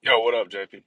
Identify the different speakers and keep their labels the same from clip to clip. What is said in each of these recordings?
Speaker 1: Yo, what up, JP?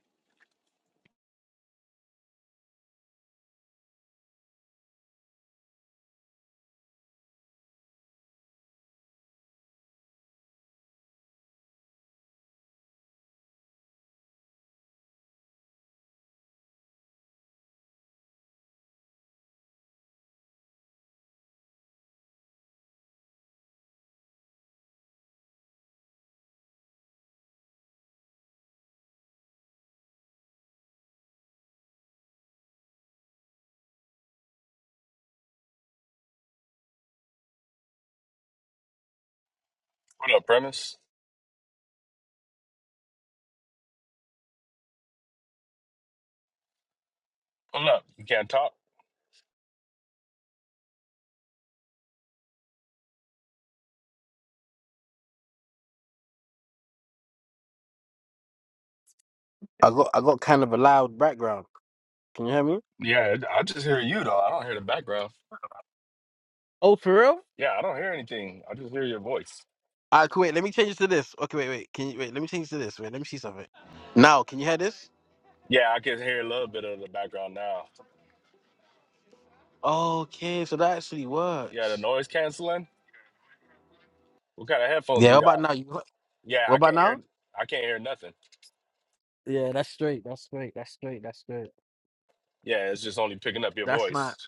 Speaker 1: What up, Premise? What up? You can't talk?
Speaker 2: I got I got kind of a loud background. Can you hear me?
Speaker 1: Yeah, I just hear you though. I don't hear the background.
Speaker 2: Oh, for real?
Speaker 1: Yeah, I don't hear anything. I just hear your voice.
Speaker 2: Ah, cool, wait. Let me change this to this. Okay, wait, wait. Can you wait? Let me change this to this. Wait, let me see something. Now, can you hear this?
Speaker 1: Yeah, I can hear a little bit of the background now.
Speaker 2: Okay, so that actually
Speaker 1: Yeah, the
Speaker 2: works.
Speaker 1: noise canceling. What kind of headphones
Speaker 2: Yeah. What
Speaker 1: you
Speaker 2: about
Speaker 1: got?
Speaker 2: now? You got-
Speaker 1: Yeah,
Speaker 2: what
Speaker 1: I
Speaker 2: about
Speaker 1: can't hear.
Speaker 2: now?
Speaker 1: I can't hear nothing.
Speaker 2: Yeah, that's straight. That's straight. That's straight. That's straight.
Speaker 1: Yeah, it's just only picking up your
Speaker 2: That's my.
Speaker 1: voice,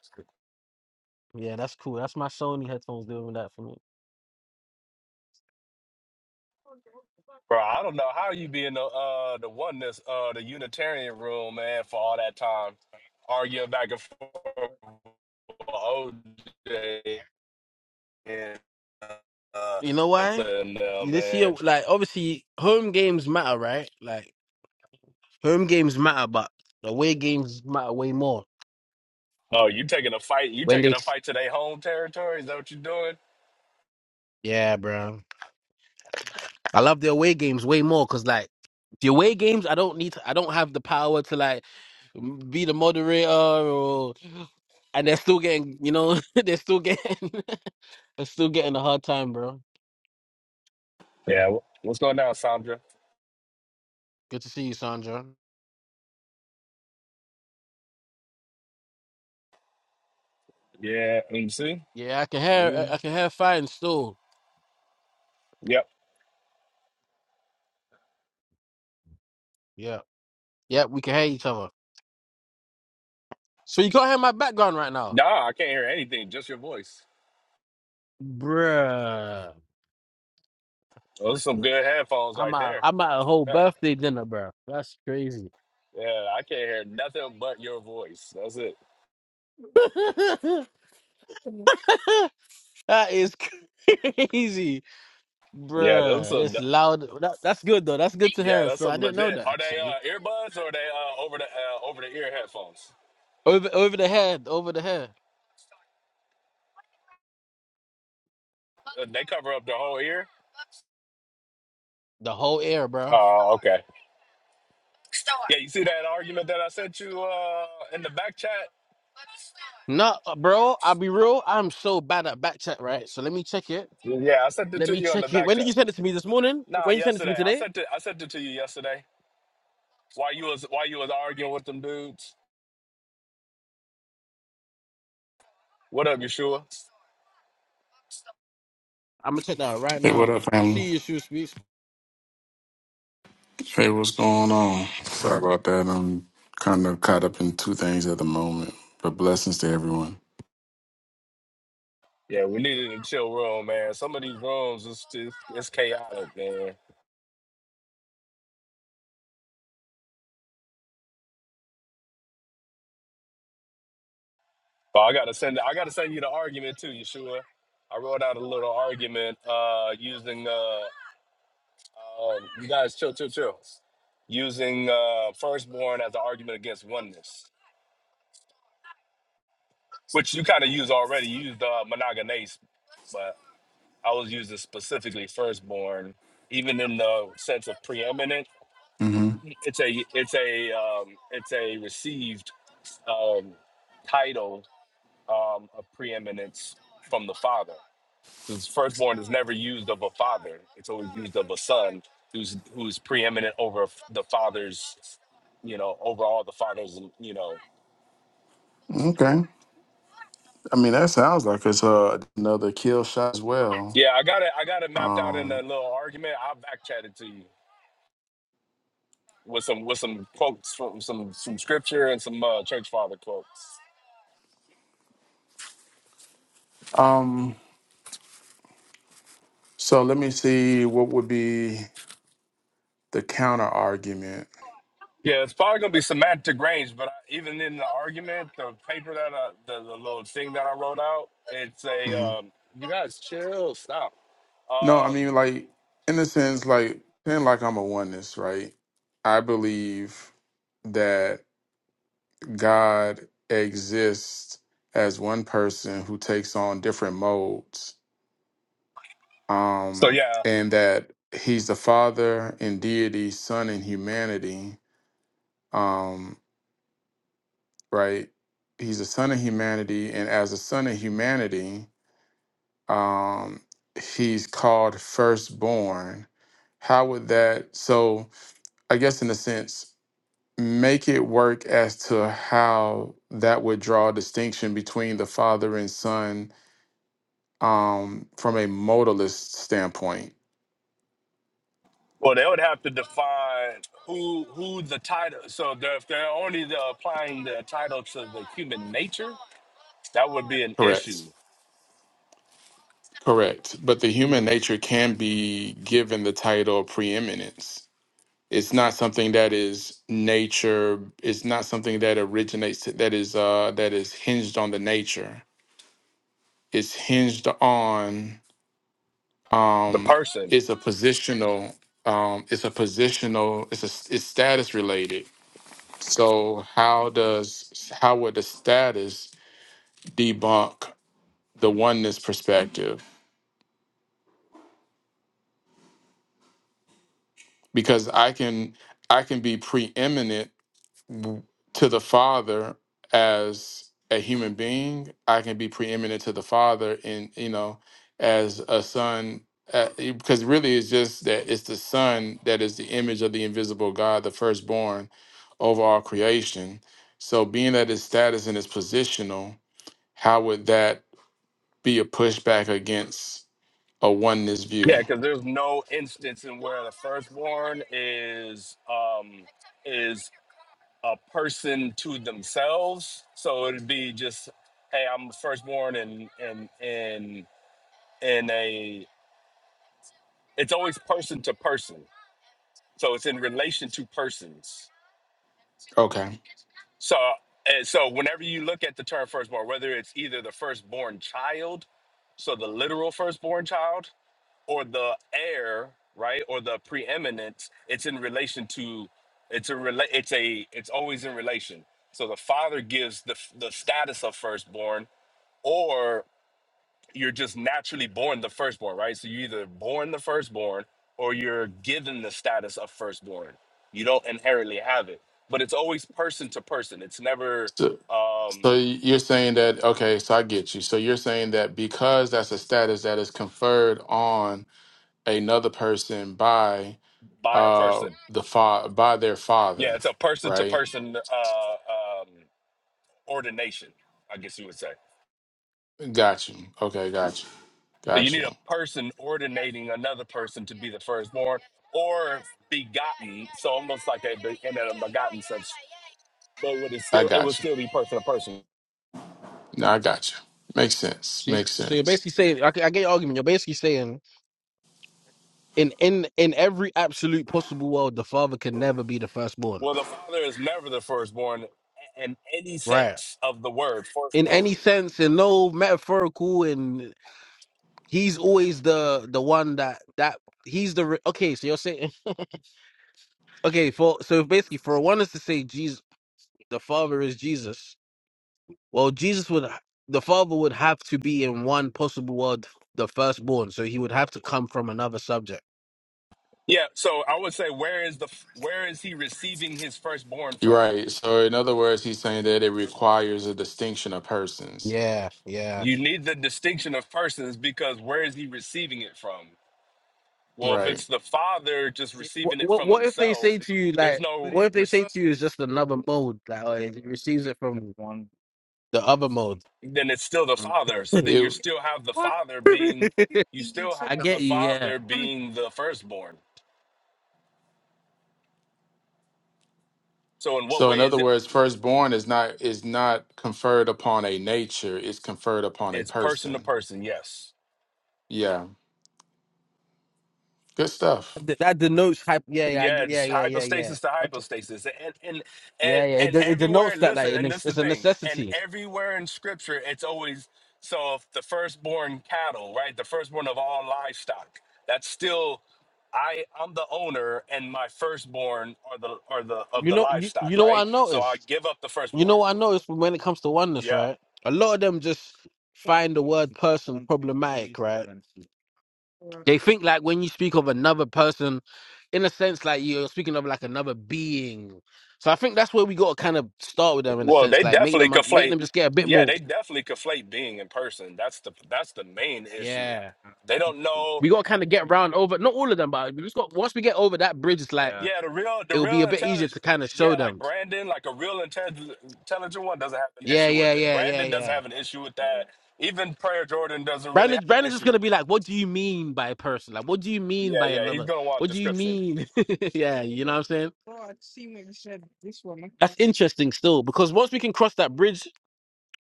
Speaker 2: Yeah, that's cool. That's my Sony headphones doing that for me.
Speaker 1: bro. I don't know how you be in the uh the oneness uh the Unitarian room, man, for all that time arguing back and forth. with OJ and uh,
Speaker 2: You know
Speaker 1: and
Speaker 2: why?
Speaker 1: letting them,
Speaker 2: This year,
Speaker 1: man.
Speaker 2: like obviously, home games matter, right? Like home games matter, but away games matter way more.
Speaker 1: Oh, you taking a fight? You
Speaker 2: When
Speaker 1: taking
Speaker 2: they,
Speaker 1: a fight to their home territory? Is that what you're doing?
Speaker 2: yeah, bro, I love the away games way more because like the away games, I don't need, to, I don't have the power to like be the moderator or, and they're still getting, you know, they're still getting, they're still getting a hard time, bro.
Speaker 1: Yeah. wh- What's going down, Sandra?
Speaker 2: Good to see you, Sandra.
Speaker 1: Yeah. MC.
Speaker 2: Yeah, I can
Speaker 1: What is
Speaker 2: hear,
Speaker 1: it?
Speaker 2: I can hear fine still.
Speaker 1: Yep.
Speaker 2: Yeah, yeah, we can hear each other. So you can't hear my background right now,
Speaker 1: Nah, I can't hear anything. Just your voice.
Speaker 2: bruh.
Speaker 1: Those are some good headphones
Speaker 2: I'm
Speaker 1: right
Speaker 2: at,
Speaker 1: there.
Speaker 2: I'm at a whole birthday dinner, bro. That's crazy.
Speaker 1: yeah, I can't hear nothing but your voice. That's it.
Speaker 2: That is crazy,
Speaker 1: Yeah, those
Speaker 2: bruh.
Speaker 1: are.
Speaker 2: It's loud. That, that's good though. That's good to
Speaker 1: Yeah,
Speaker 2: hear.
Speaker 1: that's
Speaker 2: So I
Speaker 1: some
Speaker 2: didn't know
Speaker 1: legit.
Speaker 2: that
Speaker 1: Are they
Speaker 2: actually.
Speaker 1: uh, earbuds or are they uh, over the uh, over the ear headphones?
Speaker 2: Over over the head, over the head,
Speaker 1: Uh, They cover up the whole ear.
Speaker 2: the whole air, bruh.
Speaker 1: Oh, okay. Yeah, you see that argument that I sent you uh in the back chat?
Speaker 2: No, uh, bro. I'll be real. I'm so bad at back check, right? So let me check it.
Speaker 1: Yeah, I sent it
Speaker 2: Let
Speaker 1: to
Speaker 2: me
Speaker 1: you on the
Speaker 2: check it.
Speaker 1: back
Speaker 2: When did
Speaker 1: chat.
Speaker 2: you send it to me this morning?
Speaker 1: Nah,
Speaker 2: When you send it to me
Speaker 1: yesterday. I
Speaker 2: today?
Speaker 1: sent it I sent it to you yesterday. While you was while you was arguing with them dudes. What up, Yeshua?
Speaker 2: I'm gonna check that out right
Speaker 3: Hey, what
Speaker 2: now.
Speaker 3: up, family?
Speaker 2: See your shoe speaks.
Speaker 3: Hey, what's going on? Sorry about that. I'm kind of caught up in two things at the moment, but blessings to everyone.
Speaker 1: Yeah, we needed a chill room, man. Some of these rooms is just it's chaotic, man. But I gotta send I gotta send you the argument too, Yeshua. I wrote out a little argument uh using uh um, you guys chill chill chill. Using uh firstborn as an argument against oneness. which you kind of use already. You used uh, monogamous, but I was using specifically firstborn, even in the sense of preeminent.
Speaker 3: hmm
Speaker 1: It's a it's a um, it's a received um, title um, of preeminence from the father. So it's firstborn is never used of a father. It's always used of a son who's who's preeminent over the father's, you know, over all the father's, you know.
Speaker 3: Okay. I mean, that sounds like it's uh, another kill shot as well.
Speaker 1: Yeah, I got it. I got it mapped out in that
Speaker 3: Um,
Speaker 1: little argument. I'll back chat it to you. with some with some quotes from some some scripture and some uh, church father quotes.
Speaker 3: um. So let me see what would be the counter argument.
Speaker 1: Yeah, it's probably gonna be semantic range, but I, even in the argument, the paper that I, the, the little thing that I wrote out, it's a
Speaker 3: hmm
Speaker 1: um, you guys chill, stop.
Speaker 3: No, I mean,
Speaker 1: Um,
Speaker 3: like in a sense, like saying like I'm a oneness, right? I believe that God exists as one person who takes on different modes,
Speaker 1: so
Speaker 3: um,
Speaker 1: yeah,
Speaker 3: and that He's the Father in deity, Son in humanity, um, right? He's a Son of humanity, and as a Son of humanity, um, He's called firstborn. How would that, so I guess in a sense, make it work as to how that would draw a distinction between the Father and Son um, from a modalist standpoint.
Speaker 1: well they would have to define who who the title. So they're, if they're only the, applying the title to the human nature, that would be an
Speaker 3: Correct.
Speaker 1: issue.
Speaker 3: Correct. But the human nature can be given the title of preeminence. It's not something that is nature. It's not something that originates. That is uh, that is hinged on the nature. It's hinged on.
Speaker 1: The
Speaker 3: Um,
Speaker 1: person.
Speaker 3: it's a positional. Um, it's a positional. It's a. It's status related. So how does how would the status debunk the oneness perspective because I can I can be preeminent w- to the Father as a human being. I can be preeminent to the Father in you know as a son uh, because really it's just that it's the Son that is the image of the invisible God, the firstborn over all creation. So being that his status and his positional, how would that be a pushback against a oneness
Speaker 1: Yeah,
Speaker 3: view?
Speaker 1: because there's no instance in where the firstborn is um is a person to themselves. So it'd be just, hey, I'm the firstborn and and and in a it's always person to person. So it's in relation to persons.
Speaker 3: Okay.
Speaker 1: So and so whenever you look at the term firstborn, whether it's either the firstborn child, so the literal firstborn child, or the heir, right, or the preeminence, it's in relation to, it's a rela- it's a, it's always in relation. So the father gives the f- the status of firstborn, or you're just naturally born the firstborn, right? So you're either born the firstborn or you're given the status of firstborn. You don't inherently have it, but it's always person to person. It's never
Speaker 3: So
Speaker 1: um,
Speaker 3: you're saying that, okay, so I get you. So you're saying that because that's a status that is conferred on another person by
Speaker 1: by a
Speaker 3: uh
Speaker 1: person.
Speaker 3: the fa- by their
Speaker 1: Yeah,
Speaker 3: father,
Speaker 1: it's a person to
Speaker 3: right?
Speaker 1: person uh um, ordination, I guess you would say.
Speaker 3: Got you. Okay, got you.
Speaker 1: So you
Speaker 3: Got
Speaker 1: need
Speaker 3: you.
Speaker 1: a person ordinating another person to be the firstborn or begotten. So almost like a be- in a begotten sense, but would it
Speaker 3: I
Speaker 1: still it would
Speaker 3: got you.
Speaker 1: still be person to person.
Speaker 3: No, I got you. Makes sense.
Speaker 2: See,
Speaker 3: Makes
Speaker 2: so you're
Speaker 3: sense.
Speaker 2: basically saying, I, I get your argument. You're basically saying, in in in every absolute possible world, the father can never be the firstborn,
Speaker 1: Well, the father is never the firstborn in any
Speaker 2: right?
Speaker 1: sense of the word
Speaker 2: in
Speaker 1: firstborn.
Speaker 2: any sense and no metaphorical and he's always the the one that that he's the re- okay so you're saying okay for so basically for one is to say jesus the father is jesus well jesus would the father would have to be in one possible world the firstborn so he would have to come from another subject
Speaker 1: Yeah. So I would say where is the where is he receiving his firstborn
Speaker 3: You're
Speaker 1: from?
Speaker 3: right. So in other words, he's saying that it requires a distinction of persons.
Speaker 2: yeah yeah
Speaker 1: You need the distinction of persons because where is he receiving it from? Well, if
Speaker 3: Right.
Speaker 1: it's the father just
Speaker 2: what
Speaker 1: receiving it
Speaker 2: what,
Speaker 1: from
Speaker 2: what if they
Speaker 1: himself,
Speaker 2: say to you
Speaker 1: there's
Speaker 2: like
Speaker 1: no
Speaker 2: what if they say to you is just another mode like oh, he receives it from one the other mode
Speaker 1: then it's still the father. So then you still have the father being, you still
Speaker 2: i
Speaker 1: have the
Speaker 2: get you yeah
Speaker 1: father being the firstborn. So in what
Speaker 3: So
Speaker 1: way
Speaker 3: in
Speaker 1: is
Speaker 3: other
Speaker 1: it?
Speaker 3: words, firstborn is not is not conferred upon a nature, it's conferred upon a
Speaker 1: It's person to
Speaker 3: person.
Speaker 1: person. Yes.
Speaker 3: Yeah. Good stuff.
Speaker 2: Th- That denotes hype. Yeah, yeah, I
Speaker 1: Yeah,
Speaker 2: g- yeah,
Speaker 1: it's
Speaker 2: yeah, yeah, yeah.
Speaker 1: hypostasis to
Speaker 2: Okay.
Speaker 1: hypostasis, and and and
Speaker 2: Yeah, yeah. It,
Speaker 1: and
Speaker 2: de- it
Speaker 1: everywhere.
Speaker 2: denotes that,
Speaker 1: Listen,
Speaker 2: like, and
Speaker 1: and this
Speaker 2: it's,
Speaker 1: is the
Speaker 2: it's a
Speaker 1: thing, and
Speaker 2: necessity.
Speaker 1: everywhere in Scripture, it's always so. If the firstborn cattle, right, the firstborn of all livestock, that's still I I'm the owner and my firstborn are the are the of
Speaker 2: You
Speaker 1: the
Speaker 2: know, you,
Speaker 1: livestock,
Speaker 2: you know
Speaker 1: right?
Speaker 2: what I
Speaker 1: So I
Speaker 2: noticed.
Speaker 1: give up the
Speaker 2: You know
Speaker 1: firstborn.
Speaker 2: what I noticed when it comes to oneness,
Speaker 1: Yeah.
Speaker 2: right? A lot of them just find the word person problematic, right? They think like when you speak of another person, in a sense, like you're speaking of like another being. So I think that's where we got to kind of start with them in a
Speaker 1: Well, they
Speaker 2: sense, like make
Speaker 1: definitely
Speaker 2: them un- make
Speaker 1: conflate.
Speaker 2: them just get a bit
Speaker 1: Yeah,
Speaker 2: more.
Speaker 1: they definitely conflate being in person. That's the that's the main issue.
Speaker 2: Yeah,
Speaker 1: They don't know.
Speaker 2: we got to kind of get round over. Not all of them, but we just got once we get over that bridge, it's like.
Speaker 1: Yeah, the real the
Speaker 2: it will be
Speaker 1: real
Speaker 2: a bit easier to
Speaker 1: intelligent.
Speaker 2: kind of show
Speaker 1: Yeah, like
Speaker 2: them.
Speaker 1: Brandon, like a real intelligent intelligent one doesn't have an
Speaker 2: Yeah,
Speaker 1: issue
Speaker 2: yeah,
Speaker 1: with it.
Speaker 2: yeah, yeah,
Speaker 1: Brandon doesn't
Speaker 2: yeah.
Speaker 1: have an issue with that. Even Prayer Jordan doesn't really
Speaker 2: Brandon,
Speaker 1: have an
Speaker 2: Brandon's just
Speaker 1: issue.
Speaker 2: gonna be like, "What do you mean by a person? Like, what do you mean
Speaker 1: Yeah,
Speaker 2: by
Speaker 1: yeah, he's
Speaker 2: another?
Speaker 1: gonna want
Speaker 2: What do you
Speaker 1: description.
Speaker 2: mean?" yeah, you know what I'm saying? That's interesting still, because once we can cross that bridge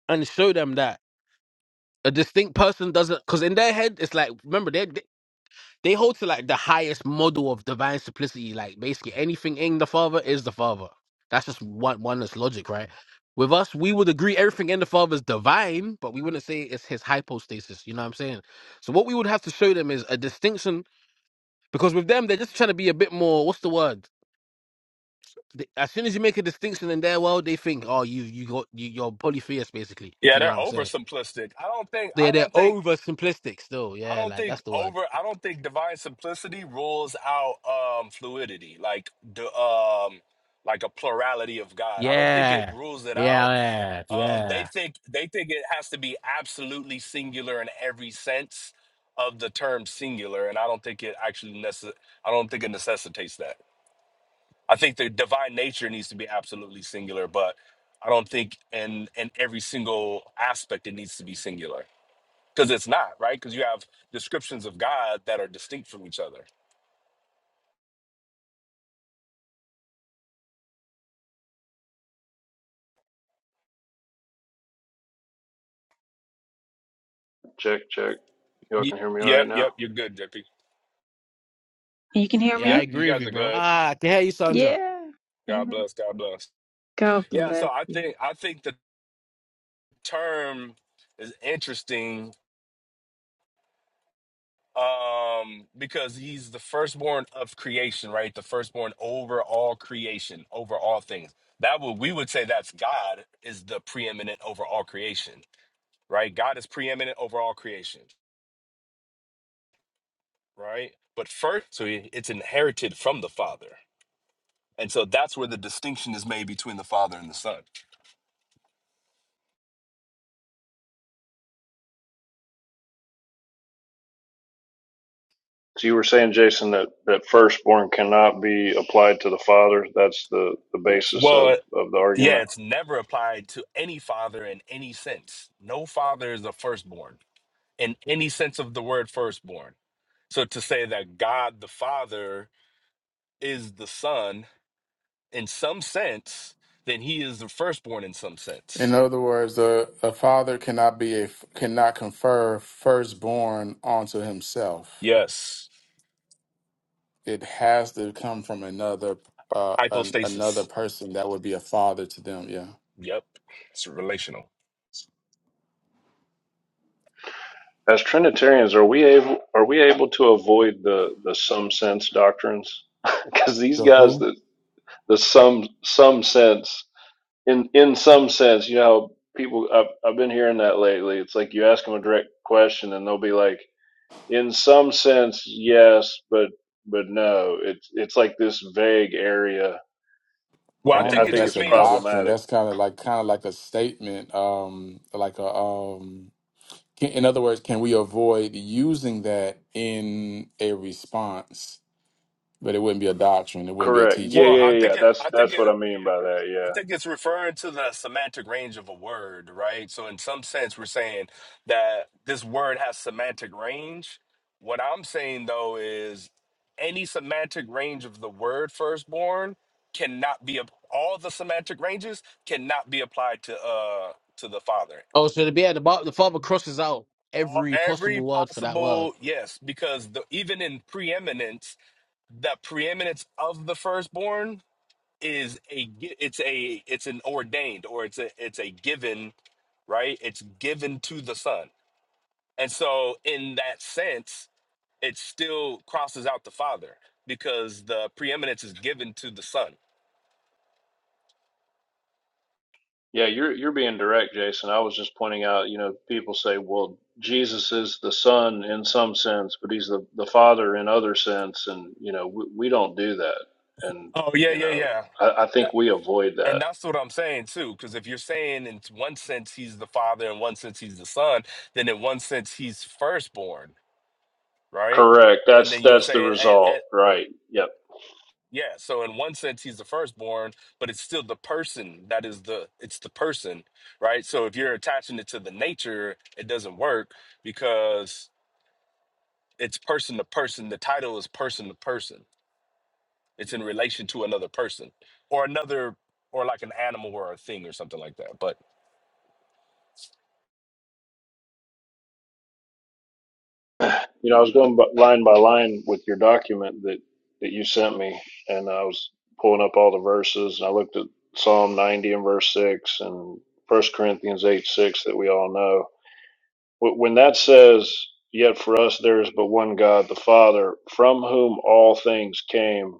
Speaker 2: and show them that a distinct person doesn't, because in their head it's like, remember, they they hold to like the highest model of divine simplicity. Like basically anything in the Father is the Father. That's just one oneness logic, right? With us, we would agree everything in the Father is divine, but we wouldn't say it's his hypostasis. You know what I'm saying? So what we would have to show them is a distinction because with them they're just trying to be a bit more. What's the word? They- As soon as you make a distinction in their world, they think, oh, you you got you, you're polytheist basically. If
Speaker 1: Yeah,
Speaker 2: you know
Speaker 1: they're
Speaker 2: what I'm saying?
Speaker 1: oversimplistic. I don't think.
Speaker 2: They're
Speaker 1: I
Speaker 2: they're
Speaker 1: don't think.
Speaker 2: over simplistic still.
Speaker 1: I
Speaker 2: Yeah,
Speaker 1: don't
Speaker 2: like that's
Speaker 1: think
Speaker 2: the word.
Speaker 1: over. I don't think divine simplicity rules out um fluidity, like the um like a plurality of God. I don't think it
Speaker 2: Yeah,
Speaker 1: rules it out.
Speaker 2: yeah, yeah,
Speaker 1: Um,
Speaker 2: yeah.
Speaker 1: they think they think it has to be absolutely singular in every sense of the term singular, and I don't think it actually necess- I don't think it necessitates that. I think the divine nature needs to be absolutely singular, but I don't think in in every single aspect it needs to be singular because it's not right because you have descriptions of god that are distinct from each other
Speaker 4: Check, check. Y'all
Speaker 1: Y-
Speaker 4: can hear me all right
Speaker 1: yep
Speaker 4: now.
Speaker 1: yep you're good jp
Speaker 5: You can hear
Speaker 2: Yeah, I
Speaker 5: me?
Speaker 1: yep you
Speaker 2: agree with
Speaker 1: guys
Speaker 2: you,
Speaker 1: are
Speaker 2: bro.
Speaker 1: good
Speaker 2: Ah, I can hear you, Sanja.
Speaker 5: Yeah.
Speaker 1: god
Speaker 5: Amen.
Speaker 1: bless god bless
Speaker 5: God
Speaker 1: yeah so
Speaker 5: bless
Speaker 1: i
Speaker 5: you.
Speaker 1: think i think the term is interesting um because he's the firstborn of creation right the firstborn over all creation over all things that would we would say that's god is the preeminent over all creation right god is preeminent over all creation right but first so he- it's inherited from the father And so that's where the distinction is made between the Father and the Son.
Speaker 4: So you were saying, Jason, that, that firstborn cannot be applied to the father. That's the, the basis of,
Speaker 1: Well,
Speaker 4: of the
Speaker 1: yeah,
Speaker 4: argument.
Speaker 1: it's never applied to any father in any sense. No father is a firstborn in any sense of the word firstborn. So to say that God the Father is the Son in some sense, then he is the firstborn in some
Speaker 3: In
Speaker 1: sense.
Speaker 3: other words, a, a father cannot be a cannot confer firstborn onto himself.
Speaker 1: Yes.
Speaker 3: It has to come from another uh an, another
Speaker 1: Hypostasis.
Speaker 3: person that would be a father to them, yeah.
Speaker 1: Yep. It's relational.
Speaker 4: As Trinitarians, are we able are we able to avoid the, the some sense doctrines? Because these
Speaker 3: The
Speaker 4: guys
Speaker 3: who?
Speaker 4: that the some some sense in in some sense, you know, how people I've I've been hearing that lately. It's like you ask them a direct question and they'll be like, in some sense, yes, but but no. It's it's like this vague area,
Speaker 3: I
Speaker 1: Well, I
Speaker 4: and
Speaker 3: don't
Speaker 1: think
Speaker 3: know
Speaker 4: I
Speaker 3: if
Speaker 1: it
Speaker 4: think
Speaker 1: just
Speaker 3: that's
Speaker 4: it's
Speaker 3: a
Speaker 1: means
Speaker 3: doctrine.
Speaker 4: problematic.
Speaker 3: That's kind of like kind of like a statement um like a um Can- In other words, can we avoid using that in a response? But it wouldn't be a doctrine. It wouldn't be a
Speaker 4: Correct. Yeah,
Speaker 1: well,
Speaker 3: teaching.
Speaker 1: I
Speaker 4: yeah,
Speaker 1: think
Speaker 4: yeah.
Speaker 1: it
Speaker 4: That's
Speaker 1: I think
Speaker 4: that's
Speaker 1: it
Speaker 4: what I mean by that.
Speaker 1: I
Speaker 4: Yeah,
Speaker 1: think it's referring to the semantic range of a word, right? So, in some sense, we're saying that this word has semantic range. What I'm saying, though, is any semantic range of the word firstborn cannot be, ap- all the semantic ranges cannot be applied to, uh, to the father.
Speaker 2: Oh, so to be at the bottom, the father crosses out
Speaker 1: All-
Speaker 2: every
Speaker 1: Every
Speaker 2: possible word for that word.
Speaker 1: possible, yes, because the, even in preeminence, the preeminence of the firstborn is a gi- it's a it's an ordained or it's a it's a given right? It's given to the Son. And so, in that sense, it still crosses out the Father because the preeminence is given to the Son.
Speaker 4: yeah. You're you're being direct, Jason. I was just pointing out. You know, people say, well, Jesus is the Son in some sense, but he's the the Father in other sense, and you know, we, we don't do that, and
Speaker 1: Oh, yeah,
Speaker 4: you
Speaker 1: yeah,
Speaker 4: know,
Speaker 1: yeah.
Speaker 4: I, I
Speaker 1: A-
Speaker 4: think we avoid
Speaker 1: And
Speaker 4: that.
Speaker 1: that's what I'm saying too, because if you're saying in one sense he's the father, in one sense he's the son, then in one sense he's firstborn, right?
Speaker 4: Correct.
Speaker 1: And
Speaker 4: That's
Speaker 1: then you would
Speaker 4: that's the
Speaker 1: say, and,
Speaker 4: result.
Speaker 1: and,
Speaker 4: Right. Yep.
Speaker 1: Yeah, so in one sense he's the firstborn, but it's still the person that is the it's the person, right? So if you're attaching it to the nature, it doesn't work because it's person to person. The title is person to person. It's in relation to another person or another or like an animal or a thing or something like that. But
Speaker 4: You know, I was going bu- line by line with your document that that you sent me, and I was pulling up all the verses, and I looked at Psalm 90 and verse six, and First Corinthians 8 6 that we all know. When that says, "Yet for us there is but one God, the Father, from whom all things came,"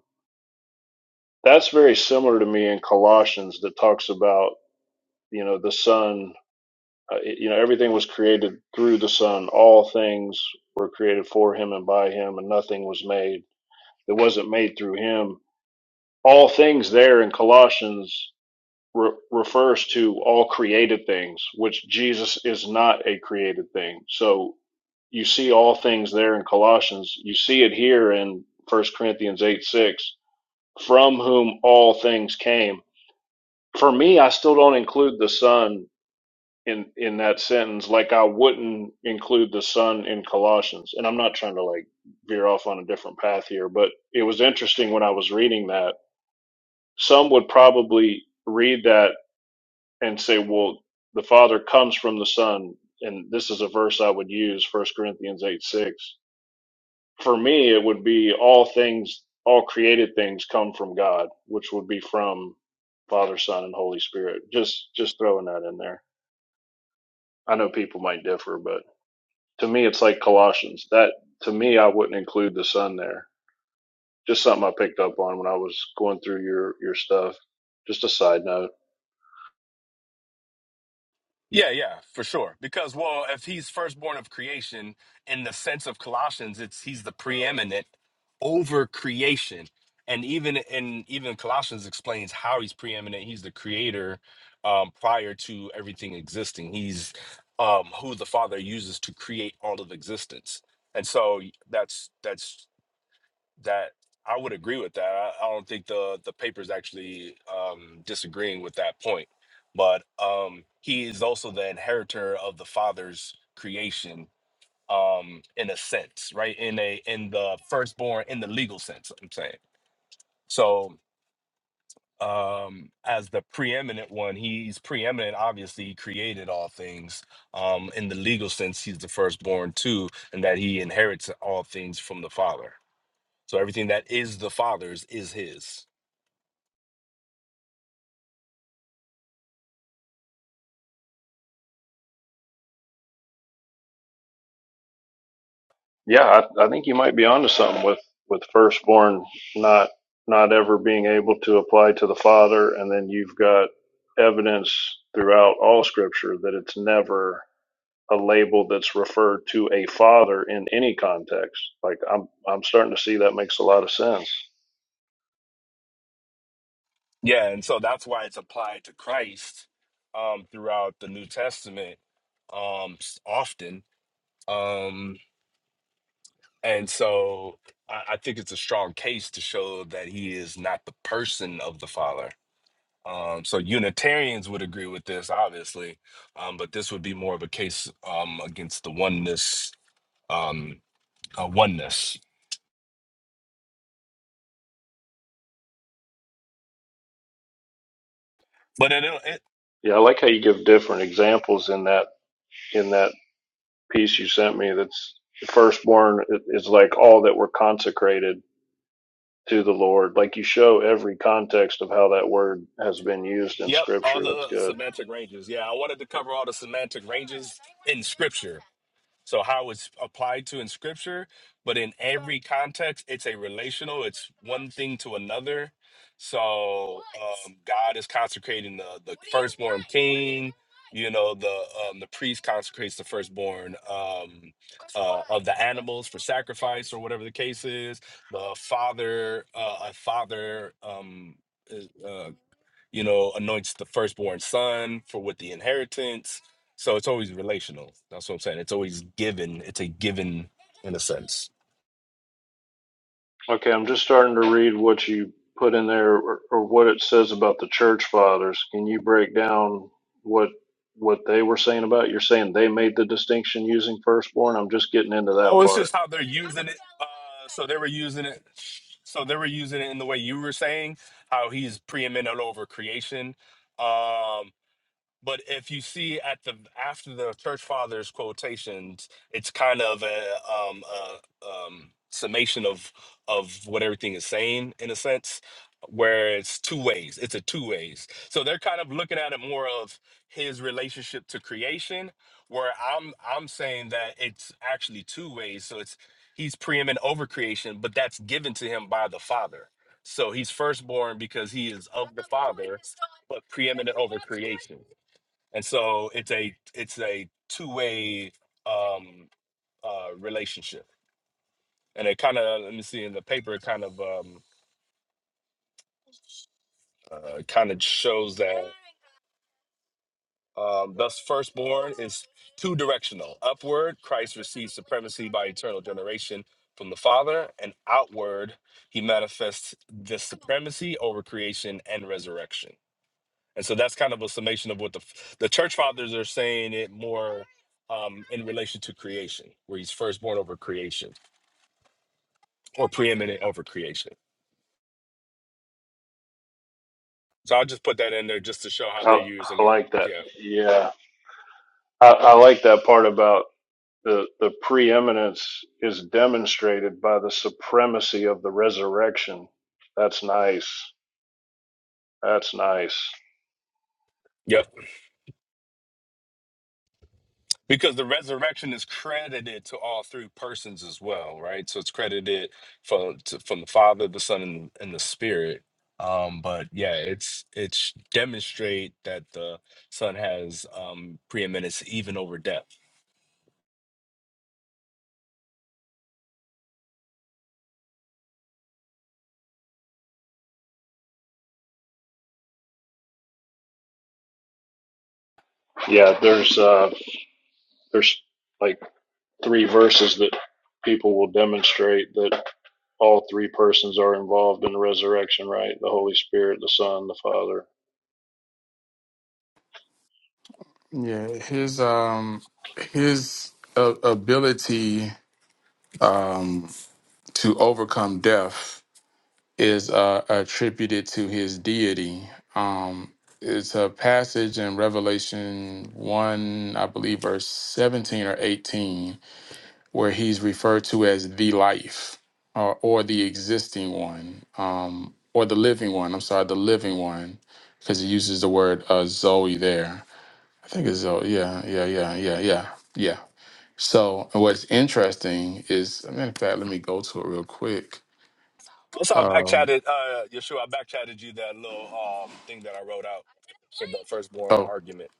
Speaker 4: that's very similar to me in Colossians that talks about you know the Son. Uh, it- you know, everything was created through the Son. All things were created for Him and by Him, and nothing was made that wasn't made through him. All things there in Colossians re- refers to all created things, which Jesus is not a created thing. So you see all things there in Colossians. You see it here in First Corinthians 8 6, from whom all things came. For me, I still don't include the Son in, in that sentence, like I wouldn't include the Son in Colossians. And I'm not trying to like veer off on a different path here, but it was interesting when I was reading that Some would probably read that and say, well, the Father comes from the Son. And this is a verse I would use, First Corinthians 8 6. For me, it would be all things, all created things come from God, which would be from Father, Son, and Holy Spirit. Just, just throwing that in there. I know people might differ, but to me, it's like Colossians. That, to me, I wouldn't include the Son there. Just something I picked up on when I was going through your, your stuff. Just a side note.
Speaker 1: Yeah, yeah, for sure. Because well, if he's firstborn of creation in the sense of Colossians, it's he's the preeminent over creation. And even in even Colossians explains how he's preeminent. He's the creator um, prior to everything existing. He's um, who the Father uses to create all of existence. And so that's that's that I would agree with that. I, I don't think the the paper's actually um, disagreeing with that point. But um, he is also the inheritor of the father's creation, um, in a sense, right? In a in the firstborn, in the legal sense, I'm saying. So um, as the preeminent one, he's preeminent. Obviously, he created all things. Um, in the legal sense, he's the firstborn too, and that he inherits all things from the father so everything that is the Father's is his.
Speaker 4: Yeah, I, I think you might be onto something with with firstborn not not ever being able to apply to the father, and then you've got evidence throughout all Scripture that it's never a label that's referred to a father in any context. Like I'm I'm starting to see that makes a lot of sense.
Speaker 1: Yeah, and so that's why it's applied to Christ um, throughout the New Testament um, s- often. Um, and so I, I think it's a strong case to show that he is not the person of the Father. Um, so Unitarians would agree with this, obviously, um, but this would be more of a case um, against the oneness, um, uh, oneness. But it,
Speaker 4: Yeah, I like how you give different examples in that in that piece you sent me. That's firstborn is is like all that were consecrated to the Lord. Like you show every context of how that word has been used in
Speaker 1: Yep, all
Speaker 4: Scripture. That's
Speaker 1: the
Speaker 4: good.
Speaker 1: semantic ranges. Yeah, I wanted to cover all the semantic ranges in scripture. So how it's applied to in scripture, but in every context, it's a relational, it's one thing to another. So um, God is consecrating the, the firstborn king, you know, the um, the priest consecrates the firstborn um, uh, of the animals for sacrifice or whatever the case is. The father, uh, a father um, is, uh, you know, anoints the firstborn son for with the inheritance. So it's always relational. That's what I'm saying. It's always given. It's a given in a sense.
Speaker 4: Okay, I'm just starting to read what you put in there or, or what it says about the church fathers. Can you break down what what they were saying about? it? You're saying they made the distinction using firstborn. I'm just getting into that
Speaker 1: Oh, it's
Speaker 4: part.
Speaker 1: just how they're using it. Uh, so they were using it. So they were using it in the way you were saying how he's preeminent over creation. Um, But if you see at the after the church fathers quotations, it's kind of a um a um summation of of what everything is saying in a sense, where it's two ways. It's a two ways. So they're kind of looking at it more of his relationship to creation, where I'm I'm saying that it's actually two ways. So it's he's preeminent over creation, but that's given to him by the Father. So he's firstborn because he is of the Father, but preeminent over creation and so it's a it's a two-way um uh relationship and it kind of let me see in the paper it kind of um uh, kind of shows that um thus firstborn is two directional upward christ receives supremacy by eternal generation from the father and outward he manifests the supremacy over creation and resurrection And so that's kind of a summation of what the the church fathers are saying it more um, in relation to creation, where he's firstborn over creation or preeminent over creation. So I'll just put that in there just to show how they're
Speaker 4: I,
Speaker 1: using
Speaker 4: I
Speaker 1: it.
Speaker 4: like that.
Speaker 1: Yeah.
Speaker 4: Yeah, I, I like that part about. The, the preeminence is demonstrated by the supremacy of the resurrection. That's nice. That's nice.
Speaker 1: Yep. Because the resurrection is credited to all three persons as well, right? So it's credited from to, from the Father, the Son, and, and the Spirit. Um, but yeah, it's it's demonstrate that the Son has um preeminence even over death
Speaker 4: Yeah, there's uh there's like three verses that people will demonstrate that all three persons are involved in the resurrection, right? The Holy Spirit, the Son, the Father.
Speaker 3: Yeah, his um his uh, ability um to overcome death is uh, attributed to his deity. Um, it's a passage in Revelation one, I believe, verse seventeen or eighteen where he's referred to as the life or, or the existing one um, or the living one. I'm sorry, the living one, because he uses the word uh, Zoe there. I think it's Zoe. Yeah, yeah, yeah, yeah, yeah, yeah. So what's interesting is, I mean, in fact, let me go to it real quick.
Speaker 1: Also, I back
Speaker 3: Um,
Speaker 1: chatted, uh, Yeshua, I back chatted you that little um thing that I wrote out for the firstborn
Speaker 3: oh,
Speaker 1: argument.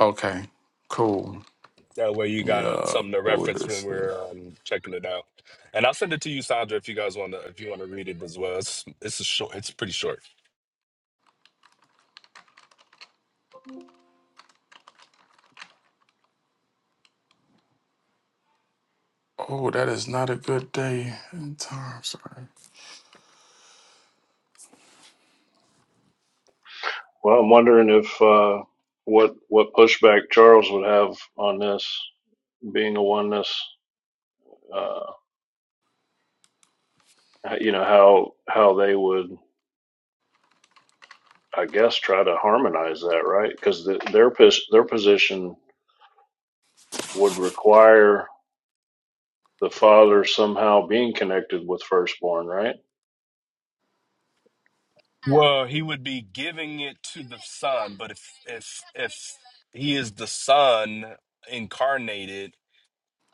Speaker 3: okay, cool.
Speaker 1: That way you got uh,
Speaker 3: Yeah,
Speaker 1: something to
Speaker 3: pull
Speaker 1: reference when
Speaker 3: this up.
Speaker 1: we're um, checking it out. And I'll send it to you, Sandra, if you guys want to, if you want to read it as well. It's, it's a short, it's pretty short.
Speaker 3: Oh, that is not a good day and time. Sorry.
Speaker 4: Well, I'm wondering if uh what what pushback Charles would have on this being a oneness uh you know how how they would I guess try to harmonize that, right? Cuz the, their their position would require the father somehow being connected with firstborn, right?
Speaker 1: Well, he would be giving it to the son, but if, if, if he is the son incarnated,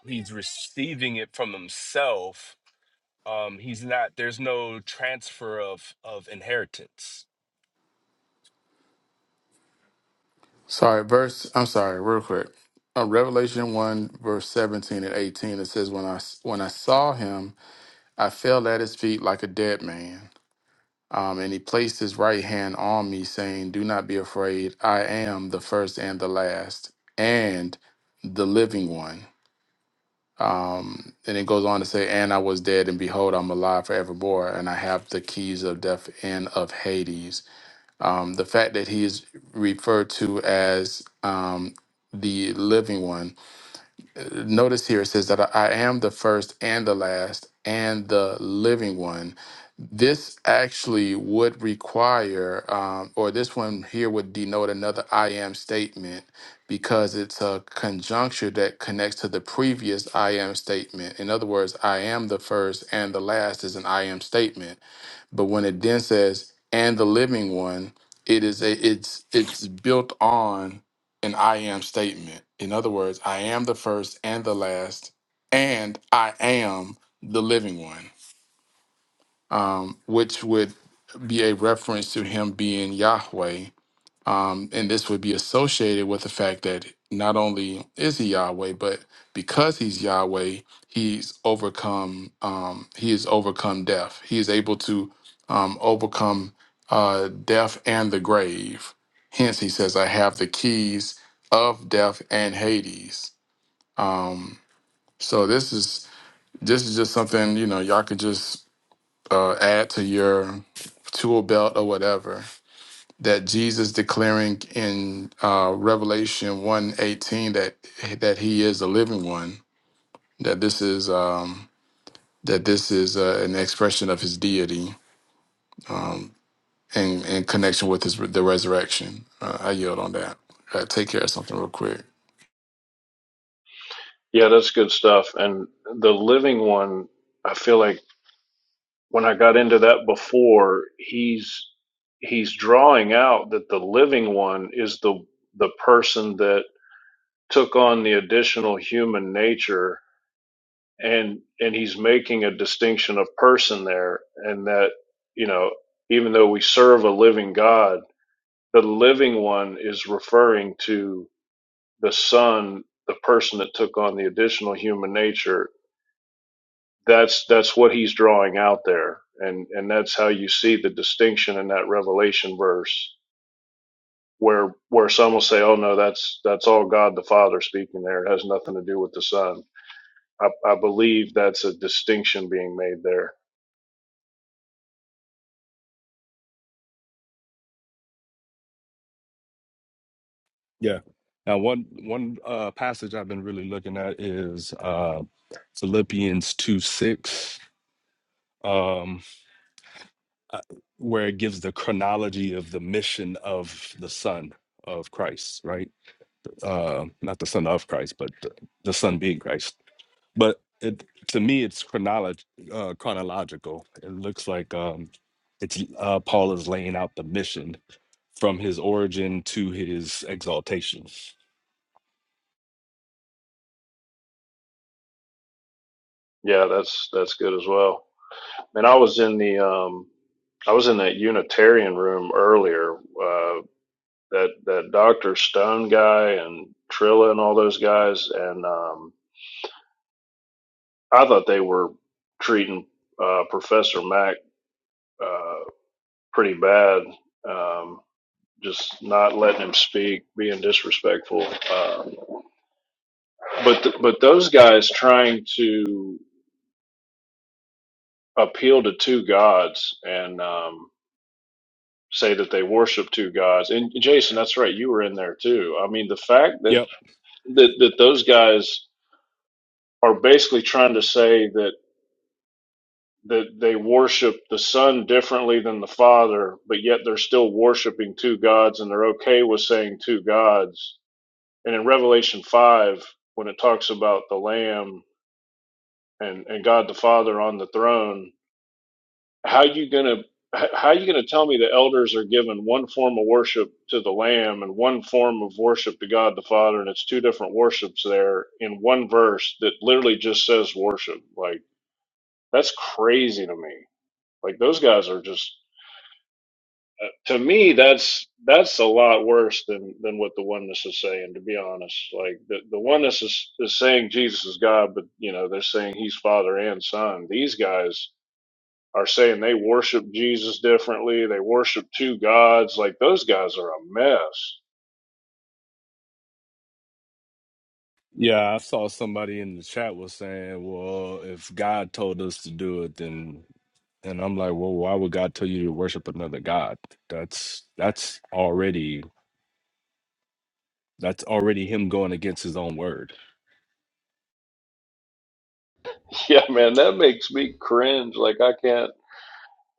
Speaker 1: he's receiving it from himself. Um, he's not, there's no transfer of, of inheritance
Speaker 3: Sorry, verse. I'm sorry, real quick. Uh, Revelation one verse seventeen and eighteen. It says, "When I when I saw him, I fell at his feet like a dead man. Um, and he placed his right hand on me, saying, 'Do not be afraid. I am the first and the last, and the living one." Um, and it goes on to say, "And I was dead, and behold, I'm alive forevermore, and I have the keys of death and of Hades." Um, the fact that he is referred to as um, the living one. Uh, Notice here it says that I I am the first and the last and the living one. This actually would require, um, or this one here would denote another I am statement because it's a conjuncture that connects to the previous I am statement. In other words, I am the first and the last is an I am statement. But when it then says and the living one, it is a, it's it's built on an I am statement. In other words, I am the first and the last, and I am the living one, um, which would be a reference to him being Yahweh, um, and this would be associated with the fact that not only is he Yahweh, but because he's Yahweh, he's overcome. Um, he has overcome death. He is able to um, overcome uh, death and the grave. Hence, he says, "I have the keys of death and Hades." Um, so this is this is just something you know y'all could just uh, add to your tool belt or whatever that Jesus declaring in uh, Revelation one eighteen that that he is the living one, that this is um, that this is uh, an expression of his deity um, in, in connection with his the resurrection. Uh, I yield on that. Uh, take care of something real quick.
Speaker 4: Yeah, that's good stuff. And the living one, I feel like when I got into that before, he's he's drawing out that the living one is the the person that took on the additional human nature and and he's making a distinction of person there and that you know even though we serve a living god the living one is referring to the son, the person that took on the additional human nature, that's that's what he's drawing out there. And and that's how you see the distinction in that Revelation verse where where some will say, Oh no, that's that's all God the Father speaking there. It has nothing to do with the Son. I, I believe that's a distinction being made there.
Speaker 1: Yeah. Now, one one uh, passage I've been really looking at is uh, Philippians two six, um, uh, where it gives the chronology of the mission of the Son of Christ, right? Uh, not the Son of Christ, but the, the Son being Christ. But it, to me, it's chronolog- uh, chronological. It looks like um, it's uh, Paul is laying out the mission from his origin to his exaltation.
Speaker 4: Yeah, that's that's good as well. And I was in the um I was in that Unitarian room earlier. uh that that Doctor Stone guy and Trilla and all those guys, and um, I thought they were treating uh, Professor Mac uh, pretty bad, um, just not letting him speak, being disrespectful. Um, but th- but those guys trying to appeal to two gods and um, say that they worship two gods. And Jason, that's right, you were in there too. I mean, the fact that that, that those guys are basically trying to say that that they worship the son differently than the father, but yet they're still worshiping two gods and they're okay with saying two gods. And in Revelation 5, when it talks about the lamb and, and God the father on the throne, how you going to how are you going to tell me the elders are given one form of worship to the lamb and one form of worship to God the father and it's two different worships there in one verse that literally just says worship like that's crazy to me like those guys are just Uh, to me that's that's a lot worse than than what the oneness is saying to be honest like the, the oneness is, is saying jesus is god but you know they're saying he's father and son these guys are saying they worship jesus differently they worship two gods like those guys are a mess
Speaker 1: Yeah, I saw somebody in the chat was saying, "Well, if God told us to do it, then," and I'm like, "Well, why would God tell you to worship another god? That's that's already that's already him going against his own word."
Speaker 4: yeah man that makes me cringe like i can't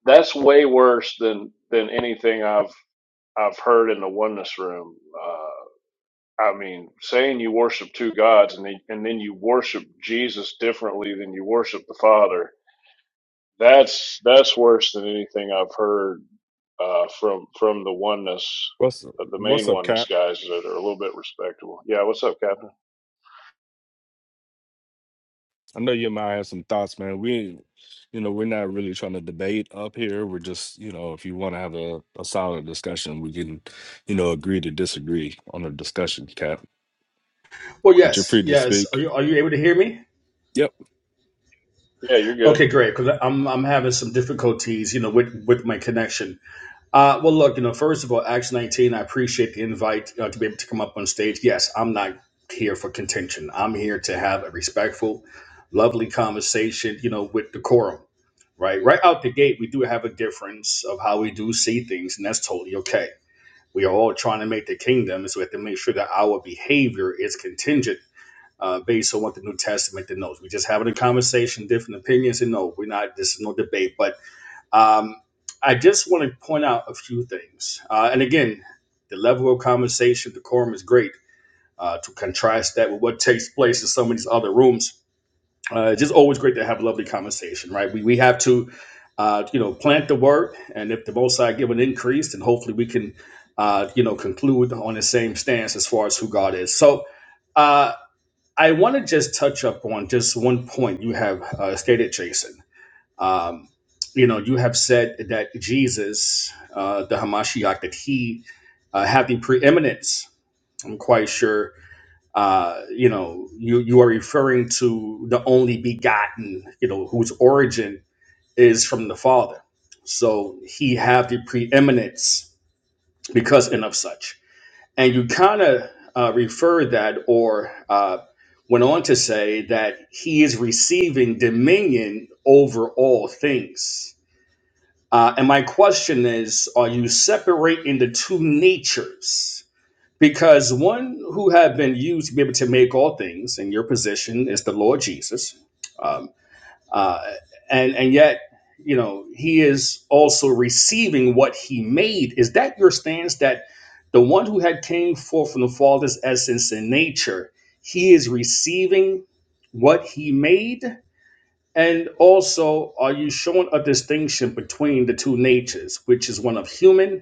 Speaker 4: that's way worse than than anything i've i've heard in the oneness room Uh I mean, saying you worship two gods and then, and then you worship Jesus differently than you worship the Father. That's that's worse than anything I've heard uh, from from the oneness,
Speaker 1: What's
Speaker 4: uh, the
Speaker 1: what's
Speaker 4: main
Speaker 1: up, Cap?
Speaker 4: oneness guys that are a little bit respectable. Yeah, what's up, Captain?
Speaker 1: I know you might have some thoughts, man. We, you know, we're not really trying to debate up here. We're just, you know, if you want to have a, a solid discussion, we can, you know, agree to disagree on a discussion cap.
Speaker 6: Well,
Speaker 1: But you're
Speaker 6: yes,
Speaker 1: free to
Speaker 6: yes. Are
Speaker 1: speak.
Speaker 6: you are you able to hear me?
Speaker 1: Yep.
Speaker 4: Yeah, you're good,
Speaker 6: Okay, great. Because I'm I'm having some difficulties, you know, with with my connection. Uh, well, look, you know, first of all, Acts 19. I appreciate the invite uh, to be able to come up on stage. Yes, I'm not here for contention. I'm here to have a respectful, lovely conversation, you know, with decorum. Right, right out the gate, we do have a difference of how we do see things, and that's totally okay. We are all trying to make the kingdom, so we have to make sure that our behavior is contingent uh, based on what the New Testament denotes. We're just having a conversation, different opinions, and no, we're not. This is no debate. But um, I just want to point out a few things. Uh, and again, the level of conversation, the quorum is great. Uh, to contrast that with what takes place in some of these other rooms, uh, it's just always great to have a lovely conversation, right? We we have to. Uh, you know, plant the word, and if the Most High give an increase, then hopefully we can, uh, you know, conclude on the same stance as far as who God is. So, uh, I want to just touch up on just one point you have uh, stated, Jason. Um, you know, you have said that Jesus, uh, the Hamashiach, that he uh, had the preeminence. I'm quite sure. Uh, you know, you you are referring to the only begotten. You know, whose origin is from the Father. So he had the preeminence because and of such. And you kind of uh, referred that or uh, went on to say that he is receiving dominion over all things. Uh, and my question is are you separating the two natures? Because one who have been used to be able to make all things in your position is the Lord Jesus. Um, uh, and and yet you know he is also receiving what he made is that your stance that the one who had came forth from the father's essence and nature he is receiving what he made and also are you showing a distinction between the two natures which is one of human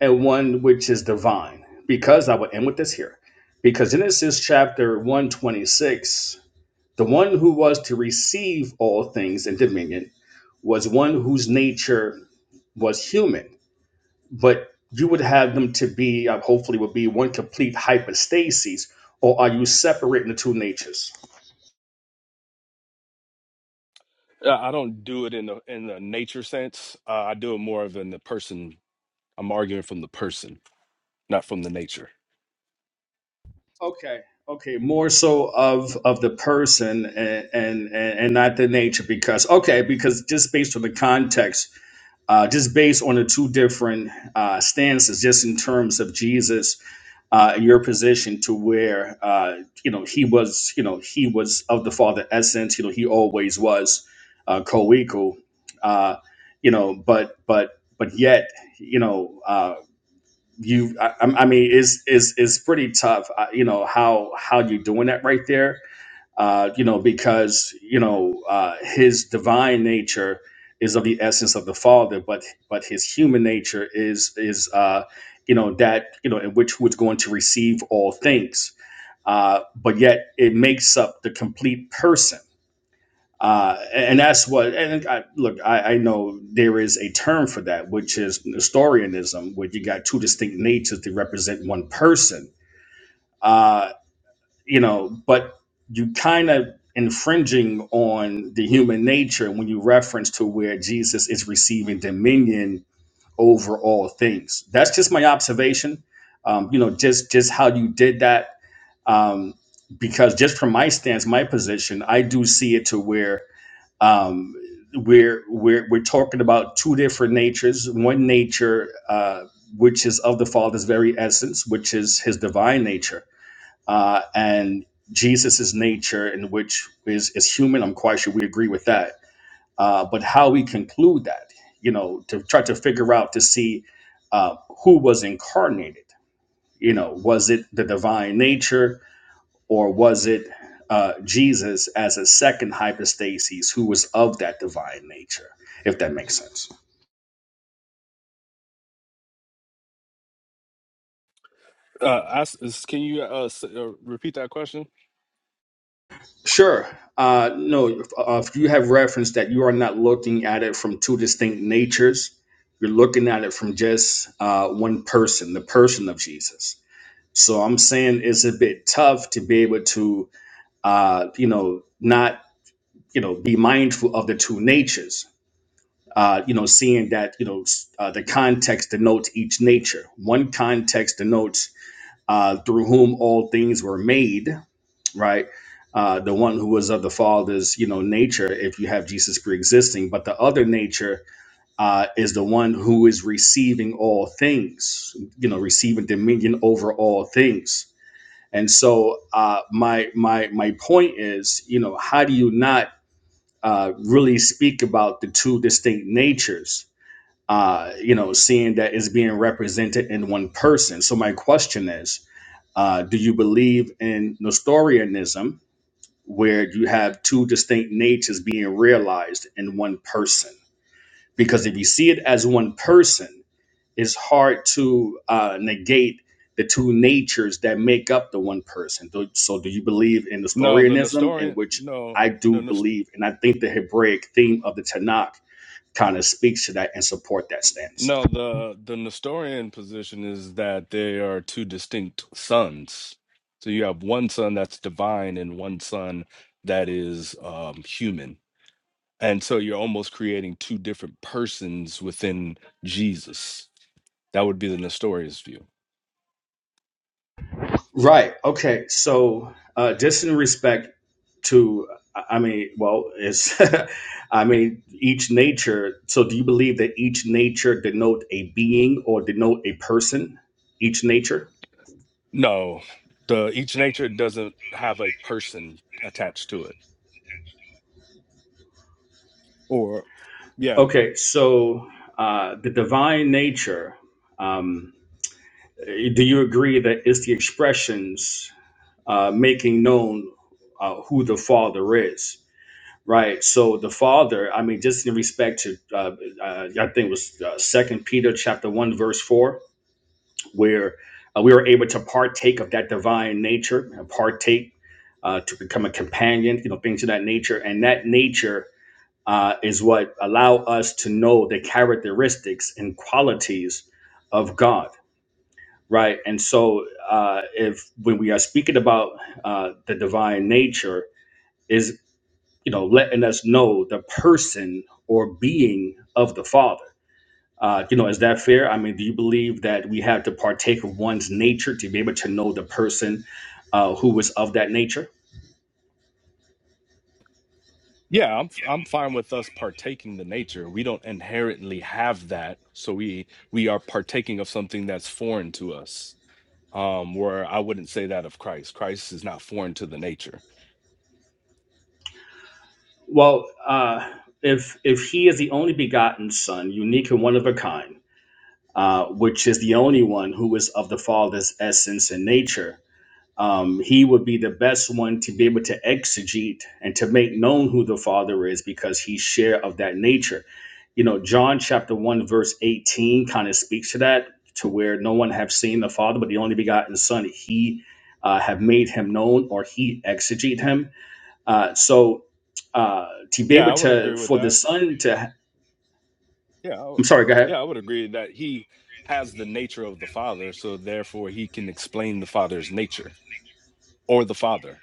Speaker 6: and one which is divine because i will end with this here because genesis chapter 126 the one who was to receive all things in dominion was one whose nature was human, but you would have them to be, uh, hopefully, would be one complete hypostasis, or are you separating the two natures?
Speaker 1: Uh, I don't do it in the in the nature sense. Uh, I do it more of in the person. I'm arguing from the person, not from the nature.
Speaker 6: Okay. Okay. More so of of the person and and and not the nature because okay because just based on the context, uh, just based on the two different uh, stances, just in terms of Jesus, uh, your position to where uh, you know he was, you know he was of the Father essence. You know he always was uh, co-equal. Uh, you know, but but but yet you know. Uh, you I, i mean is is is pretty tough uh, you know how how you doing that right there uh you know because you know uh his divine nature is of the essence of the father but but his human nature is is uh you know that you know in which was going to receive all things uh but yet it makes up the complete person uh, and that's what. And I, look, I, I know there is a term for that, which is Nestorianism, where you got two distinct natures to represent one person. Uh, you know, but you kind of infringing on the human nature when you reference to where Jesus is receiving dominion over all things. That's just my observation. Um, you know, just just how you did that. Um, because just from my stance, my position, I do see it to where um, we're we're we're talking about two different natures. One nature, uh, which is of the Father's very essence, which is His divine nature, uh, and Jesus's nature, in which is is human. I'm quite sure we agree with that. Uh, but how we conclude that, you know, to try to figure out to see uh, who was incarnated. You know, was it the divine nature? or was it uh, Jesus as a second hypostasis who was of that divine nature, if that makes sense?
Speaker 1: Uh, I s- is- can you uh, s- uh, repeat that question?
Speaker 6: Sure. Uh, no, if, uh, if you have referenced that you are not looking at it from two distinct natures, you're looking at it from just uh, one person, the person of Jesus. So I'm saying it's a bit tough to be able to, uh, you know, not, you know, be mindful of the two natures uh, you know, seeing that you know uh, the context denotes each nature. One context denotes uh, through whom all things were made, right? Uh, the one who was of the Father's, you know, nature. If you have Jesus pre-existing, but the other nature uh, is the one who is receiving all things, you know, receiving dominion over all things. And so, uh, my my my point is, you know, how do you not uh, really speak about the two distinct natures? uh, you know, seeing that it's being represented in one person. So my question is, uh, do you believe in Nestorianism, where you have two distinct natures being realized in one person? Because if you see it as one person, it's hard to uh, negate the two natures that make up the one person. Do- So do you believe in
Speaker 1: No, the
Speaker 6: Nestorianism, in
Speaker 1: Nestorian.
Speaker 6: which
Speaker 1: No,
Speaker 6: I do
Speaker 1: no.
Speaker 6: believe, and I think the Hebraic theme of the Tanakh kind of speaks to that and support that stance.
Speaker 1: No, the the Nestorian position is that they are two distinct sons. So you have one son that's divine and one son that is um, human. And so you're almost creating two different persons within Jesus. That would be the Nestorius view.
Speaker 6: Right. Okay. So, uh, just in respect to, I mean, well, it's, I mean, each nature. So, do you believe that each nature denote a being or denote a person? Each nature.
Speaker 1: No, the each nature doesn't have a person attached to it. Or yeah.
Speaker 6: Okay. So, uh, the divine nature. Um, do you agree that it's the expressions uh, making known uh, who the Father is? Right. So the father, I mean, just in respect to, uh, uh, I think it was uh, Second Peter chapter one verse four, where uh, we were able to partake of that divine nature, and partake uh, to become a companion, you know, things of that nature, and that nature uh, is what allow us to know the characteristics and qualities of God. Right. And so, uh, if when we are speaking about uh, the divine nature, you know, letting us know the person or being of the Father. Uh, you know, is that fair? I mean, do you believe that we have to partake of one's nature to be able to know the person uh, who was of that nature?
Speaker 1: Yeah, I'm f- I'm fine with us partaking the nature. We don't inherently have that, so we we are partaking of something that's foreign to us. Um where I wouldn't say that of Christ. Christ is not foreign to the nature.
Speaker 6: Well, uh, if if he is the only begotten Son, unique and one of a kind, uh, which is the only one who is of the Father's essence and nature, um, he would be the best one to be able to exegete and to make known who the Father is because he's share of that nature. You know, John chapter 1, verse 18 kind of speaks to that, to where no one have seen the Father, but the only begotten Son, he uh, have made him known or he exegete him. Uh, so uh, to be
Speaker 1: Yeah,
Speaker 6: able
Speaker 1: I would
Speaker 6: to,
Speaker 1: agree with
Speaker 6: for the
Speaker 1: that.
Speaker 6: Son to,
Speaker 1: Yeah, I w-
Speaker 6: I'm sorry, go ahead.
Speaker 1: yeah, I would agree that he has the nature of the Father, so therefore he can explain the Father's nature or the Father.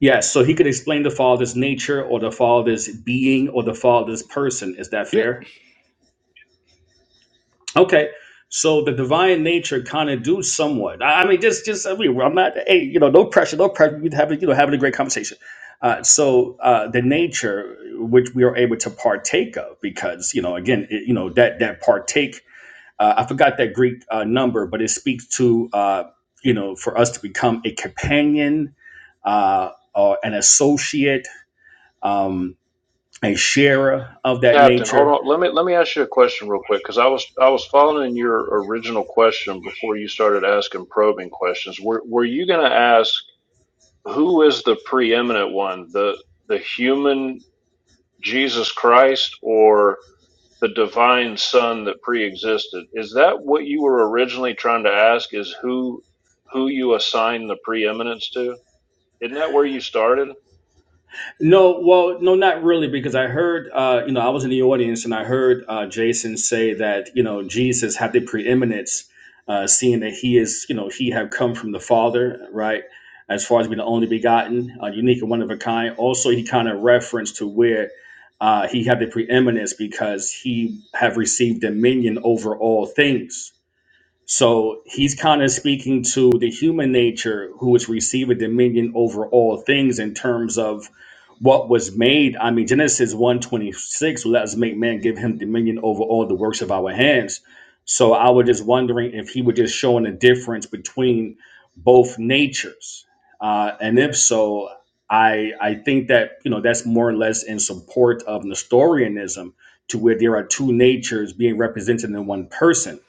Speaker 6: Yes, so he could explain the Father's nature or the Father's being or the Father's person. Is that
Speaker 1: Yeah.
Speaker 6: fair? Okay, so the divine nature kind of do somewhat. I, I mean, just just I mean, I'm not. Hey, you know, no pressure, no pressure. We're having you know having a great conversation. Uh, so uh, the nature which we are able to partake of, because you know, again, it, you know that that partake. Uh, I forgot that Greek uh, number, but it speaks to uh, you know for us to become a companion uh, or an associate, um, a sharer of that
Speaker 4: Captain. Hold
Speaker 6: nature
Speaker 4: on, let me let me ask you a question real quick because I was I was following your original question before you started asking probing questions. Were were you going to ask who is the preeminent one, the the human Jesus Christ or the divine son that pre-existed. Is that what you were originally trying to ask is who who you assign the preeminence to? Isn't that where you started?
Speaker 6: No, well, no, not really, because I heard, uh, you know, I was in the audience and I heard uh, Jason say that, you know, Jesus had the preeminence, uh, seeing that he is, you know, he have come from the Father, right? As far as being the only begotten, uh, unique and one of a kind. Also, he kind of referenced to where uh, he had the preeminence because he have received dominion over all things so he's kind of speaking to the human nature who is receiving dominion over all things in terms of what was made. I mean, Genesis 126, let us make man give him dominion over all the works of our hands. So I was just wondering if he was just showing a difference between both natures. Uh, and if so, I I think that you know that's more or less in support of Nestorianism, to where there are two natures being represented in one person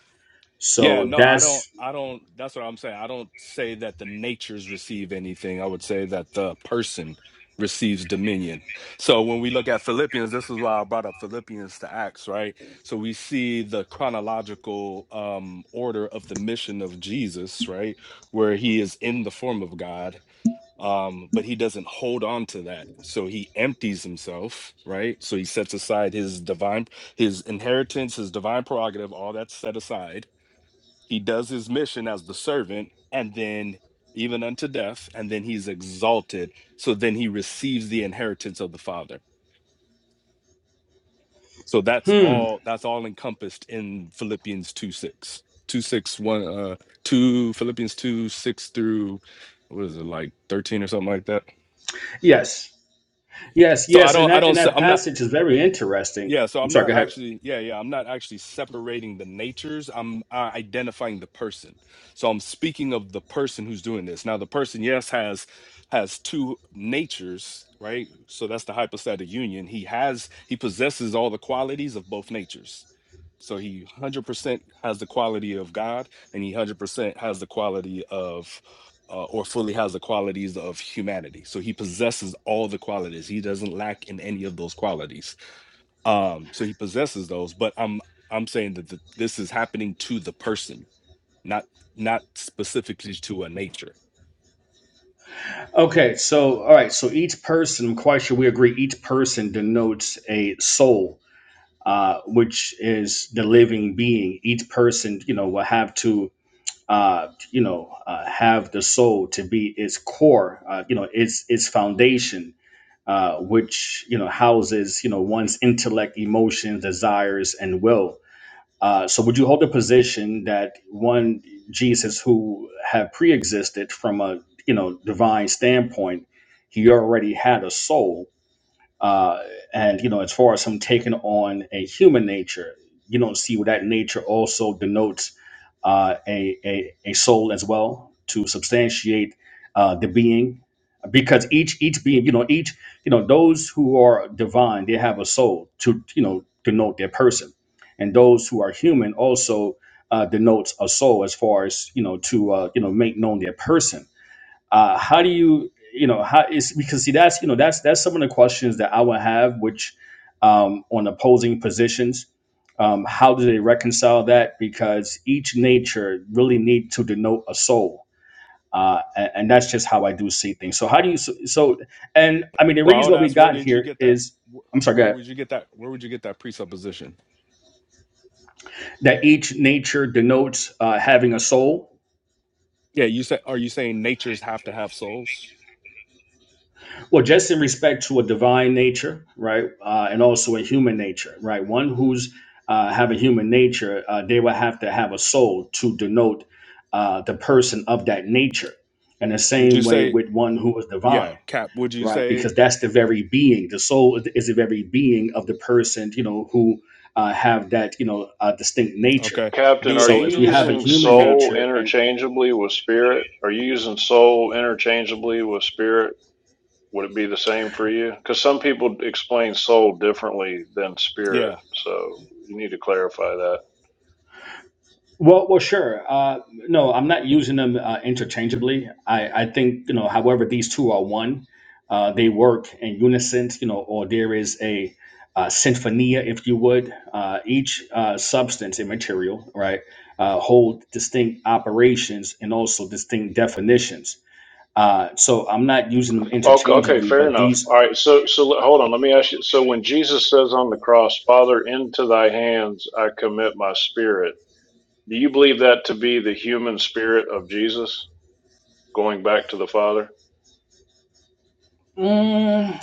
Speaker 1: Yeah,
Speaker 6: so
Speaker 1: no, I don't.
Speaker 6: that's
Speaker 1: I don't. That's what I'm saying. I don't say that the natures receive anything. I would say that the person receives dominion. So when we look at Philippians, this is why I brought up Philippians to Acts, right? So we see the chronological um, order of the mission of Jesus, right? Where he is in the form of God, um, but he doesn't hold on to that. So he empties himself, right? So he sets aside his divine, his inheritance, his divine prerogative, all that's set aside he does his mission as the servant and then even unto death and then he's exalted so then he receives the inheritance of the father so that's
Speaker 6: hmm.
Speaker 1: all that's all encompassed in philippians 2 6 2 six one uh 2 philippians 2 6 through what is it like 13 or something like that
Speaker 6: Yes, yes,
Speaker 1: so i
Speaker 6: yes. And
Speaker 1: don't i
Speaker 6: that
Speaker 1: don't
Speaker 6: and
Speaker 1: s-
Speaker 6: that
Speaker 1: i'm not i do not i am not
Speaker 6: passage is very interesting.
Speaker 1: Yeah, so
Speaker 6: I'm
Speaker 1: I'm
Speaker 6: sorry.
Speaker 1: not
Speaker 6: Go ahead.
Speaker 1: actually, yeah, yeah, I'm not actually separating the natures. I'm uh, identifying the person. So I'm speaking of the person who's doing this. Now, the person, yes, has has two natures, right? So that's the hypostatic union. He has, he possesses all the qualities of both natures. So he 100% has the quality of God, and he 100% has the quality of, uh, or fully has the qualities of humanity. So he possesses all the qualities. He doesn't lack in any of those qualities um so he possesses those but i'm i'm saying that the, this is happening to the person not not specifically to a nature
Speaker 6: Okay. So all right. So each person, I'm quite sure we agree, each person denotes a soul, uh, which is the living being. Each person, you know, will have to. Uh, you know, uh, have the soul to be its core, uh, you know, its its foundation, uh, which you know houses you know one's intellect, emotions, desires, and will Uh, so would you hold the position that one Jesus who had pre-existed from a you know divine standpoint, he already had a soul? uh, and you know as far as him taking on a human nature you don't see where that nature also denotes uh, a, a a soul as well to substantiate uh, the being because each each being you know each you know those who are divine they have a soul to you know denote their person and those who are human also uh, denotes a soul as far as you know to uh, you know make known their person uh, how do you you know how is because see that's you know that's that's some of the questions that i would have which um, on opposing positions um, how do they reconcile that because each nature really need to denote a soul uh, a- and, that's just how i do see things so how do you so, so and i mean the
Speaker 1: well i
Speaker 6: reason
Speaker 1: would
Speaker 6: what we
Speaker 1: ask where
Speaker 6: got
Speaker 1: did you
Speaker 6: here
Speaker 1: get that
Speaker 6: is i'm
Speaker 1: wh-
Speaker 6: sorry go
Speaker 1: where
Speaker 6: ahead,
Speaker 1: would you get that where would you get that presupposition
Speaker 6: that each nature denotes uh, having a soul
Speaker 1: yeah you say are you saying natures have to have souls
Speaker 6: Well, just in respect to a divine nature, right, uh, and also a human nature, right. One who's uh, have a human nature, uh, they will have to have a soul to denote uh, the person of that nature. And the
Speaker 1: would you
Speaker 6: same way
Speaker 1: say
Speaker 6: with one who is divine,
Speaker 1: yeah cap would you
Speaker 6: right,
Speaker 1: say
Speaker 6: because that's the very being. The soul is is the very being of the person, you know, who uh, have that, you know, uh, distinct nature.
Speaker 1: okay
Speaker 4: Captain,
Speaker 1: do
Speaker 4: are
Speaker 6: So
Speaker 4: you
Speaker 6: if you have
Speaker 1: angels
Speaker 6: a
Speaker 4: using
Speaker 6: human
Speaker 1: cap
Speaker 4: soul
Speaker 6: nature and
Speaker 4: interchangeably with spirit? Are you using soul interchangeably with spirit? Would it be the same for you? Because some people explain soul differently than
Speaker 1: yeah
Speaker 4: spirit. So you need to clarify that.
Speaker 6: Well, well, sure. Uh, no, I'm not using them uh, interchangeably. I, I think you know, however, these two are one. Uh, they work in unison, you know, or there is a uh, sinfonia, if you would. Uh, each uh, substance and material, right, uh, hold distinct operations and also distinct definitions. Uh, so I'm not using them
Speaker 4: Okay, okay,
Speaker 6: interchangeably,
Speaker 4: fair
Speaker 6: but
Speaker 4: enough.
Speaker 6: these.
Speaker 4: All right, so so l- hold on, let me ask you. So when Jesus says on the cross, "Father, into thy hands I commit my spirit," do you believe that to be the human spirit of Jesus going back to the Father?
Speaker 6: mm,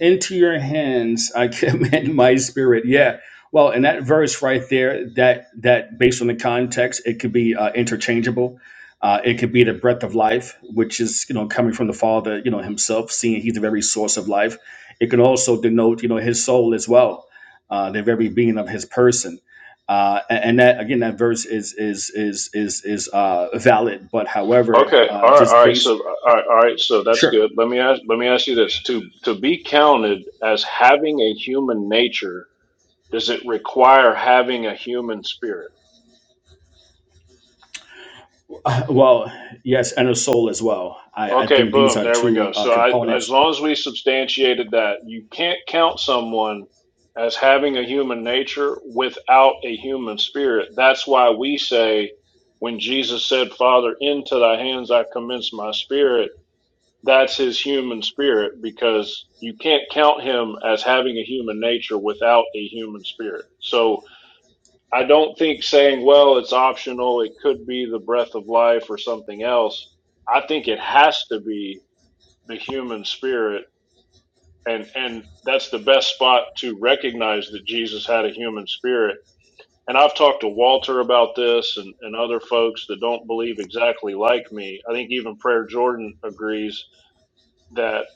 Speaker 6: into your hands I commend my spirit. Yeah. Well, and that verse right there, that that based on the context, it could be uh, interchangeable. Uh, it could be the breath of life, which is you know coming from the Father, you know Himself, seeing He's the very source of life. It can also denote you know His soul as well, uh, the very being of His person. Uh, a- and that again, that verse is is is is is uh, valid, but however,
Speaker 4: Okay,
Speaker 6: uh,
Speaker 4: all right,
Speaker 6: just
Speaker 4: all right.
Speaker 6: based.
Speaker 4: So all right, all right. So that's
Speaker 6: Sure.
Speaker 4: good. Let me ask. Let me ask you this: to to be counted as having a human nature, does it require having a human spirit?
Speaker 6: Uh, well, yes, and a soul as well. I, I
Speaker 4: Okay,
Speaker 6: think these
Speaker 4: boom,
Speaker 6: are
Speaker 4: there we go.
Speaker 6: two uh,
Speaker 4: So I, as
Speaker 6: components.
Speaker 4: long as we substantiated that, you can't count someone as having a human nature without a human spirit. That's why we say when Jesus said, "Father, into thy hands I commence my spirit," that's his human spirit because you can't count him as having a human nature without a human spirit. So I don't think saying, "Well, it's optional, it could be the breath of life or something else." I think it has to be the human spirit and and that's the best spot to recognize that Jesus had a human spirit and I've talked to Walter about this and, and other folks that don't believe exactly like me. I think even Prayer Jordan agrees that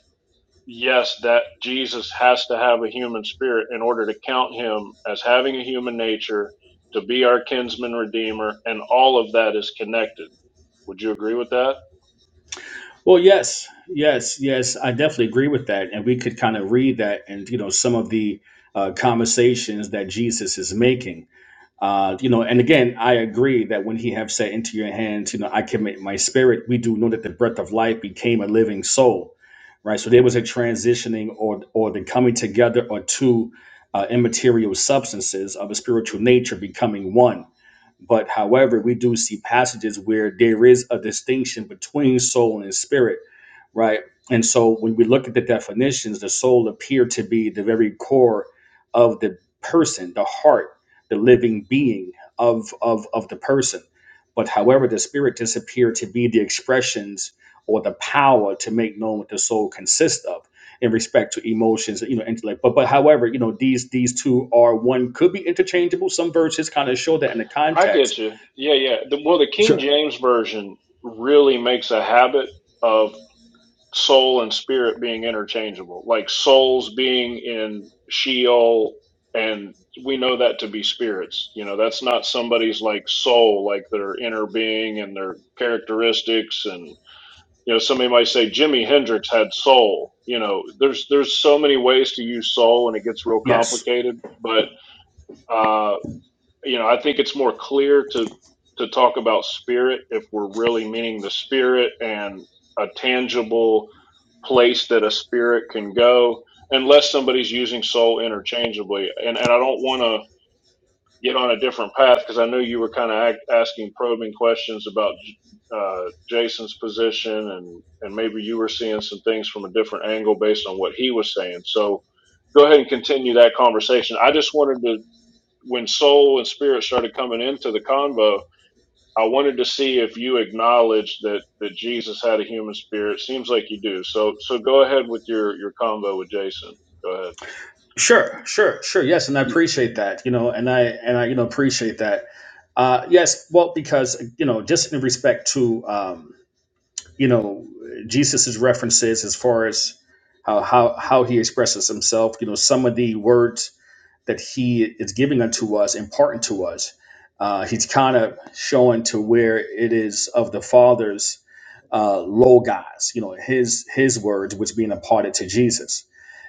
Speaker 4: yes, that Jesus has to have a human spirit in order to count him as having a human nature, to be our kinsman redeemer, and all of that is connected. Would you agree with that?
Speaker 6: Well, yes, yes, yes, I definitely agree with that. And we could kind of read that and, you know, some of the uh, conversations that Jesus is making. Uh, you know, and again, I agree that when he have said into your hands, you know, I commit my spirit, we do know that the breath of life became a living soul, right? So there was a transitioning or, or the coming together or two uh, immaterial substances of a spiritual nature becoming one But however, we do see passages where there is a distinction between soul and spirit, right? And so when we look at the definitions, the soul appeared to be the very core of the person, the heart, the living being of, of, of the person. But however, the spirit disappeared to be the expressions or the power to make known what the soul consists of in respect to emotions, you know, intellect. But but however, you know, these these two are one could be interchangeable. Some verses kind of show that in the
Speaker 4: I
Speaker 6: context
Speaker 4: get you. Yeah, yeah. The, well, the King
Speaker 6: Sure.
Speaker 4: James version really makes a habit of soul and spirit being interchangeable, like souls being in Sheol, and we know that to be spirits. You know, that's not somebody's like soul, like their inner being and their characteristics and. You know, somebody might say Jimi Hendrix had soul. You know, there's there's so many ways to use soul, and it gets real
Speaker 6: Yes.
Speaker 4: complicated. But uh, you know, I think it's more clear to to talk about spirit if we're really meaning the spirit and a tangible place that a spirit can go, unless somebody's using soul interchangeably. And and I don't want to get on a different path because I know you were kind of asking probing questions about uh, Jason's position and and maybe you were seeing some things from a different angle based on what he was saying. So go ahead and continue that conversation. I just wanted to when soul and spirit started coming into the convo, I wanted to see if you acknowledged that that Jesus had a human spirit. Seems like you do. So so go ahead with your your convo with Jason. Go ahead,
Speaker 6: Sure. Sure. Sure. Yes, and I appreciate that. You know, and I and I you know appreciate that. Uh, yes. Well, because you know, just in respect to um, you know Jesus's references as far as how how how he expresses himself. You know, some of the words that he is giving unto us, important to us. Uh, he's kind of showing to where it is of the fathers uh, logos, you know, his his words, which being imparted to Jesus.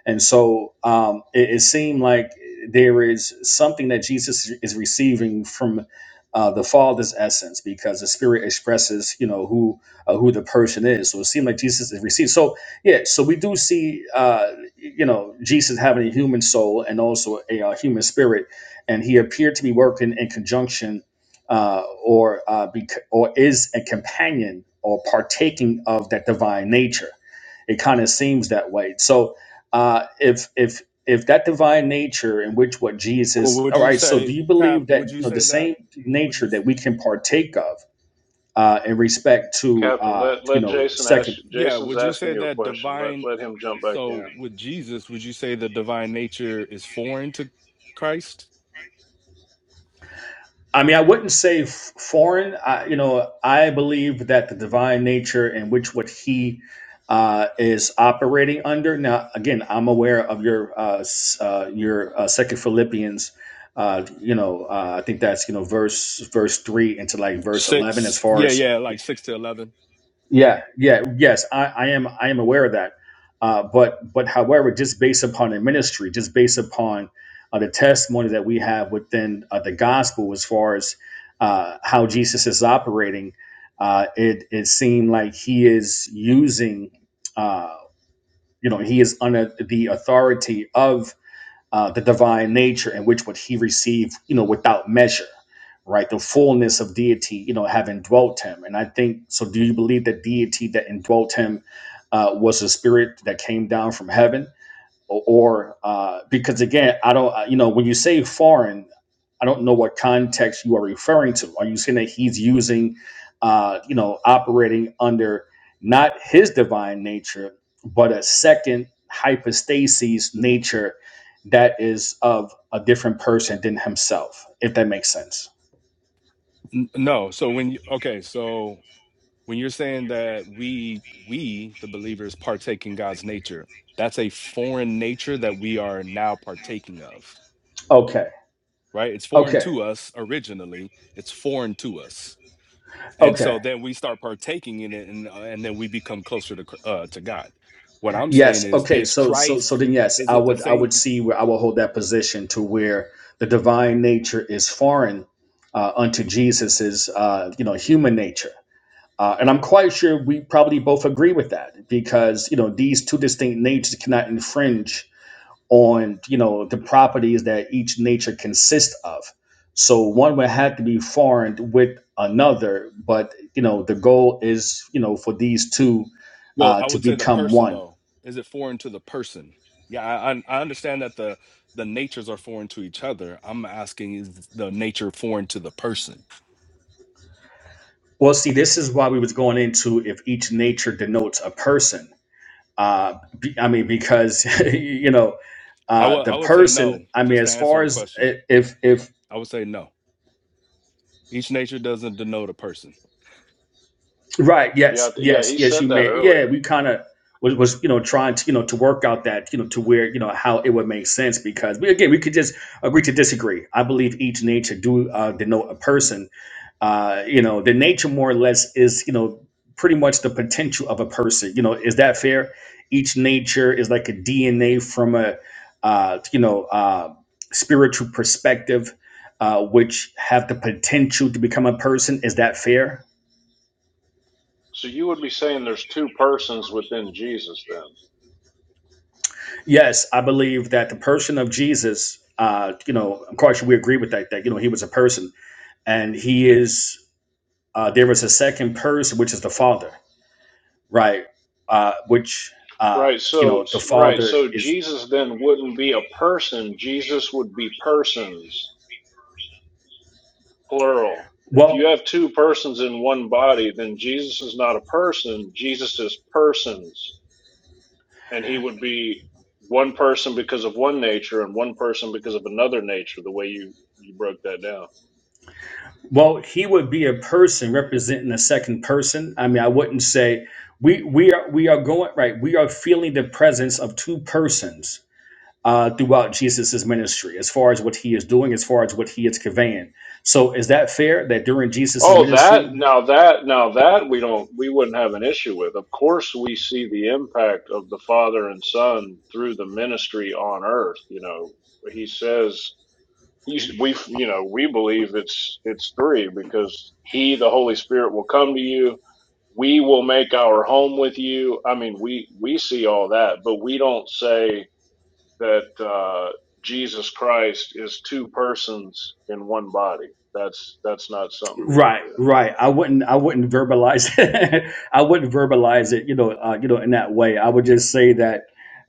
Speaker 6: And so um, it, it seemed like there is something that Jesus is receiving from uh, the Father's essence, because the Spirit expresses, you know, who uh, who the person is. So it seemed like Jesus is received. So yeah, so we do see, uh, you know, Jesus having a human soul and also a, uh human spirit, and he appeared to be working in conjunction uh, or uh, bec- or is a companion or partaking of that divine nature. It kind of seems that way. So uh, if if if that divine nature in which what
Speaker 1: Well,
Speaker 6: Jesus,
Speaker 1: would
Speaker 6: all
Speaker 1: you
Speaker 6: right. So do
Speaker 1: say,
Speaker 6: you
Speaker 1: Cap?
Speaker 6: believe that
Speaker 1: Would you
Speaker 6: you know the
Speaker 1: say that?
Speaker 6: same
Speaker 1: Would
Speaker 6: nature
Speaker 1: you?
Speaker 6: that we can partake of uh, in respect to
Speaker 4: Captain.
Speaker 6: uh,
Speaker 4: Let
Speaker 6: you
Speaker 4: let
Speaker 6: know
Speaker 4: Jason
Speaker 6: Second
Speaker 4: ask.
Speaker 1: Yeah.
Speaker 4: Jason's
Speaker 1: Would you
Speaker 4: asking
Speaker 1: say
Speaker 4: you a
Speaker 1: that
Speaker 4: question. Let
Speaker 1: divine?
Speaker 4: let him jump back in.
Speaker 1: So with Jesus, would you say the divine nature is foreign to Christ?
Speaker 6: I mean, I wouldn't say f- foreign. I, you know, I believe that the divine nature in which what he uh, is operating under. Now, again, I'm aware of your uh, s- uh, your uh, Second Philippians. Uh, you know, uh, I think that's you know verse verse three into like verse eleven as
Speaker 1: Six.
Speaker 6: far
Speaker 1: Yeah,
Speaker 6: as
Speaker 1: yeah, like six to eleven.
Speaker 6: yeah, yeah, yes, I, I am. I am aware of that. Uh, but but however, just based upon the ministry, just based upon uh, the testimony that we have within uh, the gospel, as far as uh, how Jesus is operating, uh, it it seemed like he is using, uh, you know, he is under the authority of uh, the divine nature in which would he receive, you know, without measure, right? The fullness of deity, you know, having dwelt him. And I think so. Do you believe that deity that indwelt him uh, was a spirit that came down from heaven? or, uh, because again, I don't, you know, when you say foreign, I don't know what context you are referring to. Are you saying that he's using, uh, you know, operating under not his divine nature, but a second hypostasis nature that is of a different person than himself, if that makes sense?
Speaker 1: N- no. So when you okay, so when you're saying that we we the believers partake in God's nature, that's a foreign nature that we are now partaking of,
Speaker 6: Okay.
Speaker 1: right? It's foreign
Speaker 6: Okay.
Speaker 1: to us originally. It's foreign to us and
Speaker 6: Okay.
Speaker 1: so then we start partaking in it and uh, and then we become closer to Chr- uh to god what i'm saying
Speaker 6: Yes.
Speaker 1: is
Speaker 6: Okay.
Speaker 1: is
Speaker 6: So so so
Speaker 1: christ
Speaker 6: then yes,
Speaker 1: is
Speaker 6: I
Speaker 1: it the
Speaker 6: would I would
Speaker 1: same
Speaker 6: see where I would hold that position to where the divine nature is foreign uh, unto Jesus's uh, you know human nature, uh, and I'm quite sure we probably both agree with that because you know these two distinct natures cannot infringe on you know the properties that each nature consists of. So one would have to be foreign with another, but you know the goal is you know for these two
Speaker 1: Well,
Speaker 6: uh,
Speaker 1: I
Speaker 6: to
Speaker 1: would say the
Speaker 6: become
Speaker 1: person
Speaker 6: one
Speaker 1: though. Is it foreign to the person? Yeah, I I I understand that the the natures are foreign to each other. I'm asking is the nature foreign to the person?
Speaker 6: Well, see, this is why we was going into if each nature denotes a person. Uh, be, I mean, because you know,
Speaker 1: I
Speaker 6: uh,
Speaker 1: would
Speaker 6: the
Speaker 1: I would say no,
Speaker 6: person. I mean,
Speaker 1: just to
Speaker 6: as
Speaker 1: answer
Speaker 6: far
Speaker 1: your
Speaker 6: as
Speaker 1: question.
Speaker 6: i- if if
Speaker 1: I would say no. Each nature doesn't denote a person.
Speaker 6: right,
Speaker 4: Yeah
Speaker 6: yes,
Speaker 4: yeah.
Speaker 6: yes,
Speaker 4: He
Speaker 6: yes, you
Speaker 4: said that
Speaker 6: may. Yeah,
Speaker 4: earlier.
Speaker 6: we kind of was, was you know trying to you know to work out that you know to where you know how it would make sense because we, again we could just agree to disagree. I believe each nature do uh, denote a person, uh, you know, the nature more or less is, you know, pretty much the potential of a person. You know, is that fair? Each nature is like a DNA from a, uh, you know, uh, spiritual perspective, uh, which have the potential to become a person. Is that fair?
Speaker 4: So you would be saying there's two persons within Jesus then.
Speaker 6: Yes, I believe that the person of Jesus, uh, you know, of course we agree with that. That you know, he was a person, and he is. Uh, there was a second person, which is the Father right? Uh, which uh,
Speaker 4: Right,
Speaker 6: you
Speaker 4: so
Speaker 6: know the
Speaker 4: right,
Speaker 6: father
Speaker 4: so
Speaker 6: is
Speaker 4: Jesus then wouldn't be a person. Jesus would be persons. plural. If you
Speaker 6: well,
Speaker 4: have two persons in one body, then Jesus is not a person, Jesus is persons. And he would be one person because of one nature and one person because of another nature, the way you, you broke that down.
Speaker 6: well, he would be a person representing a second person. I mean, I wouldn't say we we are we are going right. We are feeling the presence of two persons uh, throughout Jesus's ministry, as far as what he is doing, as far as what he is conveying. So, is that fair that during Jesus's
Speaker 4: Oh,
Speaker 6: ministry
Speaker 4: that, now that, now that we don't, we wouldn't have an issue with. Of course, we see the impact of the Father and Son through the ministry on earth. You know, he says He's, we you know we believe it's it's three because he the holy spirit will come to you we will make our home with you i mean we we see all that but we don't say that uh jesus christ is two persons in one body that's that's not something we would
Speaker 6: Right,
Speaker 4: do
Speaker 6: right. I wouldn't. I wouldn't verbalize. it. I wouldn't verbalize it. You know. Uh, you know. In that way, I would just say that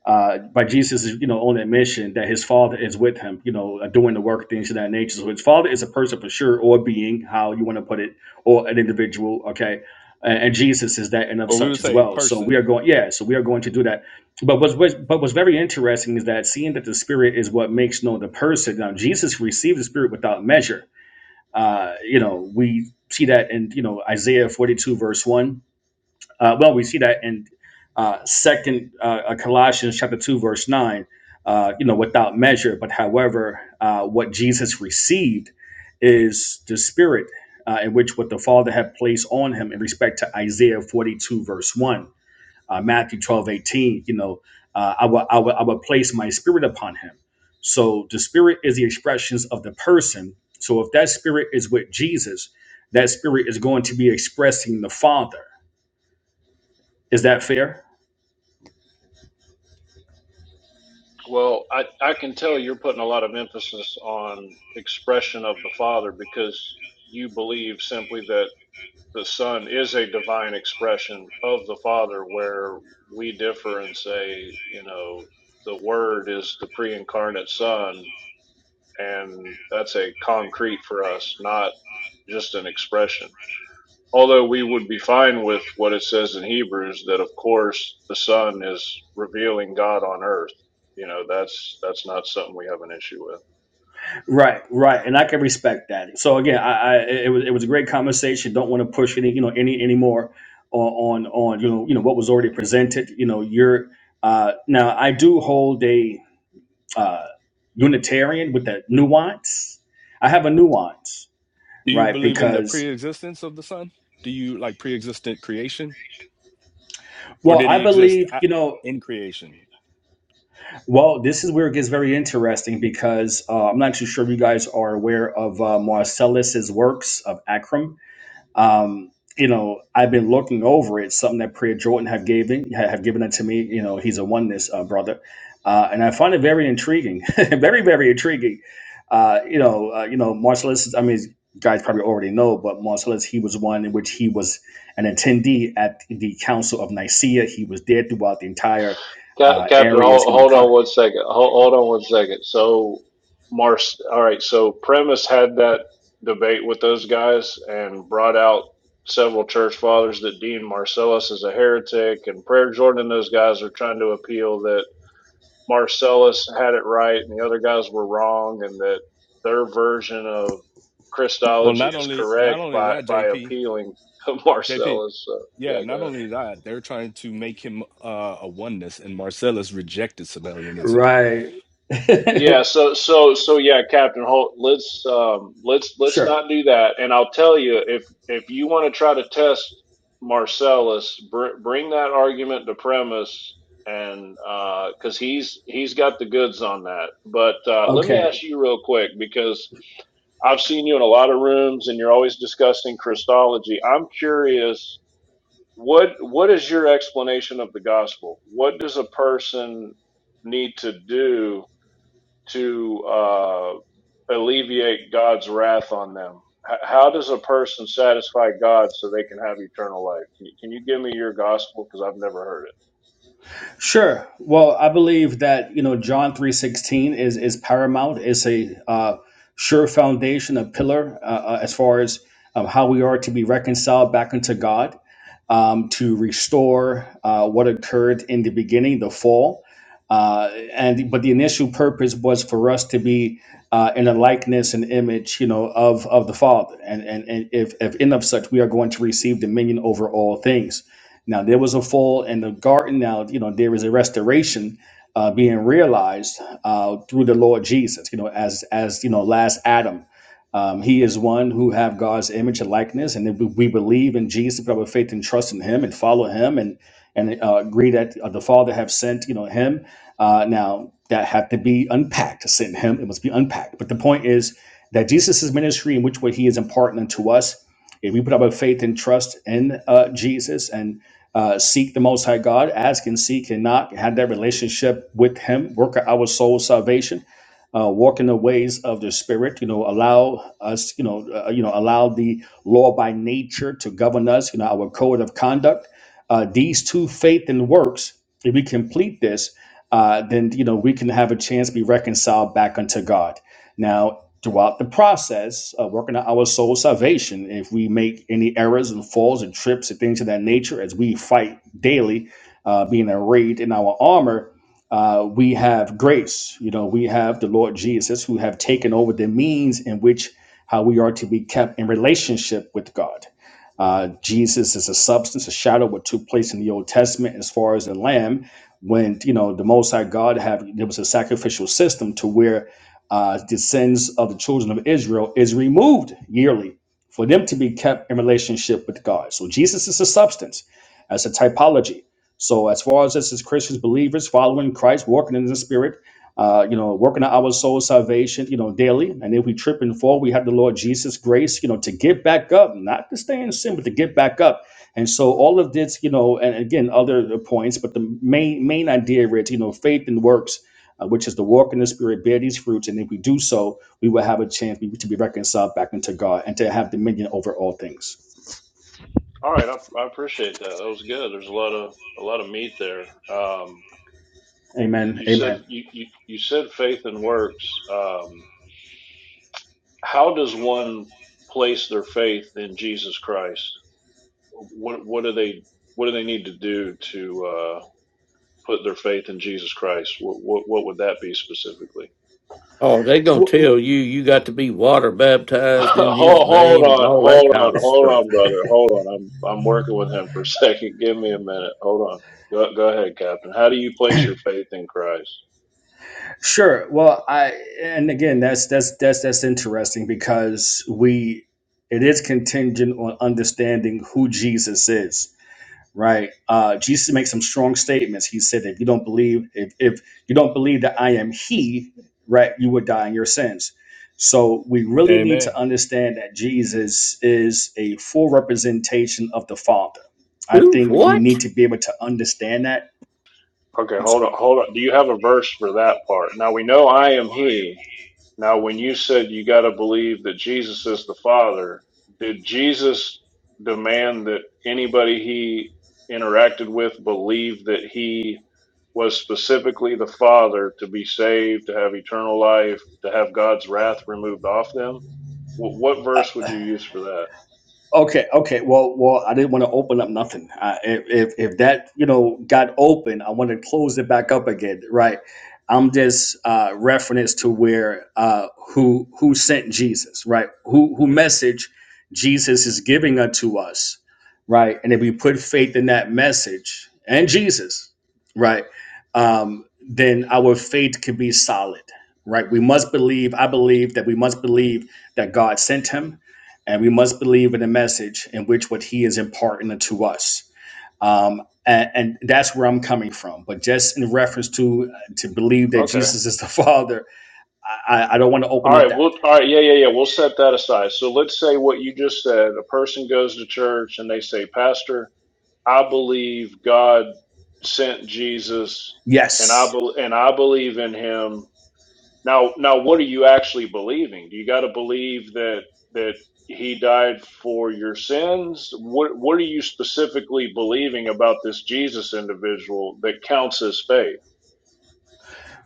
Speaker 6: uh, by Jesus, you know, own admission that his Father is with him. You know, uh, doing the work, things of that nature. So his Father is a person for sure, or a being, how you want to put it, or an individual. Okay, and, and Jesus is that and of
Speaker 1: Well, we would
Speaker 6: such as
Speaker 1: say
Speaker 6: well. So we are
Speaker 1: person.
Speaker 6: going. Yeah. So we are going to do that. But what's, what's but what's very interesting is that seeing that the Spirit is what makes known the person. Now Jesus received the Spirit without measure uh, you know, we see that in you know Isaiah 42 verse one. Uh, well, we see that in uh, Second uh, uh, Colossians chapter two verse nine. Uh, you know, without measure, but however, uh, what Jesus received is the Spirit, uh, in which what the Father had placed on him in respect to Isaiah 42 verse one uh, Matthew 12 18, you know, uh, I, will, I, will, I will place my spirit upon him. So the spirit is the expressions of the person. So if that spirit is with Jesus, that spirit is going to be expressing the Father. Is that fair?
Speaker 4: well i i can tell you're putting a lot of emphasis on expression of the father because you believe simply that the Son is a divine expression of the Father, where we differ and say, you know, the Word is the pre incarnate Son, and that's a concrete for us, not just an expression. Although we would be fine with what it says in Hebrews that, of course, the Son is revealing God on earth. You know, that's that's not something we have an issue with.
Speaker 6: Right, right, and I can respect that. So again, I, I it was it was a great conversation. Don't want to push any you know any any more on on on you know you know what was already presented. You know, you're uh, now I do hold a uh, Unitarian with that nuance. I have a nuance,
Speaker 1: Do you
Speaker 6: right?
Speaker 1: believe in the
Speaker 6: Because,
Speaker 1: pre-existence of the son? Do you like pre-existent creation? or
Speaker 6: well,
Speaker 1: did
Speaker 6: I
Speaker 1: he exist
Speaker 6: believe,
Speaker 1: at,
Speaker 6: you know,
Speaker 1: in creation?
Speaker 6: well, this is where it gets very interesting because uh, I'm not too sure if you guys are aware of uh, Marcellus's works of Akram um, you know, I've been looking over it. Something that Priya Jordan have given ha- have given it to me. You know, he's a oneness uh, brother, uh, and I find it very intriguing, very very intriguing. Uh, you know, uh, you know, Marcellus. I mean, you guys probably already know, but Marcellus, he was one in which he was an attendee at the Council of Nicaea. He was there throughout the entire
Speaker 4: Cap-
Speaker 6: uh,
Speaker 4: Captain,
Speaker 6: areas.
Speaker 4: hold,
Speaker 6: You know,
Speaker 4: hold on
Speaker 6: con-
Speaker 4: one second. Hold, hold on one second. So, Mars, all right. So, Premise had that debate with those guys and brought out several church fathers that deemed Marcellus as a heretic, and Prayer Jordan and those guys are trying to appeal that Marcellus had it right and the other guys were wrong, and that their version of
Speaker 1: Well,
Speaker 4: Christology
Speaker 1: not
Speaker 4: is
Speaker 1: only not
Speaker 4: correct
Speaker 1: only
Speaker 4: by
Speaker 1: that,
Speaker 4: by
Speaker 1: JP,
Speaker 4: appealing to
Speaker 1: JP,
Speaker 4: Marcellus. So,
Speaker 1: yeah,
Speaker 4: yeah, go
Speaker 1: not
Speaker 4: ahead.
Speaker 1: only that, they're trying to make him uh, a oneness, and Marcellus rejected Sabellianism.
Speaker 6: right?
Speaker 4: Yeah, so so so yeah, Captain Holt, let's um let's let's
Speaker 6: sure.
Speaker 4: not do that. And I'll tell you if if you want to try to test Marcellus, br bring that argument to premise and uh 'cause he's he's got the goods on that. But uh let me
Speaker 6: Okay.
Speaker 4: ask you real quick because I've seen you in a lot of rooms and you're always discussing Christology. I'm curious, what what is your explanation of the gospel? What does a person need to do? to uh, alleviate God's wrath on them? How does a person satisfy God so they can have eternal life? Can you, can you give me your gospel because I've never heard it?
Speaker 6: Sure. Well, I believe that you know John three sixteen is is paramount. It's a uh, sure foundation, a pillar uh, uh, as far as um, how we are to be reconciled back into God, um, to restore uh, what occurred in the beginning, the fall, uh, and but the initial purpose was for us to be uh, in a likeness and image, you know, of of the Father, and and, and if, if in of such we are going to receive dominion over all things. Now there was a fall in the garden. Now you know there is a restoration uh, being realized uh, through the Lord Jesus. You know, as as you know, last Adam, um, he is one who have God's image and likeness, and if we we believe in Jesus, put our faith and trust in Him, and follow Him, and and uh, agree that uh, the Father have sent you know Him. Uh, now that had to be unpacked. To send Him, it must be unpacked. But the point is that Jesus' ministry, in which way He is imparting unto us, if we put our faith and trust in uh, Jesus and uh, seek the Most High God, ask and seek and knock, have that relationship with Him, work out our soul salvation, uh, walk in the ways of the Spirit. You know, allow us, you know, uh, you know, allow the law by nature to govern us. You know, our code of conduct. Uh, these two, faith and works. If we complete this, uh, then you know we can have a chance to be reconciled back unto God. Now, throughout the process of working on our soul salvation, if we make any errors and falls and trips and things of that nature, as we fight daily, uh, being arrayed in our armor, uh, we have grace. You know, we have the Lord Jesus who have taken over the means in which how we are to be kept in relationship with God. Uh, Jesus is a substance, a shadow of what took place in the Old Testament as far as the Lamb. When you know the Most High God have there was a sacrificial system to where uh, the sins of the children of Israel is removed yearly for them to be kept in relationship with God. So Jesus is a substance, as a typology. So as far as us as Christians, believers, following Christ, walking in the Spirit, uh, you know, working on our soul salvation, you know, daily. And if we trip and fall, we have the Lord Jesus' grace, you know, to get back up, not to stay in sin, but to get back up. And so all of this, you know, and again, other points, but the main main idea, is you know, faith and works uh, which is to walk in the spirit, bear these fruits, and if we do so, we will have a chance to be reconciled back into God and to have dominion over all things.
Speaker 4: All right, I, I appreciate that. That was good. There's a lot of a lot of meat there. Um, you,
Speaker 6: Amen.
Speaker 4: you said
Speaker 6: Amen.
Speaker 4: you, you, you said faith and works. Um, how does one place their faith in Jesus Christ? What what do they what do they need to do to uh, put their faith in Jesus Christ, what what, what would that be specifically?
Speaker 7: Oh, they gonna
Speaker 6: Well,
Speaker 7: tell you you got to be water baptized in his
Speaker 4: hold, hold
Speaker 7: name and
Speaker 4: on,
Speaker 7: all that
Speaker 4: hold
Speaker 7: kind
Speaker 4: on,
Speaker 7: of
Speaker 4: hold
Speaker 7: stuff.
Speaker 4: on, brother, hold on. I'm I'm working with him for a second. Give me a minute. Hold on. Go go ahead, Captain. How do you place your faith in Christ?
Speaker 6: sure. Well, I and again, that's that's that's that's interesting because we it is contingent on understanding who Jesus is right? Uh, Jesus makes some strong statements. He said, if you don't believe, if, if you don't believe that I am He, right, you would die in your sins. So we really need
Speaker 1: Amen.
Speaker 6: to understand that Jesus is a full representation of the Father. I
Speaker 7: Who?
Speaker 6: think we
Speaker 7: What?
Speaker 6: need to be able to understand that.
Speaker 4: Okay,
Speaker 6: I'm
Speaker 4: hold
Speaker 6: sorry.
Speaker 4: on, hold on. Do you have a verse for that part? Now we know I am He. Now, when you said you got to believe that Jesus is the Father, did Jesus demand that anybody he interacted with believe that he was specifically the Father to be saved, to have eternal life, to have God's wrath removed off them? What, what verse would you use for that?
Speaker 6: Okay, okay. Well, well, I didn't want to open up nothing. Uh, if, if if that you know got open, I want to close it back up again, right? I'm just uh, reference to where uh, who who sent Jesus, right? Who who message Jesus is giving unto us, right? And if we put faith in that message and Jesus, right, um, then our faith can be solid, right? We must believe. I believe that we must believe that God sent him and we must believe in the message in which what he is imparting to us um, and, and that's where i'm coming from but just in reference to to believe that
Speaker 4: Okay.
Speaker 6: jesus is the father I I don't want to
Speaker 4: All
Speaker 6: open up
Speaker 4: right.
Speaker 6: that
Speaker 4: We'll, all right. Yeah, yeah, yeah. We'll set that aside. So let's say what you just said. A person goes to church and they say, Pastor, I believe God sent Jesus, and I
Speaker 6: yes
Speaker 4: bel and I believe in Him. Now, now, what are you actually believing? Do you got to believe that that He died for your sins? What What are you specifically believing about this Jesus individual that counts as faith?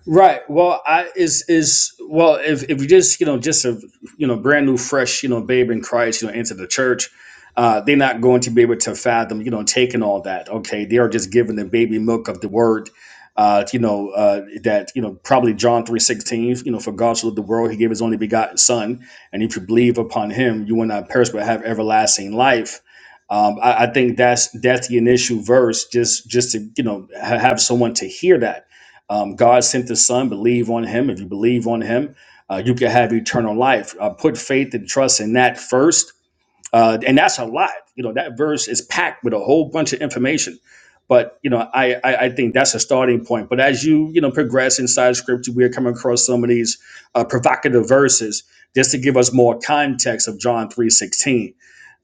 Speaker 6: Right. Well, I is is well if if you just you know just a you know brand new fresh you know babe in Christ you know into the church, uh, they're not going to be able to fathom you know taking all that. Okay, they are just given the baby milk of the word. Uh, you know uh, that you know probably John three sixteen. You know for God so loved the world he gave his only begotten Son, and if you believe upon him you will not perish but have everlasting life. Um, I, I think that's that's the initial verse just just to you know ha- have someone to hear that um, God sent the Son. Believe on Him. If you believe on Him, uh, you can have eternal life. Uh, put faith and trust in that first uh, and that's a lot. You know, that verse is packed with a whole bunch of information. But you know, I, I I think that's a starting point. But as you you know progress inside scripture, we're coming across some of these uh, provocative verses just to give us more context of John three sixteen.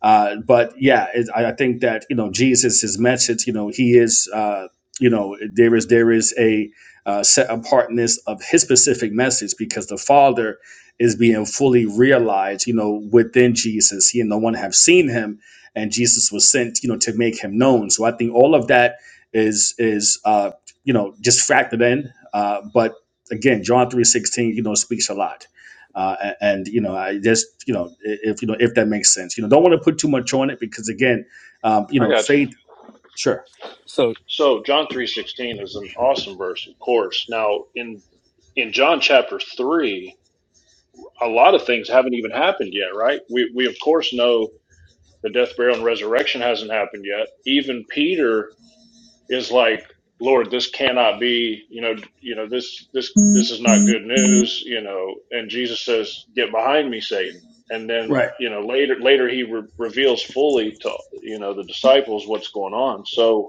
Speaker 6: Uh, but yeah, it, I I think that you know Jesus, his message, you know, he is uh, you know there is there is a uh, set apartness of his specific message because the Father is being fully realized, you know, within Jesus. He and no one have seen him, and Jesus was sent, you know, to make him known. So I think all of that is is uh, you know just factored in. Uh, but again, John three sixteen, you know, speaks a lot. Uh, a- and you know, I just you know, i- if you know, if that makes sense, you know, don't want to put too much on it because again, um, you
Speaker 4: I
Speaker 6: know,
Speaker 4: got you.
Speaker 6: faith, sure,
Speaker 1: So
Speaker 4: So John three sixteen is an awesome verse, of course. Now in in John chapter three, a lot of things haven't even happened yet, right? We we of course know The death, burial, and resurrection hasn't happened yet. Even Peter is like, Lord, this cannot be, you know, you know, this this this is not good news, you know. And Jesus says, Get behind me, Satan. And then,
Speaker 6: Right.
Speaker 4: you know, later later he re- reveals fully to you know the disciples what's going on. So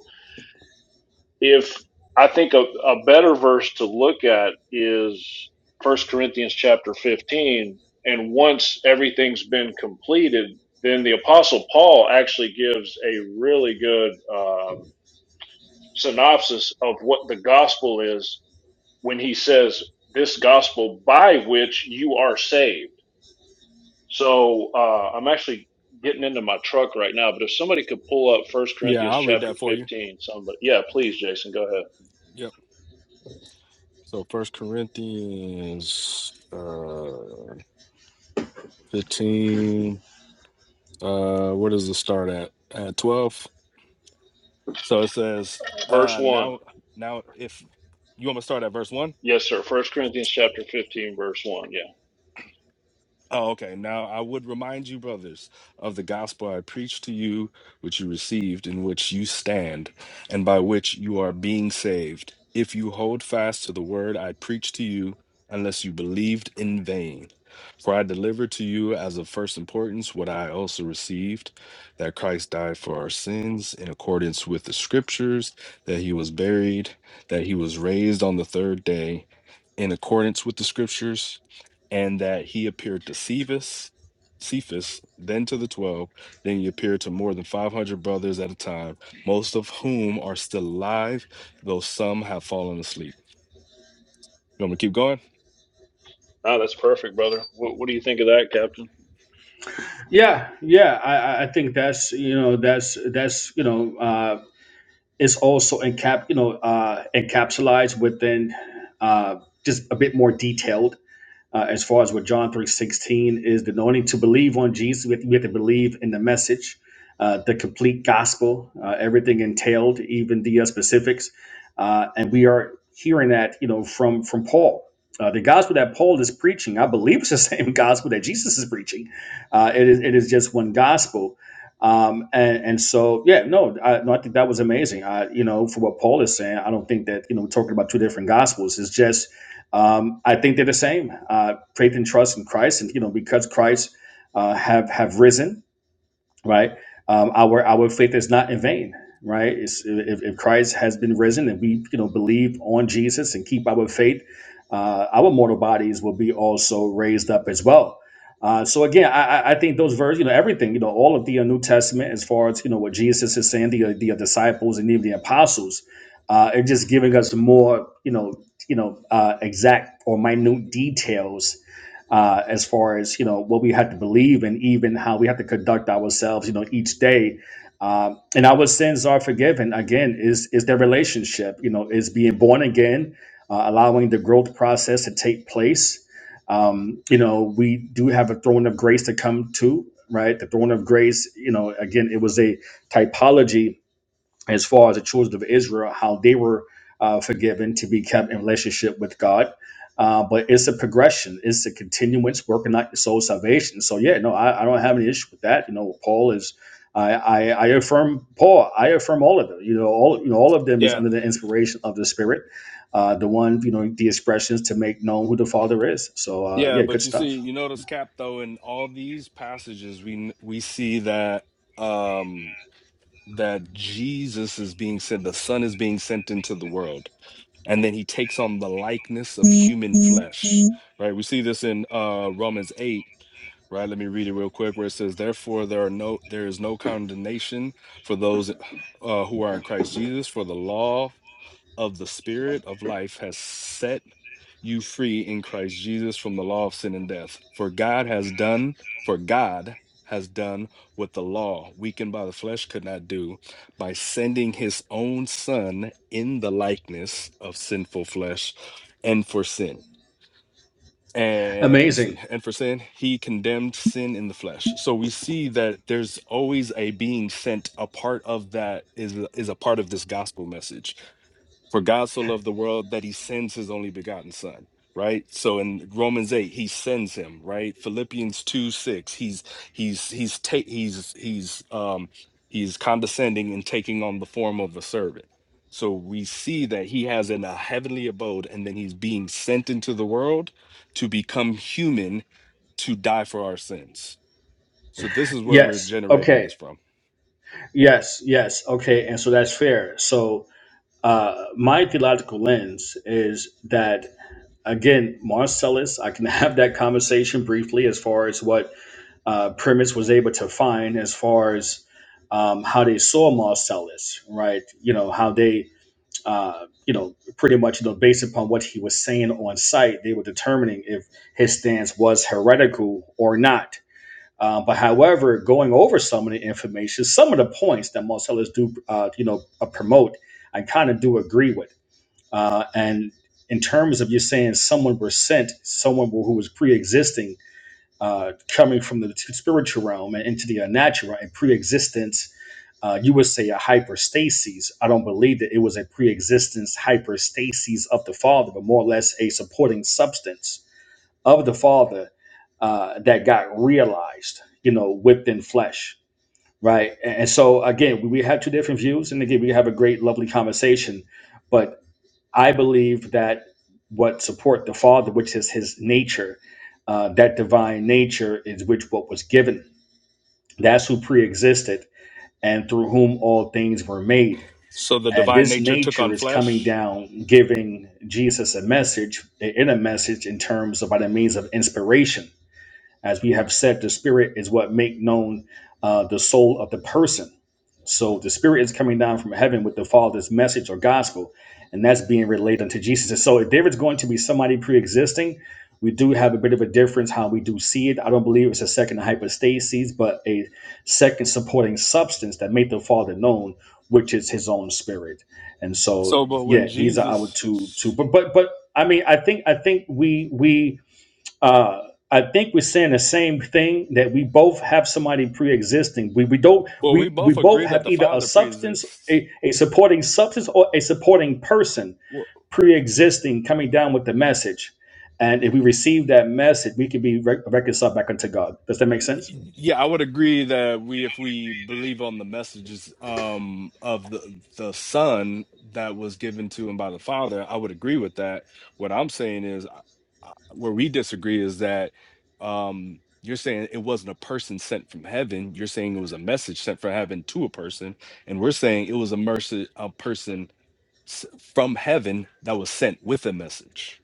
Speaker 4: if I think a, a better verse to look at is First Corinthians chapter 15. And once everything's been completed, then the Apostle Paul actually gives a really good um, synopsis of what the gospel is when he says, This gospel by which you are saved. So uh, I'm actually getting into my truck right now, but if somebody could pull up First
Speaker 1: yeah,
Speaker 4: Corinthians
Speaker 1: I'll read
Speaker 4: chapter
Speaker 1: that for you.
Speaker 4: 15, somebody, yeah, please, Jason, go ahead.
Speaker 1: Yep. So First Corinthians uh, fifteen. Uh, where does it start at? At twelve. So it says,
Speaker 4: Verse
Speaker 1: uh,
Speaker 4: 1.
Speaker 1: now now if you want me to start at verse one.
Speaker 4: Yes, sir. First Corinthians chapter 15, verse 1. Yeah.
Speaker 1: Oh, okay. Now I would remind you, brothers, of the gospel I preached to you, which you received, in which you stand, and by which you are being saved, if you hold fast to the word I preached to you, unless you believed in vain. For I delivered to you as of first importance what I also received that Christ died for our sins in accordance with the scriptures, that he was buried, that he was raised on the third day in accordance with the scriptures, and that he appeared to Cephas, Cephas, then to the twelve, then he appeared to more than five hundred brothers at a time, most of whom are still alive, though some have fallen asleep. You want me to keep going?
Speaker 4: Ah, that's perfect, brother. What, what do you think of that, Captain?
Speaker 6: Yeah. Yeah. I, I I think that's you know that's that's you know uh, is also encap you know uh, encapsulated within uh, just a bit more detailed uh, as far as what John 3.16 is the anointing to believe on Jesus. We have, to, we have to believe in the message, uh, the complete gospel, uh, everything entailed, even the uh, specifics. Uh, and we are hearing that, you know, from from Paul. Uh, the gospel that Paul is preaching, I believe it's the same gospel that Jesus is preaching. Uh, it, is, it is just one gospel. Um, and, and so, yeah, no I, no, I think that was amazing. I, you know, for what Paul is saying, I don't think that, you know, we're talking about two different gospels. It's just um, I think they're the same. Uh, faith and trust in Christ, and you know, because Christ uh, have have risen, right? Um, our our faith is not in vain, right? It's, if, if Christ has been risen and we you know believe on Jesus and keep our faith, uh, our mortal bodies will be also raised up as well. Uh, so again, I, I I think those verses, you know, everything, you know, all of the uh, New Testament, as far as you know, what Jesus is saying, the uh, the uh, disciples and even the apostles, uh, are just giving us more, you know, you know, uh, exact or minute details uh, as far as you know what we had to believe and even how we had to conduct ourselves you know each day um, and our sins are forgiven again is is their relationship you know is being born again uh, allowing the growth process to take place um, you know we do have a throne of grace to come to right the throne of grace you know again it was a typology as far as the children of Israel, how they were uh, forgiven to be kept in relationship with God. Uh, but it's a progression, it's a continuance working out your soul salvation. So, yeah, no, I, I don't have any issue with that. You know, Paul is. I, I, I affirm Paul. I affirm all of them. You know, all you know, all of them is
Speaker 1: Yeah,
Speaker 6: under the inspiration of the Spirit, uh, the one you know, the expressions to make known who the Father is. So uh,
Speaker 1: yeah.
Speaker 6: yeah, good
Speaker 1: But you see,
Speaker 6: stuff.
Speaker 1: you notice Cap though in all these passages, we we see that um that Jesus is being sent, the Son is being sent into the world and then he takes on the likeness of human flesh right we see this in uh romans 8 right let me read it real quick where it says therefore there are no there is no condemnation for those uh, who are in christ jesus for the law of the Spirit of life has set you free in Christ Jesus from the law of sin and death. For God has done, for God has done what the law, weakened by the flesh, could not do by sending his own son in the likeness of sinful flesh and for sin. And let me see.
Speaker 6: Amazing.
Speaker 1: And for sin, he condemned sin in the flesh. So we see that there's always a being sent. A part of that is is a part of this gospel message for God so loved the world that he sends his only begotten son, right? So in Romans 8, he sends him, right? Philippians 2, 6, he's he's he's ta- he's he's um he's condescending and taking on the form of a servant. So we see that he has in a heavenly abode, and then he's being sent into the world to become human to die for our sins. So this is where we're
Speaker 6: Yes.
Speaker 1: generating
Speaker 6: Okay.
Speaker 1: this from.
Speaker 6: Yes. Yes. Okay. And so that's fair. So Uh, my theological lens is that again, Marcellus. I can have that conversation briefly as far as what uh, Primus was able to find, as far as um, how they saw Marcellus, right? You know how they, uh, you know, pretty much, you know, based upon what he was saying on site, they were determining if his stance was heretical or not. Uh, but however, going over some of the information, some of the points that Marcellus do, uh, you know, uh, promote, I kind of do agree with. Uh, and in terms of you saying someone was sent, someone who was pre-existing, uh, coming from the spiritual realm and into the natural and pre-existence, uh, you would say a hyperstasis. I don't believe that it was a pre-existence hyperstasis of the Father, but more or less a supporting substance of the Father uh, that got realized, you know, within flesh. Right. And and so again, we we have two different views. And again, we have a great, lovely conversation. But I believe that what support the Father, which is His nature, uh, that divine nature is which what was given. That's who preexisted, and through whom all things were made.
Speaker 1: So the
Speaker 6: And
Speaker 1: divine
Speaker 6: this
Speaker 1: nature took
Speaker 6: nature
Speaker 1: on
Speaker 6: is coming
Speaker 1: flesh.
Speaker 6: down, giving Jesus a message, in a message in terms of by the means of inspiration as we have said, the spirit is what make known uh, the soul of the person. So the spirit is coming down from heaven with the Father's message or gospel, and that's being related unto Jesus. And so if there is going to be somebody pre-existing, we do have a bit of a difference how we do see it. I don't believe it's a second hypostasis, but a second supporting substance that made the Father known, which is His own Spirit. And so,
Speaker 1: So, but when
Speaker 6: yeah, these are our two
Speaker 1: Jesus
Speaker 6: two. But but but I mean, I think I think we we uh, I think we're saying the same thing that we both have somebody pre-existing. We we don't
Speaker 1: Well, we
Speaker 6: we we
Speaker 1: both agree
Speaker 6: both
Speaker 1: that
Speaker 6: have
Speaker 1: the
Speaker 6: either a
Speaker 1: Father
Speaker 6: substance,
Speaker 1: pre-exists.
Speaker 6: a, a supporting substance, or a supporting person
Speaker 1: Well,
Speaker 6: pre-existing coming down with the message. And if we receive that message, we can be re- reconciled back unto God. Does that make sense?
Speaker 1: yeah, I would agree that we, if we believe on the messages um, of the the Son that was given to him by the Father, I would agree with that. What I'm saying is, I- I- where we disagree is that um, you're saying it wasn't a person sent from heaven. You're saying it was a message sent from heaven to a person, and we're saying it was a mercy, a person s- from heaven that was sent with a message.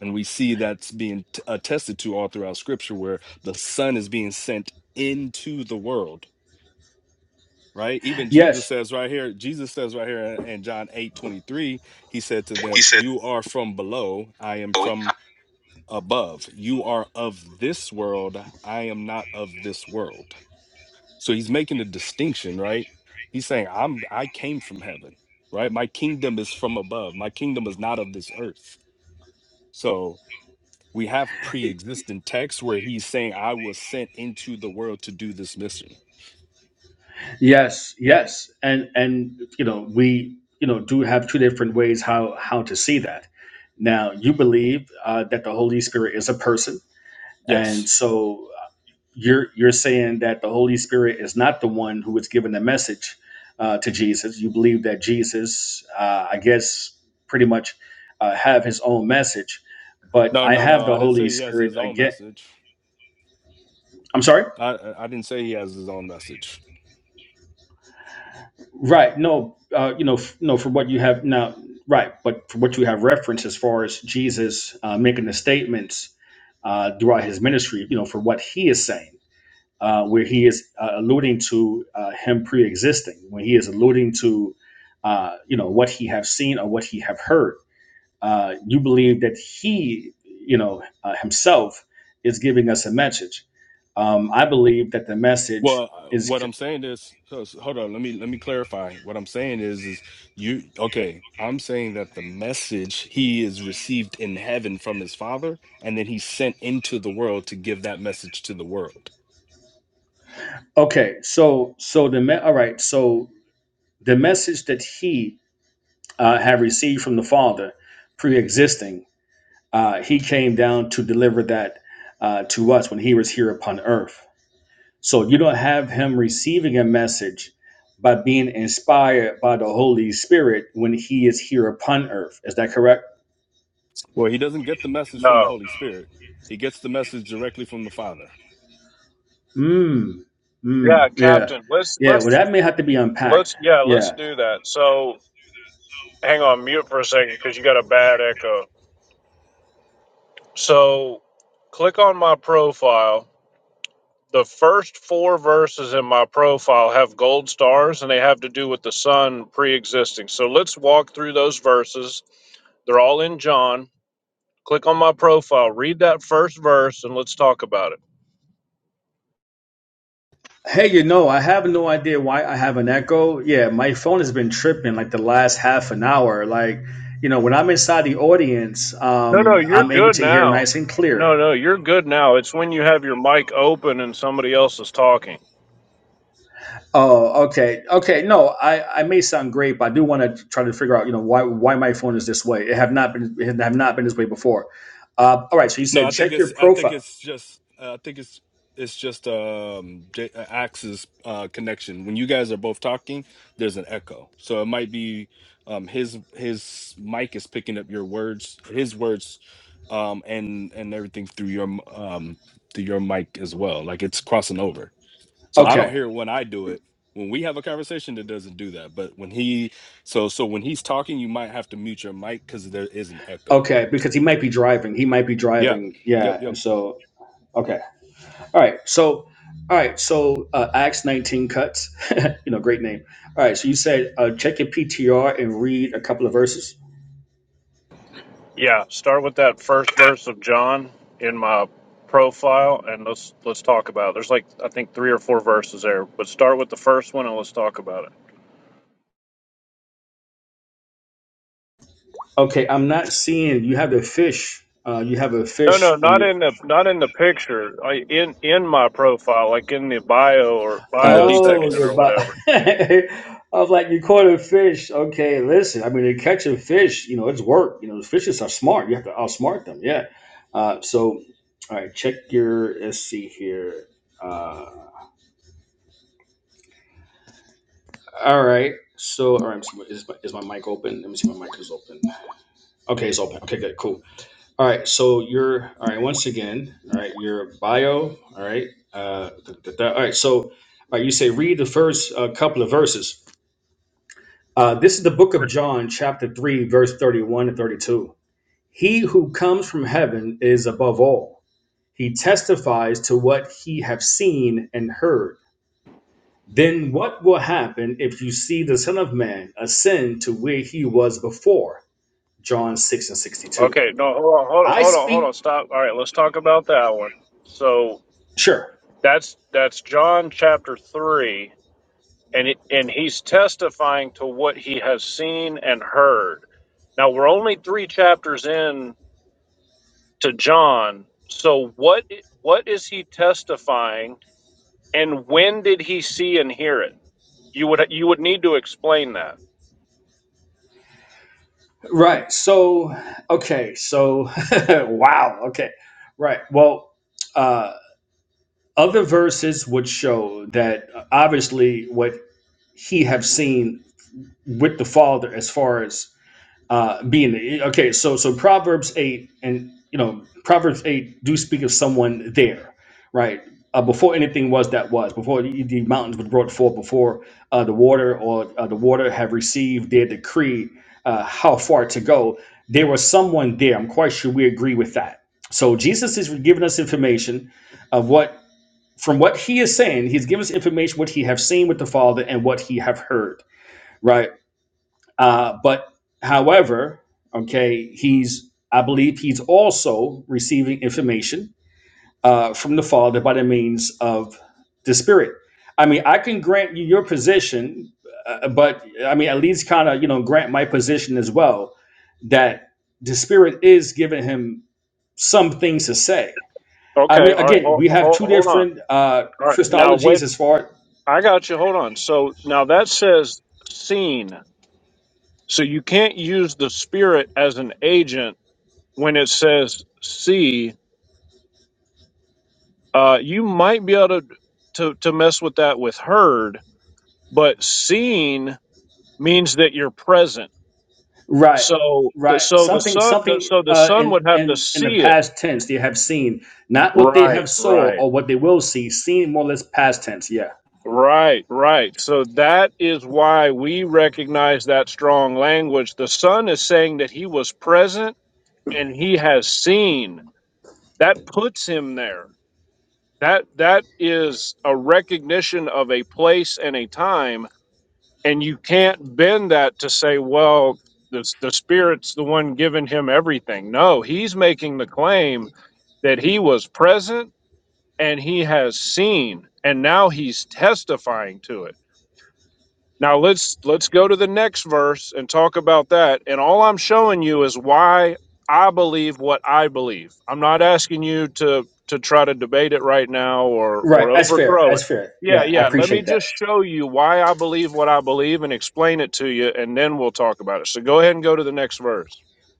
Speaker 1: And we see that's being t- uh, attested to all throughout scripture where the Son is being sent into the world, right? Even Jesus
Speaker 6: Yes,
Speaker 1: says right here, Jesus says right here in in John 8 23. he said to
Speaker 6: He
Speaker 1: them,
Speaker 6: said,
Speaker 1: You are from below, I am
Speaker 6: "Oh,
Speaker 1: from above. You are of this world, I am not of this world. So he's making a distinction, right? He's saying, I'm I came from heaven, right? My kingdom is from above. My kingdom is not of this earth. So We have pre-existing texts where he's saying, "I was sent into the world to do this mission."
Speaker 6: yes, yes. And and you know we you know do have two different ways how how to see that. Now you believe uh, that the Holy Spirit is a person And
Speaker 1: Yes.
Speaker 6: so uh, you're you're saying that the Holy Spirit is not the one who was given the message uh, to Jesus. You believe that Jesus, uh, I guess, pretty much uh, have his own message. But
Speaker 1: No,
Speaker 6: I
Speaker 1: no, no.
Speaker 6: have the
Speaker 1: I didn't
Speaker 6: Holy
Speaker 1: say he has
Speaker 6: Spirit
Speaker 1: his own
Speaker 6: again.
Speaker 1: message.
Speaker 6: I'm sorry.
Speaker 1: I I I didn't say he has his own message.
Speaker 6: Right. No. Uh, you know. F- no. For what you have now. Right. But for what you have referenced as far as Jesus uh, making the statements uh, throughout his ministry, you know, for what he is saying uh, where he is uh, alluding to uh, him pre-existing, when he is alluding to uh, you know what he have seen or what he have heard. Uh, you believe that he, you know, uh, himself is giving us a message. Um, I believe that the message
Speaker 1: Well, uh, what
Speaker 6: is
Speaker 1: I'm saying is, so- so hold on, let me let me clarify. What I'm saying is, is you okay? I'm saying that the message he is received in heaven from his father, and then he's sent into the world to give that message to the world.
Speaker 6: okay. So, so the me- all right. So the message that he uh, have received from the Father, pre-existing, uh, he came down to deliver that uh, to us when he was here upon earth So you don't have him receiving a message by being inspired by the Holy Spirit when he is here upon earth. Is that correct?
Speaker 1: Well, he doesn't get the message from the
Speaker 4: No.
Speaker 1: Holy Spirit. He gets the message directly from the Father.
Speaker 6: Mm.
Speaker 4: Yeah,
Speaker 6: Mm. Yeah.
Speaker 4: Captain. Let's
Speaker 6: Yeah. Well,
Speaker 4: let's
Speaker 6: that may have to be unpacked.
Speaker 4: let's yeah, let's
Speaker 6: Yeah.
Speaker 4: do that. So hang on mute for a second because you got a bad echo. So click on my profile. The first four verses in my profile have gold stars and they have to do with the sun pre existing. So let's walk through those verses. They're all in John. Click on my profile, read that first verse, and let's talk about it.
Speaker 6: Hey, you know, I have no idea why I have an echo. Yeah, my phone has been tripping like the last half an hour. Like, you know, when I'm inside the audience,
Speaker 4: No, no,
Speaker 6: um,
Speaker 4: you're
Speaker 6: I'm able
Speaker 4: good
Speaker 6: to hear
Speaker 4: now.
Speaker 6: nice and clear.
Speaker 4: No, no, you're good now. It's when you have your mic open and somebody else is talking.
Speaker 6: Oh, okay, okay. No, I, I may sound great, but I do want to try to figure out, you know, why why my phone is this way. It have not been it have not been this way before. Uh, all right. So you
Speaker 1: No, I
Speaker 6: said
Speaker 1: think
Speaker 6: check your
Speaker 1: it's I think
Speaker 6: profile.
Speaker 1: it's just uh, I think it's it's just um J- uh, Axe's uh connection. When you guys are both talking, there's an echo. So it might be um his his mic is picking up your words, his words um and and everything through your m- um through your mic as well. Like it's crossing over. So I don't
Speaker 6: Okay,
Speaker 1: hear it when I do it. When we have a conversation, it doesn't do that. But when he, so so when he's talking, you might have to mute your mic because there is an echo.
Speaker 6: okay, because he might be driving. He might be
Speaker 1: Yeah,
Speaker 6: driving.
Speaker 1: yep,
Speaker 6: Yeah,
Speaker 1: yep.
Speaker 6: and so okay. All right. So all right. So uh, Acts nineteen cuts. you know, great name. All right. So you said uh, check your PTR and read a couple of verses.
Speaker 4: Yeah, start with that first verse of John in my profile and let's let's talk about it. There's like I think 3 or 4 verses there, but start with the first one and let's talk about it.
Speaker 6: Okay, I'm not seeing you have a fish. Uh, you have a
Speaker 4: No,
Speaker 6: fish
Speaker 4: no,
Speaker 6: on
Speaker 4: not
Speaker 6: your
Speaker 4: in the not in the picture. I in in my profile, like in the bio or
Speaker 1: And the
Speaker 4: bio
Speaker 6: Oh,
Speaker 4: section
Speaker 6: you're
Speaker 4: or
Speaker 1: details,
Speaker 6: about.
Speaker 4: whatever.
Speaker 6: I was like, you caught a fish. Okay, listen. I mean, to catch a fish, you know, it's work. You know, fishes are smart. You have to outsmart them. Yeah. Uh, so, all right, check your. Let's see here. Uh, all right. So, all right. so Is my, is my mic open? Let me see. if My mic is open. Okay, it's open. Okay, good, cool. All right. So you're all right. Once again, all right. Your bio. All right. Uh, da- da- da. all right. So, all right. You say read the first uh, couple of verses. Uh, this is the book of John, chapter 3, verse 31 and 32. He who comes from heaven is above all. He testifies to what he have seen and heard. Then what will happen if you see the Son of Man ascend to where he was before? John 6 and 62.
Speaker 4: Okay, no, hold on, hold on,
Speaker 6: I
Speaker 4: hold on, hold
Speaker 6: speak.
Speaker 4: on. Stop. All right, let's talk about that one. So,
Speaker 6: Sure.
Speaker 4: That's that's John chapter 3 and it, and he's testifying to what he has seen and heard. Now we're only 3 chapters in to John. So what what is he testifying and when did he see and hear it? You would you would need to explain that.
Speaker 6: Right. So, okay. So, wow. Okay. Right. Well, uh, other verses would show that uh, obviously what he have seen with the father as far as uh, being okay so so proverbs 8 and you know proverbs 8 do speak of someone there right uh, before anything was that was before the, the mountains were brought forth before uh, the water or uh, the water have received their decree uh, how far to go there was someone there i'm quite sure we agree with that so jesus is giving us information of what from what he is saying he's giving us information what he have seen with the father and what he have heard right? Uh, but however, okay, he's I believe he's also receiving information uh, from the Father by the means of the Spirit. I mean, I can grant you your position, uh, uh, but I mean, at least kind of you know grant my position as well that the Spirit is giving him some things to say. I
Speaker 4: Okay,
Speaker 6: mean,
Speaker 4: all right.
Speaker 6: again,
Speaker 4: Hold,
Speaker 6: we have
Speaker 4: hold,
Speaker 6: two
Speaker 4: hold on.
Speaker 6: different uh,
Speaker 4: All right. Now wait,
Speaker 6: Christologies as far
Speaker 4: I got you. Hold on. So now that says seen. So you can't use the spirit as an agent when it says see uh, you might be able to, to to mess with that with heard, but seen means that you're present.
Speaker 6: Right,
Speaker 4: So the
Speaker 6: right.
Speaker 4: so the
Speaker 6: Something,
Speaker 4: sun the,
Speaker 6: something.
Speaker 4: so the
Speaker 6: Uh,
Speaker 4: sun
Speaker 6: in
Speaker 4: would have to
Speaker 6: in in the
Speaker 4: see it.
Speaker 6: past tense, they have seen not what they
Speaker 4: Right,
Speaker 6: have saw
Speaker 4: right,
Speaker 6: or what they will see. Seen more or less past tense. Yeah.
Speaker 4: right, right. So that is why we recognize that strong language. The son is saying that he was present and he has seen. That puts him there. That that is a recognition of a place and a time and you can't bend that to say well the, the spirit's the one giving him everything no he's making the claim that he was present and he has seen and now he's testifying to it now let's let's go to the next verse and talk about that. And all I'm showing you is why I believe what I believe. I'm not asking you to to try to debate it right now or
Speaker 6: Right.
Speaker 4: or
Speaker 6: That's fair.
Speaker 4: overthrow
Speaker 6: That's
Speaker 4: it.
Speaker 6: fair.
Speaker 4: Yeah,
Speaker 6: Yeah, I
Speaker 4: yeah, let me
Speaker 6: appreciate
Speaker 4: just
Speaker 6: that.
Speaker 4: show you why I believe what I believe and explain it to you and then we'll talk about it. So go ahead and go to the next verse.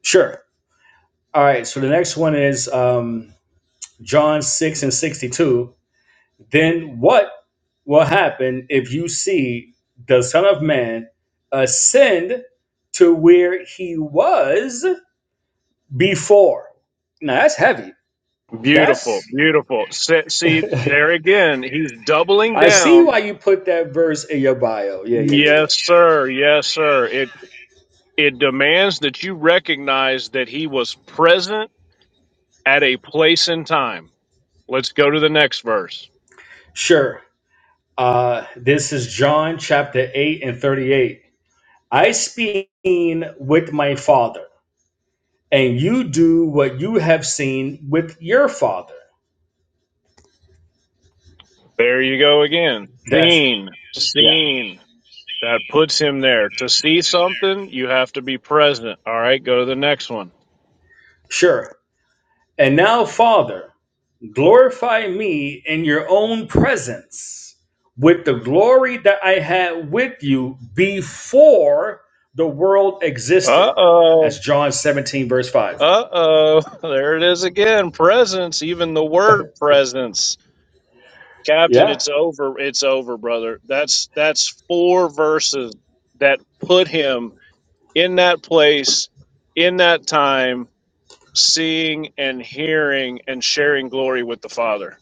Speaker 6: Sure. All right. So the next one is um, John six and sixty two. Then what will happen if you see the Son of Man ascend to where he was before? Now that's heavy.
Speaker 4: Beautiful,
Speaker 6: That's
Speaker 4: beautiful. Se- See, there again, he's doubling
Speaker 6: I see
Speaker 4: down.
Speaker 6: why you put that verse in your bio. Yeah, yeah, yeah, yeah.
Speaker 4: Yes, sir. Yes, sir. It demands that you recognize that he was present at a place and time. Let's go to the next verse.
Speaker 6: Sure. Uh, this is John chapter 8 and 38. I speak with my father, and you do what you have seen with your father.
Speaker 4: There you go again.
Speaker 6: That's,
Speaker 4: Seen,
Speaker 6: yeah,
Speaker 4: seen. That puts him there. To see something, you have to be present. All right, go to the next one.
Speaker 6: sure. And now, Father, glorify me in your own presence with the glory that I had with you before the world existed.
Speaker 4: Uh oh,
Speaker 6: That's John 17, verse 5.
Speaker 4: uh oh. There it is again. Presence, even the word presence. Captain,
Speaker 6: Yeah.
Speaker 4: it's over. It's over, brother. That's that's four verses that put him in that place, in that time, seeing and hearing and sharing glory with the Father.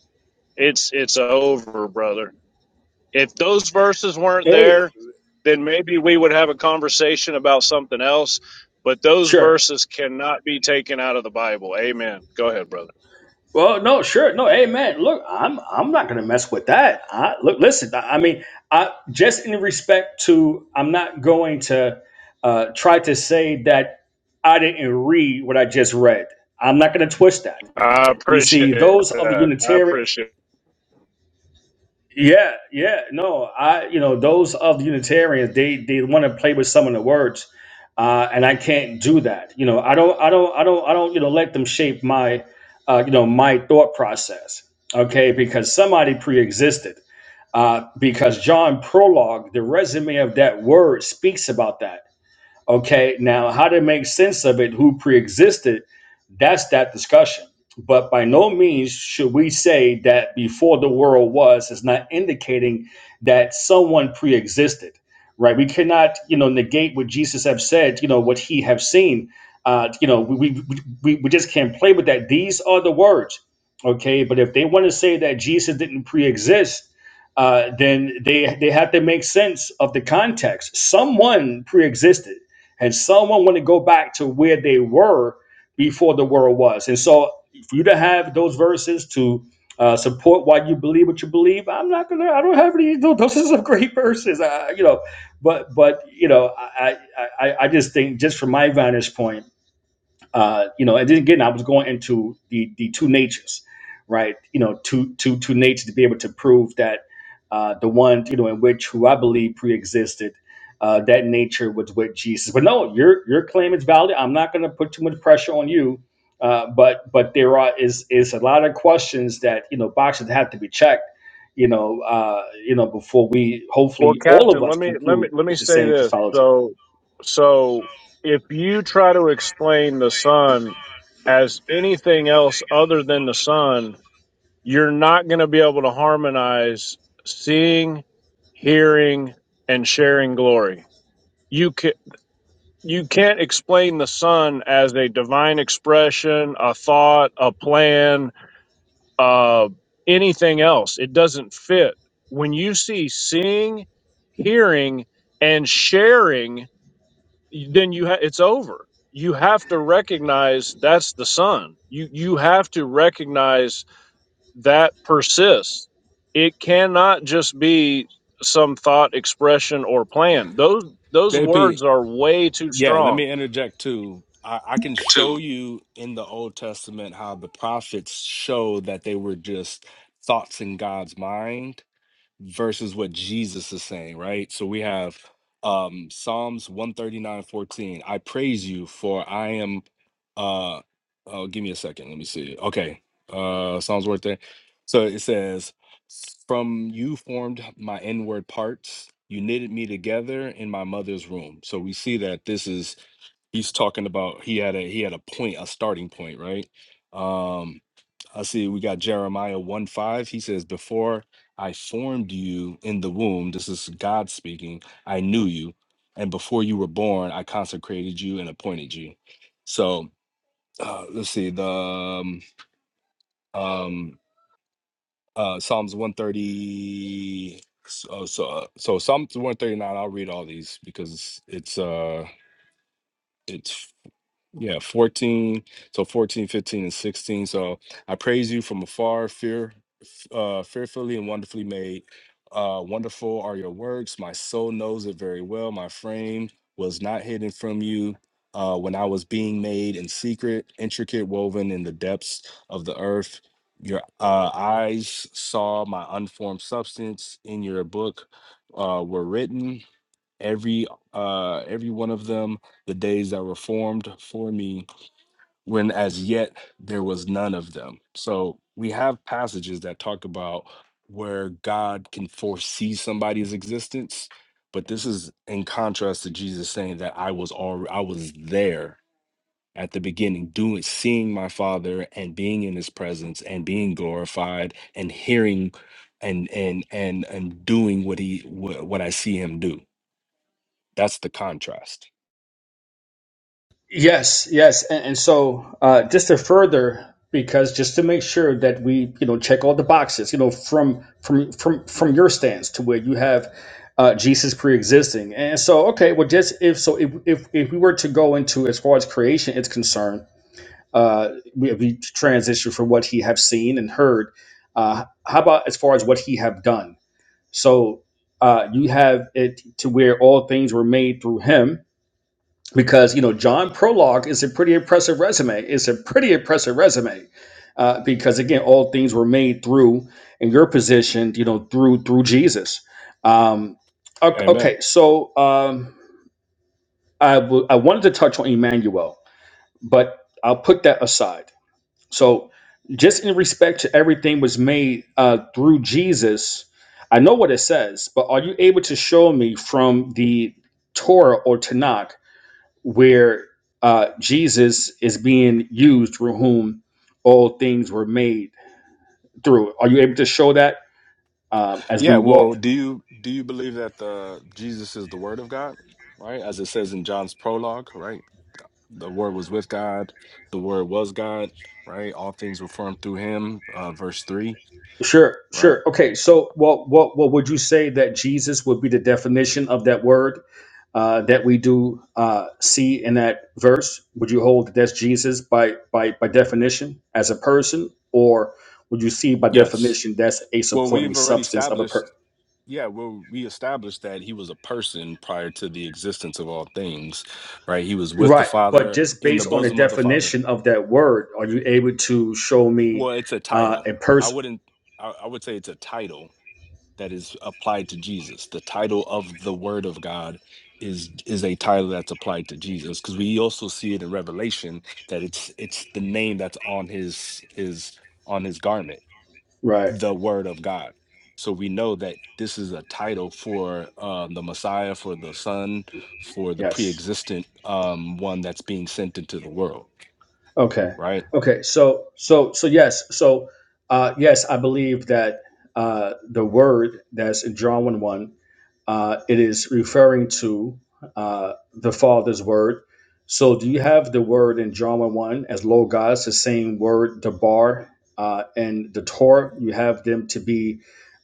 Speaker 4: It's it's over, brother. If those verses weren't
Speaker 6: Hey,
Speaker 4: there, then maybe we would have a conversation about something else. But those
Speaker 6: sure.
Speaker 4: verses cannot be taken out of the Bible. Amen. Go ahead, brother.
Speaker 6: Well, no, sure. No, hey man, look, I'm I'm not gonna mess with that. I look listen, I, I mean, I just in respect to I'm not going to uh try to say that I didn't read what I just read. I'm not gonna twist that.
Speaker 4: I
Speaker 6: You
Speaker 4: appreciate
Speaker 6: see, those of the
Speaker 4: that. I
Speaker 6: Unitarian
Speaker 4: appreciate. it.
Speaker 6: Yeah, yeah, no, I, you know, those of Unitarians, they they want to play with some of the words, uh, and I can't do that. You know, I don't, I don't, I don't, I don't, you know, let them shape my, uh, you know, my thought process. Okay, because somebody pre-existed. Uh, because John prologue, the resume of that word speaks about that. Okay, now how to make sense of it, who preexisted, that's that discussion. But by no means should we say that before the world was is not indicating that someone preexisted, right? We cannot, you know, negate what Jesus have said, you know, what he have seen. Uh, you know, we, we, we, we just can't play with that. These are the words, okay? But if they want to say that Jesus didn't pre-exist, uh, then they they have to make sense of the context. Someone pre-existed and someone want to go back to where they were before the world was. And so, for you to have those verses to uh, support why you believe what you believe, I'm not gonna. I don't have any. Those are some great verses, I, you know. But but you know, I I I just think just from my vantage point uh, you know, and then again, I was going into the the two natures, right? You know, two two two natures to be able to prove that uh, the one you know in which who I believe preexisted, uh, that nature was with Jesus. But no, your your claim is valid. I'm not going to put too much pressure on you, uh, but but there are is is a lot of questions that you know boxes that have to be checked. You know, uh, you know, before we
Speaker 4: Well,
Speaker 6: hopefully all of
Speaker 4: Captain,
Speaker 6: us
Speaker 4: let me let me
Speaker 6: conclude
Speaker 4: let me
Speaker 6: with the
Speaker 4: say
Speaker 6: same
Speaker 4: this.
Speaker 6: Christology.
Speaker 4: So. So if you try to explain the sun as anything else other than the sun, you're not going to be able to harmonize seeing, hearing, and sharing glory. You can you can't explain the sun as a divine expression, a thought, a plan, uh, anything else. It doesn't fit. When you see seeing, hearing, and sharing then you ha- it's over. You have to recognize that's the sun. You you have to recognize that persists. It cannot just be some thought expression or plan. Those those
Speaker 1: JP.
Speaker 4: words are way too
Speaker 1: Yeah, let
Speaker 4: strong.
Speaker 1: me interject too. I, I can show you in the Old Testament how the prophets show that they were just thoughts in God's mind versus what Jesus is saying, right? So we have um Psalms one thirty nine fourteen. I praise you for I am uh oh give me a second. Let me see. Okay. Uh Psalms worth there. So it says, From you formed my inward parts. You knitted me together in my mother's womb." So we see that this is he's talking about he had a he had a point, a starting point, right? Um, I see we got Jeremiah 1 5. He says, Before I formed you in the womb, this is God speaking, I knew you. And before you were born, I consecrated you and appointed you. So uh, let's see, the um, um, uh, Psalms 130. So, so, uh, so Psalms 139, I'll read all these because it's, uh, it's, yeah, 14. So 14, 15, and 16. So I praise you from afar, fear. uh, fearfully and wonderfully made. Uh, wonderful are your works. My soul knows it very well. My frame was not hidden from you uh, when I was being made in secret, intricate, woven in the depths of the earth. Your uh, eyes saw my unformed substance. In your book uh, were written every uh, every one of them, the days that were formed for me when as yet there was none of them. So we have passages that talk about where God can foresee somebody's existence, but this is in contrast to Jesus saying that I was all I was there at the beginning, doing seeing my father and being in his presence and being glorified and hearing and and and and doing what he what, what I see him do. That's the contrast.
Speaker 6: Yes, yes, and, and so uh, just to further, because just to make sure that we, you know, check all the boxes, you know, from from from from your stance to where you have uh, Jesus pre-existing, and so okay, well, just if so, if if, if we were to go into as far as creation is concerned, uh, we, we transition from what he have seen and heard. Uh, how about as far as what he have done? So uh, you have it to where all things were made through him because you know John Prologue is a pretty impressive resume. It's a pretty impressive resume uh, because again, all things were made through in your position, you know, through through Jesus. Um, ok-
Speaker 1: Amen.
Speaker 6: okay, so um, I w- I wanted to touch on Emmanuel, but I'll put that aside. So just in respect to everything was made uh, through Jesus. I know what it says, but are you able to show me from the Torah or Tanakh where uh, Jesus is being used through whom all things were made through. Are you able to show that um, as
Speaker 1: Yeah,
Speaker 6: we walk?
Speaker 1: well, do you do you believe that the Jesus is the word of God, right? As it says in John's prologue, right? The word was with God, the word was God, right? All things were formed through him, uh verse 3,
Speaker 6: Sure,
Speaker 1: right?
Speaker 6: sure. Okay, so what what what would you say that Jesus would be the definition of that word uh, that we do uh, see in that verse? Would you hold that that's Jesus by by by definition as a person, or would you see by
Speaker 1: Yes.
Speaker 6: definition that's a
Speaker 1: Well,
Speaker 6: supporting
Speaker 1: we've already
Speaker 6: substance of a person?
Speaker 1: established Yeah, well, we established that he was a person prior to the existence of all things, right? He was with the
Speaker 6: Right, but
Speaker 1: Father,
Speaker 6: just
Speaker 1: in the
Speaker 6: based on the
Speaker 1: bosom of the Father.
Speaker 6: definition of that word, are you able to show me
Speaker 1: Well, it's a
Speaker 6: uh,
Speaker 1: title.
Speaker 6: a
Speaker 1: I
Speaker 6: person?
Speaker 1: wouldn't, I, I would say it's a title that is applied to Jesus. The title of the Word of God is is a title that's applied to Jesus because we also see it in Revelation that it's it's the name that's on his his on his garment
Speaker 6: Right.
Speaker 1: the word of God. So we know that this is a title for um, the Messiah, for the Son, for the
Speaker 6: Yes.
Speaker 1: pre-existent um, one that's being sent into the world,
Speaker 6: Okay.
Speaker 1: right?
Speaker 6: Okay. So so so yes. So uh, yes, I believe that uh, the word that's in John one one, uh, it is referring to uh, the Father's word. So do you have the word in John one one as logos, the same word, the bar, uh, and the Torah? You have them to be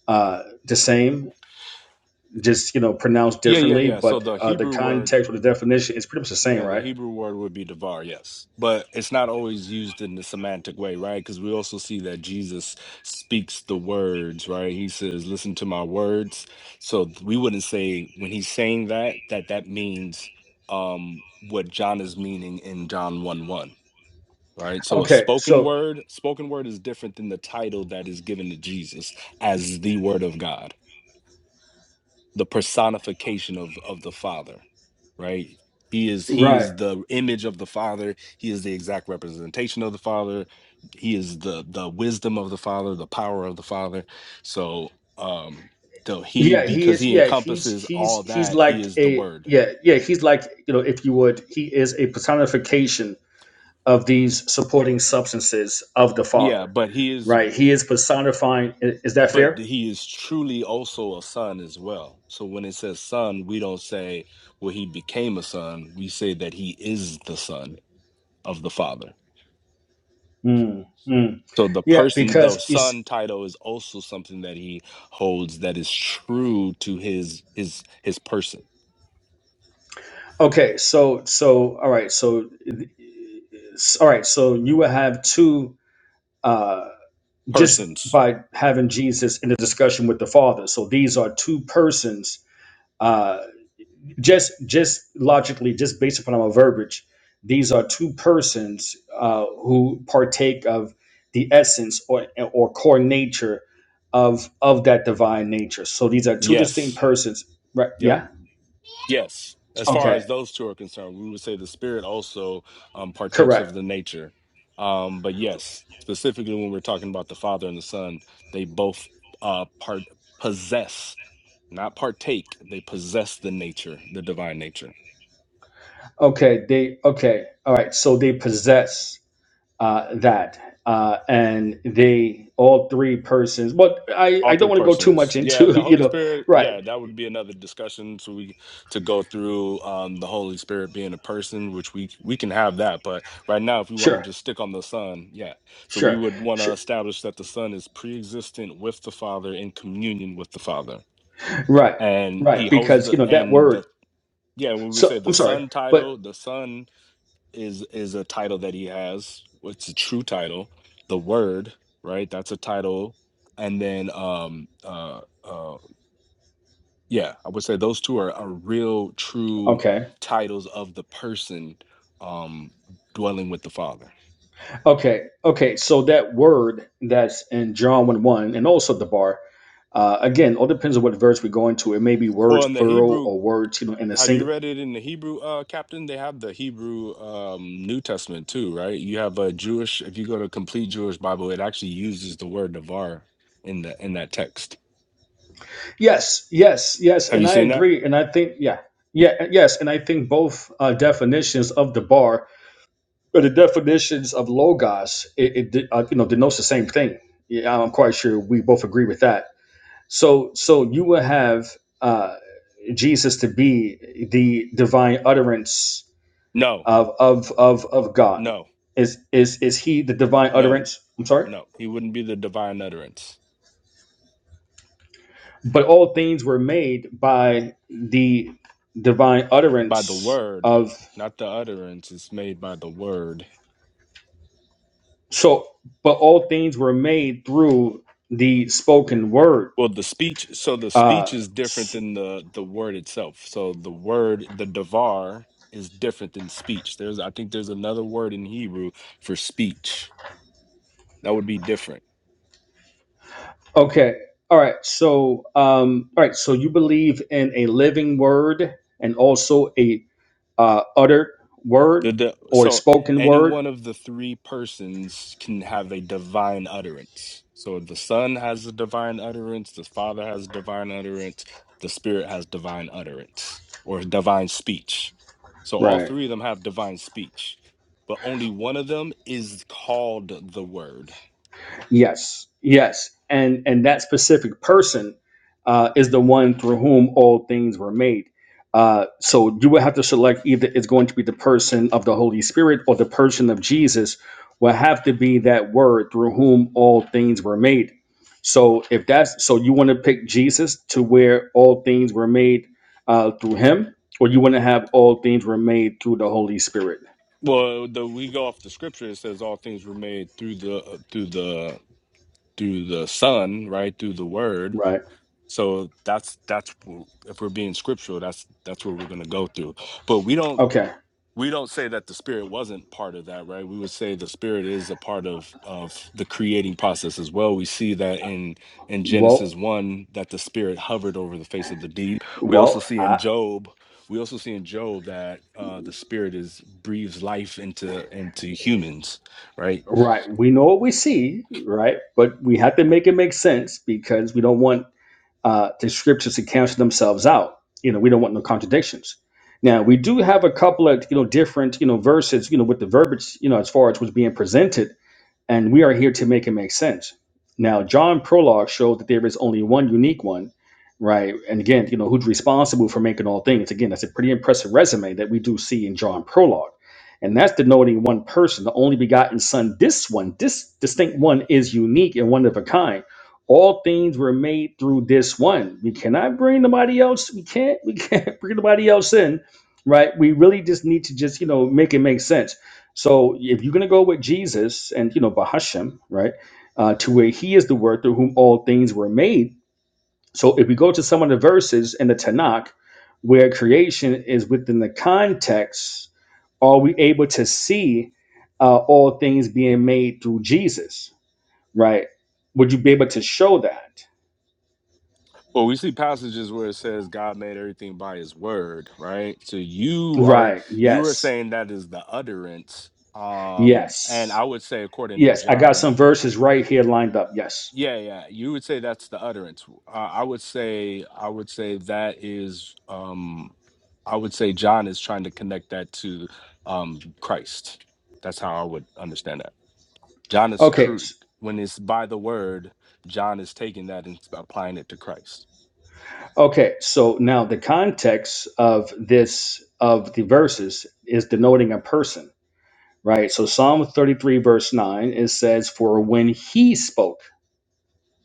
Speaker 6: uh, the same just you know pronounced
Speaker 1: Yeah, yeah,
Speaker 6: differently,
Speaker 1: yeah. So
Speaker 6: but
Speaker 1: the
Speaker 6: uh, the
Speaker 1: Hebrew word
Speaker 6: context or the definition is pretty much the same,
Speaker 1: Yeah, the
Speaker 6: right?
Speaker 1: Hebrew word would be devar, yes. But it's not always used in the semantic way, right? Because we also see that Jesus speaks the words, right? He says, listen to my words. So th- we wouldn't say when he's saying that, that that means um, what John is meaning in John 1 1, right? So a
Speaker 6: Okay,
Speaker 1: spoken
Speaker 6: so
Speaker 1: word, spoken word is different than the title that is given to Jesus as the word of God the personification of of the father right he is he
Speaker 6: right,
Speaker 1: is the image of the father he is the exact representation of the father he is the the wisdom of the father the power of the father so um so he
Speaker 6: yeah, he
Speaker 1: because
Speaker 6: is.
Speaker 1: he
Speaker 6: Yeah, he's
Speaker 1: encompasses
Speaker 6: he's
Speaker 1: all
Speaker 6: he's
Speaker 1: that he
Speaker 6: like
Speaker 1: is the
Speaker 6: a
Speaker 1: word
Speaker 6: yeah yeah he's like you know if you would he is a personification of these supporting substances of the
Speaker 1: yeah
Speaker 6: Father,
Speaker 1: but he is
Speaker 6: right? He is personifying. i- Is that
Speaker 1: but
Speaker 6: fair?
Speaker 1: he is truly also a son as well so when it says son we don't say well he became a son we say that he is the son of the father
Speaker 6: Mm, mm.
Speaker 1: So the
Speaker 6: Yeah,
Speaker 1: person,
Speaker 6: because
Speaker 1: the
Speaker 6: it's
Speaker 1: son title is also something that he holds that is true to his his his person.
Speaker 6: okay. So so all right. So s- all right. So you will have two. Uh, just
Speaker 1: Persons.
Speaker 6: by having Jesus in a discussion with the Father. So these are two persons. Uh, just just logically, just based upon our verbiage, these are two persons uh, who partake of the essence or or core nature of of that divine nature. So these are two distinct
Speaker 1: Yes.
Speaker 6: persons. Right?
Speaker 1: Yep.
Speaker 6: Yeah.
Speaker 1: Yes. As far
Speaker 6: Okay.
Speaker 1: as those two are concerned, we would say the spirit also um, partakes of
Speaker 6: Correct.
Speaker 1: the nature. Um, but yes, specifically when we're talking about the father and the son, they both uh part possess, not partake, they possess the nature, the divine nature.
Speaker 6: Okay. They. Okay. All right. So they possess. uh, that. Uh, and they, all three persons, but I,
Speaker 1: all
Speaker 6: I don't
Speaker 1: three
Speaker 6: want to go too much
Speaker 1: persons yeah
Speaker 6: into,
Speaker 1: the
Speaker 6: you
Speaker 1: holy
Speaker 6: know,
Speaker 1: spirit
Speaker 6: right,
Speaker 1: yeah that would be another discussion so we to go through um the holy spirit being a person which we we can have that but right now if we want to
Speaker 6: sure,
Speaker 1: just stick on the son yeah so we
Speaker 6: sure,
Speaker 1: would want to
Speaker 6: sure,
Speaker 1: establish that the son is pre-existent with the father in communion with the father
Speaker 6: right,
Speaker 1: and he
Speaker 6: right,
Speaker 1: holds
Speaker 6: because, you
Speaker 1: the
Speaker 6: know, that
Speaker 1: and the
Speaker 6: word,
Speaker 1: yeah when we
Speaker 6: so
Speaker 1: say the
Speaker 6: I'm sorry,
Speaker 1: son
Speaker 6: but
Speaker 1: title the son is is a title that he has it's a true title the word right that's a title and then um uh uh yeah, I would say those two are, are real, true
Speaker 6: okay,
Speaker 1: titles of the person um, dwelling with the Father.
Speaker 6: okay, okay, so that word that's in John 1 1 and also the bar, uh, again, all depends on what verse we go into. It may be
Speaker 1: Well,
Speaker 6: words
Speaker 1: in the
Speaker 6: plural
Speaker 1: Hebrew,
Speaker 6: or words, you know, in a
Speaker 1: have you
Speaker 6: single.
Speaker 1: read it in the Hebrew, uh, Captain? They have the Hebrew um, New Testament too, right? You have a Jewish. If you go to complete Jewish Bible, it actually uses the word "navar" in the in that text.
Speaker 6: Yes, yes, yes,
Speaker 1: Have
Speaker 6: and
Speaker 1: you
Speaker 6: I
Speaker 1: seen that?
Speaker 6: agree, and I think, yeah, yeah, yes, and I think both uh, definitions of the bar But the definitions of logos, it, it uh, you know denotes the same thing. Yeah, I'm quite sure we both agree with that. So, so you will have uh, Jesus to be the divine utterance
Speaker 1: No,
Speaker 6: of of of of God.
Speaker 1: no,
Speaker 6: Is is is he the divine
Speaker 1: no,
Speaker 6: utterance? I'm sorry,
Speaker 1: no. He wouldn't be the divine utterance
Speaker 6: but all things were made by the divine
Speaker 1: by the
Speaker 6: utterance
Speaker 1: word,
Speaker 6: of.
Speaker 1: not the utterance. It's made by the word
Speaker 6: So, but all things were made through the spoken word.
Speaker 1: Well, the speech, so the speech
Speaker 6: Uh,
Speaker 1: is different
Speaker 6: s-
Speaker 1: than the the word itself. So the word, the davar, is different than speech. There's, I think, there's another word in Hebrew for speech that would be different.
Speaker 6: Okay. All right. So, um, all right. So you believe in a living word and also a uh, uttered word
Speaker 1: The, the
Speaker 6: or
Speaker 1: so
Speaker 6: spoken
Speaker 1: any
Speaker 6: word.
Speaker 1: one of the three persons can have a divine utterance. So the Son has a divine utterance, the Father has divine utterance, the Spirit has divine utterance or divine speech. So all
Speaker 6: Right.
Speaker 1: three of them have divine speech, but only one of them is called the Word.
Speaker 6: Yes, yes, and and that specific person uh, is the one through whom all things were made. Uh, so you would have to select either it's going to be the person of the Holy Spirit or the person of Jesus will have to be that word through whom all things were made. So if that's so, you want to pick Jesus to where all things were made uh, through Him, or you want to have all things were made through the Holy Spirit,
Speaker 1: Well, the we go off the Scripture. It says all things were made through the uh, through the through the Son, right? Through the Word
Speaker 6: right?
Speaker 1: So that's that's w- if we're being scriptural, that's that's where we're going to go through. But we don't
Speaker 6: Okay.
Speaker 1: we don't say that the spirit wasn't part of that, right? We would say the spirit is a part of of the creating process as well. We see that in in
Speaker 6: Well,
Speaker 1: Genesis one that the spirit hovered over the face of the deep. We also
Speaker 6: well,
Speaker 1: see
Speaker 6: I,
Speaker 1: in Job. We also see in Job that uh, the spirit is breathes life into into humans, right?
Speaker 6: Right. We know what we see, right? But we have to make it make sense because we don't want uh, the scriptures to cancel themselves out. You know, we don't want no contradictions. Now we do have a couple of you know different you know verses you know with the verbiage you know as far as was being presented and we are here to make it make sense. Now, John Prologue showed that there is only one unique one, right? And again, you know, who's responsible for making all things? Again, that's a pretty impressive resume that we do see in John Prologue. And that's denoting one person, the only begotten Son. This one, this distinct one, is unique and one of a kind. All things were made through this one. We cannot bring nobody else. We can't. We can't bring nobody else in, right? We really just need to just you know make it make sense so if you're going to go with Jesus and, you know, Bahashem, right, uh, to where he is the word through whom all things were made. So if we go to some of the verses in the Tanakh where creation is within the context, are we able to see uh, all things being made through Jesus, right? Would you be able to show that?
Speaker 1: Well, we see passages where it says God made everything by his word, right? So you are
Speaker 6: Right.
Speaker 1: you are
Speaker 6: Yes.
Speaker 1: saying that is the utterance. Um, and
Speaker 6: Yes.
Speaker 1: I would say according to
Speaker 6: Yes. I got
Speaker 1: John,
Speaker 6: some verses right here lined up. Yes.
Speaker 1: yeah, yeah, you would say that's the utterance. Uh, I would say I would say that is um I would say John is trying to connect that to um Christ. That's how I would understand that. John is
Speaker 6: Okay.
Speaker 1: cru- when it's by the word, John is taking that and applying it to Christ.
Speaker 6: Okay, so now the context of this of the verses is denoting a person, right? So Psalm 33 verse 9 it says for when he spoke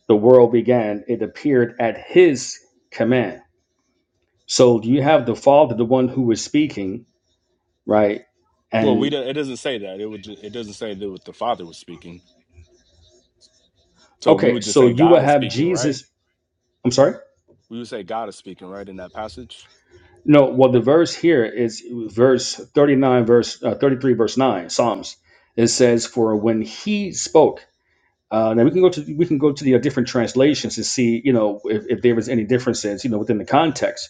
Speaker 6: the world began it appeared at his command. So you have the father the one who was speaking, right?
Speaker 1: Well, we
Speaker 6: And
Speaker 1: don't, it doesn't say that. It would ju- it doesn't say that what the Father was speaking. So we
Speaker 6: okay,
Speaker 1: would just
Speaker 6: so
Speaker 1: say
Speaker 6: you will
Speaker 1: God is
Speaker 6: have
Speaker 1: speaking, right?
Speaker 6: Jesus I'm sorry?
Speaker 1: We would say God is speaking, right, in that passage.
Speaker 6: No, well the verse here is verse 39 verse uh, 33 verse 9 Psalms. It says for when he spoke Uh, now we can go to we can go to the uh, different translations to see you know if, if there is any differences you know within the context,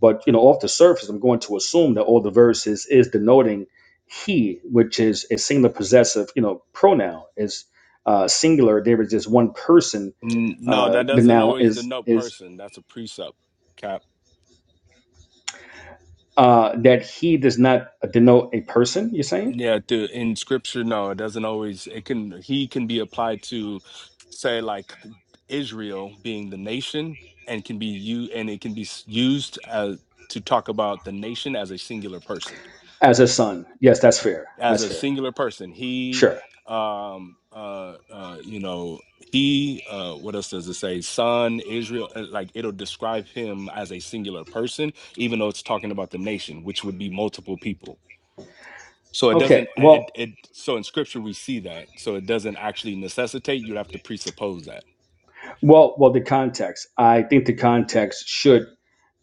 Speaker 6: but you know off the surface I'm going to assume that all the verses is denoting he, which is a singular possessive you know pronoun is uh, singular. There is just one person.
Speaker 1: N- No,
Speaker 6: Uh,
Speaker 1: that
Speaker 6: the
Speaker 1: doesn't
Speaker 6: noun
Speaker 1: always
Speaker 6: is
Speaker 1: denote
Speaker 6: is
Speaker 1: person. That's a precept, Cap.
Speaker 6: uh, that he does not denote a person. You're saying
Speaker 1: Yeah, the, in Scripture, no, it doesn't always. It can he can be applied to, say, like Israel being the nation, and can be you, and it can be s- used as to talk about the nation as a singular person.
Speaker 6: as a son? Yes, that's fair.
Speaker 1: as
Speaker 6: That's
Speaker 1: a
Speaker 6: fair.
Speaker 1: singular person. He,
Speaker 6: Sure.
Speaker 1: um, uh, uh, you know, he, uh, what else does it say? Son, Israel, uh, like it'll describe him as a singular person, even though it's talking about the nation, which would be multiple people. So it
Speaker 6: Okay.
Speaker 1: doesn't. I-
Speaker 6: Well,
Speaker 1: It, it so in scripture we see that. So it doesn't actually necessitate. You'd have to presuppose that.
Speaker 6: well, well. The context. I think the context should.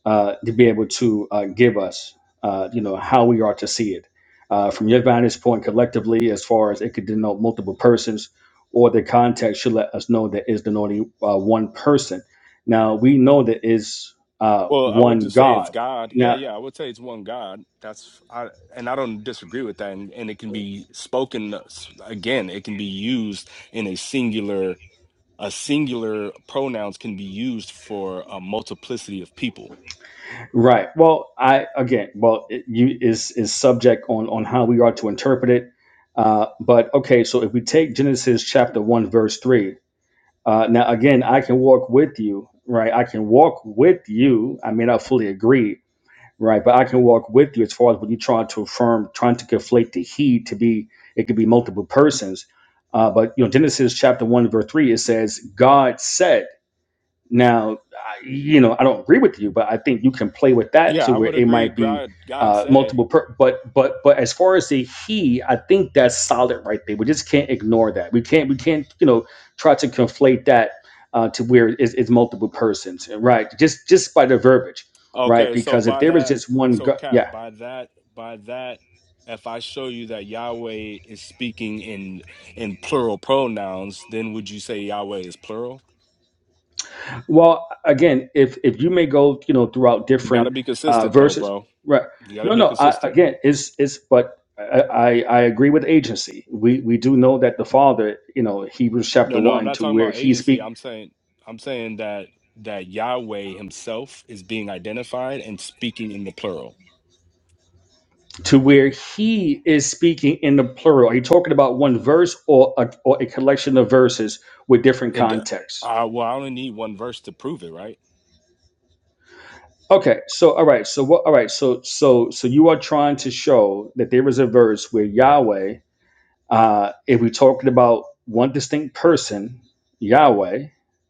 Speaker 6: uh, to be able to uh, give us, uh, you know, how we are to see it. Uh, from your vantage point collectively, as far as it could denote multiple persons, or the context should let us know that is denoting uh, one person. Now, we know that is uh,
Speaker 1: Well, I would
Speaker 6: one
Speaker 1: just say it's
Speaker 6: God.
Speaker 1: God. Yeah,
Speaker 6: Now,
Speaker 1: yeah, I would say it's one God. That's I, and I don't disagree with that. And, and it can be spoken uh, s- again. It can be used in a singular. a singular pronouns can be used for a multiplicity of people.
Speaker 6: right. Well, I, again, well, it, you is, is subject on, on how we are to interpret it. Uh, but okay, so if we take Genesis chapter 1, verse 3, Uh, now, again, I can walk with you, right? I can walk with you. I may not fully agree, right? But I can walk with you as far as when you're trying to affirm, trying to conflate the he to be, it could be multiple persons. Uh, but, you know, Genesis chapter 1, verse 3, it says, God said. Now, I- you know, I don't agree with you, but I think you can play with that
Speaker 1: Yeah,
Speaker 6: to
Speaker 1: I
Speaker 6: where
Speaker 1: would
Speaker 6: it
Speaker 1: agree.
Speaker 6: might be
Speaker 1: God, God
Speaker 6: uh,
Speaker 1: said,
Speaker 6: multiple. Per- but but but as far as the he, I think that's solid right there. We just can't ignore that. We can't we can't you know try to conflate that uh, to where it's, it's multiple persons, right? Just just by the verbiage, right?
Speaker 1: okay, so
Speaker 6: Because if
Speaker 1: by
Speaker 6: there was
Speaker 1: that,
Speaker 6: just one,
Speaker 1: so
Speaker 6: go-
Speaker 1: Cap,
Speaker 6: yeah.
Speaker 1: by that, by that, if I show you that Yahweh is speaking in in plural pronouns, then would you say Yahweh is plural?
Speaker 6: Well, again, if if you may go, you know, throughout
Speaker 1: You got to
Speaker 6: different
Speaker 1: be
Speaker 6: uh,
Speaker 1: consistent, though,
Speaker 6: verses,
Speaker 1: bro.
Speaker 6: right?
Speaker 1: You got to
Speaker 6: No,
Speaker 1: be
Speaker 6: no. I,
Speaker 1: consistent.
Speaker 6: again, it's it's, but I, I I agree with agency. We we do know that the Father, you know, Hebrews
Speaker 1: No,
Speaker 6: chapter
Speaker 1: no, I'm
Speaker 6: one,
Speaker 1: not
Speaker 6: to
Speaker 1: talking
Speaker 6: where
Speaker 1: about
Speaker 6: he
Speaker 1: agency.
Speaker 6: speak
Speaker 1: I'm saying, I'm saying that that Yahweh Himself is being identified and speaking in the plural.
Speaker 6: to where he is speaking in the plural. Are you talking about one verse or a, or a collection of verses with different
Speaker 1: It do-
Speaker 6: contexts?
Speaker 1: uh well, I only need one verse to prove it, right?
Speaker 6: Okay, so all right, so what? All right, so so so you are trying to show that there is a verse where Yahweh Uh, if we're talking about one distinct person, Yahweh,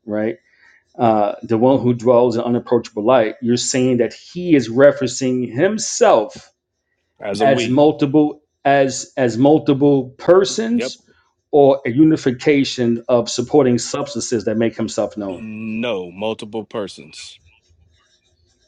Speaker 6: right, uh, the one who dwells in unapproachable light, you're saying that he is referencing himself
Speaker 1: As a
Speaker 6: as
Speaker 1: we.
Speaker 6: multiple as as multiple
Speaker 1: Yep.
Speaker 6: persons or a unification of supporting substances that make himself known.
Speaker 1: No, multiple persons.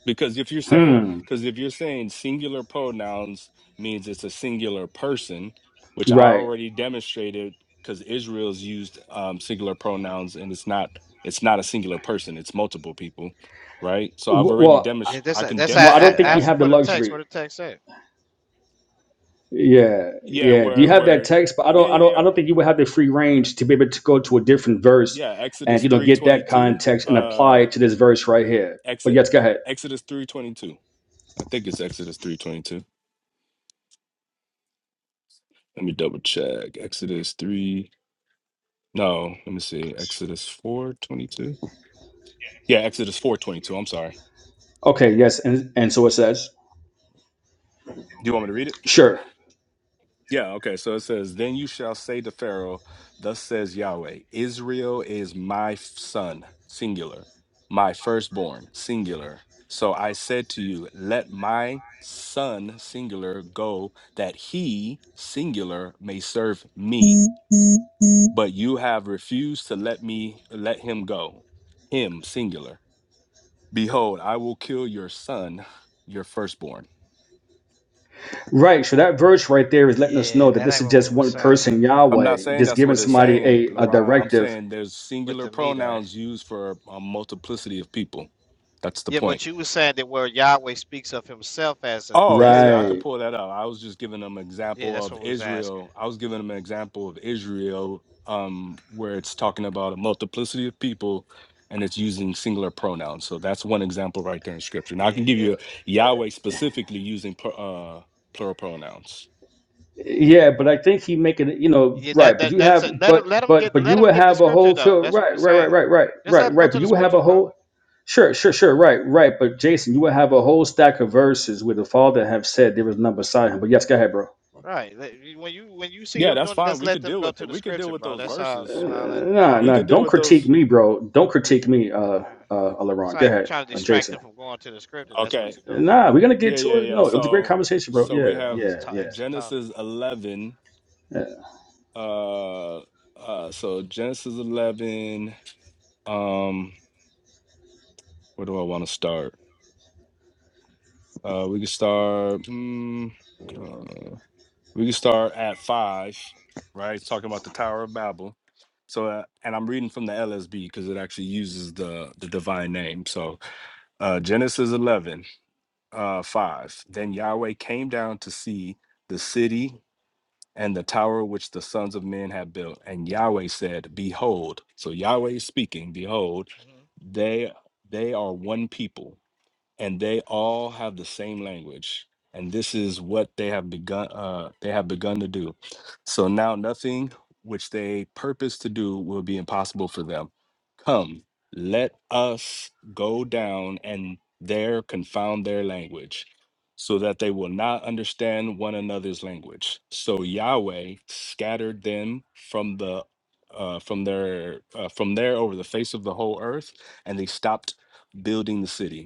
Speaker 1: Because if you're saying
Speaker 6: Hmm.
Speaker 1: because if you're saying singular pronouns means it's a singular person, which I
Speaker 6: Right.
Speaker 1: already demonstrated because Israel's used um, singular pronouns and it's not it's not a singular person, it's multiple people, right? So I've
Speaker 6: W-
Speaker 1: already
Speaker 6: Well, I-
Speaker 8: Yeah,
Speaker 1: demonstrated
Speaker 8: That's
Speaker 1: I can
Speaker 8: that's I,
Speaker 6: well, I
Speaker 8: I
Speaker 6: don't
Speaker 1: demonstrate
Speaker 6: think we
Speaker 8: asked
Speaker 1: that.
Speaker 8: him
Speaker 6: have the
Speaker 8: for the
Speaker 6: luxury.
Speaker 8: text. What the text say?
Speaker 6: Yeah,
Speaker 1: Yeah,
Speaker 6: yeah. Do you
Speaker 1: where
Speaker 6: have that
Speaker 1: where
Speaker 6: text? But I
Speaker 1: yeah,
Speaker 6: don't, I
Speaker 1: yeah,
Speaker 6: don't, I
Speaker 1: yeah.
Speaker 6: don't think you would have the free range to be able to go to a different verse
Speaker 1: Yeah,
Speaker 6: and
Speaker 1: Exodus
Speaker 6: you know get that
Speaker 1: 322.
Speaker 6: context and apply
Speaker 1: Uh.
Speaker 6: it to this verse right here. But
Speaker 1: Exit
Speaker 6: yes, go ahead.
Speaker 1: Exodus three twenty two. I think it's Exodus three twenty two. Let me double check. Exodus three. No, let me see. Exodus four twenty two. Yeah, Exodus four twenty two. I'm sorry.
Speaker 6: Okay, yes, and and so it says,
Speaker 1: Do you want me to read it?
Speaker 6: sure,
Speaker 1: Yeah. Okay. So it says, "Then you shall say to Pharaoh, Thus says Yahweh: Israel is my f- son, singular, my firstborn, singular. So I said to you, Let my son, singular, go, that he, singular, may serve me." but you have refused to let me let him go him singular behold i will kill your son your firstborn
Speaker 6: right. So that verse right there is letting us
Speaker 8: Yeah,
Speaker 6: know that
Speaker 8: that
Speaker 6: this
Speaker 8: ain't
Speaker 6: is
Speaker 8: what we
Speaker 6: just
Speaker 8: was
Speaker 6: one
Speaker 8: saying.
Speaker 6: person,
Speaker 1: i'm not
Speaker 6: Yahweh,
Speaker 1: saying
Speaker 6: just
Speaker 1: that's
Speaker 6: giving
Speaker 1: what it's
Speaker 8: Yeah,
Speaker 6: somebody
Speaker 1: saying
Speaker 6: a a
Speaker 8: with the
Speaker 1: laron
Speaker 8: with,
Speaker 1: i'm
Speaker 6: directive,
Speaker 1: saying there's
Speaker 8: with
Speaker 1: singular
Speaker 8: the meter.
Speaker 1: pronouns used for a multiplicity of people that's the
Speaker 8: Yeah,
Speaker 1: point
Speaker 8: but you was saying that where Yahweh speaks of Himself as a
Speaker 1: Oh yeah,
Speaker 8: as
Speaker 1: yeah, I
Speaker 8: a
Speaker 1: could
Speaker 6: right?
Speaker 1: pull that up. I was just giving them an
Speaker 8: yeah,
Speaker 1: example
Speaker 8: that's
Speaker 1: of
Speaker 8: what we was asking.
Speaker 1: Israel. I was giving them an example of Israel, um, where it's talking about a multiplicity of people, and it's using singular pronouns. So that's one example right there in Scripture. Now I
Speaker 8: Yeah,
Speaker 1: can give
Speaker 8: yeah,
Speaker 1: you Yahweh specifically using pr- uh, plural pronouns.
Speaker 6: Yeah, but I think he making it, you know,
Speaker 8: yeah.
Speaker 6: right.
Speaker 8: That
Speaker 6: But
Speaker 8: that
Speaker 6: you
Speaker 8: that's
Speaker 6: have,
Speaker 8: it. Let him
Speaker 6: but
Speaker 8: let him
Speaker 6: but
Speaker 8: get
Speaker 6: but you
Speaker 8: let him
Speaker 6: would
Speaker 8: get the
Speaker 6: have a
Speaker 8: scripture
Speaker 6: whole
Speaker 8: though.
Speaker 6: field,
Speaker 8: That's what
Speaker 6: right,
Speaker 8: we
Speaker 6: right, right,
Speaker 8: saying.
Speaker 6: right, right,
Speaker 8: Just let
Speaker 6: right,
Speaker 8: him go
Speaker 6: right. But
Speaker 8: to the
Speaker 6: you would have
Speaker 8: scripture,
Speaker 6: a
Speaker 8: bro.
Speaker 6: whole Sure, sure, sure. Right, right. But Jason, you would have a whole stack of verses where the father have said there was none beside him. But yes, go ahead, bro.
Speaker 8: Right. let- you- When you when you see
Speaker 1: Yeah,
Speaker 8: them
Speaker 1: that's
Speaker 8: doing it,
Speaker 1: fine.
Speaker 8: just
Speaker 1: We
Speaker 8: let
Speaker 1: could
Speaker 8: them
Speaker 1: deal
Speaker 8: go
Speaker 1: with
Speaker 8: to
Speaker 1: th-
Speaker 8: the
Speaker 1: we could deal
Speaker 8: scripture,
Speaker 1: with
Speaker 8: bro.
Speaker 1: those
Speaker 8: That's all.
Speaker 6: Uh,
Speaker 1: verses.
Speaker 8: You know, all that
Speaker 6: nah,
Speaker 1: We
Speaker 8: talking
Speaker 6: nah.
Speaker 1: could
Speaker 8: and
Speaker 1: deal
Speaker 6: Don't
Speaker 1: with
Speaker 8: carrying on.
Speaker 6: critique
Speaker 1: those.
Speaker 6: me, bro. Don't critique me, uh,
Speaker 8: Yeah.
Speaker 6: uh,
Speaker 8: It's
Speaker 6: Laurent. Go
Speaker 8: like you
Speaker 6: ahead,
Speaker 8: trying to
Speaker 6: uh,
Speaker 8: distract
Speaker 6: Jason.
Speaker 8: them from going to the scripture. That's what
Speaker 1: Okay.
Speaker 8: you're doing.
Speaker 6: Nah, we're gonna
Speaker 1: Yeah,
Speaker 6: get
Speaker 1: yeah,
Speaker 6: to it.
Speaker 1: yeah.
Speaker 6: No, it was a great
Speaker 1: So
Speaker 6: conversation, bro.
Speaker 1: so we
Speaker 6: Yeah,
Speaker 8: Do all
Speaker 1: have
Speaker 8: this
Speaker 6: yeah,
Speaker 8: ta
Speaker 6: yeah.
Speaker 8: extra talking.
Speaker 1: Genesis eleven. Uh, uh, so Genesis 11. Um, where do I want to start? Uh, we can start. mm, uh, we can start at five, right? It's talking about the Tower of Babel. So, uh, and I'm reading from the LSB because it actually uses the the divine name. So, uh, Genesis 11, uh, 5. Then Yahweh came down to see the city and the tower which the sons of men have built. And Yahweh said, Behold, so Yahweh is speaking, behold,
Speaker 8: Mhm.
Speaker 1: they they are one people, and they all have the same language and this is what they have begun uh, they have begun to do so now nothing which they purpose to do will be impossible for them come let us go down and there confound their language so that they will not understand one another's language so yahweh scattered them from the uh, from their uh, from there over the face of the whole earth and they stopped building the city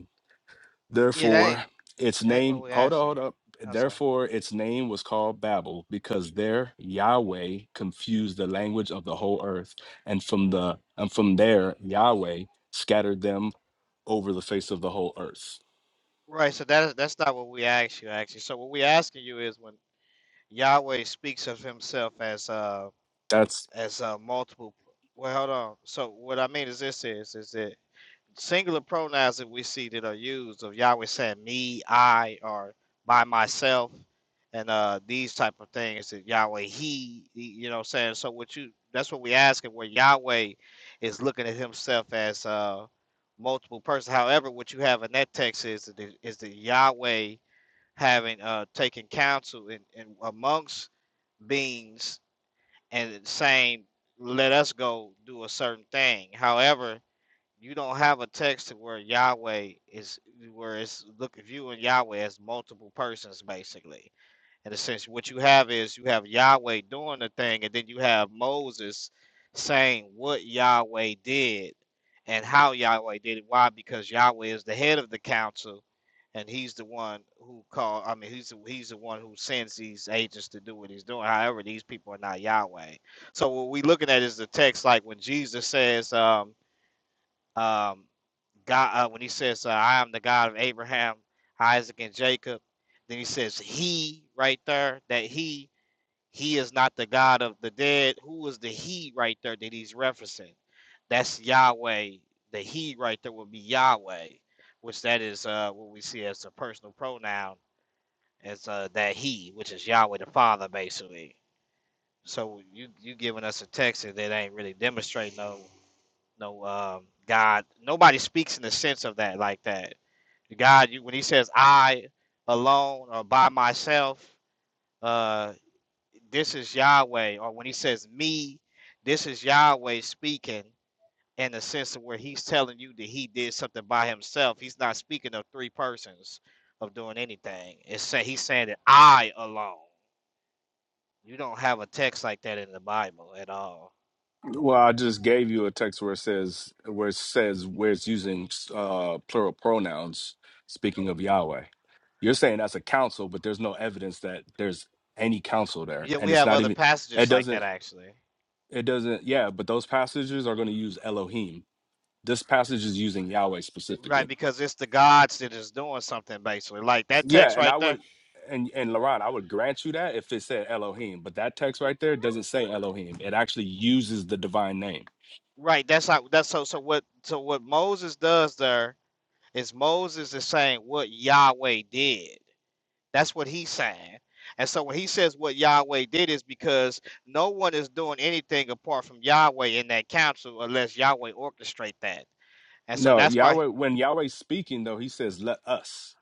Speaker 8: Yeah, that ain't,
Speaker 1: Therefore, its
Speaker 8: that ain't what
Speaker 1: name,
Speaker 8: we
Speaker 1: hold up,
Speaker 8: asking you.
Speaker 1: hold up.
Speaker 8: I'm sorry.
Speaker 1: Therefore, its name was called Babel, because there Yahweh confused the language of the whole earth, and from the and from there Yahweh scattered them over the face of the whole earth.
Speaker 8: Right, so that is that's not what we asked you actually. So what we asking you is when Yahweh speaks of himself as uh
Speaker 1: That's
Speaker 8: as uh multiple well hold on. So what I mean is this is is that singular pronouns that we see that are used of Yahweh saying me, I, or by myself, and uh these type of things that Yahweh he, you know, what I'm saying. So what you that's what we asking where Yahweh is looking at himself as uh multiple person. However, what you have in that text is that the- Yahweh having uh taken counsel in, in amongst beings and saying let us go do a certain thing. However, you don't have a text to where Yahweh is where it's look if you and Yahweh as multiple persons basically. In a sense, what you have is you have Yahweh doing the thing, and then you have Moses saying what Yahweh did and how Yahweh did it. Why? Because Yahweh is the head of the council, and he's the one who call. I mean, he's the, he's the one who sends these agents to do what he's doing. However, these people are not Yahweh. So what we are looking at is the text, like when Jesus says, um, um, God, uh, when he says, uh, "I am the God of Abraham, Isaac, and Jacob," then he says, "He," right there. That he, he is not the God of the dead. Who is the he right there that he's referencing? That's Yahweh. The he right there would be Yahweh, which that is uh, what we see as a personal pronoun as uh, that he, which is Yahweh the Father, basically. So you you giving us a text that ain't really demonstrating no no um God. Nobody speaks in the sense of that like that. God, you, when He says "I alone" or "by myself," uh, this is Yahweh. Or when He says "me," this is Yahweh speaking in the sense of where He's telling you that He did something by Himself. He's not speaking of three persons of doing anything. It's say He's saying that I alone. You don't have a text like that in the Bible at all.
Speaker 1: well, I just gave you a text where it says where it says where it's using uh, plural pronouns, speaking of Yahweh. You're saying that's a council, but there's no evidence that there's any council there,
Speaker 8: Yeah,
Speaker 1: and
Speaker 8: we
Speaker 1: it's
Speaker 8: have
Speaker 1: not
Speaker 8: other
Speaker 1: even. It
Speaker 8: passages like
Speaker 1: doesn't.
Speaker 8: that actually.
Speaker 1: It doesn't. Yeah, but those passages are going to use Elohim. This passage is using Yahweh
Speaker 8: Right,
Speaker 1: specifically.
Speaker 8: because it's the gods that is doing something basically. Like that
Speaker 1: Yeah,
Speaker 8: text
Speaker 1: and
Speaker 8: right
Speaker 1: I
Speaker 8: there.
Speaker 1: would, and and Laron, I would grant you that if it said Elohim, but that text right there doesn't say Elohim. It actually uses the divine name.
Speaker 8: Right, that's how that's so so what so what Moses does there is Moses is saying what Yahweh did. That's what he's saying. And so when he says what Yahweh did is because no one is doing anything apart from Yahweh in that council unless Yahweh orchestrate that. And so
Speaker 1: No,
Speaker 8: that's why
Speaker 1: Yahweh. When Yahweh's speaking, though, he says, "Let us."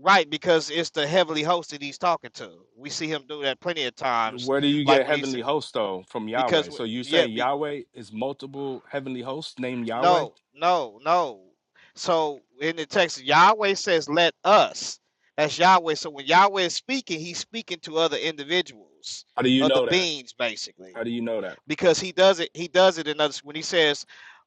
Speaker 8: right, because it's the heavenly host that he's talking to. We see him do that plenty of times.
Speaker 1: Where do you
Speaker 8: Like
Speaker 1: get
Speaker 8: when he
Speaker 1: heavenly
Speaker 8: says
Speaker 1: host though from
Speaker 8: because
Speaker 1: Yahweh?
Speaker 8: wh-
Speaker 1: So you say
Speaker 8: yeah, be,
Speaker 1: Yahweh is multiple heavenly hosts named Yahweh?
Speaker 8: No, no, no. So in the text, Yahweh says, "Let us." That's Yahweh. So when Yahweh is speaking, he's speaking to other individuals,
Speaker 1: How do you
Speaker 8: other
Speaker 1: know that?
Speaker 8: beings,
Speaker 1: How
Speaker 8: basically,
Speaker 1: do you know that?
Speaker 8: because he does it. He does it in others when he says,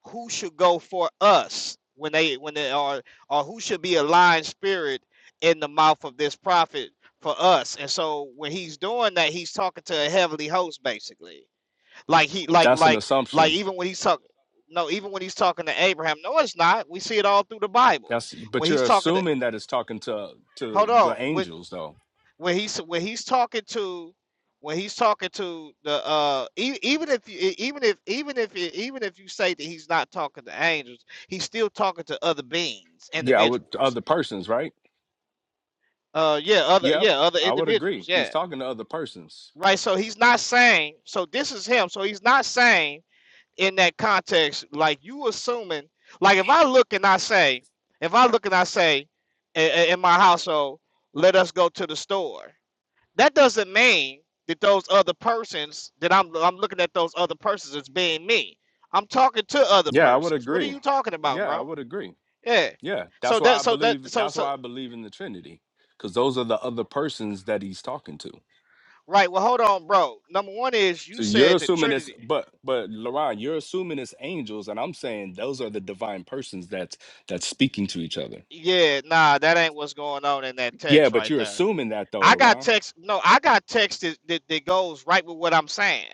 Speaker 8: "Who should go for us?" When they when they are or who should be a lying spirit in the mouth of this prophet for us? And so when he's doing that, he's talking to a heavenly host, basically like he like
Speaker 1: That's an
Speaker 8: like
Speaker 1: assumption.
Speaker 8: like even when he's talking no, even when he's talking to Abraham, no, it's not. We see it all through the Bible.
Speaker 1: That's
Speaker 8: When
Speaker 1: but
Speaker 8: he's
Speaker 1: you're
Speaker 8: talking to
Speaker 1: assuming that it's talking to to
Speaker 8: hold
Speaker 1: the
Speaker 8: on, when
Speaker 1: angels though.
Speaker 8: when he's when he's talking to when he's talking to the uh e- even if you, e- even if even if you, even if you say that he's not talking to angels, he's still talking to other beings,
Speaker 1: Yeah, I would to
Speaker 8: individuals.
Speaker 1: other persons, right?
Speaker 8: Uh yeah, other
Speaker 1: Yep,
Speaker 8: yeah, other
Speaker 1: I would
Speaker 8: individuals,
Speaker 1: agree. He's
Speaker 8: yeah.
Speaker 1: talking to other persons.
Speaker 8: Right, so he's not saying, so this is him. So he's not saying in that context, like you assuming, like if I look and I say, if I look and I say, i- in my household, let us go to the store. That doesn't mean that those other persons that I'm I'm looking at those other persons as being me. I'm talking to other
Speaker 1: Yeah, I would
Speaker 8: persons. What are
Speaker 1: agree.
Speaker 8: you talking about,
Speaker 1: Yeah, I
Speaker 8: bro?
Speaker 1: would agree.
Speaker 8: Yeah.
Speaker 1: Yeah, that's
Speaker 8: So
Speaker 1: why
Speaker 8: that
Speaker 1: I
Speaker 8: so that
Speaker 1: believe
Speaker 8: so
Speaker 1: that's
Speaker 8: so
Speaker 1: why I believe in the Trinity cuz those are the other persons that he's talking to.
Speaker 8: right. Well, hold on, bro. Number one is
Speaker 1: So
Speaker 8: you
Speaker 1: you're
Speaker 8: said the
Speaker 1: assuming it's
Speaker 8: Trinity.
Speaker 1: but but Laron, you're assuming it's angels and I'm saying those are the divine persons that's that's speaking to each other.
Speaker 8: Yeah, nah, that ain't what's going on in that
Speaker 1: Yeah,
Speaker 8: text
Speaker 1: but
Speaker 8: right
Speaker 1: you're
Speaker 8: there.
Speaker 1: assuming that though,
Speaker 8: I got
Speaker 1: Laron.
Speaker 8: text. No, I got text that, that, that goes right with what I'm saying.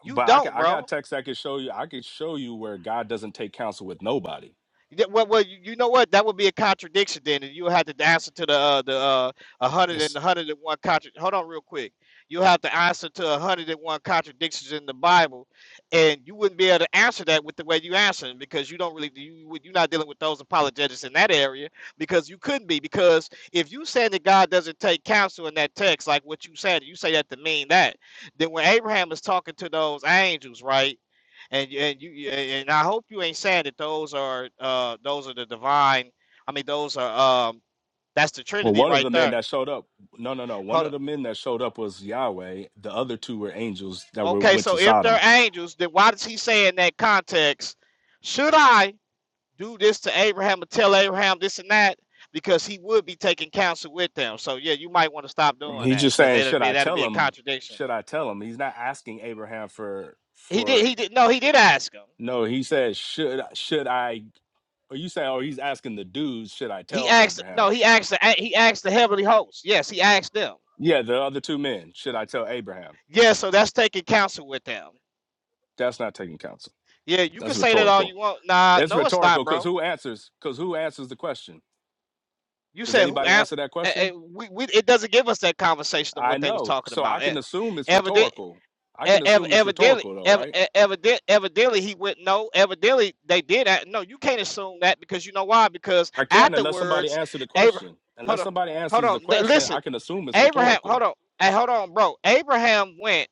Speaker 8: You
Speaker 1: But I got,
Speaker 8: don't,
Speaker 1: I
Speaker 8: bro.
Speaker 1: got text I can show you. I can show you where God doesn't take counsel with nobody.
Speaker 8: Yeah, well, well, you you know what? That would be a contradiction then, and you would have to answer to the uh, the uh, a hundred and
Speaker 1: It's,
Speaker 8: a hundred and one contra. Hold on, real quick. You have to answer to a hundred and one contradictions in the Bible, and you wouldn't be able to answer that with the way you answer it because you don't really you would- you're not dealing with those apologetics in that area because you couldn't be because if you say that God doesn't take counsel in that text, like what you said, you say that to mean that. Then when Abraham is talking to those angels, right? and and you and I hope you ain't saying that those are uh those are the divine. I mean, those are um that's the
Speaker 1: well,
Speaker 8: Trinity
Speaker 1: one of the
Speaker 8: right
Speaker 1: men
Speaker 8: there.
Speaker 1: that showed up, no, no, no. One
Speaker 8: Hold
Speaker 1: of
Speaker 8: up.
Speaker 1: the men that showed up was Yahweh. The other two were angels that were
Speaker 8: Okay,
Speaker 1: went to
Speaker 8: so if they're
Speaker 1: Sodom.
Speaker 8: angels, then why does he say in that context, should I do this to Abraham or tell Abraham this and that? Because he would be taking counsel with them. So yeah, you might want to stop doing
Speaker 1: He's
Speaker 8: that
Speaker 1: just
Speaker 8: because
Speaker 1: saying,
Speaker 8: that'd
Speaker 1: should
Speaker 8: be
Speaker 1: I
Speaker 8: that'd
Speaker 1: tell
Speaker 8: be a
Speaker 1: him?
Speaker 8: contradiction.
Speaker 1: Should I tell him? He's not asking Abraham for
Speaker 8: He did.
Speaker 1: for
Speaker 8: He did. No, he did ask him.
Speaker 1: no. He says, should should I? Or you say, oh, he's asking the dudes, should I
Speaker 8: He
Speaker 1: tell
Speaker 8: asked. No,
Speaker 1: Abraham?
Speaker 8: he asked. The, he asked the heavenly host. Yes, he asked them.
Speaker 1: Yeah, the other two men, should I tell Abraham?
Speaker 8: Yeah, so that's taking counsel with them.
Speaker 1: That's not taking counsel.
Speaker 8: Yeah, you can
Speaker 1: That's
Speaker 8: say that all
Speaker 1: rhetorical.
Speaker 8: you want. Nah,
Speaker 1: It's
Speaker 8: no, it's not,
Speaker 1: rhetorical because
Speaker 8: bro.
Speaker 1: who answers? Because who answers the question?
Speaker 8: You
Speaker 1: Does
Speaker 8: said who
Speaker 1: anybody answer
Speaker 8: asked?
Speaker 1: that
Speaker 8: eh, eh,
Speaker 1: question?
Speaker 8: we, we it doesn't give us that conversation of
Speaker 1: I
Speaker 8: what they was
Speaker 1: know.
Speaker 8: talking
Speaker 1: So I
Speaker 8: about. Eh,
Speaker 1: can assume it's
Speaker 8: Evident,
Speaker 1: rhetorical. I
Speaker 8: eh,
Speaker 1: can
Speaker 8: ev-
Speaker 1: assume it's
Speaker 8: evidently,
Speaker 1: rhetorical, though,
Speaker 8: ev-
Speaker 1: right?
Speaker 8: eh, evident, evidently, he went no. Evidently, they did that. No, you can't assume that because you know why? Because
Speaker 1: I can unless somebody
Speaker 8: afterwards,
Speaker 1: answer the
Speaker 8: Abraham,
Speaker 1: question.
Speaker 8: hold
Speaker 1: Unless
Speaker 8: on,
Speaker 1: somebody
Speaker 8: hold
Speaker 1: answers the
Speaker 8: on, li-
Speaker 1: question,
Speaker 8: listen,
Speaker 1: I can assume it's
Speaker 8: Abraham,
Speaker 1: rhetorical.
Speaker 8: hold on, hey, hold on, bro. Abraham went.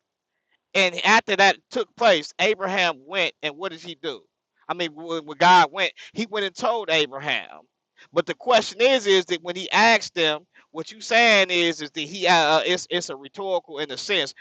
Speaker 8: And after that took place, Abraham went, and what did he do? I mean, when, when God went, he went and told Abraham. But the question is, is that when he asked them, what you saying is, is that he, uh, uh, it's, it's a rhetorical in a sense.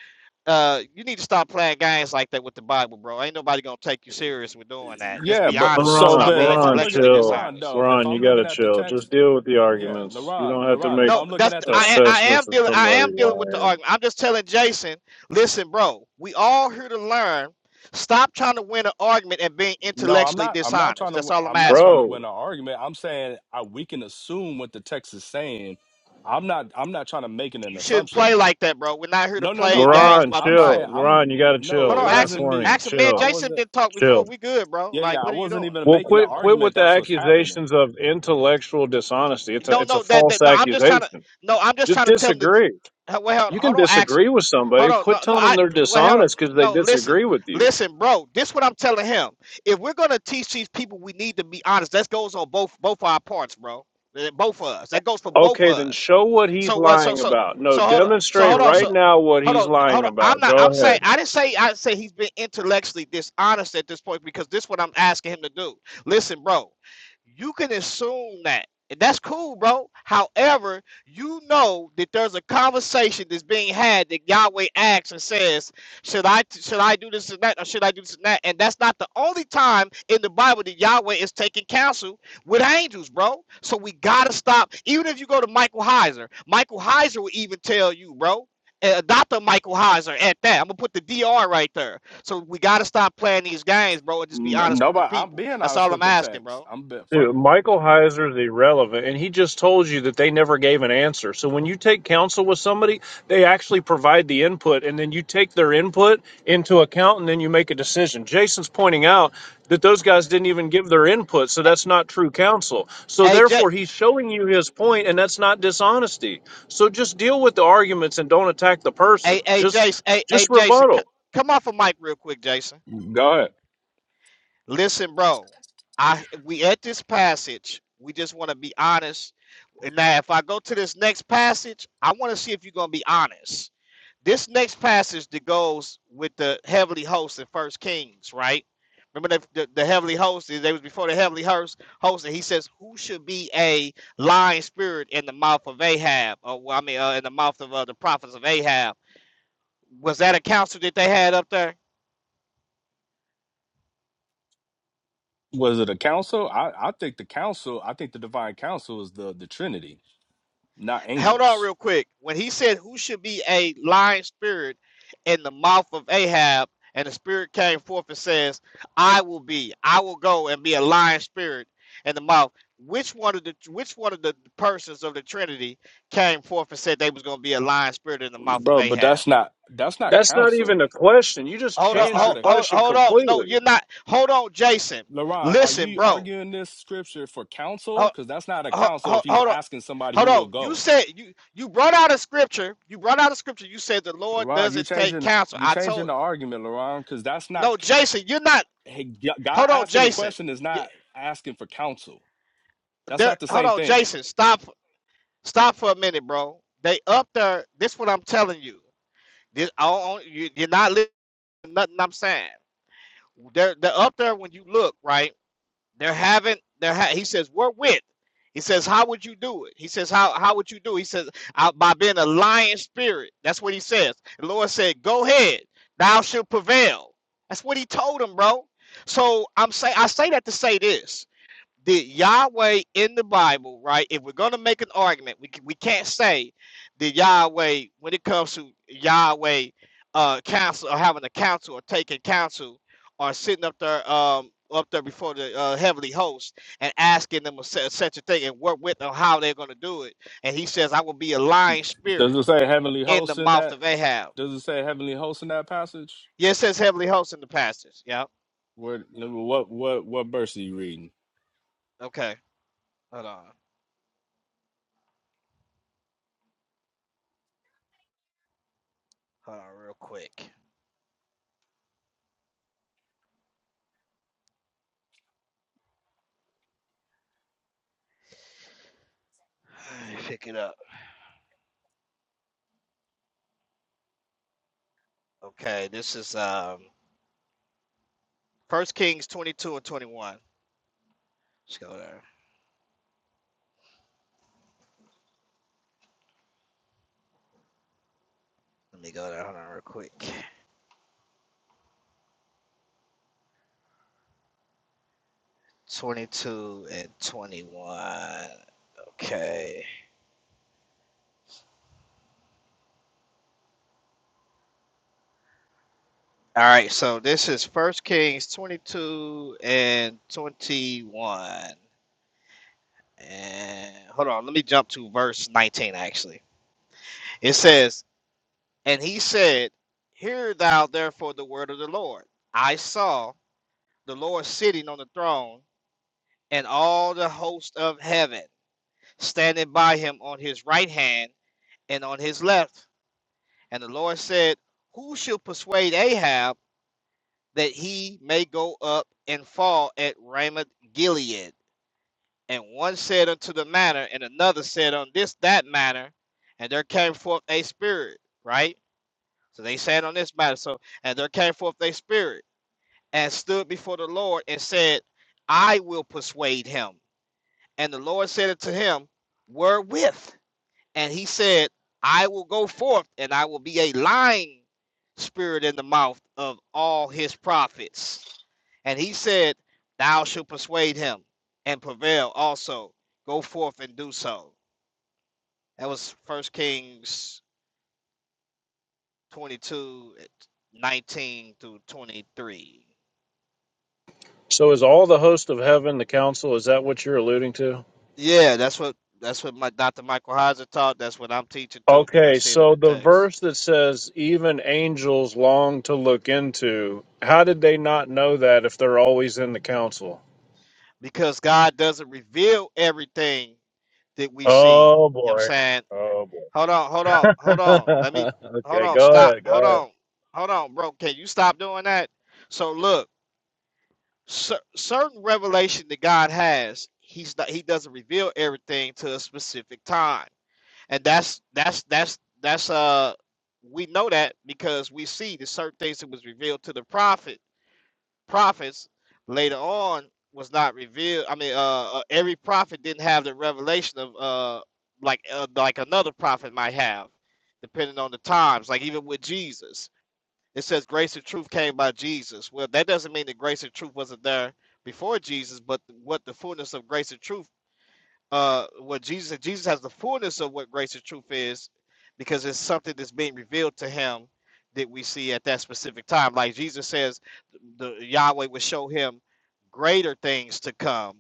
Speaker 8: Uh, you need to stop playing games like that with the Bible, bro. Ain't nobody gonna take you serious with doing that. Just
Speaker 1: Yeah,
Speaker 8: be
Speaker 1: but
Speaker 8: honest and
Speaker 1: so,
Speaker 4: Laurent,
Speaker 8: stop being
Speaker 1: but if I'm
Speaker 4: Laurent,
Speaker 1: looking, at
Speaker 8: intellectually
Speaker 4: chill.
Speaker 1: Laron,
Speaker 8: dishonest.
Speaker 1: though, if
Speaker 4: Laurent,
Speaker 1: I'm
Speaker 4: you
Speaker 1: looking
Speaker 4: gotta
Speaker 1: at the
Speaker 4: chill.
Speaker 1: text,
Speaker 4: Just deal with the
Speaker 1: yeah,
Speaker 4: arguments. You
Speaker 1: Laron,
Speaker 4: don't have to
Speaker 1: Laron, if
Speaker 4: make
Speaker 8: No,
Speaker 1: I'm looking
Speaker 8: that's
Speaker 1: at the text.
Speaker 8: I I
Speaker 4: assessments
Speaker 8: am
Speaker 4: of
Speaker 8: dealing I
Speaker 4: somebody
Speaker 8: am dealing with the
Speaker 4: lying.
Speaker 8: argument. I'm just telling Jason, listen, bro, we all here to learn. Stop trying to win an argument and being
Speaker 1: No, I'm
Speaker 8: intellectually
Speaker 1: not. I'm not trying
Speaker 8: dishonest.
Speaker 1: to.
Speaker 8: That's
Speaker 1: w-
Speaker 8: all I'm
Speaker 1: I'm not
Speaker 8: asking
Speaker 1: trying to
Speaker 8: you.
Speaker 4: Bro,
Speaker 1: win an argument. I'm saying I, we can assume what the text is saying. I'm not. I'm not trying to make an
Speaker 8: You shouldn't play
Speaker 1: assumption.
Speaker 8: like that, bro. We're not here to
Speaker 1: No, no, no.
Speaker 8: play
Speaker 1: I'm
Speaker 8: games
Speaker 1: not.
Speaker 4: Laurent,
Speaker 8: about the
Speaker 1: I'm
Speaker 4: chill.
Speaker 8: Bible.
Speaker 1: saying I'm.
Speaker 4: Laurent, you gotta
Speaker 1: No,
Speaker 8: Hold
Speaker 4: chill.
Speaker 1: it
Speaker 8: on,
Speaker 4: Last
Speaker 1: wasn't
Speaker 8: Axel.
Speaker 1: me.
Speaker 4: warning,
Speaker 8: Axel, man,
Speaker 1: I
Speaker 4: chill,
Speaker 8: Jason
Speaker 1: wasn't.
Speaker 8: did not talk
Speaker 4: chill.
Speaker 8: before. We good, bro.
Speaker 1: Yeah, yeah.
Speaker 8: Like,
Speaker 1: I
Speaker 8: what are you
Speaker 1: wasn't
Speaker 8: doing?
Speaker 1: even
Speaker 4: Well,
Speaker 1: making an
Speaker 4: quit quit
Speaker 1: argument.
Speaker 4: with the
Speaker 1: That's what's happening.
Speaker 4: accusations of intellectual dishonesty. It's a
Speaker 8: No,
Speaker 4: it's a
Speaker 8: no, that,
Speaker 4: false
Speaker 8: that no. I'm just trying to.
Speaker 4: accusation.
Speaker 8: No, I'm just
Speaker 4: Just
Speaker 8: trying to tell him that.
Speaker 4: disagree.
Speaker 8: uh, Well, hold
Speaker 4: You
Speaker 8: on,
Speaker 4: can
Speaker 8: hold on, Axel.
Speaker 4: disagree with
Speaker 8: Hold
Speaker 4: somebody.
Speaker 8: on. No,
Speaker 4: Quit
Speaker 8: no.
Speaker 4: telling them
Speaker 8: I.
Speaker 4: they're
Speaker 8: Well, hold on.
Speaker 4: dishonest because they
Speaker 8: No, listen,
Speaker 4: disagree with you.
Speaker 8: listen, bro. This what I'm telling him. If we're gonna teach these people, we need to be honest. That goes on both both our parts, bro. Uh, Both of us. That goes for both of
Speaker 4: Okay, then
Speaker 8: us.
Speaker 4: show what he's
Speaker 8: So what? So
Speaker 4: lying
Speaker 8: so
Speaker 4: about. No,
Speaker 8: so hold on. So
Speaker 4: demonstrate
Speaker 8: hold on.
Speaker 4: right
Speaker 8: So.
Speaker 4: now what
Speaker 8: Hold
Speaker 4: he's
Speaker 8: on, hold
Speaker 4: lying
Speaker 8: on. I'm
Speaker 4: about.
Speaker 8: not.
Speaker 4: Go
Speaker 8: I'm
Speaker 4: ahead.
Speaker 8: saying. I didn't say. I say he's been intellectually dishonest at this point because this what I'm asking him to do. Listen, bro. You can assume that. And that's cool, bro. However, you know that there's a conversation that's being had that Yahweh asks and says, "Should I should I do this and that, or should I do this and that?" And that's not the only time in the Bible that Yahweh is taking counsel with angels, bro. So we gotta stop. Even if you go to Michael Heiser, Michael Heiser will even tell you, bro. Uh, Dr. Michael Heiser at that. I'm gonna put the DR right there. So we gotta stop playing these games, bro, and just be
Speaker 1: N-
Speaker 8: honest with the
Speaker 1: Nobody. I'm
Speaker 8: people.
Speaker 1: being
Speaker 8: That's
Speaker 1: honest
Speaker 8: all
Speaker 1: with
Speaker 8: I'm
Speaker 1: the
Speaker 8: asking,
Speaker 1: text.
Speaker 8: bro.
Speaker 1: I'm. Be, first,
Speaker 4: Dude, Michael Heiser is irrelevant, and he just told you that they never gave an answer. So when you take counsel with somebody, they actually provide the input, and then you take their input into account, and then you make a decision. Jason's pointing out that those guys didn't even give their input, so
Speaker 8: A-
Speaker 4: that's not true counsel. So
Speaker 8: AJ.
Speaker 4: therefore, he's showing you his point, and that's not dishonesty. So just deal with the arguments and don't attack the
Speaker 8: Hey,
Speaker 4: person.
Speaker 8: hey,
Speaker 4: Just,
Speaker 8: Jason. Hey, hey,
Speaker 4: just
Speaker 8: Jason. c-
Speaker 4: rebuttal.
Speaker 8: come off a mic real quick, Jason.
Speaker 1: go ahead.
Speaker 8: Listen, bro. I we at this passage. We just want to be honest. And now, if I go to this next passage, I want to see if you're gonna be honest. This next passage that goes with the heavenly host in First Kings, right? Remember the, the, the heavenly host. They was before the heavenly host. Host, and he says, "Who should be a lying spirit in the mouth of Ahab? Or well, I mean, uh, in the mouth of uh, the prophets of Ahab." Was that a council that they had up there?
Speaker 1: Was it a council? I, I think the council. I think the divine council is the the Trinity, not
Speaker 8: Hold on,
Speaker 1: angels,
Speaker 8: real quick. When he said, "Who should be a lying spirit in the mouth of Ahab?" and the spirit came forth and says, "I will be. I will go and be a lying spirit in the mouth." Which one of the which one of the persons of the Trinity came forth and said they was going to be a lying spirit in the mouth of
Speaker 1: bro. But
Speaker 8: Ahab?
Speaker 1: that's not. That's not
Speaker 4: That's not
Speaker 1: council.
Speaker 4: even a question. You just
Speaker 8: Hold on,
Speaker 1: That's
Speaker 4: changed
Speaker 1: not
Speaker 8: hold,
Speaker 4: your
Speaker 1: a
Speaker 8: hold,
Speaker 4: question
Speaker 8: hold on. No,
Speaker 4: completely.
Speaker 8: you're not. Hold on, Jason.
Speaker 1: Laron, are
Speaker 8: Listen,
Speaker 1: you
Speaker 8: bro.
Speaker 1: arguing this scripture for counsel?
Speaker 8: Hold,
Speaker 1: Because that's not a
Speaker 8: hold,
Speaker 1: counsel if
Speaker 8: hold,
Speaker 1: he's
Speaker 8: hold
Speaker 1: asking somebody who
Speaker 8: Hold
Speaker 1: will
Speaker 8: on. You
Speaker 1: go.
Speaker 8: said you you brought out a scripture. You brought out a scripture. You said the Lord
Speaker 1: Laron, you
Speaker 8: doesn't take
Speaker 1: changing
Speaker 8: counsel.
Speaker 1: you
Speaker 8: I
Speaker 1: changing
Speaker 8: told
Speaker 1: the argument, Laron, because that's not
Speaker 8: no, Jason. You're not.
Speaker 1: hey, G- God
Speaker 8: Hold on,
Speaker 1: asking the
Speaker 8: Jason.
Speaker 1: question is
Speaker 8: Yeah,
Speaker 1: not asking for counsel. That's
Speaker 8: there,
Speaker 1: not the
Speaker 8: hold
Speaker 1: same
Speaker 8: on,
Speaker 1: thing.
Speaker 8: Jason. Stop. Stop for a minute, bro. They up there. This what I'm telling you. This I don't- you, you're not listening to nothing I'm saying. They're they're up there when you look right. There haven't there ha- he says we're with. He says how would you do it? He says how how would you do? It? He says "Uh, by being a lion spirit. That's what he says. The Lord said, "Go ahead, thou shalt prevail." That's what he told him, bro. So I'm say I say that to say this. Did Yahweh in the Bible, right? If we're gonna make an argument, we can, we can't say that Yahweh, when it comes to Yahweh, uh, counsel or having a counsel or taking counsel or sitting up there, um, up there before the uh, heavenly host and asking them a, se- such a thing and work with them how they're gonna do it. And he says, "I will be a lying
Speaker 1: Does
Speaker 8: spirit
Speaker 1: it say heavenly
Speaker 8: in the
Speaker 1: hosts in
Speaker 8: mouth
Speaker 1: that?
Speaker 8: of Ahab."
Speaker 1: Does it say heavenly hosts in that passage?
Speaker 8: Yeah, it says heavenly host in the passage. Yeah.
Speaker 1: What what what what verse are you reading?
Speaker 8: Okay. Hold on. Hold on, real quick. Pick it up. Okay, this is um First Kings 22 and 21. Let's go there. Let me go there. Hold on real quick. 22 and 21. Okay. All right, so this is First Kings 22 and 21. And hold on, let me jump to verse 19 actually. It says, "And he said, Hear thou therefore the word of the Lord. I saw the Lord sitting on the throne and all the host of heaven." standing by him on his right hand and on his left. And the Lord said, Who shall persuade Ahab that he may go up and fall at Ramoth Gilead? And one said unto the manner, and another said on this that manner, and there came forth a spirit, right? So they said on this matter, so and there came forth a spirit, and stood before the Lord and said, I will persuade him. And the Lord said unto him, Wherewith? And he said, I will go forth and I will be a lying spirit in the mouth of all his prophets. And he said, Thou shalt persuade him and prevail also. Go forth and do so. That was First Kings twenty-two, nineteen 19 through 23.
Speaker 4: So is all the host of heaven the council? Is that what you're alluding to?
Speaker 8: Yeah, that's what that's what my Dr. Michael Heiser taught. That's what I'm teaching too, because I
Speaker 4: Okay,
Speaker 8: see it in
Speaker 4: so
Speaker 8: the
Speaker 4: the
Speaker 8: text.
Speaker 4: verse that says even angels long to look into, how did they not know that if they're always in the council?
Speaker 8: Because God doesn't reveal everything that we see. You know
Speaker 4: Oh
Speaker 8: what I'm
Speaker 4: boy.
Speaker 8: saying?
Speaker 4: Oh boy.
Speaker 8: Hold on, hold on, hold on. Let me hold
Speaker 4: okay,
Speaker 8: on,
Speaker 4: go
Speaker 8: stop.
Speaker 4: ahead,
Speaker 8: Hold
Speaker 4: go ahead.
Speaker 8: on. Hold on, bro. Can you stop doing that? So look, cer certain revelation that God has, he's not he doesn't reveal everything to a specific time. And that's that's that's that's uh we know that because we see the certain things that was revealed to the prophet prophets later on was not revealed. I mean, uh, uh, every prophet didn't have the revelation of uh, like uh, like another prophet might have, depending on the times. Like even with Jesus, it says grace and truth came by Jesus. Well, that doesn't mean that grace and truth wasn't there before Jesus, but what the fullness of grace and truth uh what Jesus Jesus has the fullness of what grace and truth is because it's something that's being revealed to him that we see at that specific time. Like Jesus says the Yahweh will show him greater things to come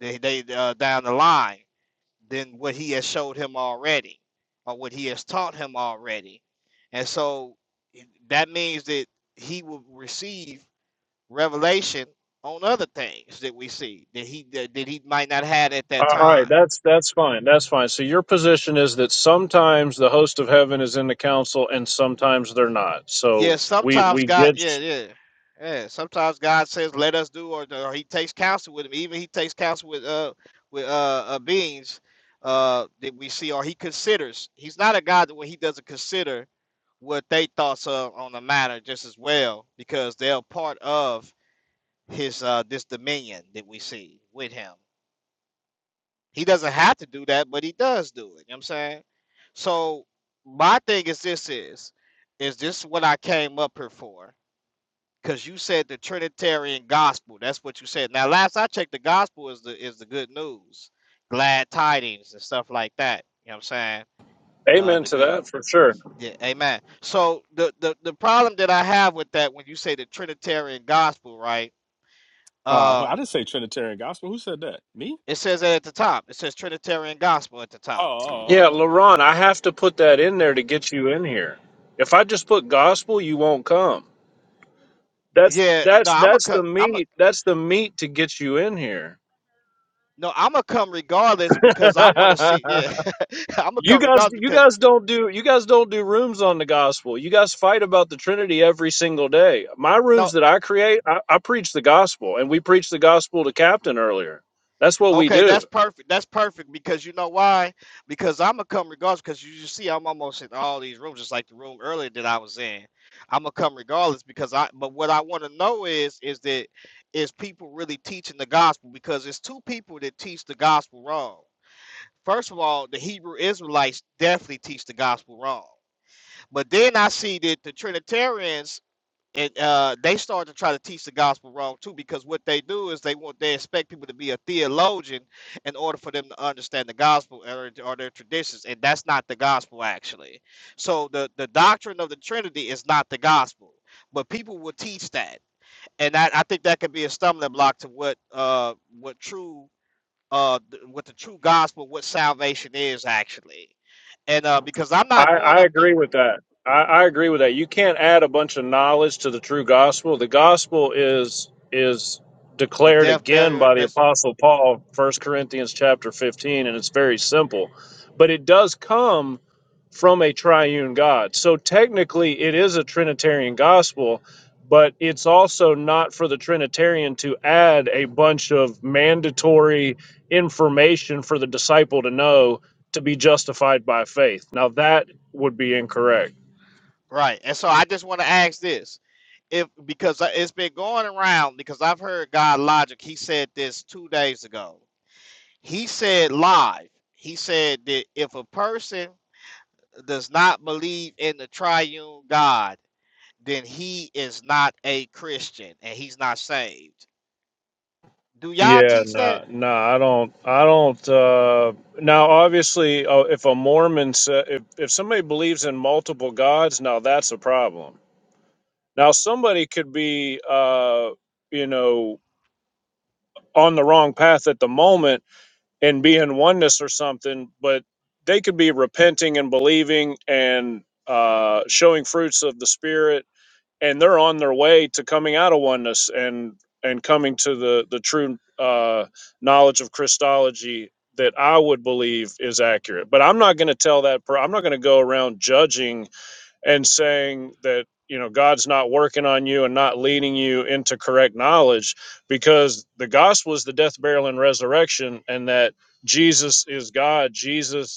Speaker 8: they, they uh, down the line than what he has showed him already or what he has taught him already. And so that means that he will receive revelation on other things that we see that he that, that he might not have had at that
Speaker 4: All right,
Speaker 8: time
Speaker 4: that's that's fine. That's fine. So your position is that sometimes the host of heaven is in the council and sometimes they're not.
Speaker 8: Yeah,
Speaker 4: So we
Speaker 8: sometimes
Speaker 4: we
Speaker 8: God,
Speaker 4: get
Speaker 8: yeah, yeah, yeah. Sometimes God says, "Let us do," or, or He takes counsel with him. Even He takes counsel with uh with uh, uh beings uh that we see, or He considers. He's not a God that when He doesn't consider what they thoughts of on the matter just as well, because they're part of His uh this dominion that we see with Him. He doesn't have to do that, but He does do it. You know what I'm saying? So my thing is this: is is this what I came up here for? Because you said the Trinitarian gospel. That's what you said. Now, last I checked, the gospel is the is the good news, glad tidings and stuff like that. You know what I'm saying? Uh,
Speaker 4: amen
Speaker 8: the
Speaker 4: to
Speaker 8: good,
Speaker 4: that for sure.
Speaker 8: yeah, amen. So the the the problem that I have with that when you say the Trinitarian gospel, right?
Speaker 1: Oh,
Speaker 8: Um,
Speaker 1: I didn't say Trinitarian gospel. Who said that? Me?
Speaker 8: it says that at the top. It says Trinitarian gospel at the
Speaker 1: Oh,
Speaker 8: top.
Speaker 4: Yeah,
Speaker 1: oh, oh.
Speaker 4: LaRon, I have to put that in there to get you in here. If I just put gospel, you won't come. That's
Speaker 8: Yeah, no,
Speaker 4: that's
Speaker 8: I'm a
Speaker 4: that's
Speaker 8: come.
Speaker 4: the
Speaker 8: I'm a
Speaker 4: meat. That's the meat to get you in here.
Speaker 8: no, I'm gonna come regardless because I want to see. Yeah, I'm gonna
Speaker 4: you
Speaker 8: come
Speaker 4: guys,
Speaker 8: regardless
Speaker 4: you
Speaker 8: because.
Speaker 4: guys don't do you guys don't do rooms on the gospel. You guys fight about the Trinity every single day. My
Speaker 8: No,
Speaker 4: rooms that I create, I, I preach the gospel, and we preach the gospel to Captain earlier. That's what we
Speaker 8: Okay,
Speaker 4: do.
Speaker 8: that's perfect. That's perfect because you know why? Because I'm gonna come regardless. Because you, you see, I'm almost in all these rooms, just like the room earlier that I was in. I'm gonna come regardless because I. But what I want to know is, is that is people really teaching the gospel? Because it's two people that teach the gospel wrong. First of all, the Hebrew Israelites definitely teach the gospel wrong. But then I see that the Trinitarians and uh, they start to try to teach the gospel wrong too because what they do is they want they expect people to be a theologian in order for them to understand the gospel or, or their traditions and that's not the gospel actually so the the doctrine of the trinity is not the gospel but people will teach that and i, I think that could be a stumbling block to what uh what true uh th- what the true gospel what salvation is actually and uh because i'm
Speaker 4: I,
Speaker 8: not going
Speaker 4: I
Speaker 8: up to
Speaker 4: agree with that. I, I agree with that. You can't add a bunch of knowledge to the true gospel. The gospel is is
Speaker 8: the
Speaker 4: declared
Speaker 8: death
Speaker 4: again
Speaker 8: burial
Speaker 4: by
Speaker 8: and
Speaker 4: the
Speaker 8: rest
Speaker 4: apostle Paul, First Corinthians chapter 15, and it's very simple. But it does come from a triune God. So technically it is a trinitarian gospel, but it's also not for the trinitarian to add a bunch of mandatory information for the disciple to know to be justified by faith. Now that would be incorrect.
Speaker 8: right and so i just want to ask this if because I- it's been going around because I've heard God Logic. He said this two days ago. He said live. He said that if a person does not believe in the triune God, then he is not a Christian and he's not saved. Do y'all
Speaker 4: Yeah,
Speaker 8: teach that?
Speaker 4: no, nah, no, nah, I don't, I don't. Uh, now, obviously, uh, if a Mormon, sa- if if somebody believes in multiple gods, now that's a problem. Now, somebody could be, uh, you know, on the wrong path at the moment and be in oneness or something, but they could be repenting and believing and uh, showing fruits of the spirit and they're on their way to coming out of oneness and and coming to the the true uh, knowledge of Christology that I would believe is accurate. But I'm not going to tell that. per- I'm not going to go around judging and saying that you know God's not working on you and not leading you into correct knowledge because the gospel is the death, burial, and resurrection, and that Jesus is God. Jesus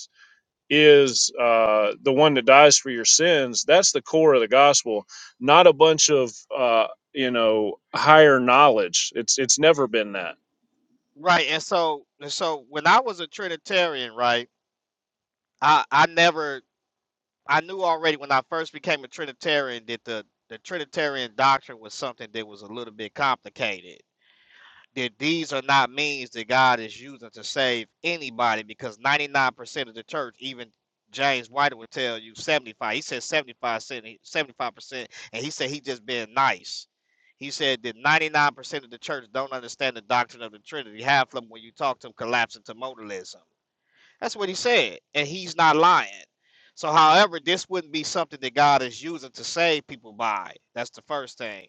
Speaker 4: is uh, the one that dies for your sins. That's the core of the gospel, not a bunch of uh, you know higher knowledge. It's it's never been that.
Speaker 8: Right. And so and so when I was a Trinitarian, right, I, I never I knew already when I first became a Trinitarian that the the Trinitarian doctrine was something that was a little bit complicated that these are not means that God is using to save anybody because 99% of the church, even James White would tell you 75. He said 75, 75%, and he said he just being nice. He said that 99% of the church don't understand the doctrine of the Trinity. Half of them, when you talk to them, collapse into modalism. That's what he said, and he's not lying. So, however, this wouldn't be something that God is using to save people by. That's the first thing.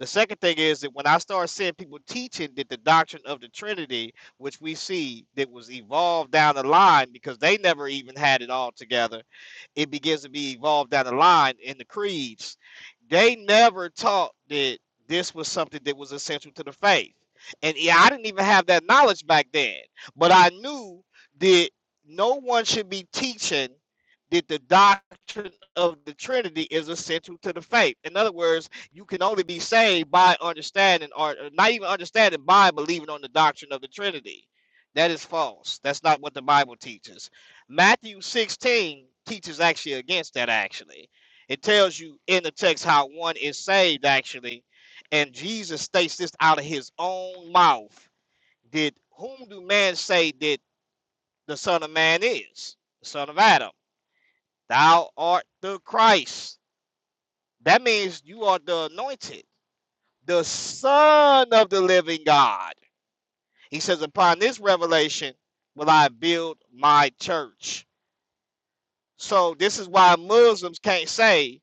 Speaker 8: The second thing is that when I start seeing people teaching that the doctrine of the Trinity, which we see that was evolved down the line because they never even had it all together, it begins to be evolved down the line in the creeds. They never taught that this was something that was essential to the faith. And yeah, I didn't even have that knowledge back then, but I knew that no one should be teaching that the doctrine of the Trinity is essential to the faith. In other words, you can only be saved by understanding, or not even understanding, by believing on the doctrine of the Trinity. That is false. That's not what the Bible teaches. Matthew 16 teaches actually against that, actually. It tells you in the text how one is saved, actually. And Jesus states this out of his own mouth. Did whom do man say that? the Son of Man is, the Son of Adam. Thou art the Christ. That means you are the anointed, the Son of the living God. He says, Upon this revelation will I build my church. So this is why Muslims can't say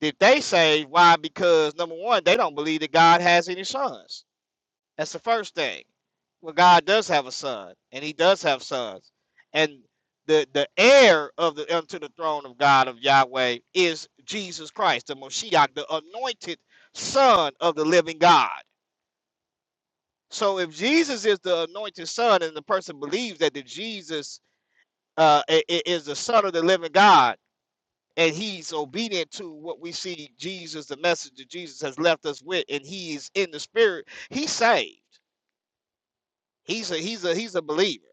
Speaker 8: that they say why because number one, they don't believe that God has any sons. That's the first thing. Well, God does have a son, and He does have sons, and the the heir of the unto the throne of God of Yahweh is Jesus Christ, the Moshiach, the anointed Son of the Living God. So, if Jesus is the anointed Son, and the person believes that the Jesus uh, i- i- is the Son of the Living God, and he's obedient to what we see Jesus, the message that Jesus has left us with, and he's in the Spirit, he's saved. He's a he's a he's a believer.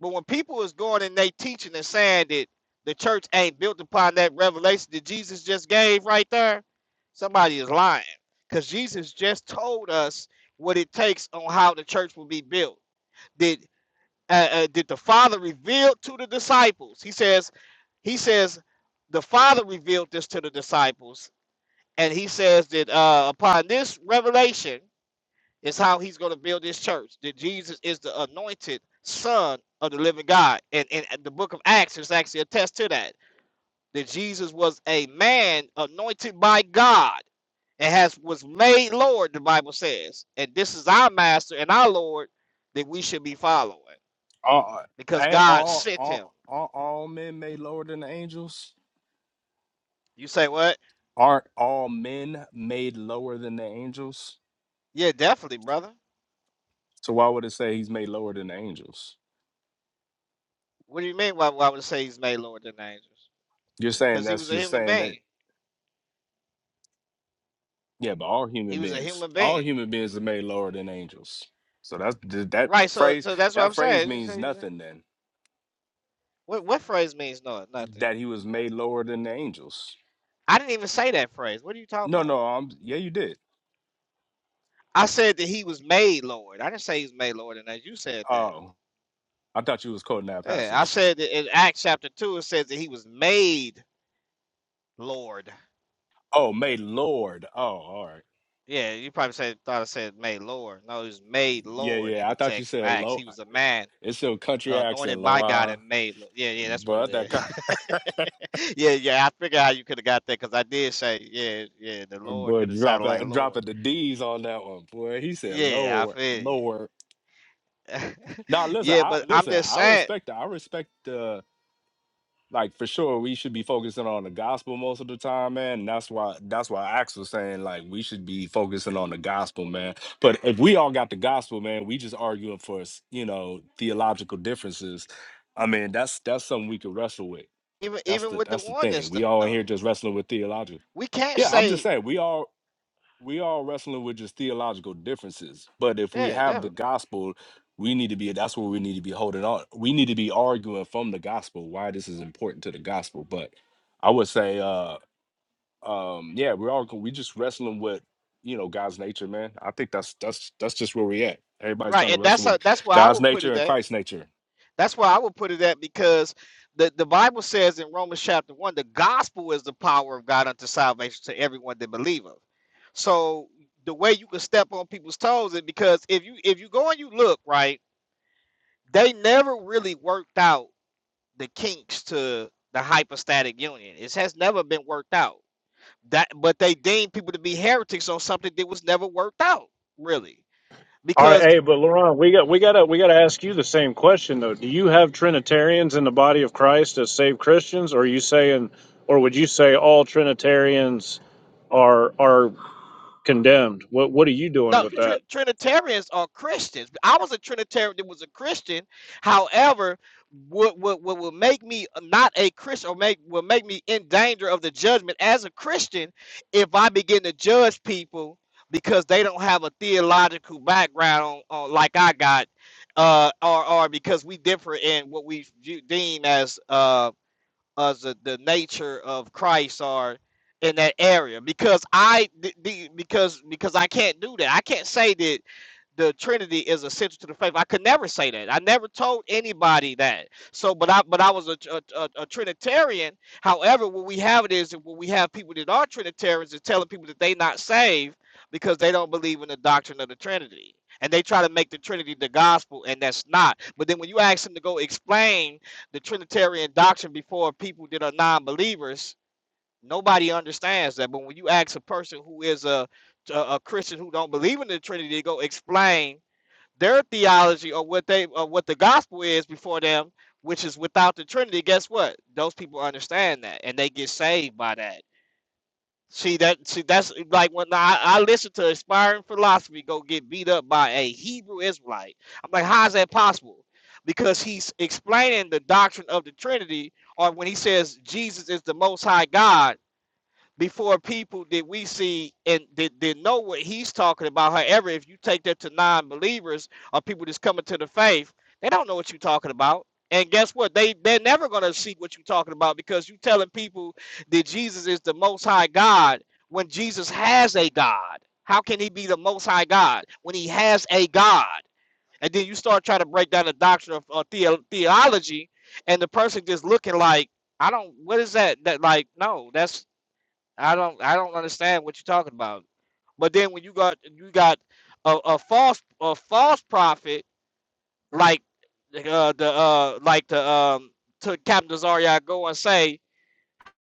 Speaker 8: But when people is going and they teaching and saying that the church ain't built upon that revelation that Jesus just gave right there, somebody is lying. Because Jesus just told us what it takes on how the church will be built. Did uh, uh, did the Father reveal to the disciples? He says, he says, the Father revealed this to the disciples, and he says that uh, upon this revelation, it's how he's going to build his church. That Jesus is the anointed son of the living God. And in the book of Acts is actually attest to that. That Jesus was a man anointed by God and has was made Lord, the Bible says. And this is our master and our Lord that we should be following.
Speaker 1: oh. All,
Speaker 8: Because
Speaker 1: ain't
Speaker 8: God
Speaker 1: all,
Speaker 8: sent him.
Speaker 1: all, all, all men made lower than the angels?
Speaker 8: You say what?
Speaker 1: aren't all men made lower than the angels?
Speaker 8: Yeah, definitely, brother.
Speaker 1: So why would it say he's made lower than the angels?
Speaker 8: What do you mean why, why would I say he's made Lord than angels?
Speaker 1: You're saying
Speaker 8: Because he
Speaker 1: that's
Speaker 8: was a
Speaker 1: just
Speaker 8: human
Speaker 1: saying that
Speaker 8: being.
Speaker 1: yeah, but all human
Speaker 8: He was a
Speaker 1: beings,
Speaker 8: human
Speaker 1: all
Speaker 8: being.
Speaker 1: human beings are made lower than angels. So that's th- that
Speaker 8: Right, so
Speaker 1: phrase.
Speaker 8: so that's what
Speaker 1: That
Speaker 8: I'm
Speaker 1: phrase means
Speaker 8: saying.
Speaker 1: nothing then.
Speaker 8: What what phrase means no nothing?
Speaker 1: That he was made lower than the angels.
Speaker 8: I didn't even say that phrase. What are you talking
Speaker 1: No, no,
Speaker 8: about?
Speaker 1: I'm yeah, you did.
Speaker 8: I said that he was made Lord. I didn't say he was made Lord, and as you said that.
Speaker 1: Oh, I thought you was quoting that
Speaker 8: Yeah, I
Speaker 1: passage.
Speaker 8: said that in Acts chapter two it says that he was made Lord.
Speaker 1: Oh, made Lord. Oh, all right.
Speaker 8: Yeah, you probably said thought I said made Lord. No, he was made
Speaker 1: Yeah,
Speaker 8: Lord in
Speaker 1: yeah. I
Speaker 8: the
Speaker 1: thought you
Speaker 8: text of
Speaker 1: said
Speaker 8: Acts.
Speaker 1: low.
Speaker 8: He was a man
Speaker 1: It's your country
Speaker 8: uh,
Speaker 1: accent,
Speaker 8: anointed by God
Speaker 1: Laurent.
Speaker 8: and made. Lord. Yeah, yeah, that's what it
Speaker 1: But that kind.
Speaker 8: is. yeah, yeah. I figured how you could have got that because I did say yeah, yeah. The Lord
Speaker 1: Boy,
Speaker 8: could have sounded
Speaker 1: dropping
Speaker 8: like Lord.
Speaker 1: dropping the D's on that one, boy. He said
Speaker 8: Yeah, I
Speaker 1: lower,
Speaker 8: feel you.
Speaker 1: lower. Now listen,
Speaker 8: yeah,
Speaker 1: I
Speaker 8: but I'm
Speaker 1: listen,
Speaker 8: just
Speaker 1: I
Speaker 8: saying
Speaker 1: respect I respect uh like for sure we should be focusing on the gospel most of the time, man. And that's why that's why Ax was saying like we should be focusing on the gospel, man. But if we all got the gospel, man, we just arguing for s- you know, theological differences. I mean, that's that's something we could wrestle with.
Speaker 8: even
Speaker 1: That's
Speaker 8: even
Speaker 1: the
Speaker 8: with the
Speaker 1: that's the thing.
Speaker 8: oneness
Speaker 1: We all in here
Speaker 8: though,
Speaker 1: just wrestling with theological.
Speaker 8: we can't
Speaker 1: Yeah, I'm just
Speaker 8: say
Speaker 1: saying we all we all wrestling with just theological differences. But if we
Speaker 8: yeah,
Speaker 1: have the
Speaker 8: definitely
Speaker 1: gospel, we need to be that's where we need to be holding on. We need to be arguing from the gospel why this is important to the gospel. But I would say uh um yeah, we're all we just wrestling with you know God's nature, man. I think that's that's that's just where we at. Everybody's
Speaker 8: right.
Speaker 1: trying to
Speaker 8: And
Speaker 1: wrestle
Speaker 8: that's a,
Speaker 1: with
Speaker 8: that's why I
Speaker 1: God's
Speaker 8: would put
Speaker 1: nature
Speaker 8: it
Speaker 1: and
Speaker 8: at.
Speaker 1: Christ's nature.
Speaker 8: That's why I would put it at because the the Bible says in Romans chapter one, the gospel is the power of God unto salvation to everyone that believeth. So the way you can step on people's toes is because if you if you go and you look right, they never really worked out the kinks to the hypostatic union. It has never been worked out that but they deemed people to be heretics on something that was never worked out really
Speaker 4: All right,
Speaker 8: because
Speaker 4: hey, but Laurent, we got we gotta we gotta ask you the same question though. Do you have Trinitarians in the body of Christ as saved Christians, or are you saying, or would you say all Trinitarians are are condemned? What what are you doing
Speaker 8: no
Speaker 4: with that?
Speaker 8: Tr- trinitarians are christians i was a trinitarian that was a christian however what, what, what would make me not a christian or make will make me in danger of the judgment as a christian if i begin to judge people because they don't have a theological background on, on like i got uh or or because we differ in what we view, deem as uh. as the, the nature of Christ are in that area because I the, the- because because I can't do that. I can't say that the Trinity is essential to the faith. I could never say that. I never told anybody that. So, but I but I was a, a, a, a Trinitarian. However, what we have it is that when we have people that are Trinitarians is telling people that they not saved because they don't believe in the doctrine of the Trinity. And they try to make the Trinity the gospel, and that's not. But then when you ask them to go explain the Trinitarian doctrine before people that are non-believers, nobody understands that. But when you ask a person who is a a, a Christian who don't believe in the Trinity, to go explain their theology or what they or what the gospel is before them, which is without the Trinity. Guess what? Those people understand that and they get saved by that. See that see that's like when I, I listen to aspiring philosophy go get beat up by a Hebrew Israelite. I'm like, how is that possible? Because he's explaining the doctrine of the Trinity, or when he says Jesus is the most high God, before people that we see and that, that know what he's talking about. However, if you take that to non-believers or people that's coming to the faith, they don't know what you're talking about. And guess what? They they're never gonna see what you're talking about because you're telling people that Jesus is the most high God when Jesus has a God. How can he be the most high God when he has a God? And then you start trying to break down the doctrine of uh, theo- theology, and the person just looking like, I don't. What is that? That like, no, that's. I don't I don't understand what you're talking about. But then when you got you got a, a false a false prophet like uh, the uh like the um to Captain Zarya go and say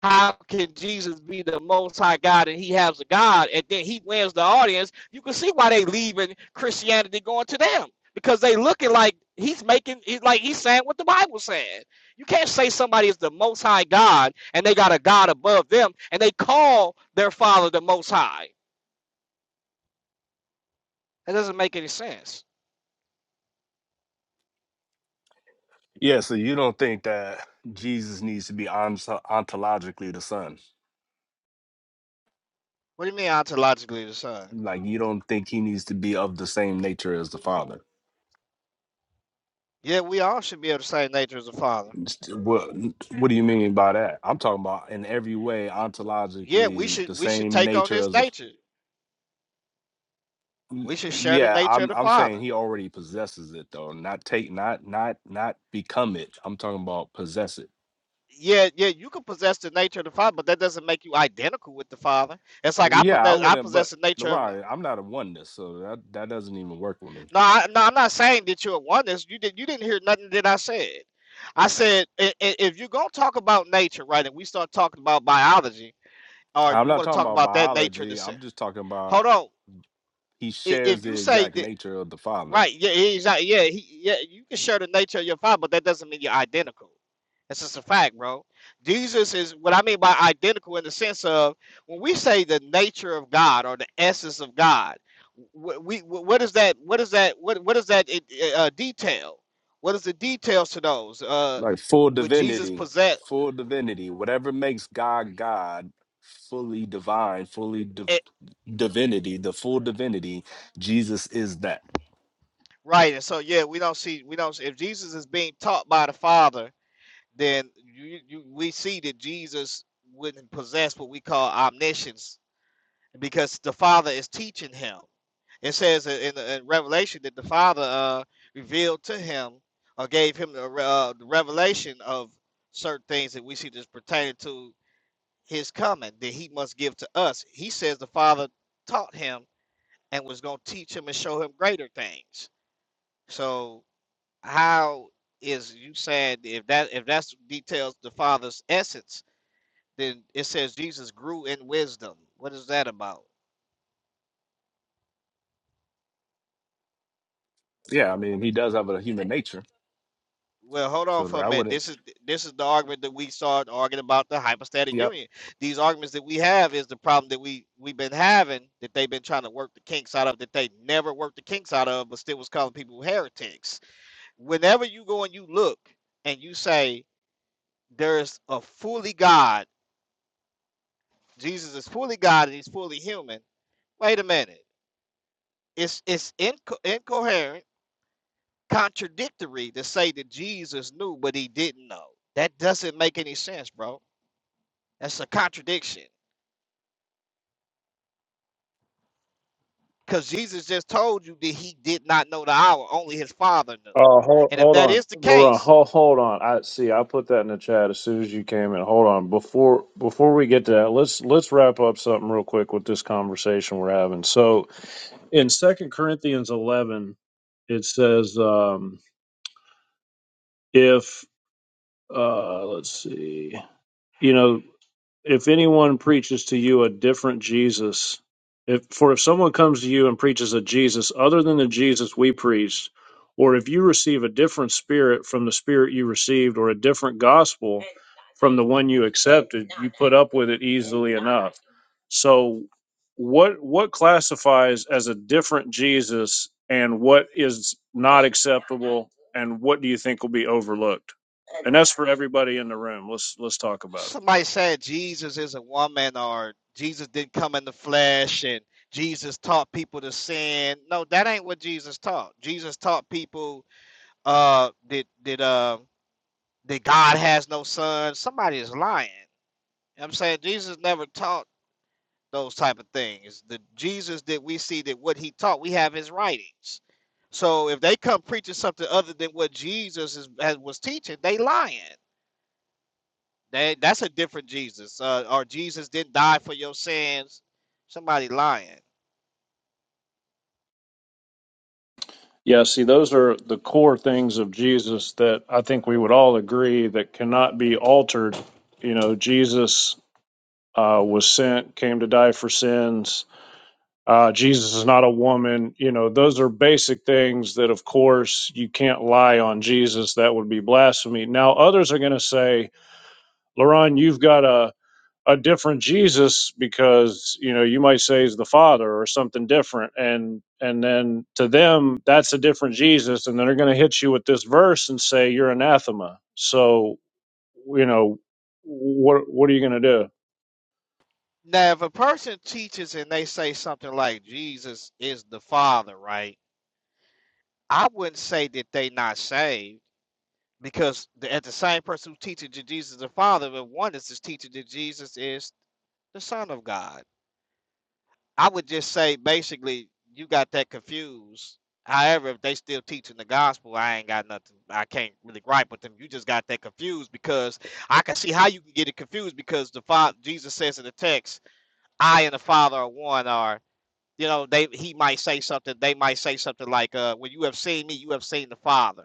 Speaker 8: how can Jesus be the most high God and he has a God and then he wins the audience? You can see why they leaving Christianity going to them because they looking like he's making he's like he's saying what the Bible said. You can't say somebody is the most high God and they got a God above them and they call their father the most high. That doesn't make any sense.
Speaker 1: Yeah, so you don't think that Jesus needs to be ont- ontologically the son.
Speaker 8: What do you mean ontologically the son?
Speaker 1: Like you don't think he needs to be of the same nature as the father.
Speaker 8: Yeah, we all should be of the same nature as the father.
Speaker 1: What What do you mean by that? I'm talking about in every way,
Speaker 8: Yeah, we
Speaker 1: ontologically,
Speaker 8: should
Speaker 1: the
Speaker 8: we should
Speaker 1: same
Speaker 8: take on
Speaker 1: nature
Speaker 8: his
Speaker 1: as the. f-
Speaker 8: nature.
Speaker 1: y-
Speaker 8: We should share the
Speaker 1: Yeah,
Speaker 8: nature
Speaker 1: I'm
Speaker 8: of the
Speaker 1: I'm
Speaker 8: father.
Speaker 1: saying he already possesses it though, not take, not not not become it. I'm talking about possess it.
Speaker 8: Yeah, yeah, you can possess the nature of the Father, but that doesn't make you identical with the Father. It's like
Speaker 1: Well,
Speaker 8: I
Speaker 1: Yeah, I
Speaker 8: possess, I
Speaker 1: wouldn't, but
Speaker 8: possess the nature of. My,
Speaker 1: Leroy, I'm not a oneness, so that that doesn't even work with me.
Speaker 8: no, I, no, I'm not saying that you're oneness. You did, you didn't hear nothing that I said. I said i- i- if you're gonna talk about nature, right, and we start talking about biology, or
Speaker 1: I'm
Speaker 8: you
Speaker 1: not
Speaker 8: want to
Speaker 1: talking
Speaker 8: talk
Speaker 1: about
Speaker 8: about that nature in the
Speaker 1: biology. I'm
Speaker 8: sense.
Speaker 1: just talking about
Speaker 8: Hold on.
Speaker 1: he
Speaker 8: I-
Speaker 1: shares
Speaker 8: If
Speaker 1: the
Speaker 8: you say
Speaker 1: exact
Speaker 8: that
Speaker 1: nature of the father.
Speaker 8: Right. Yeah. e, Exactly. Yeah. He, yeah. You can share the nature of your father, but that doesn't mean you're identical. That's just a fact, bro. Jesus is what I mean by identical in the sense of when we say the nature of God or the essence of God. wh- We wh- what is that? What is that? What what is that it- it, uh, detail? What is the details to those? Uh,
Speaker 1: like full
Speaker 8: would Jesus
Speaker 1: divinity,
Speaker 8: possess?
Speaker 1: full divinity, whatever makes God God, fully divine, fully div-
Speaker 8: It?
Speaker 1: divinity, the full divinity, Jesus is that.
Speaker 8: Right. And so yeah, we don't see we don't. see- If Jesus is being taught by the Father then you, you we see that Jesus wouldn't possess what we call omniscience because the Father is teaching him. It says in, in Revelation that the Father uh, revealed to him or gave him the, uh, the revelation of certain things that we see that's pertaining to his coming that he must give to us. He says the Father taught him and was going to teach him and show him greater things. So how is you saying if that if that's details the Father's essence? Then it says Jesus grew in wisdom. What is that about?
Speaker 1: Yeah, I mean, he does have a human nature,
Speaker 8: Well, hold on
Speaker 1: so that
Speaker 8: for a
Speaker 1: I
Speaker 8: minute.
Speaker 1: wouldn't.
Speaker 8: This is this is the argument that we started arguing about the hypostatic
Speaker 1: Yep.
Speaker 8: union. These arguments that we have is the problem that we we've been having that they've been trying to work the kinks out of that they never worked the kinks out of, but still was calling people heretics. Whenever you go and you look and you say there's a fully God, Jesus is fully God and he's fully human. Wait a minute. It's it's inco- incoherent contradictory to say that Jesus knew but he didn't know. That doesn't make any sense, bro. That's a contradiction. Because Jesus just told you that he did not know the hour, only his father knew.
Speaker 4: Oh, hold,
Speaker 8: And if
Speaker 4: hold
Speaker 8: that
Speaker 4: on,
Speaker 8: is the
Speaker 4: Laurent.
Speaker 8: case,
Speaker 4: Hold, hold on. I see. I put that in the chat as soon as you came in. Hold on. Before before we get to that, let's let's wrap up something real quick with this conversation we're having. So in Second Corinthians eleven, it says, um, if uh, let's see, you know. if anyone preaches to you a different Jesus, if for if someone comes to you and preaches a Jesus other than the Jesus we preached, or if you receive a different spirit from the spirit you received, or a different gospel from the one you accepted, you put up with it easily enough. So what what classifies as a different Jesus and what is not acceptable and what do you think will be overlooked? And that's for everybody in the room. Let's let's talk about it.
Speaker 8: somebody said Jesus is a woman or Jesus didn't come in the flesh and Jesus taught people to sin. No, that ain't what Jesus taught. Jesus taught people uh that that uh that God has no son. Somebody is lying. You know what I'm saying Jesus never taught those type of things. The Jesus that we see that what he taught, we have his writings. So if they come preaching something other than what Jesus is, has, was teaching, they lying. They, that's a different Jesus. Uh, or Jesus didn't die for your sins. Somebody lying.
Speaker 4: Yeah, see, those are the core things of Jesus that I think we would all agree that cannot be altered. You know, Jesus uh, was sent, came to die for sins. Uh, Jesus is not a woman. You know, those are basic things that, of course, you can't lie on Jesus. That would be blasphemy. Now, others are going to say, Laron, you've got a a different Jesus because you know you might say he's the Father or something different, and and then to them that's a different Jesus, and then they're going to hit you with this verse and say you're anathema. So you know what what are you going to do?
Speaker 8: Now, if a person teaches and they say something like Jesus is the Father, right? I wouldn't say that they not saved because the, at the same person who teaches that Jesus is the Father, but one is just teaching that Jesus is the Son of God. I would just say basically you got that confused. However, if they still teaching the gospel, I ain't got nothing. I can't really gripe with them. You just got that confused because I can see how you can get it confused because the father Jesus says in the text, "I and the Father are one." Or you know, they he might say something. They might say something like, "Uh, when you have seen me, you have seen the Father."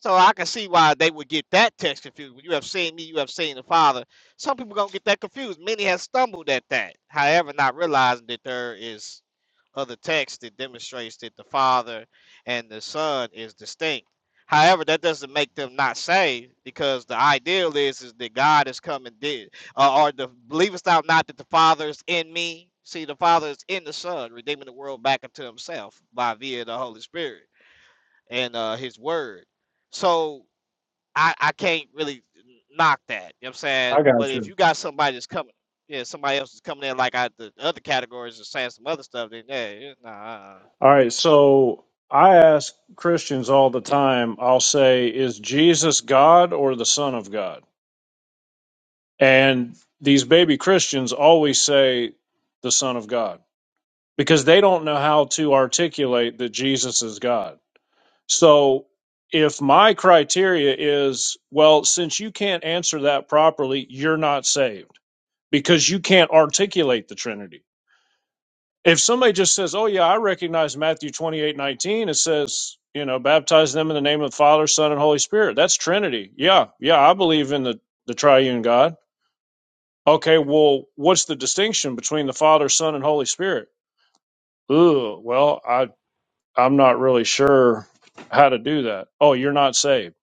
Speaker 8: So I can see why they would get that text confused. When you have seen me, you have seen the Father. Some people gonna get that confused. Many have stumbled at that, however, not realizing that there is other text that demonstrates that the Father and the Son is distinct. However, that doesn't make them not saved, because the ideal is is that God is coming did uh, or the believest thou not that the Father is in me. See, the Father is in the Son, redeeming the world back unto Himself by via the Holy Spirit and uh, his word. So I, I can't really knock that. You know what I'm saying?
Speaker 4: I
Speaker 8: But
Speaker 4: got
Speaker 8: if
Speaker 4: you.
Speaker 8: you got somebody that's coming, yeah, somebody else is coming in like I, the other categories and saying some other stuff, then yeah, yeah nah. Uh-uh.
Speaker 4: All right, so I ask Christians all the time. I'll say, is Jesus God or the Son of God? And these baby Christians always say the Son of God because they don't know how to articulate that Jesus is God. So if my criteria is, well, since you can't answer that properly, you're not saved because you can't articulate the Trinity. If somebody just says, oh, yeah, I recognize Matthew 28 19. it says, you know, baptize them in the name of the Father, Son, and Holy Spirit. That's Trinity. Yeah, yeah, I believe in the, the triune God. Okay, well, what's the distinction between the Father, Son, and Holy Spirit? Ooh, well, I I'm not really sure how to do that. Oh, you're not saved.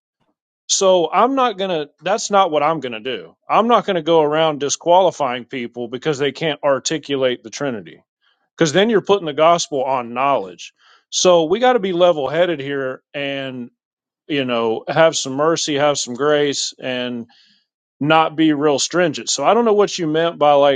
Speaker 4: So I'm not going to, that's not what I'm going to do. I'm not going to go around disqualifying people because they can't articulate the Trinity, because then gospel on knowledge. So we got to be level headed here and, you know, have some mercy, have some grace, and not be real stringent. So I don't know what you meant by like,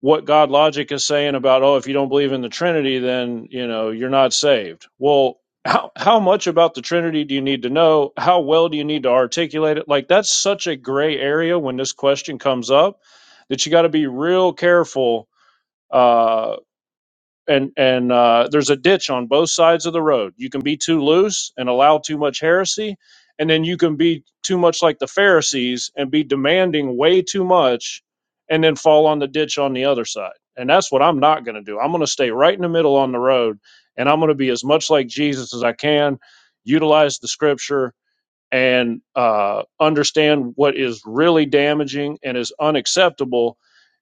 Speaker 4: what God logic is saying about, oh, if you don't believe in the Trinity, then, you know, you're not saved. Well, how, how much about the Trinity do you need to know? How well do you need to articulate it? Like, that's such a gray area when this question comes up that you got to be real careful. Uh, and and uh, there's a ditch on both sides of the road. You can be too loose and allow too much heresy, and then you can be too much like the Pharisees and be demanding way too much, and then fall on the ditch on the other side. And that's what I'm not going to do. I'm going to stay right in the middle on the road, and I'm going to be as much like Jesus as I can. Utilize the Scripture and uh, understand what is really damaging and is unacceptable,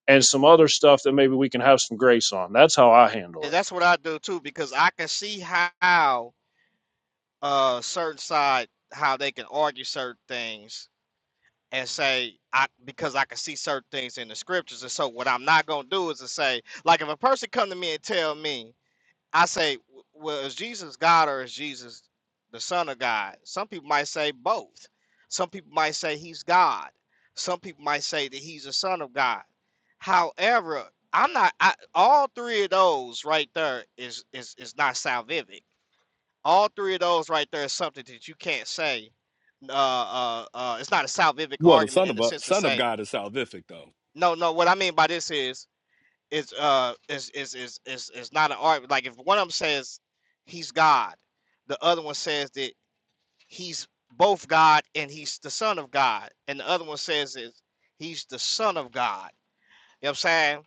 Speaker 4: and some other stuff that maybe we can have some grace on. That's how I handle
Speaker 8: And
Speaker 4: it.
Speaker 8: that's what I do too because I can see how uh certain side how they can argue certain things and say I because I can see certain things in the scriptures. And so what I'm not gonna do is to say like if a person come to me and tell me I say, w- well, is Jesus God or is Jesus the Son of God? Some people might say both. Some people might say he's God. Some people might say that he's a son of God. However, I'm not. I, all three of those right there is is is not salvific. All three of those right there is something that you can't say. Uh, uh, uh, it's not a salvific
Speaker 1: Well, the
Speaker 8: argument
Speaker 1: son
Speaker 8: in
Speaker 1: of
Speaker 8: the
Speaker 1: a
Speaker 8: sense to
Speaker 1: son of
Speaker 8: say
Speaker 1: God is salvific, though.
Speaker 8: no, no. What I mean by this is is uh is is is is is not an art. Like if one of them says he's God, the other one says that he's both God and he's the Son of God, and the other one says that he's the Son of God. You know what I'm saying?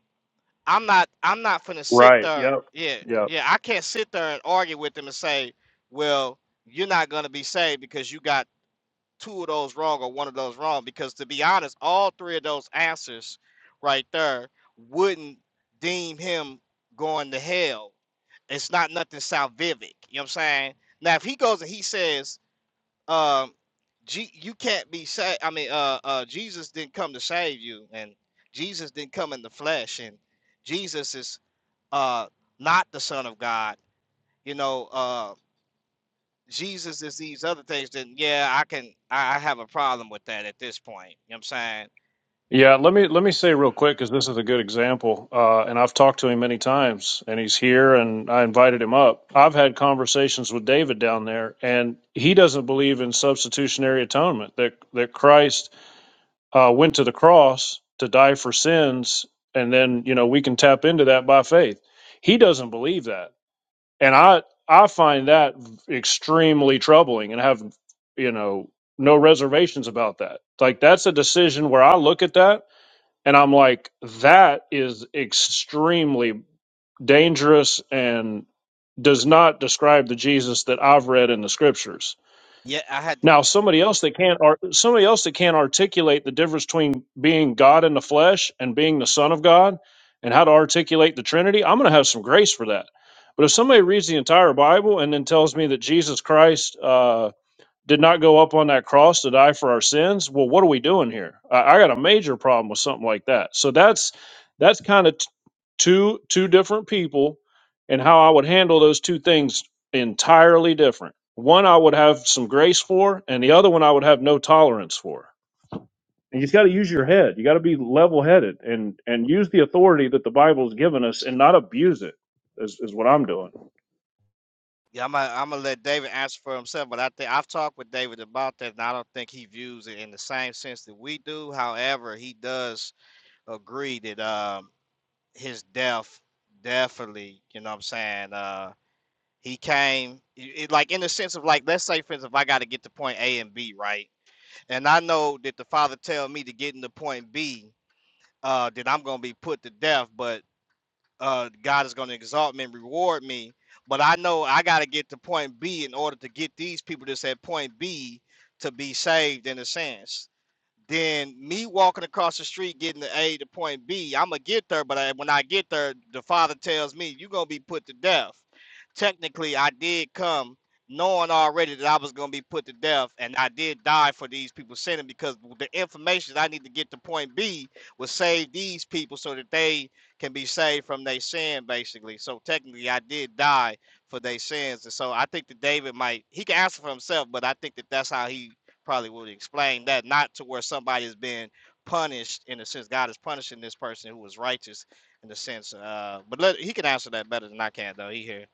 Speaker 8: I'm not I'm not finna sit there. Yeah, yeah. I can't sit there and argue with them and say, well, you're not gonna be saved because you got two of those wrong or one of those wrong because to be honest, all three of those answers right there wouldn't deem him going to hell. It's not nothing salvific. You know what I'm saying? Now if he goes and he says, um, G- you can't be saved. I mean, uh, uh, Jesus didn't come to save you, and Jesus didn't come in the flesh, and Jesus is uh not the Son of God. You know, uh, Jesus is these other things, then yeah, I can I I have a problem with that at this point. You know what I'm saying?
Speaker 4: Yeah, let me let me say real quick because this is a good example, uh, and I've talked to him many times, and he's here, and I invited him up. I've had conversations with David down there, and he doesn't believe in substitutionary atonement that that Christ uh, went to the cross to die for sins, and then you know we can tap into that by faith. He doesn't believe that, and I I find that extremely troubling, and have you know no reservations about that. Like that's a decision where I look at that and I'm like, that is extremely dangerous and does not describe the Jesus that I've read in the scriptures.
Speaker 8: Yeah, I had to
Speaker 4: Now, somebody else that can't ar- somebody else that can't articulate the difference between being God in the flesh and being the Son of God and how to articulate the Trinity, I'm going to have some grace for that. But if somebody reads the entire Bible and then tells me that Jesus Christ uh, did not go up on that cross to die for our sins well what are we doing here i, I got a major problem with something like that so that's that's kind of t- two two different people and how i would handle those two things entirely different one i would have some grace for and the other one i would have no tolerance for and you got to use your head you got to be level headed and and use the authority that the bible's given us and not abuse it as doing
Speaker 8: yeah, I'm gonna, I'm gonna let David answer for himself, but I think I've talked with David about that, and I don't think he views it in the same sense that we do. However, he does agree that um his death definitely, you know what I'm saying, uh he came it, like in the sense of like let's say for instance if I gotta get to point A and B, right? And I know that the father tell me to get into point B uh, then I'm gonna be put to death, but uh, God is gonna exalt me and reward me. But I know I gotta get to point B in order to get these people that's at point B to be saved in a sense then me walking across the street getting the A to point B, I'm gonna get there, but I, when I get there, the father tells me you're gonna be put to death. Technically, I did come knowing already that I was gonna be put to death, and I did die for these people sinning because the information I need to get to point B will save these people so that they can be saved from their sin, basically. So technically, I did die for their sins, and so I think that David might he can answer for himself, but I think that that's how he probably would explain that not to where somebody is being punished in the sense God is punishing this person who was righteous in the sense uh but let he can answer that better than I can though he here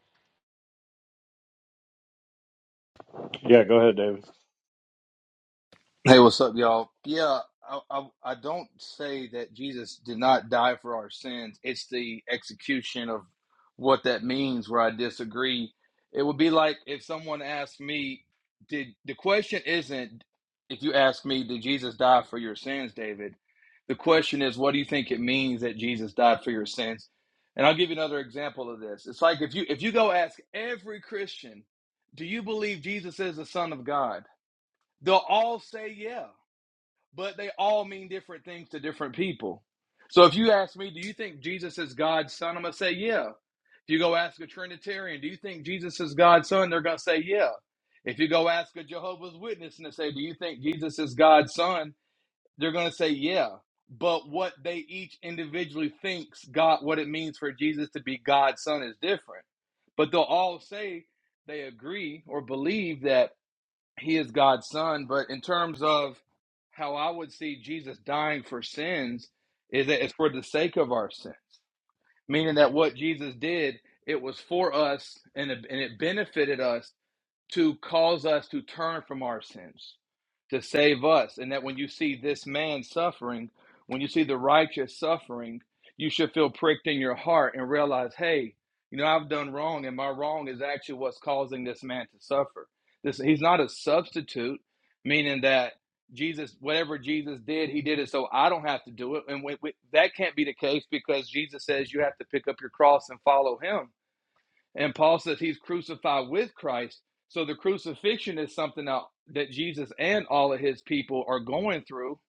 Speaker 9: Hey, what's up, y'all? Yeah, I, I, I don't say that Jesus did not die for our sins. It's the execution of what that means where I disagree. It would be like if someone asked me, "Did the question isn't if you ask me, did Jesus die for your sins, David?" The question is, what do you think it means that Jesus died for your sins? And I'll give you another example of this. It's like if you if you go ask every Christian, "Do you believe Jesus is the Son of God?" They'll all say, "Yeah." but they all mean different things to different people. So if you ask me, do you think Jesus is God's son? I'm going to say, yeah. If you go ask a Trinitarian, do you think Jesus is God's son? They're going to say, yeah. If you go ask a Jehovah's Witness and they say, do you think Jesus is God's son? They're going to say, yeah. But what they each individually thinks God, what it means for Jesus to be God's son is different. But they'll all say they agree or believe that he is God's son. But in terms of how I would see Jesus dying for sins, is that it's for the sake of our sins, meaning that what Jesus did, it was for us and it, and it benefited us to cause us to turn from our sins, to save us. And that when you see this man suffering, when you see the righteous suffering, you should feel pricked in your heart and realize, hey, you know, I've done wrong, and my wrong is actually what's causing this man to suffer. This he's not a substitute, meaning that Jesus, whatever Jesus did, he did it so I don't have to do it. And we, we, that can't be the case because Jesus says you have to pick up your cross and follow him and Paul says he's crucified with Christ. So the crucifixion is something that, Jesus and all of his people are going through.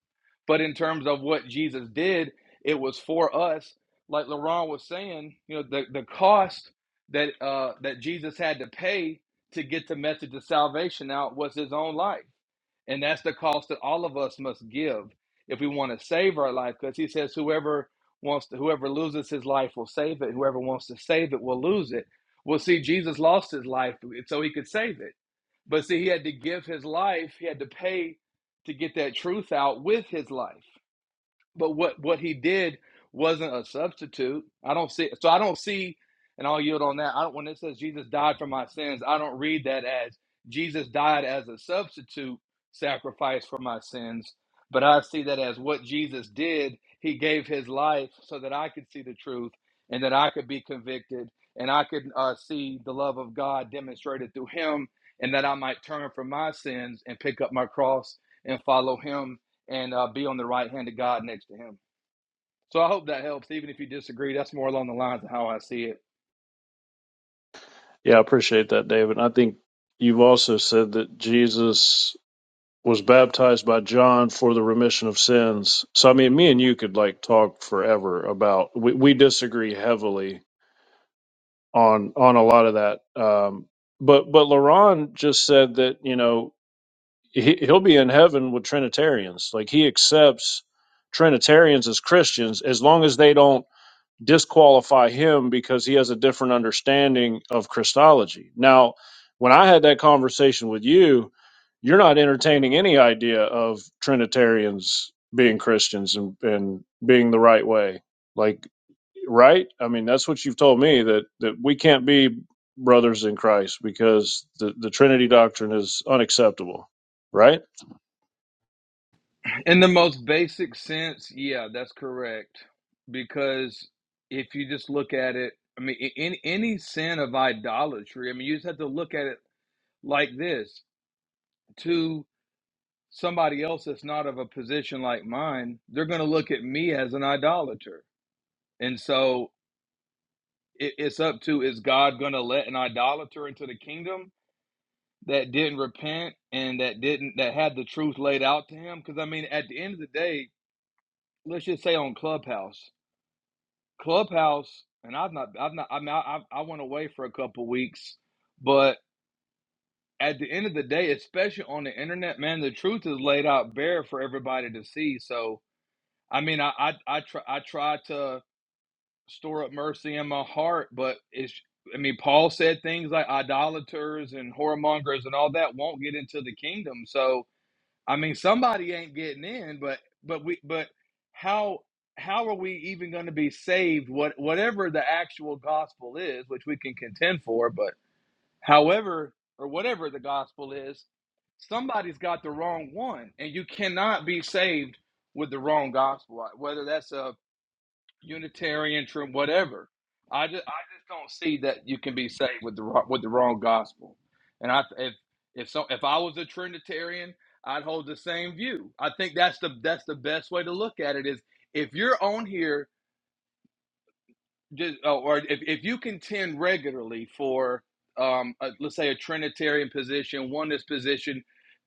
Speaker 9: But in terms of what Jesus did, it was for us. Like Laurent was saying, you know, the, the cost that uh, that Jesus had to pay to get the message of salvation out was his own life. And that's the cost that all of us must give if we want to save our life. Because he says, whoever wants to, whoever loses his life will save it. Whoever wants to save it will lose it. Well, see, Jesus lost his life so he could save it. But see, he had to give his life, he had to pay to get that truth out with his life. But what what he did wasn't a substitute. I don't see. So I don't see, and I'll yield on that. I don't, when it says Jesus died for my sins, I don't read that as Jesus died as a substitute sacrifice for my sins. But I see that as what Jesus did. He gave his life so that I could see the truth and that I could be convicted and I could uh, see the love of God demonstrated through him and that I might turn from my sins and pick up my cross and follow him and uh, be on the right hand of God next to him. So I hope that helps. Even if you disagree, that's more along the lines of how I see it.
Speaker 4: yeah i appreciate that david i think you've also said that jesus was baptized by John for the remission of sins. So I mean, me and you could like talk forever about we, we disagree heavily on on a lot of that. Um, but but Laron just said that you know he, he'll be in heaven with Trinitarians. Like he accepts Trinitarians as Christians as long as they don't disqualify him because he has a different understanding of Christology. Now, when I had that conversation with you, you're not entertaining any idea of Trinitarians being Christians and, and being the right way. Like, right? I mean, that's what you've told me that, that we can't be brothers in Christ because the, the Trinity doctrine is unacceptable, right?
Speaker 9: In the most basic sense, yeah, that's correct. Because if you just look at it, I mean, in any any sin of idolatry, I mean, you just have to look at it like this to somebody else that's not of a position like mine, they're going to look at me as an idolater. And so it, it's up to is God going to let an idolater into the kingdom? that didn't repent and that didn't that had the truth laid out to him because i mean at the end of the day let's just say on clubhouse clubhouse and i've not i've not i mean, I, I went away for a couple weeks but at the end of the day especially on the internet man the truth is laid out bare for everybody to see so i mean i i i try, I try to store up mercy in my heart but it's I mean, Paul said things like idolaters and whoremongers and all that won't get into the kingdom. So, I mean, somebody ain't getting in, but but we but how how are we even going to be saved? What whatever the actual gospel is, which we can contend for, but however or whatever the gospel is, somebody's got the wrong one, and you cannot be saved with the wrong gospel. Whether that's a Unitarian, trim, whatever. I just I just don't see that you can be saved with the wro- with the wrong gospel. And I if if so if I was a Trinitarian, I'd hold the same view. I think that's the that's the best way to look at it is if you're on here just oh, or if, if you contend regularly for um a, let's say a trinitarian position oneness position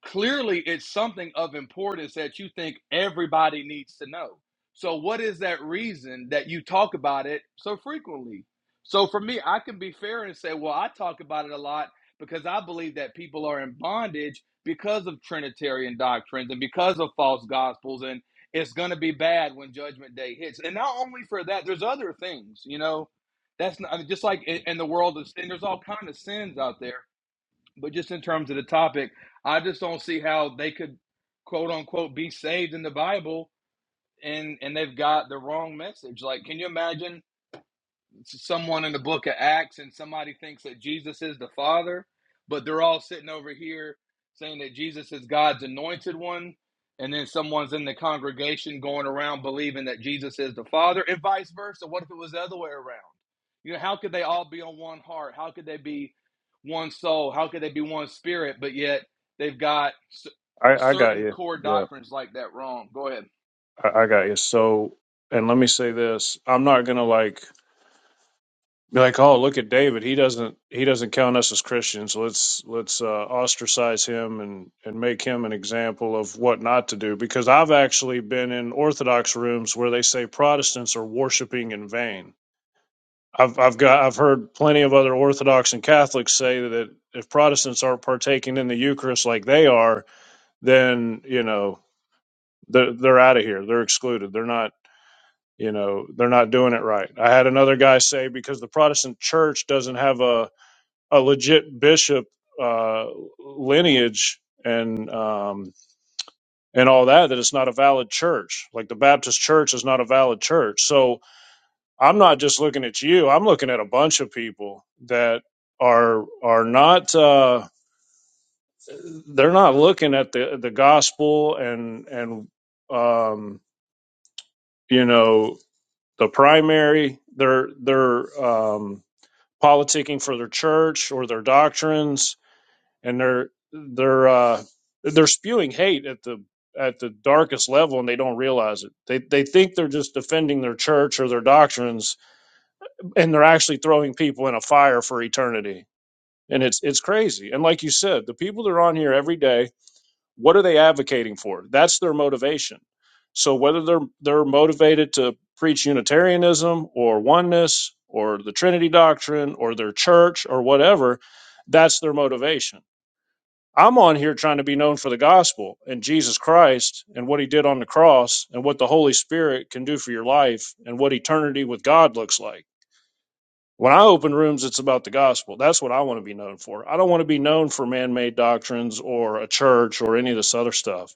Speaker 9: clearly it's something of importance that you think everybody needs to know so what is that reason that you talk about it so frequently so for me i can be fair and say well i talk about it a lot because i believe that people are in bondage because of trinitarian doctrines and because of false gospels and it's going to be bad when judgment day hits and not only for that there's other things you know that's not I mean, just like in, in the world of sin there's all kind of sins out there but just in terms of the topic i just don't see how they could quote unquote be saved in the bible and and they've got the wrong message like can you imagine someone in the book of Acts and somebody thinks that Jesus is the Father, but they're all sitting over here saying that Jesus is God's anointed one, and then someone's in the congregation going around believing that Jesus is the Father, and vice versa. What if it was the other way around? You know, how could they all be on one heart? How could they be one soul? How could they be one spirit? But yet they've got
Speaker 4: I, I got
Speaker 9: certain
Speaker 4: you.
Speaker 9: core
Speaker 4: Yeah,
Speaker 9: doctrines like that wrong. Go ahead.
Speaker 4: I, I got you. So, and let me say this I'm not going to like Be like, oh, look at David. He doesn't he doesn't count us as Christians. Let's let's uh, ostracize him and and make him an example of what not to do. Because I've actually been in Orthodox rooms where they say Protestants are worshiping in vain. I've I've got I've heard plenty of other Orthodox and Catholics say that if Protestants aren't partaking in the Eucharist like they are, then you know they're they're out of here. They're excluded. They're not you know they're not doing it right. I had another guy say because the Protestant church doesn't have a a legit bishop uh, lineage and um, and all that that it's not a valid church. Like the Baptist Church is not a valid church. So I'm not just looking at you. I'm looking at a bunch of people that are are not uh, they're not looking at the the gospel and and um, you know the primary. They're they're um, politicking for their church or their doctrines and they're they're uh, they're spewing hate at the at the darkest level, and they don't realize it. They they think they're just defending their church or their doctrines, and they're actually throwing people in a fire for eternity. And it's it's crazy. And like you said, the people that are on here every day, what are they advocating for? That's their motivation. So whether they're they're motivated to preach Unitarianism or oneness or the Trinity doctrine or their church or whatever, that's their motivation I'm on here trying to be known for the gospel and Jesus Christ and what he did on the cross and what the Holy Spirit can do for your life and what eternity with God looks like. When I open rooms, it's about the gospel. That's what I want to be known for. I don't want to be known for man made doctrines or a church or any of this other stuff.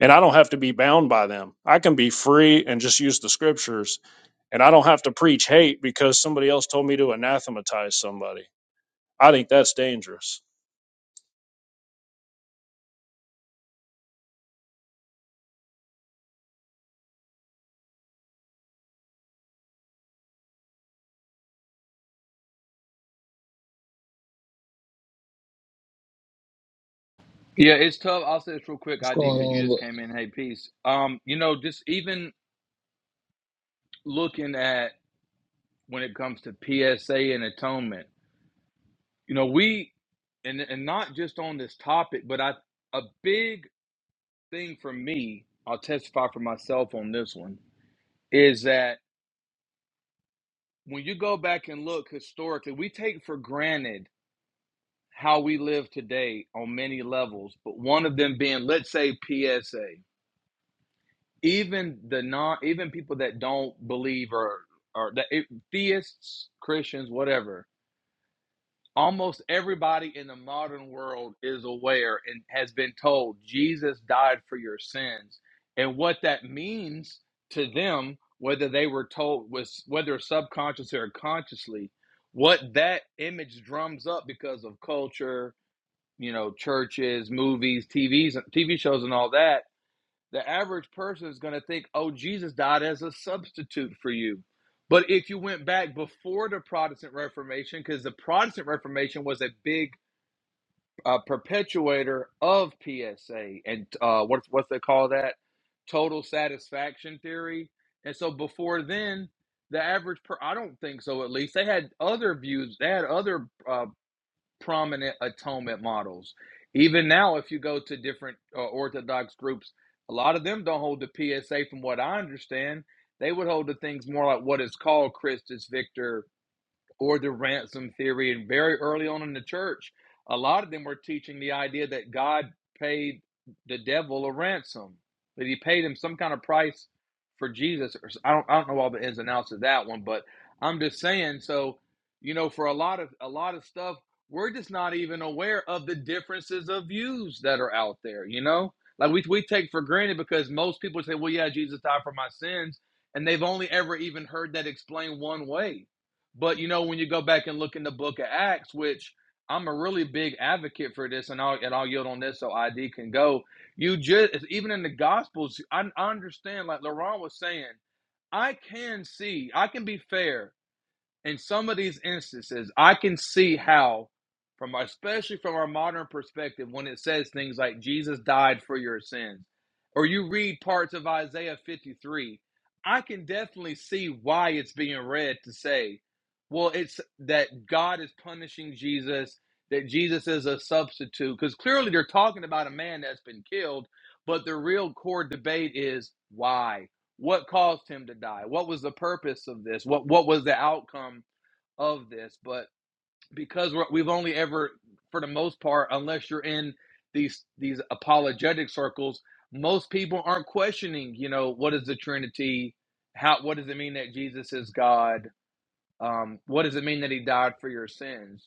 Speaker 4: And I don't have to be bound by them. I can be free and just use the scriptures. And I don't have to preach hate because somebody else told me to anathematize somebody. I think that's dangerous.
Speaker 9: Yeah, it's tough. I'll say this real quick,
Speaker 10: What's going
Speaker 9: ID, because you
Speaker 10: on?
Speaker 9: just
Speaker 10: Look,
Speaker 9: came in. Hey, peace. Um, you know, just even looking at when it comes to PSA and atonement. You know, we and and not just on this topic, but I a big thing for me, I'll testify for myself on this one, is that when you go back and look historically, we take for granted how we live today on many levels, but one of them being let's say PSA. Even the non even people that don't believe or or that, it, theists, Christians, whatever almost everybody in the modern world is aware and has been told Jesus died for your sins and what that means to them whether they were told was whether subconsciously or consciously what that image drums up because of culture you know churches movies TVs TV shows and all that the average person is going to think, oh, Jesus died as a substitute for you. But if you went back before the Protestant Reformation, because the Protestant Reformation was a big uh, perpetuator of PSA and uh, what's what's they call that total satisfaction theory. And so before then, the average per I don't think so. At least they had other views. They had other uh, prominent atonement models. Even now, if you go to different uh, Orthodox groups, a lot of them don't hold the PSA, from what I understand. They would hold the things more like what is called Christus Victor or the ransom theory. And very early on in the church, a lot of them were teaching the idea that God paid the devil a ransom, that he paid him some kind of price for Jesus. I do not I don't I don't know all the ins and outs of that one, but I'm just saying. So, you know, for a lot of a lot of stuff, we're just not even aware of the differences of views that are out there. You know, like we we take for granted because most people say, "Well, yeah, Jesus died for my sins," and they've only ever even heard that explained one way but you know, when you go back and look in the book of Acts, which I'm a really big advocate for this, and I'll and I'll yield on this so ID can go. You just even in the Gospels, I, I understand. Like Laurent was saying, I can see, I can be fair in some of these instances, I can see how, from especially from our modern perspective, when it says things like Jesus died for your sins, or you read parts of Isaiah 53, I can definitely see why it's being read to say, well, it's that God is punishing Jesus, that Jesus is a substitute, because clearly they're talking about a man that's been killed, but the real core debate is why? what caused him to die what was the purpose of this what what was the outcome of this but because we're, we've only ever for the most part unless you're in these these apologetic circles most people aren't questioning you know what is the trinity how what does it mean that jesus is god um, what does it mean that he died for your sins?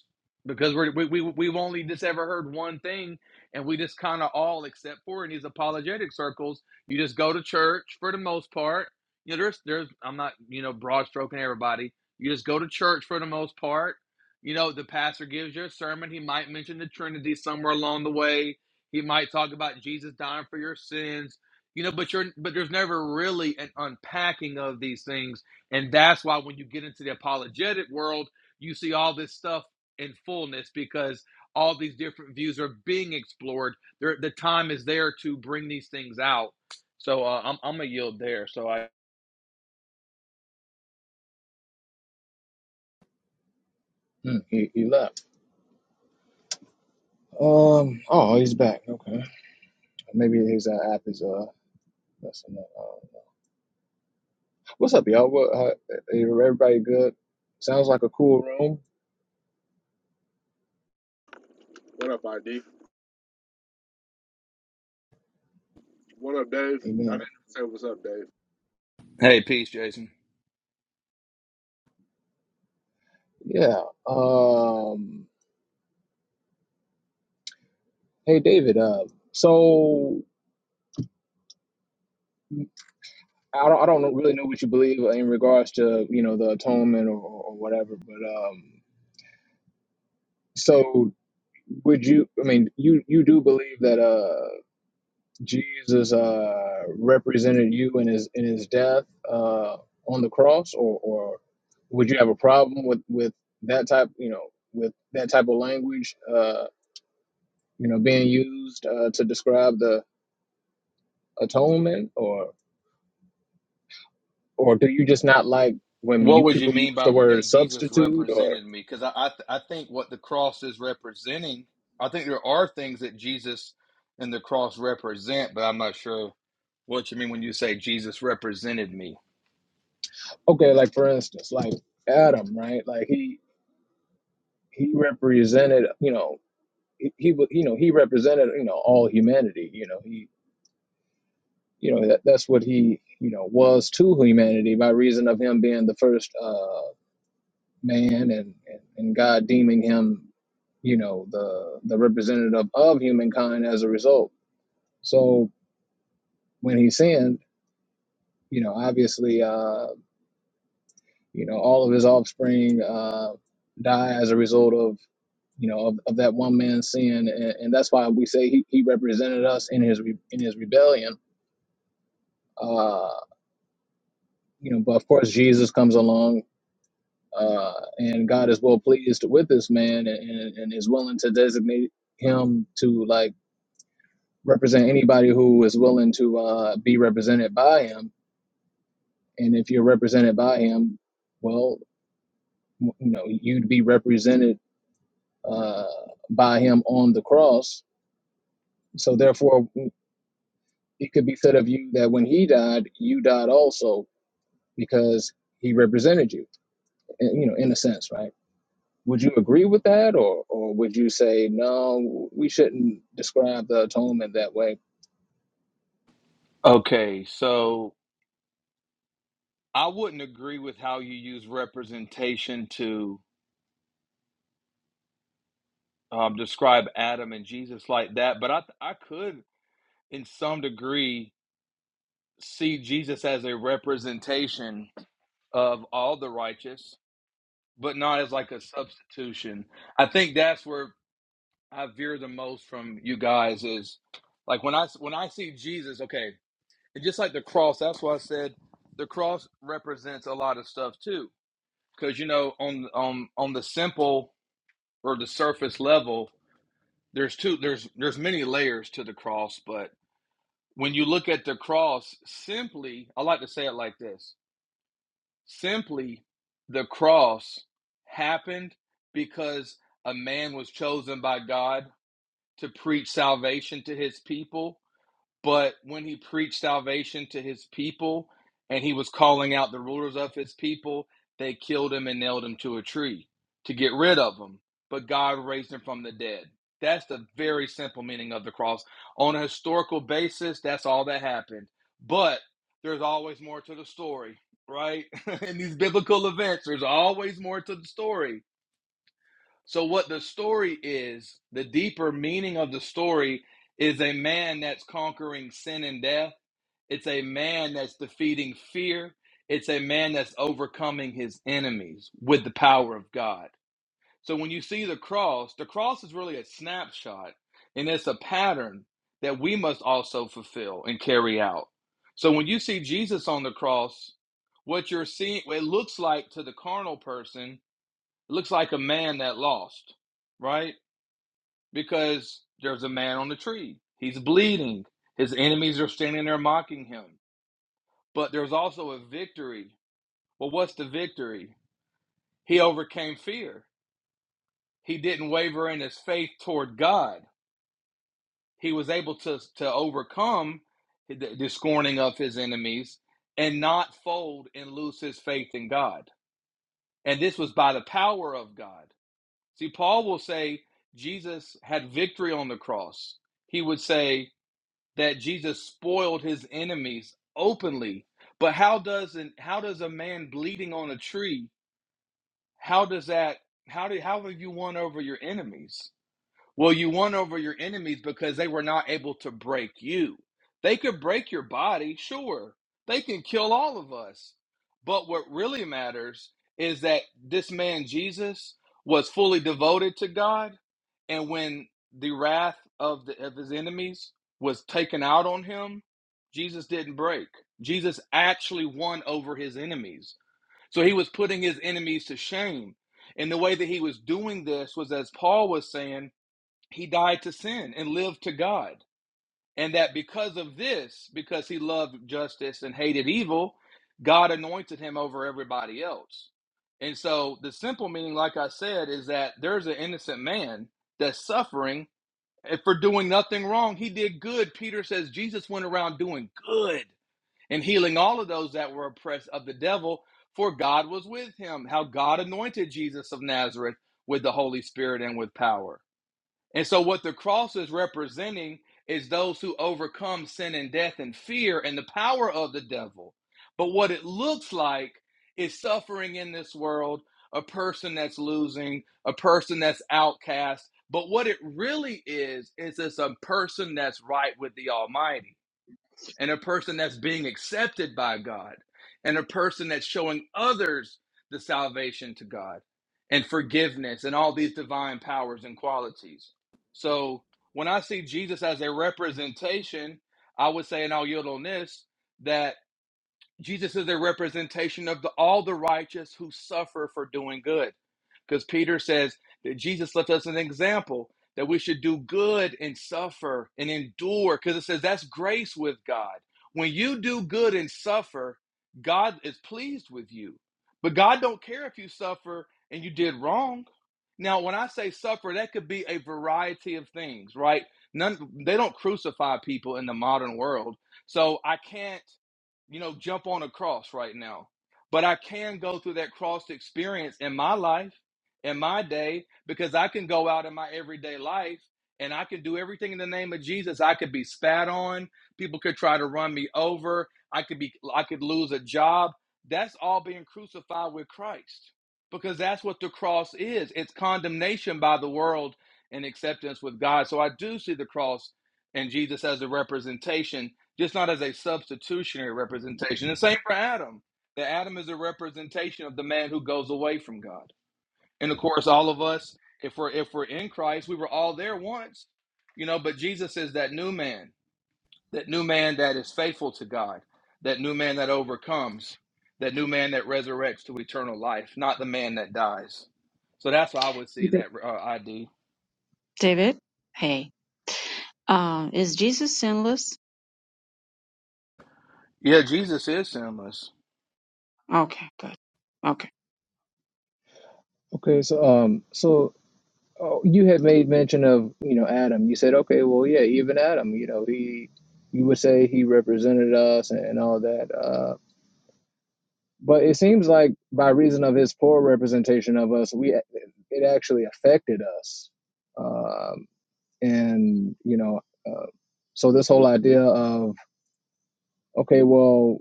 Speaker 9: Because we're, we, we, we've only just ever heard one thing, and we just kind of all, accept for in these apologetic circles, you just go to church for the most part. You know, there's, there's, I'm not, you know, broad stroking everybody. You just go to church for the most part. You know, the pastor gives you a sermon. He might mention the Trinity somewhere along the way. He might talk about Jesus dying for your sins. You know, but you're, but there's never really an unpacking of these things and that's why when you get into the apologetic world, you see all this stuff in fullness because all these different views are being explored. There, the time is there to bring these things out. So uh, I'm, I'm going to yield there. So I.
Speaker 10: hmm, he, he left. Um. Oh, he's back. Okay. Maybe his uh, app is uh messing up. I don't know. What's up, y'all? What? How, everybody good? Sounds like a cool room.
Speaker 1: What up, ID? What up, Dave? I didn't even
Speaker 10: Amen.
Speaker 1: say what's up, Dave.
Speaker 9: Hey, peace, Jason.
Speaker 10: Yeah. Um. Hey, David. Uh. So I don't. I don't know- really know what you believe in regards to you know the atonement or, or whatever. But um. So would you? I mean, you you do believe that uh Jesus uh, represented you in his in his death uh, on the cross, or, or would you have a problem with with that type you know with that type of language uh, you know being used uh, to describe the atonement, or or do you just not like when
Speaker 9: What
Speaker 10: you
Speaker 9: would you
Speaker 10: people
Speaker 9: mean
Speaker 10: use the
Speaker 9: by
Speaker 10: word
Speaker 9: that Jesus
Speaker 10: substitute, or
Speaker 9: represented me? Because I, I, th- I think what the cross is representing, I think there are things that Jesus and the cross represent, but I'm not sure what you mean when you say Jesus represented me.
Speaker 10: okay, like for instance, like Adam, right? Like he he represented you know he, he wa- you know he represented you know all humanity, you know he you know that, that's what he you know was to humanity by reason of him being the first uh, man and, and and God deeming him you know the the representative of humankind as a result. So when he sinned, you know obviously uh, you know all of his offspring uh, die as a result of you know of, of that one man's sin, and, and that's why we say he, he represented us in his re, in his rebellion. Uh, you know, but of course Jesus comes along uh, and God is well pleased with this man and, and, is willing to designate him to like represent anybody who is willing to uh, be represented by him. And if you're represented by him, well, you know, you'd be represented uh, by him on the cross. So therefore, it could be said of you that when he died, you died also because he represented you, eh, you know, in a sense, right? Would you agree with that, or or would you say no, we shouldn't describe the atonement that way?
Speaker 9: Okay, so I wouldn't agree with how you use representation to um, describe Adam and Jesus like that, but I I could, in some degree, see Jesus as a representation of all the righteous, but not as like a substitution. I think that's where I veer the most from you guys is like when I when I see Jesus, okay, and just like the cross, that's why I said the cross represents a lot of stuff too, because you know on on on the simple or the surface level there's two there's there's many layers to the cross but when you look at the cross simply i like to say it like this simply the cross happened because a man was chosen by god to preach salvation to his people but when he preached salvation to his people and he was calling out the rulers of his people, they killed him and nailed him to a tree to get rid of him. But God raised him from the dead. That's the very simple meaning of the cross. On a historical basis, that's all that happened. But there's always more to the story, right? In these biblical events, there's always more to the story so, what the story is, the deeper meaning of the story is a man that's conquering sin and death. It's a man that's defeating fear. It's a man that's overcoming his enemies with the power of God. So, when you see the cross, the cross is really a snapshot and it's a pattern that we must also fulfill and carry out. So, when you see Jesus on the cross, what you're seeing, it looks like to the carnal person looks like a man that lost, right? Because there's a man on the tree. He's bleeding. His enemies are standing there mocking him. But there's also a victory. Well, what's the victory? He overcame fear. He didn't waver in his faith toward God. He was able to, to overcome the, the scorning of his enemies and not fold and lose his faith in God. And this was by the power of God. See, Paul will say Jesus had victory on the cross. He would say that Jesus spoiled his enemies openly. But how does an, how does a man bleeding on a tree? How does that? How do how have you won over your enemies? Well, you won over your enemies because they were not able to break you. They could break your body, sure. They can kill all of us. But what really matters is that this man Jesus was fully devoted to God, and when the wrath of the of his enemies was taken out on him, Jesus didn't break. Jesus actually won over his enemies. So he was putting his enemies to shame. And the way that he was doing this was as Paul was saying, he died to sin and lived to God. And that because of this, because he loved justice and hated evil, God anointed him over everybody else. And so the simple meaning, like I said, is that there's an innocent man that's suffering for doing nothing wrong. He did good. Peter says Jesus went around doing good and healing all of those that were oppressed of the devil, for God was with him. How God anointed Jesus of Nazareth with the Holy Spirit and with power. And so, what the cross is representing is those who overcome sin and death and fear and the power of the devil. But what it looks like is suffering in this world, a person that's losing, a person that's outcast. But what it really is, is it's a person that's right with the Almighty and a person that's being accepted by God, and a person that's showing others the salvation to God and forgiveness and all these divine powers and qualities. So when I see Jesus as a representation, I would say, and I'll yield on this, that Jesus is a representation of the, all the righteous who suffer for doing good. Because Peter says that Jesus left us an example that we should do good and suffer and endure. Because it says that's grace with God. When you do good and suffer, God is pleased with you. But God don't care if you suffer and you did wrong. Now, when I say suffer, that could be a variety of things, right? None they don't crucify people in the modern world. So I can't you know, jump on a cross right now. But I can go through that cross experience in my life, in my day, because I can go out in my everyday life and I can do everything in the name of Jesus. I could be spat on, people could try to run me over, I could be I could lose a job. That's all being crucified with Christ. Because that's what the cross is. It's condemnation by the world and acceptance with God. So I do see the cross and Jesus as a representation just not as a substitutionary representation. The same for Adam. That Adam is a representation of the man who goes away from God. And of course, all of us, if we're if we're in Christ, we were all there once, you know. But Jesus is that new man, that new man that is faithful to God, that new man that overcomes, that new man that resurrects to eternal life, not the man that dies. So that's why I would see
Speaker 5: Da-
Speaker 9: that uh, ID.
Speaker 5: David? Hey. Um, is Jesus sinless?
Speaker 9: Yeah, Jesus is sinless.
Speaker 5: Okay, good. Okay.
Speaker 10: Okay, so um, so oh, you had made mention of you know Adam. You said okay, well yeah, even Adam, you know he, you would say he represented us and, and all that. Uh, but it seems like by reason of his poor representation of us, we it actually affected us, um, and you know, uh, so this whole idea of okay, well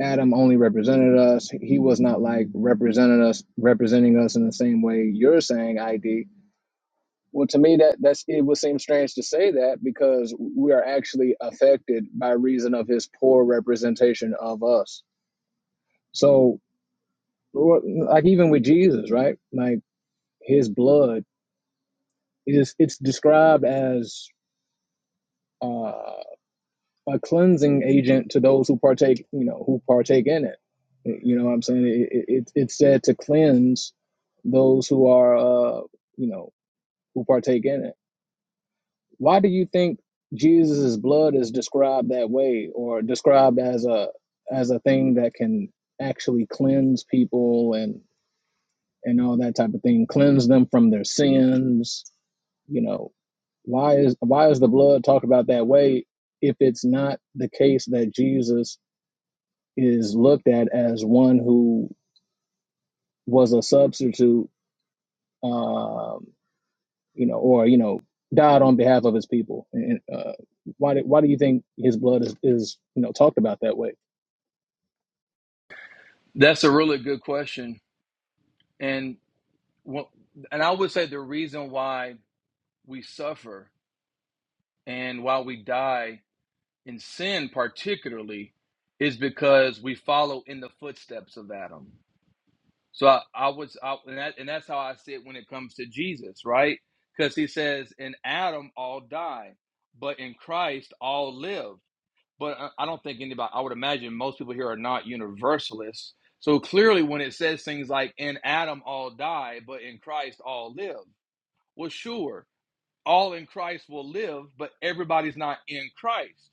Speaker 10: Adam only represented us. He was not like represented us, representing us in the same way you're saying ID. Well, to me, that that's it would seem strange to say that because we are actually affected by reason of his poor representation of us. So, like even with Jesus, right? Like his blood is it's described as. uh, a cleansing agent to those who partake, you know, who partake in it. You know what I'm saying? It, it, it's said to cleanse those who are, uh, you know, who partake in it. Why do you think Jesus' blood is described that way or described as a as a thing that can actually cleanse people and and all that type of thing, cleanse them from their sins, you know, why is why is the blood talked about that way if it's not the case that Jesus is looked at as one who was a substitute, um, you know, or you know, died on behalf of his people. And uh, why do why do you think his blood is, is you know talked about that way?
Speaker 9: That's a really good question, and Well, and I would say the reason why we suffer and why we die in sin, particularly, is because we follow in the footsteps of Adam. So I, I was, I, and, that, and that's how I see it when it comes to Jesus, right? Because he says, "In Adam all die, but in Christ all live." But I I don't think anybody. I would imagine most people here are not universalists. So clearly, when it says things like "In Adam all die, but in Christ all live," well, sure all in Christ will live, but everybody's not in Christ.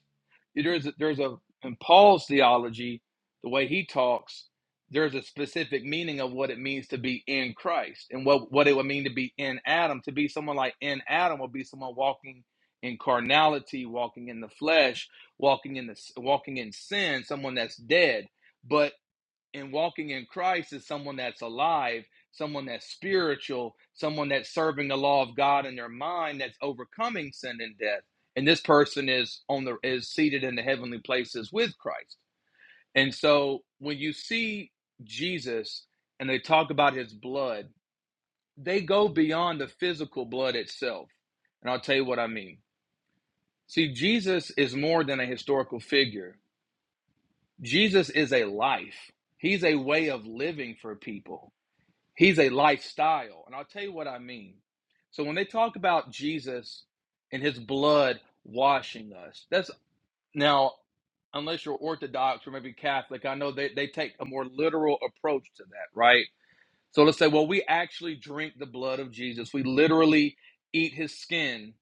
Speaker 9: There's a, there's a in Paul's theology, the way he talks, there's a specific meaning of what it means to be in Christ and what what it would mean to be in Adam. To be someone like in Adam would be someone walking in carnality, walking in the flesh, walking in the walking in sin, someone that's dead. But and walking in Christ is someone that's alive, someone that's spiritual, someone that's serving the law of God in their mind, that's overcoming sin and death. And this person is on the is seated in the heavenly places with Christ. And so when you see Jesus and they talk about his blood, they go beyond the physical blood itself. And I'll tell you what I mean. See, Jesus is more than a historical figure. Jesus is a life. He's a way of living for people. He's a lifestyle. And I'll tell you what I mean. So when they talk about Jesus and his blood washing us, that's now, unless you're Orthodox or maybe Catholic, I know they, they take a more literal approach to that, right? So let's say, well, we actually drink the blood of Jesus, we literally eat his skin.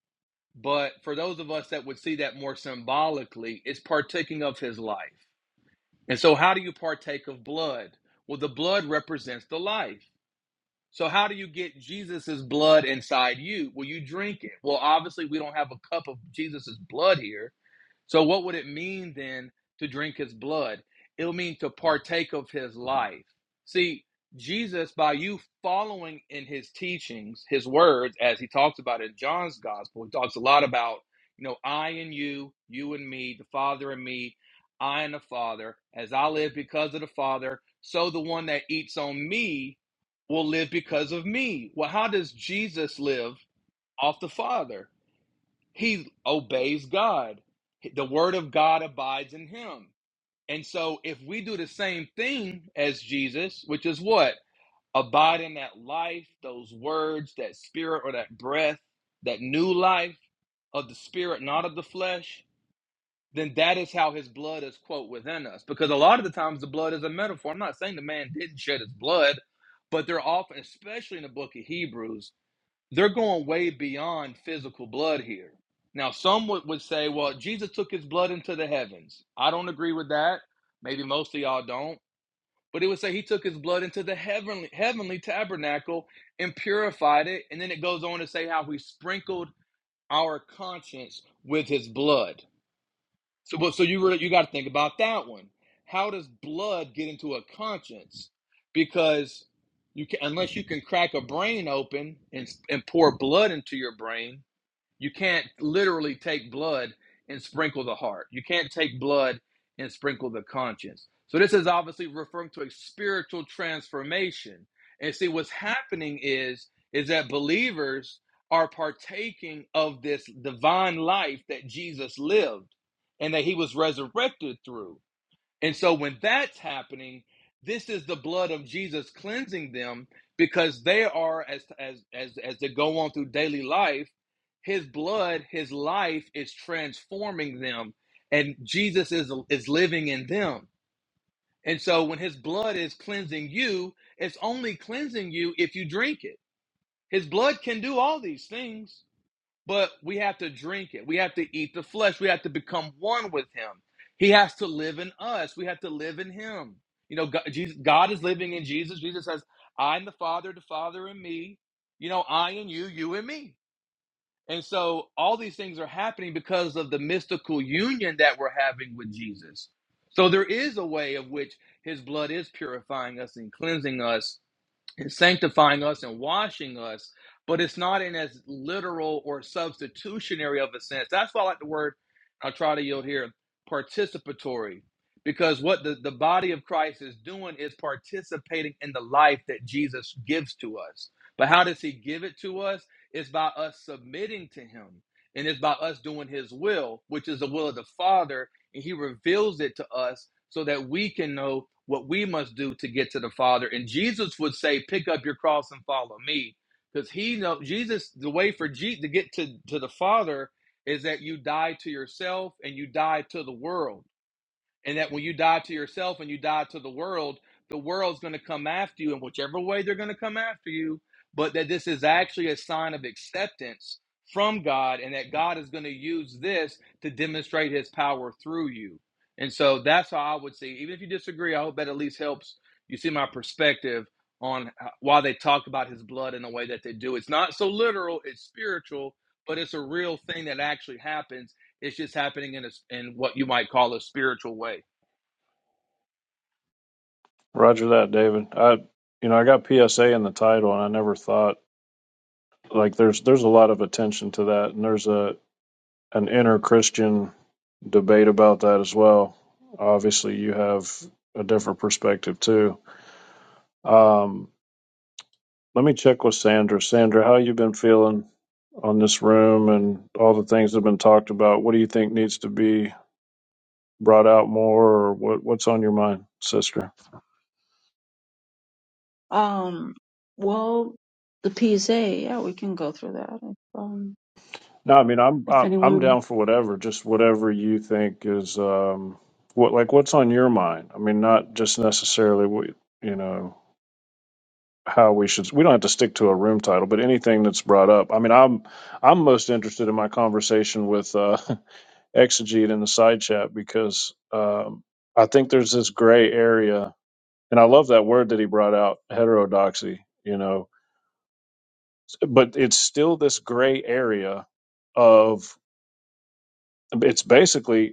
Speaker 9: But for those of us that would see that more symbolically, it's partaking of his life. And so, how do you partake of blood? Well, the blood represents the life. So how do you get Jesus's blood inside you? Well, you drink it. Well, obviously we don't have a cup of Jesus's blood here. So, what would it mean then to drink his blood? It'll mean to partake of his life. See, Jesus, by you following in his teachings, his words, as he talks about in John's gospel, he talks a lot about, you know, I and you, you and me, the Father and me, I and the Father, as I live because of the Father, so the one that eats on me will live because of me. Well, how does Jesus live off the Father? He obeys God. The word of God abides in him. And so if we do the same thing as Jesus, which is what? Abide in that life, those words, that spirit or that breath, that new life of the spirit, not of the flesh, then that is how his blood is, quote, within us. Because a lot of the times the blood is a metaphor. I'm not saying the man didn't shed his blood, but they're often, especially in the book of Hebrews, they're going way beyond physical blood here. Now, some would, would say, well, Jesus took his blood into the heavens. I don't agree with that. Maybe most of y'all don't. But it would say he took his blood into the heavenly, heavenly tabernacle and purified it. And then it goes on to say how he sprinkled our conscience with his blood. So, but so you really you got to think about that one. How does blood get into a conscience? Because you can, unless you can crack a brain open and and pour blood into your brain, you can't literally take blood and sprinkle the heart. You can't take blood and sprinkle the conscience. So this is obviously referring to a spiritual transformation. And see what's happening is is that believers are partaking of this divine life that Jesus lived and that he was resurrected through. And so when that's happening, this is the blood of Jesus cleansing them because they are as as as as they go on through daily life, his blood, his life is transforming them and Jesus is is living in them. And so when his blood is cleansing you, it's only cleansing you if you drink it. His blood can do all these things but we have to drink it. We have to eat the flesh. We have to become one with Him. He has to live in us. We have to live in Him. You know, God, Jesus, God is living in Jesus. Jesus says, "I am the Father, the Father in me. You know, I and you, you and me." And so all these things are happening because of the mystical union that we're having with Jesus. So there is a way of which His blood is purifying us and cleansing us and sanctifying us and washing us, but it's not in as literal or substitutionary of a sense. That's why I like the word, I'll try to yield here, participatory, because what the, the body of Christ is doing is participating in the life that Jesus gives to us. But how does he give it to us? It's by us submitting to him. And it's by us doing his will, which is the will of the Father, and he reveals it to us so that we can know what we must do to get to the Father. And Jesus would say, "Pick up your cross and follow me," because he knows Jesus. The way for Je- to get to to the Father is that you die to yourself and you die to the world and that when you die to yourself and you die to the world, the world's going to come after you in whichever way they're going to come after you, but that this is actually a sign of acceptance from God and that God is going to use this to demonstrate his power through you. And so that's how I would see. Even if you disagree, I hope that at least helps you see my perspective on why they talk about his blood in the way that they do. It's not so literal, it's spiritual, but it's a real thing that actually happens it's just happening in a, in what you might call a spiritual way.
Speaker 4: Roger that, David. I, you know, I got PSA in the title, and I never thought like there's there's a lot of attention to that, and there's a an inner Christian debate about that as well. Obviously, you have a different perspective too. Um, let me check with Sandra. Sandra, how you been feeling on this room and all the things that have been talked about? What do you think needs to be brought out more, or what what's on your mind, sister?
Speaker 5: Um, well, the PSA, yeah, we can go through that. If, um,
Speaker 4: No, I mean I'm
Speaker 5: if
Speaker 4: I- I'm
Speaker 5: anyone,
Speaker 4: down for whatever, just whatever you think is um what like what's on your mind. I mean, not just necessarily what you know how we should. We don't have to stick to a room title, but anything that's brought up. I mean, I'm I'm most interested in my conversation with uh, Exegete in the side chat because um, I think there's this gray area, and I love that word that he brought out, heterodoxy. You know, but it's still this gray area of it's basically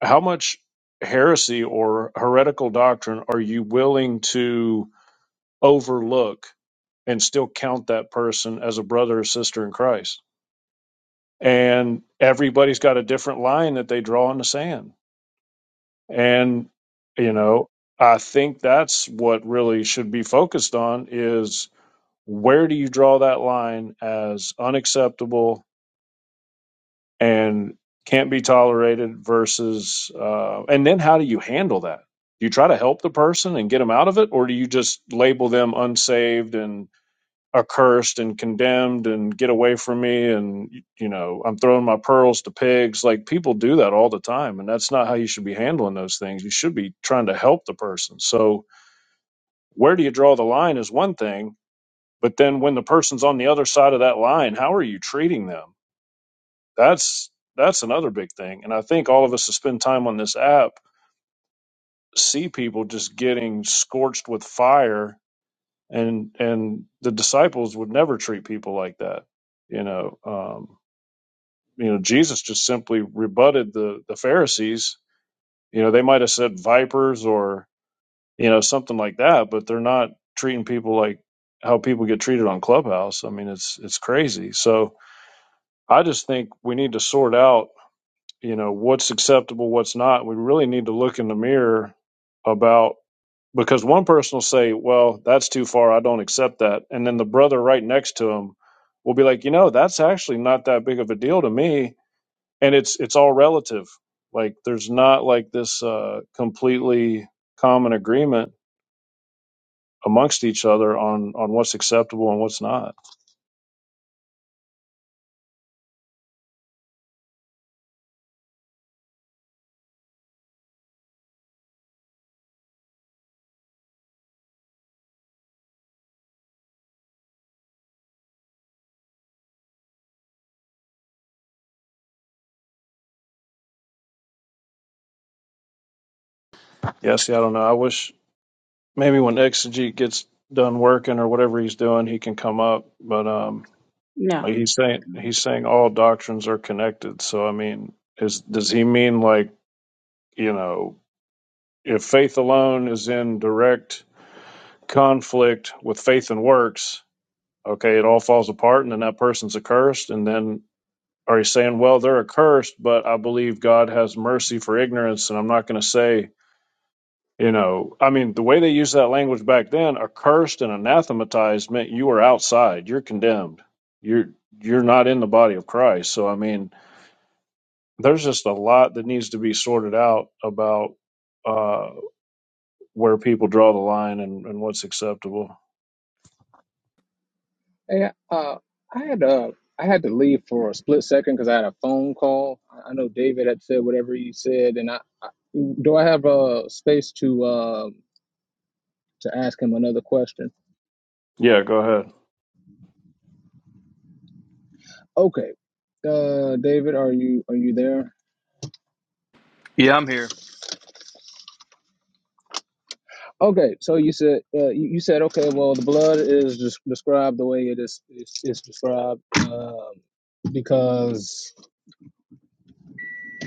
Speaker 4: how much heresy or heretical doctrine are you willing to overlook and still count that person as a brother or sister in Christ? And everybody's got a different line that they draw in the sand. And, you know, I think that's what really should be focused on is where do you draw that line as unacceptable and can't be tolerated versus uh, and then how do you handle that do you try to help the person and get them out of it or do you just label them unsaved and accursed and condemned and get away from me and you know i'm throwing my pearls to pigs like people do that all the time and that's not how you should be handling those things you should be trying to help the person so where do you draw the line is one thing but then when the person's on the other side of that line how are you treating them that's that's another big thing. And I think all of us that spend time on this app see people just getting scorched with fire and and the disciples would never treat people like that. You know, um, you know, Jesus just simply rebutted the the Pharisees. You know, they might have said vipers or you know something like that, but they're not treating people like how people get treated on Clubhouse. I mean, it's it's crazy. So I just think we need to sort out you know what's acceptable what's not we really need to look in the mirror about because one person will say well that's too far i don't accept that and then the brother right next to him will be like you know that's actually not that big of a deal to me and it's it's all relative like there's not like this uh completely common agreement amongst each other on on what's acceptable and what's not yeah see i don't know i wish maybe when exegete gets done working or whatever he's doing he can come up but um
Speaker 5: no.
Speaker 4: Like he's saying he's saying all doctrines are connected. So I mean, is does he mean like, you know, if faith alone is in direct conflict with faith and works, okay, it all falls apart and then that person's accursed and then are you saying, well, they're accursed, but I believe God has mercy for ignorance and I'm not going to say, you know, I mean, the way they used that language back then, accursed and anathematized meant you were outside, you're condemned. You're you're not in the body of Christ. So I mean, there's just a lot that needs to be sorted out about uh, where people draw the line and, and what's acceptable.
Speaker 10: Hey, uh, I had uh, I had to leave for a split second because I had a phone call. I know David had said whatever he said, and I, I do I have a uh, space to uh, to ask him another question?
Speaker 4: Yeah, go ahead.
Speaker 10: Okay, uh, David, are you are you there?
Speaker 9: Yeah, I'm here.
Speaker 10: Okay, so you said uh, you you said okay. Well, the blood is just described the way it is it's, it's described um, because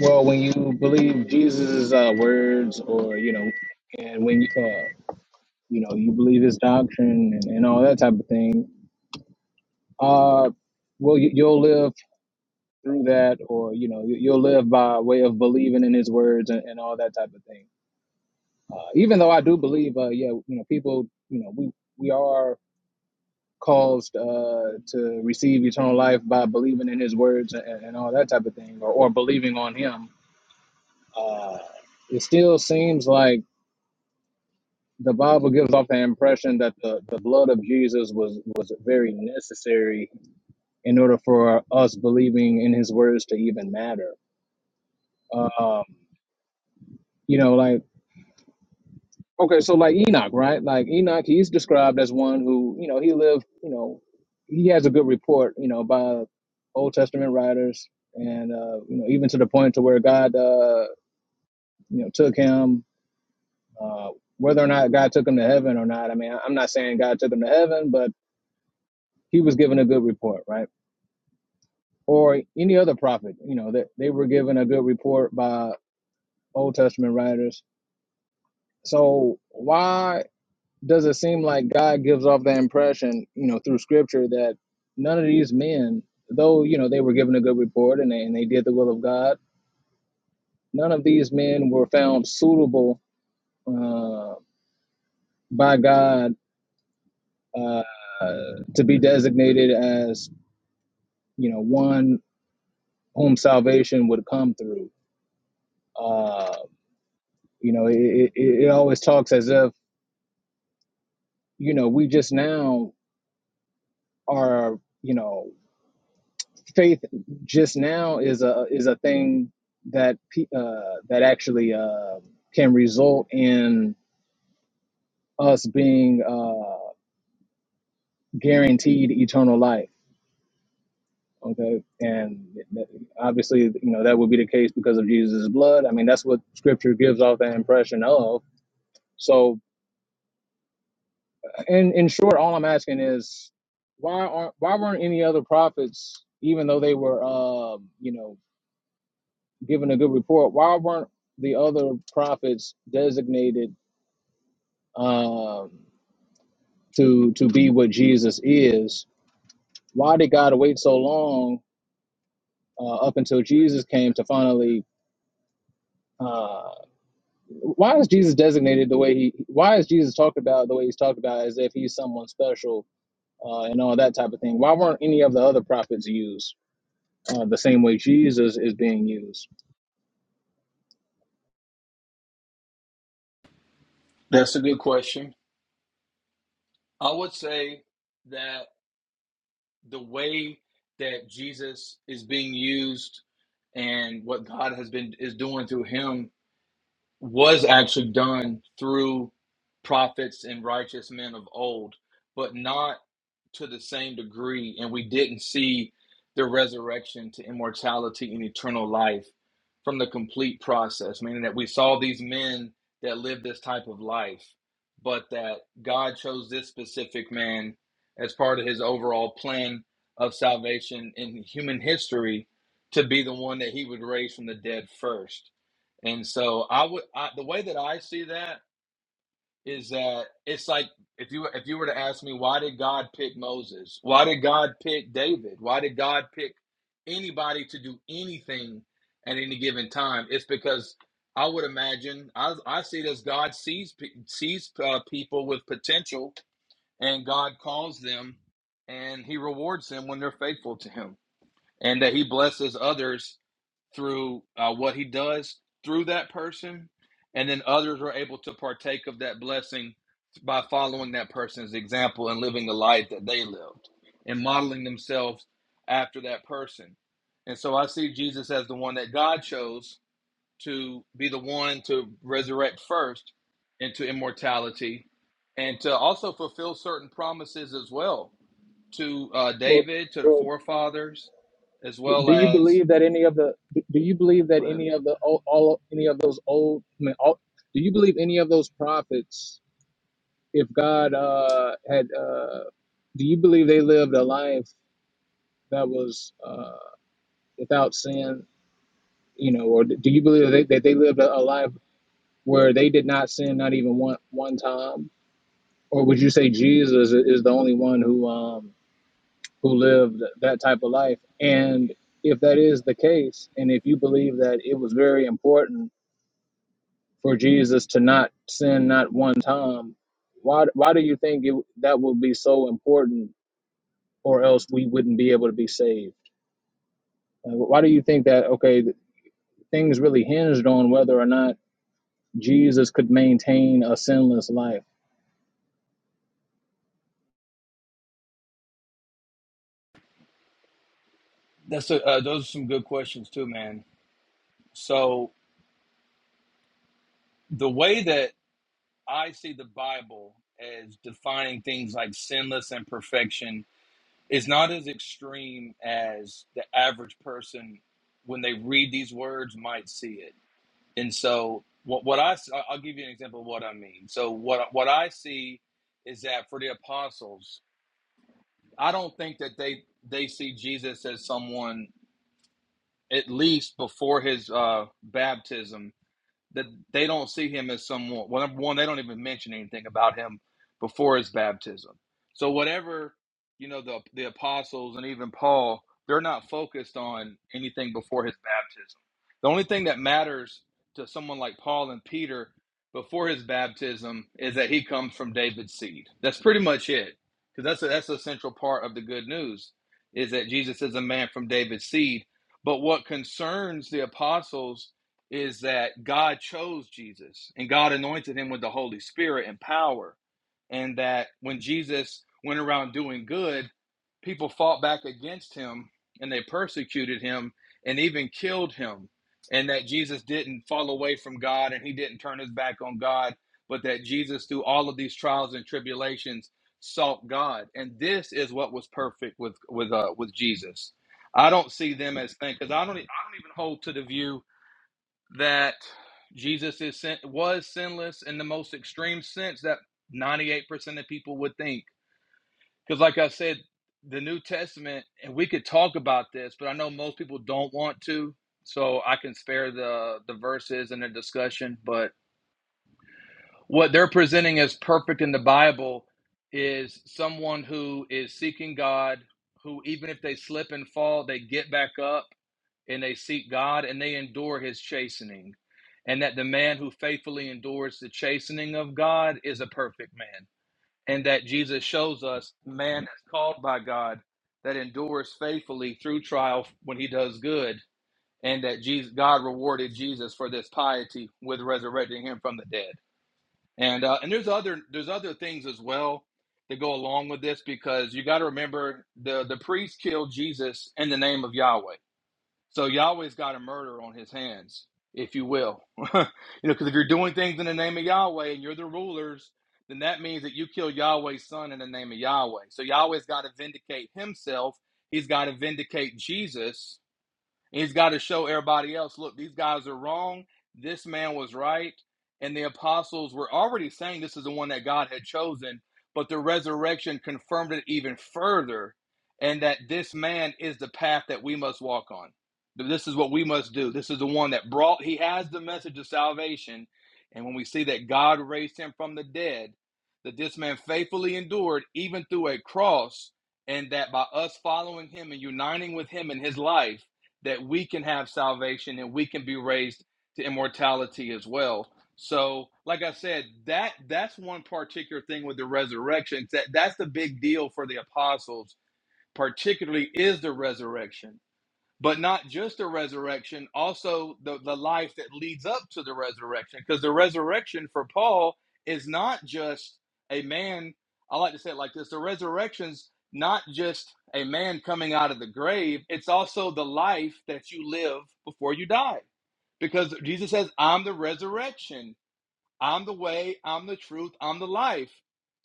Speaker 10: well, when you believe Jesus' uh, words, or you know, and when you uh, you know you believe his doctrine and, and all that type of thing, uh, well, you, you'll live through that, or you know, you, you'll live by way of believing in his words and, and all that type of thing. Uh, even though I do believe, uh, yeah, you know, people, you know, we we are caused uh, to receive eternal life by believing in his words and, and all that type of thing, or, or believing on him, uh, it still seems like the Bible gives off the impression that the, the blood of Jesus was, was very necessary in order for us believing in his words to even matter. Um, you know, like Okay, so like Enoch, right? Like Enoch, he's described as one who, you know, he lived, you know, he has a good report, you know, by Old Testament writers, and uh, you know, even to the point to where God, uh, you know, took him. Uh, whether or not God took him to heaven or not, I mean, I- I'm not saying God took him to heaven, but he was given a good report, right? Or any other prophet, you know, that they were given a good report by Old Testament writers. So why? does it seem like God gives off the impression, you know, through scripture that none of these men, though, you know, they were given a good report and they, and they did the will of God, none of these men were found suitable uh, by God uh, to be designated as, you know, one whom salvation would come through. Uh, you know, it, it, it always talks as if, you know, we just now are, you know, faith just now is a is a thing that pe- uh, that actually uh, can result in us being uh, guaranteed eternal life. Okay, and that- obviously, you know that would be the case because of Jesus' blood. I mean, that's what Scripture gives off the impression of. So, in in short, all I'm asking is, why aren't why weren't any other prophets, even though they were, uh, you know, Given a good report. Why weren't the other prophets designated um, to to be what Jesus is? Why did God wait so long uh, up until Jesus came to finally? Uh, why is Jesus designated the way he? Why is Jesus talked about the way he's talked about as if he's someone special uh, and all that type of thing? Why weren't any of the other prophets used uh, the same way Jesus is being used?
Speaker 9: That's a good question. I would say that the way that Jesus is being used and what God has been is doing through him was actually done through prophets and righteous men of old, but not to the same degree. And we didn't see the resurrection to immortality and eternal life from the complete process, meaning that we saw these men that lived this type of life, but that God chose this specific man as part of his overall plan of salvation in human history to be the one that he would raise from the dead first and so I would I, the way that I see that is that it's like if you if you were to ask me why did God pick Moses? Why did God pick David? Why did God pick anybody to do anything at any given time? It's because I would imagine I, I see it as God sees pe- sees uh, people with potential and God calls them and he rewards them when they're faithful to him and that he blesses others through uh, what he does through that person, and then others are able to partake of that blessing by following that person's example and living the life that they lived and modeling themselves after that person. And so I see Jesus as the one that God chose to be the one to resurrect first into immortality and to also fulfill certain promises as well to uh,
Speaker 10: Well,
Speaker 9: David, to the
Speaker 10: well
Speaker 9: forefathers, as well
Speaker 10: do you
Speaker 9: as
Speaker 10: believe that any of the do you believe that
Speaker 9: go ahead,
Speaker 10: any of the all, all any of those old I mean, all, do you believe any of those prophets if god uh had uh do you believe they lived a life that was uh without sin you know or do you believe they, that they lived a, a life where they did not sin not even one one time or would you say jesus is the only one who um who lived that type of life and if that is the case and if you believe that it was very important for Jesus to not sin not one time, why why do you think it, that would be so important, or else we wouldn't be able to be saved? Uh, Why do you think that? Okay, things really hinged on whether or not Jesus could maintain a sinless life.
Speaker 9: That's a, uh, those are some good questions too, man. So the way that I see the Bible as defining things like sinless and perfection is not as extreme as the average person when they read these words might see it. And so what what I s- I- I'll give you an example of what I mean. So what what I see is that for the apostles, I don't think that they they see Jesus as someone at least before his uh, baptism that they don't see him as someone. Well, number one, they don't even mention anything about him before his baptism. So whatever you know, the the apostles and even Paul, they're not focused on anything before his baptism. The only thing that matters to someone like Paul and Peter before his baptism is that he comes from David's seed. That's pretty much it, because that's a, that's a central part of the good news is that Jesus is a man from David's seed. But what concerns the apostles is that God chose Jesus and God anointed him with the Holy Spirit and power. And that when Jesus went around doing good, people fought back against him and they persecuted him and even killed him. And that Jesus didn't fall away from God and he didn't turn his back on God, but that Jesus, through all of these trials and tribulations, sought God. And this is what was perfect with with uh, with Jesus. I don't see them as things because I don't e, I don't even hold to the view that Jesus is sin- was sinless in the most extreme sense that 98% of people would think. Because, like I said, the New Testament, and we could talk about this, but I know most people don't want to, so I can spare the the verses and the discussion. But what they're presenting as perfect in the Bible is someone who is seeking God, who even if they slip and fall, they get back up and they seek God and they endure his chastening. And that the man who faithfully endures the chastening of God is a perfect man. And that Jesus shows us man is called by God that endures faithfully through trial when he does good. And that Jesus, God rewarded Jesus for this piety with resurrecting him from the dead. And uh, and there's other there's other things as well that go along with this because you got to remember the the priests killed Jesus in the name of Yahweh so Yahweh's got a murder on his hands, if you will. you know, because if you're doing things in the name of Yahweh and you're the rulers, then that means that you kill Yahweh's son in the name of Yahweh. So Yahweh's got to vindicate himself. He's got to vindicate Jesus He's got to show everybody else look, these guys are wrong. This man was right. And the apostles were already saying this is the one that God had chosen, but the resurrection confirmed it even further. And that this man is the path that we must walk on. This is what we must do. This is the one that brought, he has the message of salvation. And when we see that God raised him from the dead, that this man faithfully endured even through a cross, and that by us following him and uniting with him in his life, that we can have salvation and we can be raised to immortality as well. So, like I said, that that's one particular thing with the resurrection. That that's the big deal for the apostles, particularly is the resurrection but not just the resurrection, also the, the life that leads up to the resurrection. Because the resurrection for Paul is not just a man, I like to say it like this the resurrection's not just a man coming out of the grave, it's also the life that you live before you die. Because Jesus says, I'm the resurrection I'm the way, I'm the truth, I'm the life.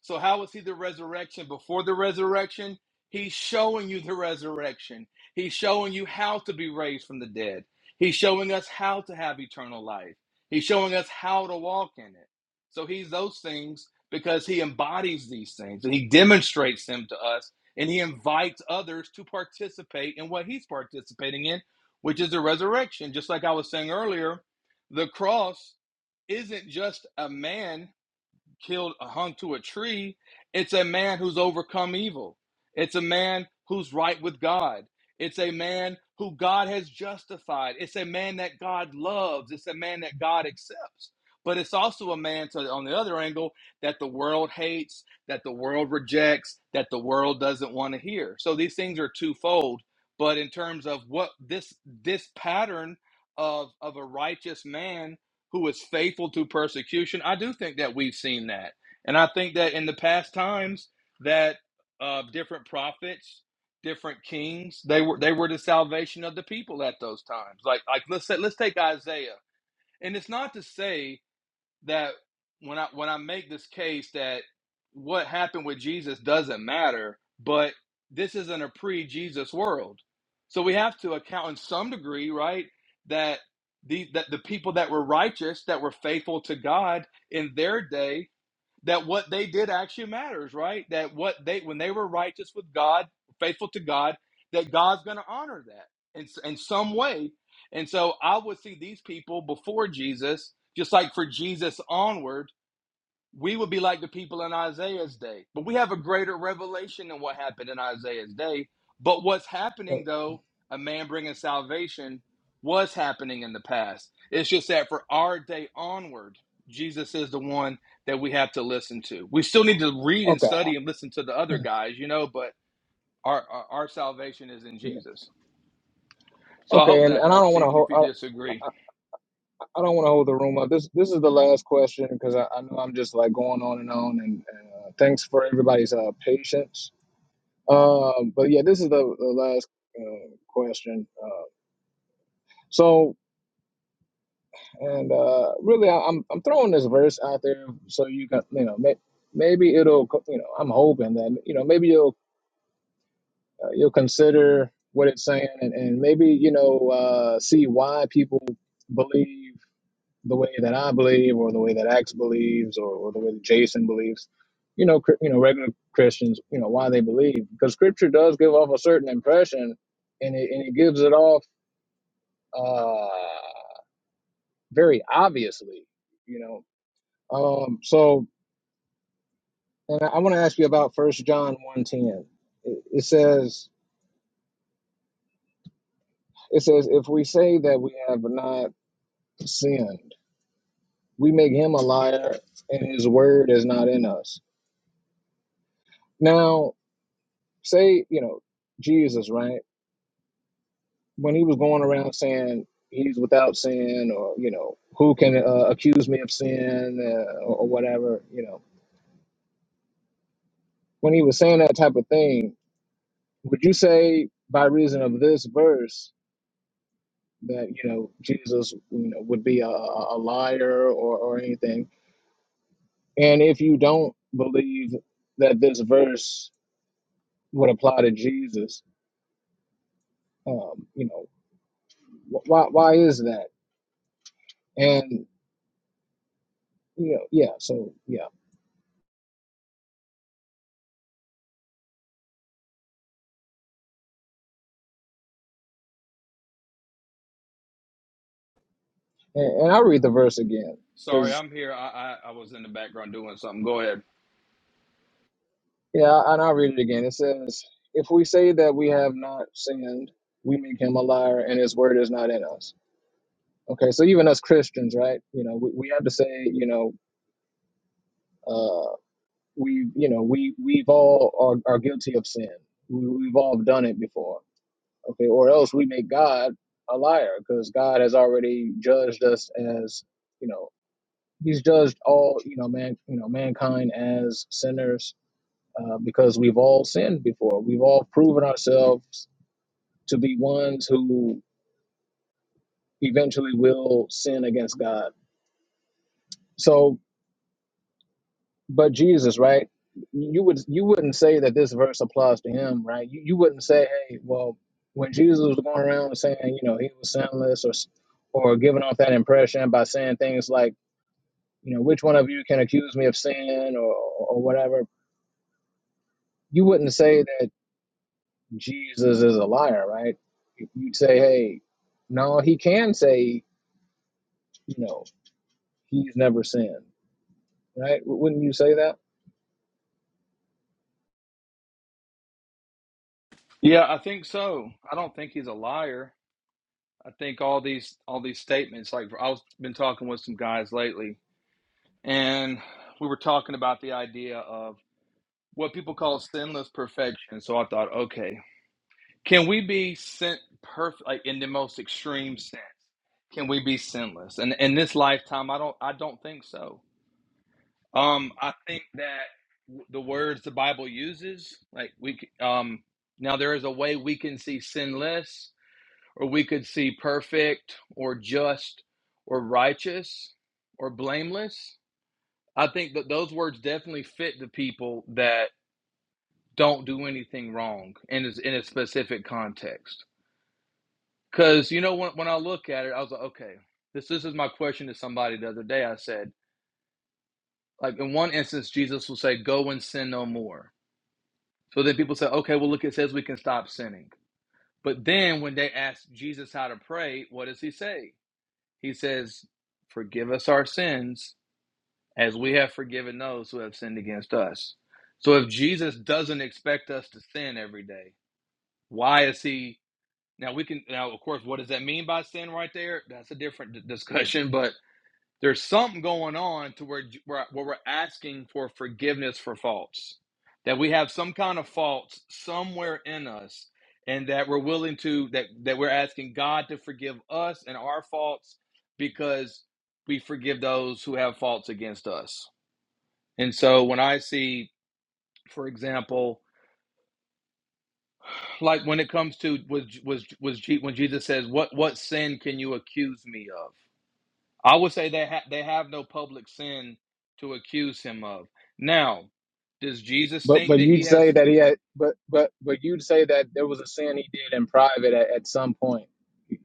Speaker 9: So, how is he the resurrection? Before the resurrection, he's showing you the resurrection. He's showing you how to be raised from the dead. He's showing us how to have eternal life. He's showing us how to walk in it. So, he's those things because he embodies these things and he demonstrates them to us and he invites others to participate in what he's participating in, which is the resurrection. Just like I was saying earlier, the cross isn't just a man killed hung to a tree it's a man who's overcome evil it's a man who's right with god it's a man who god has justified it's a man that god loves it's a man that god accepts but it's also a man so on the other angle that the world hates that the world rejects that the world doesn't want to hear so these things are twofold but in terms of what this this pattern of of a righteous man who is faithful to persecution. I do think that we've seen that. And I think that in the past times that uh, different prophets, different kings, they were they were the salvation of the people at those times. Like like let's say, let's take Isaiah. And it's not to say that when I when I make this case that what happened with Jesus doesn't matter, but this isn't a pre-Jesus world. So we have to account in some degree, right, that the that the people that were righteous, that were faithful to God in their day that what they did actually matters, right? That what they when they were righteous with God, faithful to God, that God's going to honor that in in some way. And so I would see these people before Jesus, just like for Jesus onward, we would be like the people in Isaiah's day. But we have a greater revelation than what happened in Isaiah's day. But what's happening, though, a man bringing salvation was happening in the past. It's just that for our day onward, Jesus is the one that we have to listen to. We still need to read and
Speaker 10: Okay,
Speaker 9: study and listen to the other guys, you know, but our, our, our salvation is in
Speaker 10: yeah,
Speaker 9: Jesus. So I
Speaker 10: okay,
Speaker 9: hope
Speaker 10: and,
Speaker 9: that
Speaker 10: and I don't
Speaker 9: helps,
Speaker 10: want to
Speaker 9: even if
Speaker 10: hold
Speaker 9: you
Speaker 10: I,
Speaker 9: disagree.
Speaker 10: I don't want to hold the room up. This this is the last question because I, I know I'm just like going on and on, and, and uh, thanks for everybody's uh, patience. Um, but yeah, this is the, the last uh, question. Uh, so And uh, really, I- I'm I'm throwing this verse out there so you can you know may, maybe it'll you know I'm hoping that you know maybe you'll uh, you'll consider what it's saying and, and maybe you know uh, see why people believe the way that I believe or the way that Axe believes or, or the way that Jason believes. You know, cr- you know, regular Christians, you know, why they believe because Scripture does give off a certain impression, and it and it gives it off uh, very obviously. You know, um, so And I, I want to ask you about First John one ten. It, it says, "It says if we say that we have not sinned, we make him a liar, and his word is not in us." Now, say you know Jesus, right? When he was going around saying he's without sin, or you know, who can uh, accuse me of sin, uh, or, or whatever, you know, when he was saying that type of thing, would you say by reason of this verse? that you know Jesus you know, would be a, a liar or, or anything. And if you don't believe that this verse would apply to Jesus, um, you know wh- why why is that? And you know yeah, so yeah, and, and I'll read the verse again
Speaker 9: Sorry,
Speaker 10: because
Speaker 9: I'm here. I, I, I was in the background doing something. Go ahead.
Speaker 10: yeah, and I'll read it again. It says, "If we say that we have not sinned, we make him a liar, and his word is not in us." Okay, so even us Christians, right? You know, we, we have to say, you know, uh, we you know we we've all are, are guilty of sin we, we've all done it before okay or else we make god a liar because god has already judged us as you know he's judged all you know man you know mankind as sinners uh, because we've all sinned before we've all proven ourselves to be ones who eventually will sin against god so But Jesus, right? You would you wouldn't say that this verse applies to him, right? You, you wouldn't say, hey, well, when Jesus was going around saying, you know, he was sinless, or or giving off that impression by saying things like, you know, which one of you can accuse me of sin, or or whatever. You wouldn't say that Jesus is a liar, right? You'd say, hey, no, he can say, you know, he's never sinned, right? Wouldn't you say that?
Speaker 9: Yeah, I think so. I don't think he's a liar. I think all these all these statements, like I've been talking with some guys lately, and we were talking about the idea of what people call sinless perfection. So I thought, okay, can we be sent perfect, like in the most extreme sense? Can we be sinless? And in this lifetime, I don't I don't think so. Um, I think that w- the words the Bible uses, like we, c- um, now there is a way we can see sinless or we could see perfect or just or righteous or blameless. I think that those words definitely fit the people that don't do anything wrong in a, in a specific context. Because, you know, when, when I look at it, I was like, okay, this, this is my question to somebody the other day. I said, like, in one instance, Jesus will say, go and sin no more. So then people say, okay, well, look, it says we can stop sinning. But then when they ask Jesus how to pray, what does he say? He says, Forgive us our sins as we have forgiven those who have sinned against us. So if Jesus doesn't expect us to sin every day, why is he? Now, we can, now, of course, what does that mean by sin right there? That's a different discussion, but there's something going on to where, where, where we're asking for forgiveness for faults, that we have some kind of faults somewhere in us, and that we're willing to, that, that we're asking God to forgive us and our faults because we forgive those who have faults against us. And so when I see, for example, like when it comes to was was was when Jesus says, "What what sin can you accuse me of?" I would say they ha- they have no public sin to accuse him of. Now, does Jesus
Speaker 10: But
Speaker 9: think
Speaker 10: but
Speaker 9: that he
Speaker 10: you'd say
Speaker 9: has?
Speaker 10: that he had but but but you'd say that there was a sin he did in private at, at some point.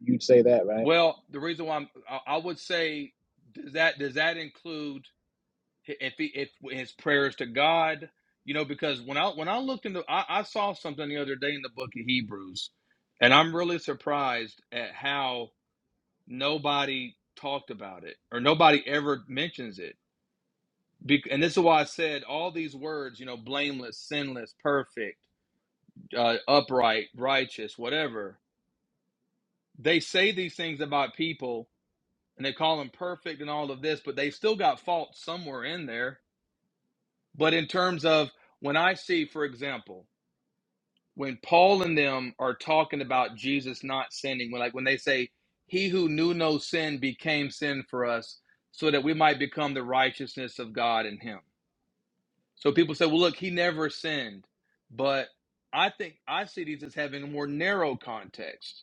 Speaker 10: You'd say that, right?
Speaker 9: Well, the reason why I'm, I I would say does that does that include hi- if he if his prayers to God? You know, because when I when I looked into I, I saw something the other day in the book of Hebrews, and I'm really surprised at how nobody talked about it or nobody ever mentions it. Bec- and this is why I said all these words, you know, blameless, sinless, perfect uh, upright, righteous, whatever. They say these things about people and they call them perfect and all of this, but they still got fault somewhere in there. But in terms of when I see, for example, when Paul and them are talking about Jesus not sinning, when like when they say, He who knew no sin became sin for us, so that we might become the righteousness of God in him. So people say, Well, look, he never sinned. But I think I see these as having a more narrow context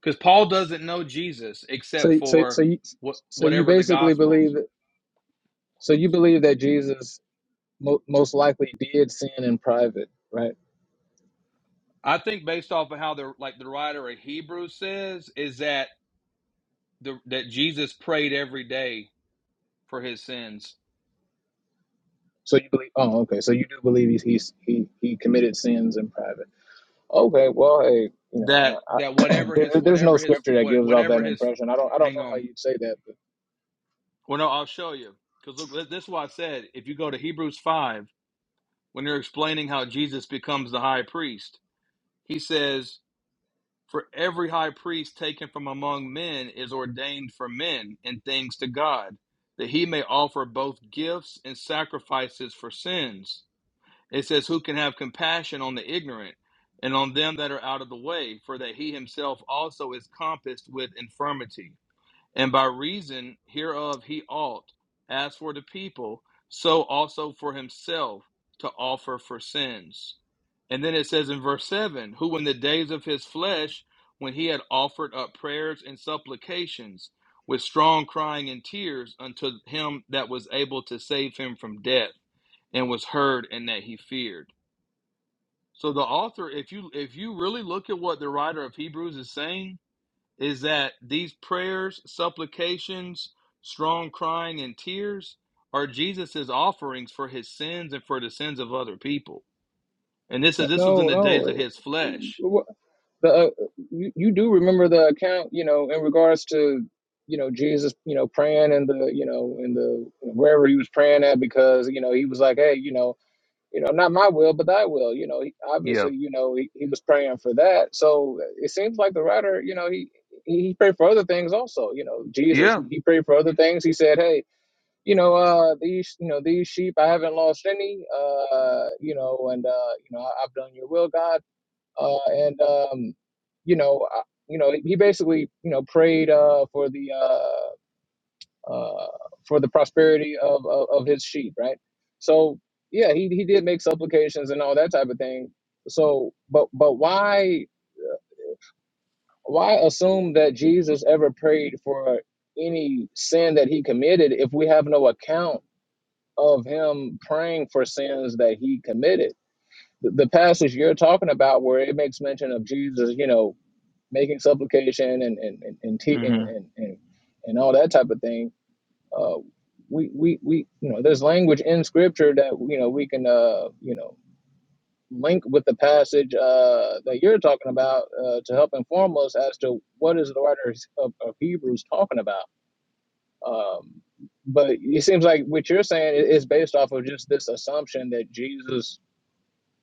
Speaker 9: because Paul doesn't know Jesus
Speaker 10: So
Speaker 9: except
Speaker 10: so so
Speaker 9: for
Speaker 10: you
Speaker 9: what
Speaker 10: so you
Speaker 9: whatever the
Speaker 10: basically believe
Speaker 9: Gospels.
Speaker 10: that, so you believe that Jesus mo- most likely did sin in private, right?
Speaker 9: I think based off of how the like the writer of Hebrews says is that the that Jesus prayed every day for his sins.
Speaker 10: So you believe oh okay, so you do believe he's, he's he he committed sins in private. Okay, well hey, you
Speaker 9: That
Speaker 10: know, I,
Speaker 9: that
Speaker 10: I,
Speaker 9: whatever
Speaker 10: there,
Speaker 9: his
Speaker 10: there- there's
Speaker 9: whatever
Speaker 10: no
Speaker 9: his
Speaker 10: scripture that
Speaker 9: what
Speaker 10: gives off
Speaker 9: whatever
Speaker 10: that
Speaker 9: his
Speaker 10: impression. I don't I don't
Speaker 9: hang
Speaker 10: know why
Speaker 9: on.
Speaker 10: you'd say that, but
Speaker 9: Well, no, I'll show you because look, this this is why I said if you go to Hebrews five when they're explaining how Jesus becomes the high priest, he says For every high priest taken from among men is ordained for men and things to God, that he may offer both gifts and sacrifices for sins. It says, Who can have compassion on the ignorant and on them that are out of the way, for that he himself also is compassed with infirmity. And by reason hereof he ought, as for the people, so also for himself to offer for sins. And then it says in verse 7 Who in the days of his flesh, when he had offered up prayers and supplications with strong crying and tears unto him that was able to save him from death, and was heard, and that he feared. So the author, if you if you really look at what the writer of Hebrews is saying, is that these prayers, supplications, strong crying, and tears are Jesus's offerings for his sins and for the sins of other people. And this is this was in the days
Speaker 10: no,
Speaker 9: of his flesh.
Speaker 10: no. the uh, you, you do remember the account you know in regards to you know jesus you know praying in the you know in the wherever he was praying at because you know he was like hey you know you know not my will but thy will you know he,
Speaker 9: Yeah,
Speaker 10: obviously you know he, he was praying for that so it seems like the writer you know he he prayed for other things also you know jesus
Speaker 9: yeah.
Speaker 10: he, he prayed for other things he said hey you know uh these you know these sheep i haven't lost any uh you know and uh you know I, i've done your will god uh, and um, you know, I- you know, he basically you know prayed uh, for the uh, uh, for the prosperity of, of of his sheep, right? So yeah, he he did make supplications and all that type of thing. So, but but why why assume that Jesus ever prayed for any sin that he committed if we have no account of him praying for sins that he committed? The the passage you're talking about, where it makes mention of Jesus, you know, making supplication and and and and te- and,
Speaker 9: hmm
Speaker 10: and, and, and all that type of thing. Uh, we, we we you know there's language in scripture that you know we can uh you know link with the passage uh that you're talking about uh, to help inform us as to what is the writer of, of Hebrews talking about. Um, but it seems like what you're saying is based off of just this assumption that Jesus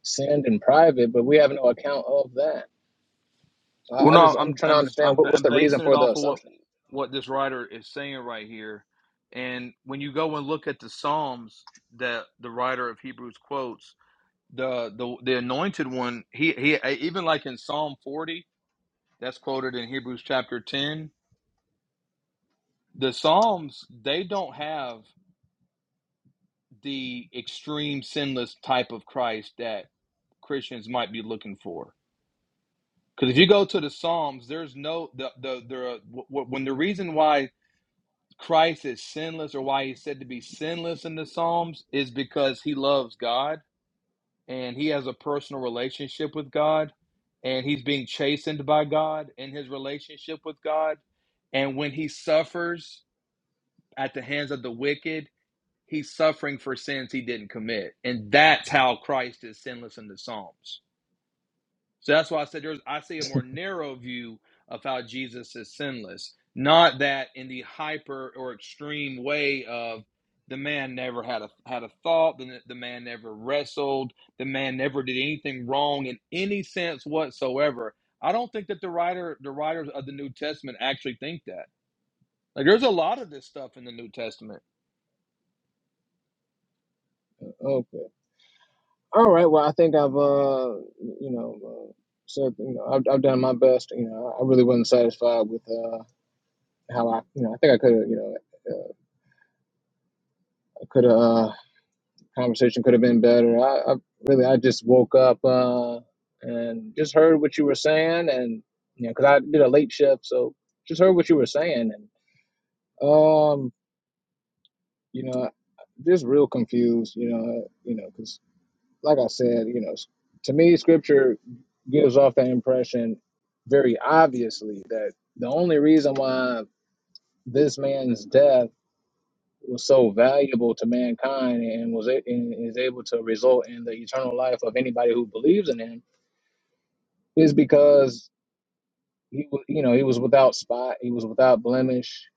Speaker 10: sinned in private, but we have no account of that. So
Speaker 9: Well,
Speaker 10: I, I
Speaker 9: no,
Speaker 10: just I'm
Speaker 9: I'm
Speaker 10: trying to
Speaker 9: I'm just
Speaker 10: understand
Speaker 9: I'm
Speaker 10: what, what's
Speaker 9: I'm
Speaker 10: the reason
Speaker 9: basing it
Speaker 10: for the
Speaker 9: off of what
Speaker 10: assumption.
Speaker 9: what this writer is saying right here. And when you go and look at the Psalms that the writer of Hebrews quotes, the the the anointed one, he he even like in Psalm 40. That's quoted in Hebrews chapter 10. The Psalms, they don't have the extreme sinless type of Christ that Christians might be looking for. Because if you go to the Psalms, there's no the the the when the reason why Christ is sinless or why he's said to be sinless in the Psalms is because he loves God and he has a personal relationship with God and he's being chastened by God in his relationship with God and when he suffers at the hands of the wicked, he's suffering for sins he didn't commit. And that's how Christ is sinless in the Psalms. So that's why I said there's I see a more narrow view of how Jesus is sinless, not that in the hyper or extreme way of the man never had a had a thought, the, the man never wrestled, the man never did anything wrong in any sense whatsoever. I don't think that the writer the writers of the New Testament actually think that. Like there's a lot of this stuff in the New Testament
Speaker 10: Okay. All right. Well, I think I've, uh, you know, uh, said, you know, I've, I've done my best. You know, I really wasn't satisfied with uh, how I, you know, I think I could have, you know, uh, could have, uh, conversation could have been better. I, I really, I just woke up uh, and just heard what you were saying, and you know, because I did a late shift, so just heard what you were saying, and um, you know, just real confused. You know, uh, you know, 'cause like I said, you know, to me, scripture gives off the impression very obviously that the only reason why this man's death was so valuable to mankind and was a- and is able to result in the eternal life of anybody who believes in him is because he wa- you know he was without spot he was without blemish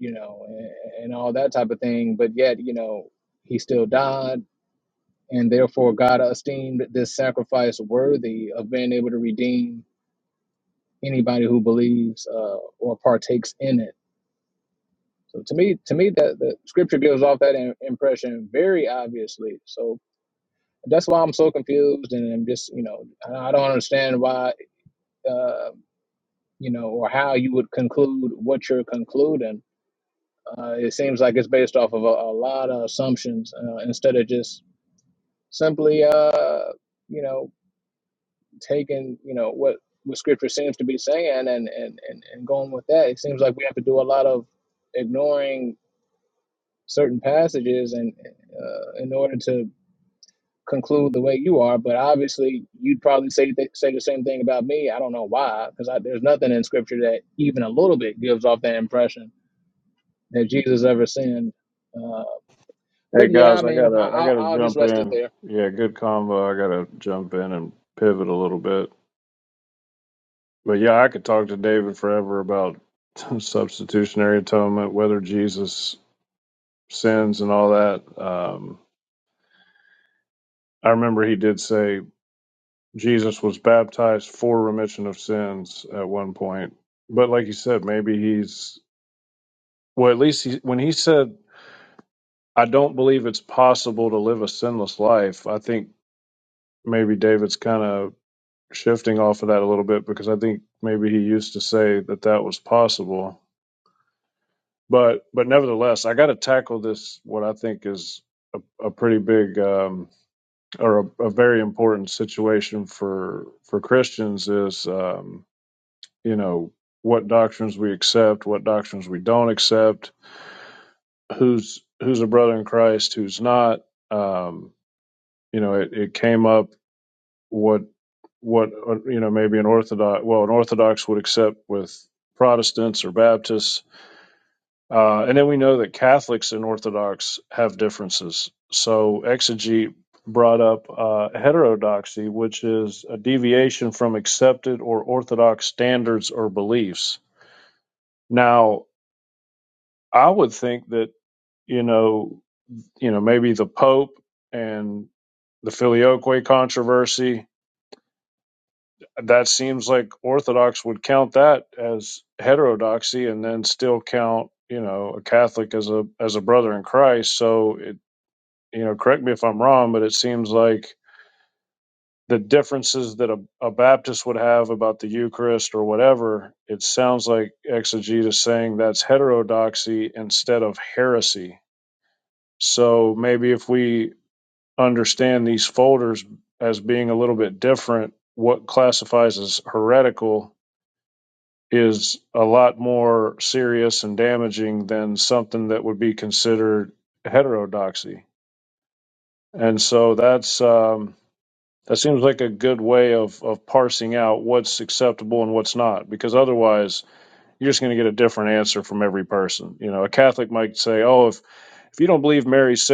Speaker 10: you know and, and all that type of thing but yet you know he still died and therefore God esteemed this sacrifice worthy of being able to redeem anybody who believes uh, or partakes in it. So to me, to me, that the scripture gives off that im- impression very obviously. So that's why I'm so confused, and I'm just you know I I don't understand why uh, you know or how you would conclude what you're concluding. Uh, it seems like it's based off of a, a lot of assumptions uh, instead of just simply uh, you know taking you know what what scripture seems to be saying and and and, and going with that it seems like we have to do a lot of ignoring certain passages and uh, in order to conclude the way you are but obviously you'd probably say th- say the same thing about me i don't know why because there's nothing in scripture that even a little bit gives off that impression that jesus ever sinned uh,
Speaker 4: Hey
Speaker 10: but yeah i
Speaker 4: guys, I
Speaker 10: mean I,
Speaker 4: gotta I
Speaker 10: I'll,
Speaker 4: gotta
Speaker 10: I'll just
Speaker 4: jump
Speaker 10: rest it
Speaker 4: in.
Speaker 10: there
Speaker 4: Yeah, good combo. I gotta jump in and pivot a little bit. But yeah, I could talk to David forever about substitutionary atonement, whether Jesus sins and all that. Um, I remember he did say Jesus was baptized for remission of sins at one point. But like you said, maybe he's Well, at least he, when he said, I don't believe it's possible to live a sinless life, I think maybe David's kind of shifting off of that a little bit because I think maybe he used to say that that was possible. But, but nevertheless, I got to tackle this, what I think is a, a pretty big um, or a, a very important situation for, for Christians is, um, you know, what doctrines we accept, what doctrines we don't accept who's who's a brother in Christ, who's not. Um, you know, it, it came up what what uh, you know maybe an Orthodox well an Orthodox would accept with Protestants or Baptists, uh, and then we know that Catholics and Orthodox have differences. So actually brought up uh, heterodoxy, which is a deviation from accepted or Orthodox standards or beliefs. Now, I would think that you know you know, maybe the Pope and the Filioque controversy. That seems like Orthodox would count that as heterodoxy, and then still count, you know, a Catholic as a as a brother in Christ. So, it, you know, correct me if I'm wrong, but it seems like the differences that a, a Baptist would have about the Eucharist or whatever, it sounds like exegete is saying that's heterodoxy instead of heresy. So maybe if we understand these folders as being a little bit different. What classifies as heretical is a lot more serious and damaging than something that would be considered heterodoxy. And so that's um, that seems like a good way of, of parsing out what's acceptable and what's not, because otherwise you're just going to get a different every person. You know, a cat say, "Oh, if if you don't believe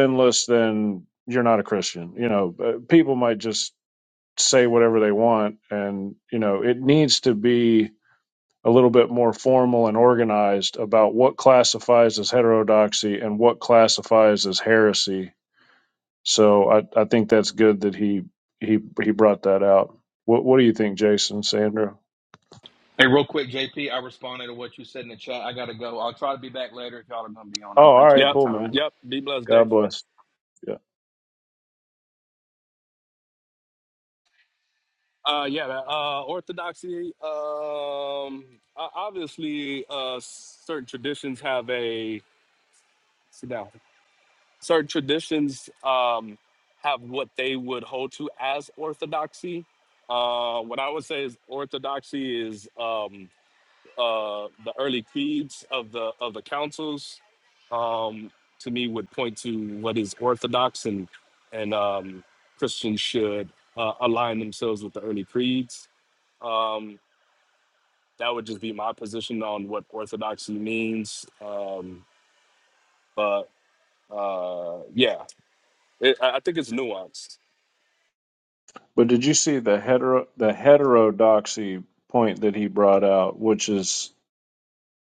Speaker 4: Marinless, then you're not a Christian." You know, uh, people might just say whatever they want and you know it needs to be a little bit more formal and organized about what classifies as heterodoxy and what classifies as heresy so i, I think that's good that he he he brought that out what what do you think jason sandra
Speaker 9: Hey, real quick, JP, I responded to what you said in the chat. I gotta go. I'll try to be back later if y'all are gonna be on. I
Speaker 4: oh all
Speaker 9: appreciate
Speaker 4: right
Speaker 9: the
Speaker 1: Yep.
Speaker 4: cool
Speaker 9: time.
Speaker 4: man
Speaker 1: Yep. Be blessed,
Speaker 4: god
Speaker 1: Dave.
Speaker 4: bless Yeah.
Speaker 1: Uh, yeah. that, Uh, orthodoxy. Um, o- obviously, uh, certain traditions have a. Sit down. certain traditions um, have what they would hold to as orthodoxy. Uh, what I would say is orthodoxy is um, uh, the early creeds of the of the councils. Um, to me, would point to what is orthodox, and and um, Christians should uh, align themselves with the early creeds. Um, that would just be my position on what orthodoxy means. Um, but uh, yeah, it, I I think it's nuanced.
Speaker 4: But did you see the hetero the heterodoxy point that he brought out, which is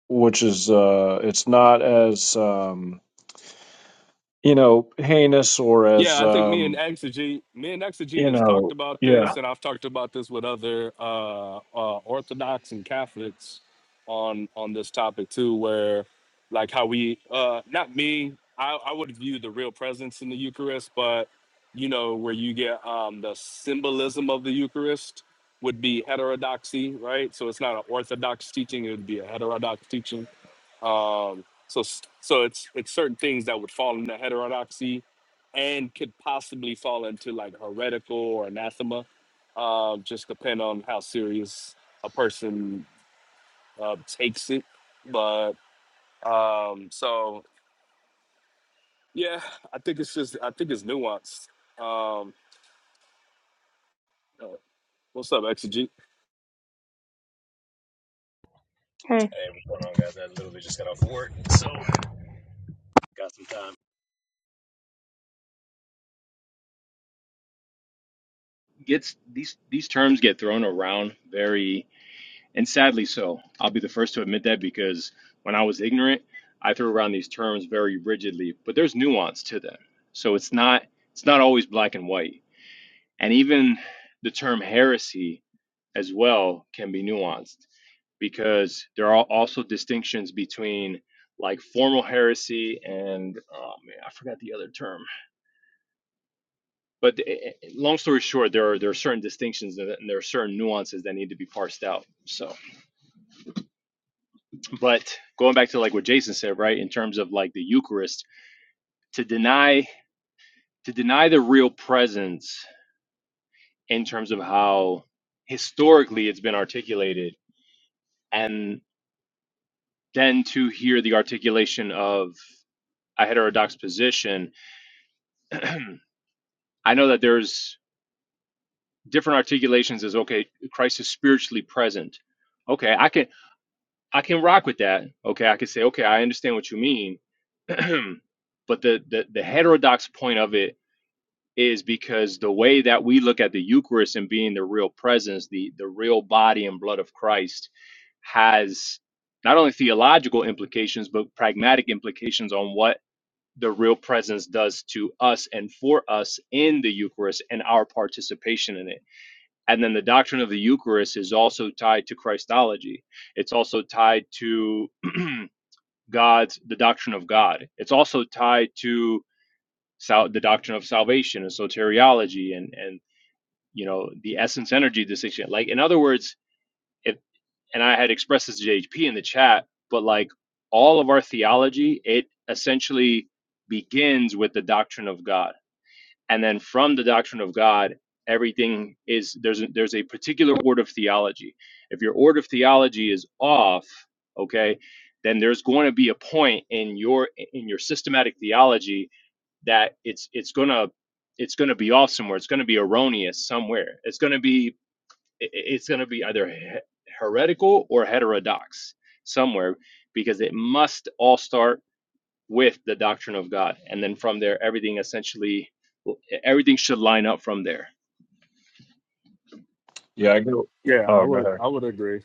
Speaker 4: which is uh it's not as um you know heinous or
Speaker 1: Yeah,
Speaker 4: as
Speaker 1: I think me and
Speaker 4: um
Speaker 1: Exegete, me and Exegete
Speaker 4: you
Speaker 1: has talked
Speaker 4: know
Speaker 1: about
Speaker 4: yeah
Speaker 1: this, and I've talked about this with other uh, uh, Orthodox and Catholics on on this topic too, where like how we, uh, not me, I, I would view the real presence in the Eucharist, but you know where you get um, the symbolism of the Eucharist would be heterodoxy, right? So it's not an Orthodox teaching; it would be a heterodox teaching um, so s- so it's it's certain things that would fall into heterodoxy and could possibly fall into like heretical or anathema, uh, just depend on how serious a person uh, takes it. But um, so yeah, I think it's just I think it's nuanced. Um, uh, what's up, Exegete?
Speaker 5: Hey.
Speaker 11: Hey, what's going on, guys? I literally just got off work, so got some time. Gets these these terms get thrown around very, and sadly so. I'll be the first to admit that because when I was ignorant, I threw around these terms very rigidly. But there's nuance to them, so it's not it's not always black and white. And even the term heresy, as well, can be nuanced because there are also distinctions between like formal heresy and oh man, I forgot the other term But eh, eh, long story short, there are there are certain distinctions and and there are certain nuances that need to be parsed out. So, but going back to like what Jason said, right, in terms of like the Eucharist, to deny to deny the real presence in terms of how historically it's been articulated, and then to hear the articulation of a heterodox position, I know that there's different articulations as okay, Christ is spiritually present. Okay, I can. I can rock with that. Okay, I can say, okay, I understand what you mean. but the, the the heterodox point of it is because the way that we look at the Eucharist and being the real presence, the the real body and blood of Christ, has not only theological implications but pragmatic implications on what the real presence does to us and for us in the Eucharist and our participation in it. And then the doctrine of the Eucharist is also tied to Christology. It's also tied to God's the doctrine of God. It's also tied to sal- the doctrine of salvation and soteriology and and you know the essence energy distinction. Like in other words, if and I had expressed this to JHP in the chat, but like all of our theology, it essentially begins with the doctrine of God and then from the doctrine of god everything is there's a, there's a particular order of theology if your order of theology is off okay then there's going to be a point in your in your systematic theology that it's it's going to it's going to be off somewhere it's going to be erroneous somewhere it's going to be it's going to be either heretical or heterodox somewhere because it must all start with the doctrine of God. And then from there, everything essentially, everything should line up from there.
Speaker 4: yeah I go
Speaker 1: Yeah, I
Speaker 4: oh go ahead
Speaker 1: would I would agree.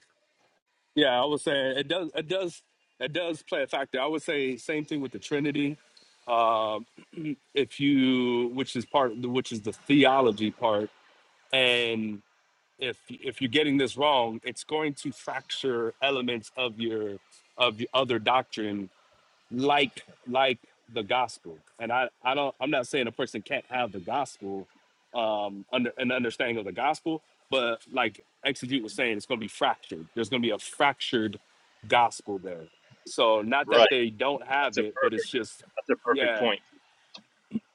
Speaker 1: Yeah, I would say it does. It does. It does play a factor. I would say same thing with the Trinity. uh, if you which is part which is the theology part and if if you're getting this wrong it's going to fracture elements of your of the other doctrine like like the gospel and i i don't i'm not saying a person can't have the gospel um under an understanding of the gospel but like exegete was saying it's going to be fractured there's going to be a fractured gospel there so not that
Speaker 11: Right.
Speaker 1: they don't have
Speaker 11: That's a per-
Speaker 1: it but it's just
Speaker 11: that's a perfect
Speaker 1: yeah,
Speaker 11: point.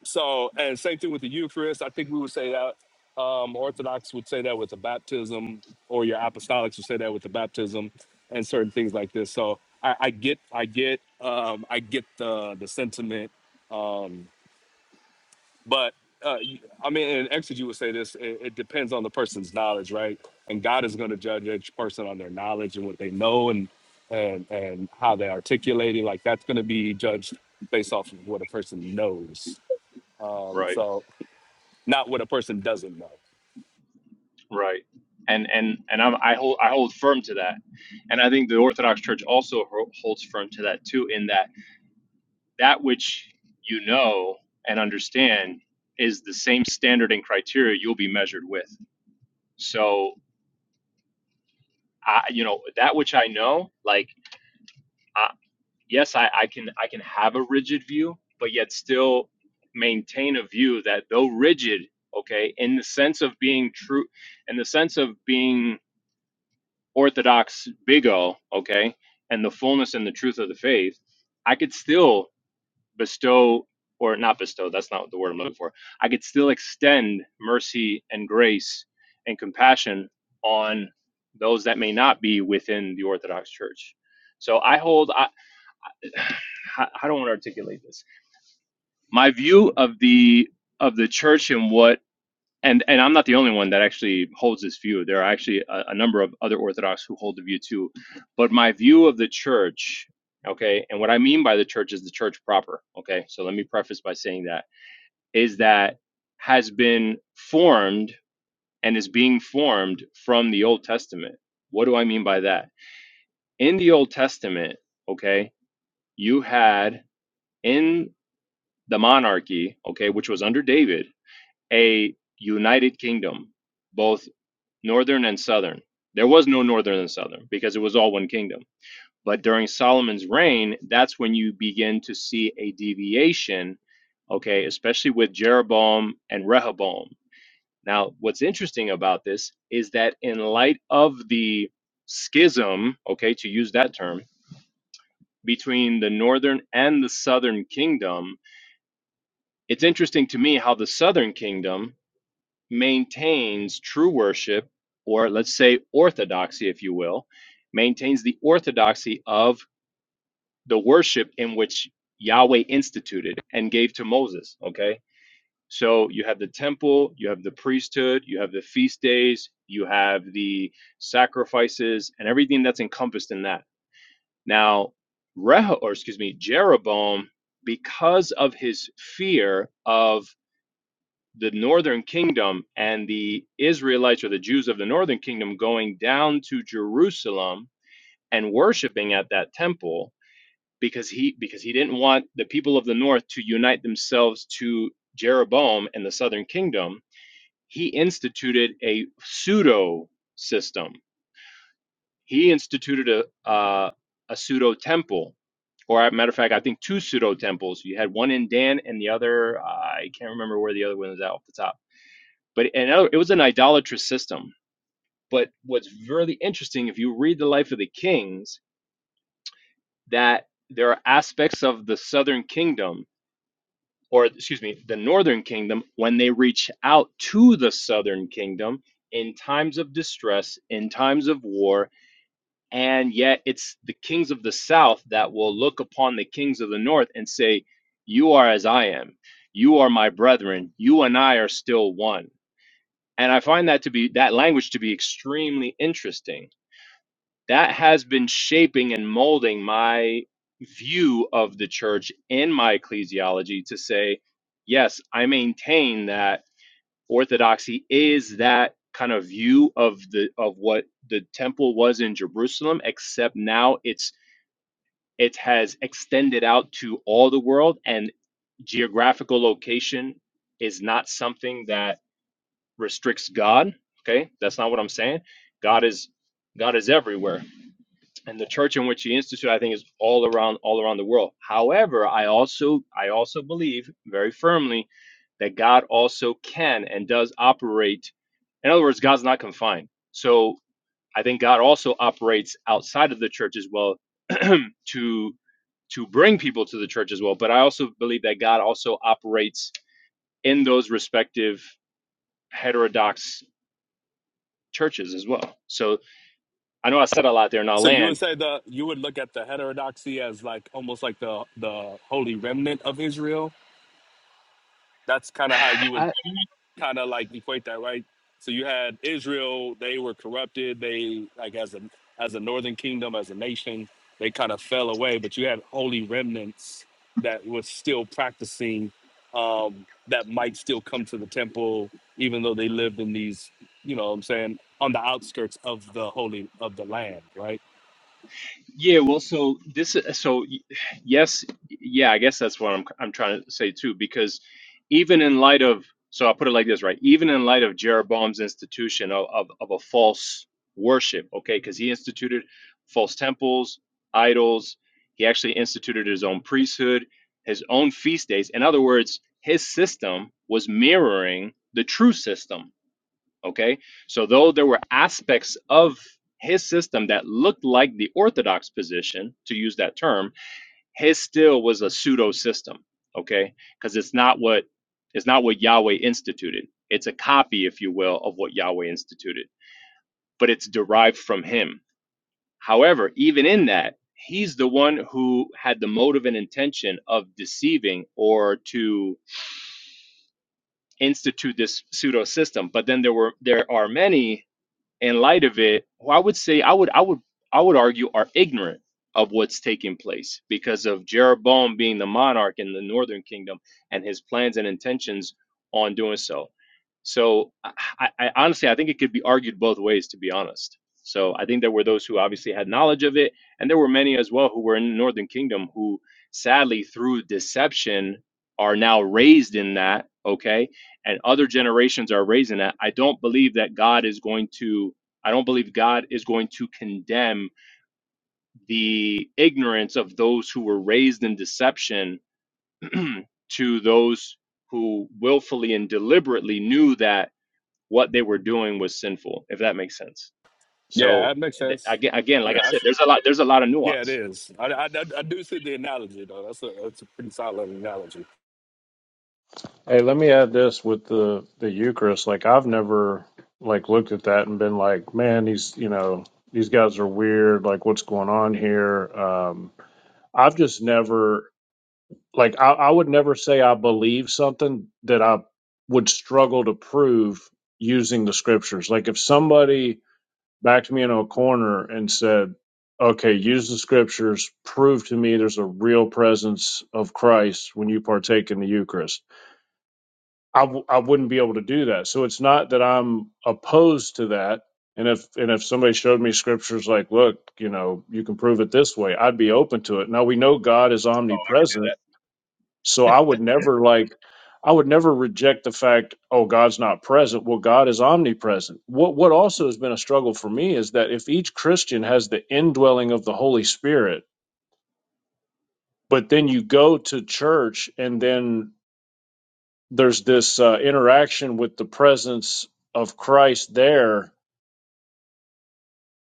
Speaker 1: so, and same thing with the Eucharist. I think we would say that um, Orthodox would say that with the baptism, or your Apostolics would say that with the baptism, and certain things like this. So, I, I get, I get, um, I get the the sentiment, um, but uh, y- I mean, in exegy would say this. It, it depends on the person's knowledge, right? And God is going to judge each person on their knowledge and what they know and and and how they articulate it. Like that's going to be judged based off of what a person knows. Um,
Speaker 11: Right.
Speaker 1: so not what a person doesn't know.
Speaker 11: Right. And and and I'm, I hold I hold firm to that, and I think the Orthodox Church also ho- holds firm to that too. In that. that which you know and understand is the same standard and criteria you'll be measured with. So, I, you know, that which I know, like, I, yes, I, I can, I can have a rigid view, but yet still maintain a view that though rigid, okay, in the sense of being true, in the sense of being orthodox, big O, okay, and the fullness and the truth of the faith, I could still bestow or not bestow that's not the word i'm looking for i could still extend mercy and grace and compassion on those that may not be within the orthodox church so i hold i, I don't want to articulate this my view of the of the church and what and and i'm not the only one that actually holds this view there are actually a, a number of other orthodox who hold the view too but my view of the church okay and what i mean by the church is the church proper okay so let me preface by saying that is that has been formed and is being formed from the Old Testament. What do I mean by that? In the Old Testament, okay, you had in the monarchy, okay, which was under David, a united kingdom, both northern and southern. There was no northern and southern because it was all one kingdom. But during Solomon's reign, that's when you begin to see a deviation, okay, especially with Jeroboam and Rehoboam Now, what's interesting about this is that in light of the schism, okay, to use that term, between the northern and the southern kingdom, it's interesting to me how the southern kingdom maintains true worship, or let's say orthodoxy, if you will, maintains the orthodoxy of the worship in which Yahweh instituted and gave to Moses, okay? So you have the temple, you have the priesthood, you have the feast days, you have the sacrifices, and everything that's encompassed in that. Now, Reho, or excuse me, Jeroboam, because of his fear of the northern kingdom and the Israelites or the Jews of the northern kingdom going down to Jerusalem and worshiping at that temple, because he because he didn't want the people of the north to unite themselves to Jeroboam and the southern kingdom he instituted a pseudo system. He instituted a uh, a pseudo temple, or as a matter of fact, I think two pseudo temples. You had one in Dan and the other uh, I can't remember where the other one was at off the top. But and it was an idolatrous system. But what's really interesting, if you read the life of the kings, that there are aspects of the southern kingdom or excuse me, the northern kingdom, when they reach out to the southern kingdom in times of distress, in times of war, and yet it's the kings of the south that will look upon the kings of the north and say, You are as I am, you are my brethren, you and I are still one. And I find that to be that language to be extremely interesting that has been shaping and molding my view of the church and my ecclesiology to say, yes, I maintain that orthodoxy is that kind of view of the of what the temple was in Jerusalem, except now it's it has extended out to all the world and geographical location is not something that restricts God. Okay, that's not what I'm saying. God is God is everywhere and the church in which he instituted, I think, is all around all around the world. However, I also I also believe very firmly that God also can and does operate. In other words, God's not confined. So I think God also operates outside of the church as well to to bring people to the church as well. But I also believe that God also operates in those respective heterodox churches as well. So I know I said a lot there, and I'll
Speaker 1: So you would
Speaker 11: land.
Speaker 1: say the you would look at the heterodoxy as like almost like the the holy remnant of Israel. That's kind of how you
Speaker 11: I,
Speaker 1: would kind of like equate that, right? So you had Israel; they were corrupted. They like as a as a northern kingdom, as a nation, they kind of fell away. But you had holy remnants that was still practicing, um, that might still come to the temple, even though they lived in these, you know, what I'm saying on the outskirts of the holy of the land, right?
Speaker 11: Yeah, well, so this, so y- yes, yeah, I guess that's what I'm I'm trying to say too, because even in light of, so I'll put it like this, right? Even in light of Jeroboam's institution of of, of a false worship, okay, because he instituted false temples, idols. He actually instituted his own priesthood, his own feast days. In other words, his system was mirroring the true system Okay. So, though there were aspects of his system that looked like the orthodox position, to use that term, his still was a pseudo system. Okay. Because it's not what it's not what Yahweh instituted. It's a copy, if you will, of what Yahweh instituted, but it's derived from him. However, even in that, he's the one who had the motive and intention of deceiving or to institute this pseudo system. But then there were there are many in light of it, well, I would say I would I would I would argue are ignorant of what's taking place because of Jeroboam being the monarch in the northern kingdom and his plans and intentions on doing so. So I, I I honestly I think it could be argued both ways to be honest. So I think there were those who obviously had knowledge of it, and there were many as well who were in the northern kingdom who sadly through deception are now raised in that, okay? and other generations are raising that, I don't believe that God is going to, I don't believe God is going to condemn the ignorance of those who were raised in deception to those who willfully and deliberately knew that what they were doing was sinful, if that makes sense.
Speaker 1: Yeah,
Speaker 11: So
Speaker 1: that makes
Speaker 11: th-
Speaker 1: sense.
Speaker 11: aga- again, like I
Speaker 1: Yeah,
Speaker 11: said,
Speaker 1: that's,
Speaker 11: there's a lot, there's a lot of
Speaker 1: yeah, it
Speaker 11: nuance.
Speaker 1: is. I, I, I I do see the analogy though. That's a that's a pretty solid analogy.
Speaker 4: Hey, let me add this with the the Eucharist. Like I've never like looked at that and been like, man, these you know these guys are weird. Like what's going on here? Um, I've just never like I, I would never say I believe something that I would struggle to prove using the scriptures. Like if somebody backed me into a corner and said, okay, use the scriptures, prove to me there's a real presence of Christ when you partake in the Eucharist I w- I wouldn't be able to do that. So it's not that I'm opposed to that. And if and if somebody showed me scriptures like, look, you know, you can prove it this way, I'd be open to it. Now we know God is omnipresent, so I would never like I would never reject the fact, oh, God's not present. Well, God is omnipresent. What what also has been a struggle for me is that if each Christian has the indwelling of the Holy Spirit, but then you go to church and then there's this uh, interaction with the presence of Christ there.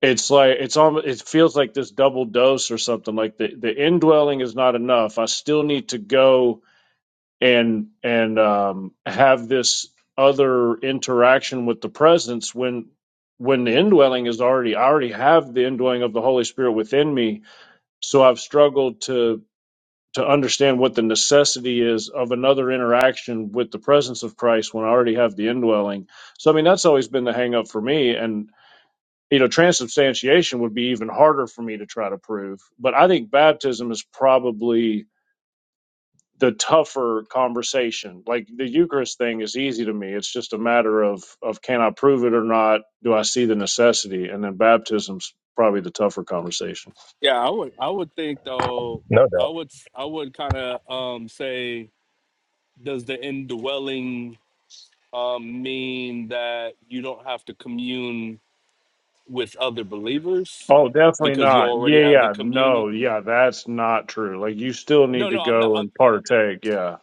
Speaker 4: It's like it's almost it feels like this double dose or something. Like the the indwelling is not enough. I still need to go and and um, have this other interaction with the presence when when the indwelling is already I already have the indwelling of the Holy Spirit within me. So I've struggled to to understand what the necessity is of another interaction with the presence of Christ when I already have the indwelling. So I mean that's always been the hang up for me and you know transubstantiation would be even harder for me to try to prove. But I think baptism is probably the tougher conversation. Like the Eucharist thing is easy to me. It's just a matter of of can I prove it or not? Do I see the necessity? And then baptism's probably the tougher conversation.
Speaker 1: Yeah, I would I would think though. I would s- I would kind of um say does the indwelling um mean that you don't have to commune with other believers
Speaker 4: Oh, definitely
Speaker 1: because you
Speaker 4: not.
Speaker 1: already
Speaker 4: Yeah,
Speaker 1: have the
Speaker 4: yeah.
Speaker 1: communion?
Speaker 4: No, yeah, that's not true. Like you still
Speaker 1: No,
Speaker 4: need to
Speaker 1: no, I'm
Speaker 4: go
Speaker 1: not.
Speaker 4: and partake, yeah.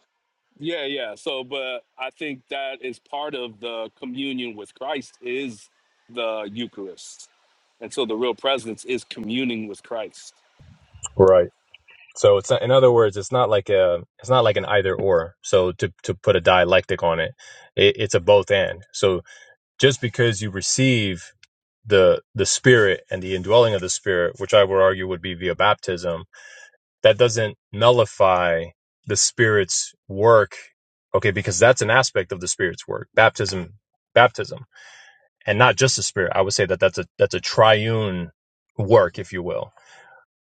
Speaker 1: Yeah, yeah. So, but I think that is part of the communion with Christ is the Eucharist. And so the real presence is communing with Christ.
Speaker 11: Right. So it's not, in other words, it's not like a it's not like an either or. So to to put a dialectic on it, it it's a both and. So just because you receive the the spirit and the indwelling of the spirit which i would argue would be via baptism that doesn't nullify the spirit's work okay because that's an aspect of the spirit's work baptism baptism and not just the spirit i would say that that's a that's a triune work if you will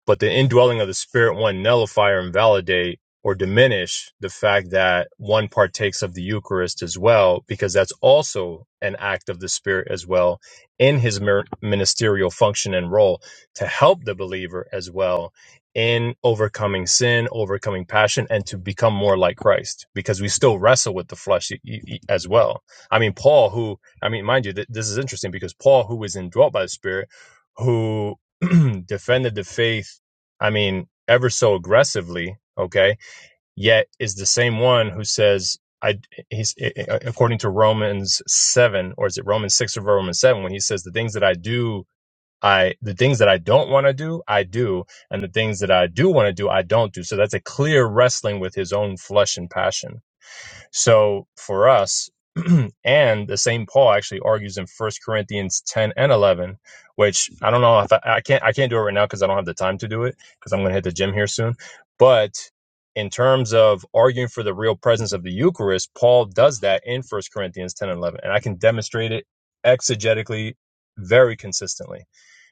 Speaker 11: but the indwelling of the spirit one nullify or invalidate or diminish the fact that one partakes of the Eucharist as well, because that's also an act of the Spirit as well in his ministerial function and role to help the believer as well in overcoming sin, overcoming passion, and to become more like Christ, because we still wrestle with the flesh e- e- e- as well. I mean, Paul, who, I mean, mind you, th- this is interesting because Paul, who was indwelt by the Spirit, who defended the faith I mean, ever so aggressively, okay, yet is the same one who says, I, he's, according to Romans 7, or is it Romans 6 or Romans 7, when he says, the things that I do, I, the things that I don't want to do, I do, and the things that I do want to do, I don't do. So that's a clear wrestling with his own flesh and passion so for us, and the same Paul actually argues in First Corinthians 10 and 11, which I don't know if I, I can't I can't do it right now because I don't have the time to do it because I'm going to hit the gym here soon. But in terms of arguing for the real presence of the Eucharist, Paul does that in First Corinthians 10 and 11, and I can demonstrate it exegetically very consistently.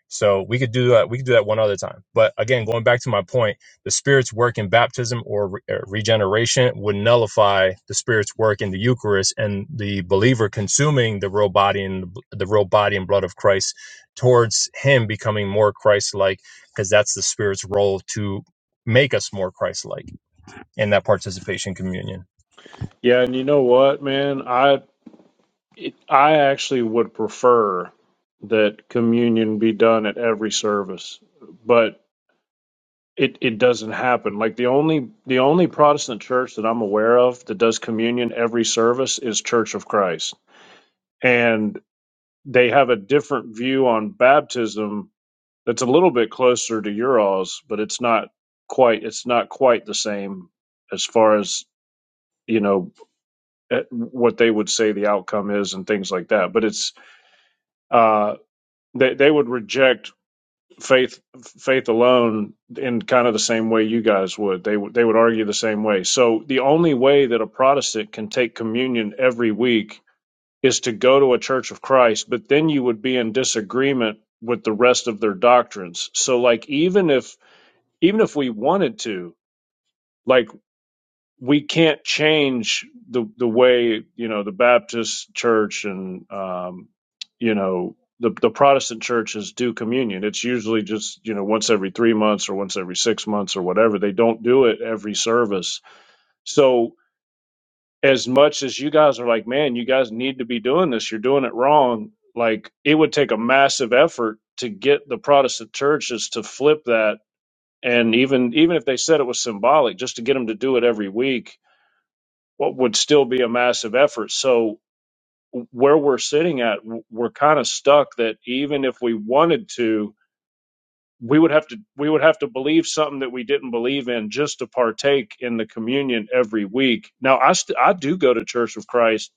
Speaker 11: So we could do that. We could do that one other time. But again, going back to my point, the Spirit's work in baptism or re- uh, regeneration would nullify the Spirit's work in the Eucharist and the believer consuming the real body and the, the real body and blood of Christ towards Him becoming more Christ-like, because that's the Spirit's role to make us more Christ-like in that participation communion.
Speaker 4: Yeah, and you know what, man? I it, I actually would prefer that communion be done at every service, but it it doesn't happen. Like the only the only Protestant church that I'm aware of that does communion every service is Church of Christ. And they have a different view on baptism It's a little bit closer to Urals, but it's not quite. It's not quite the same as far as you know eh, what they would say the outcome is and things like that. But it's uh, they they would reject faith faith alone in kind of the same way you guys would. They would they would argue the same way. So the only way that a Protestant can take communion every week is to go to a Church of Christ, but then you would be in disagreement with the rest of their doctrines. So like even if even if we wanted to like we can't change the the way you know the baptist church and um you know the the protestant churches do communion it's usually just you know once every 3 months or once every 6 months or whatever they don't do it every service so as much as you guys are like man you guys need to be doing this you're doing it wrong like it would take a massive effort to get the protestant churches to flip that And even even if they said it was symbolic, just to get them to do it every week, what would still be a massive effort. So where we're sitting at, w- we're kind of stuck that even if we wanted to, we would have to we would have to believe something that we didn't believe in just to partake in the communion every week. Now I st- I do go to Church of Christ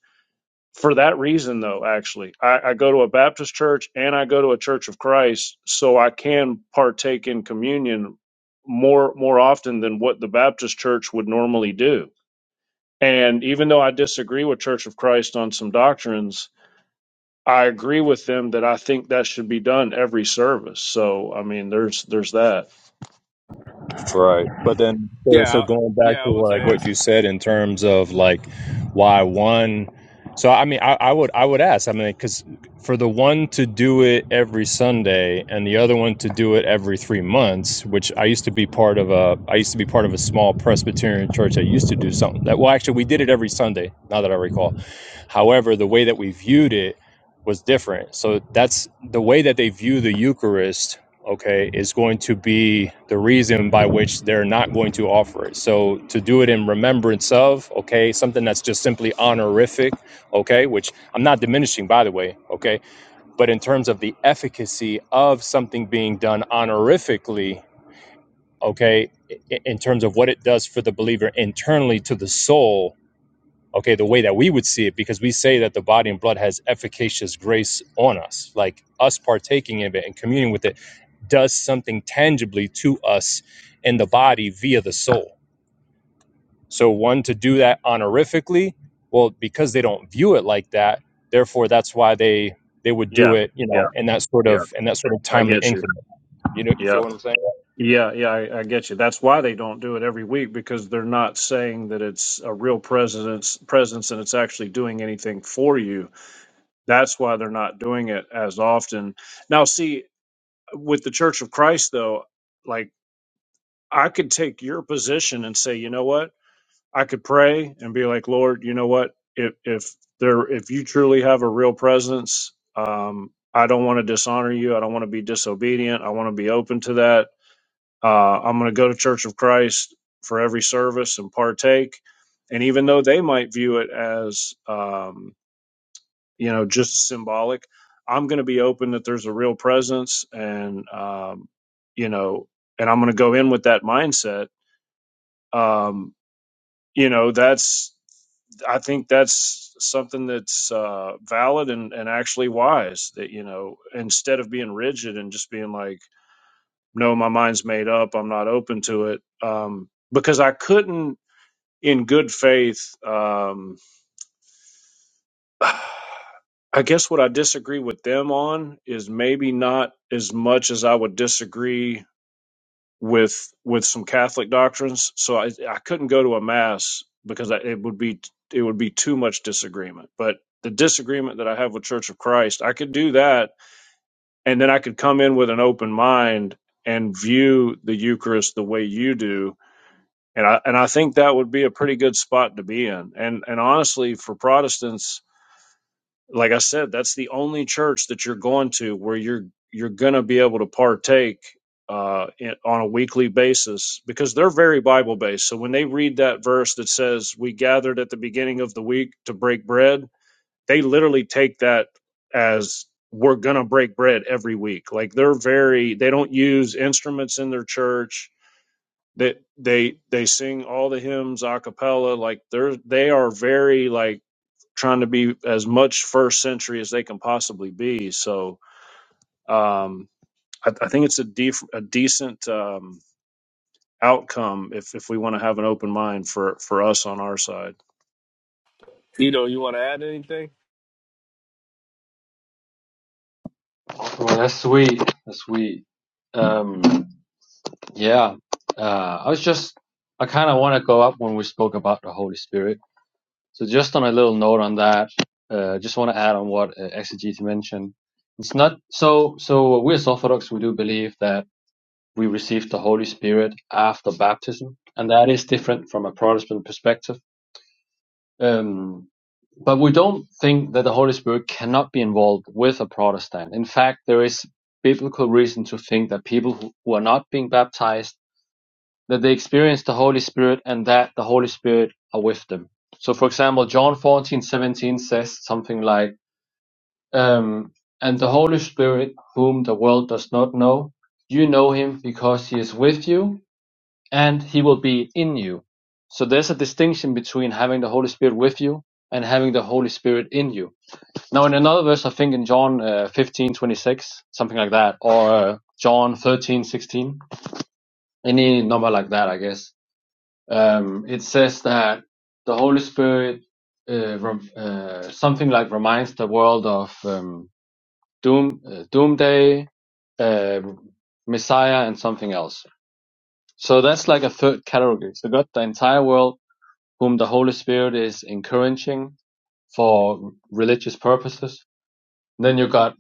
Speaker 4: for that reason though actually I, I go to a baptist church and i go to a church of christ so i can partake in communion more more often than what the baptist church would normally do and even though i disagree with church of christ on some doctrines i agree with them that i think that should be done every service so i mean there's there's that
Speaker 11: Right. But then, so,
Speaker 1: Yeah,
Speaker 11: so
Speaker 1: I-
Speaker 11: going back
Speaker 1: yeah, I
Speaker 11: to
Speaker 1: would
Speaker 11: like
Speaker 1: say
Speaker 11: what
Speaker 1: it's
Speaker 11: you said in terms of like why one, so I mean, I, I would, I would ask, I mean, because for the one to do it every Sunday and the other one to do it every three months, which I used to be part of a, I used to be part of a small Presbyterian church that used to do something that, well, actually, we did it every Sunday, now that I recall. However, the way that we viewed it was different. So that's the way that they view the Eucharist okay, is going to be the reason by which they're not going to offer it. So to do it in remembrance of, okay, something that's just simply honorific, okay, which I'm not diminishing by the way, okay, but in terms of the efficacy of something being done honorifically, okay, i- in terms of what it does for the believer internally to the soul, okay, the way that we would see it, because we say that the body and blood has efficacious grace on us, like us partaking of it and communing with it does something tangibly to us in the body via the soul. So, one to do that honorifically, well, because they don't view it like that, therefore that's why they they would do
Speaker 4: yeah
Speaker 11: it, you know,
Speaker 4: yeah
Speaker 11: in that sort
Speaker 4: yeah
Speaker 11: of in that sort of
Speaker 4: i
Speaker 11: timely
Speaker 4: get you
Speaker 11: increment. You know, you feel
Speaker 4: yeah
Speaker 11: what I'm saying?
Speaker 4: they're not saying a real presence presence and it's actually doing anything for you That's why they're not doing it as often. Now, see, with the Church of Christ, though, like I could take your position and say, you know what? I could pray and be like, Lord, you know what? If if there if you truly have a real presence, um, I don't want to dishonor you. I don't want to be disobedient. I want to be open to that. Uh, I'm going to go to Church of Christ for every service and partake. And even though they might view it as, um, you know, just symbolic. I'm going to be open that there's a real presence, and um, you know, and I'm going to go in with that mindset. Um, you know, that's I think that's something that's uh, valid and and actually wise. That you know, instead of being rigid and just being like, no, my mind's made up, I'm not open to it, um, because I couldn't in good faith. Um, I guess what I disagree with them on is maybe not as much as I would disagree with with some Catholic doctrines. So I, I couldn't go to a mass because I, it would be it would be too much disagreement. But the disagreement that I have with Church of Christ, I could do that, and then I could come in with an open mind and view the Eucharist the way you do. And I and I think that would be a pretty good spot to be in. And and honestly, for Protestants like I said, that's the only church that you're going to where you're you're going to be able to partake uh, in, on a weekly basis because they're very Bible based. So when they read that verse that says we gathered at the beginning of the week to break bread, they literally take that as we're going to break bread every week. Like they're very they don't use instruments in their church. They they they sing all the hymns a cappella. Like they're they are very like trying to be as much first century as they can possibly be. So um, I, I think it's a, def- a decent um, outcome if, if we want to have an open mind for, for us on our side.
Speaker 1: Edo, you want to add anything?
Speaker 12: Well, that's sweet. That's sweet. Um, yeah. Uh, I was just, I kind of want to go up when we spoke about the Holy Spirit. So just on a little note on that, uh, just want to add on what uh, Exegete mentioned. It's not so. So we as Orthodox, we do believe that we receive the Holy Spirit after baptism, and that is different from a Protestant perspective. Um, but we don't think that the Holy Spirit cannot be involved with a Protestant. In fact, there is biblical reason to think that people who who are not being baptized, that they experience the Holy Spirit and that the Holy Spirit are with them. So for example, John 14 17 says something like, um, and the Holy Spirit, whom the world does not know, you know him because he is with you and he will be in you. So there's a distinction between having the Holy Spirit with you and having the Holy Spirit in you now, in another verse, I think in John uh, 15, twenty-six, something like that, or uh, John 13 16, any number like that, I guess. Um, it says that the Holy Spirit, uh, rem- uh, something like reminds the world of um, doom, uh, doomsday, uh, Messiah, and something else. So that's like a third category. So got the entire world whom the Holy Spirit is encouraging for religious purposes. Then you got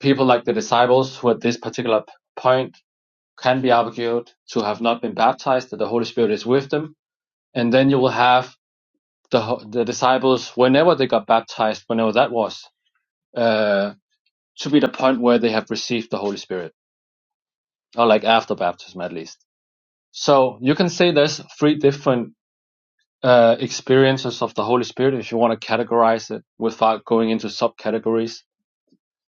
Speaker 12: People like the disciples who at this particular point can be argued to have not been baptized, that the Holy Spirit is with them. And then you will have the, the disciples, whenever they got baptized, whenever that was, uh, to be the point where they have received the Holy Spirit, or like after baptism at least. So you can say there's three different uh, experiences of the Holy Spirit if you want to categorize it without going into subcategories.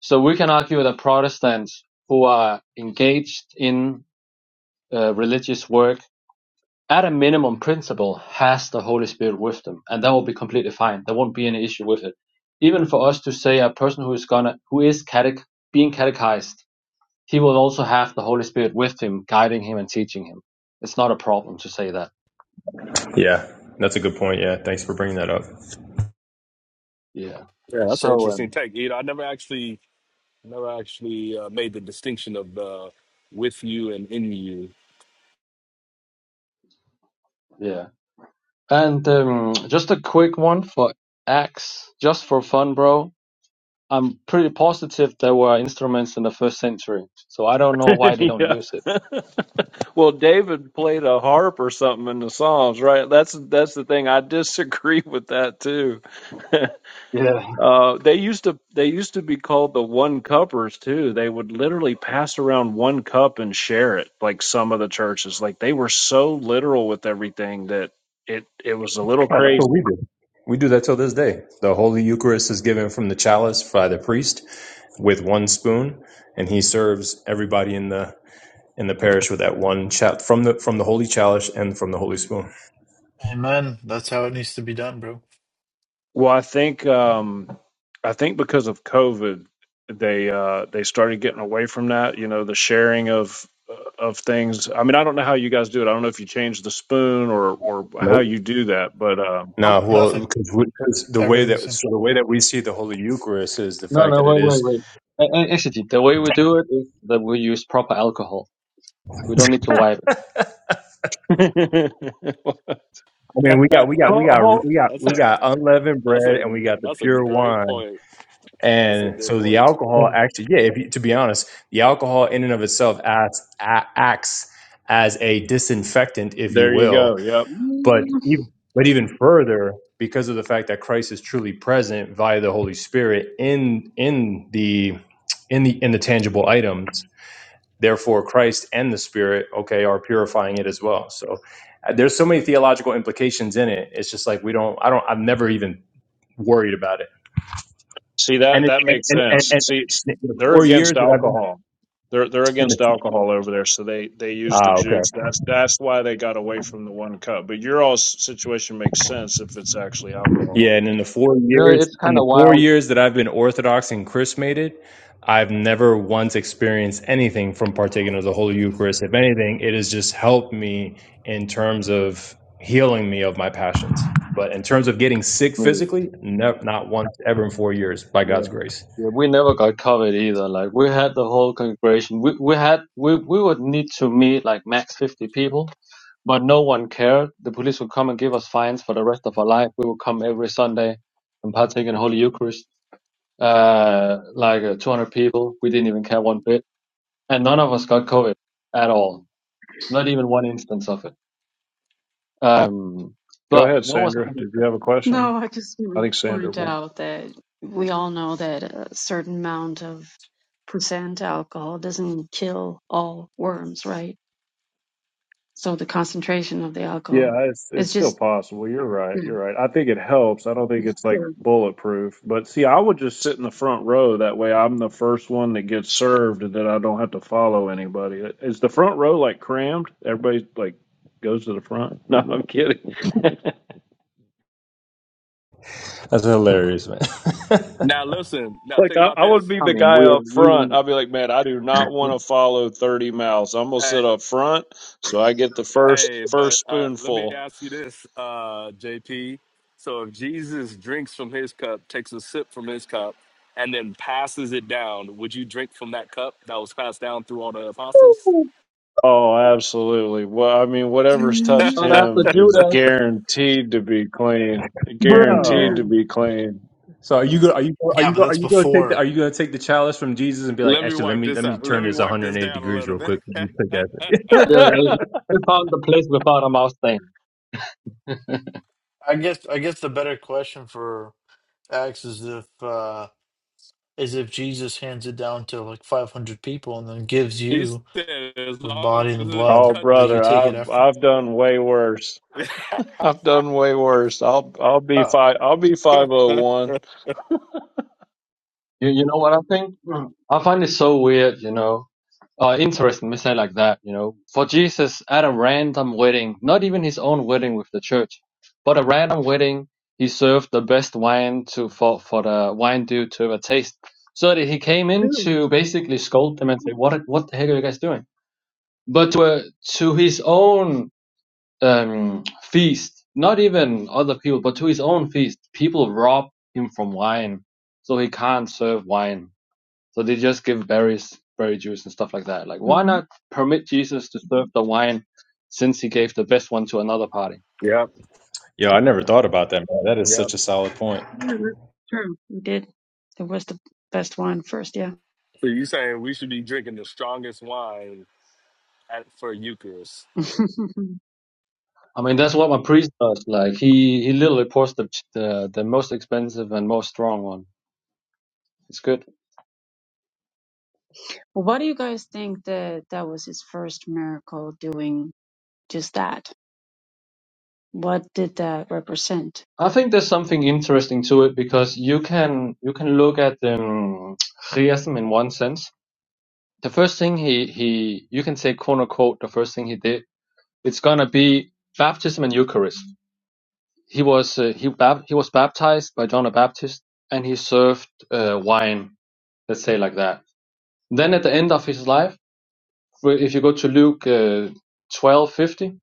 Speaker 12: So we can argue that Protestants who are engaged in uh, religious work, at a minimum principle, has the Holy Spirit with them, and that will be completely fine. There won't be any issue with it. Even for us to say a person who is gonna, who is catech, being catechized, he will also have the Holy Spirit with him, guiding him and teaching him. It's not a problem to say that.
Speaker 11: Yeah, that's a good point. Yeah, thanks for bringing that up.
Speaker 12: Yeah.
Speaker 1: Yeah, that's an
Speaker 12: So
Speaker 1: interesting
Speaker 12: um,
Speaker 1: take. Edo, I never actually never actually uh, made the distinction of the with you and in you.
Speaker 12: yeah, and um, just a quick one for Acts, just for fun, bro. I'm pretty positive there were instruments in the first century, so I don't know why they don't
Speaker 4: yeah.
Speaker 12: use it.
Speaker 4: Well, David played a harp or something in the Psalms, right? That's that's the thing I disagree with you.
Speaker 12: Yeah.
Speaker 4: Uh, they used to they used to be called the one cuppers too. They would literally pass around one cup and share it, like some of the churches. Like they were so literal with everything that it it was a little
Speaker 11: Oh, that's what we
Speaker 4: crazy.
Speaker 11: do. We do that till this day. The Holy Eucharist is given from the chalice by the priest with one spoon, and he serves everybody in the in the parish with that one chalice from the from the holy chalice and from the holy spoon.
Speaker 13: Amen. That's how it needs to be done, bro.
Speaker 4: Well, I think um, I think because of COVID, they uh, they started getting away from that. You know, the sharing of of things. I mean, I don't know how you guys do it. I don't know if you change or
Speaker 11: Nope.
Speaker 4: you do, but um,
Speaker 11: No,
Speaker 13: Nope,
Speaker 11: well,
Speaker 13: nothing.
Speaker 11: because we, because the way
Speaker 13: Everything's
Speaker 11: that
Speaker 13: the same.
Speaker 11: so the way that we see the Holy Eucharist is the
Speaker 12: No,
Speaker 11: fact
Speaker 12: no,
Speaker 11: that it
Speaker 12: wait, wait,
Speaker 11: is.
Speaker 12: wait. A- a- Actually, the way we do it is that we use proper alcohol. We don't need to wipe it.
Speaker 11: I mean, we got we got we
Speaker 4: oh,
Speaker 11: got
Speaker 4: oh,
Speaker 11: we got
Speaker 1: that's
Speaker 11: we
Speaker 1: a
Speaker 11: got unleavened
Speaker 1: that's
Speaker 11: bread
Speaker 1: a
Speaker 11: and we got the
Speaker 1: that's a
Speaker 11: pure
Speaker 1: great
Speaker 11: wine,
Speaker 1: point. That's a
Speaker 11: and
Speaker 1: good
Speaker 11: so the
Speaker 1: point.
Speaker 11: alcohol actually, yeah. If you, to be honest, the alcohol in and of itself acts a- acts as a disinfectant, if you
Speaker 4: there you
Speaker 11: will,
Speaker 4: go. Yep.
Speaker 11: But
Speaker 5: Mm,
Speaker 11: even, but even further, because of the fact that Christ is truly present via the Holy Spirit in in the in the in the tangible items, therefore Christ and the Spirit, okay, are purifying it as well. So uh, there's so many theological implications in it. It's just like we don't. I don't. i have never even worried about it.
Speaker 4: See
Speaker 11: And
Speaker 4: that
Speaker 11: it,
Speaker 4: that makes
Speaker 11: and, and and
Speaker 4: sense. See, it's-
Speaker 11: and the
Speaker 4: they're
Speaker 11: four
Speaker 4: against
Speaker 11: years that I've been
Speaker 4: alcohol. They're they're
Speaker 11: in
Speaker 4: against
Speaker 11: the.
Speaker 4: alcohol over there, so they they use the
Speaker 11: Ah, okay.
Speaker 4: juice. That's that's why they got away from the one cup. But your all situation makes sense if it's actually alcohol.
Speaker 11: Yeah, and in the four
Speaker 12: You know,
Speaker 11: years
Speaker 12: it's
Speaker 11: in
Speaker 12: kind
Speaker 11: the
Speaker 12: of
Speaker 11: four
Speaker 12: wild.
Speaker 11: years that I've been Orthodox and chrismated, I've never once experienced anything from partaking of the Holy Eucharist. If anything, it has just helped me in terms of healing me of my passions. But in terms of getting sick
Speaker 12: I mean,
Speaker 11: physically, no, not once ever in four years by
Speaker 12: yeah,
Speaker 11: God's grace.
Speaker 12: yeah. We never got COVID either. Like we had the whole congregation. We we had we we would need to meet like max fifty people, but no one cared. The police would come and give us fines for the rest of our life. We would come every Sunday and partake in Holy Eucharist. Uh, like uh, two hundred people. We didn't even care one bit, and none of us got COVID at all. Not even one instance of it. Um,
Speaker 4: Go
Speaker 12: but
Speaker 4: ahead,
Speaker 12: what was
Speaker 4: Sandra.
Speaker 12: another
Speaker 4: Did you have
Speaker 12: thing?
Speaker 4: a question?
Speaker 5: No, I just
Speaker 4: I
Speaker 5: want
Speaker 4: think
Speaker 5: to
Speaker 4: Sandra
Speaker 5: point
Speaker 4: went.
Speaker 5: out that we all know that a certain amount of percent alcohol doesn't kill all worms, right? So the concentration of the
Speaker 4: Yeah,
Speaker 5: alcohol
Speaker 4: it's it's
Speaker 5: is
Speaker 4: still
Speaker 5: just
Speaker 4: possible. You're
Speaker 5: yeah.
Speaker 4: right. You're right. I think it helps. I don't think
Speaker 5: It's
Speaker 4: it's like
Speaker 5: true.
Speaker 4: bulletproof. But see, I would just sit in the front row. That way, I'm the first one that gets served, and then I don't have to follow anybody. It's the front row.
Speaker 11: That's hilarious, man.
Speaker 1: Now listen, now
Speaker 4: Like
Speaker 1: think
Speaker 4: I,
Speaker 1: about
Speaker 4: I would
Speaker 1: this.
Speaker 4: be
Speaker 12: I
Speaker 4: the
Speaker 12: mean,
Speaker 4: guy
Speaker 12: we
Speaker 4: up front.
Speaker 12: we
Speaker 4: I'd be like, man, I do not want to follow 30 mouths. I'm gonna sit up front so I get first
Speaker 1: Hey, but
Speaker 4: first
Speaker 1: uh, let me
Speaker 4: spoonful.
Speaker 1: ask you this, uh, JP. So if Jesus drinks from his cup, takes a sip from his cup, and then passes it down, would you drink from that cup that was passed down through all the apostles?
Speaker 4: Oh, absolutely. Well, I mean, whatever's touched
Speaker 5: Mm-hmm.
Speaker 12: but after
Speaker 4: him is
Speaker 12: Judas,
Speaker 4: guaranteed to be clean. Guaranteed to
Speaker 11: Bro,
Speaker 5: Amen.
Speaker 4: be clean.
Speaker 11: so are you go? Are you are
Speaker 13: Yeah,
Speaker 11: you
Speaker 13: but
Speaker 11: go- are
Speaker 13: that's
Speaker 11: you going to take the are
Speaker 13: before.
Speaker 11: you going to take the chalice from Jesus and be like,
Speaker 1: Let me
Speaker 11: actually, let
Speaker 1: wipe
Speaker 11: me
Speaker 1: this
Speaker 11: let me
Speaker 1: out. Let
Speaker 11: turn
Speaker 1: me
Speaker 11: this
Speaker 1: wipe this
Speaker 11: 180
Speaker 1: down a
Speaker 11: degrees
Speaker 1: little
Speaker 11: real
Speaker 1: bit.
Speaker 11: quick. Let me take that
Speaker 12: uh, we found the place without a mouse thing.
Speaker 13: I guess I guess the better question for Acts is if uh is if Jesus hands it down to like five hundred people and then gives
Speaker 1: he
Speaker 13: you
Speaker 1: said, as
Speaker 13: the
Speaker 1: long
Speaker 13: body and the
Speaker 1: as it
Speaker 13: blood,
Speaker 4: Oh,
Speaker 13: will
Speaker 1: touched."
Speaker 13: you
Speaker 4: brother,
Speaker 13: take it
Speaker 4: I've
Speaker 13: after?
Speaker 4: I've done way worse. I've done way worse. I'll I'll be
Speaker 13: Oh.
Speaker 4: five. I'll be five oh one.
Speaker 12: You you know what I think? Mm. I find it so weird. You know, uh, interesting. We say like that. You know, for Jesus at a random wedding, not even his own wedding with the church, but a random wedding, he served the best wine to for for the wine dude to have a taste. So that he came in
Speaker 5: True.
Speaker 12: to basically scold them and say, "What what the heck are you guys doing?" but to, uh, to his own um, feast, not even other people, but to his own feast, people rob him from wine, so he can't serve wine. So they just give berries, berry juice, and stuff like that. Like, why
Speaker 5: hmm
Speaker 12: not permit Jesus to serve the wine, since he gave the best one to another party?
Speaker 1: yep,
Speaker 11: Yo, I never thought about that, man. That is
Speaker 1: yep.
Speaker 11: such a solid point.
Speaker 5: Yeah, that's true. We did. It was the best wine first, yeah.
Speaker 1: So you saying we should be drinking the strongest wine at, for Eucharist?
Speaker 5: well,
Speaker 12: I mean, that's what my priest does. Like, he he literally pours the the, the most expensive and most strong one. It's good.
Speaker 5: what do you guys think that that was his first miracle doing just that? What did that represent?
Speaker 12: I think there's something interesting to it because you can you can look at um, Chiasm in one sense. The first thing he he you can say quote unquote the first thing he did it's gonna be baptism and Eucharist. He was uh, he bab- he was baptized by John the Baptist and he served uh, wine. Let's say like that. Then at the end of his life, where- if you go to Luke uh, twelve fifty,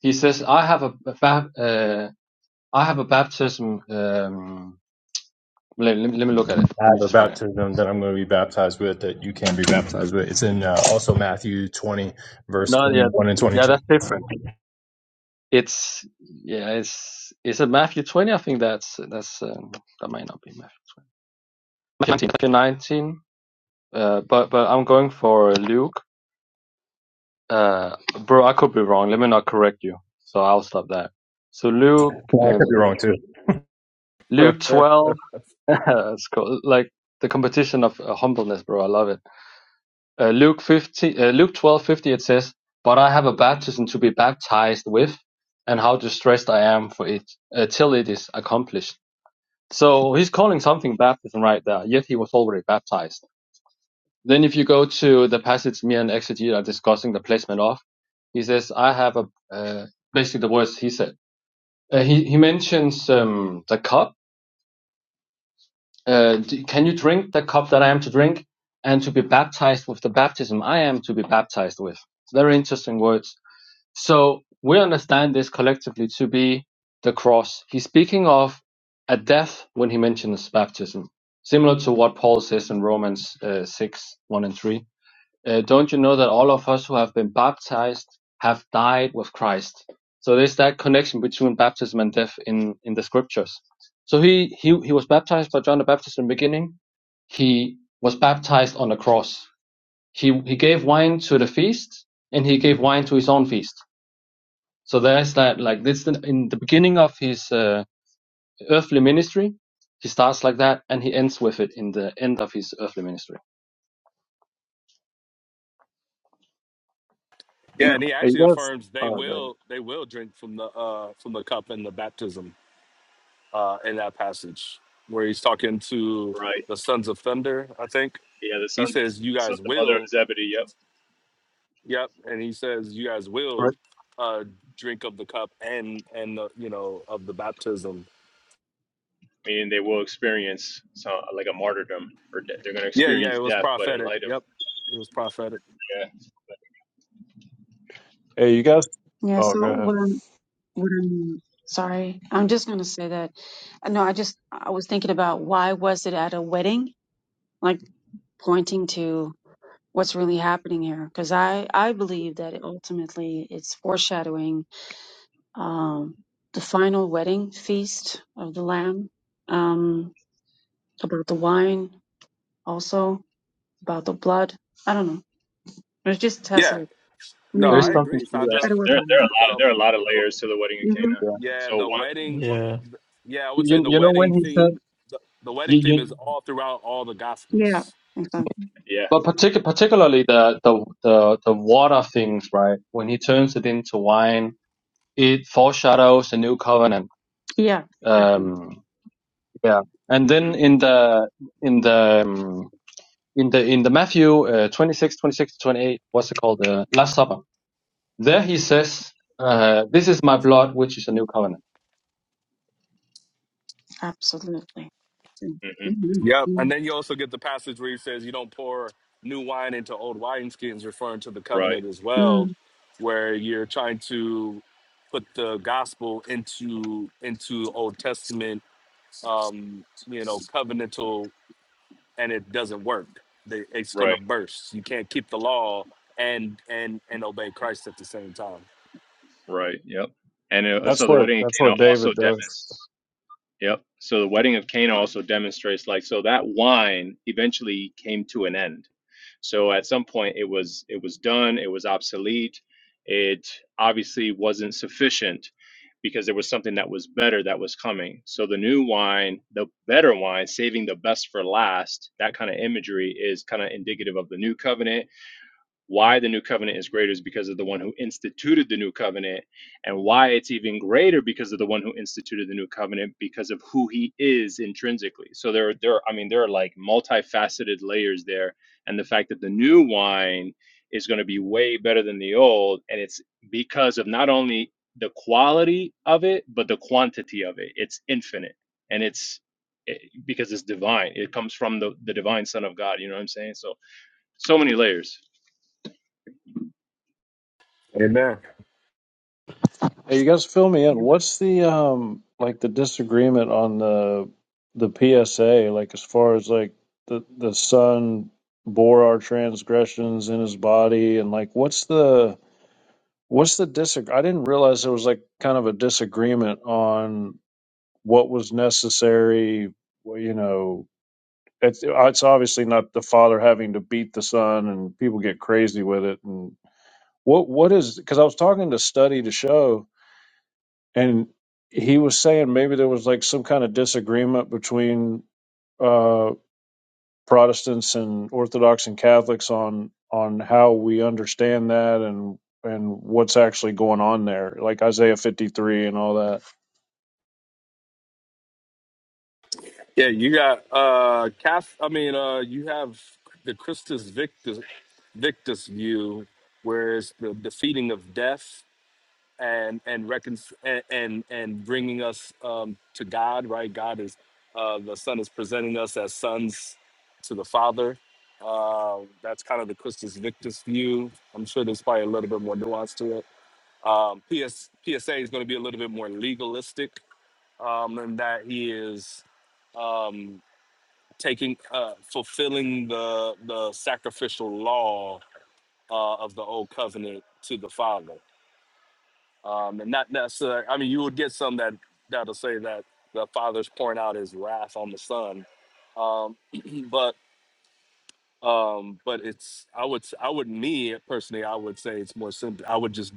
Speaker 12: he says, "I have a bab- uh, I have a baptism." Um, let, let me let me look at it.
Speaker 11: I
Speaker 12: Let me
Speaker 11: have a
Speaker 12: just find it
Speaker 11: baptism that I'm going to be baptized with that you can be baptized with. It's in uh, also Matthew 20, verse
Speaker 12: No, yeah,
Speaker 11: 21 and
Speaker 12: yeah,
Speaker 11: 22.
Speaker 12: that's different. It's yeah, it's is it Matthew twenty? I think that's that's um, that might not be Matthew twenty. Matthew nineteen. Matthew 19, Uh, but but I'm going for Luke. Uh, bro, I could be wrong. Let me not correct you. So I'll stop that. So Luke,
Speaker 11: Well, I could be
Speaker 12: um,
Speaker 11: wrong too.
Speaker 12: Luke twelve. it's cool. Like the competition of uh, humbleness, bro. I love it. uh, Luke 15, uh, Luke 12:50 it says, "But I have a baptism to be baptized with, and how distressed I am for it uh, till it is accomplished." So he's calling something baptism right there, yet he was already baptized. Then if you go to the passage me and Exegete are discussing the placement of, he says, "I have a uh, basically the words he said." Uh, he he mentions um, the cup. Uh, d- can you drink the cup that I am to drink, and to be baptized with the baptism I am to be baptized with? Very interesting words So we understand this collectively to be the cross. He's speaking of a death when he mentions baptism, similar to what Paul says in Romans uh, 6 1 and 3. Uh, don't you know that all of us who have been baptized have died with Christ? So there's that connection between baptism and death in, in the scriptures. So he, he, he was baptized by John the Baptist in the beginning. He was baptized on the cross. He, he gave wine to the feast and he gave wine to his own feast. So there's that, like this in the beginning of his uh, earthly ministry, he starts like that, and he ends with it in the end of his earthly ministry.
Speaker 1: Yeah,
Speaker 5: No.
Speaker 1: and he
Speaker 4: Hey, you
Speaker 1: actually
Speaker 4: guys.
Speaker 1: affirms they
Speaker 4: Uh,
Speaker 1: will they will drink from the uh from the cup and the baptism uh in that passage where he's talking to
Speaker 11: Right.
Speaker 1: the sons of thunder, I think.
Speaker 11: Yeah, the
Speaker 1: He
Speaker 11: sons,
Speaker 1: says you
Speaker 11: the son,
Speaker 1: guys
Speaker 11: the mother of
Speaker 1: will,
Speaker 11: Zebedee. Yep.
Speaker 1: yep, and he says you guys will
Speaker 12: Right.
Speaker 1: uh drink of the cup and and the, you know of the baptism.
Speaker 11: Meaning they will experience some like a martyrdom, or de- they're going to
Speaker 1: Yeah, yeah, it
Speaker 11: experience
Speaker 1: was
Speaker 11: death, but in
Speaker 1: prophetic.
Speaker 11: light of
Speaker 1: Yep. It was prophetic.
Speaker 11: yeah,
Speaker 4: hey, you guys.
Speaker 5: Yeah,
Speaker 4: Oh,
Speaker 5: so
Speaker 4: go
Speaker 5: what
Speaker 4: ahead.
Speaker 5: I'm, what I'm, sorry, I'm just going to say that. uh, No, I just, I was thinking about why was it at a wedding? Like pointing to what's really happening here because I, I believe that it ultimately it's foreshadowing um, the final wedding feast of the lamb um, about the wine also about the blood i don't know it just has
Speaker 1: Yeah.
Speaker 5: a
Speaker 1: No,
Speaker 12: There is
Speaker 1: I
Speaker 5: meaning
Speaker 12: something
Speaker 1: agree,
Speaker 12: to
Speaker 11: there's
Speaker 12: that.
Speaker 1: Sandra.
Speaker 5: but it was a
Speaker 11: there there are a
Speaker 5: wedding
Speaker 11: lot of
Speaker 1: The
Speaker 11: there are a lot of layers to the wedding of
Speaker 5: hmm
Speaker 11: Cana.
Speaker 12: Yeah.
Speaker 1: yeah,
Speaker 11: So
Speaker 1: the
Speaker 11: one,
Speaker 1: wedding,
Speaker 13: Yeah.
Speaker 1: yeah, I would say
Speaker 12: You,
Speaker 1: the
Speaker 12: you know when
Speaker 1: wedding
Speaker 12: he said,
Speaker 1: theme the, the wedding
Speaker 12: you,
Speaker 1: theme is
Speaker 12: you,
Speaker 1: all throughout all the
Speaker 5: yeah
Speaker 1: gospels
Speaker 5: exactly
Speaker 11: yeah,
Speaker 12: but partic- particularly the, the the the water things, right? When he turns it into wine, it foreshadows the new covenant.
Speaker 5: yeah Mhm.
Speaker 12: Um, yeah. And
Speaker 11: hmm
Speaker 12: then in the in the um, in the in the Matthew uh, 26, 26 to 28, what's it called? The Last Supper There he says, uh, This is my blood, which is a new covenant.
Speaker 5: absolutely
Speaker 11: hmm
Speaker 5: Mhm.
Speaker 1: Yep. And
Speaker 5: Mhm.
Speaker 1: then you also get the passage where he says you don't pour new wine into old wineskins, referring to the
Speaker 11: right,
Speaker 1: covenant as well,
Speaker 5: Mm.
Speaker 1: where you're trying to put the gospel into into Old Testament, you know, covenantal, and it doesn't work. They- It's going to
Speaker 11: right,
Speaker 1: burst. You can't keep the law and and and obey Christ at the same time.
Speaker 11: right. Yep. And uh,
Speaker 4: That's
Speaker 11: so the
Speaker 4: what
Speaker 11: wedding of
Speaker 4: that's
Speaker 11: Cana
Speaker 4: what
Speaker 11: also
Speaker 4: David does.
Speaker 11: demonstrates. Yep. So the wedding of Cana also demonstrates like so that wine eventually came to an end. So at some point it was it was done, it was obsolete. It obviously wasn't sufficient because there was something that was better that was coming. So the new wine, the better wine, saving the best for last, that kind of imagery is kind of indicative of the new covenant why the new covenant is greater is because of the one who instituted the new covenant, and why it's even greater because of the one who instituted the new covenant because of who he is intrinsically. So there, are- there, are- I mean, there are like multifaceted layers there, and the fact that the new wine is going to be way better than the old, and it's because of not only the quality of it but the quantity of it. It's infinite, and it's it, because it's divine. It comes from the the divine Son of God. You know what I'm saying? So so many layers.
Speaker 1: Amen.
Speaker 4: Hey, you guys, fill me in. What's the um like the disagreement on the the PSA? Like as far as like the the son bore our transgressions in his body, and like what's the what's the disagree? I didn't realize there was like kind of a disagreement on what was necessary. Well, you know, it's, it's obviously not the father having to beat the son, and people get crazy with it. And what what is because I was talking to Study to Show, and he was saying maybe there was like some kind of disagreement between uh, Protestants and Orthodox and Catholics on on how we understand that and and what's actually going on there, like Isaiah fifty three and all that.
Speaker 1: Yeah, you got uh Cath I mean uh you have the Christus Victus Victus view where it's the defeating of death and and recon- and, and and bringing us um to God, right? God is uh the son is presenting us as sons to the father. Uh, that's kind of the Christus Victus view. I'm sure there's probably a little bit more nuance to it. Um, PS, PSA is going to be a little bit more legalistic um, in that he is Um, taking uh fulfilling the the sacrificial law uh of the old covenant to the father um and not necessarily i mean you would get some that that'll say that the father's pouring out his wrath on the son um but um but it's i would I would me personally i would say it's more simple i would just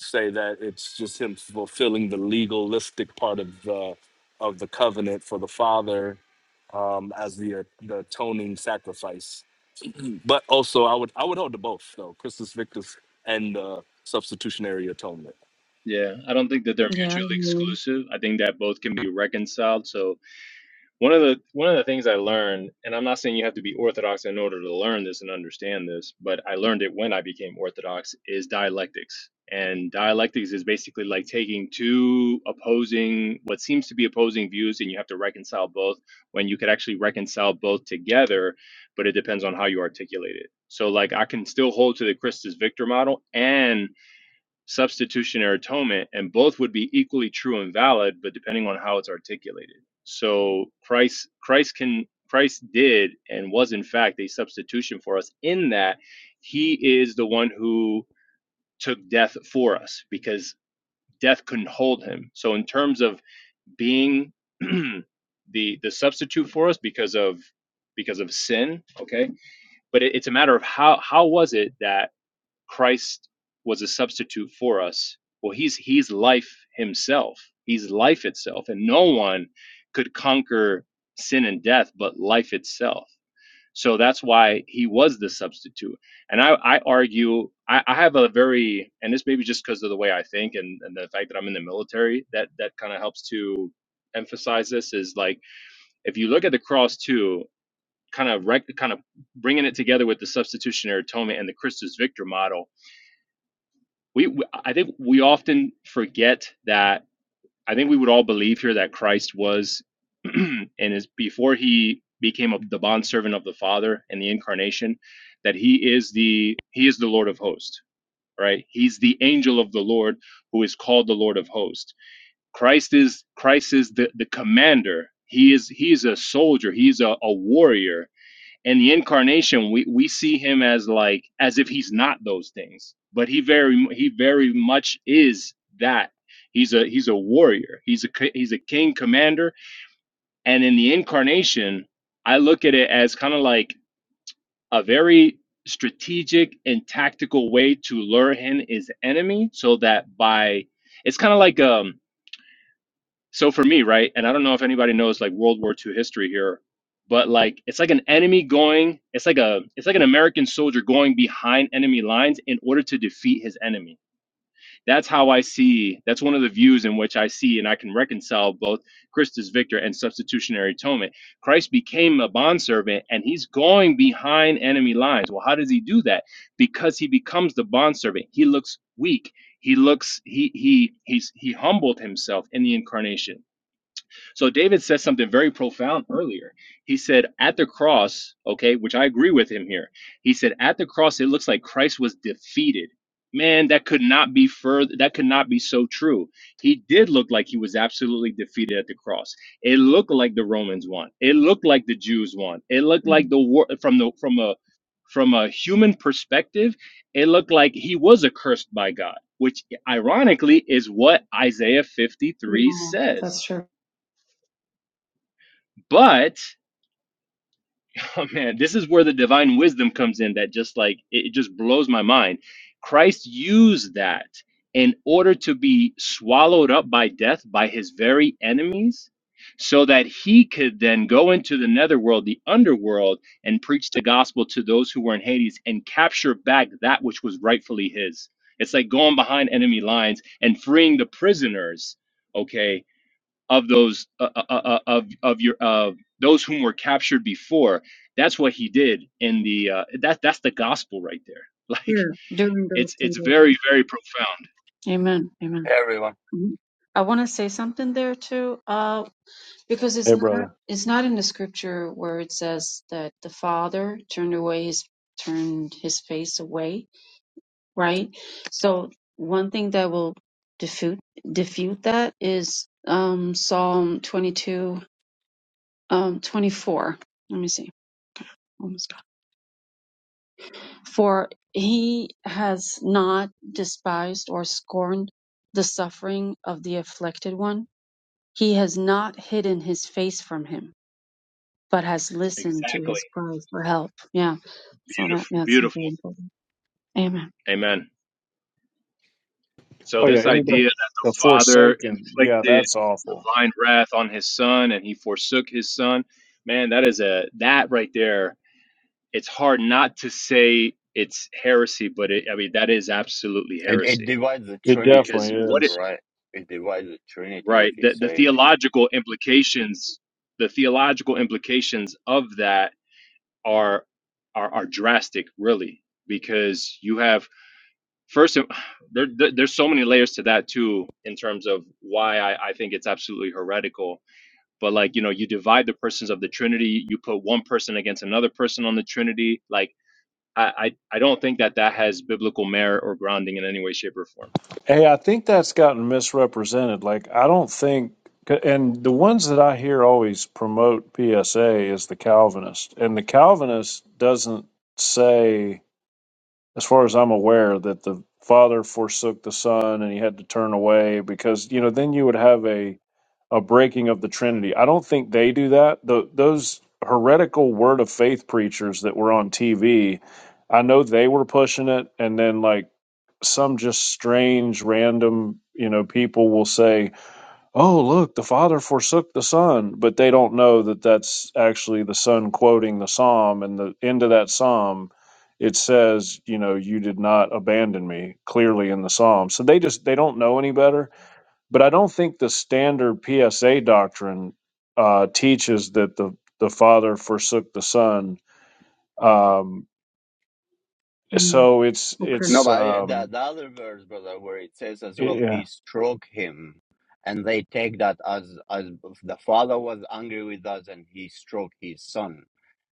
Speaker 1: say that it's just him fulfilling the legalistic part of the of the covenant for the father um as the the atoning sacrifice But also, I would I would hold to both though, Christus Victus and uh, substitutionary atonement.
Speaker 11: Yeah, I don't think that they're
Speaker 5: yeah
Speaker 11: mutually
Speaker 5: really.
Speaker 11: exclusive. I think that both can be reconciled. So one of the one of the things I learned, and I'm not saying you have to be orthodox in order to learn this and understand this, but I learned it when I became orthodox is dialectics. And dialectics is basically like taking two opposing what seems to be opposing views and you have to reconcile both when you could actually reconcile both together, but it depends on how you articulate it. So like I can still hold to the Christus Victor model and substitutionary atonement, and both would be equally true and valid, but depending on how it's articulated. So Christ Christ can Christ did and was in fact a substitution for us in that he is the one who took death for us because death couldn't hold him. So in terms of being the the substitute for us because of because of sin, okay? But it, it's a matter of how how was it that Christ was a substitute for us. Well, he's he's life himself. He's life itself, and no one could conquer sin and death but life itself. So that's why he was the substitute. And I, I argue, I, I have a very, and this maybe just because of the way I think and, and the fact that I'm in the military, that that kind of helps to emphasize this is like if you look at the cross too, kind of rec- kind of bringing it together with the substitutionary atonement and the Christus Victor model we, we i think we often forget that i think we would all believe here that christ was and is before he became a, the bondservant of the father in the incarnation that he is the he is the lord of hosts right he's the angel of the lord who is called the lord of hosts christ is christ is the, the commander he is he is a soldier he's a, a warrior and the incarnation we, we see him as like as if he's not those things but he very he very much is that he's a he's a warrior he's a he's a king commander and in the incarnation i look at it as kind of like a very strategic and tactical way to lure in his enemy so that by it's kind of like um so for me, right, and I don't know if anybody knows like World War II history here, but like it's like an enemy going, it's like a it's like an American soldier going behind enemy lines in order to defeat his enemy. That's how I see. That's one of the views in which I see, and I can reconcile both Christus Victor and substitutionary atonement. Christ became a bondservant, and he's going behind enemy lines. Well, how does he do that? Because he becomes the bondservant. He looks weak. He looks he he he's he humbled himself in the incarnation so David says something very profound earlier. He said, at the cross, okay, which I agree with him here. He said, at the cross, it looks like Christ was defeated. Man, that could not be further, that could not be so true. He did look like he was absolutely defeated at the cross. It looked like the Romans won. It looked like the Jews won. It looked like
Speaker 5: Mhm.
Speaker 11: the war from the from a from a human perspective, it looked like he was accursed by God, which ironically is what Isaiah 53
Speaker 5: yeah
Speaker 11: says
Speaker 5: that's true
Speaker 11: but oh man, this is where the divine wisdom comes in that just like it it just blows my mind. Christ used that in order to be swallowed up by death by his very enemies so that he could then go into the netherworld, the underworld, and preach the gospel to those who were in Hades and capture back that which was rightfully his. It's like going behind enemy lines and freeing the prisoners, okay, of those uh, uh, uh, uh, of of your of those whom were captured before. That's what he did in the uh, that that's the gospel right there. Like
Speaker 5: yeah during those
Speaker 11: it's
Speaker 5: two
Speaker 11: it's
Speaker 5: days
Speaker 11: very very profound.
Speaker 5: amen amen
Speaker 14: Hey, everyone.
Speaker 5: Mhm. I want to say something there too, uh, because it's
Speaker 4: Hey,
Speaker 5: not
Speaker 4: brother.
Speaker 5: it's not in the scripture where it says that the father turned away his turned his face away, right? So one thing that will defute defute that is um, Psalm twenty two um, twenty four. Let me see. Almost got it. For he has not despised or scorned the suffering of the afflicted one He has not hidden his face from him, but has listened to
Speaker 11: Exactly.
Speaker 5: his cries for help. Yeah. So that
Speaker 11: Beautiful.
Speaker 5: yeah, it's very
Speaker 11: Beautiful.
Speaker 5: important. Amen.
Speaker 11: Amen. So
Speaker 4: Oh yeah,
Speaker 11: this
Speaker 4: anybody
Speaker 11: idea
Speaker 4: the
Speaker 11: that the father
Speaker 4: Forsaken. Yeah,
Speaker 11: inflicted
Speaker 4: that's awful.
Speaker 11: divine wrath on his son and he forsook his son, man, that is a that right there. It's hard not to say it's heresy, but it, I mean that is absolutely
Speaker 14: It it
Speaker 11: heresy
Speaker 14: divides the
Speaker 4: It
Speaker 14: Trinity,
Speaker 11: because
Speaker 4: definitely
Speaker 11: what it
Speaker 4: is.
Speaker 14: right? It divides the Trinity
Speaker 11: right
Speaker 14: if you
Speaker 11: the, the
Speaker 14: say
Speaker 11: theological implications the theological implications of that are are, are drastic really because you have First, there, there- there's so many layers to that too, in terms of why I, I think it's absolutely heretical. But like, you know, you divide the persons of the Trinity, you put one person against another person on the Trinity. Like, I, I, I don't think that that has biblical merit or grounding in any way, shape, or form.
Speaker 4: Hey, I think that's gotten misrepresented. Like, I don't think, and the ones that I hear always promote PSA is the Calvinist, and the Calvinist doesn't say, as far as I'm aware, that the Father forsook the Son and he had to turn away because you know then you would have a a breaking of the Trinity. I don't think they do that. The those heretical word of faith preachers that were on TV, I know they were pushing it, and then like some just strange random you know people will say oh look the father forsook the son but they don't know that that's actually the son quoting the psalm and the end of that psalm it says you know you did not abandon me clearly in the psalm so they just they don't know any better but I don't think the standard PSA doctrine uh, teaches that the the Father forsook the Son. Um,
Speaker 5: Mm,
Speaker 4: so it's
Speaker 5: okay.
Speaker 14: no,
Speaker 4: it's
Speaker 14: but I- the
Speaker 4: um,
Speaker 14: the other verse, brother, where it says as well,
Speaker 4: yeah.
Speaker 14: he struck him, and they take that as as the father was angry with us, and he struck his son.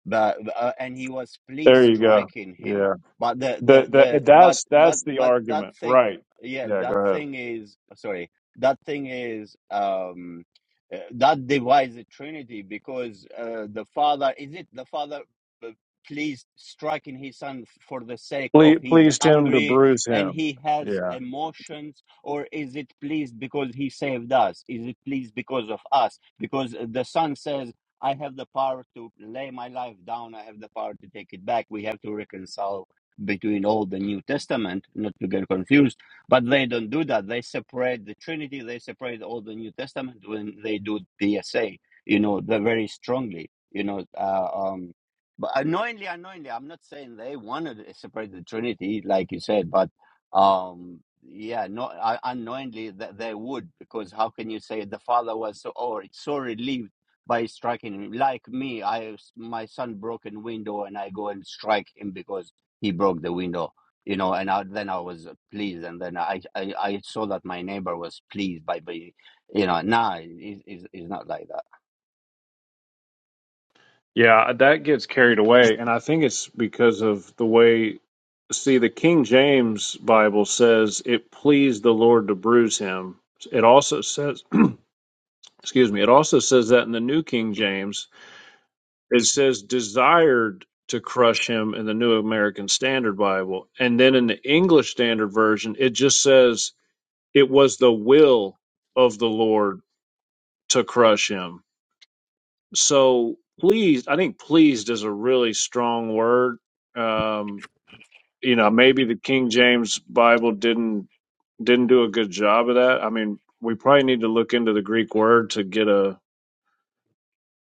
Speaker 14: But uh, and he was please
Speaker 4: There you go.
Speaker 14: striking him.
Speaker 4: Yeah,
Speaker 14: But the the
Speaker 4: the, the,
Speaker 14: the but
Speaker 4: that's
Speaker 14: but
Speaker 4: that's the
Speaker 14: but that
Speaker 4: argument,
Speaker 14: thing,
Speaker 4: right?
Speaker 14: yeah,
Speaker 4: Yeah, go
Speaker 14: that
Speaker 4: ahead.
Speaker 14: thing is sorry. That thing is um uh, that divides the Trinity because uh, the Father is it the Father uh, pleased striking his son for the sake of
Speaker 4: Ple-
Speaker 14: he's
Speaker 4: pleased him to
Speaker 14: angry
Speaker 4: bruise
Speaker 14: and
Speaker 4: him.
Speaker 14: he has
Speaker 4: Yeah,
Speaker 14: emotions or is it pleased because he saved us is it pleased because of us because the son says I have the power to lay my life down. I have the power to take it back. We have to reconcile between Old and New Testament, not to get confused. But they don't do that. They separate the Trinity. They separate Old and New Testament when they do PSA. You know, they're very strongly. You know, uh, um, but unknowingly, unknowingly, I'm not saying they wanted to separate the Trinity, like you said, but um, yeah, no, uh, unknowingly that they would, because how can you say the Father was so, oh, it's so relieved? by striking him. Like me, I my son broke a window and I go and strike him because he broke the window. You know, and I, then I was pleased, and then I, I I saw that my neighbor was pleased by by, you know, nah, it's, it's, it's not like that.
Speaker 4: yeah, that gets carried away, and I think it's because of the way. See, the King James Bible says it pleased the Lord to bruise him. It also says excuse me, it also says that in the New King James, it says desired to crush him in the New American Standard Bible. And then in the English Standard Version, it just says it was the will of the Lord to crush him. So pleased, I think pleased is a really strong word. Um, you know, maybe the King James Bible didn't didn't do a good job of that. I mean, we probably need to look into the Greek word to get a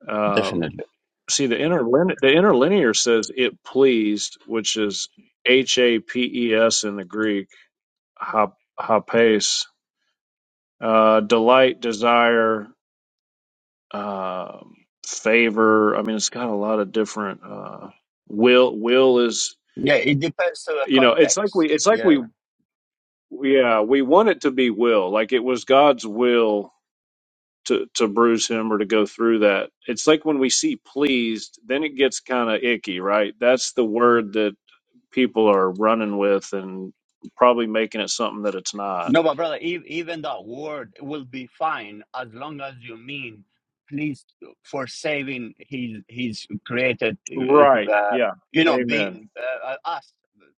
Speaker 4: um,
Speaker 14: Definitely,
Speaker 4: see the interlin the interlinear says it pleased, which is H A P E S in the Greek, hap- hapes, uh, delight, desire, uh, favor. I mean, it's got a lot of different uh, will. Will is
Speaker 14: yeah. It depends on the
Speaker 4: you know, it's like we,
Speaker 14: context.
Speaker 4: it's like
Speaker 14: Yeah.
Speaker 4: we, yeah, we want it to be will, like it was God's will to to bruise him or to go through that. It's like when we see pleased, then it gets kind of icky, right? That's the word that people are running with and probably making it something that it's not.
Speaker 14: No, but brother, ev- even that word will be fine as long as you mean please for saving his his created,
Speaker 4: Right.
Speaker 14: uh,
Speaker 4: Yeah.
Speaker 14: you know,
Speaker 4: Amen.
Speaker 14: being uh, us,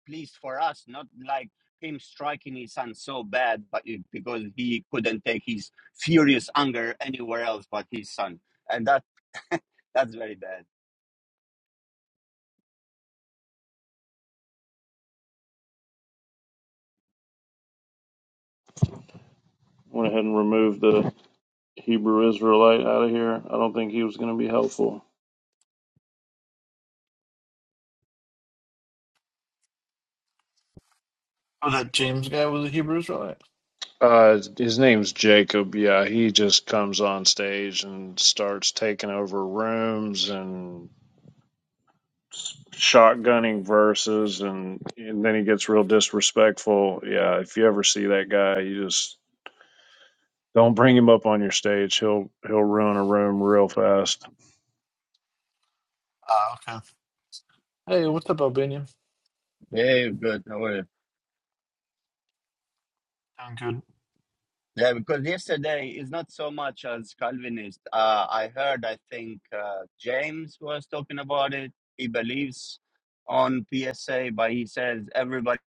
Speaker 14: please for us, not like him striking his son so bad, but it, because he couldn't take his furious anger anywhere else but his son, and that that's very bad.
Speaker 4: Went ahead and removed the Hebrew Israelite out of here. I don't think he was going to be helpful.
Speaker 13: Oh that James guy was a Hebrew Israelite?
Speaker 4: Uh, his name's Jacob. Yeah, he just comes on stage and starts taking over rooms and shotgunning verses, and and then he gets real disrespectful. Yeah, if you ever see that guy, you just don't bring him up on your stage. He'll he'll ruin a room real fast.
Speaker 13: Ah, okay. Hey, what's up, Albanian?
Speaker 14: Very good.
Speaker 13: Doing good.
Speaker 14: Yeah, because yesterday is not so much as Calvinist. Uh, I heard, I think uh, James was talking about it. He believes on PSA, but he says everybody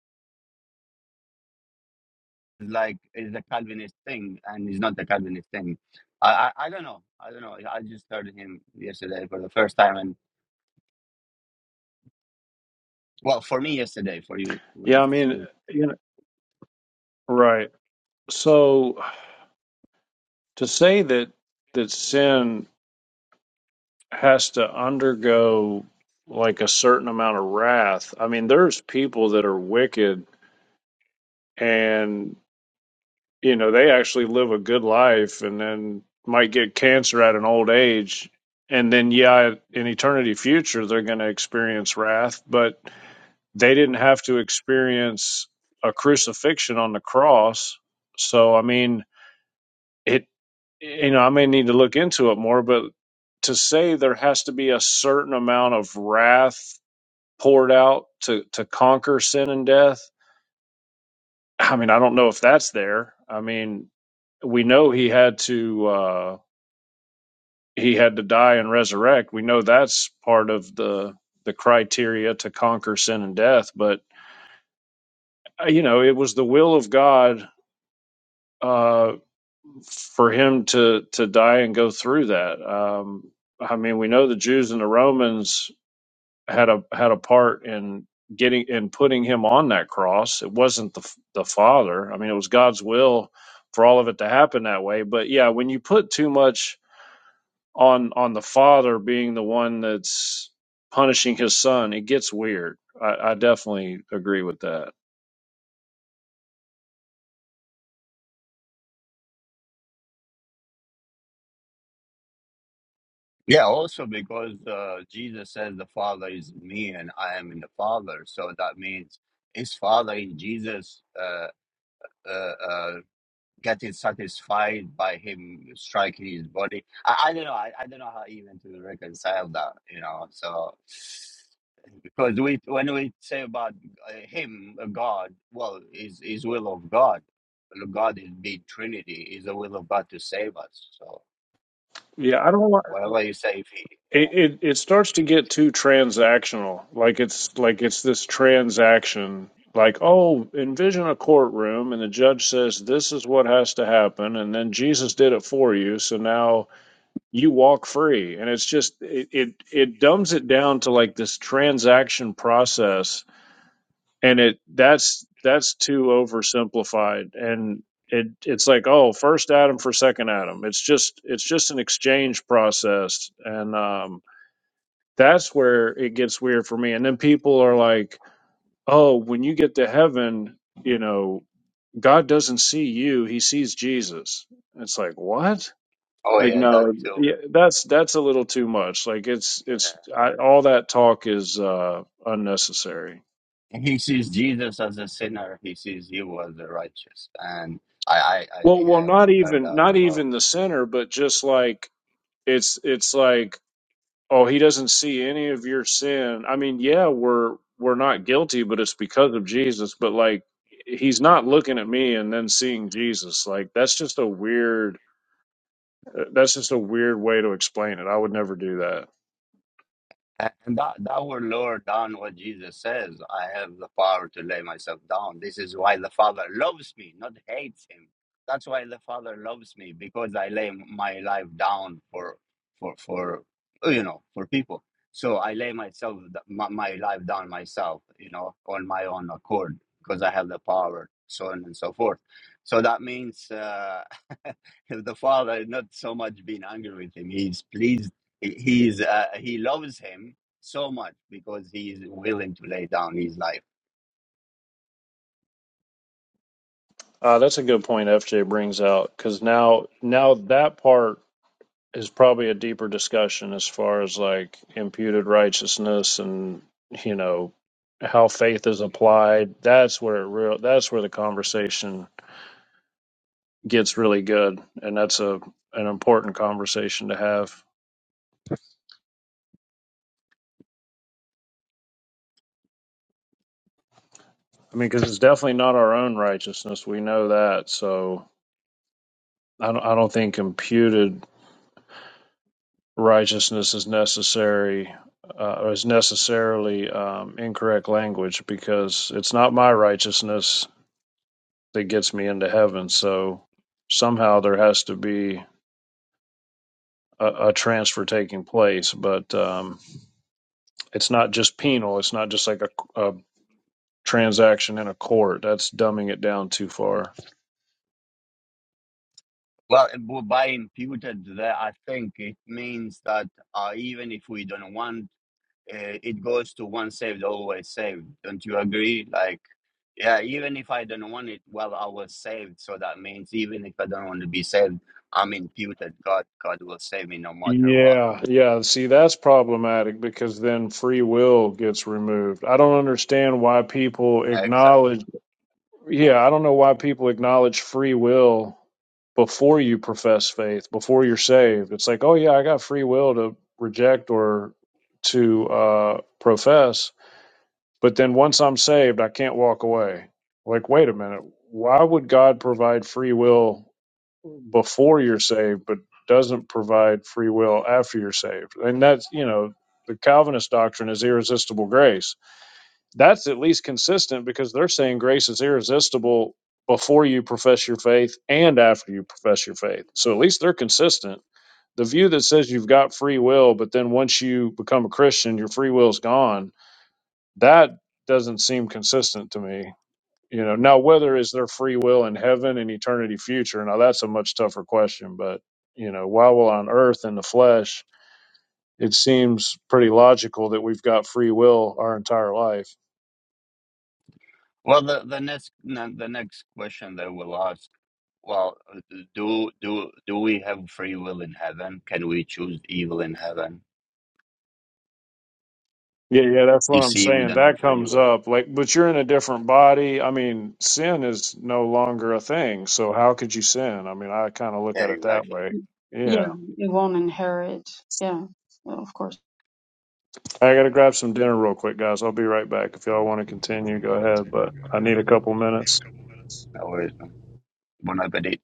Speaker 14: is like is a Calvinist thing, and it's not a Calvinist thing. I, I I don't know. I don't know. I just heard him yesterday for the first time, and well, for me yesterday, for you,
Speaker 4: Yeah, I
Speaker 14: it's
Speaker 4: mean,
Speaker 14: still-
Speaker 4: you know, right. So to say that that sin has to undergo like a certain amount of wrath, I mean, there's people that are wicked and you know, they actually live a good life and then might get cancer at an old age. And then, yeah, in eternity future, they're going to experience wrath, but they didn't have to experience a crucifixion on the cross. So, I mean, it to pull to there, and we had to uh, he's the the criteria to cut uh, for him to to die and go through that. Um, I mean, we know the Jews and the Romans had a had a part in getting in putting him on that cross. It wasn't the the Father. I mean, it was God's will for all of it to happen that way. But yeah, when you put too much on on the Father being the one that's punishing his son, it gets weird. I, I definitely agree with that.
Speaker 14: yeah. Also because uh, Jesus says the Father is in me, and I am in the Father, so that means his father in Jesus. Uh, uh, uh, getting satisfied by him striking his body. I, I don't know. I, I don't know how even to reconcile that. You know, so because we when we say about uh, him, uh, God, well, is is will of God. God is being Trinity is the will of God to save us. So
Speaker 4: Yeah, I don't want
Speaker 14: whatever you say, if he,
Speaker 4: it, it. It starts to get too transactional. Like it's like it's this transaction. Like, oh, envision a courtroom, and the judge says this is what has to happen, and then Jesus did it for you, so now you walk free. And it's just it it, it dumbs it down to like this transaction process, and it that's that's too oversimplified. And it it's like oh, first Adam for second Adam. It's just it's just an exchange process, and um That's where it gets weird for me. And then people are like, oh, when you get to heaven, you know, God doesn't see you, he sees Jesus. It's like, what?
Speaker 14: oh
Speaker 4: Like
Speaker 14: yeah, that
Speaker 4: no,
Speaker 14: too.
Speaker 4: yeah, a little too much. Like it's it's
Speaker 14: Yeah.
Speaker 4: I, that talk is uh unnecessary.
Speaker 14: He sees Jesus as a sinner. He sees you as the righteous, and I, I, I
Speaker 4: Well, well,
Speaker 14: yeah,
Speaker 4: not
Speaker 14: we heard
Speaker 4: even
Speaker 14: that as
Speaker 4: not
Speaker 14: well.
Speaker 4: even the sinner, but just like it's it's like oh he doesn't see any of your sin i mean yeah we're we're not guilty but it's because of jesus but like he's not looking at me and then seeing jesus like there that's just a weird way to explain it i would never do that
Speaker 14: And that, that our Lord done what Jesus says, I have the power to lay myself down. This is why the Father loves me, not hates him. That's why the Father loves me, because I lay my life down for for for you know for people. So I lay myself my, my life down myself, you know, on my own accord, because I have the power, so on and so forth. So that means uh, the Father is not so much being angry with him, he's pleased he- he's uh, he loves him so much because he is willing to lay down his life.
Speaker 4: uh, that's a good point fj brings out because now now that part is probably a deeper discussion as far as like imputed righteousness and you know how faith is applied that's where it real that's where the conversation gets really good and that's a an important conversation to have i mean because it's definitely not our own righteousness we know that so i don't, I don't think imputed righteousness is necessary uh, or is necessarily um, incorrect language because it's not my righteousness that gets me into heaven. So somehow there has to be a, a transfer taking place, but um, it's not just penal. It's not just like a, a transaction in a court. That's dumbing it down too far.
Speaker 14: Well, b- by imputed, there, I think it means that uh, even if we don't want, uh, it goes to one saved, always saved. Don't you agree? Like, yeah, even if I don't want it, well, I was saved. So that means even if I don't want to be saved, I'm imputed. God, God will save me no matter what.
Speaker 4: Yeah, yeah. See, that's problematic because then free will gets removed. I don't understand why people
Speaker 14: Exactly.
Speaker 4: acknowledge. Yeah, I don't know why people acknowledge free will before you profess faith, before you're saved. It's like, oh yeah, I got free will to reject or to uh, profess, but then once I'm saved, I can't walk away. Like, wait a minute, why would God provide free will before you're saved, but doesn't provide free will after you're saved? And that's you know, the Calvinist doctrine is irresistible grace that's at least consistent because they're saying grace is irresistible before you profess your faith and after you profess. So at least the that doesn't, you know, but, you know, it's
Speaker 14: Well, the, the next the next question they will ask Well, do do do we have free will in heaven? Can we choose evil in heaven?
Speaker 4: yeah, yeah. That's
Speaker 14: You
Speaker 4: what I'm
Speaker 14: see, we
Speaker 4: saying.
Speaker 14: don't have
Speaker 4: That
Speaker 14: free
Speaker 4: comes
Speaker 14: will.
Speaker 4: up like, but you're in a different body. I mean, it's no longer a thing. So how could you sin? I mean, I kind of look
Speaker 14: Yeah,
Speaker 4: at it that
Speaker 14: exactly.
Speaker 4: way.
Speaker 5: Yeah,
Speaker 4: Yeah,
Speaker 5: it won't inherit. Yeah, well, of course.
Speaker 4: I gotta grab some dinner real quick, guys. I'll be right back. If y'all want to continue, go ahead. But I need a couple minutes.
Speaker 14: No worries, man. Bon appetit.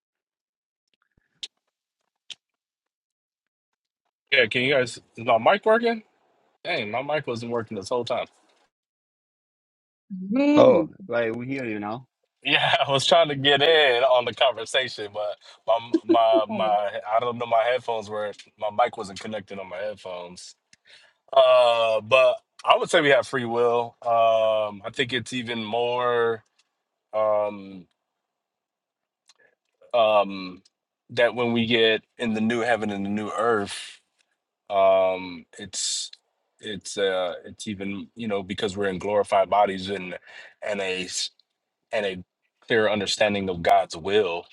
Speaker 1: Yeah, can you guys? Is my mic working? Dang, my mic wasn't working this whole time.
Speaker 5: Really?
Speaker 14: Oh, like we here, you know.
Speaker 1: Yeah, I was trying to get in on the conversation, but my my
Speaker 5: Oh,
Speaker 1: my I don't know my headphones were my mic wasn't connected on my headphones. Uh, but I would say we have free will. Um, I think it's even more um um that when we get in the new heaven and the new earth. um it's it's uh it's even you know because we're in glorified bodies and and a s- and a clear understanding of god's will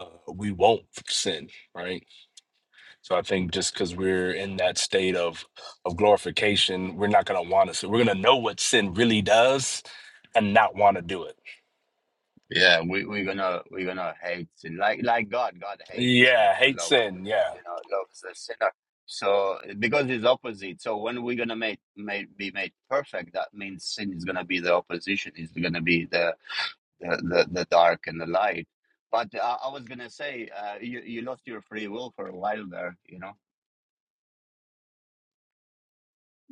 Speaker 1: uh, we won't sin right so i think just because we're in that state of of glorification we're not going to want to sin we're going to know what sin really does and not want to do it
Speaker 14: Yeah, we we're gonna we're gonna hate sin like like God. God hates sin,
Speaker 1: yeah
Speaker 14: but
Speaker 1: hate
Speaker 14: love,
Speaker 1: sin yeah
Speaker 14: you know, loves the sinner. So because it's opposite. So when we're gonna make, make be made perfect, that means sin is gonna be the opposition. Is gonna be the the, the, the dark and the light. But uh, I was gonna say, uh, you you lost your free will for a while there. You know,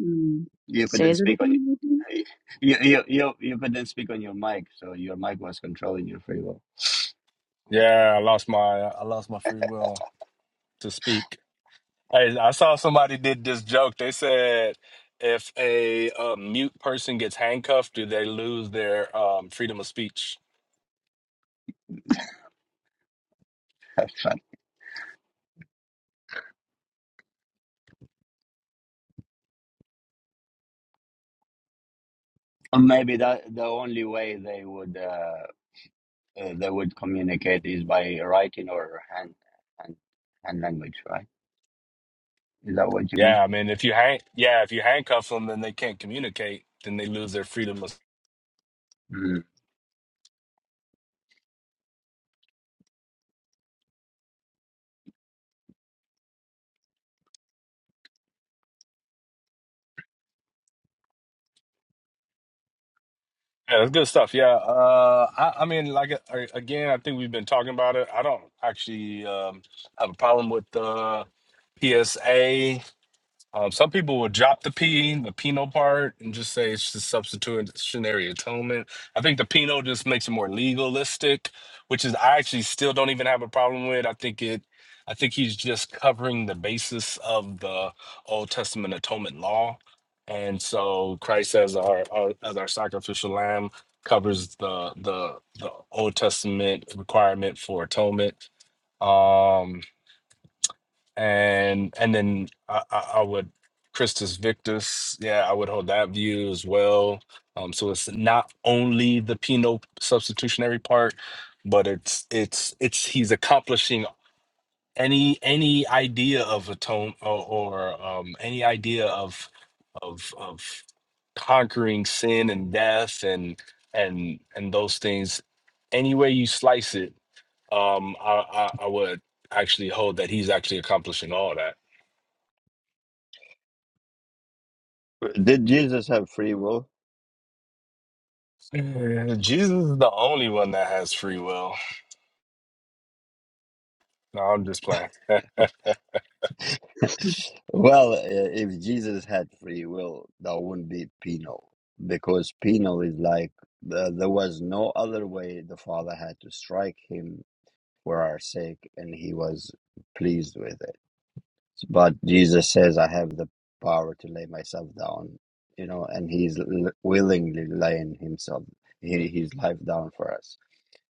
Speaker 5: Mm.
Speaker 14: you
Speaker 5: Say
Speaker 14: couldn't
Speaker 5: that
Speaker 14: speak on
Speaker 5: again.
Speaker 14: you you you, you couldn't speak on your mic, so your mic was controlling your free will.
Speaker 1: yeah i lost my i lost my free will to speak Hey, I saw somebody did this joke. They said if a, uh mute person gets handcuffed, do they lose their um, freedom of speech?
Speaker 14: That's fun. And Maybe that the only way they would uh, uh, they would communicate is by writing or hand hand, hand language, right? Is that what you mean?
Speaker 1: Yeah, I mean, if you hang, yeah, if you handcuff them and they can't communicate, then they lose their freedom of.
Speaker 14: Mm.
Speaker 1: Yeah, that's good stuff. Yeah, uh, I, I mean, like uh, again, I think we've been talking about it. I don't actually um, have a problem with the PSA. Um, some people will drop the P, the penal part, and just say it's just substitutionary atonement. I think the penal just makes it more legalistic, which is I actually still don't even have a problem with. I think it, I think he's just covering the basis of the Old Testament atonement law, and so Christ as our, our as our sacrificial lamb covers the the the Old Testament requirement for atonement. Um, and and then I, I, I would Christus Victus, yeah, I would hold that view as well. Um, so it's not only the penal substitutionary part, but it's it's it's he's accomplishing any any idea of atone or, or um, any idea of of of conquering sin and death and and and those things any way you slice it um i i, I would actually hold that he's actually accomplishing all that
Speaker 14: Did Jesus have free will?
Speaker 1: Yeah, jesus is the only one that has free will no i'm just playing
Speaker 5: Ruthie?
Speaker 14: Well, uh, if Jesus had free will, that wouldn't be penal, because penal is like the, there was no other way the Father had to strike him for our sake, and he was pleased with it. But Jesus says, I have the power to lay myself down, you know, and he's l- willingly laying himself, he, his life down for us.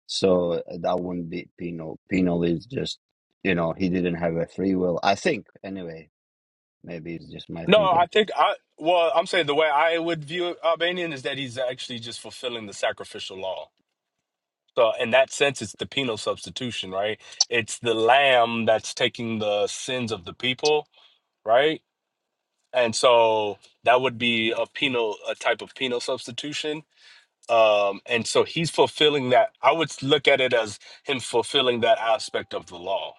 Speaker 14: So uh, that wouldn't be penal. Penal is just, you know, he didn't have a free will. I think, anyway, Maybe it's just my
Speaker 1: no i
Speaker 14: thinking.
Speaker 1: think i well i'm saying the way i would view albanian is that he's actually just fulfilling the sacrificial law So in that sense, it's the penal substitution, right? It's the lamb that's taking the sins of the people, right? And so that would be a penal, a type of penal substitution. Um, and so he's fulfilling that. I would look at it as him fulfilling that aspect of the law.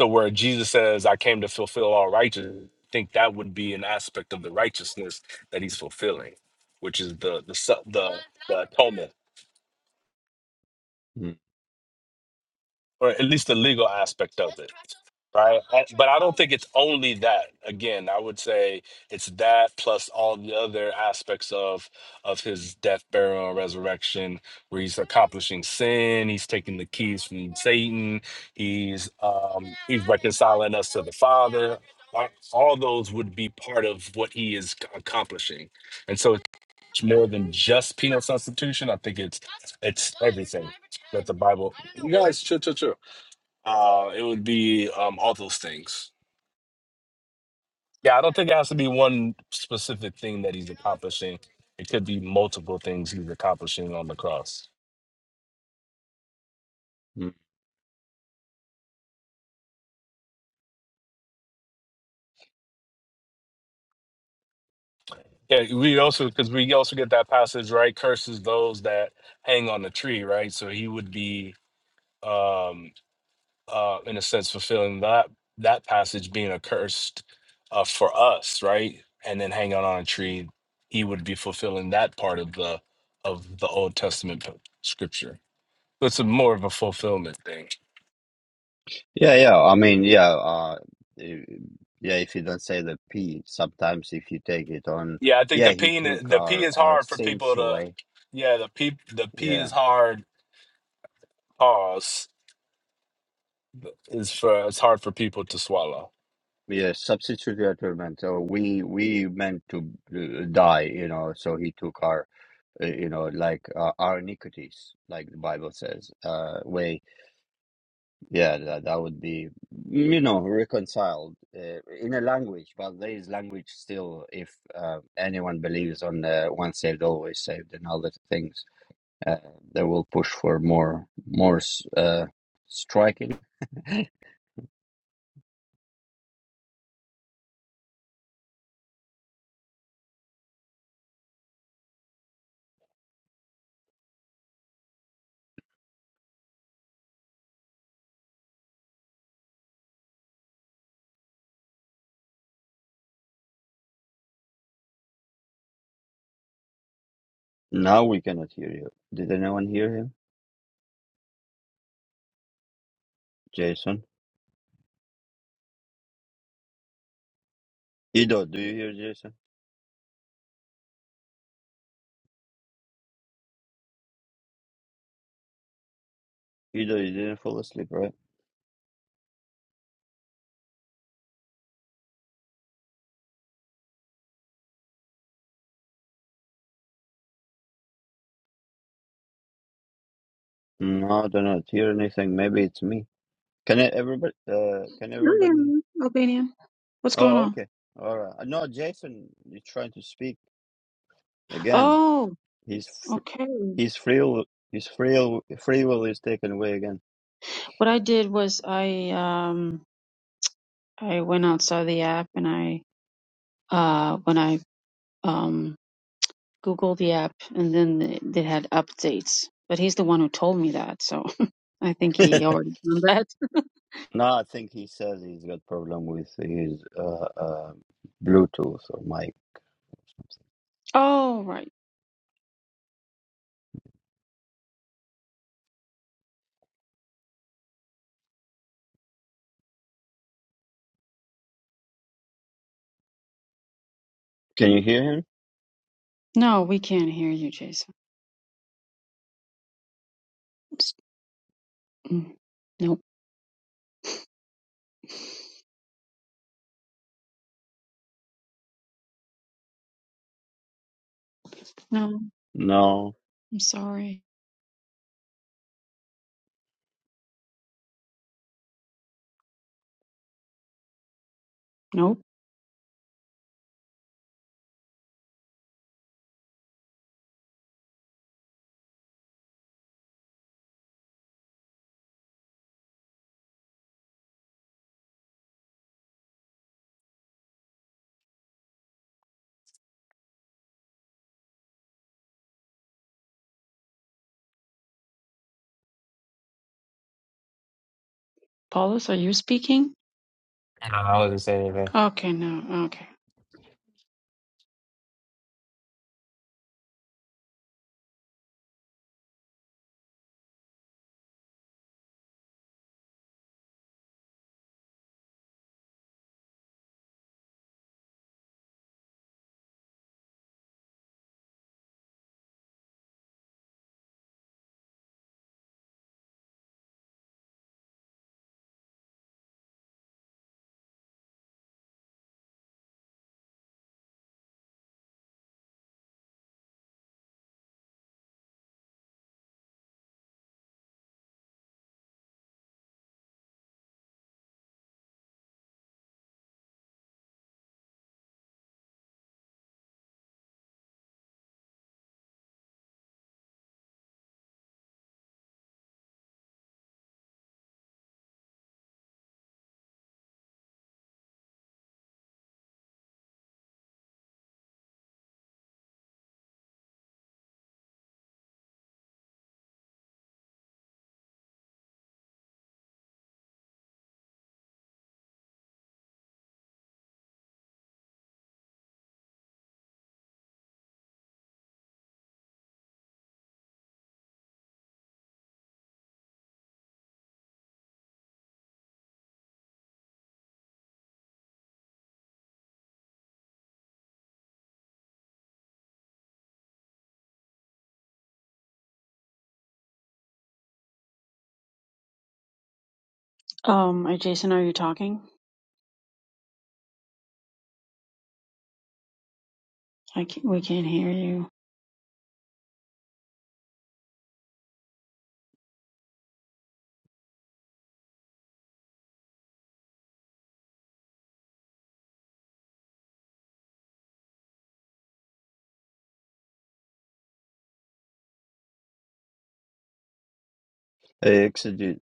Speaker 1: So where Jesus says, "I came to fulfill all righteousness," I think that would be an aspect of the righteousness that he's fulfilling, which is the the su- the, the atonement.
Speaker 14: mm
Speaker 1: or at least the legal aspect of it, right? I- But I don't think it's only that. Again, I would say it's that plus all the other aspects of of his death, burial, and resurrection, where he's accomplishing sin, he's taking the keys from Satan, he's um, he's reconciling us to the Father. Like, All those would be part of what he is c- accomplishing, and so it's more than just penal substitution. I think it's it's everything that the Bible. You guys, chill, chill, chill. Uh, it would be um, all those things. Yeah, I don't think it has to be one specific thing that he's accomplishing. It could be multiple things he's accomplishing on the cross.
Speaker 14: mm.
Speaker 1: Yeah, we also because we also get that passage right. Curses those that hang on the tree, right? So he would be, um, uh, in a sense, fulfilling that that passage being accursed uh, for us, right? And then hanging on a tree, he would be fulfilling that part of the of the Old Testament p- scripture. So it's a more of a fulfillment thing.
Speaker 14: Yeah, yeah. I mean, yeah, uh, i- yeah. If you don't say the P, sometimes if you take it on,
Speaker 1: Yeah, I think
Speaker 14: yeah,
Speaker 1: the
Speaker 14: he
Speaker 1: P
Speaker 14: took
Speaker 1: the P
Speaker 14: our
Speaker 1: is
Speaker 14: our
Speaker 1: hard for
Speaker 14: sins
Speaker 1: people to.
Speaker 14: away.
Speaker 1: Yeah, the P the P
Speaker 14: Yeah,
Speaker 1: is hard. Pause is for it's hard for people to swallow.
Speaker 14: yeah. Substitute atonement. So we we meant to uh, die, you know. So he took our, uh, you know, like uh, our iniquities, like the Bible says, uh, away Yeah, that, that would be, mm, you know, reconciled uh, in a language, but there is language still if uh, anyone believes on uh, once saved, always saved and other things, uh, they will push for more, more s- uh, striking. Now we cannot hear you. Did anyone hear him? Jason? Ido, do you hear Jason? Ido, you didn't fall asleep, right? No, I do not hear anything. Maybe it's me. Can I, everybody, uh, can
Speaker 5: Oh,
Speaker 14: everybody?
Speaker 5: yeah, Albania. What's going
Speaker 14: Oh,
Speaker 5: on?
Speaker 14: okay. All right. No, Jason is trying to speak again.
Speaker 5: Oh,
Speaker 14: His f-
Speaker 5: okay.
Speaker 14: his free will, his free will, free will is taken away again.
Speaker 5: What I did was I um I went outside the app and I uh when I um Google the app, and then they had updates. But he's the one who told me that, so I think he already done that.
Speaker 14: no, I think he says he's got problem with his uh, uh Bluetooth or mic.
Speaker 5: Oh, right.
Speaker 14: Can you hear him?
Speaker 5: No, we can't hear you, Jason. Oops. Mm. Nope. No,
Speaker 14: No.
Speaker 5: I'm sorry. Nope. Paulus, are you speaking?
Speaker 15: I don't know. I wasn't saying anything.
Speaker 5: Okay, no. Okay. Um, uh, Jason, are you talking? I can we can't hear you.
Speaker 14: Hey, Exegete.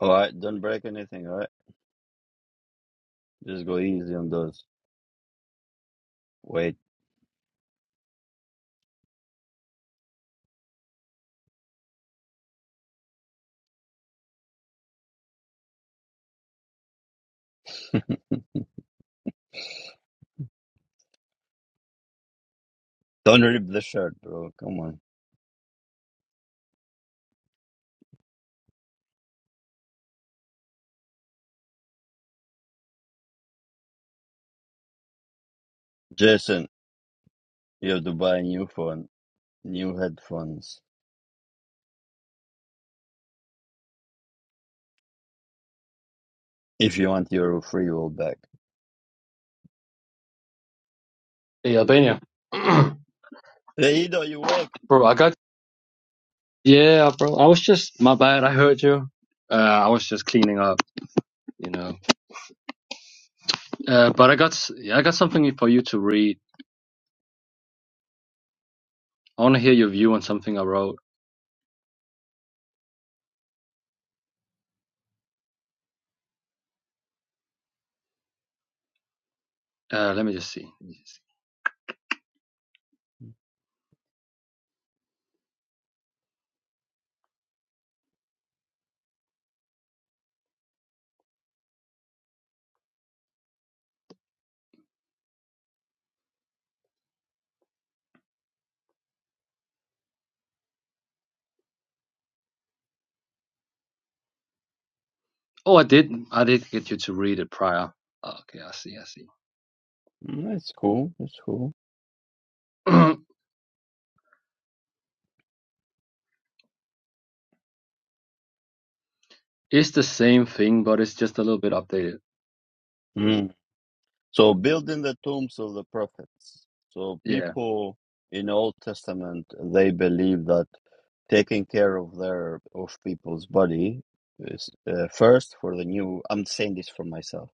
Speaker 14: All right, don't break anything. All right, just go easy on those. Wait, don't rip the shirt, bro. Come on, Jason. You have to buy a new phone, new headphones, if you want your free will back.
Speaker 12: Hey, Albania. bro,
Speaker 14: Hey, you awake?
Speaker 12: I got. Yeah, bro. I was just. My bad. I heard you. Uh, I was just cleaning up, you know. Uh, but I got s- I got something for you to read. I want to hear your view on something I wrote. Uh, let me just see. Let me just see. Oh, I did. I did get you to read it prior. Oh, Okay, I see. I see.
Speaker 14: Mm, That's cool. That's cool.
Speaker 12: it's the same thing, but it's just a little bit updated.
Speaker 14: Mm. So building the tombs of the prophets. So
Speaker 12: Yeah,
Speaker 14: people in Old Testament they believe that taking care of their of people's body is uh, first for the new. I'm saying this for myself.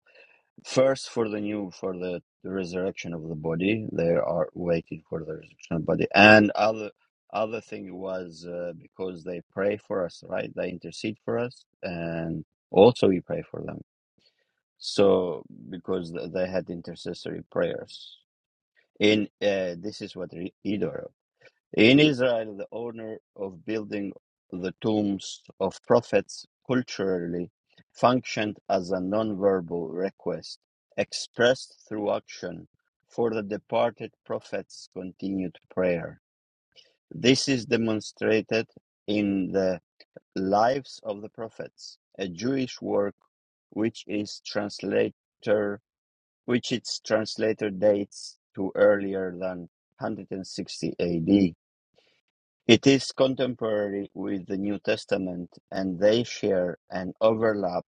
Speaker 14: First, for the new, for the, the resurrection of the body, they are waiting for the resurrection of the body. And other other thing was uh, because they pray for us, right? They intercede for us, and also we pray for them. So because th- they had intercessory prayers. In uh, this is what Re- Edo in Israel, the honor of building the tombs of prophets culturally functioned as a nonverbal request expressed through action for the departed prophets' continued prayer. This is demonstrated in the Lives of the Prophets, a Jewish work which is translator which its translator dates to earlier than 160 AD. It is contemporary with the New Testament, and they share an overlap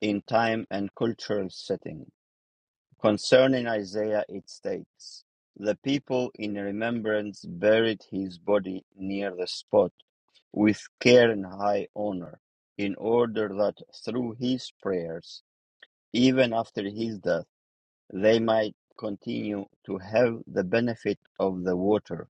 Speaker 14: in time and cultural setting. Concerning Isaiah, it states, The people in remembrance buried his body near the spot with care and high honor, in order that through his prayers, even after his death, they might continue to have the benefit of the water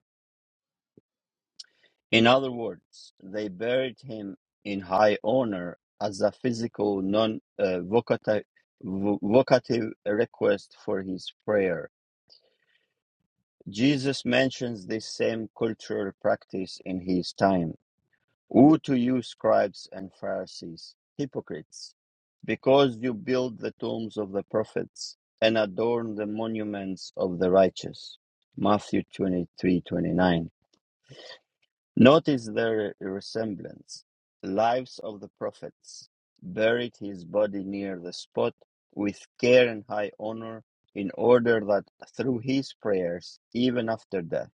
Speaker 14: In other words, they buried him in high honor as a physical, non-vocative vocative request for his prayer. Jesus mentions this same cultural practice in his time. Woe to you, scribes and Pharisees, hypocrites, because you build the tombs of the prophets and adorn the monuments of the righteous. Matthew 23:29. Notice their resemblance. Lives of the prophets buried his body near the spot with care and high honor, in order that through his prayers, even after death,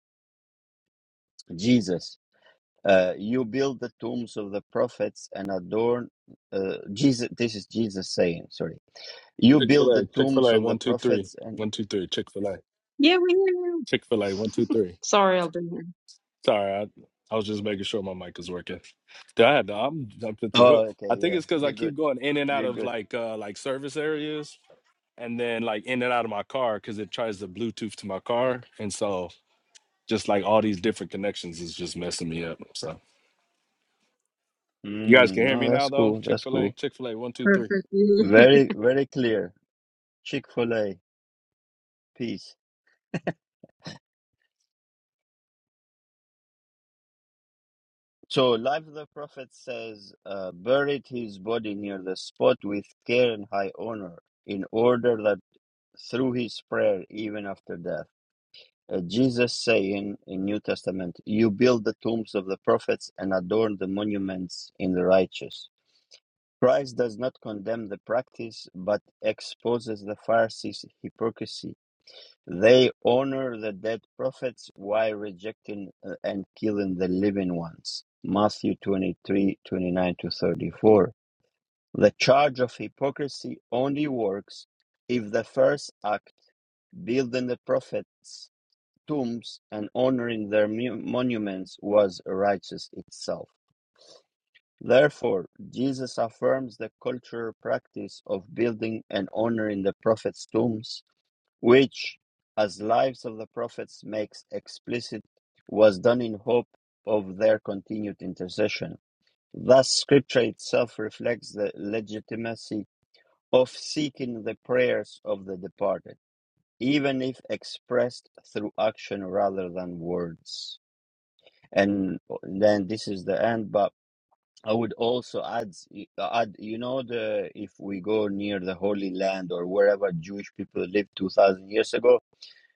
Speaker 14: Jesus, uh, you build the tombs of the prophets and adorn. Uh, Jesus, this is Jesus saying. Sorry, you
Speaker 1: Chick fil
Speaker 14: build
Speaker 1: A,
Speaker 14: the
Speaker 1: Chick fil
Speaker 14: tombs
Speaker 1: A,
Speaker 14: of the
Speaker 1: one two three,
Speaker 14: prophets and.
Speaker 1: one two three, Chick fil A,
Speaker 5: Yeah, we hear you.
Speaker 1: Chick fil A, one two three.
Speaker 5: Sorry, I'll be here.
Speaker 1: Sorry, I, I was just making sure my mic is working. Dude, I had to, I'm jumping through hood.
Speaker 14: Oh, okay,
Speaker 1: I think
Speaker 14: yeah,
Speaker 1: it's because I
Speaker 14: you're good.
Speaker 1: keep going in and out
Speaker 14: You're
Speaker 1: of
Speaker 14: good.
Speaker 1: like uh like service areas and then like in and out of my car because it tries to Bluetooth to my car. And so just like all these different connections is just messing me up. So you guys
Speaker 14: Mm,
Speaker 1: can hear me
Speaker 14: no,
Speaker 1: now
Speaker 14: that's
Speaker 1: though.
Speaker 14: cool.
Speaker 1: Chick
Speaker 14: That's
Speaker 1: fil A,
Speaker 14: cool.
Speaker 1: Chick fil A, one, two, three.
Speaker 5: Perfectly.
Speaker 14: Very, very clear. Chick Fil A. Peace. So, Life of the Prophet says, uh, buried his body near the spot with care and high honor, in order that through his prayer, even after death, uh, Jesus saying in New Testament, you build the tombs of the prophets and adorn the monuments in the righteous. Christ does not condemn the practice, but exposes the Pharisees' hypocrisy They honor the dead prophets while rejecting uh, and killing the living ones. Matthew 23 29 to 34. The charge of hypocrisy only works if the first act, building the prophets' tombs and honoring their mu- monuments, was righteous itself. Therefore, Jesus affirms the cultural practice of building and honoring the prophets' tombs which, as lives of the prophets makes explicit, was done in hope of their continued intercession. Thus, Scripture itself reflects the legitimacy of seeking the prayers of the departed, even if expressed through action rather than words. And then this is the end, but I would also add, add, you know, the if we go near the Holy Land or wherever Jewish people lived two thousand years ago,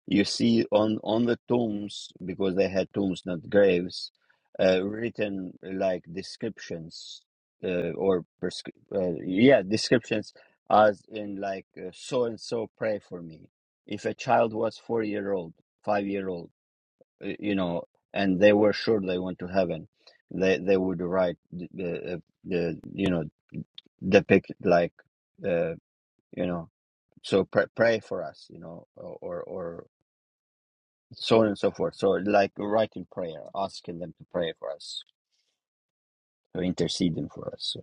Speaker 14: you see on on the tombs because they had tombs, not graves, uh, written like descriptions uh, or prescri- uh, yeah descriptions as in like uh, so and so pray for me. If a child was four year old, five year old, uh, you know, and they were sure they went to heaven, they they would write the, the, uh, the you know depict like uh, you know so pray, pray for us you know or or so on and so forth. So, like writing prayer, asking them to pray for us, to interceding for us.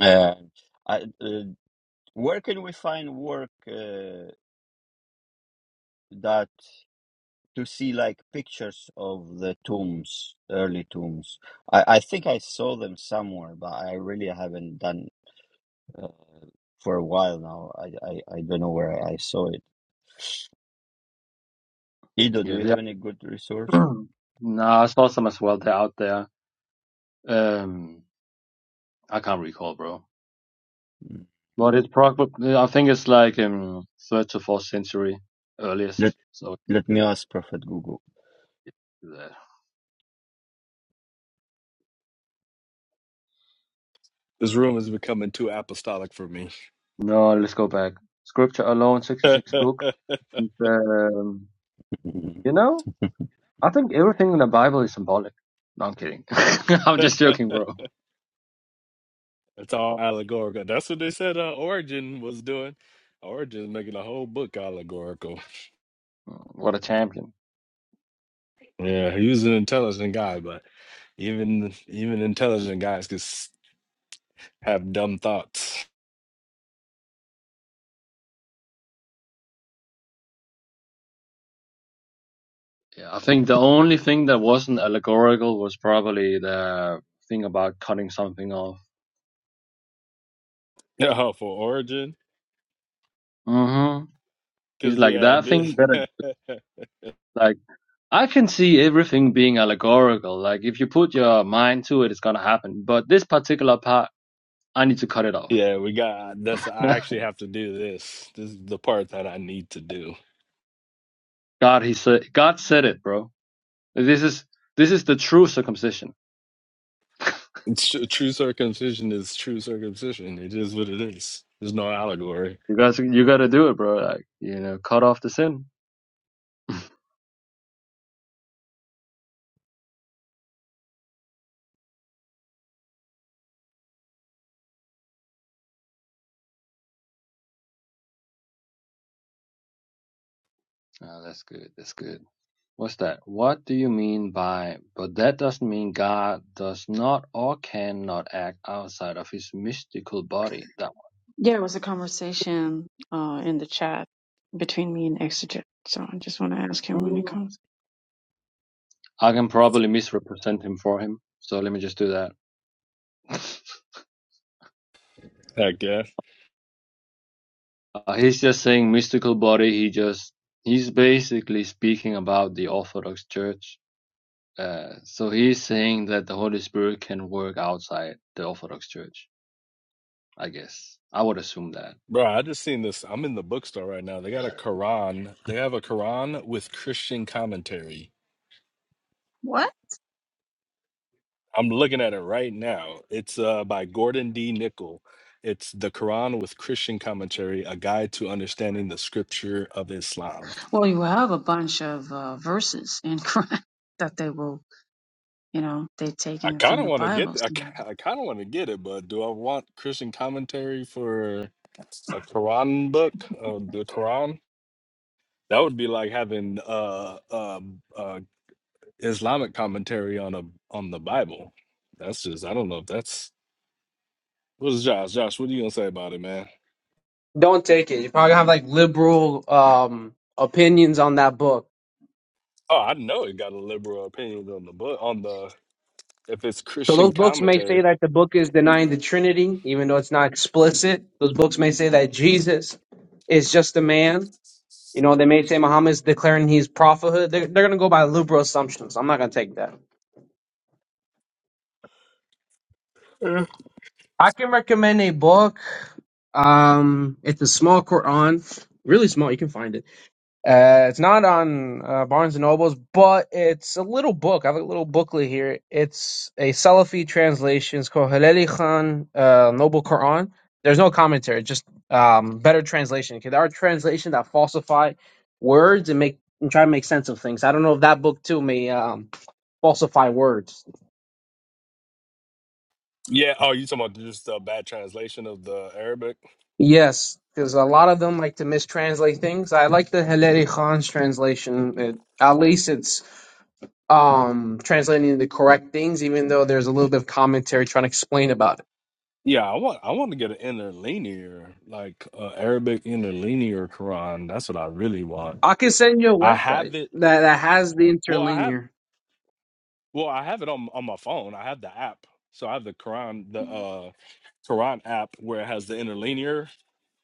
Speaker 14: Uh, I, uh, where can we find work uh, that to see like pictures of the tombs, early tombs? I, I think I saw them somewhere, but I really haven't done uh, for a while now. I, I, I don't know where I saw it. Ido, do
Speaker 12: yeah.
Speaker 14: you
Speaker 12: They
Speaker 14: have any good resource?
Speaker 12: are, nah, I saw some as well. They're out there. Um, I can't recall, bro.
Speaker 14: Mm.
Speaker 12: But it's probably I think it's like um third to fourth century
Speaker 14: Let
Speaker 12: earliest. So
Speaker 14: let me ask Prophet Google.
Speaker 12: uh,
Speaker 1: This room is becoming too apostolic for me.
Speaker 12: no, let's go back. Scripture alone, sixty six book. And, um, you know, I think everything in the Bible is symbolic. No, I'm kidding. I'm just joking, bro.
Speaker 1: it's all allegorical. That's what they said uh, Origin was doing. Origin making a whole book allegorical.
Speaker 12: What a champion.
Speaker 1: Yeah, he was an intelligent guy, but even even intelligent guys could s- have dumb thoughts.
Speaker 12: Yeah, I think the only thing that wasn't allegorical was probably the thing about cutting something off.
Speaker 1: Yeah, for origin,
Speaker 12: hmm
Speaker 1: because
Speaker 12: He's like
Speaker 1: yeah,
Speaker 12: that thing
Speaker 1: this,
Speaker 12: better. Like I can see everything being allegorical. Like if you put your mind to it, it's gonna happen. But this particular part, I need to cut it off.
Speaker 1: yeah, we got that's. I actually have to do this. This is the part that I need to do.
Speaker 12: God, he said, God said it, bro. This is this is the true circumcision.
Speaker 1: It's tr- true circumcision is true circumcision. It is what it is. There's no allegory.
Speaker 12: You guys, you gotta do it, bro. Like you know, cut off the sin. oh, that's good. That's good. What's that? What do you mean by? But that doesn't mean God does not or cannot act outside of His mystical body. That
Speaker 5: Yeah, it was a conversation uh in the chat between me and Exeget. So I just want to ask him when
Speaker 12: one.
Speaker 5: he comes.
Speaker 12: I can probably misrepresent Him for Him. So let me just do that. Uh,
Speaker 1: Heck yeah,
Speaker 12: he's just saying mystical body. He just he's basically speaking about the Orthodox Church. Uh, so he's saying that the Holy Spirit can work outside the Orthodox Church. I guess I would assume that.
Speaker 1: bro. I just seen this. I'm in the bookstore right now. They got a Quran. They have a Quran with Christian commentary.
Speaker 5: What?
Speaker 1: I'm looking at it right now. It's uh, by Gordon D. Nickel. It's The Quran with Christian Commentary, a guide to understanding the scripture of Islam.
Speaker 5: Well, you have a bunch of uh, verses in Quran that they will, you know, they've
Speaker 1: I
Speaker 5: taken from
Speaker 1: kind of
Speaker 5: the
Speaker 1: want to get
Speaker 5: Bible.
Speaker 1: I,
Speaker 5: So.
Speaker 1: ki- I kind of want to get it, but do I want Christian commentary for a Quran book of the Quran? That would be like having uh, uh, uh, Islamic commentary on a on the Bible. That's just I don't know if that's what is Josh. Josh, what are you gonna say about it, man?
Speaker 16: Don't take it. You probably have like liberal um opinions on that book.
Speaker 1: Oh, I know it got a liberal opinion on the book on the if it's
Speaker 16: So
Speaker 1: Christian
Speaker 16: those books may say
Speaker 1: commentary.
Speaker 16: that the book is denying the Trinity, even though it's not explicit. Those books may say that Jesus is just a man. You know, they may say Muhammad's declaring he's prophethood. They're, they're gonna go by liberal assumptions. I'm not gonna take that.
Speaker 1: Yeah.
Speaker 16: I can recommend a book. Um, it's a small Quran, really small. You can find it. Uh, it's not on uh, Barnes and Nobles, but it's a little book. I have a little booklet here. It's a Salafi translation. It's called Haleli Khan uh, Noble Quran. There's no commentary, just um, better translation. 'Cause There are translations that falsify words and make and try to make sense of things. I don't know if that book too may um, falsify words.
Speaker 1: Yeah, Oh, you talking about just a bad translation of the Arabic?
Speaker 16: Yes, because a lot of them like to mistranslate things. I like the Haleli Khan's translation. It, at least it's um, translating the correct things, even though there's a little bit of commentary trying to explain about it.
Speaker 1: Yeah, I want I want to get an interlinear, like uh, Arabic interlinear Quran. That's what I really want.
Speaker 16: I can send you a
Speaker 1: I
Speaker 16: website
Speaker 1: have it.
Speaker 16: that, that has the
Speaker 1: Well, I have.
Speaker 16: interlinear.
Speaker 1: Well, I have it on on my phone. I have the app, so I have the Quran, the uh Quran app where it has the interlinear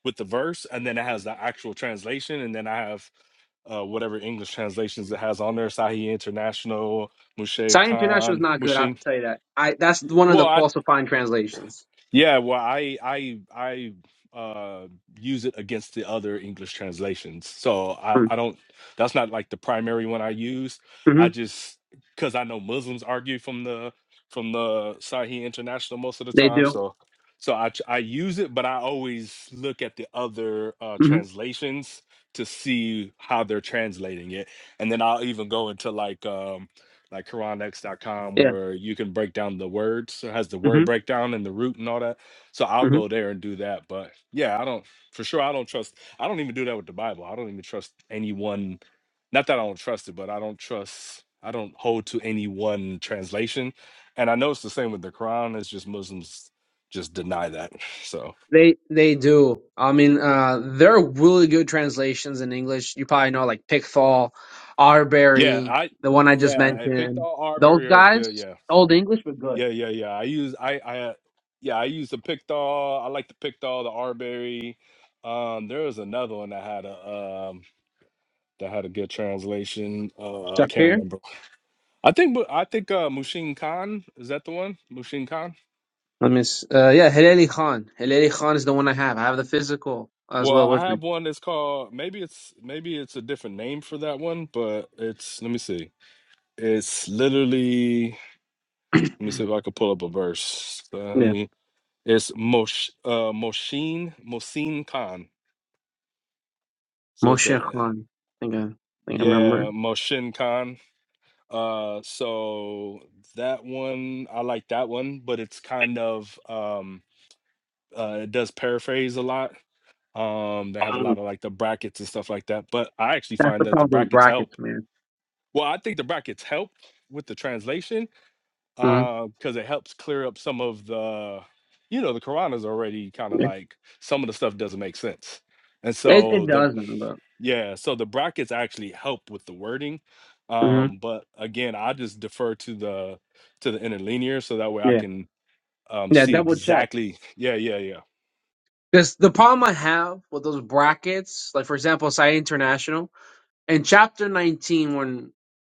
Speaker 1: with the verse, and then it has the actual translation, and then I have uh whatever English translations it has on there. Sahih International, Mushay
Speaker 16: Science International is
Speaker 1: Khan,
Speaker 16: not good. I
Speaker 1: Mushing.
Speaker 16: have to tell you that. I that's one of
Speaker 1: Well,
Speaker 16: the
Speaker 1: I
Speaker 16: falsifying translations.
Speaker 1: yeah, well, I I I uh use it against the other English translations. So I I don't that's not like the primary one I use.
Speaker 16: Mm-hmm.
Speaker 1: I just cuz I know Muslims argue from the from the Sahih International most of the
Speaker 16: They
Speaker 1: time,
Speaker 16: do.
Speaker 1: so so I tr- I use it, but I always look at the other uh
Speaker 16: hmm
Speaker 1: translations to see how they're translating it. And then I'll even go into like um, like quranx.com
Speaker 16: Yeah.
Speaker 1: where you can break down the words so it has the word
Speaker 16: hmm
Speaker 1: breakdown and the root and all that so i'll
Speaker 16: hmm
Speaker 1: go there and do that but yeah i don't for sure i don't trust i don't even do that with the bible i don't even trust anyone not that i don't trust it but i don't trust i don't hold to any one translation and i know it's the same with the quran it's just muslims just deny that so
Speaker 16: They they do. I mean, uh, there are really good translations in English. You probably know like Pickthall,
Speaker 1: yeah
Speaker 16: Arbery,
Speaker 1: i
Speaker 16: the one I just
Speaker 1: yeah i picked
Speaker 16: mentioned.
Speaker 1: all our
Speaker 16: Those
Speaker 1: barrier is good
Speaker 16: guys,
Speaker 1: yeah
Speaker 16: old English, were good.
Speaker 1: Yeah, yeah, yeah. I use I I yeah, I use the Pictol. I like the Pictol, the Arberry. Um there was another one that had a um that had a good translation. Uh I can't
Speaker 16: Shakir.
Speaker 1: remember. I think Mu- I think uh Mushin Khan, is that the one? Mushin Khan?
Speaker 16: Let me. s- Uh, yeah, Hilali Khan. Hilali Khan is the one I have. I have the physical as
Speaker 1: Well,
Speaker 16: well
Speaker 1: I
Speaker 16: with me.
Speaker 1: have one that's called maybe it's maybe it's a different name for that one, but it's let me see. It's literally let me see if I could pull up a verse.
Speaker 16: Yeah,
Speaker 1: Uh, it's Mosh uh Moshin Mosin Khan. So it's
Speaker 16: Moshe
Speaker 1: a
Speaker 16: Khan. I think I, I think I remember.
Speaker 1: Yeah, Moshin Khan. Uh, so that one, I like that one, but it's kind of um, uh, it does paraphrase a lot. Um, they have a lot
Speaker 16: Mm.
Speaker 1: of like the brackets and stuff like that. But I actually
Speaker 16: That's the
Speaker 1: find that the
Speaker 16: problem with
Speaker 1: brackets
Speaker 16: brackets,
Speaker 1: help.
Speaker 16: man.
Speaker 1: Well, I think the brackets help with the translation
Speaker 16: hmm
Speaker 1: uh, because it helps clear up some of the, you know, the Quran is already kind of
Speaker 16: Yeah.
Speaker 1: like some of the stuff doesn't make sense. And
Speaker 16: It it
Speaker 1: so the
Speaker 16: doesn't, but
Speaker 1: Yeah, so the brackets actually help with the wording.
Speaker 16: hmm
Speaker 1: Um, but again, I just defer to the to the interlinear so that way I
Speaker 16: yeah,
Speaker 1: can um
Speaker 16: yeah.
Speaker 1: see
Speaker 16: Double check.
Speaker 1: exactly. Yeah, yeah, yeah.
Speaker 16: Because the problem I have with those brackets, like for example, Sai International in chapter nineteen, when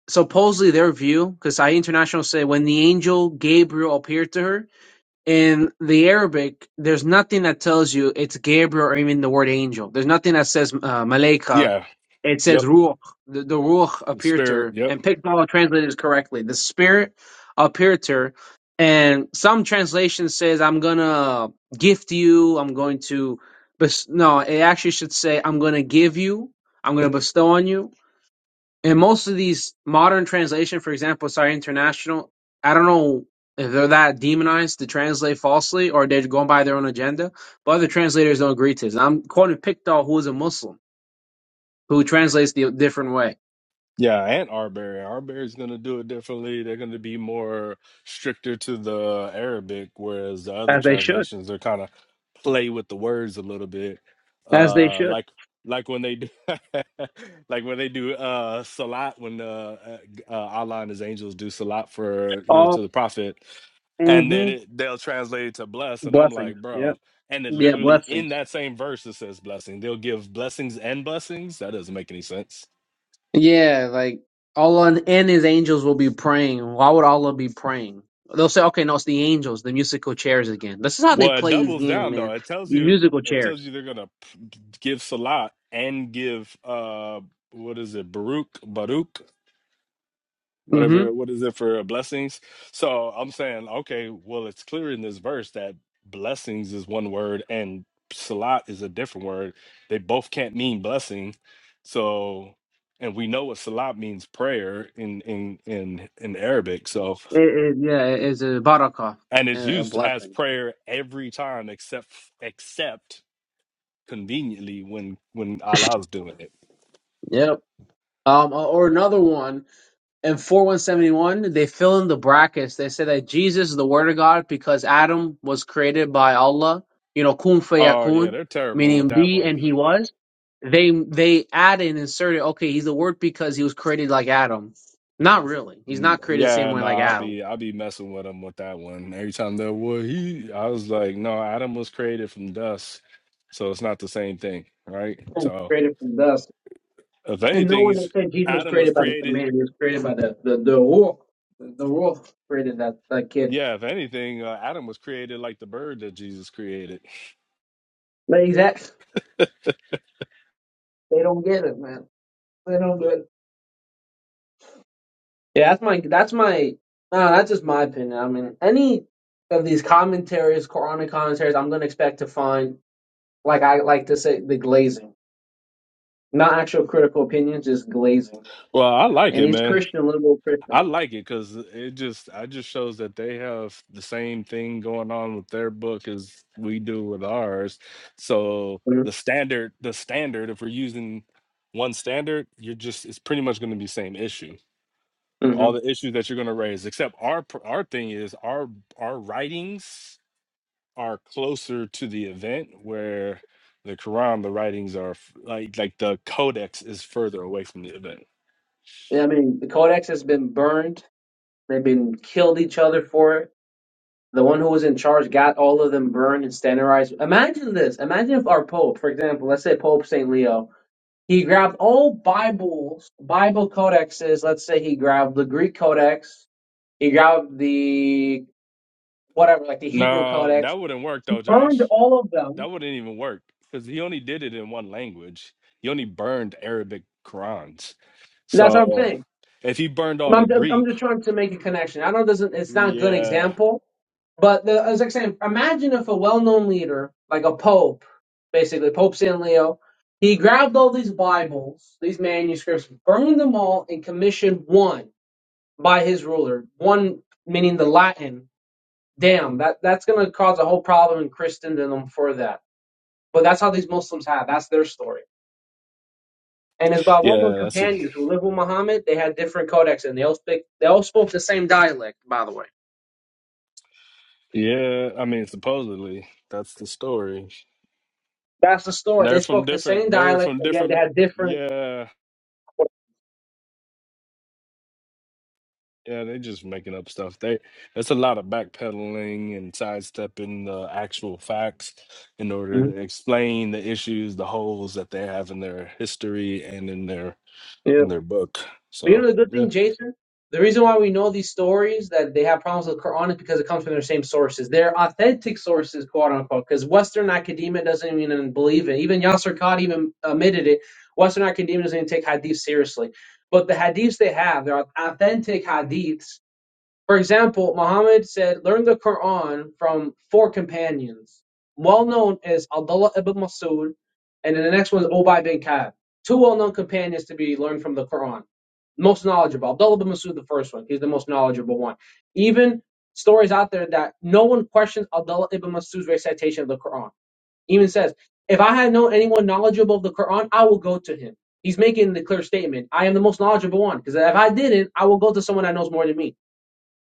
Speaker 16: supposedly their view, because Sai International say when the angel Gabriel appeared to her. in the Arabic, there's nothing that tells you it's Gabriel or even the word angel. There's nothing that says uh, Malaika.
Speaker 1: Yeah.
Speaker 16: It says
Speaker 1: Yep.
Speaker 16: Ruach. The, the Ruach
Speaker 1: The
Speaker 16: appeared to
Speaker 1: spirit.
Speaker 16: her.
Speaker 1: Yep.
Speaker 16: And Pickball translated it correctly. The Spirit appeared to her. And some translation says, I'm going to gift you. I'm going to. Bes- no, it actually should say, I'm going to give you. I'm going to bestow on you and most of these modern translation, for example, sorry, international, I don't know if they're that demonized to translate falsely or they're going by their own agenda, but other translators don't agree to this. I'm quoting Pickthall, who is a Muslim, who translates the different way.
Speaker 1: Yeah, and Arbery. Arbery's going to do it differently. They're going to be more stricter to the Arabic, whereas the other
Speaker 16: As they should.
Speaker 1: translations are kind of play with the words a little bit.
Speaker 16: As they
Speaker 1: Uh,
Speaker 16: should.
Speaker 1: like like when they do, like when they do uh salat when uh, uh uh, Allah and His angels do salat for you know to
Speaker 16: All
Speaker 1: the prophet, and then
Speaker 16: hmm
Speaker 1: it, they'll translate it to bless, and I'm like,
Speaker 16: blessings. Yeah.
Speaker 1: bro. And it
Speaker 16: Yeah,
Speaker 1: literally in
Speaker 16: blessings.
Speaker 1: that same verse it says blessing. They'll give blessings and blessings. That doesn't make any sense.
Speaker 16: Yeah, like Allah and his angels will be praying. Why would Allah be praying? They'll say, okay, no, it's the angels, the musical chairs again. This is how they
Speaker 1: Well, it
Speaker 16: play these
Speaker 1: doubles
Speaker 16: games,
Speaker 1: down though.
Speaker 16: man.
Speaker 1: It tells
Speaker 16: These
Speaker 1: you
Speaker 16: musical
Speaker 1: it
Speaker 16: chairs.
Speaker 1: tells you they're gonna p- give Salah and give uh what is it Baruch Baruch
Speaker 16: hmm
Speaker 1: whatever what is it for blessings. So I'm saying okay, well it's clear in this verse that blessings is one word and Salat is a different word. They both can't mean blessing. So and we know what Salat means prayer in in in in Arabic. So
Speaker 16: It, it, yeah, it is a barakah,
Speaker 1: and it's
Speaker 16: a a
Speaker 1: used as
Speaker 16: blessing.
Speaker 1: prayer every time except except conveniently when when Allah's doing it.
Speaker 16: Yep. Um, uh, or another one in four one seventy one, they fill in the brackets. They say that Jesus is the Word of God because Adam was created by Allah, you know, kun
Speaker 1: Oh yeah,
Speaker 16: fayakun,
Speaker 1: they're terrible with
Speaker 16: meaning
Speaker 1: that
Speaker 16: be
Speaker 1: one.
Speaker 16: and he was. They they add and inserted, okay, he's the Word because he was created like Adam. Not really. He's
Speaker 1: Mm,
Speaker 16: not created the same
Speaker 1: Yeah,
Speaker 16: way
Speaker 1: no,
Speaker 16: like
Speaker 1: I'll
Speaker 16: Adam.
Speaker 1: be I'll be messing with them with that one. Every time they're well, he I was like, no, Adam was created from dust, so it's not the same thing, right? So
Speaker 16: Created from dust.
Speaker 1: if
Speaker 16: And no
Speaker 1: anything,
Speaker 16: one
Speaker 1: he's
Speaker 16: that said Jesus was
Speaker 1: Adam was
Speaker 16: created by the
Speaker 1: created.
Speaker 16: command. He was created by the the the wolf. The the wolf created that that kid.
Speaker 1: Yeah, if anything, uh, Adam was created like the bird that Jesus created.
Speaker 16: Ladies, that they don't get it, man. They don't get it. Yeah, that's my that's my no, that's just my opinion. I mean, any of these commentaries, Quranic commentaries, I'm gonna expect to find like I like to say the glazing, not actual critical opinions, just glazing.
Speaker 1: Well, I like
Speaker 16: And
Speaker 1: it,
Speaker 16: these
Speaker 1: man.
Speaker 16: Christian liberal
Speaker 1: I
Speaker 16: Christians,
Speaker 1: like it because it just I just shows that they have the same thing going on with their book as we do with ours. So
Speaker 16: hmm
Speaker 1: the standard, the standard, if we're using one standard, you're just it's pretty much going to be same issue. All
Speaker 16: I
Speaker 1: the issues that you're going to raise, except our pr- our thing is our our writings are closer to the event where the Quran, the writings are f- like like the codex is further away from the event.
Speaker 16: mean, the Codex has been burned. They've been killed each other for it The one who was in charge got all of them burned and standardized. Imagine this. Imagine if our Pope, for example, let's say Pope St. Leo, he grabbed all Bibles, Bible codexes. Let's say he grabbed the Greek codex, he grabbed the whatever, like the Hebrew
Speaker 1: No,
Speaker 16: codex,
Speaker 1: that wouldn't work
Speaker 16: He
Speaker 1: though,
Speaker 16: burned
Speaker 1: Josh.
Speaker 16: all of
Speaker 1: That
Speaker 16: them.
Speaker 1: wouldn't even work because he only did it in one language. He only burned Arabic Qurans.
Speaker 16: That's what I'm
Speaker 1: So
Speaker 16: saying.
Speaker 1: if he burned all the
Speaker 16: I'm just, I'm
Speaker 1: Greek,
Speaker 16: just trying to make a connection. I know it doesn't it's not a good
Speaker 1: yeah,
Speaker 16: example, but the, as I was saying, imagine if a well-known leader like a pope, basically Pope San Leo, he grabbed all these Bibles, these manuscripts, burned them all, and commissioned one by his ruler. One meaning the Latin. Damn, that that's gonna cause a whole problem in Christendom for that. But that's how these Muslims have. That's their story. And his Babylonian
Speaker 1: yeah, that's what,
Speaker 16: companions who lived with Muhammad, they had different codex and they all speak they all spoke the same dialect, by the way.
Speaker 1: yeah. I mean, supposedly that's the story.
Speaker 16: That's the story.
Speaker 1: They're
Speaker 16: They
Speaker 1: from
Speaker 16: spoke the same
Speaker 1: different. They're
Speaker 16: dialect,
Speaker 1: from
Speaker 16: but yet they
Speaker 1: different.
Speaker 16: had different
Speaker 1: Yeah,
Speaker 16: codex.
Speaker 1: Yeah, they just making up stuff. They it's a lot of backpedaling and sidestepping the actual facts in order
Speaker 16: Mhm.
Speaker 1: to explain the issues, the holes that they have in their history and in their
Speaker 16: Yeah.
Speaker 1: in their book.
Speaker 16: But you
Speaker 1: So
Speaker 16: know the good
Speaker 1: yeah,
Speaker 16: thing, Jason? The reason why we know these stories that they have problems with the Quran is because it comes from their same sources. They're authentic sources, quote unquote, because Western academia doesn't even believe it. Even Yasser Qad even admitted it. Western academia doesn't even take hadith seriously. But the hadiths they have, they're authentic hadiths For example, Muhammad said, "Learn the Quran from four companions." Well known as Abdullah ibn Masud, and then the next one is Ubay bin Ka'b. Two well-known companions to be learned from the Quran. Most knowledgeable. Abdullah ibn Masud, the first one. He's the most knowledgeable one. Even stories out there that no one questions Abdullah ibn Masud's recitation of the Quran. Even says, "If I had known anyone knowledgeable of the Quran, I will go to him." He's making the clear statement, "I am the most knowledgeable one," because if I didn't, I will go to someone that knows more than me.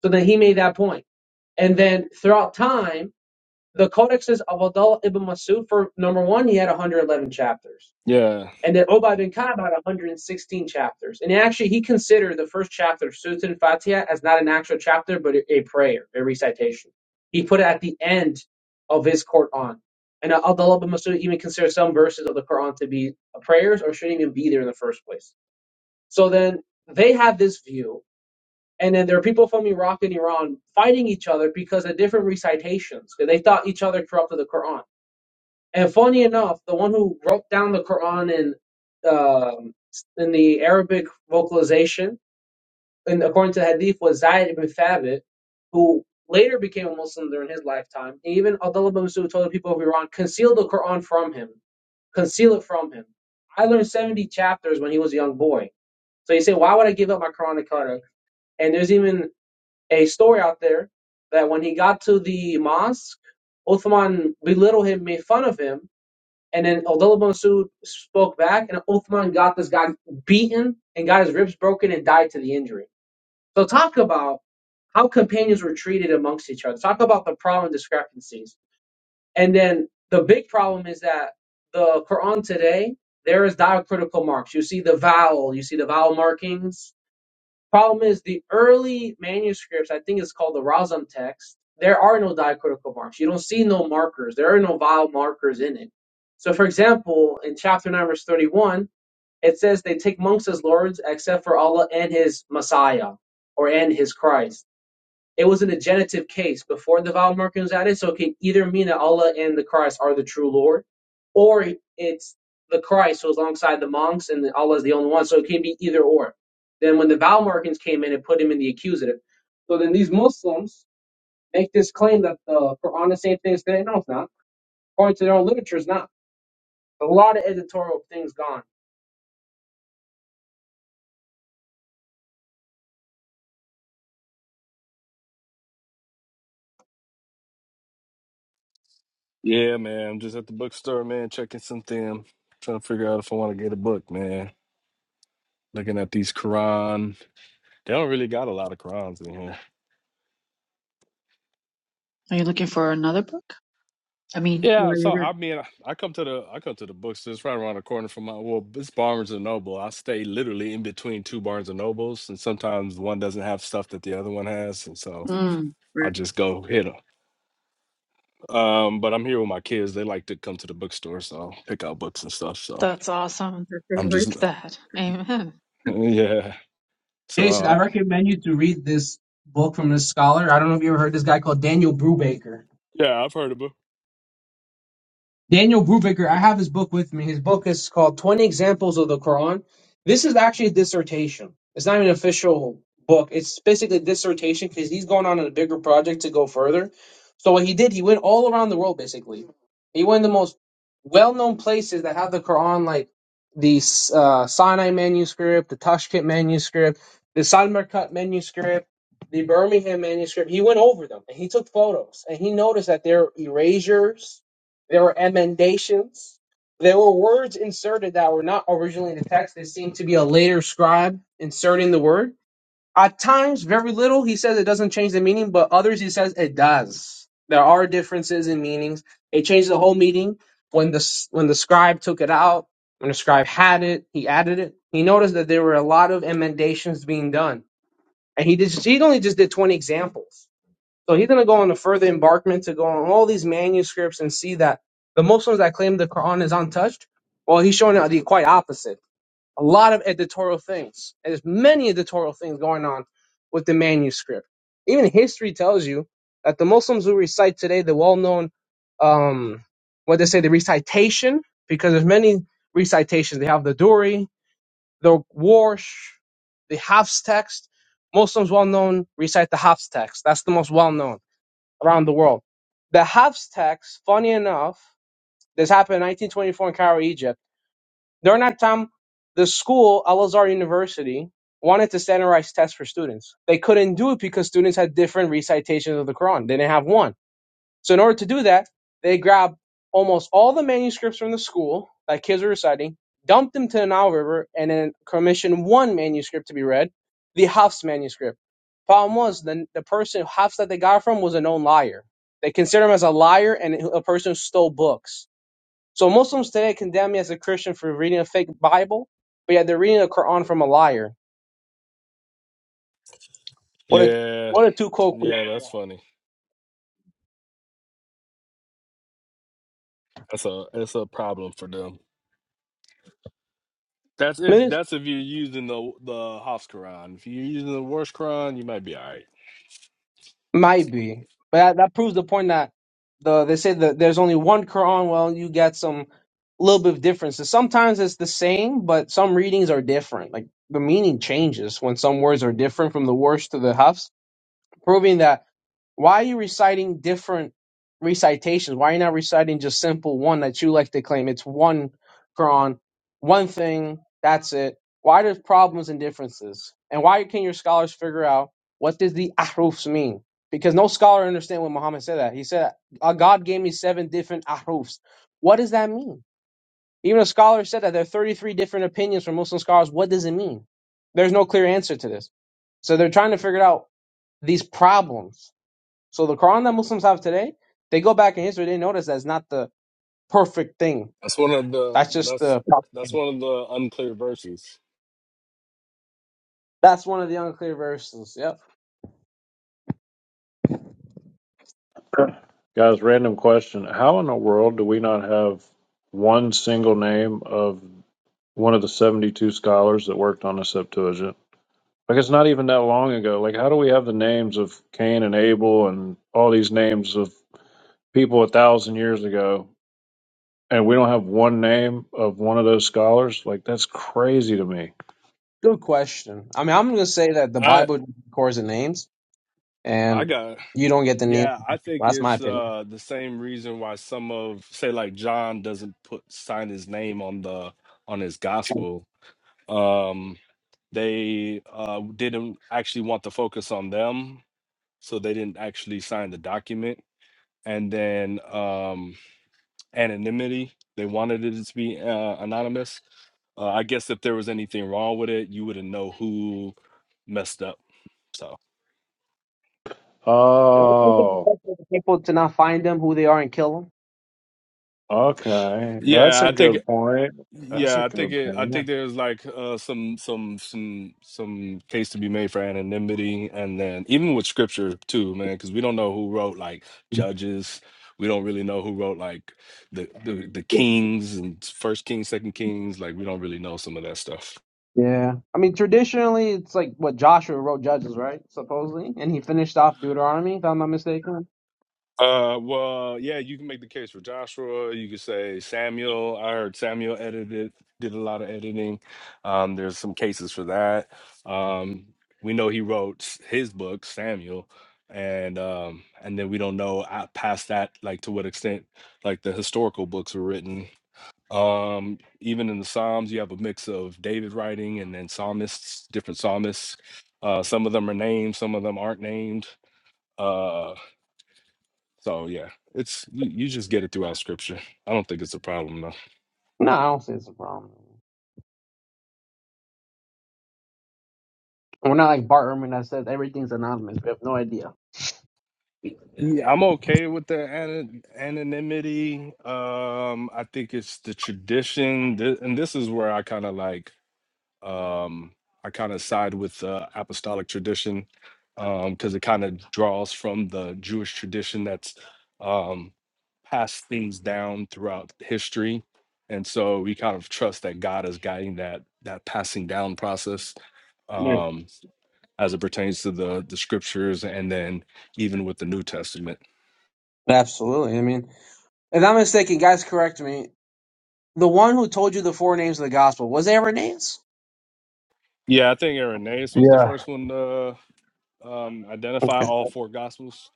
Speaker 16: So then he made that point. And then throughout time, the codexes of Abdullah ibn Masud, for number one, he had 111 chapters.
Speaker 1: yeah,
Speaker 16: And then Ubay bin Ka'b had 116 chapters. And actually, he considered the first chapter of Surah al-Fatiha as not an actual chapter, but a prayer, a recitation. He put it at the end of his Quran. And uh, Abdullah ibn Masud even considered some verses of the Quran to be prayers or shouldn't even be there in the first place. So then they have this view and then there are people from Iraq and Iran fighting each other because of different recitations. 'cause They thought each other corrupted the Quran. And funny enough, the one who wrote down the Quran in um, in the Arabic vocalization, and according to the Hadith, was Zayd ibn Thabit, who later became a Muslim during his lifetime. And even Abdullah ibn Masud told the people of Iran, conceal the Quran from him, conceal it from him. I learned 70 chapters when he was a young boy. So you say, why would I give up my Quranic color? And there's even a story out there that when he got to the mosque, Uthman belittled him, made fun of him, and then Abdullah bin Masud spoke back, and Uthman got this guy beaten and got his ribs broken and died to the injury. So talk about how companions were treated amongst each other. Talk about the problem discrepancies. And then the big problem is that the Quran today, there is diacritical marks. You see the vowel, you see the vowel markings, Problem is, the early manuscripts, I think it's called the Razam text, there are no diacritical marks. You don't see no markers. There are no vowel markers in it. So, for example, in chapter 9, verse 31, it says they take monks as lords except for Allah and His Messiah or and His Christ. It was in a genitive case before the vowel marking was added, so it can either mean that Allah and the Christ are the true Lord, or it's the Christ who's alongside the monks and Allah is the only one. So it can be either or. Then when the vowel markings came in, it put him in the accusative. So then these Muslims make this claim that the Quran is saying things today. No, it's not. According to their own literature, it's not. A lot of editorial things gone.
Speaker 1: yeah, man. I'm just at the bookstore, man, checking something, trying to figure out if I want to get a book, man. Looking at these Quran. They don't really got a lot of Qurans in here.
Speaker 5: Are you looking for another book? I mean,
Speaker 1: Yeah,
Speaker 5: where
Speaker 1: so
Speaker 5: you
Speaker 1: I mean, I come to the I come to the bookstore. It's right around the corner from my well, it's Barnes and Noble. I stay literally in between two Barnes and Nobles, and sometimes one doesn't have stuff that the other one has, and so
Speaker 5: did. Mm.
Speaker 1: I just go hit them. Um, but I'm here with my kids. They like to come to the bookstore, so pick out books and stuff. So
Speaker 5: That's awesome that they
Speaker 1: I'm just
Speaker 5: like that. Amen.
Speaker 1: yeah. So
Speaker 16: Jason,
Speaker 1: uh,
Speaker 16: I recommend you to read this book from this scholar. I don't know if you ever heard this guy called Daniel Brubaker.
Speaker 1: yeah, I've heard of it.
Speaker 16: Daniel Brubaker, I have his book with me. His book is called 20 Examples of the Quran. This is actually a dissertation. It's not even an official book. It's basically a dissertation because he's going on a bigger project to go further. So what he did, he went all around the world basically. He went to the most well-known places that have the Quran, like the uh, Sinai manuscript, the Tashkent manuscript, the Samarkand manuscript, the Birmingham manuscript. He went over them and he took photos and he noticed that there are erasures there were emendations. There were words inserted that were not originally in the text. They seemed to be a later scribe inserting the word. At times, very little. He says it doesn't change the meaning, but others he says it does. There are differences in meanings. It changed the whole meaning when the when the scribe took it out. When the scribe had it, he added it. He noticed that there were a lot of emendations being done, and he just he only just did twenty examples so he's going to go on a further embarkment to go on all these manuscripts and see that the Muslims that claim the Quran is untouched, well, he's showing the quite opposite. A lot of editorial things. And there's many editorial things going on with the manuscript. Even history tells you that the Muslims who recite today the well-known, um, what they say, the recitation, because there's many recitations. They have the Duri, the Warsh, the Hafs text. Muslims well-known recite the Hafs text. That's the most well-known around the world. The Hafs tax, funny enough, this happened in 1924 in Cairo, Egypt. During that time, the school, Al Azhar University, wanted to standardize tests for students. They couldn't do it because students had different recitations of the Quran. They didn't have one. So in order to do that, they grabbed almost all the manuscripts from the school that kids were reciting, dumped them to the Nile River, and then commissioned one manuscript to be read, the Hafs manuscript. Problem was, the, the person Hafs that they got from was a known liar. They consider him as a liar and a person who stole books. So Muslims today condemn me as a Christian for reading a fake Bible, but yet they're reading the Quran from a liar. What a
Speaker 1: Yeah,
Speaker 16: what a two quote.
Speaker 1: yeah, that's funny. That's a that's a problem for them. That's if that's if you're using the the Hoff's Quran. If you're using the worst Quran, you might be all right.
Speaker 16: Might be, but that, that proves the point that the they say that there's only one Quran. Well, you get some little bit of differences. Sometimes it's the same, but some readings are different. Like the meaning changes when some words are different from the worst to the Hafs, proving that. Why are you reciting different recitations? Why are you not reciting just simple one that you like to claim? It's one Quran, one thing, that's it. Why there's problems and differences? And why can your scholars figure out what does the ahrufs mean? Because no scholar understand when Muhammad said that. He said, "Uh, God gave me seven different ahrufs. What does that mean? Even a scholar said that there are 33 different opinions from Muslim scholars. What does it mean? There's no clear answer to this. So they're trying to figure out these problems so the Quran that Muslims have today, they go back in history, they notice that's not the perfect thing.
Speaker 1: That's one of the
Speaker 16: That's just
Speaker 1: that's
Speaker 16: the
Speaker 1: that's one of the unclear verses.
Speaker 16: that's one of the unclear verses. Yep.
Speaker 4: Guys, random question. How in the world do we not have one single name of one of the 72 scholars that worked on the Septuagint? Like, it's not even that long ago. Like, how do we have the names of Cain and Abel and all these names of people a thousand years ago, and we don't have one name of one of those scholars? Like, that's crazy to me.
Speaker 16: Good question. I mean, I'm gonna say that the
Speaker 1: I
Speaker 16: Bible records the names,
Speaker 1: I
Speaker 16: and
Speaker 1: got
Speaker 16: you don't get the names.
Speaker 1: yeah. I think
Speaker 16: That's my
Speaker 1: it's
Speaker 16: opinion.
Speaker 1: uh the same reason why some of say like John doesn't put sign his name on the on his gospel. Um, they uh didn't actually want to focus on them, so they didn't actually sign the document. And then um anonymity. They wanted it to be uh, anonymous. Uh, I guess if there was anything wrong with it, you wouldn't know who messed up. So
Speaker 4: Oh,
Speaker 16: People to not find them, who they are, and kill
Speaker 4: okay. That's
Speaker 1: yeah,
Speaker 4: a
Speaker 1: I think
Speaker 4: good point. That's a
Speaker 1: yeah, I think
Speaker 4: good
Speaker 1: it,
Speaker 4: point.
Speaker 1: I think
Speaker 4: What's
Speaker 1: there's like uh, some some some some case to be made for anonymity, and then even with scripture too, man, because we don't know who wrote like
Speaker 16: them.
Speaker 1: Judges. We don't really know who wrote like the the, the Kings and First Kings, Second Kings. Like we don't really know some of that stuff.
Speaker 16: Yeah. I mean, traditionally, it's like what Joshua wrote Judges, right? Supposedly. And he finished off Deuteronomy, if I'm not mistaken.
Speaker 1: Uh, well, yeah, you can make the case for Joshua. You could say Samuel. I heard Samuel edited, did a lot of editing. Um, there's some cases for that. Um, we know he wrote s- his book, Samuel, and um, and then we don't know uh, past that, like to what extent, like the historical books were written. Um, even in the Psalms, you have a mix of David writing and then psalmists, different psalmists. Uh, some of them are named, some of them aren't named. uh, so yeah, it's you, you just get it throughout scripture. I don't think it's a problem though.
Speaker 16: No, I don't say it's a problem. We're not like Bart Ehrman that says everything's anonymous. We have no idea.
Speaker 1: Yeah. Yeah, I'm okay with the ana- anonymity. Um, I think it's the tradition, th- and this is where I kind of like um I kind of side with the apostolic tradition um because it kind of draws from the Jewish tradition that's um passed things down throughout history. And so we kind of trust that God is guiding that that passing down process
Speaker 16: Yeah,
Speaker 1: Um, as it pertains to the the scriptures and then even with the New Testament.
Speaker 16: absolutely. I mean, if I'm mistaken, guys, correct me. The one who told you the four names of the gospel was it Irenaeus.
Speaker 1: Yeah, I think Irenaeus was the
Speaker 11: Yeah,
Speaker 1: first one to um, identify
Speaker 16: Okay.
Speaker 1: all four gospels.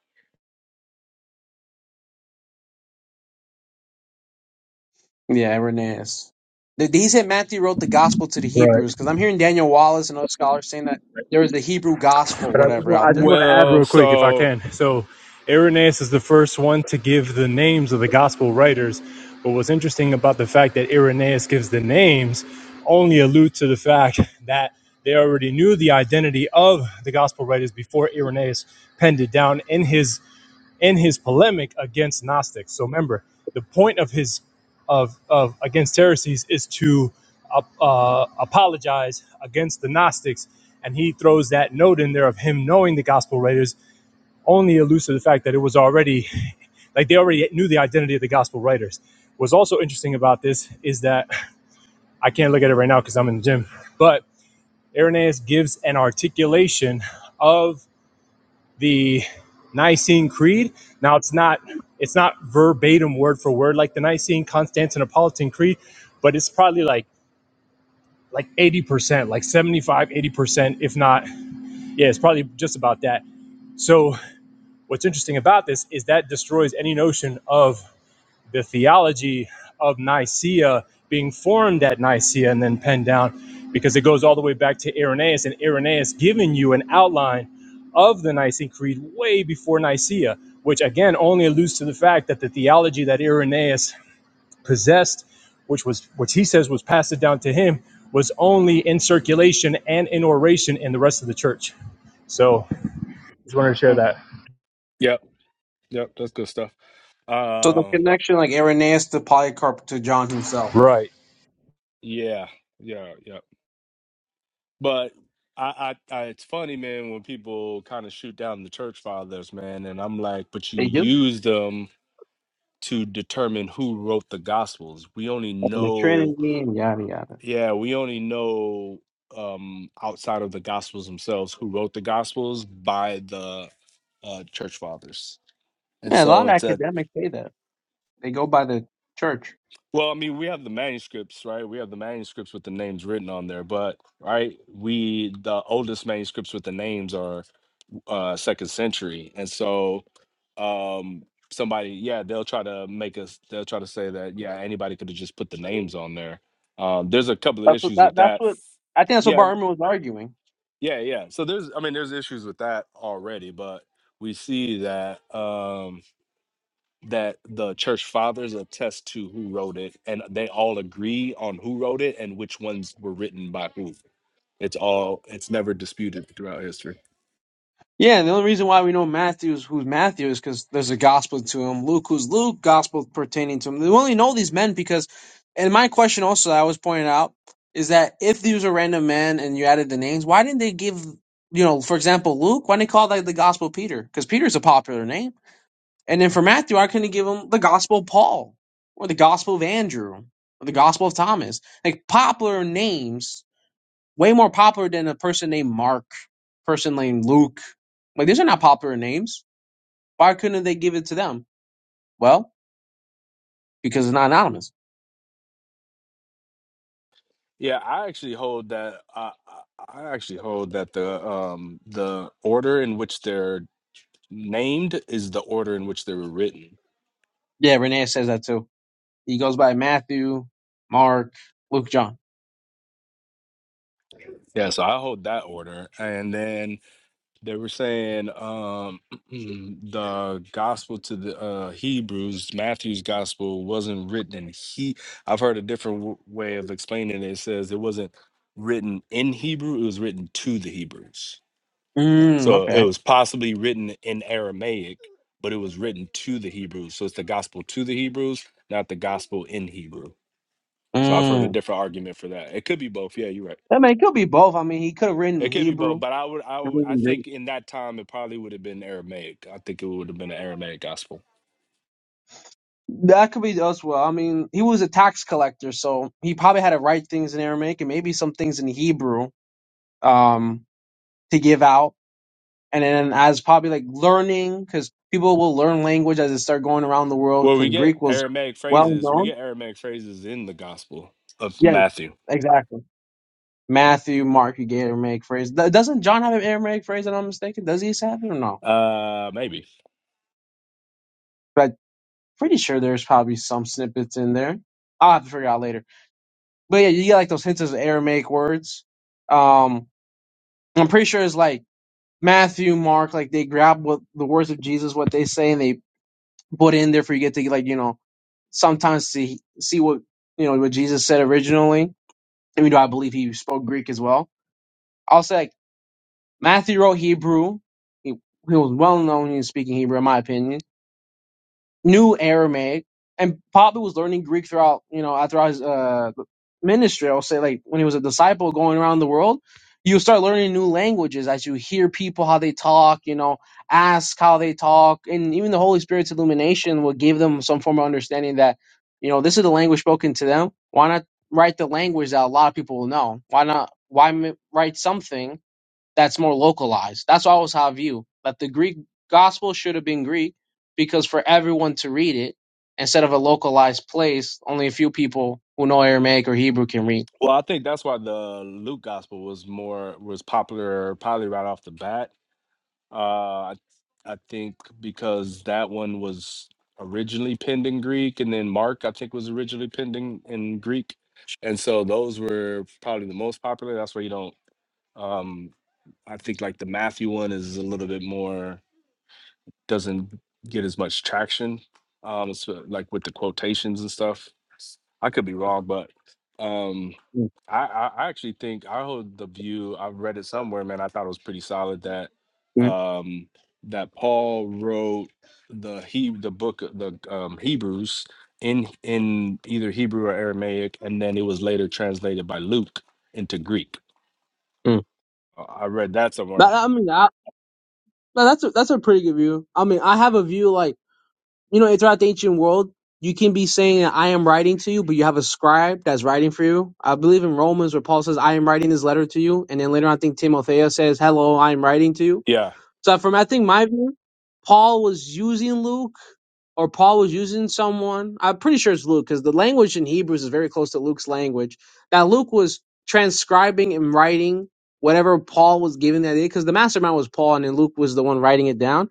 Speaker 16: Yeah, Irenaeus. Th- He said Matthew wrote the gospel to the
Speaker 11: right.
Speaker 16: Hebrews because I'm hearing Daniel Wallace and other scholars saying that there was the Hebrew gospel,
Speaker 11: But I just,
Speaker 16: whatever,
Speaker 11: wa-
Speaker 16: out
Speaker 11: I just
Speaker 16: there.
Speaker 11: want to add
Speaker 1: Well,
Speaker 11: real quick, if I
Speaker 1: so
Speaker 11: can. So, Irenaeus is the first one to give the names of the gospel writers. But what's interesting about the fact that Irenaeus gives the names only allude to the fact that they already knew the identity of the gospel writers before Irenaeus penned it down in his in his polemic against Gnostics. So remember, the point of his of of against heresies is to uh, uh, apologize against the Gnostics, and he throws that note in there of him knowing the gospel writers only alludes to the fact that it was already like they already knew the identity of the gospel writers. What's also interesting about this is that I can't look at it right now because I'm in the gym, but Irenaeus gives an articulation of the Nicene Creed. Now it's not it's not verbatim word for word like the Nicene Constantinopolitan Creed, but it's probably like like 80%, like 75, 80%, if not, yeah, it's probably just about that. So what's interesting about this is that destroys any notion of the theology of Nicaea being formed at Nicaea and then penned down because it goes all the way back to Irenaeus and Irenaeus giving you an outline of the Nicene Creed way before Nicaea, which again only alludes to the fact that the theology that Irenaeus possessed, which was which he says was passed down to him, was only in circulation and in oration in the rest of the church. So just wanted to share
Speaker 16: Mm.
Speaker 11: that.
Speaker 1: yep, yep, that's good stuff.
Speaker 16: So the
Speaker 1: Uh,
Speaker 16: connection, like Irenaeus to Polycarp to John himself.
Speaker 11: Right.
Speaker 1: yeah, yeah, yeah. But I, I, I, it's funny, man, when people kind of shoot down the church fathers, man, and I'm like, but you
Speaker 16: They do.
Speaker 1: use them to determine who wrote the gospels. We only
Speaker 16: The
Speaker 1: know
Speaker 16: Trinity and yada yada.
Speaker 1: Yeah, we only know um outside of the gospels themselves who wrote the gospels by the uh church fathers. And
Speaker 16: Yeah, a
Speaker 1: so
Speaker 16: lot of
Speaker 1: it's a
Speaker 16: academics say that they go by the church.
Speaker 1: well, I mean, we have the manuscripts, right? We have the manuscripts with the names written on there, but right, we the oldest manuscripts with the names are uh second century. And so um somebody, yeah, they'll try to make us they'll try to say that yeah, anybody could have just put the names on there. Um there's a couple of
Speaker 16: That's what
Speaker 1: issues
Speaker 16: that,
Speaker 1: with
Speaker 16: that's
Speaker 1: that
Speaker 16: what I think that's what
Speaker 1: yeah.
Speaker 16: Bar Irma was arguing.
Speaker 1: Yeah, yeah. So there's I mean there's issues with that already, but we see that um that the church fathers attest to who wrote it and they all agree on who wrote it and which ones were written by who. It's all it's never disputed throughout history.
Speaker 16: Yeah, and the only reason why we know Matthew's who's Matthew is because there's a gospel to him. Luke who's Luke, gospel pertaining to him. We only know these men because, and my question also that I was pointing out is that if these were random men and you added the names, why didn't they give you know, for example, Luke? Why didn't they call that the gospel Peter? Because Peter's a popular name. And then for Matthew, why couldn't they give him the gospel Paul or the gospel of Andrew or the gospel of Thomas? Like popular names Way more popular than a person named Mark, person named Luke. Like these are not popular names. Why couldn't they give it to them? Well, because it's not anonymous.
Speaker 1: Yeah, I actually hold that I I I actually hold that the um the order in which they're named is the order in which they were written.
Speaker 16: Yeah, Renee says that too. He goes by Matthew, Mark, Luke, John.
Speaker 1: Yeah, so I hold that order and then They were saying um, the gospel to the uh, Hebrews, Matthew's gospel, wasn't written in he. I've heard a different w- way of explaining it. It says it wasn't written in Hebrew; it was written to the Hebrews.
Speaker 16: Mm,
Speaker 1: So it
Speaker 16: okay.
Speaker 1: was possibly written in Aramaic, but it was written to the Hebrews. So it's the gospel to the Hebrews, not the gospel in Hebrew. So I've heard a
Speaker 16: Mm.
Speaker 1: different argument for that. It could be both. Yeah, you're right.
Speaker 16: I mean, it could be both. I mean, he could have written
Speaker 1: It
Speaker 16: in
Speaker 1: could be both,
Speaker 16: Hebrew.
Speaker 1: but I would, I would,
Speaker 16: Written
Speaker 1: I
Speaker 16: in Greek.
Speaker 1: think in that time it probably would have been Aramaic. I think it would have been an Aramaic gospel.
Speaker 16: That could be us. Well, I mean, he was a tax collector, so he probably had to write things in Aramaic and maybe some things in Hebrew um, to give out. and then as probably like learning because people will learn language as they start going around the world
Speaker 1: Well, we
Speaker 16: because
Speaker 1: get
Speaker 16: Greek was
Speaker 1: Aramaic
Speaker 16: well
Speaker 1: phrases. We
Speaker 16: known.
Speaker 1: get Aramaic phrases in the Gospel of
Speaker 16: Yeah,
Speaker 1: Matthew.
Speaker 16: exactly. Matthew, Mark, you get Aramaic phrase. Th- Doesn't John have an Aramaic phrase? That I'm mistaken. Does he have it or no?
Speaker 1: Uh, maybe.
Speaker 16: But pretty sure there's probably some snippets in there. I'll have to figure out later. But yeah, you get like those hints of Aramaic words. Um, I'm pretty sure it's like Matthew, Mark, like they grab what the words of Jesus, what they say, and they put in there for you get to like you know sometimes see see what you know what Jesus said originally. Even though I believe he spoke Greek as well. I'll say like Matthew wrote Hebrew. He, he was well known in speaking Hebrew, in my opinion knew Aramaic, and probably was learning Greek throughout, you know, throughout his uh, ministry. I'll say, like, when he was a disciple going around the world, you start learning new languages as you hear people how they talk, you know, ask how they talk, and even the Holy Spirit's illumination will give them some form of understanding that, you know, this is the language spoken to them. Why not write the language that a lot of people will know? Why not? Why m- write something? that's more localized. That's always how I view that the Greek gospel should have been Greek because for everyone to read it instead of a localized place, only a few people who know Aramaic or Hebrew can read.
Speaker 1: Well, I think that's why the Luke gospel was more was popular probably right off the bat. Uh, I I think because that one was originally penned in Greek, and then Mark I think was originally penned in, in Greek, and so those were probably the most popular. That's why you don't. Um, I think like the Matthew one is a little bit more doesn't get as much traction, um, so, like with the quotations and stuff. I could be wrong, but um,
Speaker 16: Mm,
Speaker 1: I, I I actually think I hold the view. I read it somewhere, man. I thought it was pretty solid that
Speaker 16: mm,
Speaker 1: um, that Paul wrote the he the book of the um, Hebrews in in either Hebrew or Aramaic, and then it was later translated by Luke into Greek.
Speaker 16: mm.
Speaker 1: Uh, I read that somewhere.
Speaker 16: That, I mean, I, that- that's a, that's a pretty good view. I mean, I have a view like you know, throughout the ancient world, you can be saying I am writing to you, but you have a scribe that's writing for you. I believe in Romans where Paul says I am writing this letter to you, and then later on, I think Timothea says, "Hello, I am writing to you."
Speaker 1: Yeah,
Speaker 16: So from I think my view, Paul was using Luke, or Paul was using someone. I'm pretty sure it's Luke because the language in Hebrews is very close to Luke's language. That Luke was transcribing and writing whatever Paul was giving that day because the mastermind was Paul, and then Luke was the one writing it down.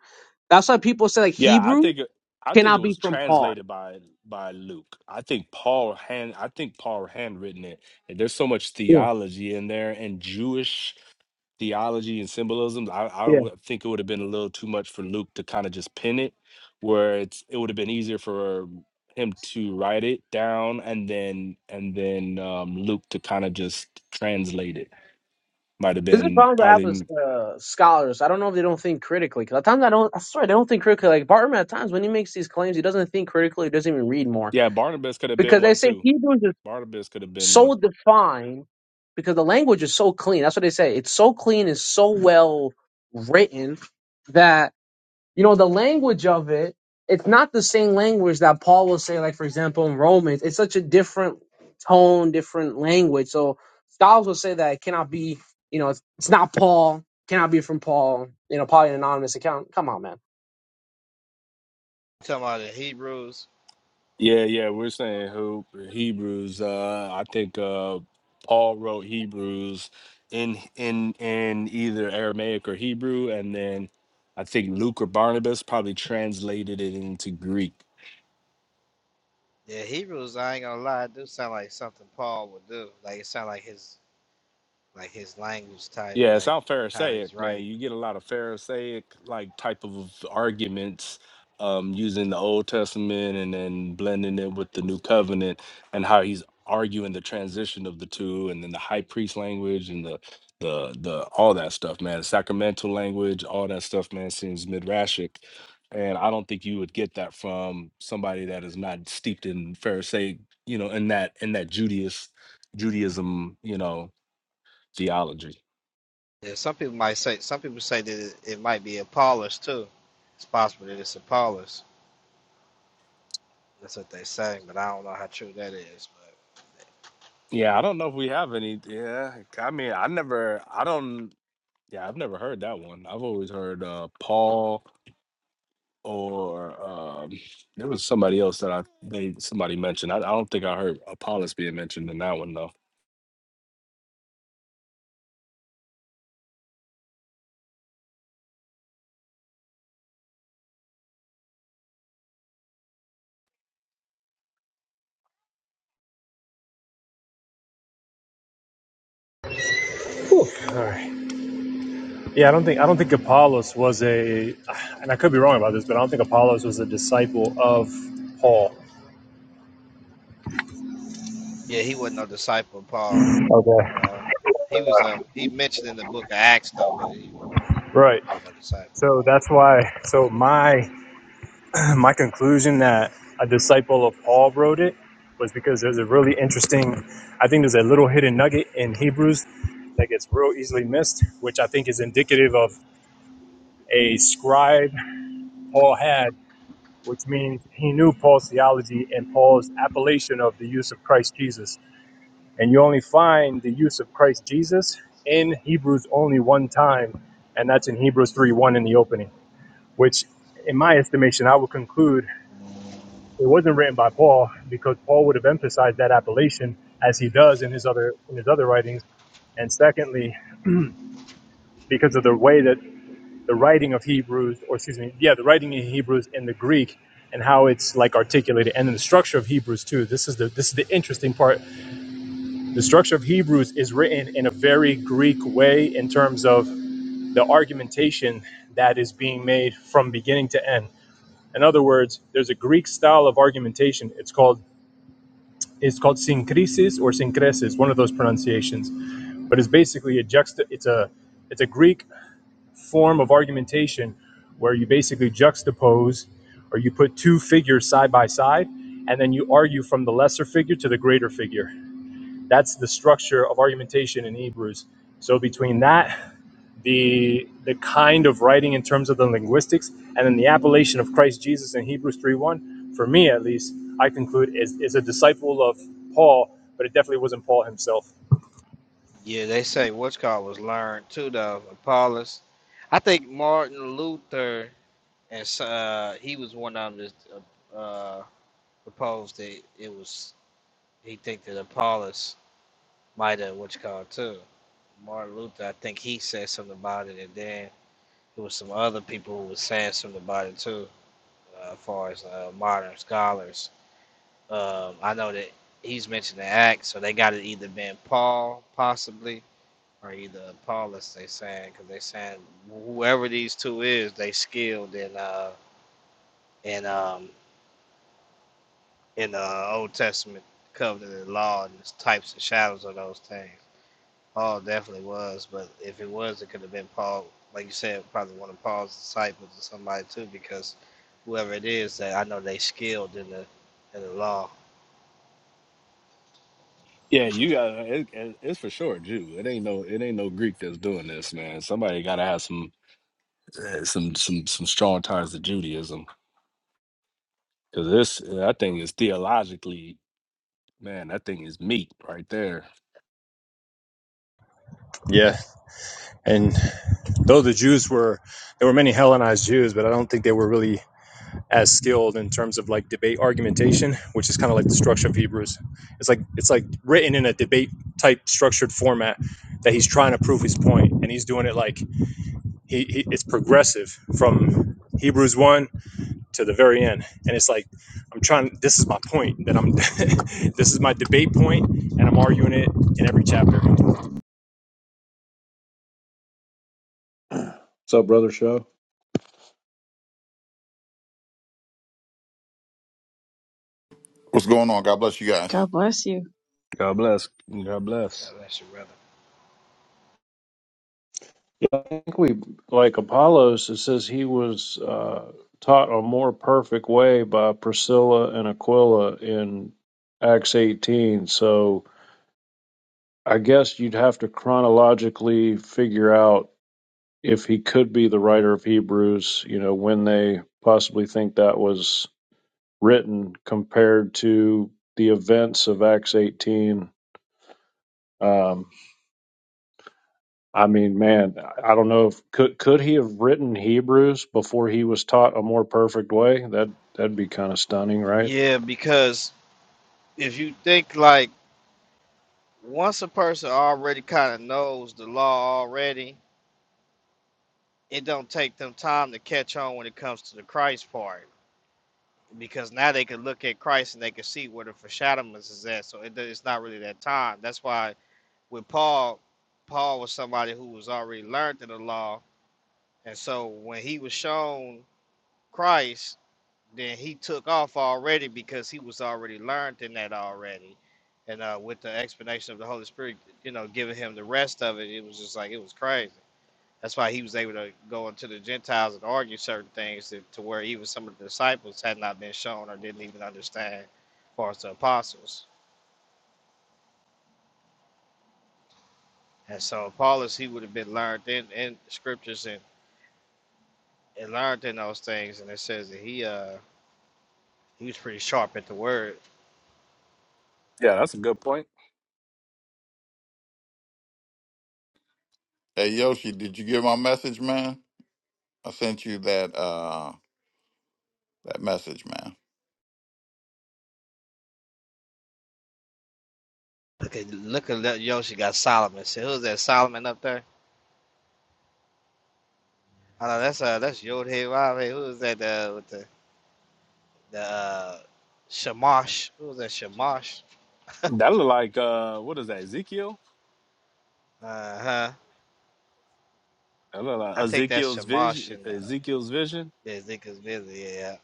Speaker 16: That's why people say like
Speaker 1: Yeah, I
Speaker 16: Hebrew
Speaker 1: think it- I think it
Speaker 16: cannot be
Speaker 1: was
Speaker 16: from Paul.
Speaker 1: translated by by Luke. I think Paul hand I think Paul handwritten it. And there's so much
Speaker 16: Yeah,
Speaker 1: theology in there and Jewish theology and symbolism. I I
Speaker 16: yeah.
Speaker 1: would think it would have been a little too much for Luke to kind of just pin it, where it's it would have been easier for him to write it down and then and then um, Luke to kind of just translate it. Might have
Speaker 16: This is the
Speaker 1: been
Speaker 16: problem I have with
Speaker 1: probably
Speaker 16: uh, scholars. I don't know if they don't think critically. Because at times I don't. I swear they don't think critically. Like Bartman, at times when he makes these claims, he doesn't think critically. He doesn't even read more
Speaker 1: yeah. Barnabas could have been
Speaker 16: because they
Speaker 1: one
Speaker 16: say
Speaker 1: too.
Speaker 16: Hebrews is
Speaker 1: Barnabas could have been one.
Speaker 16: so defined because the language is so clean. That's what they say. It's so clean and so well written that, you know, the language of it, it's not the same language that Paul will say, like, for example, in Romans. It's such a different tone, different language. So scholars will say that it cannot be, you know, it's, it's not Paul, cannot be from Paul, you know, probably an anonymous account. Come on, man
Speaker 8: talking about the Hebrews
Speaker 1: Yeah, yeah, we're saying who Hebrews. Uh, I think uh, Paul wrote Hebrews in in in either Aramaic or Hebrew, and then I think Luke or Barnabas probably translated it into Greek.
Speaker 8: yeah Hebrews I ain't gonna lie it do sound like something Paul would do like it sound like his like his language type
Speaker 1: Yeah, it's
Speaker 8: like
Speaker 1: all
Speaker 8: how
Speaker 1: Pharisaic,
Speaker 8: he's
Speaker 1: man.
Speaker 8: right
Speaker 1: You get a lot of Pharisaic like type of arguments um, using the Old Testament and then blending it with the New Covenant and how he's arguing the transition of the two, and then the high priest language and the the the all that stuff, man. The sacramental language, all that stuff, man, seems midrashic. And I don't think you would get that from somebody that is not steeped in Pharisaic, you know, in that in that Judaism, Judaism, you know, theology.
Speaker 8: yeah some people might say some people say that it, it might be Apollos too it's possible that it's Apollos that's what they say but I don't know how true that is but
Speaker 1: Yeah, I don't know if we have any. Yeah, I mean, I never, I don't. Yeah, I've never heard that one. I've always heard uh, Paul or um, there was somebody else that I they somebody mentioned. I, I don't think I heard Apollos being mentioned in that one though.
Speaker 11: All right. Yeah, I don't think I don't think Apollos was a, and I could be wrong about this, but I don't think Apollos was a disciple of Paul.
Speaker 8: yeah he wasn't no disciple of Paul
Speaker 11: Okay.
Speaker 8: No, he was a he mentioned in the book of Acts though, but he
Speaker 11: Right.
Speaker 8: was a disciple.
Speaker 11: So that's why. So my my conclusion that a disciple of Paul wrote it was because there's a really interesting. I think there's a little hidden nugget in Hebrews that gets real easily missed, which I think is indicative of a scribe Paul had, which means he knew Paul's theology and Paul's appellation of the use of Christ Jesus. And you only find the use of Christ Jesus in Hebrews only one time, and that's in Hebrews 3 1 in the opening, which, in my estimation, I would conclude it wasn't written by Paul because Paul would have emphasized that appellation as he does in his other in his other writings. And secondly, because of the way that the writing of Hebrews, or excuse me, yeah, the writing in Hebrews in the Greek and how it's like articulated and in the structure of Hebrews too. This is the this is the interesting part the structure of Hebrews is written in a very Greek way in terms of the argumentation that is being made from beginning to end. In other words, there's a Greek style of argumentation. It's called it's called synkrisis or synkresis, one of those pronunciations. But it's basically a juxta it's a it's a Greek form of argumentation where you basically juxtapose or you put two figures side by side and then you argue from the lesser figure to the greater figure. That's the structure of argumentation in Hebrews. So between that, the the kind of writing in terms of the linguistics, and then the appellation of Christ Jesus in Hebrews three one, for me at least, I conclude is, is a disciple of Paul, but it definitely wasn't Paul himself.
Speaker 8: Yeah, they say what's called was learned too though. Apollos, I think Martin Luther and s- uh, he was one of them that uh, proposed that it was he think that Apollos might have what's called too. Martin Luther, I think he said something about it, and then there was some other people who was saying something about it too, uh, as far as uh, modern scholars. Um, I know that he's mentioned the act, so they got it either been Paul possibly or either Paulus they saying because they saying whoever these two is, they skilled in uh in um in the uh, Old Testament covenant and law and the types and shadows of those things. Paul definitely was, but if it was, it could have been Paul, like you said, probably one of Paul's disciples or somebody too, because whoever it is, that I know they skilled in the in the law.
Speaker 1: Yeah, you got it, it, it's for sure a Jew. It ain't no it ain't no Greek that's doing this, man. Somebody got to have some eh, some some some strong ties to Judaism because this that thing is theologically, man. That thing is meat right there.
Speaker 11: Yeah, and though the Jews were, there were many Hellenized Jews, but I don't think they were really as skilled in terms of like debate argumentation, which is kind of like the structure of Hebrews. It's like it's like written in a debate type structured format that he's trying to prove his point, and he's doing it like he, he it's progressive from Hebrews one to the very end, and it's like I'm trying. This is my point that I'm. this is my debate point, and I'm arguing it in every chapter.
Speaker 4: up, Brother Show?
Speaker 17: What's going on? God bless you guys.
Speaker 5: God bless you.
Speaker 1: God bless. God bless.
Speaker 8: That's your brother.
Speaker 4: we like Apollos, it says he was uh, taught a more perfect way by Priscilla and Aquila in Acts 18. So I guess you'd have to chronologically figure out if he could be the writer of Hebrews, you know, when they possibly think that was written compared to the events of Acts 18. Um, I mean, man, I don't know if could could he have written Hebrews before he was taught a more perfect way? That that'd be kind of stunning, right?
Speaker 8: Yeah, because if you think like once a person already kind of knows the law already, it don't take them time to catch on when it comes to the Christ part because now they can look at Christ and they can see where the foreshadowments is at. So it, it's not really that time. That's why with Paul, Paul was somebody who was already learned in the law, and so when he was shown Christ, then he took off already because he was already learned in that already. And uh, with the explanation of the Holy Spirit, you know, giving him the rest of it, it was just like it was crazy. That's why he was able to go into the Gentiles and argue certain things that, to where even some of the disciples had not been shown or didn't even understand, as far as the apostles. And so Paulus, he would have been learned in, in scriptures and, and learned in those things. And it says that he uh he was pretty sharp at the word.
Speaker 1: Yeah, that's a good point.
Speaker 17: Hey Yoshi, did you get my message, man? I sent you that uh that message, man.
Speaker 8: Look at look at Le- Yoshi got Solomon. See who's that Solomon up there? I know that's uh that's Yod Hey Vav Hey. Who was that? The with the the uh, Shamash. Who was that? Shamash.
Speaker 1: That look like uh, what is that? Ezekiel?
Speaker 8: Uh huh.
Speaker 1: That look like
Speaker 8: I think that's
Speaker 1: Ezekiel's
Speaker 8: Shamash
Speaker 1: vision.
Speaker 8: and uh,
Speaker 1: Ezekiel's vision.
Speaker 8: Ezekiel's busy. Yeah, yeah.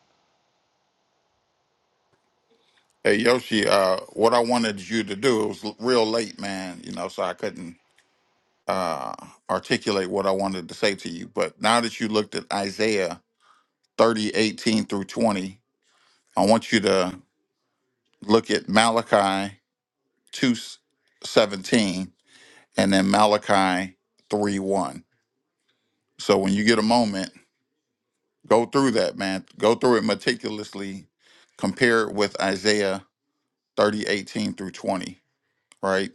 Speaker 17: Hey Yoshi, uh what I wanted you to do, it was l- real late, man, you know, so I couldn't uh articulate what I wanted to say to you. But now that you looked at Isaiah 30 18 through 20, I want you to look at Malachi 2 17 and then Malachi 3 1. So when you get a moment, Go through that, man. Go through it meticulously. Compare it with Isaiah 30 18 through 20, right?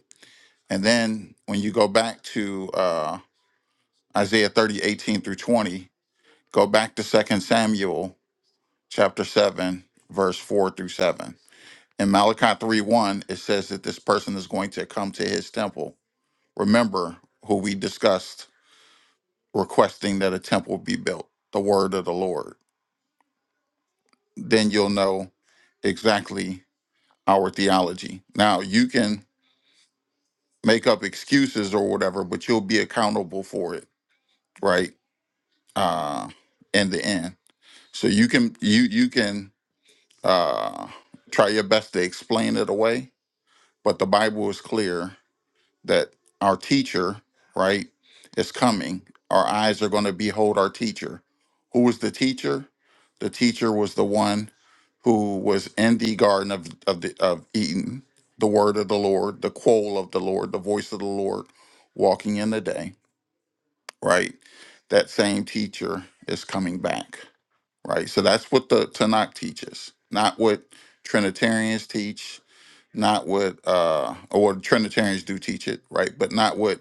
Speaker 17: And then when you go back to uh, Isaiah 30 18 through 20, go back to Second Samuel chapter 7, verse 4 through 7. In Malachi 3, 1, it says that this person is going to come to his temple. Remember who we discussed requesting that a temple be built, the word of the Lord. Then you'll know exactly our theology. Now, you can make up excuses or whatever, but you'll be accountable for it, right? Uh, in the end, so you can you you can uh, try your best to explain it away, but the Bible is clear that our teacher, right, is coming. Our eyes are going to behold our teacher. Who was the teacher? The teacher was the one who was in the garden of of, the, of Eden, the word of the Lord, the quoll of the Lord, the voice of the Lord, walking in the day, right? That same teacher is coming back, right? So that's what the Tanakh teaches, not what Trinitarians teach, not what uh or what Trinitarians do teach it, right? But not what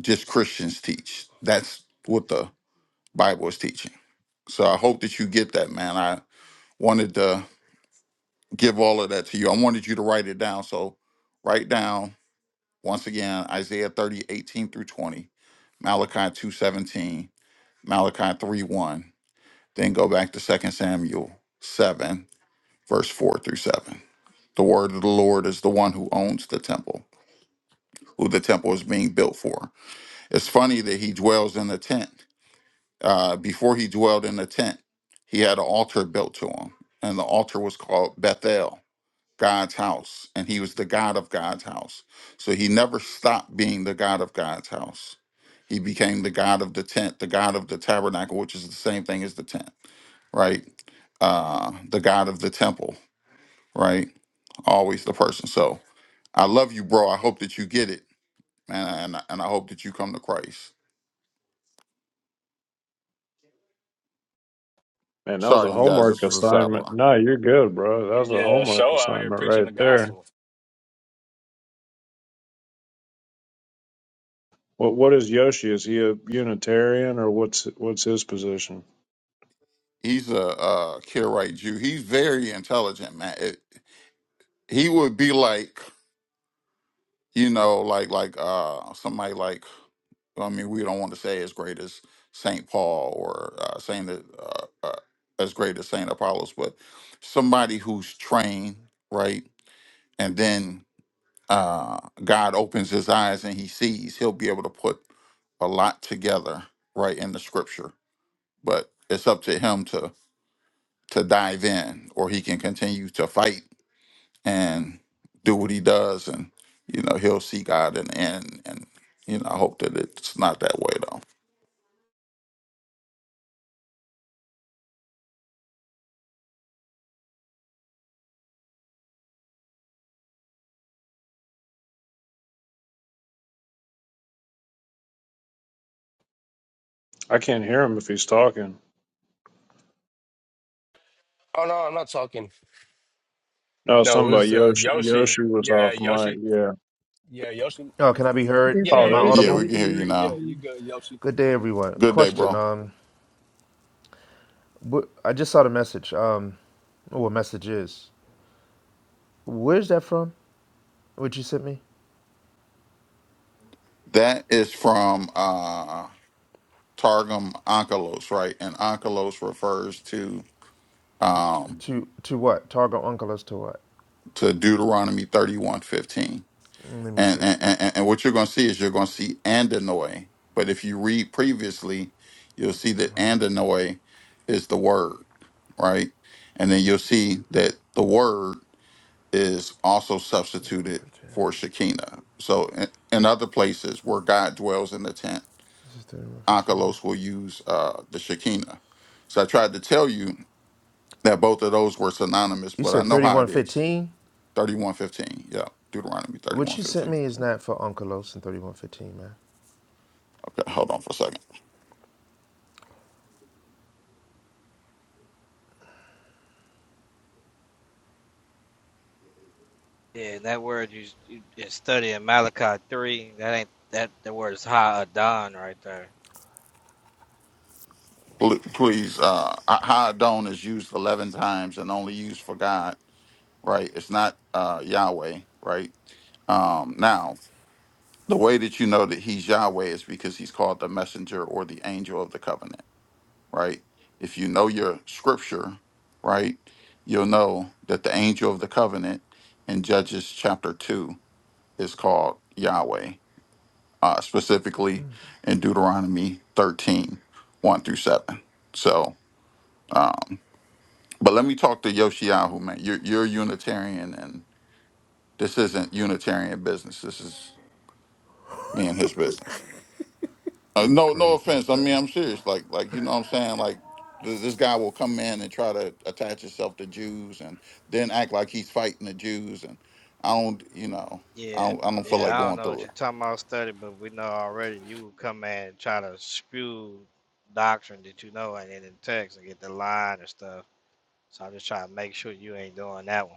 Speaker 17: just Christians teach. That's what the Bible is teaching. So I hope that you get that, man. I wanted to give all of that to you. I wanted you to write it down. So write down once again Isaiah 30 18 through 20, Malachi 2 17, Malachi 3, 1. Then go back to Second Samuel 7, verse 4 through 7. The word of the Lord is the one who owns the temple, who the temple is being built for. It's funny that he dwells in a tent Uh, before he dwelled in a tent, he had an altar built to him, and the altar was called Bethel, God's house, and he was the God of God's house. So he never stopped being the God of God's house. He became the God of the tent, the God of the tabernacle, which is the same thing as the tent, right? Uh, the God of the temple, right? Always the person. So I love you, bro. I hope that you get it, man, and and I hope that you come to Christ.
Speaker 4: Man, that was
Speaker 17: Sorry,
Speaker 4: a
Speaker 17: you guys. This
Speaker 4: homework
Speaker 17: was a sidebar.
Speaker 4: assignment. No, you're good, bro. That was a
Speaker 1: Yeah,
Speaker 4: homework
Speaker 1: show out here
Speaker 4: assignment
Speaker 1: preaching
Speaker 4: right
Speaker 1: the
Speaker 4: there.
Speaker 1: gospel.
Speaker 4: What what is Yoshi? Is he a Unitarian or what's what's his position?
Speaker 17: He's a uh, Karaite Jew. He's very intelligent, man. It, he would be like, you know, like like uh somebody like I mean, we don't want to say as great as Saint Paul or uh, Saint uh, uh, as great as Saint Apollos, but somebody who's trained, right? And then uh, God opens his eyes and he sees. He'll be able to put a lot together, right, in the scripture. But it's up to him to to dive in, or he can continue to fight and do what he does, and you know he'll see God and the And you know, I hope that it's not that way though.
Speaker 4: I can't hear him if he's talking.
Speaker 18: Oh no, I'm not talking.
Speaker 4: No,
Speaker 1: No, it
Speaker 4: something about
Speaker 1: was uh,
Speaker 4: Yoshi.
Speaker 1: Yoshi.
Speaker 4: Yoshi was
Speaker 1: Yeah,
Speaker 4: off mic.
Speaker 1: Yoshi.
Speaker 4: Yeah.
Speaker 1: Yeah, Yoshi.
Speaker 19: Oh, can I be heard?
Speaker 5: There's
Speaker 1: Yeah,
Speaker 4: Oh,
Speaker 19: Am
Speaker 1: yeah,
Speaker 19: I
Speaker 5: an
Speaker 4: there you
Speaker 1: you.
Speaker 4: go.
Speaker 17: Yeah,
Speaker 5: issue
Speaker 19: audible?
Speaker 17: we
Speaker 5: with
Speaker 17: can
Speaker 5: the
Speaker 17: hear you
Speaker 1: Yeah,
Speaker 5: Maat.
Speaker 17: now.
Speaker 1: you
Speaker 5: um,
Speaker 1: good, Yoshi.
Speaker 19: Good day, everyone.
Speaker 17: Good day,
Speaker 1: You good,
Speaker 19: Question.
Speaker 17: bro.
Speaker 19: Um, wh- I just saw the message. Um, oh, what message is? Where's that from? What you sent me?
Speaker 17: That is from uh Targum Onkelos, right? And Onkelos refers to
Speaker 19: T-
Speaker 17: um
Speaker 19: to to what? Target uncle to what?
Speaker 17: to Deuteronomy thirty one fifteen.
Speaker 19: Mm, Let me
Speaker 17: and
Speaker 19: see.
Speaker 17: and, and, and what you're going to see is you're going to see Andanoy. But if you read previously, you'll see that Andanoy is the word, right? And then you'll see that the word is also
Speaker 19: Thirty-one
Speaker 17: substituted
Speaker 19: fifteen.
Speaker 17: for Shekinah. So in, in other places where God dwells in the tent, Ankelos will use uh, the Shekinah. So I tried to tell you that both of those were synonymous,
Speaker 19: You
Speaker 17: but I
Speaker 19: said
Speaker 17: know how
Speaker 19: thirty-one
Speaker 17: it is.
Speaker 19: fifteen.
Speaker 17: 3115. Yeah. Deuteronomy
Speaker 19: What you sent
Speaker 17: 3115.
Speaker 19: me is not for Unkelos and thirty-one fifteen, man.
Speaker 17: Okay, hold on for a second.
Speaker 8: Yeah, and that word you, you you study in Malachi three. That ain't that the word is Ha Adon right there.
Speaker 17: Pl- Please, uh, Haadon is used 11 times and only used for God, right? It's not uh, Yahweh, right? Um, now, the way that you know that he's Yahweh is because he's called the messenger or the angel of the covenant, right? If you know your scripture, right, you'll know that the angel of the covenant in Judges chapter 2 is called Yahweh, uh, specifically in Deuteronomy thirteen one through 7. So, um, But let me talk to Yoshiyahu, man. You're you're Unitarian, and this isn't Unitarian business. This is me and his business. Uh,
Speaker 19: You
Speaker 17: no, no
Speaker 19: Crazy
Speaker 17: offense. I
Speaker 19: study.
Speaker 17: mean, I'm serious. Like, like you know, what I'm saying, like th- this guy will come in and try to attach himself to Jews, and then act like he's fighting the Jews. And I don't, you know, I
Speaker 8: Yeah.
Speaker 17: don't, I don't feel like
Speaker 8: Yeah, I don't
Speaker 17: going
Speaker 8: know what
Speaker 17: through it.
Speaker 8: you're talking about study, but we know already you will come in and try to spew doctrine that you know ain't in the text and get the line and stuff. So I'm just trying to make sure you ain't doing that one.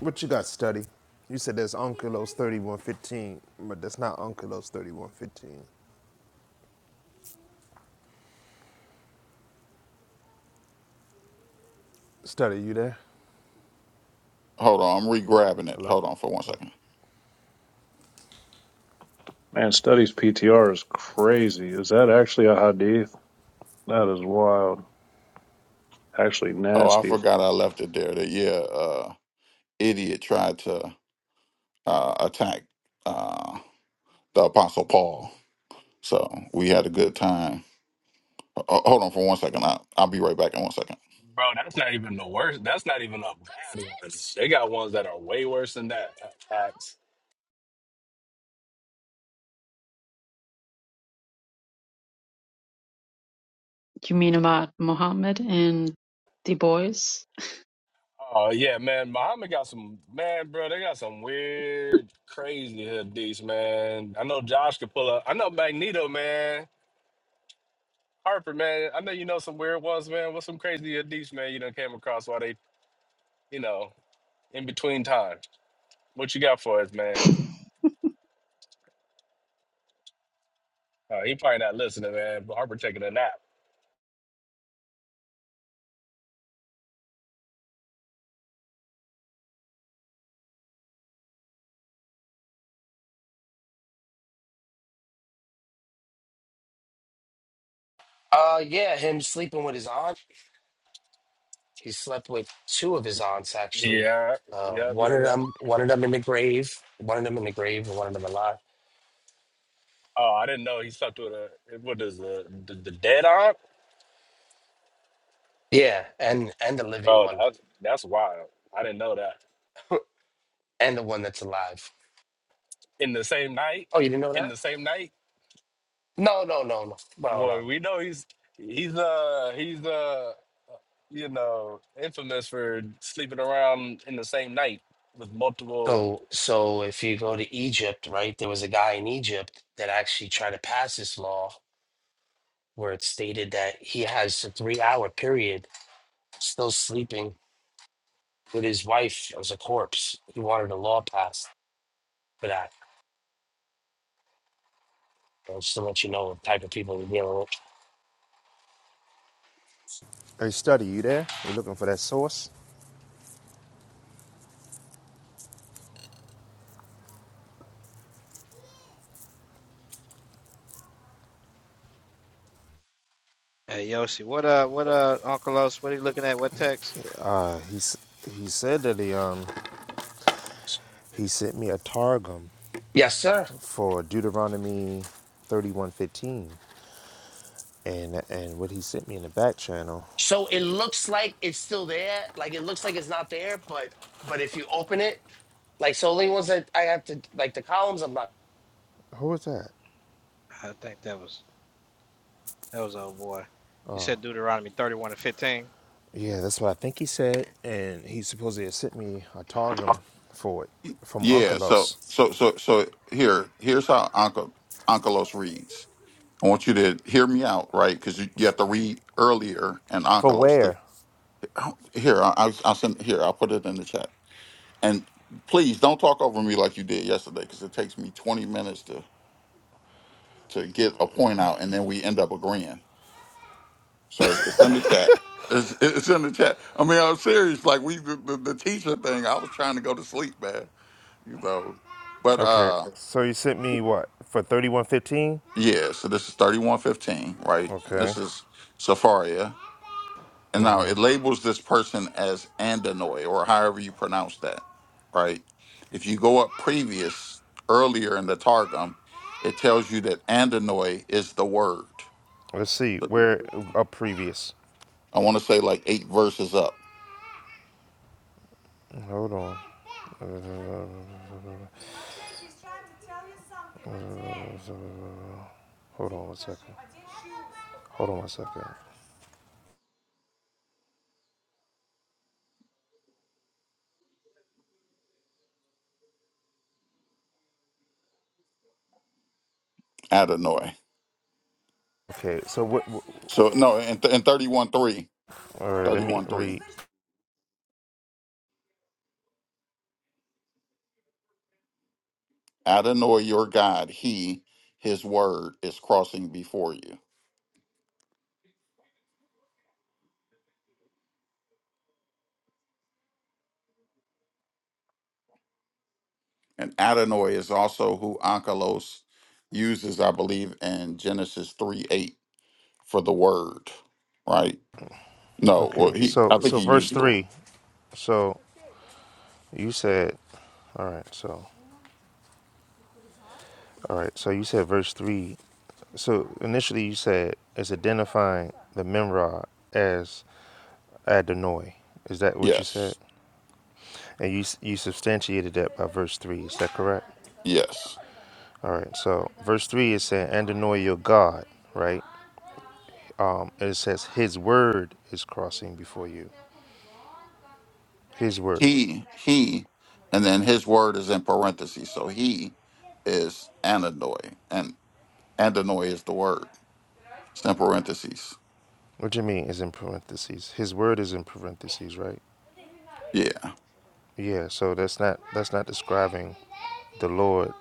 Speaker 19: What you got, study? You said there's Unkelos thirty-one fifteen, but that's not Unkelos thirty-one fifteen. Study, you there?
Speaker 17: Hold on, I'm re-grabbing it.
Speaker 19: Hello.
Speaker 17: Hold on for one second.
Speaker 4: Man, studies PTR is crazy. Is that actually a hadith? That is wild. Actually,
Speaker 17: Oh, I
Speaker 4: nasty.
Speaker 17: forgot I left it there. That yeah, uh, idiot tried to uh, attack uh, the Apostle Paul So we had a good time. Ho- Hold on for one second. I, I'll be right back in one second.
Speaker 1: bro. That's not even the worst. That's not even a bad one. They got ones that are way worse than that. Facts.
Speaker 5: You mean about Muhammad and the boys?
Speaker 1: Oh yeah, man. Muhammad got some man, bro. They got some weird, crazy hoodies, man. I know Josh could pull up. I know Magneto, man. Harper, man. I know you know some weird ones, man. What's some crazy hoodies, man? You done came across while they, you know, in between time. What you got for us, man? Uh, he probably not listening, man. But Harper taking a nap.
Speaker 18: Uh yeah, him sleeping with his aunt. He slept with two of his aunts actually.
Speaker 1: Yeah,
Speaker 18: Uh
Speaker 1: yep,
Speaker 18: one
Speaker 1: yep,
Speaker 18: of
Speaker 1: yep.
Speaker 18: them one of them in the grave. One of them in the grave and one of them alive.
Speaker 1: Oh, I didn't know he slept with a what is the the, the dead arm,
Speaker 18: Yeah, and and the living
Speaker 1: bro.
Speaker 18: one.
Speaker 1: That's that's wild. I didn't know that.
Speaker 18: And the one that's alive.
Speaker 1: In the same night,
Speaker 18: Oh, you didn't know
Speaker 1: in
Speaker 18: that?
Speaker 1: the same night.
Speaker 18: No, no, no, no. No, no.
Speaker 1: Well, we know he's he's uh he's uh you know infamous for sleeping around in the same night with multiple.
Speaker 18: So so if you go to Egypt, right, there was a guy in Egypt that actually tried to pass this law where it stated that he has a three hour period still sleeping with his wife as a corpse. He wanted a law passed for that. So just to let you know the type of people we're dealing with.
Speaker 19: Hey, study, you there? You looking for that source?
Speaker 8: Hey Yoshi, what uh, what uh, Uncle Os, what are you looking at? What text?
Speaker 19: Uh, he he said that he um he sent me a targum
Speaker 18: Yes, sir.
Speaker 19: for Deuteronomy thirty one fifteen, and and what he sent me in the back channel.
Speaker 18: So it looks like it's still there. Like it looks like it's not there, but but if you open it, like so only ones that I have to like the columns I'm not
Speaker 19: Who was that?
Speaker 8: I think that was that was old boy. He said Deuteronomy thirty-one and fifteen.
Speaker 19: Yeah, that's what I think he said, and he supposedly had sent me a targum for it from
Speaker 17: Yeah. So
Speaker 19: Unkelos.
Speaker 17: so so so here here's how Uncle Onkelos reads. I want you to hear me out, right? Because you, you have to read earlier and
Speaker 19: For
Speaker 17: Onkelos. To,
Speaker 19: where?
Speaker 17: here, I, I, I'll send here. I'll put it in the chat. And please don't talk over me like you did yesterday, because it takes me 20 minutes to to get a point out, and then we end up agreeing. So it's it's in the chat. It's, it's in the chat. I mean, I'm serious. Like we the, the the teacher thing, I was trying to go to sleep, man. You know, but
Speaker 19: Okay,
Speaker 17: uh,
Speaker 19: so you sent me what for thirty one fifteen?
Speaker 17: yeah. So this is 3115, right? And
Speaker 19: Okay,
Speaker 17: this is Safaria, and now it labels this person as Andanoi, or however you pronounce that, right? If you go up previous earlier in the Targum, it tells you that Andanoi is the word.
Speaker 19: let's see where a previous.
Speaker 17: I want to say like eight verses up,
Speaker 19: Hold on. Hold on one second. Hold on one second.
Speaker 17: Adonoi.
Speaker 19: Okay, so what? what
Speaker 17: So no, in, in 31 three,
Speaker 19: all right, let me
Speaker 17: thirty-one 3,
Speaker 19: read.
Speaker 17: Adonai your God, he, his word is crossing before you. And Adonai is also who Ankelos uses, I believe, in Genesis 3 8 for the word, right? No, well,
Speaker 19: Okay,
Speaker 17: he,
Speaker 19: so
Speaker 17: I think
Speaker 19: so
Speaker 17: he
Speaker 19: verse
Speaker 17: uses the word.
Speaker 19: three. So you said, all right. So all right. So you said verse three. So initially you said it's identifying the Memrod as Adonai. Is that what you said?
Speaker 17: Yes,
Speaker 19: And you you substantiated that by verse three. Is that correct?
Speaker 17: yes.
Speaker 19: All right. So verse three is saying Adonai your God, right? Um, it says His word is crossing before you. His word.
Speaker 17: He, he, and then his word is in parentheses. So he is Adonai, and Adonai is the word. It's in parentheses.
Speaker 19: What do you mean is in parentheses? His word is in parentheses, right?
Speaker 17: Yeah.
Speaker 19: Yeah. So that's not that's not describing the Lord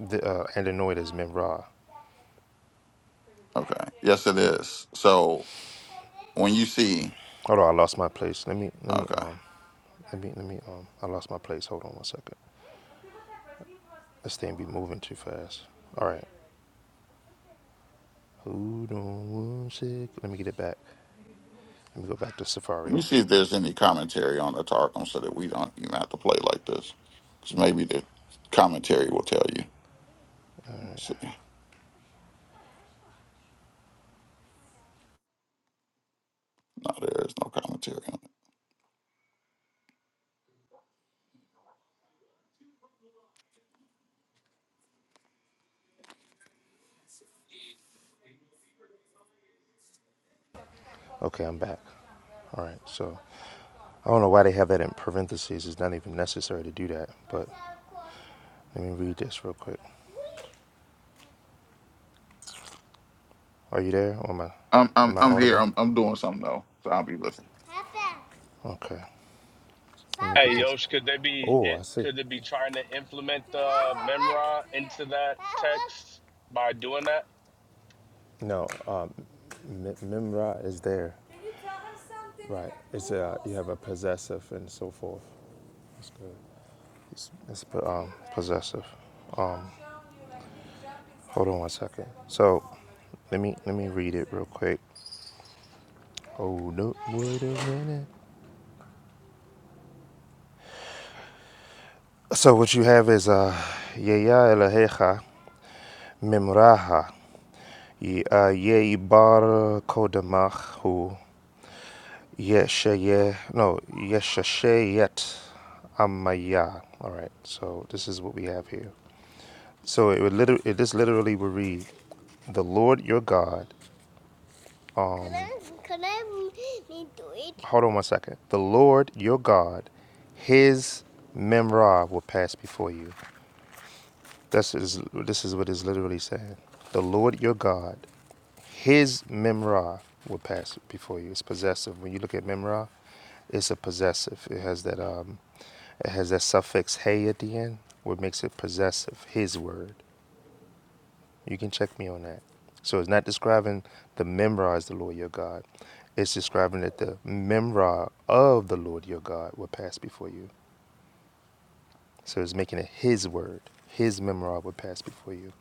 Speaker 19: the, uh, and anoint as men Ra.
Speaker 17: Okay. Yes, it is. So when you see,
Speaker 19: Hold on, I lost my place. Let me let me
Speaker 17: okay,
Speaker 19: um let me let me um I lost my place. Hold on one second. This thing be moving too fast. All right. Hold on one sec. Let me get it back. Let me go back to
Speaker 17: let
Speaker 19: Safari.
Speaker 17: me see if there's any commentary on the Targum so that we don't even have to play like this. Because maybe the commentary will tell you. Let's see. No, there is no commentary on it.
Speaker 19: Okay, I'm back. All right. So I don't know why they have that in parentheses. It's not even necessary to do that. But let me read this real quick. Are you there? Or am I,
Speaker 17: I'm, I'm,
Speaker 19: am I
Speaker 17: I'm here.
Speaker 19: audible?
Speaker 17: I'm, I'm doing something, though. So I'll be listening.
Speaker 19: Okay. Let me
Speaker 1: Hey,
Speaker 19: get this.
Speaker 1: Yosh, could they be
Speaker 19: Oh,
Speaker 1: eh,
Speaker 19: I see.
Speaker 1: could they be trying to implement the Memra into that text by doing that?
Speaker 19: No, um, Mi- Mimra is there. Right. It's a you have a possessive and so forth. That's good. It's, it's po- um, possessive. Um, hold on one second. So let me let me read it real quick. Oh no! Wait a minute. So what you have is uh, Yeya Elahecha Mimraha Ye uh, Yei Bar Kodamach Yeshaya, no, Yeshashayet Amaya. All right, so this is what we have here. So it would literally, it just literally would read, "The Lord your God." Um, can I, can I read it? Hold on one second. The Lord your God, His memra will pass before you. This is this is what it's literally saying. The Lord your God, His memra will pass before you. It's possessive. When you look at memra, it's a possessive. It has that um, it has that suffix hey at the end, what makes it possessive. His word. You can check me on that. So it's not describing the memra as the Lord your God. It's describing that the memra of the Lord your God will pass before you. So it's making it His word. His memra will pass before you.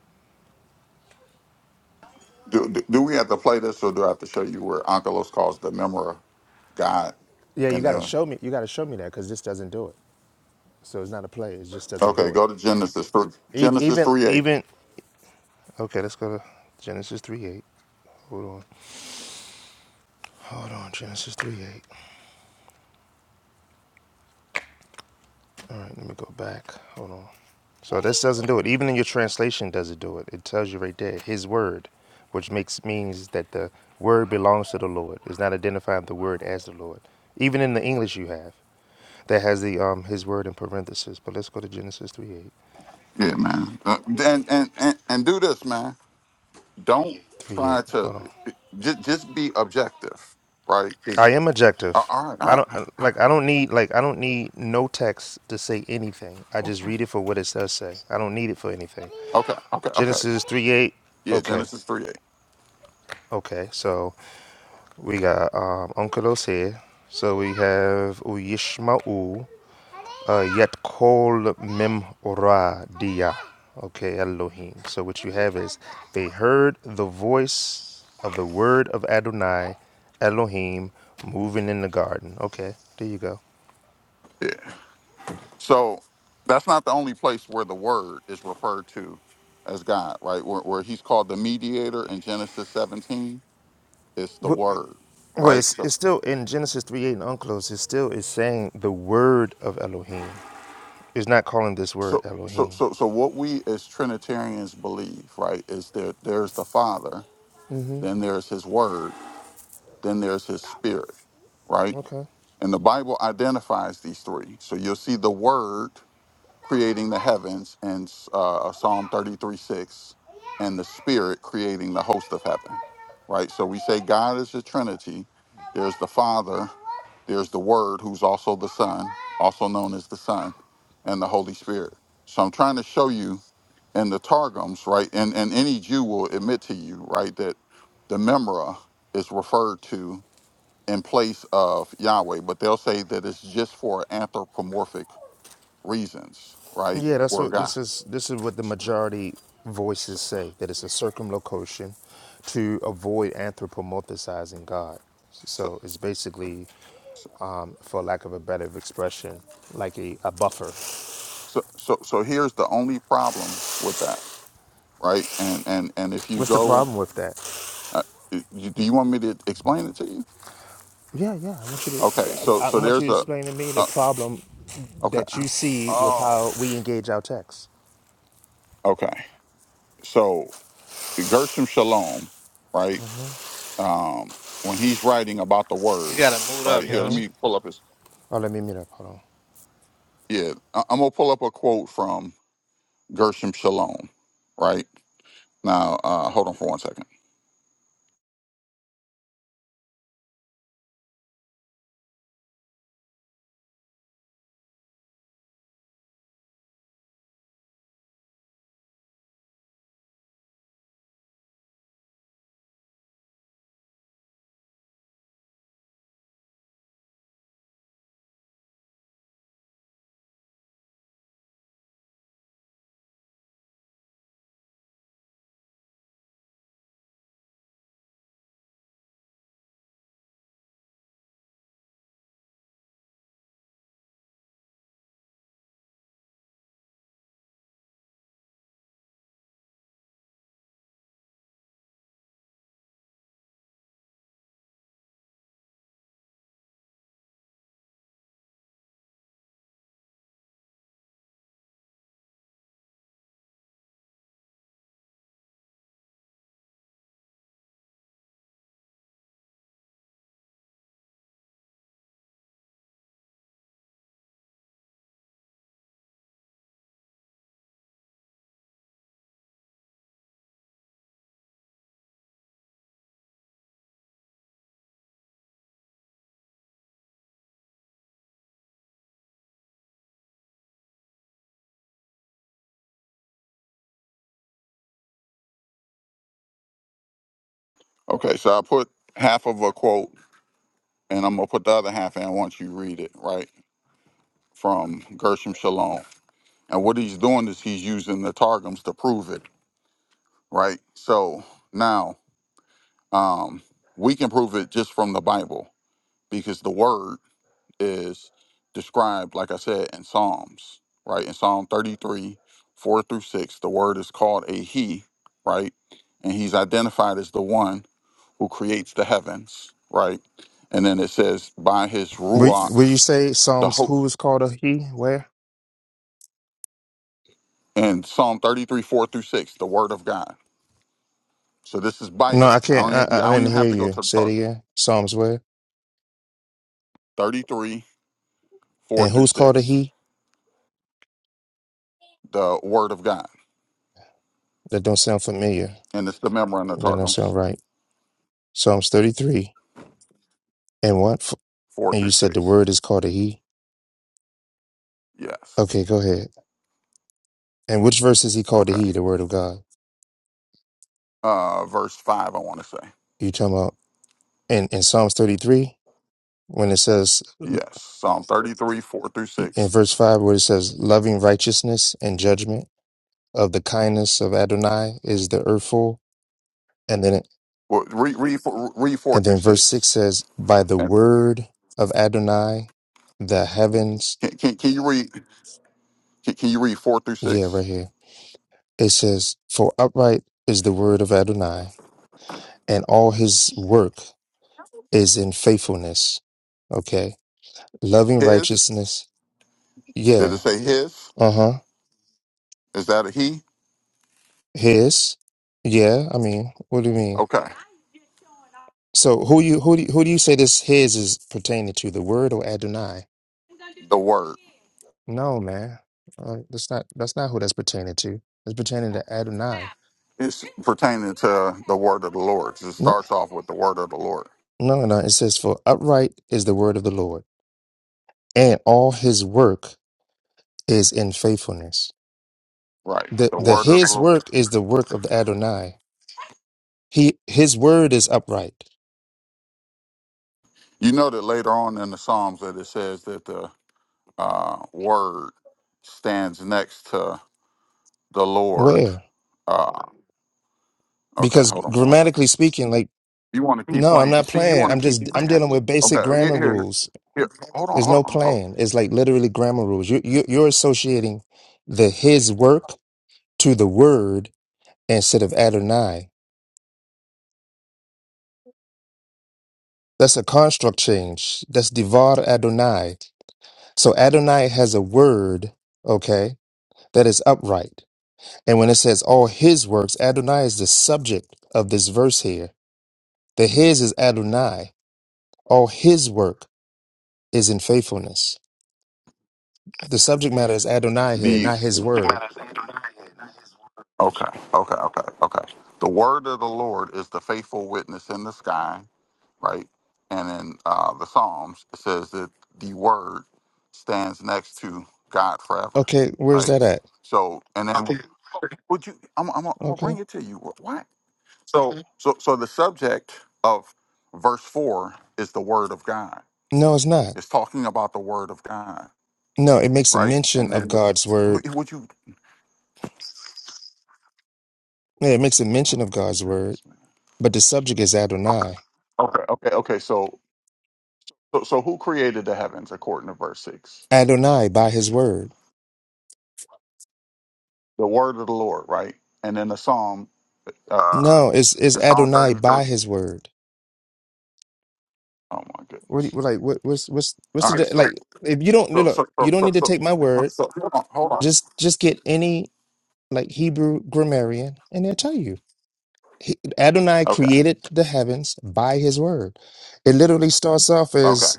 Speaker 17: Do, do, do we have to play this or do I have to show you where Onkelos calls the Memora God?
Speaker 19: Yeah, you
Speaker 17: And
Speaker 19: got to
Speaker 17: then,
Speaker 19: show me. You got to show me that because this doesn't do it. So it's not a play. It just doesn't
Speaker 17: okay,
Speaker 19: do it.
Speaker 17: go to Genesis 3,
Speaker 19: E-
Speaker 17: Genesis
Speaker 19: Even
Speaker 17: 3 8.
Speaker 19: even okay, let's go to Genesis three eight. Hold on, hold on, Genesis three eight. All right, let me go back. Hold on. So this doesn't do it. Even in your translation, doesn't do it. It tells you right there, His word, which makes means that the word belongs to the Lord. It's not identifying the word as the Lord. Even in the English, you have that has the um His word in parentheses. But let's go to Genesis three eight.
Speaker 17: Yeah, man. Uh, and, and, and, and do this, man. Don't
Speaker 19: Three
Speaker 17: try
Speaker 19: eight.
Speaker 17: to.
Speaker 19: Hold on.
Speaker 17: just just be objective, right? It's-
Speaker 19: I am
Speaker 17: uh,
Speaker 19: objective.
Speaker 17: all right,
Speaker 19: I
Speaker 17: all
Speaker 19: don't
Speaker 17: right,
Speaker 19: uh, like. I don't need like. I don't need no text to say anything. I just
Speaker 17: okay,
Speaker 19: read it for what it does say. I don't need it for anything.
Speaker 17: okay, okay, okay.
Speaker 19: Genesis three eight.
Speaker 17: Yeah,
Speaker 19: Okay.
Speaker 17: Genesis three eight.
Speaker 19: Okay. So we got um, Uncle Ose. So we have Uyishma'u uh, Yetkol Memoradiya. Okay, Elohim. So what you have is they heard the voice of the word of Adonai, Elohim, moving in the garden. Okay, there you go.
Speaker 17: Yeah. So that's not the only place where the word is referred to as God, right? Where, where he's called the mediator in Genesis seventeen, it's the
Speaker 19: Wh-
Speaker 17: word,
Speaker 19: Well,
Speaker 17: right?
Speaker 19: it's,
Speaker 17: So
Speaker 19: it's still in Genesis 3 8 and Unclosed, it still is saying the word of Elohim. It's not calling this word
Speaker 17: so so
Speaker 19: Elohim.
Speaker 17: so so what we as Trinitarians believe, right, is that there's the Father, then there's His Word, then there's His Spirit, right?
Speaker 19: Okay.
Speaker 17: And the Bible identifies these three. So you'll see the Word creating the heavens in uh, Psalm 33 6, and the Spirit creating the host of heaven, right? So we say God is a Trinity. There's the Father, there's the Word, who's also the Son, also known as the Son, and the Holy Spirit. So I'm trying to show you in the Targums, right? And, and any Jew will admit to you, right, that the Memra is referred to in place of Yahweh, but they'll say that it's just for anthropomorphic reasons, right?
Speaker 19: Yeah, that's
Speaker 17: Or
Speaker 19: what
Speaker 17: God.
Speaker 19: this is. This is what the
Speaker 17: So,
Speaker 19: majority
Speaker 17: so,
Speaker 19: voices say that it's a circumlocution to avoid anthropomorphizing God.
Speaker 17: so,
Speaker 19: So it's basically,
Speaker 17: so,
Speaker 19: um, for lack of a better expression, like a, a buffer.
Speaker 17: so so so here's the only problem with that, right? And and and if you
Speaker 19: What's the
Speaker 17: go,
Speaker 19: problem with that?
Speaker 17: uh, you, do you want me to explain it to you?
Speaker 19: Yeah, yeah. I want you
Speaker 17: Okay, so
Speaker 19: to. I,
Speaker 17: so
Speaker 19: I want you
Speaker 17: there's
Speaker 19: to
Speaker 17: a,
Speaker 19: explain to me the
Speaker 17: uh,
Speaker 19: problem
Speaker 17: okay,
Speaker 19: that you see with
Speaker 17: oh,
Speaker 19: how we engage our text.
Speaker 17: okay. So Gershom Shalom, right? Um, when he's writing about the
Speaker 8: You
Speaker 17: word,
Speaker 8: gotta move
Speaker 17: right
Speaker 8: up,
Speaker 17: here, let
Speaker 8: Yoshi.
Speaker 17: me pull up his.
Speaker 19: Oh, let me mute up. Hold on.
Speaker 17: Yeah, I- I'm gonna pull up a quote from Gershom Shalom. Right now, uh, hold on for one second. Okay, so I put half of a quote, and I'm gonna put the other half in once you read it. Right from Gershom Shalom, and what he's doing is he's using the targums to prove it. Right. So now um, we can prove it just from the Bible because the word is described, like I said, in Psalms, right? In Psalm 33, 4 through 6, the word is called a he, right? And he's identified as the one who creates the heavens, right? And then it says, by his
Speaker 19: Will,
Speaker 17: Ruach,
Speaker 19: will you say
Speaker 17: the
Speaker 19: Psalms?
Speaker 17: hope.
Speaker 19: Who is called a he? Where?
Speaker 17: And Psalm 33, 4 through 6, the word of God. So this is
Speaker 19: No, I
Speaker 17: Bible.
Speaker 19: can't.
Speaker 17: I
Speaker 19: I,
Speaker 17: don't, e-
Speaker 19: I
Speaker 17: I don't
Speaker 19: didn't
Speaker 17: even
Speaker 19: hear
Speaker 17: have to go
Speaker 19: you.
Speaker 17: to the
Speaker 19: Say it
Speaker 17: talk.
Speaker 19: again. Psalms where?
Speaker 17: 33, 4
Speaker 19: And
Speaker 17: through
Speaker 19: who's called a
Speaker 17: 6,
Speaker 19: he?
Speaker 17: the word of God.
Speaker 19: That don't sound familiar.
Speaker 17: And it's the memorandum of
Speaker 19: That don't
Speaker 17: Targums,
Speaker 19: sound right. Psalms 33. And what? f-
Speaker 17: 4
Speaker 19: And you
Speaker 17: through
Speaker 19: said the
Speaker 17: 6.
Speaker 19: word is called a he?
Speaker 17: Yes.
Speaker 19: Okay, go ahead. And which verse is he called a
Speaker 17: Okay.
Speaker 19: he, the word of God?
Speaker 17: uh, verse 5, I want to say.
Speaker 19: You talking about in, in Psalms 33, when it says,
Speaker 17: Yes, Psalm 33, 4 through
Speaker 19: in
Speaker 17: 6.
Speaker 19: verse 5, where it says, loving righteousness and judgment of the kindness of Adonai is the earth full. And then,
Speaker 17: Well, read, read, four- read 4
Speaker 19: and
Speaker 17: through
Speaker 19: then verse 6
Speaker 17: 6.
Speaker 19: says, by the
Speaker 17: And
Speaker 19: word of Adonai, the heavens.
Speaker 17: can, can, can you read can, can you read 4 through
Speaker 19: Yeah,
Speaker 17: 6?
Speaker 19: right here It says, For upright is the word of Adonai, and all his work is in faithfulness. Okay. Loving
Speaker 17: His?
Speaker 19: righteousness.
Speaker 17: Did
Speaker 19: Yeah.
Speaker 17: it say his?
Speaker 19: Uh huh.
Speaker 17: Is that a he?
Speaker 19: His. Yeah. I mean, what do you mean?
Speaker 17: Okay.
Speaker 19: So who you who do you, who do you say this his is pertaining to? The word or Adonai?
Speaker 17: The word.
Speaker 19: No, man. Uh, that's not that's not who that's pertaining to. It's pertaining to Adonai.
Speaker 17: It's pertaining to the word of the Lord. 'cause It
Speaker 19: No,
Speaker 17: starts off with the word of the Lord.
Speaker 19: no, no. It says, "For upright is the word of the Lord, and all His work is in faithfulness."
Speaker 17: Right.
Speaker 19: The
Speaker 17: The
Speaker 19: the
Speaker 17: word of the
Speaker 19: his
Speaker 17: Lord.
Speaker 19: work is the work of the Adonai. He his word is upright.
Speaker 17: You know that later on in the Psalms that it says that the uh, word stands next to the Lord.
Speaker 19: Where?
Speaker 17: Uh, okay,
Speaker 19: Because
Speaker 17: hold on for one second.
Speaker 19: grammatically speaking, like
Speaker 17: You want to keep
Speaker 19: no, I'm
Speaker 17: playing?
Speaker 19: not
Speaker 17: See, you
Speaker 19: playing.
Speaker 17: want
Speaker 19: I'm
Speaker 17: to keep
Speaker 19: just
Speaker 17: playing?
Speaker 19: I'm dealing with
Speaker 17: Okay,
Speaker 19: basic
Speaker 17: here,
Speaker 19: grammar
Speaker 17: here,
Speaker 19: rules.
Speaker 17: here. Hold on,
Speaker 19: There's
Speaker 17: hold
Speaker 19: no
Speaker 17: on, hold.
Speaker 19: plan. It's like literally grammar rules. You you you're associating the his work to the word instead of Adonai. That's a construct change. That's divar Adonai. So Adonai has a word, okay, that is upright. And when it says all his works, Adonai is the subject of this verse here. The his is Adonai. All his work is in faithfulness. The subject matter is Adonai here,
Speaker 17: The
Speaker 19: not his word.
Speaker 17: okay, okay, okay, okay. The word of the Lord is the faithful witness in the sky, right? And in uh, the Psalms, it says that the word stands next to God forever,
Speaker 19: Okay, where's
Speaker 17: right?
Speaker 19: that at?
Speaker 17: So, and then would you? I'm, I'm, I'm gonna bring
Speaker 19: Okay.
Speaker 17: it to you. Why? So, Mhm. so, so the subject of verse four is the word of God.
Speaker 19: No, it's not.
Speaker 17: It's talking about the word of God,
Speaker 19: No, it makes a
Speaker 17: right?
Speaker 19: mention
Speaker 17: And
Speaker 19: of
Speaker 17: then, the-
Speaker 19: God's
Speaker 17: who-
Speaker 19: word.
Speaker 17: would you?
Speaker 19: Yeah, it makes a
Speaker 17: Oh
Speaker 19: mention of
Speaker 17: my
Speaker 19: God's word,
Speaker 17: goodness, man.
Speaker 19: but the subject is Adonai.
Speaker 17: Okay, okay, okay. So, so, so who created the heavens according to verse six?
Speaker 19: Adonai by his word.
Speaker 17: The word of the Lord, right? And then the psalm, uh,
Speaker 19: No, it's it's
Speaker 17: in Psalm
Speaker 19: Adonai
Speaker 17: thirty-three.
Speaker 19: by his word.
Speaker 17: Oh my
Speaker 19: What do
Speaker 17: goodness.
Speaker 19: you, like what what's what's what's
Speaker 17: All right.
Speaker 19: the
Speaker 17: So,
Speaker 19: like if you don't look,
Speaker 17: so, so,
Speaker 19: you don't
Speaker 17: so, so,
Speaker 19: need to
Speaker 17: so,
Speaker 19: take my word
Speaker 17: so hold on, hold on.
Speaker 19: Just just get any like Hebrew grammarian and they'll tell you. He, Adonai
Speaker 17: Okay,
Speaker 19: created the heavens by his word. It literally starts off
Speaker 17: okay.
Speaker 19: as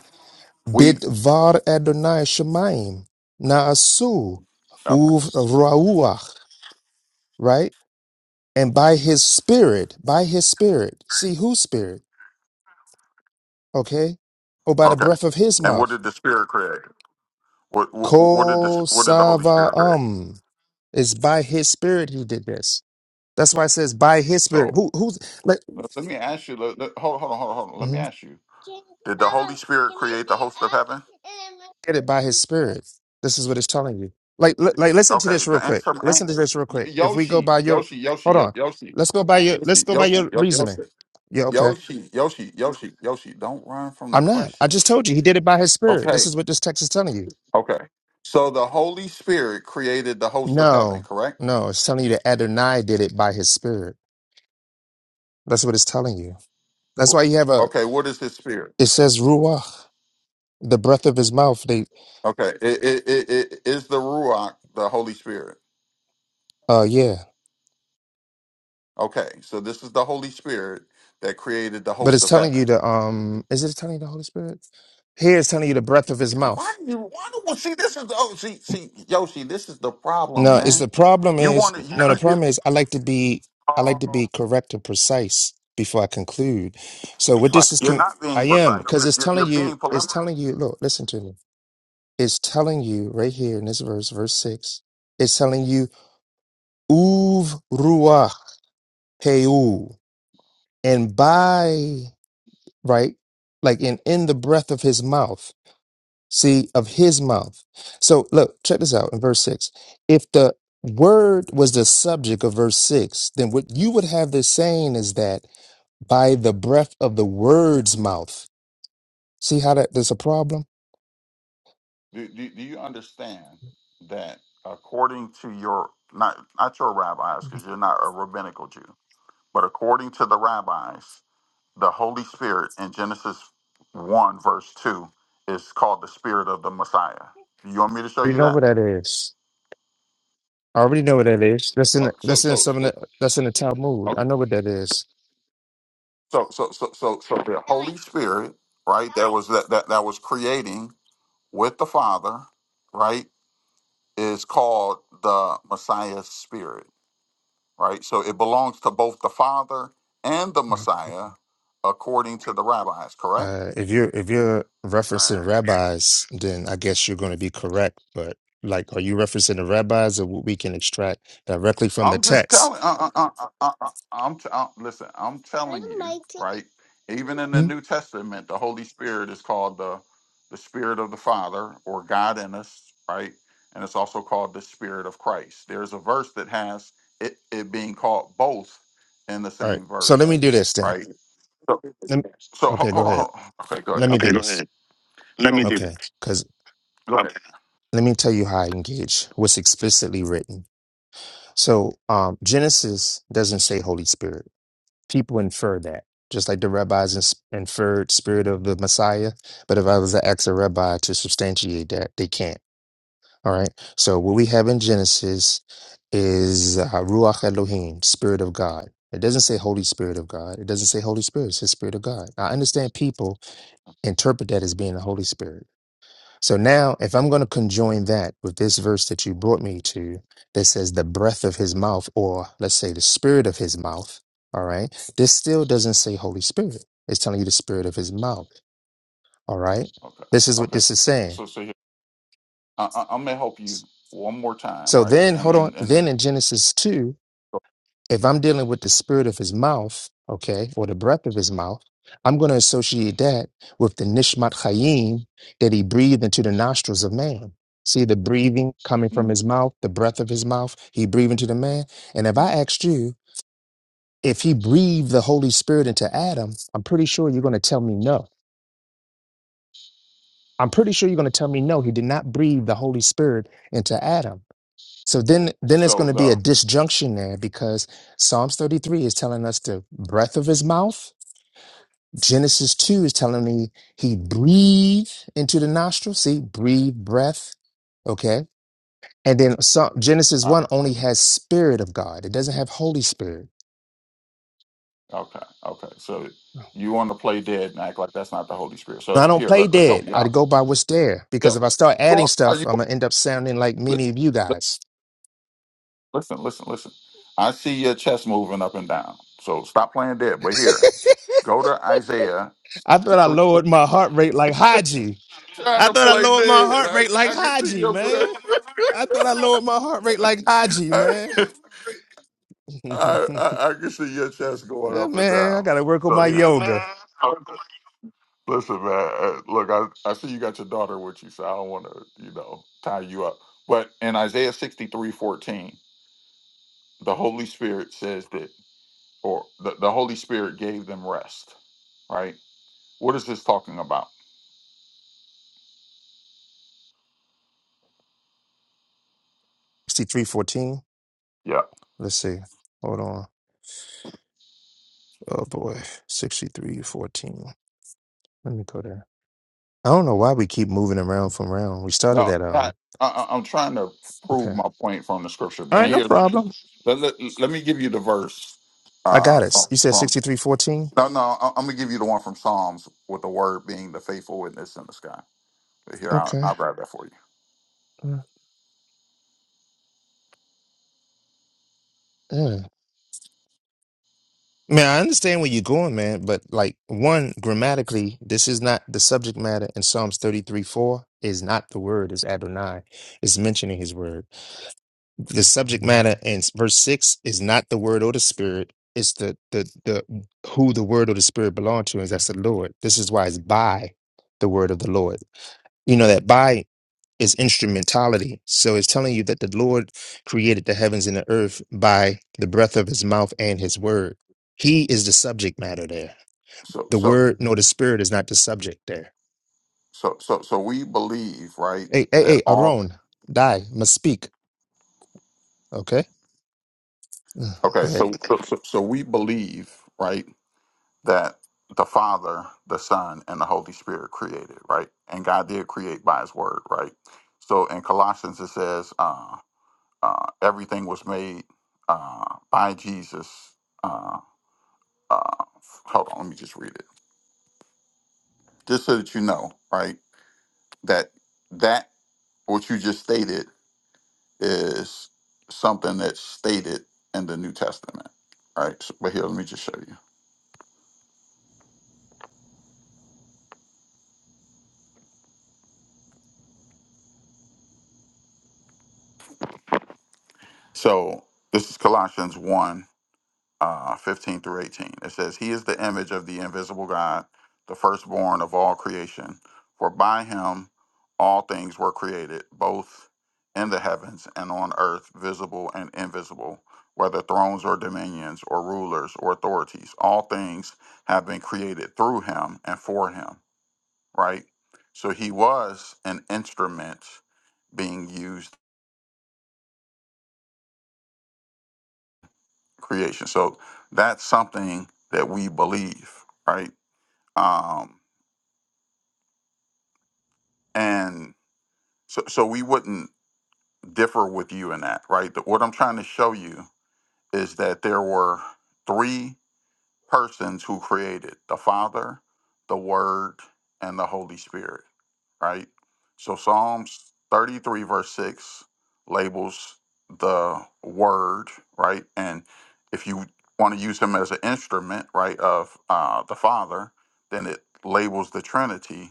Speaker 17: We,
Speaker 19: Bidvar Adonai Shemaim Naasu
Speaker 17: okay.
Speaker 19: Uv Ruach, right? And by his spirit, by his spirit. See whose spirit, okay? Or by the
Speaker 17: okay.
Speaker 19: breath of his
Speaker 17: And what
Speaker 19: mouth.
Speaker 17: did the Spirit create? What what, what did the
Speaker 19: Ko
Speaker 17: what did the Holy Spirit create?
Speaker 19: Savaam. It's by his spirit he did this. That's why it says by his spirit.
Speaker 17: So
Speaker 19: Who who's? like,
Speaker 17: let let me ask you. Let, let- hold hold on hold on hold on. Let me
Speaker 19: hmm
Speaker 17: ask you. Did the Holy Spirit create the host of heaven?
Speaker 19: Get it by His Spirit. This is what it's telling you. Like, li- like, listen to
Speaker 17: Okay.
Speaker 19: this real
Speaker 17: The
Speaker 19: quick.
Speaker 17: answer. an-
Speaker 19: Listen to this real quick. If we go
Speaker 17: Yoshi
Speaker 19: by your,
Speaker 17: Yoshi Yoshi
Speaker 19: hold
Speaker 17: Yo-
Speaker 19: on.
Speaker 17: Yoshi
Speaker 19: Let's go by your. Let's
Speaker 17: Yoshi
Speaker 19: go by
Speaker 17: Yoshi
Speaker 19: your
Speaker 17: Yo-
Speaker 19: reasoning.
Speaker 17: Yoshi
Speaker 19: Yeah, okay.
Speaker 17: Yoshi Yoshi Yoshi Yoshi. Don't run from the
Speaker 19: I'm not. I
Speaker 17: question.
Speaker 19: just told you He did it by His Spirit. This
Speaker 17: Okay.
Speaker 19: is what this text is telling you.
Speaker 17: Okay. So the Holy Spirit created the host of heaven.
Speaker 19: No,
Speaker 17: Correct.
Speaker 19: no, it's telling you that Adonai did it by His Spirit. That's what it's telling you. That's why you have a.
Speaker 17: Okay. What is His spirit?
Speaker 19: It says Ruach, the breath of His mouth. They,
Speaker 17: Okay. It, it, it, it is the Ruach, the Holy Spirit.
Speaker 19: uh, yeah.
Speaker 17: Okay, so this is the Holy Spirit that created the
Speaker 19: But
Speaker 17: host
Speaker 19: it's
Speaker 17: of
Speaker 19: telling you
Speaker 17: heaven.
Speaker 19: the um. Is it telling you the Holy Spirit? Here it's telling you the breath of His mouth.
Speaker 17: Why do you why do well, see this is the oh see see Yoshi, this is the problem,
Speaker 19: No, it's
Speaker 17: man.
Speaker 19: the problem
Speaker 17: You
Speaker 19: is
Speaker 17: want to you,
Speaker 19: no, the
Speaker 17: no,
Speaker 19: problem is I like to be I like to be correct and precise before I conclude. So what this is
Speaker 17: you, are
Speaker 19: con-
Speaker 17: not being
Speaker 19: I am
Speaker 17: precise.
Speaker 19: because
Speaker 17: You're,
Speaker 19: it's
Speaker 17: you're, you're
Speaker 19: telling you
Speaker 17: being
Speaker 19: it's
Speaker 17: polemical.
Speaker 19: telling you look listen to me it's telling you right here in this verse verse six it's telling you uv ruach heu and by right like in in the breath of his mouth see, of his mouth. So look, check this out in verse six. If the word was the subject of verse six, then what you would have this saying is that by the breath of the word's mouth. See how that there's a problem?
Speaker 17: Do, do, do you understand that according to your not not your rabbis because you're not a rabbinical Jew, but according to the rabbis, the Holy Spirit in Genesis 1, verse 2, is called the Spirit of the Messiah. You want me to show
Speaker 19: You
Speaker 17: you
Speaker 19: know
Speaker 17: that?
Speaker 19: what that is. I already know what that is. That's in
Speaker 17: Oh,
Speaker 19: the,
Speaker 17: so
Speaker 19: that's in
Speaker 17: so
Speaker 19: some
Speaker 17: so
Speaker 19: of the, that's in the Talmud. I
Speaker 17: Okay.
Speaker 19: know what that is.
Speaker 17: So, so, so, so, so the Holy Spirit, right? That was that that that was creating with the Father, right? Is called the Messiah's Spirit, right? So it belongs to both the Father and the Messiah, according to the rabbis. Correct?
Speaker 19: Uh, if you're if you're referencing rabbis, then I guess you're going to be correct. But like, are you referencing the rabbis, or what we can extract directly from the
Speaker 17: I'm just
Speaker 19: text?
Speaker 17: telling. Uh, uh, uh, uh, uh, uh, I'm t- uh, listen. I'm telling you, right? Even in the
Speaker 19: Hmm?
Speaker 17: New Testament, the Holy Spirit is called the the Spirit of the Father or God in us, right? And it's also called the Spirit of Christ. There's a verse that has it, it being called both in the
Speaker 19: All right.
Speaker 17: same
Speaker 19: So let
Speaker 17: verse,
Speaker 19: me do this then.
Speaker 17: right?
Speaker 19: Let me-
Speaker 17: So ho-
Speaker 19: okay, go
Speaker 17: hold on.
Speaker 19: ahead.
Speaker 17: Hold on. Okay, go ahead.
Speaker 19: Let me do
Speaker 17: Okay, go
Speaker 19: this.
Speaker 17: ahead. Let me So do this.
Speaker 19: Okay, because
Speaker 17: go Okay. ahead.
Speaker 19: let me tell you how I engage what's explicitly written. So um, Genesis doesn't say Holy Spirit. people infer that, just like the rabbis ins- inferred spirit of the Messiah. But if I was to ask a rabbi to substantiate that, they can't. All right. So what we have in Genesis is uh, Ruach Elohim, spirit of God. It doesn't say Holy Spirit of God. It doesn't say Holy Spirit. It says Spirit of God. I understand people interpret that as being the Holy Spirit. So now, if I'm going to conjoin that with this verse that you brought me to that says the breath of his mouth, or let's say the spirit of his mouth, all right, this still doesn't say Holy Spirit. It's telling you the spirit of his mouth, all right?
Speaker 17: Okay. Okay.
Speaker 19: This is what
Speaker 17: Okay.
Speaker 19: this is saying.
Speaker 17: So so here, I, I, I'm gonna help you one more time,
Speaker 19: So
Speaker 17: right?
Speaker 19: then,
Speaker 17: And
Speaker 19: hold on.
Speaker 17: and and.
Speaker 19: Then in Genesis 2,
Speaker 17: so,
Speaker 19: if I'm dealing with the spirit of his mouth, okay, or the breath of his mouth, I'm going to associate that with the nishmat chayim that he breathed into the nostrils of man. See the breathing coming from
Speaker 17: mm,
Speaker 19: his mouth, the breath of his mouth, he breathed into the man. And if I asked you if he breathed the Holy Spirit into Adam, I'm pretty sure you're going to tell me no. I'm pretty sure you're going to tell me no, he did not breathe the Holy Spirit into Adam. So then then it's going
Speaker 17: So
Speaker 19: to be a
Speaker 17: no.
Speaker 19: disjunction there because Psalms 33 is telling us the breath of his mouth Genesis 2 is telling me he breathed into the nostril. See, breathe, breath. Okay. And then some, Genesis
Speaker 17: Uh,
Speaker 19: 1 only has spirit of God. It doesn't have Holy Spirit.
Speaker 17: okay. Okay. So you want to play dead and act like that's not the Holy Spirit. So
Speaker 19: I don't
Speaker 17: here,
Speaker 19: play
Speaker 17: let, let's
Speaker 19: dead.
Speaker 17: help you
Speaker 19: I
Speaker 17: out.
Speaker 19: go by what's there
Speaker 17: Yo,
Speaker 19: because if I start
Speaker 17: you
Speaker 19: adding
Speaker 17: are, are
Speaker 19: stuff,
Speaker 17: you?
Speaker 19: I'm gonna end up sounding like
Speaker 17: li-
Speaker 19: many of you
Speaker 17: li-
Speaker 19: guys.
Speaker 17: Listen, listen, listen. I see your chest moving up and down. So stop playing dead. But here, go to Isaiah.
Speaker 19: I thought I lowered my heart rate like Haji.
Speaker 17: Trying
Speaker 19: I
Speaker 17: to
Speaker 19: thought I
Speaker 17: play
Speaker 19: lowered my
Speaker 17: dead.
Speaker 19: heart
Speaker 17: I,
Speaker 19: rate like
Speaker 17: I can see
Speaker 19: Haji,
Speaker 17: your breath.
Speaker 19: man. I thought I lowered my heart rate like Haji,
Speaker 17: I,
Speaker 19: man.
Speaker 17: I, I can see your chest going
Speaker 19: Uh,
Speaker 17: up and
Speaker 19: man, I
Speaker 17: down.
Speaker 19: gotta work on
Speaker 17: So
Speaker 19: my
Speaker 17: here.
Speaker 19: yoga.
Speaker 17: Listen, man. uh, Look, I, I see you got your daughter with you, so I don't want to, you know, tie you up. But in Isaiah sixty three fourteen, the Holy Spirit says that, or the, the Holy Spirit gave them rest, right? What is this talking about?
Speaker 19: 6314.
Speaker 17: Yeah.
Speaker 19: Let's see. Hold on. Oh boy. 6314. Let me go there. I don't know why we keep moving around from round. We started
Speaker 17: No,
Speaker 19: at
Speaker 17: I,
Speaker 19: um
Speaker 17: I, I'm trying to prove
Speaker 19: okay.
Speaker 17: my point from the scripture.
Speaker 19: All
Speaker 17: Man,
Speaker 19: right, no
Speaker 17: here,
Speaker 19: problem.
Speaker 17: let, let, let me give you the verse
Speaker 19: I
Speaker 17: uh,
Speaker 19: got it.
Speaker 17: from,
Speaker 19: You said
Speaker 17: from,
Speaker 19: 6314?
Speaker 17: no, no, I- I'm going to give you the one from Psalms with the word being the faithful witness in the sky. Here, I'll,
Speaker 19: Okay.
Speaker 17: I'll grab that for you.
Speaker 19: Uh, Yeah. Man, I understand where you're going, man, but like one, grammatically, this is not the subject matter in Psalms 33 4 is not the word, it's Adonai. It's mentioning his word. The subject matter in verse six is not the word or the spirit. It's the the the who the word or the spirit belong to, is that's the Lord. This is why it's by the word of the Lord. You know that by is instrumentality. So it's telling you that the Lord created the heavens and the earth by the breath of his mouth and his word. He is the subject matter there.
Speaker 17: So,
Speaker 19: The
Speaker 17: so
Speaker 19: word nor the spirit is not the subject there.
Speaker 17: so so so we believe right
Speaker 19: Hey, hey,
Speaker 17: that
Speaker 19: hey,
Speaker 17: all
Speaker 19: Aron, die, must speak. Okay? Ugh, Go
Speaker 17: okay
Speaker 19: ahead.
Speaker 17: so so, so so we believe right that the father the son and the holy spirit created right and god did create by his word right so in colossians it says uh, uh everything was made uh by jesus uh uh hold on let me just read it just so that you know right that that what you just stated is something that's stated in the New Testament, right? So- But here, let me just show you. So this is Colossians 1 uh, 15 through 18. It says, He is the image of the invisible God, the firstborn of all creation. For by him all things were created, both in the heavens and on earth, visible and invisible, whether thrones or dominions or rulers or authorities. All things have been created through him and for him right? So he was an instrument being used in creation. So that's something that we believe, right? Um, and so, so we wouldn't differ with you in that, right? But what I'm trying to show you is that there were three. persons who created the Father, the Word, and the Holy Spirit, right? So Psalms 33, verse 6 labels the Word, right? And if you want to use Him as an instrument, right, of uh, the Father, then it labels the Trinity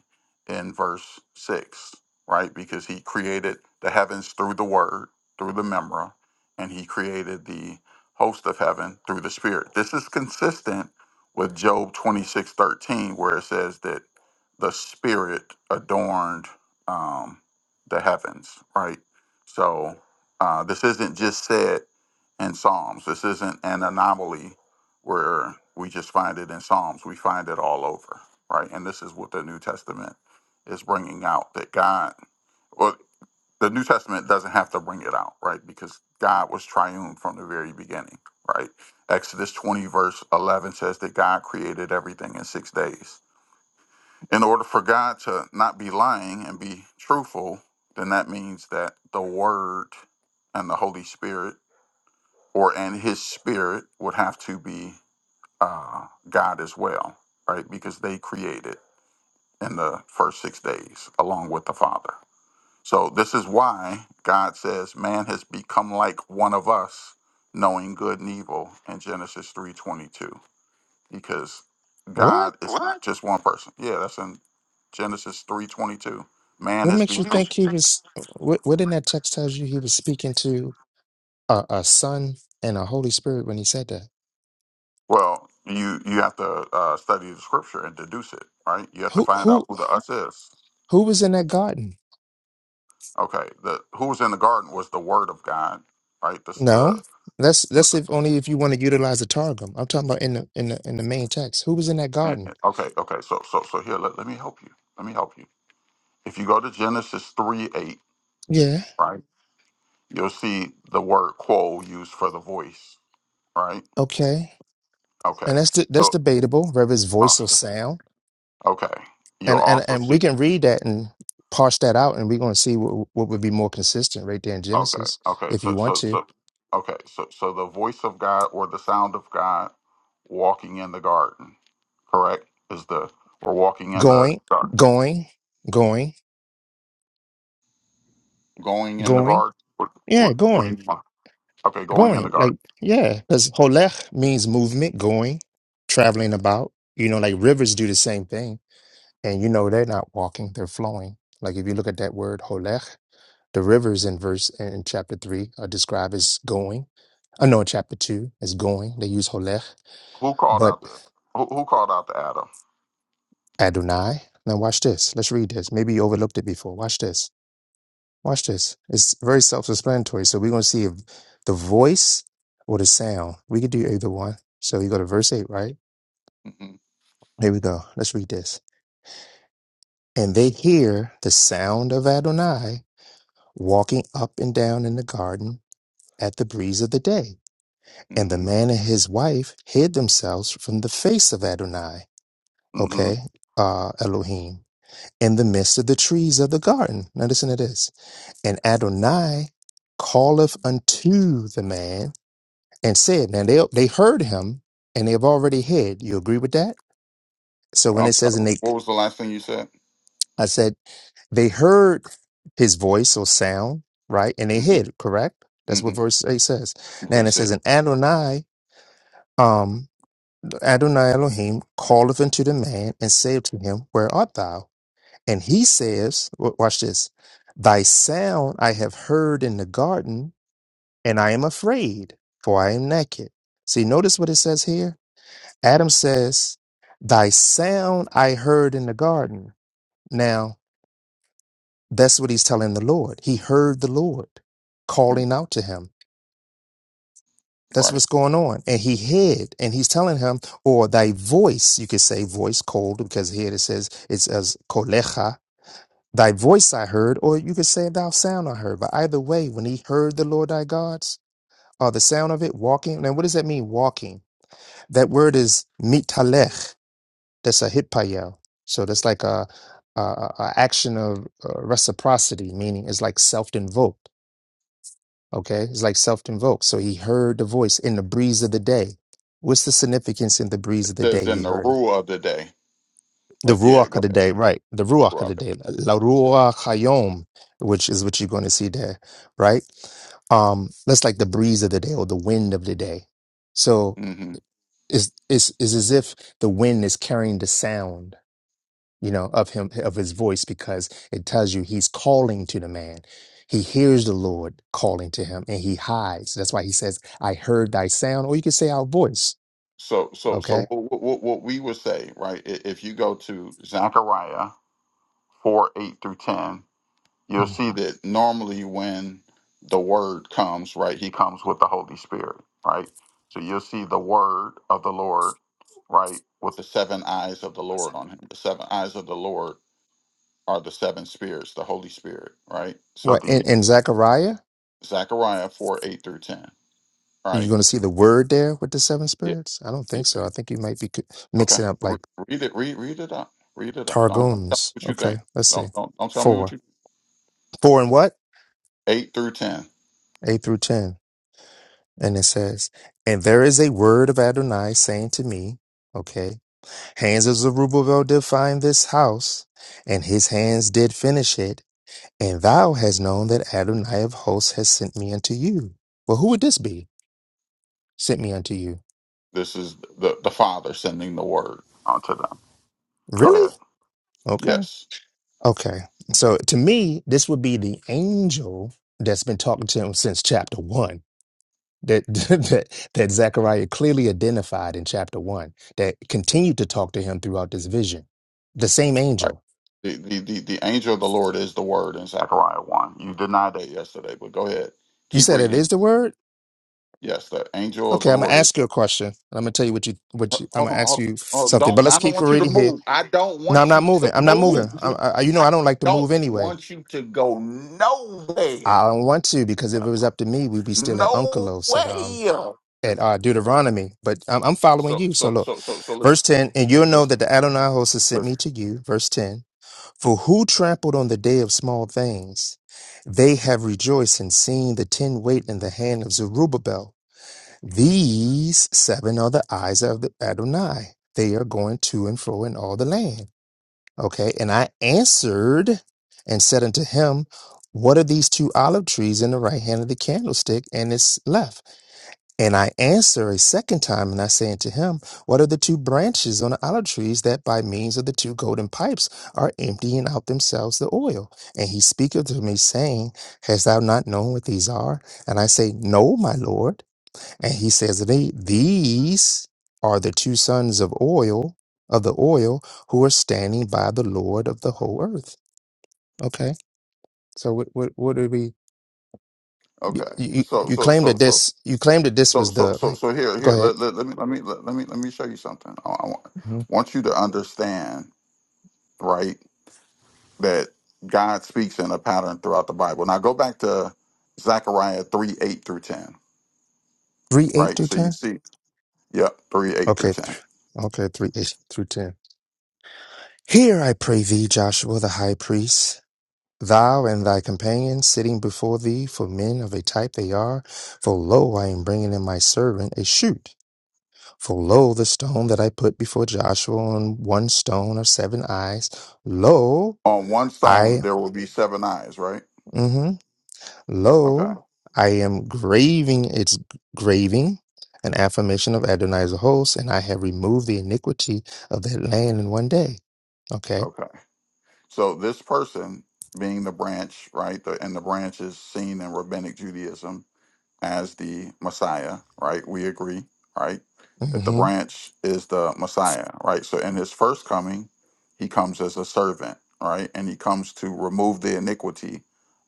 Speaker 17: in verse 6, right? Because He created the heavens through the Word, through the Memra, and He created the host of heaven through the Spirit. This is consistent with Job twenty six thirteen, where it says that the Spirit adorned um, the heavens, right? So uh, this isn't just said in Psalms. This isn't an anomaly where we just find it in Psalms. We find it all over, right? And this is what the New Testament is bringing out that God. well, the New Testament doesn't have to bring it out, right? Because God was triune from the very beginning, right? Exodus 20, verse 11 says that God created everything in six days. In order for God to not be lying and be truthful, then that means that the Word and the Holy Spirit or and His Spirit would have to be uh, God as well, right? Because they created in the first six days along with the Father so this is why God says man has become like one of us, knowing good and evil in Genesis 3:22 because
Speaker 19: What?
Speaker 17: God is not What? just one person. Yeah, that's in Genesis 3:22. Man
Speaker 19: What
Speaker 17: has
Speaker 19: makes
Speaker 17: What
Speaker 19: you
Speaker 17: become is-
Speaker 19: think he was? What, what in that text tells you he was speaking to a, a son and a Holy Spirit when he said that?
Speaker 17: well, you you have to uh, study the scripture and deduce it, right? You have to
Speaker 19: Who
Speaker 17: find out
Speaker 19: who
Speaker 17: who the us is.
Speaker 19: who was in that garden?
Speaker 17: Okay, the who was in the garden was the word of God, right? This
Speaker 19: No,
Speaker 17: the
Speaker 19: that's that's if only if you want to utilize the targum. I'm talking about in the in the in the main text. Who was in that
Speaker 17: and-
Speaker 19: garden?
Speaker 17: and- okay, okay. So so so here let, let me help you. Let me help you If you go to Genesis 3 8,
Speaker 19: Yeah,
Speaker 17: right, you'll see the word quo used for the voice, right?
Speaker 19: okay, and
Speaker 17: Okay.
Speaker 19: that's de- that's
Speaker 17: You'll,
Speaker 19: debatable. Whether it's
Speaker 17: uh,
Speaker 19: voice or sound,
Speaker 17: okay. You'll
Speaker 19: and and
Speaker 17: also
Speaker 19: and we
Speaker 17: see,
Speaker 19: can read that and parse that out, and we're going to see what what would be more consistent right there in
Speaker 17: okay,
Speaker 19: Genesis,
Speaker 17: okay.
Speaker 19: if you
Speaker 17: So,
Speaker 19: want
Speaker 17: so,
Speaker 19: to.
Speaker 17: so, okay. So, so the voice of God or the sound of God walking in the garden, correct? Is the, or walking in the
Speaker 19: Going,
Speaker 17: garden.
Speaker 19: going, going,
Speaker 17: Going in the
Speaker 19: going.
Speaker 17: garden. What,
Speaker 19: Yeah,
Speaker 17: what, what do
Speaker 19: going,
Speaker 17: you want? Okay, going in the
Speaker 19: going.
Speaker 17: garden.
Speaker 19: Like, yeah, because holech means movement, going, traveling about. You know, like rivers do the same thing. And you know, they're not walking, they're flowing. Like, if you look at that word holech, the rivers in verse in chapter three are described as going. I know in chapter two is going. They use holech,
Speaker 17: Who called
Speaker 19: but
Speaker 17: out the, who, who called out the Adam?
Speaker 19: Adonai. Now, watch this. Let's read this. Maybe you overlooked it before. Watch this. Watch this. It's very self-explanatory. So we're going to see if the voice or the sound. We could do either one. So you go to verse 8, right?
Speaker 17: Mm
Speaker 19: Here we go. Let's read this. And they hear the sound of Adonai walking up and down in the garden at the breeze of the day. And the
Speaker 17: hmm
Speaker 19: man and his wife hid themselves from the face of Adonai,
Speaker 17: Mm hmm
Speaker 19: okay, uh, Elohim, in the midst of the trees of the garden. Now listen to this. And Adonai calleth unto the man and said, Now they they heard him and they have already heard. You agree with that? So when
Speaker 17: I'm
Speaker 19: it
Speaker 17: sorry.
Speaker 19: says and they
Speaker 17: What was the last thing you said?
Speaker 19: I said they heard his voice or sound, right? And they
Speaker 17: hmm
Speaker 19: hid, correct? That's
Speaker 17: hmm
Speaker 19: what verse 8 says. Now
Speaker 17: Okay, you
Speaker 19: and it
Speaker 17: said
Speaker 19: says, And Adonai, um Adonai Elohim calleth unto the man and said to him, Where art thou? And he says, wa- watch this, thy sound I have heard in the garden, and I am afraid, for I am naked. See, notice what it says here Adam says, Thy sound I heard in the garden. Now, that's what he's telling the Lord. He heard the Lord
Speaker 17: mhm,
Speaker 19: calling out to him. That's
Speaker 17: right.
Speaker 19: what's going on. And he hid, and he's telling him, or thy voice, you could say voice cold, because here it says it's as kolecha, thy voice I heard, or you could say thou sound I heard. But either way, when he heard the Lord thy God's, or the sound of it walking, now what does that mean, walking? That word is mitalech That's a hitpayo. So that's like a, a, a a action of uh, reciprocity, meaning it's like self-invoked. Okay, it's like self-invoked. So he heard the voice in the breeze of the day. What's the significance in the breeze of the
Speaker 17: There's
Speaker 19: day? He
Speaker 17: in the
Speaker 19: heard it.
Speaker 17: rule of the day,
Speaker 19: The
Speaker 17: but yeah,
Speaker 19: ruach
Speaker 17: go
Speaker 19: of the
Speaker 17: ahead,
Speaker 19: day, right? The ruach of the
Speaker 17: Rocket.
Speaker 19: day, la ruach hayom, which is what you're going to see there, right? Um, that's like the breeze of the day or the wind of the day. So
Speaker 17: Yeah. hmm
Speaker 19: it's it's, it's as if the wind is carrying the sound you know, of him, of his voice, because it tells you he's calling to the man. He hears the Lord calling to him and he hides. That's why he says, I heard thy sound, or you could say our voice.
Speaker 17: So, so,
Speaker 19: Okay.
Speaker 17: so what, what, what we would say, right? i- If you go to Zechariah four eight through ten, you'll
Speaker 19: Mm,
Speaker 17: see that normally when the word comes, right, he comes with the Holy Spirit, right? So you'll see the word of the Lord, right, with the seven eyes of the
Speaker 19: what's
Speaker 17: Lord
Speaker 19: that?
Speaker 17: on him. The seven eyes of the Lord are the seven spirits, the Holy Spirit, right? So
Speaker 19: What in,
Speaker 17: the
Speaker 19: in Zechariah?
Speaker 17: Zechariah four eight through ten,
Speaker 19: You're
Speaker 17: right?
Speaker 19: going to see the word there with the seven
Speaker 17: Yeah,
Speaker 19: spirits? I don't
Speaker 17: yeah.
Speaker 19: think so. I think you might be co-
Speaker 17: Okay,
Speaker 19: mixing up
Speaker 17: Re-
Speaker 19: like
Speaker 17: read it. Read read it up. Read it up. Don't, don't tell me
Speaker 19: Targums.
Speaker 17: what you
Speaker 19: Okay.
Speaker 17: think.
Speaker 19: Let's see.
Speaker 17: Don't don't don't tell me what
Speaker 19: Four.
Speaker 17: you
Speaker 19: Four and what?
Speaker 17: eight through ten.
Speaker 19: Eight through 10. And it says, And there is a word of Adonai saying to me, okay, Hands of Zerubbabel did find this house, and his hands did finish it. And thou hast known that Adonai of hosts has sent me unto you. Well, who would this be? Sent me unto you.
Speaker 17: This is the the Father sending the word unto them. Go
Speaker 19: Really?
Speaker 17: ahead.
Speaker 19: Okay.
Speaker 17: Yes.
Speaker 19: Okay. So to me, this would be the angel that's been talking to him since chapter one. That that that Zechariah clearly identified in chapter one. That continued to talk to him throughout this vision. The same
Speaker 17: Right.
Speaker 19: angel.
Speaker 17: The, the, the, the angel of the Lord is the word in Zechariah 1. You denied that yesterday, but go ahead.
Speaker 19: You
Speaker 17: Keep
Speaker 19: said it
Speaker 17: reading.
Speaker 19: is the word.
Speaker 17: Yes, the angel of
Speaker 19: Okay,
Speaker 17: the
Speaker 19: I'm gonna
Speaker 17: Lord is.
Speaker 19: ask you a question, and I'm gonna tell you what you what
Speaker 17: Hold
Speaker 19: you, I'm
Speaker 17: on, hold
Speaker 19: gonna ask
Speaker 17: on.
Speaker 19: you
Speaker 17: hold on.
Speaker 19: something. But
Speaker 17: Don't
Speaker 19: let's
Speaker 17: I don't
Speaker 19: keep
Speaker 17: want you to
Speaker 19: reading here.
Speaker 17: move. I don't
Speaker 19: No, I'm
Speaker 17: want
Speaker 19: not
Speaker 17: you
Speaker 19: moving.
Speaker 17: to
Speaker 19: I'm not moving. I,
Speaker 17: move.
Speaker 19: I, you know,
Speaker 17: I
Speaker 19: I don't like to
Speaker 17: don't
Speaker 19: move anyway.
Speaker 17: want you to go nowhere.
Speaker 19: I don't want to because if it was up to me, we'd be still in
Speaker 17: No
Speaker 19: Unkelos at um
Speaker 17: way.
Speaker 19: at uh, Deuteronomy. But I'm, I'm following
Speaker 17: So
Speaker 19: you. So
Speaker 17: so
Speaker 19: look,
Speaker 17: so so so listen,
Speaker 19: verse ten, and you'll know that
Speaker 17: listen,
Speaker 19: the Adonai host has sent
Speaker 17: listen.
Speaker 19: me to you. Verse ten, for who trampled on the day of small things, they have rejoiced and seen the tin weight in the hand of Zerubbabel These seven are the eyes of the Adonai. They are going to and fro in all the land. Okay. And I answered and said unto him, What are these two olive trees in the right hand of the candlestick and its left? And I answer a second time, and I say unto him, What are the two branches on the olive trees that by means of the two golden pipes are emptying out themselves the oil? And he speaketh to me, saying, Hast thou not known what these are? And I say, No, my Lord. And he says, they, These are the two sons of oil, of the oil, who are standing by the Lord of the whole earth. Okay. So what what what do we
Speaker 17: Okay.
Speaker 19: you, you
Speaker 17: So
Speaker 19: you
Speaker 17: so
Speaker 19: claim
Speaker 17: so
Speaker 19: that
Speaker 17: so
Speaker 19: this you claim that this
Speaker 17: so
Speaker 19: was
Speaker 17: so
Speaker 19: the
Speaker 17: so
Speaker 19: like
Speaker 17: so here
Speaker 19: go
Speaker 17: here
Speaker 19: ahead.
Speaker 17: let let, let me let me let, let me let me show you something. I, I want
Speaker 19: hmm
Speaker 17: want you to understand, right? that God speaks in a pattern throughout the Bible. Now go back to Zechariah 3 8 through 10,
Speaker 19: Three eight
Speaker 17: right?
Speaker 19: through
Speaker 17: So you
Speaker 19: ten?
Speaker 17: see, yep, 3 8 through
Speaker 19: Okay.
Speaker 17: 10.
Speaker 19: th- Okay, three eight through ten. Here I pray thee, Joshua the high priest, thou and thy companions sitting before thee, for men of a type they are, for lo I am bringing in my servant a shoot. For lo, the stone that I put before Joshua on one stone of seven eyes, lo,
Speaker 17: On one stone,
Speaker 19: I,
Speaker 17: there will be seven eyes, right?
Speaker 19: hmm
Speaker 17: Okay,
Speaker 19: lo, I am graving its graving, an affirmation of Adonai's host, and I have removed the iniquity of that land in one day. Okay.
Speaker 17: okay. So this person being the branch, right? The, and the branch is seen in rabbinic Judaism as the Messiah, right? We agree, right? That the
Speaker 19: hmm
Speaker 17: branch is the Messiah, right? So in his first coming, he comes as a servant, right? And he comes to remove the iniquity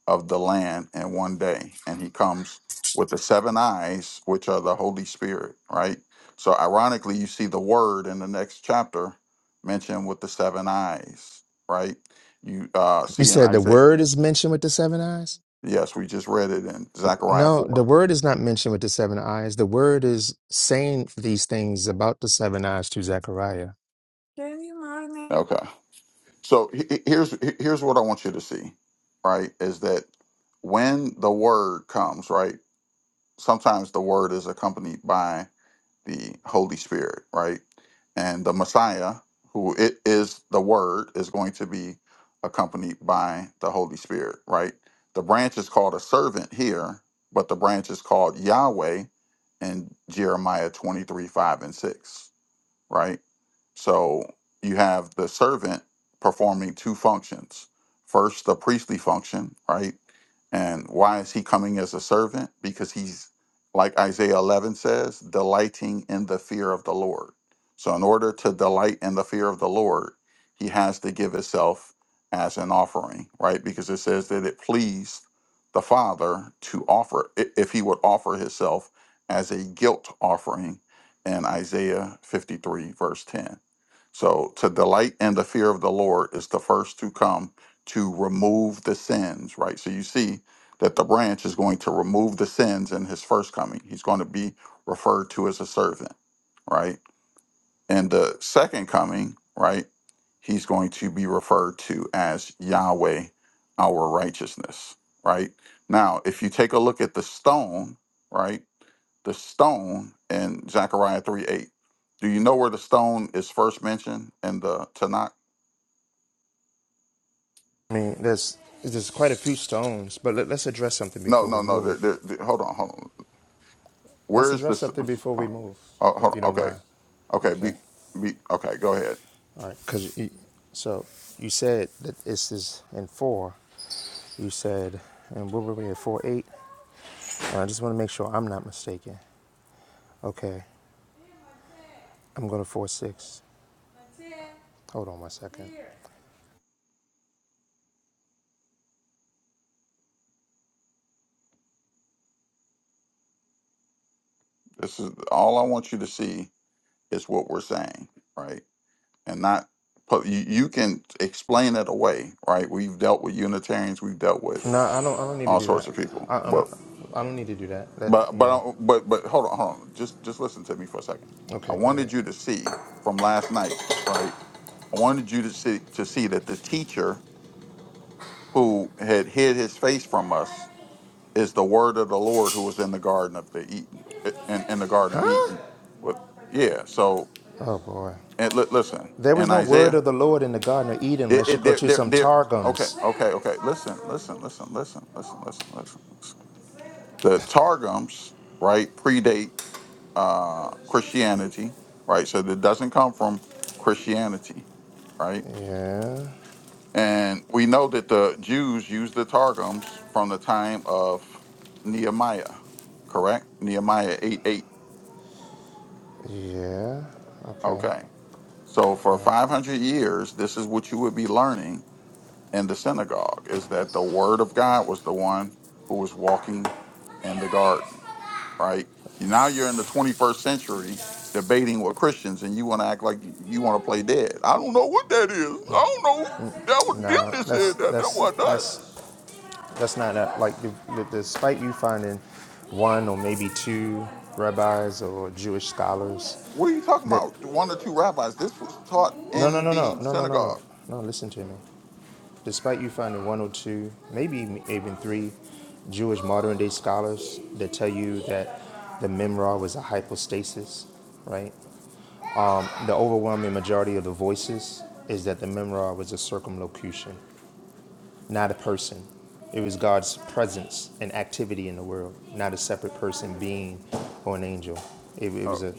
Speaker 17: of the land in one day. And he comes with the seven eyes, which are the Holy Spirit, right? So ironically, you see the word in the next chapter mentioned with the seven eyes, right? You uh,
Speaker 19: You
Speaker 17: see in
Speaker 19: said the
Speaker 17: Isaiah.
Speaker 19: word is mentioned with the seven eyes?
Speaker 17: Yes, we just read it in Zechariah
Speaker 19: No,
Speaker 17: 4.
Speaker 19: the word is not mentioned with the seven eyes. The word is saying these things about the seven eyes to Zechariah.
Speaker 17: Okay. So he- he- here's here's what I want you to see, right? Is that when the word comes, right? Sometimes the word is accompanied by the Holy Spirit, right? And the Messiah, who it is the word, is going to be accompanied by the Holy Spirit, right? The branch is called a servant here, but the branch is called Yahweh in Jeremiah 23, 5 and 6 right? So you have the servant performing two functions. First, the priestly function, right? And why is he coming as a servant? Because he's, like Isaiah 11 says, delighting in the fear of the Lord. So, in order to delight in the fear of the Lord, he has to give himself as an offering, right? Because it says that it pleased the Father to offer, i- if he would offer himself as a guilt offering and Isaiah 53, verse 10. So, to delight in the fear of the Lord is the first to come to remove the sins, right? So, you see that the branch is going to remove the sins in his first coming. He's going to be referred to as a servant, right? And the second coming, right? He's going to be referred to as Yahweh, our righteousness, right? Now, if you take a look at the stone, right? the stone in Zechariah 3 8. Do you know where the stone is first mentioned in the Tanakh?
Speaker 19: I mean, there's there's quite a few stones, but let, let's address something
Speaker 17: No,
Speaker 19: before
Speaker 17: no,
Speaker 19: we
Speaker 17: no. The,
Speaker 19: move.
Speaker 17: the, the, hold on, hold on. Where
Speaker 19: Let's
Speaker 17: is
Speaker 19: address
Speaker 17: this?
Speaker 19: something before we
Speaker 17: Oh,
Speaker 19: move,
Speaker 17: oh,
Speaker 19: if
Speaker 17: hold
Speaker 19: you
Speaker 17: on.
Speaker 19: don't
Speaker 17: Okay.
Speaker 19: mind.
Speaker 17: Okay. Be,
Speaker 19: Okay.
Speaker 17: be, okay. Go ahead.
Speaker 19: All right. Because so you said that this is in four. You said, and what were we at four eight? And I just want to make sure I'm not mistaken. Okay. I'm going to four six. Hold on one second.
Speaker 17: This is all I want you to see is what we're saying, right? And not, put- you, you can explain it away, right? We've dealt with Unitarians, we've dealt with
Speaker 19: No, I don't. I don't need to
Speaker 17: all
Speaker 19: do
Speaker 17: sorts
Speaker 19: that.
Speaker 17: of people.
Speaker 19: I, I'm.
Speaker 17: but.
Speaker 19: I don't need to do that. That
Speaker 17: But
Speaker 19: you
Speaker 17: but
Speaker 19: know.
Speaker 17: I- but but hold on, hold on. Just just listen to me for a second. I
Speaker 19: Okay. Go ahead.
Speaker 17: wanted you to see from last night, right? I wanted you to see to see that the teacher who had hid his face from us is the word of the Lord who was in the garden of the Eden in, in the garden of Eden. With yeah, so
Speaker 19: Oh boy.
Speaker 17: and li- listen,
Speaker 19: There was
Speaker 17: and
Speaker 19: no word
Speaker 17: Isaiah,
Speaker 19: of the Lord in the Garden of Eden
Speaker 17: it,
Speaker 19: unless you
Speaker 17: it
Speaker 19: go
Speaker 17: there
Speaker 19: to
Speaker 17: there
Speaker 19: some
Speaker 17: there. Okay,
Speaker 19: Targums.
Speaker 17: okay, okay. Listen, listen, listen, listen, listen, listen, listen, listen. The targums, right, predate uh, Christianity, right? So that doesn't come from Christianity, right?
Speaker 19: Yeah,
Speaker 17: And we know that the Jews used the Targums from the time of Nehemiah, correct? Nehemiah 8 8.
Speaker 19: yeah, okay.
Speaker 17: Okay. So for 500 years, this is what you would be learning in the synagogue is that the word of God was the one who was walking in the garden right? Now you're in the 21st century debating with Christians, and you want to act like you, you want to play dead. I don't know what that is. I don't know. That was them
Speaker 19: No,
Speaker 17: that
Speaker 19: that's
Speaker 17: said that. That
Speaker 19: that's
Speaker 17: wasn't us.
Speaker 19: that's that's not that. Like, despite you finding one or maybe two rabbis or Jewish scholars
Speaker 17: What are you talking
Speaker 19: that
Speaker 17: about? One or two rabbis. This was taught
Speaker 19: no, no,
Speaker 17: in
Speaker 19: no, no,
Speaker 17: the
Speaker 19: no, no, no, no,
Speaker 17: synagogue.
Speaker 19: no. Listen to me. Despite you finding one or two, maybe even three Jewish modern day scholars that tell you that the Memra was a hypostasis, right? The overwhelming majority of the voices is that the memoir was a circumlocution, not a person. It was God's presence and activity in the world, not a separate person, being, or an angel. It, it
Speaker 17: Uh,
Speaker 19: was a,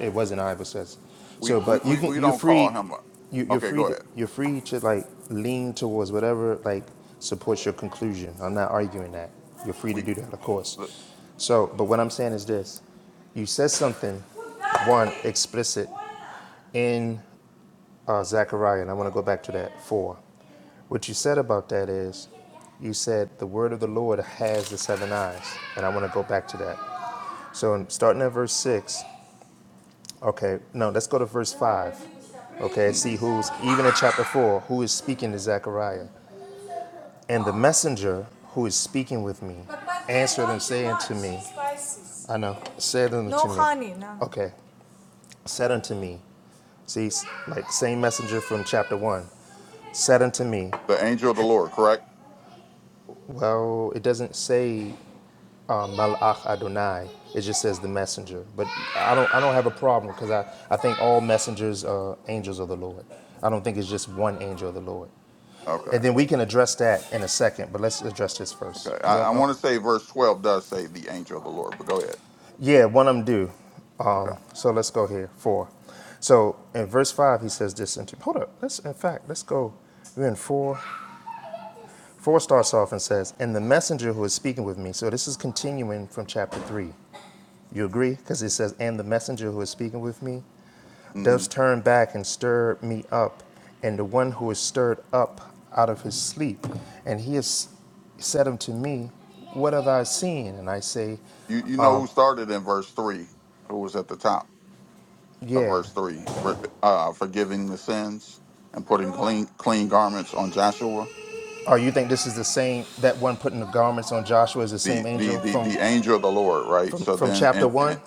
Speaker 19: it wasn't I, but says.
Speaker 17: we,
Speaker 19: So,
Speaker 17: we
Speaker 19: but you
Speaker 17: we
Speaker 19: can
Speaker 17: we
Speaker 19: you're
Speaker 17: don't call
Speaker 19: free,
Speaker 17: him up.
Speaker 19: you, you're
Speaker 17: Okay,
Speaker 19: free
Speaker 17: go
Speaker 19: to
Speaker 17: ahead.
Speaker 19: you're free to like lean towards whatever like supports your conclusion. I'm not arguing that. You're free to
Speaker 17: We
Speaker 19: do that, of
Speaker 17: the,
Speaker 19: course. So, but what I'm saying is this: you said something, one explicit in uh, Zechariah, and I want to go back to that four. What you said about that is, you said the word of the Lord has the seven eyes, and I want to go back to that. So, in, starting at verse six, okay, no, let's go to verse five, okay, see
Speaker 17: mhm.
Speaker 19: who's even in chapter four who is speaking to Zechariah, and the messenger who is speaking with me answered and saying to me, I know, said unto me, okay, said unto me, see, s- like same messenger from chapter one, said unto me.
Speaker 17: the angel of the Lord, correct?
Speaker 19: Well, it doesn't say um, Malach Adonai. It just says the messenger. But I don't, I don't have a problem because I, I think all messengers are angels of the Lord. I don't think it's just one angel of the Lord.
Speaker 17: Okay,
Speaker 19: And then we can address that in a second, but let's address this
Speaker 17: okay.
Speaker 19: first. Because
Speaker 17: I,
Speaker 19: I'm,
Speaker 17: I
Speaker 19: I'm-
Speaker 17: want to say verse 12 does say the angel of the Lord, but go ahead.
Speaker 19: yeah, one of them do.
Speaker 17: Okay.
Speaker 19: So let's go here. Four. So in verse five, he says this. And hold up. Let's in fact, let's go. We're in four. Four starts off and says, "And the messenger who is speaking with me." So this is continuing from chapter three. You agree? Because it says, And the messenger who is speaking with me
Speaker 17: hmm
Speaker 19: does turn back and stir me up, and the one who is stirred up out of his sleep. And he has said unto me, What have I seen? And I say,
Speaker 17: You you know who started in verse three? Who was at the top? of
Speaker 19: Yeah.
Speaker 17: verse 3, re- uh, forgiving the sins and putting clean clean garments on Joshua,
Speaker 19: Or you think this is the same, that one putting the garments on Joshua is the
Speaker 17: the
Speaker 19: same
Speaker 17: the
Speaker 19: angel
Speaker 17: the,
Speaker 19: from,
Speaker 17: the angel of the Lord, right?
Speaker 19: from,
Speaker 17: So
Speaker 19: from
Speaker 17: then,
Speaker 19: chapter
Speaker 17: and,
Speaker 19: one?
Speaker 17: and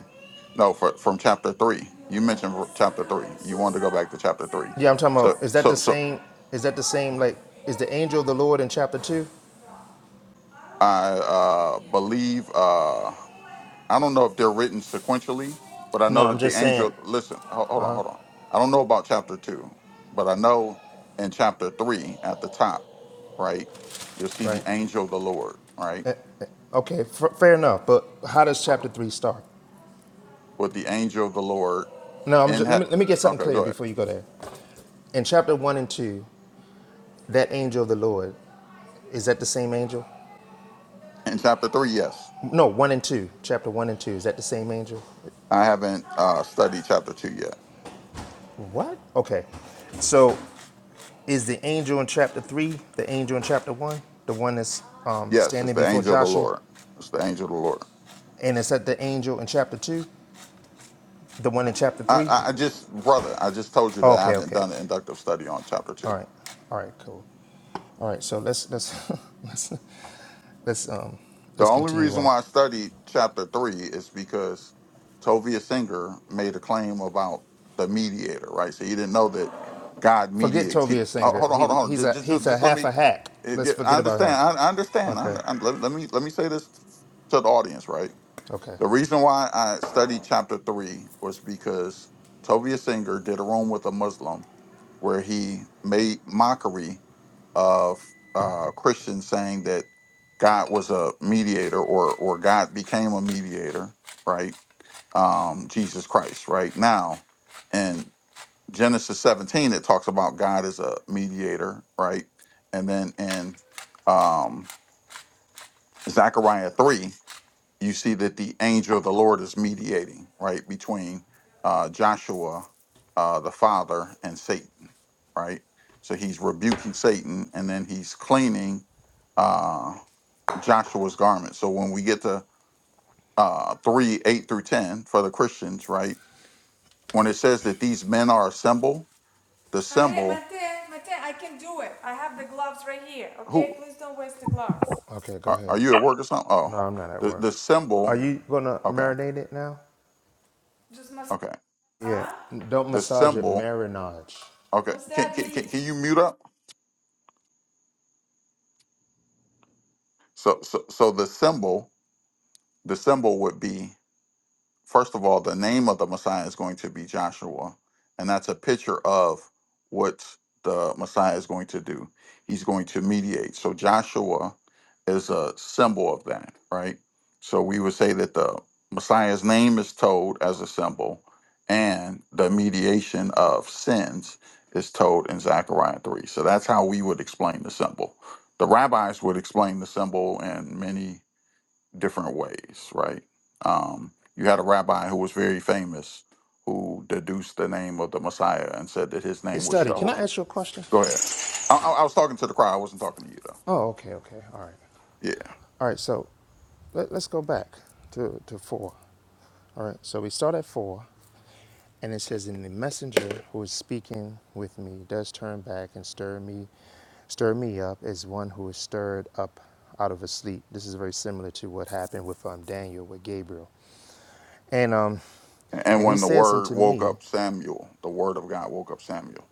Speaker 17: no, for, from chapter 3, you mentioned ver- chapter 3. You wanted to go back to chapter 3.
Speaker 19: Yeah, I'm talking about,
Speaker 17: So,
Speaker 19: is that
Speaker 17: so,
Speaker 19: the
Speaker 17: so
Speaker 19: same, is that the same, like, is the angel of the Lord in chapter two?
Speaker 17: I uh, believe. Uh, I don't know if they're written sequentially, but I
Speaker 19: No,
Speaker 17: know
Speaker 19: I'm
Speaker 17: that the
Speaker 19: just saying,
Speaker 17: angel. Listen, ho- hold on, hold on. I don't know about chapter two, but I know in chapter three at the top, right? You'll see the
Speaker 19: right?
Speaker 17: angel of the Lord, right?
Speaker 19: Uh, Okay, f- fair enough. But how does chapter three start?
Speaker 17: With the angel of the Lord
Speaker 19: No, I'm
Speaker 17: in
Speaker 19: just,
Speaker 17: he-
Speaker 19: let me let me get something
Speaker 17: Okay,
Speaker 19: clear
Speaker 17: go ahead.
Speaker 19: before you go there. In chapter one and two, that angel of the Lord is that the same angel?
Speaker 17: In chapter three, yes.
Speaker 19: No, one and two. Chapter one and two is that the same angel?
Speaker 17: I haven't uh, studied chapter two yet.
Speaker 19: What? Okay, so is the angel in chapter three the angel in chapter one, the one that's um,
Speaker 17: Yes, it's
Speaker 19: standing
Speaker 17: the
Speaker 19: before
Speaker 17: angel of the
Speaker 19: Joshua,
Speaker 17: Lord. It's the angel of the Lord.
Speaker 19: and is that the angel in chapter two, the one in chapter
Speaker 17: I,
Speaker 19: three?
Speaker 17: I I just, brother, I just told you that I
Speaker 19: Okay,
Speaker 17: haven't
Speaker 19: okay.
Speaker 17: done an inductive study on chapter two.
Speaker 19: All right. All right. Cool. All right. So let's let's let's let's um
Speaker 17: The
Speaker 19: let's
Speaker 17: only
Speaker 19: continue
Speaker 17: reason
Speaker 19: on.
Speaker 17: why I studied chapter three is because Tovia Singer made a claim about the mediator, right? So you didn't know that God
Speaker 19: Forget
Speaker 17: mediates. He,
Speaker 19: Tovia
Speaker 17: oh,
Speaker 19: Singer.
Speaker 17: hold on, hold on,
Speaker 19: He
Speaker 17: hold on.
Speaker 19: he's
Speaker 17: Just,
Speaker 19: a
Speaker 17: just, just
Speaker 19: he's a
Speaker 17: just let
Speaker 19: half
Speaker 17: me.
Speaker 19: a hack.
Speaker 17: it-
Speaker 19: Let's
Speaker 17: it- I
Speaker 19: forget about
Speaker 17: understand.
Speaker 19: him.
Speaker 17: I, I understand. I,
Speaker 19: Okay.
Speaker 17: I, let, let me let me say this to the audience, right?
Speaker 19: Okay.
Speaker 17: The reason why I studied chapter three was because Tovia Singer did a room with a Muslim where he made mockery of uh, Christians saying that God was a mediator or or God became a mediator, right? Um, Jesus Christ, right? Now, in Genesis 17, it talks about God as a mediator, right? And then in um, Zechariah 3, you see that the angel of the Lord is mediating, right, between uh, Joshua, uh, the father, and Satan, right? So he's rebuking Satan and then he's cleaning uh, Joshua's garment. So when we get to uh, 3 8 through 10 for the Christians, right, when it says that these men are a symbol, the symbol, who
Speaker 19: Okay. Go
Speaker 17: are, are
Speaker 19: ahead.
Speaker 17: you at work or something? Oh,
Speaker 19: No, I'm not at
Speaker 17: the,
Speaker 19: work.
Speaker 17: the
Speaker 19: Are
Speaker 17: symbol,
Speaker 19: you gonna
Speaker 17: okay,
Speaker 19: marinate it now?
Speaker 17: okay,
Speaker 19: Yeah. Don't
Speaker 17: the
Speaker 19: massage it.
Speaker 17: symbol,
Speaker 19: Marinage.
Speaker 17: okay, can, can, can can you mute up? So, so, so the symbol, the symbol would be first of all, the name of the Messiah is going to be Joshua, and that's a picture of what the Messiah is going to do. He's going to mediate. So Joshua is a symbol of that, right? So we would say that the Messiah's name is told as a symbol, and the mediation of sins is told in Zechariah three. So that's how we would explain the symbol. The rabbis would explain the symbol and many different ways, right? Um, you had a rabbi who was very famous who deduced the name of the Messiah and said that his
Speaker 19: Hey,
Speaker 17: name was
Speaker 19: study. Can I
Speaker 17: Jehoshaphat.
Speaker 19: ask you a question?
Speaker 17: Go ahead. I, I I was talking to the crowd. I wasn't talking to you though.
Speaker 19: Oh. Okay. Okay. All right. All right. So let, let's go back to to four. All right. So we start at four. And it says, And the messenger who is speaking with me does turn back and stir me, stir me up as one who is stirred up out of a sleep. This is very similar to what happened with um, Daniel with Gabriel. And um,
Speaker 17: Yeah. And
Speaker 19: and he
Speaker 17: when the
Speaker 19: says
Speaker 17: word
Speaker 19: unto
Speaker 17: woke
Speaker 19: me,
Speaker 17: up Samuel, the word of God woke up Samuel.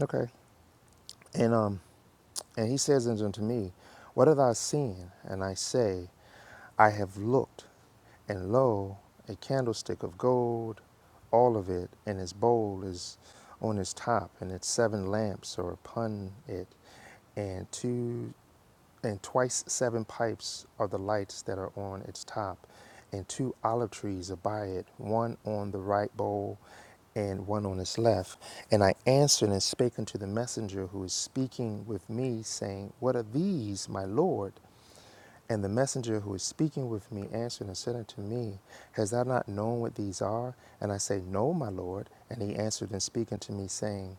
Speaker 19: Okay. And um, and he says unto me, What have I seen? And I say, I have looked, and lo, a candlestick of gold, all of it, and its bowl is on its top, and its seven lamps are upon it, and two and twice seven pipes are the lights that are on its top, and two olive trees are by it, one on the right bowl and one on its left. And I answered and spake unto the messenger who is speaking with me, saying, What are these, my Lord? And the messenger who is speaking with me answered and said unto me, Has thou not known what these are? And I say, No, my Lord. And he answered and speaking to me, saying,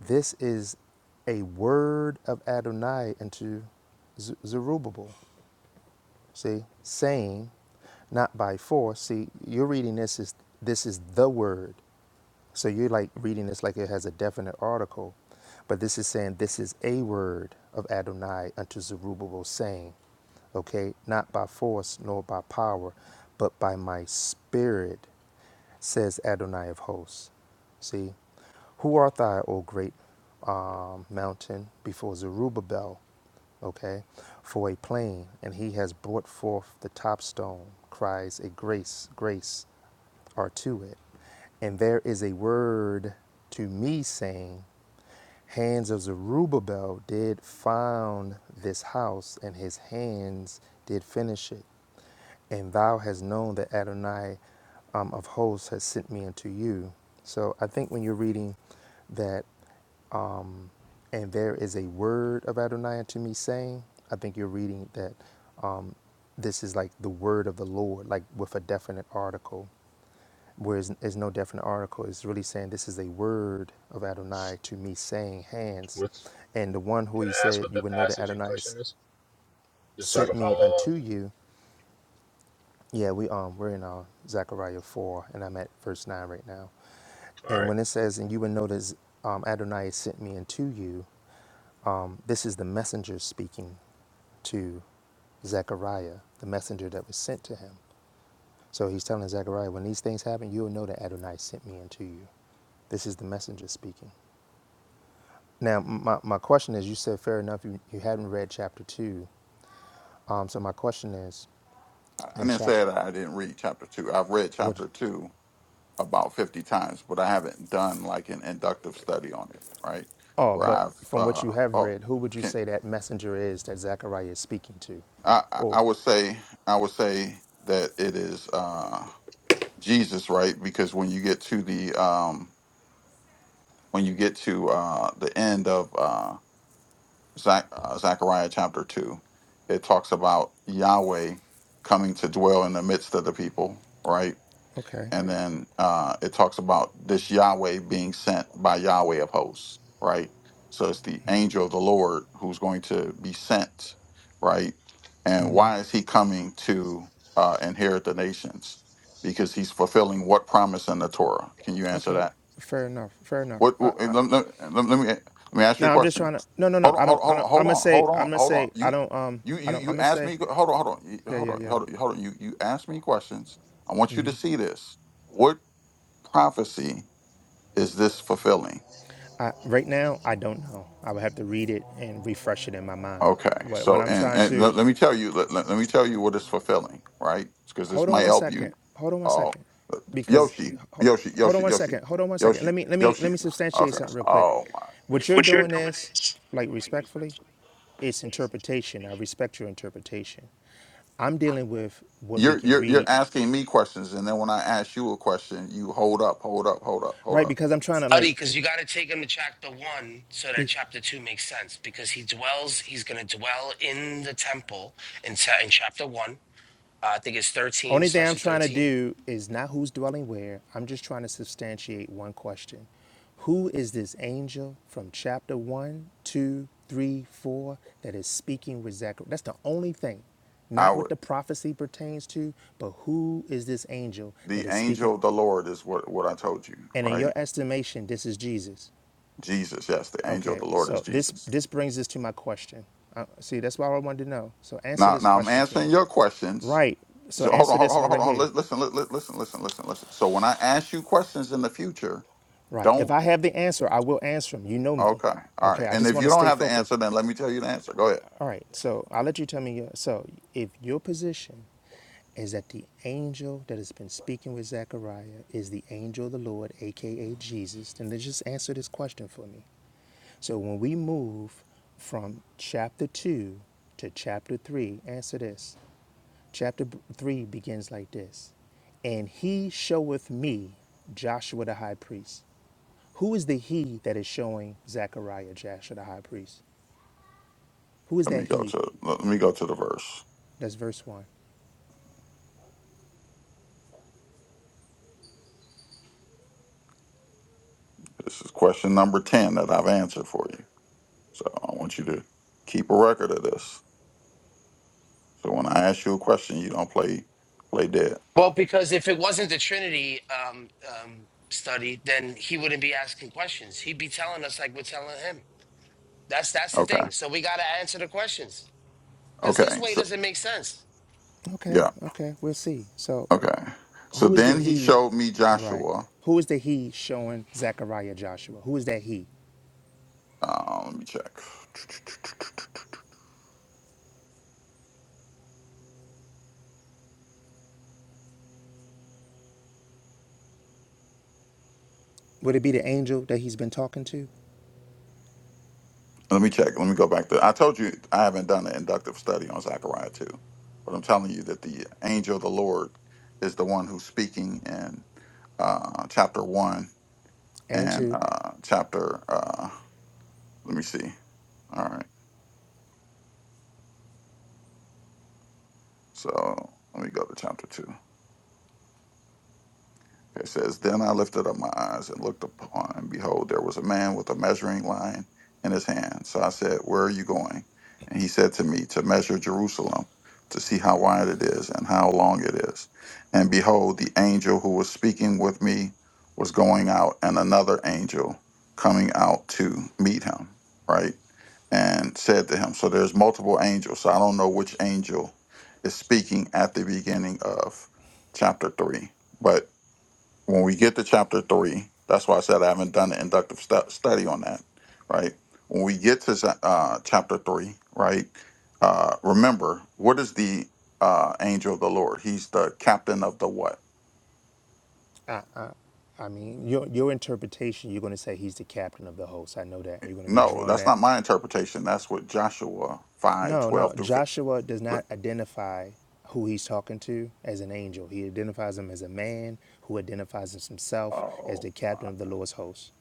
Speaker 19: This is a word of Adonai unto Zerubbabel. See, saying, not by force. See, you're reading this is this is the word. So you're like reading this like it has a definite article, but this is saying this is a word of Adonai unto Zerubbabel, saying, okay, not by force nor by power, but by my spirit, says Adonai of hosts. See, who art thou, O great um, mountain, before Zerubbabel? Okay, for a plain, and he has brought forth the top stone, cries a grace, grace are to it. And there is a word to me saying, Hands of Zerubbabel did found this house, and his hands did finish it. And thou hast known that Adonai um, of hosts has sent me unto you. So I think when you're reading that, and there is a word of Adonai unto me saying, I think you're reading that um, this is like the word of the Lord, like with a definite article whereas there's no definite article. It's really saying this is a word of Adonai to me, saying hands, and the one who he said you would know that Adonai s- sent me unto you. Yeah, we um we're in uh, Zechariah four, and I'm at verse nine right now. And when it says, and you would notice um, Adonai sent me unto you, um, this is the messenger speaking to Zechariah, the messenger that was sent to him. So he's telling Zechariah, when these things happen, you will know that Adonai sent me unto you. This is the messenger speaking. Now, my, my question is you said, fair enough, you, you hadn't read chapter 2. Um, so my question is,
Speaker 17: I, I
Speaker 19: in
Speaker 17: didn't say
Speaker 19: chapter,
Speaker 17: that I didn't read chapter two. I've read
Speaker 19: would,
Speaker 17: chapter two about 50 times, but I haven't done like an inductive study on it, right?
Speaker 19: oh,
Speaker 17: Where
Speaker 19: but
Speaker 17: I've,
Speaker 19: from what
Speaker 17: uh,
Speaker 19: you have
Speaker 17: oh,
Speaker 19: read, who would you
Speaker 17: can
Speaker 19: say that messenger is that Zechariah is speaking to?
Speaker 17: I, I I
Speaker 19: Or,
Speaker 17: would say I would say that it is uh, Jesus, right? Because when you get to the um, when you get to uh, the end of uh, Zach, uh, Zechariah chapter two, it talks about Yahweh coming to dwell in the midst of the people, right?
Speaker 19: okay,
Speaker 17: and then uh, it talks about this Yahweh being sent by Yahweh of hosts, right? So it's the angel of the Lord who's going to be sent, right? And why is he coming to uh, inherit the nations? Because he's fulfilling what promise in the Torah? Can you answer
Speaker 19: okay,
Speaker 17: that?
Speaker 19: fair enough, fair enough.
Speaker 17: What?
Speaker 19: Uh,
Speaker 17: what let,
Speaker 19: uh,
Speaker 17: let, let let me let me ask you a
Speaker 19: now I'm just
Speaker 17: question.
Speaker 19: trying to, no, no, no,
Speaker 17: Hold on,
Speaker 19: I
Speaker 17: hold
Speaker 19: don't, I don't,
Speaker 17: on,
Speaker 19: I'm
Speaker 17: hold
Speaker 19: gonna
Speaker 17: on,
Speaker 19: say,
Speaker 17: hold
Speaker 19: I'm
Speaker 17: on,
Speaker 19: gonna
Speaker 17: hold on.
Speaker 19: say, I
Speaker 17: You
Speaker 19: don't, um,
Speaker 17: you
Speaker 19: I
Speaker 17: you
Speaker 19: don't, I'm
Speaker 17: you
Speaker 19: gonna
Speaker 17: asked
Speaker 19: say,
Speaker 17: me. Hold on, hold on, you-
Speaker 19: yeah,
Speaker 17: hold
Speaker 19: yeah,
Speaker 17: on,
Speaker 19: yeah.
Speaker 17: hold on, hold on. You you asked me questions. I want you to see this. What prophecy is this fulfilling?
Speaker 19: I, right now, I don't know. I would have to read it and refresh it in my mind.
Speaker 17: Okay,
Speaker 19: What, what
Speaker 17: so
Speaker 19: I'm
Speaker 17: and
Speaker 19: trying
Speaker 17: and let,
Speaker 19: to,
Speaker 17: let me tell you let, let, let me tell you what is fulfilling, right? Because this
Speaker 19: hold on
Speaker 17: might
Speaker 19: one
Speaker 17: help you.
Speaker 19: second. Hold on one
Speaker 17: Oh,
Speaker 19: second, because
Speaker 17: Yoshi,
Speaker 19: ho-
Speaker 17: Yoshi,
Speaker 19: hold
Speaker 17: Yoshi,
Speaker 19: on one
Speaker 17: Yoshi,
Speaker 19: second. Hold on one second.
Speaker 17: Yoshi,
Speaker 19: Let me let me
Speaker 17: Yoshi.
Speaker 19: let me substantiate
Speaker 17: Okay.
Speaker 19: something real quick.
Speaker 17: Oh my.
Speaker 19: What
Speaker 17: goodness.
Speaker 19: you're
Speaker 17: What you're
Speaker 19: doing
Speaker 17: doing
Speaker 19: is,
Speaker 17: is
Speaker 19: like respectfully, it's interpretation. I respect your interpretation. I'm dealing with what we
Speaker 17: you're
Speaker 19: can
Speaker 17: you're you're
Speaker 19: read,
Speaker 17: asking me questions, and then when I ask you a question, you hold up, hold up, hold up, hold
Speaker 19: right?
Speaker 17: up.
Speaker 19: Because I'm trying to
Speaker 18: study
Speaker 19: like,
Speaker 18: because you gotta take him to chapter one so that
Speaker 19: be,
Speaker 18: chapter two makes sense because he dwells he's gonna dwell in the temple in, cha- in chapter one. Uh, I think it's thirteen, it
Speaker 19: Only thing I'm
Speaker 18: starts at
Speaker 19: trying to
Speaker 18: thirteen
Speaker 19: do is not who's dwelling where. I'm just trying to substantiate one question. Who is this angel from chapter one, two, three, four that is speaking with Zechariah? That's the only thing.
Speaker 17: I
Speaker 19: Not what
Speaker 17: would.
Speaker 19: the prophecy pertains to, but who is this angel
Speaker 17: The
Speaker 19: that is
Speaker 17: angel
Speaker 19: speaking?
Speaker 17: of the Lord is what what I told you,
Speaker 19: And in
Speaker 17: right?
Speaker 19: your estimation, this is Jesus.
Speaker 17: Jesus, yes, the angel of
Speaker 19: Okay,
Speaker 17: the Lord is
Speaker 19: so this
Speaker 17: Jesus.
Speaker 19: this brings us to my question. Uh, see, that's what I wanted to know. So answer
Speaker 17: Now,
Speaker 19: this
Speaker 17: now I'm
Speaker 19: question to
Speaker 17: answering
Speaker 19: me.
Speaker 17: your questions.
Speaker 19: Right. So
Speaker 17: So hold on,
Speaker 19: answer
Speaker 17: hold on,
Speaker 19: this one
Speaker 17: hold on, hold
Speaker 19: right
Speaker 17: on.
Speaker 19: here.
Speaker 17: Lis- Listen, li- li- listen, listen, listen, listen. So when I ask you questions in the future,
Speaker 19: Right. If
Speaker 17: don't.
Speaker 19: I have the answer, I will answer them. You know me.
Speaker 17: Okay, all right.
Speaker 19: Okay. I
Speaker 17: And
Speaker 19: just
Speaker 17: if
Speaker 19: want
Speaker 17: you
Speaker 19: to
Speaker 17: don't
Speaker 19: stay
Speaker 17: have the
Speaker 19: focused.
Speaker 17: answer, then let me tell you the answer. Go ahead.
Speaker 19: All right. So I'll let you tell me. your- So if your position is that the angel that has been speaking with Zechariah is the angel of the Lord, aka Jesus, then let's just answer this question for me. So when we move from chapter 2 to chapter 3, answer this. Chapter 3 begins like this And he showeth me Joshua the high priest. Who is the he that is showing Zechariah Jasher, the high priest? Who is
Speaker 17: Let me
Speaker 19: that
Speaker 17: go
Speaker 19: he?
Speaker 17: to let me go to the verse.
Speaker 19: That's verse one.
Speaker 17: This is question number ten that I've answered for you. So I want you to keep a record of this. So when I ask you a question, you don't play play dead.
Speaker 18: Well, because if it wasn't the Trinity um, um, study, then he wouldn't be asking questions. He'd be telling us like we're telling him. That's that's the
Speaker 17: Okay.
Speaker 18: thing. So we got to answer the questions because his
Speaker 17: Okay.
Speaker 18: way
Speaker 17: So
Speaker 18: doesn't make sense.
Speaker 19: Okay,
Speaker 17: yeah.
Speaker 19: okay, we'll see. So,
Speaker 17: Okay. So
Speaker 19: who is the
Speaker 17: then he
Speaker 19: he?
Speaker 17: showed me
Speaker 19: Right.
Speaker 17: Joshua.
Speaker 19: Who is the he showing Zechariah Joshua? Who is that he?
Speaker 17: Uh, let me check.
Speaker 19: Would it be the angel that he's been talking to?
Speaker 17: Let me check. Let me go back to. I told you I haven't done an inductive study on Zechariah 2, but I'm telling you that the angel of the Lord is the one who's speaking in uh, chapter 1
Speaker 19: And
Speaker 17: and
Speaker 19: to,
Speaker 17: uh, chapter. Uh, let me see. All right. So let me go to chapter 2. It says, Then I lifted up my eyes and looked upon, and behold, there was a man with a measuring line in his hand. So I said, Where are you going? And he said to me, To measure Jerusalem, to see how wide it is and how long it is. And behold, the angel who was speaking with me was going out, and another angel coming out to meet him, right? And said to him, So there's multiple angels. So I don't know which angel is speaking at the beginning of chapter 3. But when we get to chapter three, that's why I said I haven't done an inductive stu- study on that, right? When we get to sa- uh, chapter three, right? Uh, remember, what is the uh, angel of the Lord? He's the captain of the what?
Speaker 19: I mean, your your interpretation, you're going to say he's the captain of the host. I know that. You're going to be
Speaker 17: No,
Speaker 19: drawing
Speaker 17: that's
Speaker 19: that.
Speaker 17: not my interpretation. That's what Joshua five
Speaker 19: No, no.
Speaker 17: twelve through 15.
Speaker 19: Joshua does
Speaker 17: Look.
Speaker 19: not identify who he's talking to as an angel. He identifies him as a man who identifies himself as
Speaker 17: Oh,
Speaker 19: the captain
Speaker 17: my
Speaker 19: of the Lord's host.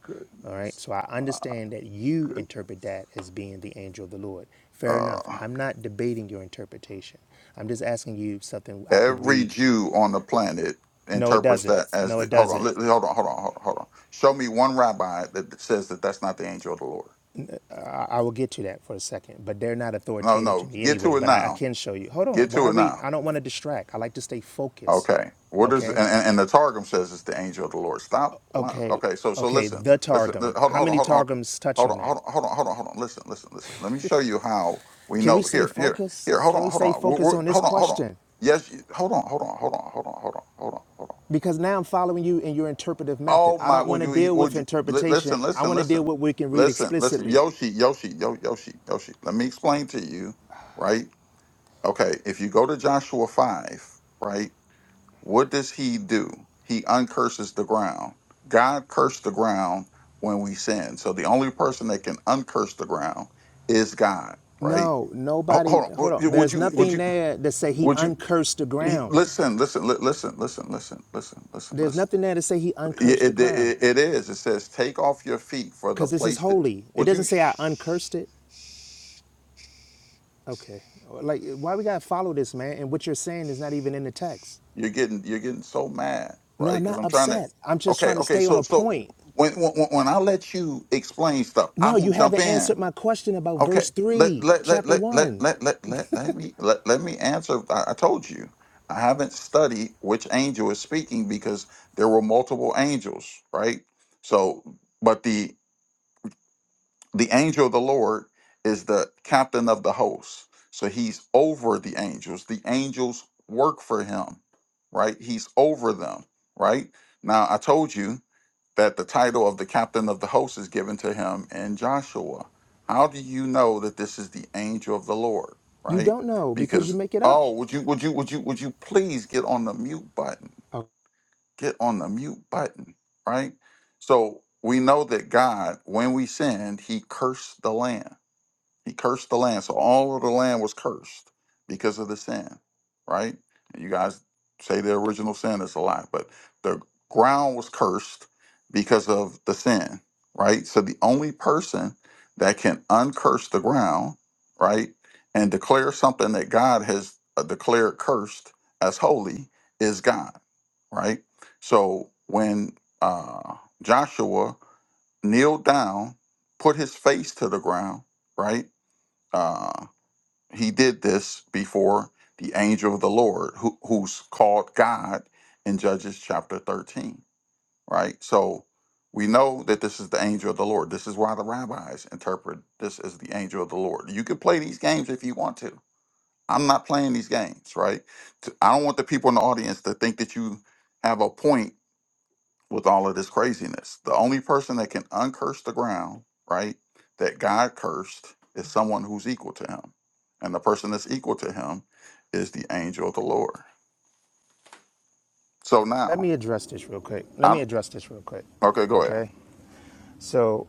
Speaker 19: All right.
Speaker 17: goodness.
Speaker 19: So I
Speaker 17: My
Speaker 19: understand that you
Speaker 17: goodness.
Speaker 19: interpret that as being the angel of the Lord. Fair enough.
Speaker 17: uh,
Speaker 19: I'm not debating your interpretation. I'm just asking you something I can
Speaker 17: Every
Speaker 19: read.
Speaker 17: Jew on the planet
Speaker 19: No, it
Speaker 17: interprets
Speaker 19: doesn't.
Speaker 17: that as
Speaker 19: No,
Speaker 17: the.
Speaker 19: it
Speaker 17: Hold on, li-
Speaker 19: doesn't.
Speaker 17: li- hold on, hold on, hold on, hold on. Show me one rabbi that says that that's not the angel of the Lord.
Speaker 19: I, I will get to that for a second, but they're not
Speaker 17: No,
Speaker 19: authoritative to
Speaker 17: no,
Speaker 19: me
Speaker 17: get to
Speaker 19: anyway.
Speaker 17: it
Speaker 19: But I, I
Speaker 17: now.
Speaker 19: can show you. Hold
Speaker 17: Get
Speaker 19: on. Why
Speaker 17: to
Speaker 19: are
Speaker 17: it
Speaker 19: we?
Speaker 17: now.
Speaker 19: I don't want to distract. I like to stay focused.
Speaker 17: Okay. What is and,
Speaker 19: Okay.
Speaker 17: and, and the Targum says it's the angel of the Lord. Stop. lying.
Speaker 19: Okay,
Speaker 17: Okay. So so
Speaker 19: okay,
Speaker 17: listen,
Speaker 19: the
Speaker 17: listen. li-
Speaker 19: Targum.
Speaker 17: Hold on,
Speaker 19: How
Speaker 17: hold on,
Speaker 19: many
Speaker 17: hold on,
Speaker 19: Targums touch
Speaker 17: hold on,
Speaker 19: on
Speaker 17: hold
Speaker 19: that?
Speaker 17: on, hold on, hold on, hold on. Listen, listen, listen. Let me show you how we
Speaker 19: Can we
Speaker 17: know.
Speaker 19: stay
Speaker 17: Here, here,
Speaker 19: focused?
Speaker 17: here. Hold
Speaker 19: Can
Speaker 17: on,
Speaker 19: we
Speaker 17: hold
Speaker 19: stay
Speaker 17: on. We're,
Speaker 19: focused
Speaker 17: we're,
Speaker 19: on this
Speaker 17: hold on, hold on.
Speaker 19: question?
Speaker 17: Yes. you- Hold on, hold on, hold on, hold on, hold on, hold on, hold on.
Speaker 19: Because now I'm following you in your interpretive method.
Speaker 17: Oh
Speaker 19: I
Speaker 17: my!
Speaker 19: don't want
Speaker 17: Would
Speaker 19: to
Speaker 17: you?
Speaker 19: deal with
Speaker 17: Would you? li-
Speaker 19: interpretation.
Speaker 17: Listen!
Speaker 19: I
Speaker 17: Listen!
Speaker 19: want to deal
Speaker 17: Listen!
Speaker 19: with what we can read
Speaker 17: Listen! Listen!
Speaker 19: explicitly.
Speaker 17: Yoshi! Yoshi! Yo! Yoshi! Yoshi! Let me explain to you, right? Okay. If you go to Joshua five, right? What does he do? He uncurses the ground. God cursed the ground when we sin. So the only person that can uncurse the ground is God, right?
Speaker 19: No,
Speaker 17: Ho-
Speaker 19: nobody,
Speaker 17: Hold on.
Speaker 19: hold
Speaker 17: Would
Speaker 19: on.
Speaker 17: you? Would
Speaker 19: There's
Speaker 17: you? Would
Speaker 19: nothing
Speaker 17: you?
Speaker 19: there to say he
Speaker 17: Would you
Speaker 19: uncursed the
Speaker 17: he-
Speaker 19: ground.
Speaker 17: listen? Listen! li- Listen! Listen! Listen! Listen! Listen!
Speaker 19: There's
Speaker 17: Listen!
Speaker 19: nothing there to say he
Speaker 17: Yeah,
Speaker 19: uncursed the
Speaker 17: it,
Speaker 19: ground
Speaker 17: it it is. It says, "Take off your feet for the
Speaker 19: because this is
Speaker 17: place that."
Speaker 19: holy. It
Speaker 17: Would you?
Speaker 19: doesn't say I uncursed it. Okay. Like, why we got to follow this, man? And what you're saying is not even in the text.
Speaker 17: You're getting you're getting so mad, right?
Speaker 19: No, I'm
Speaker 17: Because
Speaker 19: not
Speaker 17: I'm trying to.
Speaker 19: upset. I'm just
Speaker 17: Okay,
Speaker 19: trying to
Speaker 17: okay.
Speaker 19: stay on
Speaker 17: So
Speaker 19: a
Speaker 17: so
Speaker 19: point.
Speaker 17: when when when I let you explain stuff, I
Speaker 19: No,
Speaker 17: don't
Speaker 19: you
Speaker 17: jump
Speaker 19: haven't
Speaker 17: in.
Speaker 19: answered my question about verse
Speaker 17: Okay, let
Speaker 19: 3,
Speaker 17: let let
Speaker 19: chapter
Speaker 17: let let
Speaker 19: 1.
Speaker 17: let let let, let me let, let me answer. I, I told you I haven't studied which angel is speaking because there were multiple angels, right? So, but the the angel of the Lord is the captain of the host. So he's over the angels. The angels work for him, right? He's over them, right? Now, I told you that the title of the captain of the host is given to him in Joshua. How do you know that this is the angel of the Lord,
Speaker 19: You
Speaker 17: right?
Speaker 19: don't know because you
Speaker 17: Because
Speaker 19: make it up.
Speaker 17: oh, would you would you would you would you please get on the mute button?
Speaker 19: Oh,
Speaker 17: get on the mute button, right? So we know that God, when we sinned, he cursed the land. He cursed the land. So all of the land was cursed because of the sin, right? And you guys say the original sin is a lie, but the ground was cursed because of the sin, right? So the only person that can uncurse the ground, right, and declare something that God has uh, declared cursed as holy is God, right? So when uh, Joshua kneeled down, put his face to the ground, right? Uh, he did this before the angel of the Lord, who, who's called God in Judges chapter 13, right? So we know that this is the angel of the Lord. This is why the rabbis interpret this as the angel of the Lord. You can play these games if you want to. I'm not playing these games, right? T- I don't want the people in the audience to think that you have a point with all of this craziness. The only person that can uncurse the ground, right, that God cursed is someone who's equal to him. And the person that's equal to him is the angel of the Lord. So
Speaker 19: let
Speaker 17: now,
Speaker 19: me address this real quick. Let
Speaker 17: I
Speaker 19: me
Speaker 17: don't,
Speaker 19: address this real quick.
Speaker 17: okay, go ahead.
Speaker 19: Okay? So,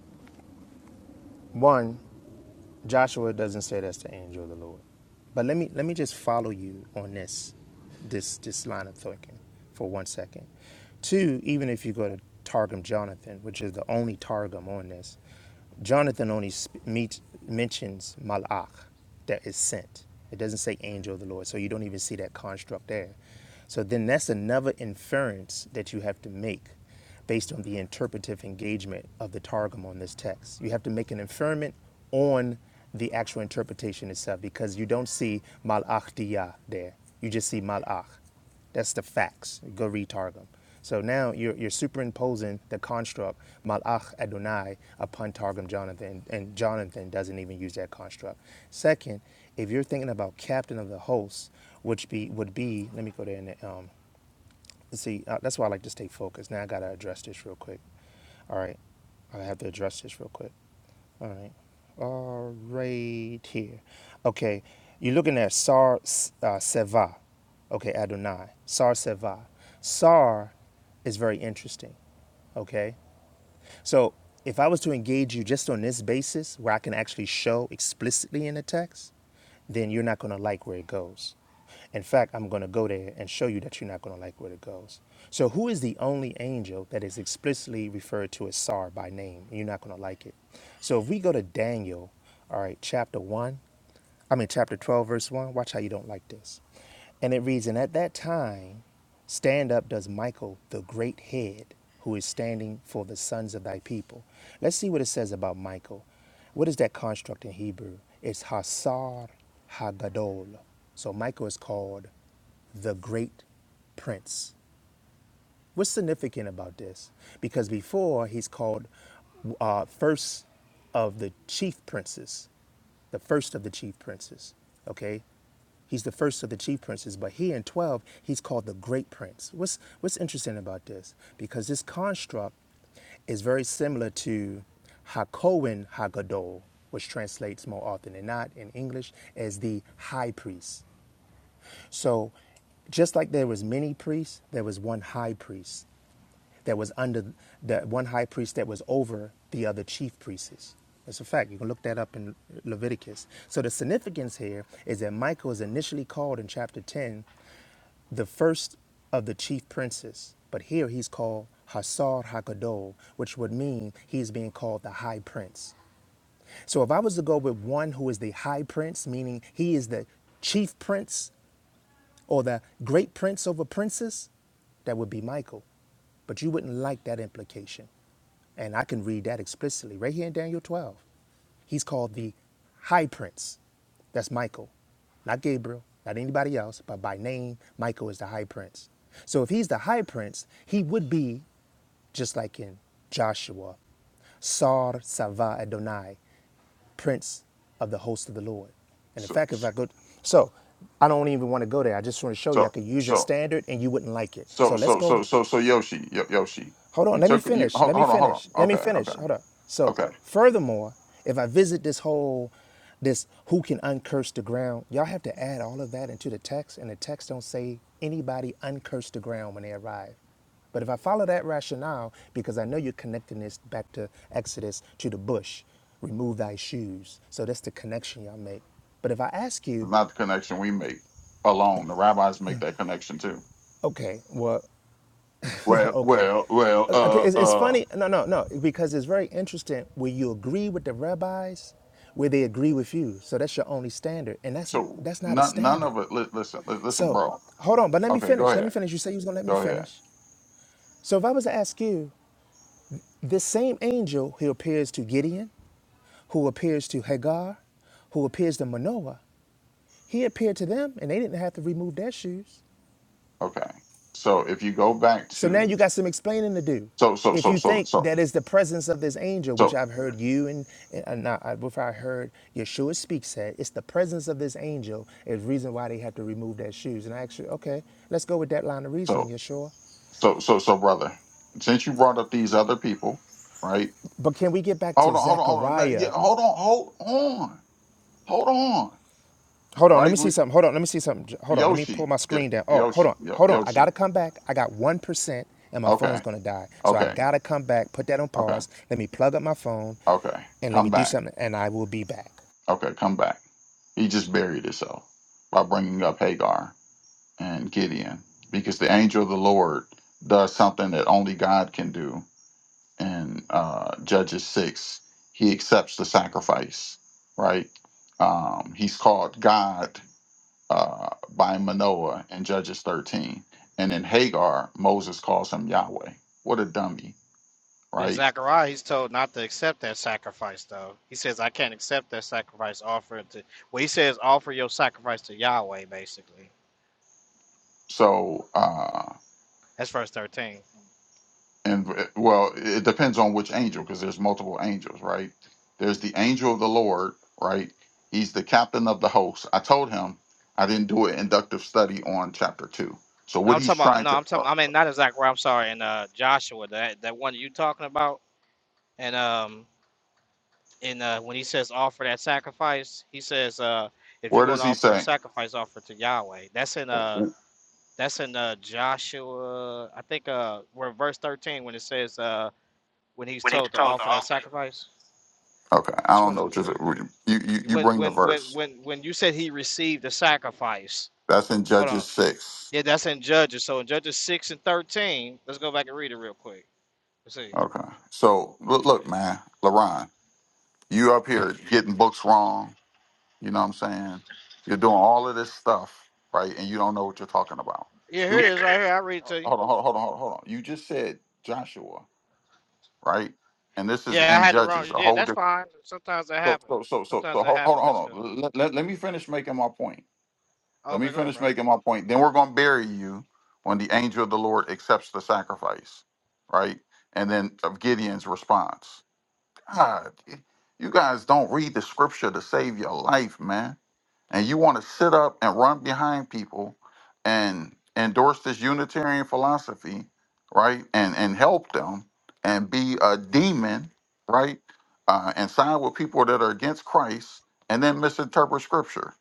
Speaker 19: one, Joshua doesn't say that's the angel of the Lord. But let me let me just follow you on this this this line of thinking for one second. Two, even if you go to Targum Jonathan, which is the only Targum on this, Jonathan only sp- meets, mentions malach, that is sent. It doesn't say angel of the Lord, so you don't even see that construct there. So then that's another inference that you have to make based on the interpretive engagement of the targum on this text. You have to make an inferment on the actual interpretation itself because you don't see malach diyah there. You just see malach. That's the facts. Go read targum. So now you're, you're superimposing the construct malach Adonai upon targum Jonathan, and Jonathan doesn't even use that construct. Second, if you're thinking about captain of the hosts, which be would be let me go there in the, um, see, uh, that's why I like to stay focused. Now I gotta address this real quick. All right, I have to address this real quick. All right, all right here. Okay, you're looking at Sar uh, Seva. Okay, Adonai. Sar Seva. Sar is very interesting. Okay, so if I was to engage you just on this basis, where I can actually show explicitly in the text, then you're not going to like where it goes. In fact, I'm going to go there and show you that you're not going to like where it goes. So, who is the only angel that is explicitly referred to as Sar by name? You're not going to like it. So, if we go to Daniel, all right, chapter 1, I mean, chapter 12, verse 1, watch how you don't like this. And it reads, And at that time, stand up does Michael, the great head, who is standing for the sons of thy people. Let's see what it says about Michael. What is that construct in Hebrew? It's Hasar Hagadol. So Michael is called the great prince. What's significant about this? Because before he's called uh, first of the chief princes, the first of the chief princes. Okay, he's the first of the chief princes, but here in twelve he's called the great prince. What's what's interesting about this? Because this construct is very similar to Hakohen Hagadol, which translates more often than not in English as the high priest. So, just like there was many priests, there was one high priest that was under that one high priest that was over the other chief priests. That's a fact. You can look that up in Leviticus. So the significance here is that Michael is initially called in chapter 10 the first of the chief princes, but here he's called Hasar Hakadol, which would mean he's being called the high prince. So if I was to go with one who is the high prince, meaning he is the chief prince or the great prince over princes, that would be Michael. But you wouldn't like that implication. And I can read that explicitly right here in Daniel 12. He's called the high prince. That's Michael, not Gabriel, not anybody else, but by name, Michael is the high prince. So if he's the high prince, he would be just like in Joshua, Sar Sava Adonai prince of the host of the Lord. And in
Speaker 17: So,
Speaker 19: fact, if I could, so I don't even want to go there. I just want to show you I
Speaker 17: so,
Speaker 19: could use your
Speaker 17: so,
Speaker 19: standard and you wouldn't like it. So
Speaker 17: so,
Speaker 19: let's
Speaker 17: so, so,
Speaker 19: go
Speaker 17: so, so Yoshi, Yo- Yoshi,
Speaker 19: Hold
Speaker 17: you
Speaker 19: on, let me
Speaker 17: took, you,
Speaker 19: finish.
Speaker 17: hold,
Speaker 19: Let me
Speaker 17: hold on, hold
Speaker 19: finish.
Speaker 17: on.
Speaker 19: Let me
Speaker 17: Okay,
Speaker 19: finish.
Speaker 17: okay,
Speaker 19: Hold on. So,
Speaker 17: okay.
Speaker 19: furthermore, if I visit this whole this who can uncurse the ground, y'all have to add all of that into the text, and the text don't say anybody uncurse the ground when they arrive. But if I follow that rationale, because I know you're connecting this back to Exodus to the bush, remove thy shoes. So that's the connection y'all make. But if I ask you,
Speaker 17: Not the connection we make alone. The rabbis make that connection too.
Speaker 19: okay, well,
Speaker 17: Well,
Speaker 19: Okay.
Speaker 17: well, well.
Speaker 19: Uh, Okay,
Speaker 17: Uh,
Speaker 19: it's, it's
Speaker 17: uh.
Speaker 19: funny. No, no, no, because it's very interesting where you agree with the rabbis, where they agree with you. So that's your only standard, and that's
Speaker 17: So
Speaker 19: that's not a
Speaker 17: none none
Speaker 19: standard.
Speaker 17: of it. li- Listen, li- listen,
Speaker 19: So
Speaker 17: bro.
Speaker 19: hold on, but let me
Speaker 17: Okay, go
Speaker 19: finish. Let me
Speaker 17: ahead.
Speaker 19: finish. You say you was gonna let me
Speaker 17: Go ahead.
Speaker 19: finish. So if I was to ask you, this same angel who appears to Gideon, who appears to Hagar, who appears to Manoah, he appeared to them, and they didn't have to remove their shoes.
Speaker 17: Okay. So if you go back
Speaker 19: So now
Speaker 17: to
Speaker 19: you got some explaining to do.
Speaker 17: so so
Speaker 19: If
Speaker 17: so
Speaker 19: you
Speaker 17: so
Speaker 19: think
Speaker 17: so
Speaker 19: that is the presence of this angel, which
Speaker 17: so
Speaker 19: I've heard you and, and uh, not, I- before I heard Yeshua speak said, it's the presence of this angel is reason why they have to remove their shoes. And I actually, okay, let's go with that line of
Speaker 17: so
Speaker 19: reasoning, Yeshua.
Speaker 17: so so so brother, since you brought up these other people, right?
Speaker 19: But can we get back
Speaker 17: Hold
Speaker 19: to
Speaker 17: on, hold on, hold on. No, yeah,
Speaker 19: Zechariah?
Speaker 17: hold on, hold on, hold on.
Speaker 19: Hold on, let me
Speaker 17: Right,
Speaker 19: see
Speaker 17: we,
Speaker 19: something. Hold on, let me see something. J- Hold on, let me
Speaker 17: Yoshi,
Speaker 19: pull my
Speaker 17: y-
Speaker 19: screen down. Oh, hold
Speaker 17: Yoshi,
Speaker 19: on,
Speaker 17: Yo-
Speaker 19: hold on. I
Speaker 17: Yoshi.
Speaker 19: gotta come back. I got one percent, and my phone's
Speaker 17: Okay,
Speaker 19: gonna die. So I
Speaker 17: okay,
Speaker 19: gotta come back. Put that on
Speaker 17: okay,
Speaker 19: pause. Let me plug up my phone
Speaker 17: okay.
Speaker 19: and let me
Speaker 17: Come
Speaker 19: do
Speaker 17: back.
Speaker 19: something and I will be back.
Speaker 17: Okay, come back. He just buried himself by bringing up Hagar and Gideon because the angel of the Lord does something that only God can do. In uh, Judges 6, he accepts the sacrifice, right? Um, he's called God uh, by Manoah in Judges 13. And in Hagar, Moses calls him Yahweh. What a dummy,
Speaker 8: And
Speaker 17: right?
Speaker 8: Zechariah, he's told not to accept that sacrifice, though. He says, "I can't accept that sacrifice offered to." Well, he says, "Offer your sacrifice to Yahweh." Basically,
Speaker 17: So, uh,
Speaker 8: that's verse thirteen.
Speaker 17: and uh, well, it depends on which angel because there's multiple angels, right? There's the angel of the Lord, right? He's the captain of the host. I told him I didn't do an inductive study on chapter two. So
Speaker 8: No,
Speaker 17: what
Speaker 8: I'm
Speaker 17: he's
Speaker 8: talking about.
Speaker 17: trying
Speaker 8: No,
Speaker 17: to,
Speaker 8: I'm
Speaker 17: uh,
Speaker 8: talking. I mean, not in Zachariah. I'm sorry. In uh, Joshua, that that one you talking about, and um, And uh, when he says offer that sacrifice, he says, uh, if you're
Speaker 17: where
Speaker 8: going
Speaker 17: does
Speaker 8: to
Speaker 17: he
Speaker 8: offer a
Speaker 17: say?
Speaker 8: sacrifice, offer it to Yahweh. That's in uh, that's in uh, Joshua, I think, uh, where verse 13 when it says uh, when he's
Speaker 17: When he's
Speaker 8: told to
Speaker 17: told the
Speaker 8: offer that
Speaker 17: offering.
Speaker 8: sacrifice.
Speaker 17: Okay, I
Speaker 8: Which
Speaker 17: don't
Speaker 8: one
Speaker 17: know.
Speaker 8: was
Speaker 17: Just
Speaker 8: it?
Speaker 17: uh, you, you,
Speaker 8: You
Speaker 17: you
Speaker 8: when
Speaker 17: bring the
Speaker 8: when when
Speaker 17: verse.
Speaker 8: when when you said he received the sacrifice.
Speaker 17: That's in
Speaker 8: Hold on.
Speaker 17: Judges six.
Speaker 8: Yeah, that's in Judges. So in Judges six and thirteen, let's go back and read it real quick. Let's see.
Speaker 17: Okay, so look, look man, Laron, you up here getting books wrong You know what I'm saying? You're doing all of this stuff, right? And you don't know what you're talking about.
Speaker 8: Yeah,
Speaker 17: Do
Speaker 8: here it
Speaker 17: Yeah.
Speaker 8: is, right here. I'll read it to you.
Speaker 17: hold on, hold on, hold on, hold on. hold on. You just said Joshua, right? And this is
Speaker 8: Yeah, I
Speaker 17: in
Speaker 8: had the wrong.
Speaker 17: Judges, a
Speaker 8: Yeah,
Speaker 17: whole
Speaker 8: that's
Speaker 17: different.
Speaker 8: fine. Sometimes that
Speaker 17: So,
Speaker 8: happens.
Speaker 17: so, so, so,
Speaker 8: Sometimes
Speaker 17: so
Speaker 8: that
Speaker 17: hold, hold on,
Speaker 8: happens. That's
Speaker 17: hold
Speaker 8: good.
Speaker 17: on. Let, let, let me finish making my point. Let me
Speaker 8: Okay, go ahead,
Speaker 17: finish
Speaker 8: bro.
Speaker 17: making my point. Then we're going to bury you when the angel of the Lord accepts the sacrifice, right? And then of Gideon's response. God, y- you guys don't read the scripture to save your life, man. And you want to sit up and run behind people and endorse this Unitarian philosophy, right? And and help them and be a demon, right? Uh, and side with people that are against Christ and then misinterpret scripture,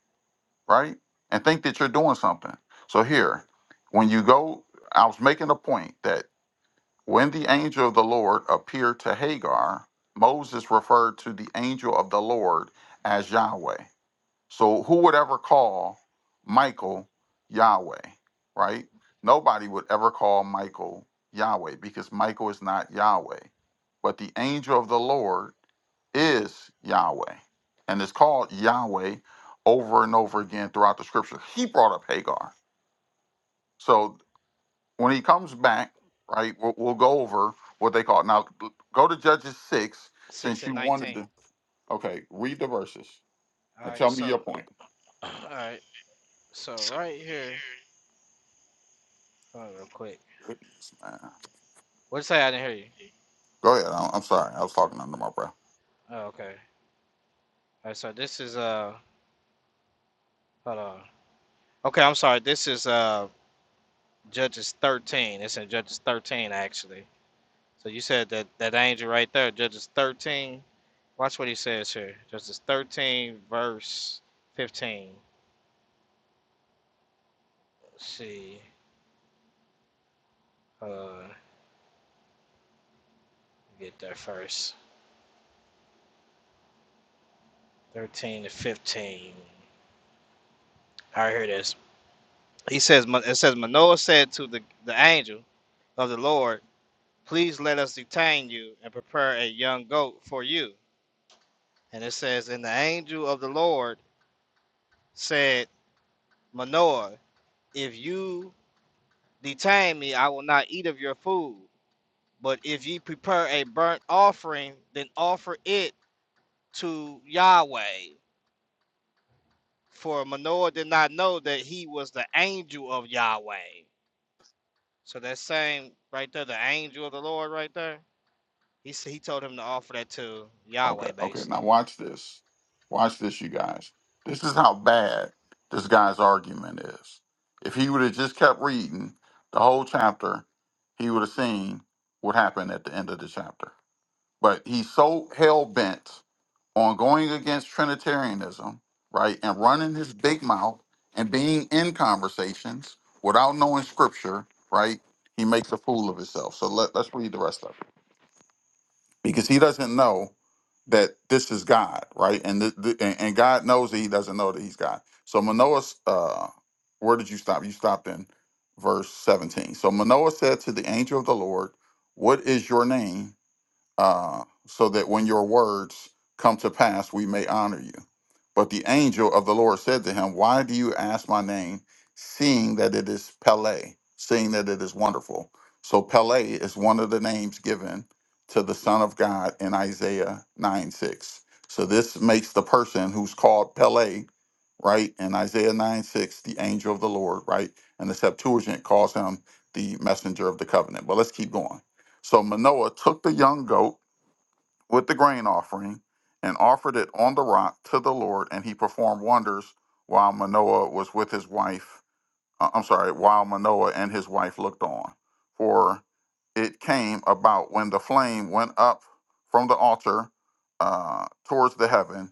Speaker 17: right? And think that you're doing something. So here, when you go, I was making a point that when the angel of the Lord appeared to Hagar, Moses referred to the angel of the Lord as Yahweh. So who would ever call Michael Yahweh, right? Nobody would ever call Michael Yahweh because Michael is not Yahweh. But the angel of the Lord is Yahweh and is called Yahweh over and over again throughout the scripture. He brought up Hagar. So when he comes back, right, we'll, we'll go over what they call it. Now, go to Judges 6,
Speaker 8: Six
Speaker 17: since
Speaker 8: and
Speaker 17: you wanted
Speaker 8: nineteen.
Speaker 17: to. Okay, read the verses
Speaker 8: All
Speaker 17: and
Speaker 8: right,
Speaker 17: tell me your
Speaker 8: so,
Speaker 17: point.
Speaker 8: all right, so right here. Hold on, real quick.
Speaker 17: Goodness, man.
Speaker 8: What'd you say? I didn't hear you.
Speaker 17: Go ahead. I- I'm sorry. I was talking under my breath.
Speaker 8: Oh, okay. All right, so this is uh, hold on. Okay, I'm sorry. This is uh, Judges thirteen. It's in Judges thirteen actually. So you said that that angel right there, Judges thirteen. Watch what he says here. Judges thirteen, verse fifteen. Let's see. Uh, get there first. Thirteen to fifteen. All right, here it is. He says, it says, Manoah said to the, the angel of the Lord, Please let us detain you and prepare a young goat for you. And it says, And the angel of the Lord said, Manoah, if you detain me, I will not eat of your food. But if ye prepare a burnt offering, then offer it to Yahweh. For Manoah did not know that he was the angel of Yahweh. So that same right there, the angel of the Lord right there He s- he told him to offer that to
Speaker 17: Okay,
Speaker 8: Yahweh,
Speaker 17: okay. Now,
Speaker 8: basically.
Speaker 17: watch this. Watch this, you guys. This is how bad this guy's argument is. If he would have just kept reading the whole chapter, he would have seen what happened at the end of the chapter. But he's so hell bent on going against Trinitarianism, right, and running his big mouth and being in conversations without knowing scripture, right, he makes a fool of himself. So let, let's read the rest of it because he doesn't know that this is God, right, and th- th- and and God knows that he doesn't know that he's God. So Manoah, uh, where did you stop? You stopped in verse seventeen. So Manoah said to the angel of the Lord, "What is your name, uh, so that when your words come to pass, we may honor you." But the angel of the Lord said to him, Why do you ask my name, seeing that it is Pele, seeing that it is wonderful? So Pele is one of the names given to the Son of God in Isaiah 9 6. So this makes the person who's called Pele, right, in Isaiah 9 6, the angel of the Lord, right? And the Septuagint calls him the messenger of the covenant. But let's keep going. So Manoah took the young goat with the grain offering and offered it on the rock to the Lord, and he performed wonders while Manoah was with his wife uh, I'm sorry, while Manoah and his wife looked on. For it came about when the flame went up from the altar uh, towards the heaven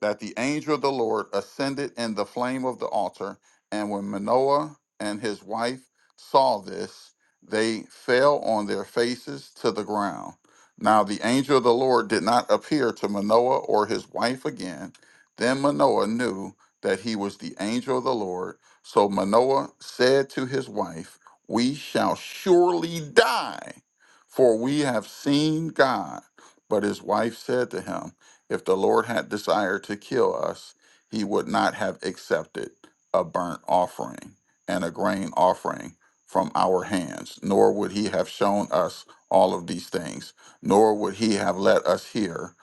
Speaker 17: that the angel of the Lord ascended in the flame of the altar. And when Manoah and his wife saw this, they fell on their faces to the ground. Now the angel of the Lord did not appear to Manoah or his wife again. Then Manoah knew that he was the angel of the Lord so Manoah said to his wife, We shall surely die, for we have seen God. But his wife said to him, If the Lord had desired to kill us, he would not have accepted a burnt offering and a grain offering from our hands, nor would he have shown us all of these things, nor would he have let us hear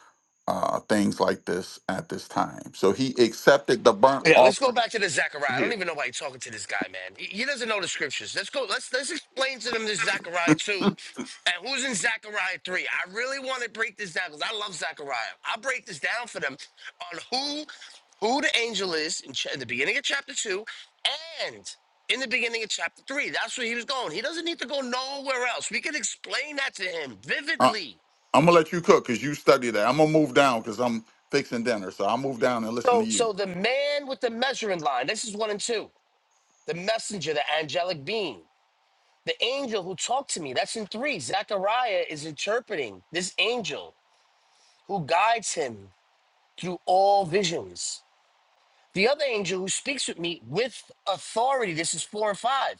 Speaker 17: uh, things like this at this time. So he accepted the burnt
Speaker 18: Yeah, let's go
Speaker 17: offering
Speaker 18: back to the Zechariah. I don't
Speaker 17: here.
Speaker 18: even know why you're talking to this guy, man. He, he doesn't know the scriptures. Let's go. Let's let's explain to them this Zechariah two, and who's in Zechariah three. I really want to break this down because I love Zechariah. I'll break this down for them on who who the angel is in, ch- in the beginning of chapter two, and in the beginning of chapter three. That's where he was going. He doesn't need to go nowhere else. We can explain that to him
Speaker 17: Uh-uh.
Speaker 18: vividly.
Speaker 17: I'm gonna let you cook because you study that. I'm gonna move down because I'm fixing dinner, so I'll move down and listen to
Speaker 18: So
Speaker 17: you.
Speaker 18: so the man with the measuring line. This is one and two. The messenger, the angelic being. The angel who talked to me, that's in three. Zechariah is interpreting this angel who guides him through all visions. The other angel who speaks with me with authority, this is four and five.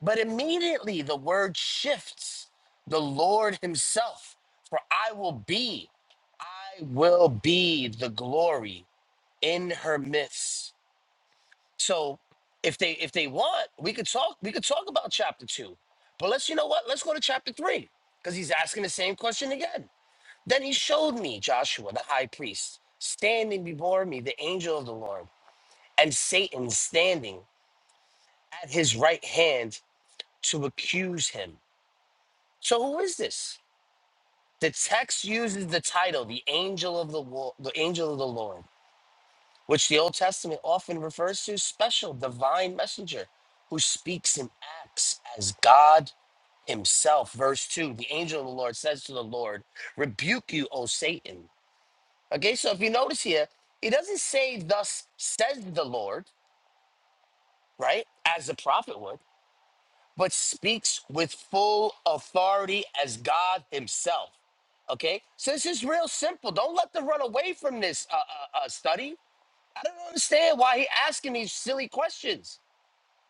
Speaker 18: But immediately the word shifts the Lord Himself, for I will be, I will be the glory in her midst. So if they if they want, we could talk we could talk about chapter two. But let's you know what? Let's go to chapter three. Because he's asking the same question again. Then he showed me Joshua, the high priest, standing before me, the angel of the Lord, and Satan standing at his right hand to accuse him. So who is this? The text uses the title, the angel of the Wo- the angel of the Lord. which the Old Testament often refers to special divine messenger who speaks and acts as God himself. Verse 2 The angel of the Lord says to the Lord, Rebuke you, O Satan. Okay, so if you notice here, he doesn't say, Thus says the Lord, right, as the prophet would, but speaks with full authority as God himself. Okay, so this is real simple. Don't let them run away from this uh, uh, uh, study. I don't understand why he asking these silly questions.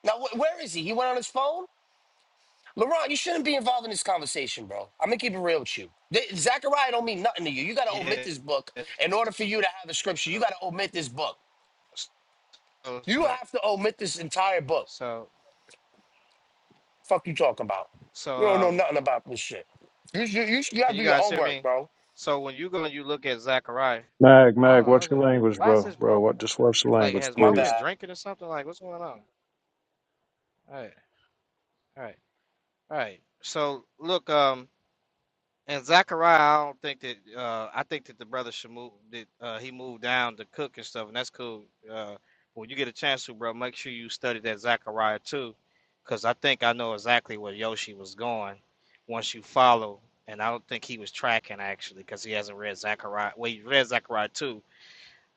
Speaker 18: Now, wh- where is he? He went on his phone? LeBron, you shouldn't be involved in this conversation, bro. I'm going to keep it real with you. Th- Zechariah don't mean nothing to you. You got to omit
Speaker 8: Yeah.
Speaker 18: this book. In order for you to have the scripture, you
Speaker 8: So
Speaker 18: got to omit this book.
Speaker 8: so
Speaker 18: You
Speaker 8: so
Speaker 18: have to omit this entire book.
Speaker 8: so,
Speaker 18: Fuck you talking about?
Speaker 8: so,
Speaker 18: You don't know
Speaker 8: um,
Speaker 18: nothing about this shit. You, you, you, you got
Speaker 8: can
Speaker 18: to do
Speaker 8: you
Speaker 18: your
Speaker 8: guys hear
Speaker 18: homework,
Speaker 8: me?
Speaker 18: bro.
Speaker 8: So when you go and you look at Zachariah,
Speaker 4: Mag,
Speaker 8: I don't
Speaker 4: Mag,
Speaker 8: know.
Speaker 4: what's
Speaker 8: is
Speaker 4: your
Speaker 8: it-
Speaker 4: language,
Speaker 8: Why is
Speaker 4: bro?
Speaker 8: this
Speaker 4: Bro,
Speaker 8: bro?
Speaker 4: what? Just watch the
Speaker 8: Like,
Speaker 4: language,
Speaker 8: has
Speaker 18: My
Speaker 8: bro
Speaker 4: please.
Speaker 8: been
Speaker 18: bad.
Speaker 8: drinking or something? Like, what's going on? All right, all right, all right. So look, um. And Zachariah, I don't think that. Uh, I think that the brother should move. That uh, he moved down to cook and stuff, and that's cool. Uh, when you get a chance to, bro, make sure you study that Zachariah too, because I think I know exactly where Yoshi was going. Once you follow, and I don't think he was tracking actually, because he hasn't read Zachariah. Well, he read Zachariah too,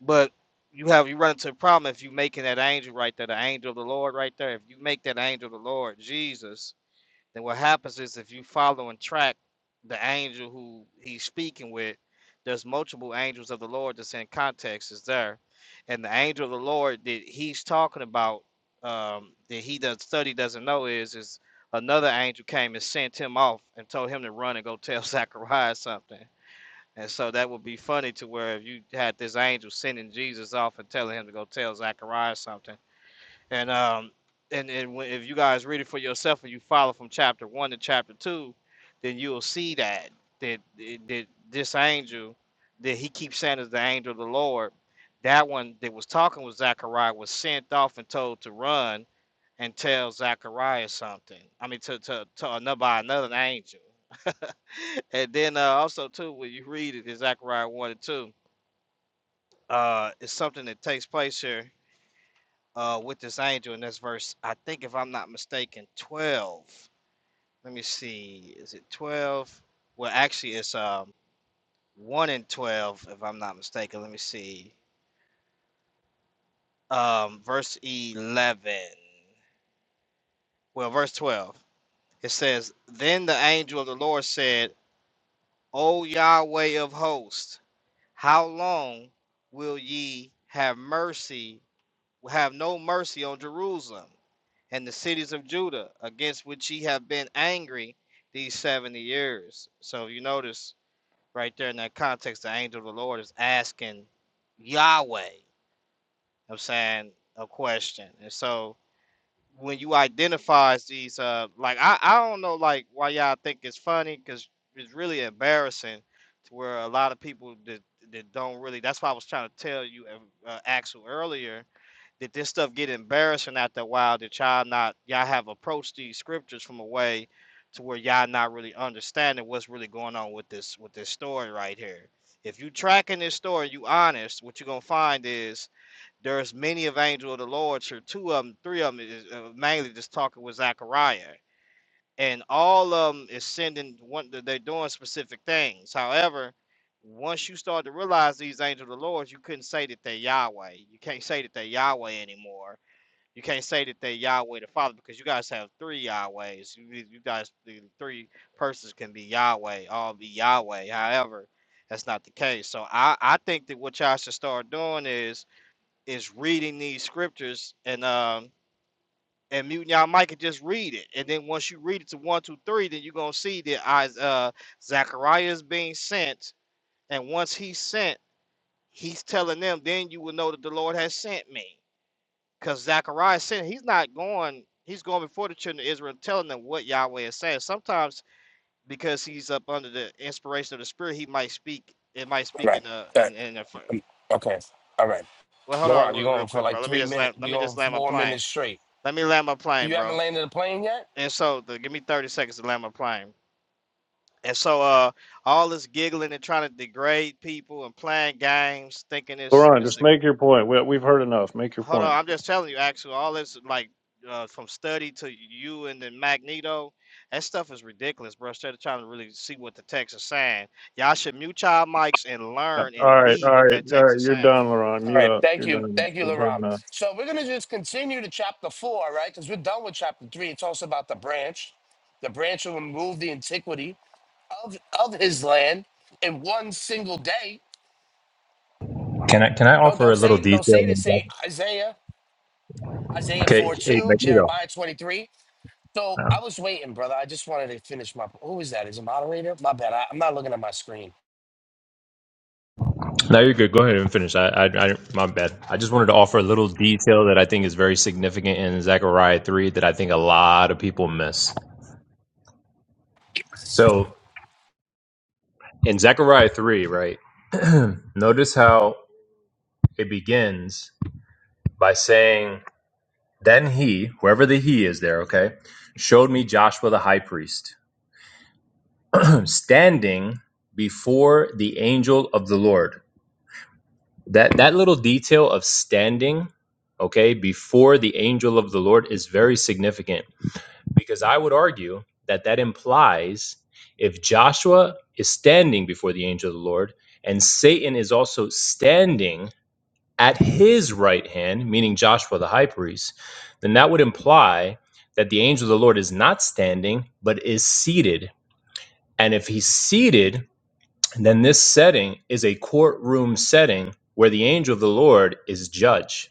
Speaker 8: but you have you run into a problem if you making that angel right there, the angel of the Lord right there. If you make that angel of the Lord Jesus then what happens is if you follow and track the angel who he's speaking with, there's multiple angels of the Lord that's in context is there, and the angel of the Lord that he's talking about um, that he does study doesn't know is is another angel came and sent him off and told him to run and go tell Zachariah something. And so that would be funny to where if you had this angel sending Jesus off and telling him to go tell Zachariah something, and um, and, and if you guys read it for yourself and you follow from chapter one to chapter two, then you'll see that that that this angel that he keeps saying is the angel of the Lord, that one that was talking with Zachariah was sent off and told to run and tell Zachariah something. I mean, to to to another by another angel. And then uh, also too, when you read it in Zechariah one and two, uh, it's something that takes place here uh with this angel in this verse. I think if I'm not mistaken, 12. Let me see. Is it 12? Well, actually it's um 1 and 12 if I'm not mistaken. Let me see. Um verse 11. Well, verse 12. It says, "Then the angel of the Lord said, O Yahweh of hosts, how long will ye have mercy have no mercy on Jerusalem?" and the cities of Judah, against which ye have been angry these 70 years. So you notice right there in that context, the angel of the Lord is asking Yahweh, I'm saying, a question. And so when you identifies these, uh, like, I, I don't know, like, why y'all think it's funny, because it's really embarrassing to where a lot of people that, that don't really, that's why I was trying to tell you, uh, uh, Axel, earlier, did this stuff get embarrassing after a while? Did y'all not y'all have approached these scriptures from a way to where y'all not really understanding what's really going on with this with this story right here? If you tracking this story, you honest, what you're gonna find is there's many of angel of the Lord. Sure, two of them, three of them is uh, mainly just talking with Zechariah, and all of them is sending one. They're doing specific things. However, once you start to realize these angels of the Lord, you couldn't say that they Yahweh. You can't say that they Yahweh anymore you can't say that they Yahweh the Father because you guys have three Yahwehs. You, you guys, the three persons can be Yahweh, all be Yahweh. However, that's not the case. So I, I think that what y'all should start doing is is reading these scriptures and um and muting y'all mic and just read it. And then once you read it to one, two, three, then you're gonna see that I uh Zechariah is being sent, and once he's sent, he's telling them, then you will know that the Lord has sent me. Because Zechariah said he's not going, he's going before the children of Israel, telling them what Yahweh is saying. Sometimes because he's up under the inspiration of the Spirit, he might speak. It might
Speaker 18: All
Speaker 8: speak
Speaker 18: right.
Speaker 8: in a
Speaker 18: All right.
Speaker 8: in in a.
Speaker 18: Okay. All right.
Speaker 8: Well, hold on,
Speaker 18: LeBron, you're
Speaker 8: re- real
Speaker 18: going for
Speaker 8: quick, bro.
Speaker 18: like
Speaker 8: Let me
Speaker 18: three
Speaker 8: just
Speaker 18: minutes.
Speaker 8: land. Let me
Speaker 18: You're
Speaker 8: just
Speaker 18: going for
Speaker 8: land my
Speaker 18: four
Speaker 8: plane.
Speaker 18: minutes straight.
Speaker 8: Let me land my plane,
Speaker 18: You haven't
Speaker 8: bro.
Speaker 18: landed a plane yet?
Speaker 8: And so, the, give me thirty seconds to land my plane. And so, uh, all this giggling and trying to degrade people and playing games, thinking it's
Speaker 4: Laurent,
Speaker 8: it's a
Speaker 4: just make your point. We, we've heard enough. Make your
Speaker 8: Hold on,
Speaker 4: point.
Speaker 8: I'm just telling you, actually, all this like uh, from study to you and then Magneto, that stuff is ridiculous, bro. Instead of trying to really see what the text is saying, y'all should mute y'all mics and
Speaker 4: Uh,
Speaker 8: learn and
Speaker 4: All right,
Speaker 8: read
Speaker 4: all
Speaker 8: what
Speaker 4: right,
Speaker 8: that
Speaker 4: all
Speaker 8: text
Speaker 4: right.
Speaker 8: is
Speaker 4: You're
Speaker 8: saying.
Speaker 4: done, Laurent.
Speaker 18: All
Speaker 4: Mute
Speaker 18: right.
Speaker 4: up.
Speaker 18: Thank
Speaker 4: You're
Speaker 18: you.
Speaker 4: done.
Speaker 18: Thank you,
Speaker 4: We've heard
Speaker 18: Laurent.
Speaker 4: enough.
Speaker 18: So we're going to just continue to chapter four, right? Because we're done with chapter three. It talks about the branch. The branch will remove the antiquity of, of his land in one single day.
Speaker 11: Can I can I
Speaker 18: No,
Speaker 11: offer
Speaker 18: don't
Speaker 11: a
Speaker 18: say don't say this. Say Isaiah, Isaiah 4 2, Jeremiah 23. So I was waiting, brother. I just wanted to finish my. Who is that? Is it moderator? My bad. I, I'm not looking at my screen.
Speaker 11: so in Zechariah three, right? Notice how it begins by saying Then he, whoever the he is there, okay, showed me Joshua the high priest standing before the angel of the Lord. That that little detail of standing, okay, before the angel of the Lord is very significant because I would argue that that implies if Joshua is standing before the angel of the Lord and Satan is also standing at his right hand, meaning Joshua the high priest, then that would imply that the angel of the Lord is not standing, but is seated. And if he's seated, then this setting is a courtroom setting where the angel of the Lord is judge.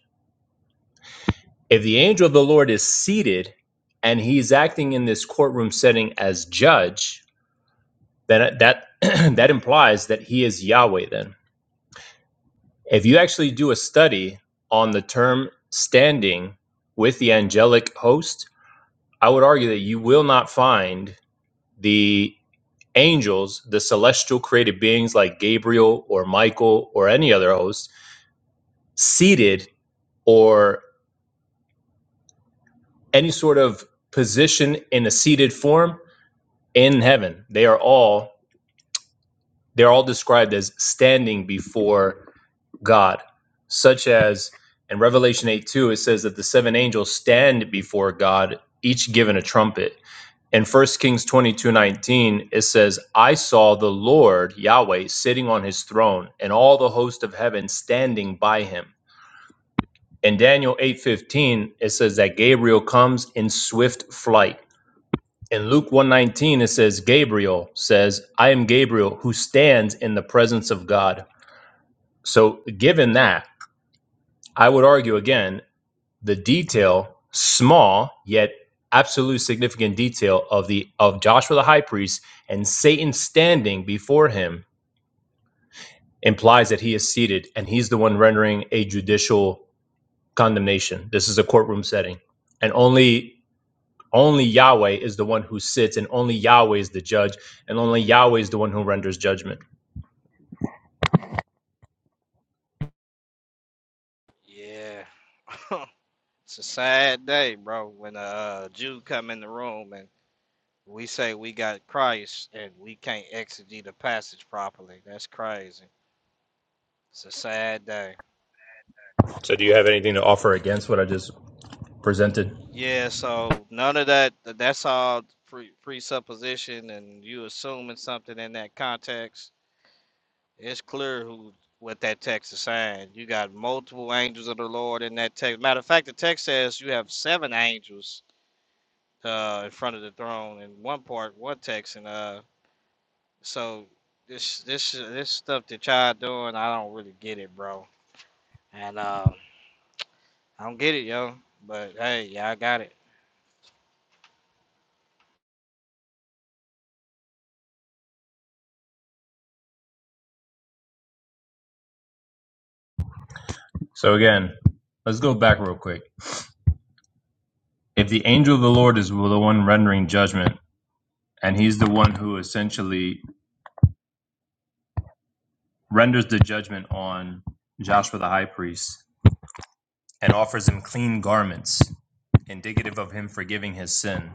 Speaker 11: If the angel of the Lord is seated and he's acting in this courtroom setting as judge, then that that implies that he is Yahweh then If you actually do a study on the term standing with the angelic host, I would argue that you will not find the angels, the celestial created beings like Gabriel or Michael or any other host, seated or any sort of position in a seated form in heaven. They are all they're all described as standing before God, such as in Revelation 8 2, it says that the seven angels stand before God, each given a trumpet. In First Kings twenty two nineteen, it says, I saw the Lord Yahweh sitting on his throne, and all the host of heaven standing by him. In Daniel eight fifteen, it says that Gabriel comes in swift flight. In Luke 119, it says, Gabriel says, I am Gabriel who stands in the presence of God. So, given that, I would argue again the detail, small yet absolute significant detail of the of Joshua the high priest and Satan standing before him implies that he is seated and he's the one rendering a judicial condemnation. This is a courtroom setting. And only only Yahweh is the one who sits and only Yahweh is the judge and only Yahweh is the one who renders judgment.
Speaker 8: Yeah, it's a sad day, bro, when a uh, Jew come in the room and we say we got Christ and we can't exegete the passage properly. That's crazy. It's a sad day. Yeah, so none of that. That's all pre presupposition, and you assuming something in that context. It's clear who what that text is saying. You got multiple angels of the Lord in that text. Matter of fact, the text says you have seven angels uh, in front of the throne in one part, one text, and uh, so this this this stuff that y'all doing, I don't really get it, bro. And uh, I don't get it, yo. But hey, y'all got it.
Speaker 11: So again, let's go back real quick. if the angel of the Lord is the one rendering judgment, and he's the one who essentially renders the judgment on Joshua the high priest and offers him clean garments, indicative of him forgiving his sin,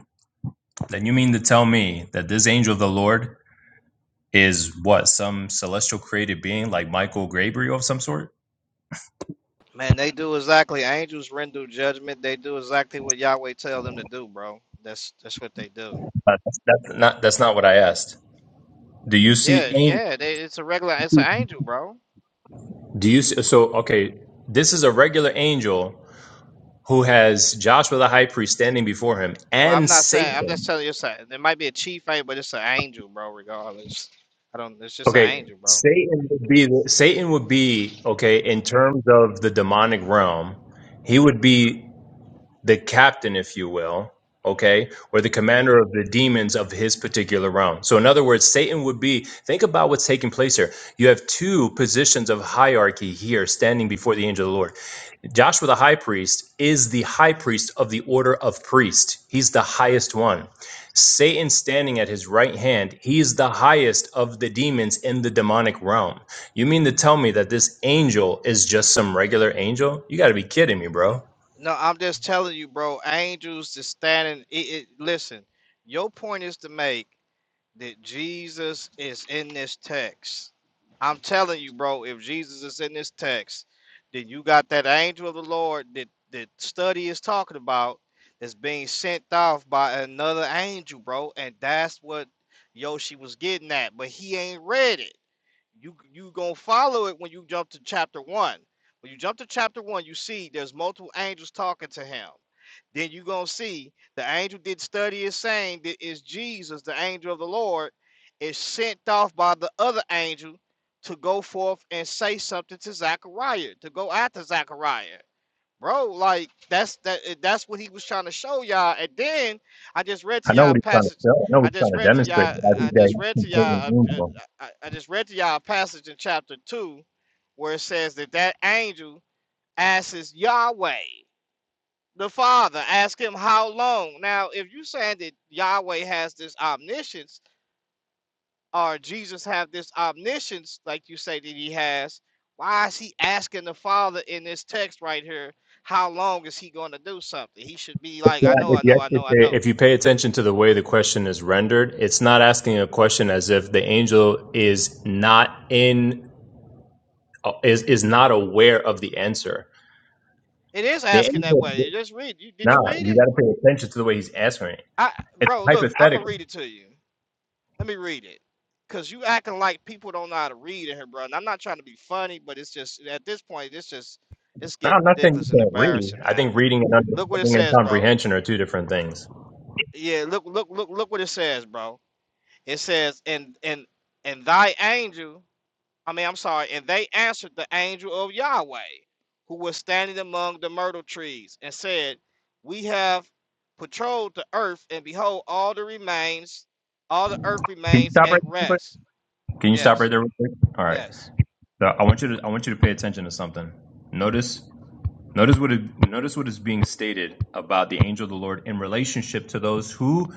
Speaker 11: then you mean to tell me that this angel of the Lord is what some celestial created being like Michael Gabriel of some sort?
Speaker 8: Man, they do exactly. Angels render judgment. They do exactly what Yahweh tells them to do, bro. That's that's what they do.
Speaker 11: Uh, That's, that's not that's not what I asked. Do you see
Speaker 8: Yeah,
Speaker 11: angel?
Speaker 8: yeah. They, it's a regular. It's an angel, bro.
Speaker 11: Do you see, so okay? This is a regular angel who has Joshua the high priest standing before him
Speaker 8: Well, I'm
Speaker 11: and
Speaker 8: not saying. I'm just
Speaker 11: Satan.
Speaker 8: telling you. It's a, it might be a chief angel, but it's an angel, bro. Regardless, I don't. It's just an
Speaker 11: Okay,
Speaker 8: angel, bro.
Speaker 11: Satan would be Satan would be okay in terms of the demonic realm. He would be the captain, if you will, okay, or the commander of the demons of his particular realm. So, in other words, Satan would be. Think about what's taking place here. You have two positions of hierarchy here standing before the angel of the Lord. Joshua the high priest is the high priest of the order of priest. He's the highest one. Satan standing at his right hand, he is the highest of the demons in the demonic realm. You mean to tell me that this angel is just some regular angel? You got to be kidding me, bro.
Speaker 8: No, I'm just telling you, bro. Angels just standing. It, it, listen, your point is to make. that Jesus is in this text. I'm telling you, bro, if Jesus is in this text, then you got that angel of the Lord that that study is talking about that's being sent off by another angel, bro, and that's what Yoshi was getting at, but he ain't read it. You you gonna follow it when you jump to chapter one. When you jump to chapter one, you see there's multiple angels talking to him then you're gonna see the angel did study is saying that is Jesus, the angel of the Lord, is sent off by the other angel to go forth and say something to Zachariah, to go after Zachariah. Bro, like that's that eh, that's what he was trying to show y'all. And then I just read
Speaker 11: I
Speaker 8: to
Speaker 11: know
Speaker 8: y'all a
Speaker 11: what he's trying to
Speaker 8: passage.
Speaker 11: show. I know
Speaker 8: I
Speaker 11: what he's trying
Speaker 8: just
Speaker 11: to
Speaker 8: read to
Speaker 11: demonstrate.
Speaker 8: y'all,
Speaker 11: But I
Speaker 8: I
Speaker 11: think
Speaker 8: just
Speaker 11: that
Speaker 8: read
Speaker 11: he's
Speaker 8: to
Speaker 11: completely
Speaker 8: y'all uh, uh,
Speaker 11: reasonable.
Speaker 8: I, I just read to y'all a passage in chapter two where it says that that angel asks Yahweh the father ask him how long now if you saying that yahweh has this omniscience or jesus have this omniscience like you say that he has why is he asking the father in this text right here how long is he going to do something he should be
Speaker 11: It's
Speaker 8: like i
Speaker 11: not,
Speaker 8: know
Speaker 11: if,
Speaker 8: i
Speaker 11: you
Speaker 8: know i
Speaker 11: actually
Speaker 8: know i
Speaker 11: pay,
Speaker 8: know
Speaker 11: if you pay attention to the way the question is rendered, it's not asking a question as if the angel is not in is is not aware of the answer.
Speaker 8: it is
Speaker 11: The
Speaker 8: asking that
Speaker 11: angel
Speaker 8: way
Speaker 11: is
Speaker 8: just read you did
Speaker 11: not.
Speaker 8: you read
Speaker 11: You
Speaker 8: it
Speaker 11: got to pay attention to the way he's answering it.
Speaker 8: i
Speaker 11: It's
Speaker 8: bro look i'm gonna
Speaker 11: hypothetical.
Speaker 8: read it to you Let me read it. Cause you acting like people don't know how to read in here, bro. And I'm not trying to be funny, but it's just at this point, it's just it's
Speaker 11: No,
Speaker 8: getting
Speaker 11: I'm not saying
Speaker 8: ridiculous
Speaker 11: you
Speaker 8: and
Speaker 11: can't read.
Speaker 8: embarrassing
Speaker 11: I
Speaker 8: now.
Speaker 11: think reading and
Speaker 8: Look what it
Speaker 11: understanding and
Speaker 8: says, bro.
Speaker 11: comprehension are two different things.
Speaker 8: Yeah, look, look, look, look what it says, bro. It says, and and and thy angel, I mean, I'm sorry, and they answered the angel of Yahweh, who was standing among the myrtle trees, and said, We have patrolled the earth, and behold, all the remains, all the earth
Speaker 11: Can you
Speaker 8: remains
Speaker 11: stop right
Speaker 8: at
Speaker 11: there?
Speaker 8: rest.
Speaker 11: Can you stop right
Speaker 8: Yes,
Speaker 11: there? Real quick? All right.
Speaker 8: yes.
Speaker 11: So I want you to I want you to pay attention to something. Notice Notice what it, notice what is being stated about the angel of the Lord in relationship to those who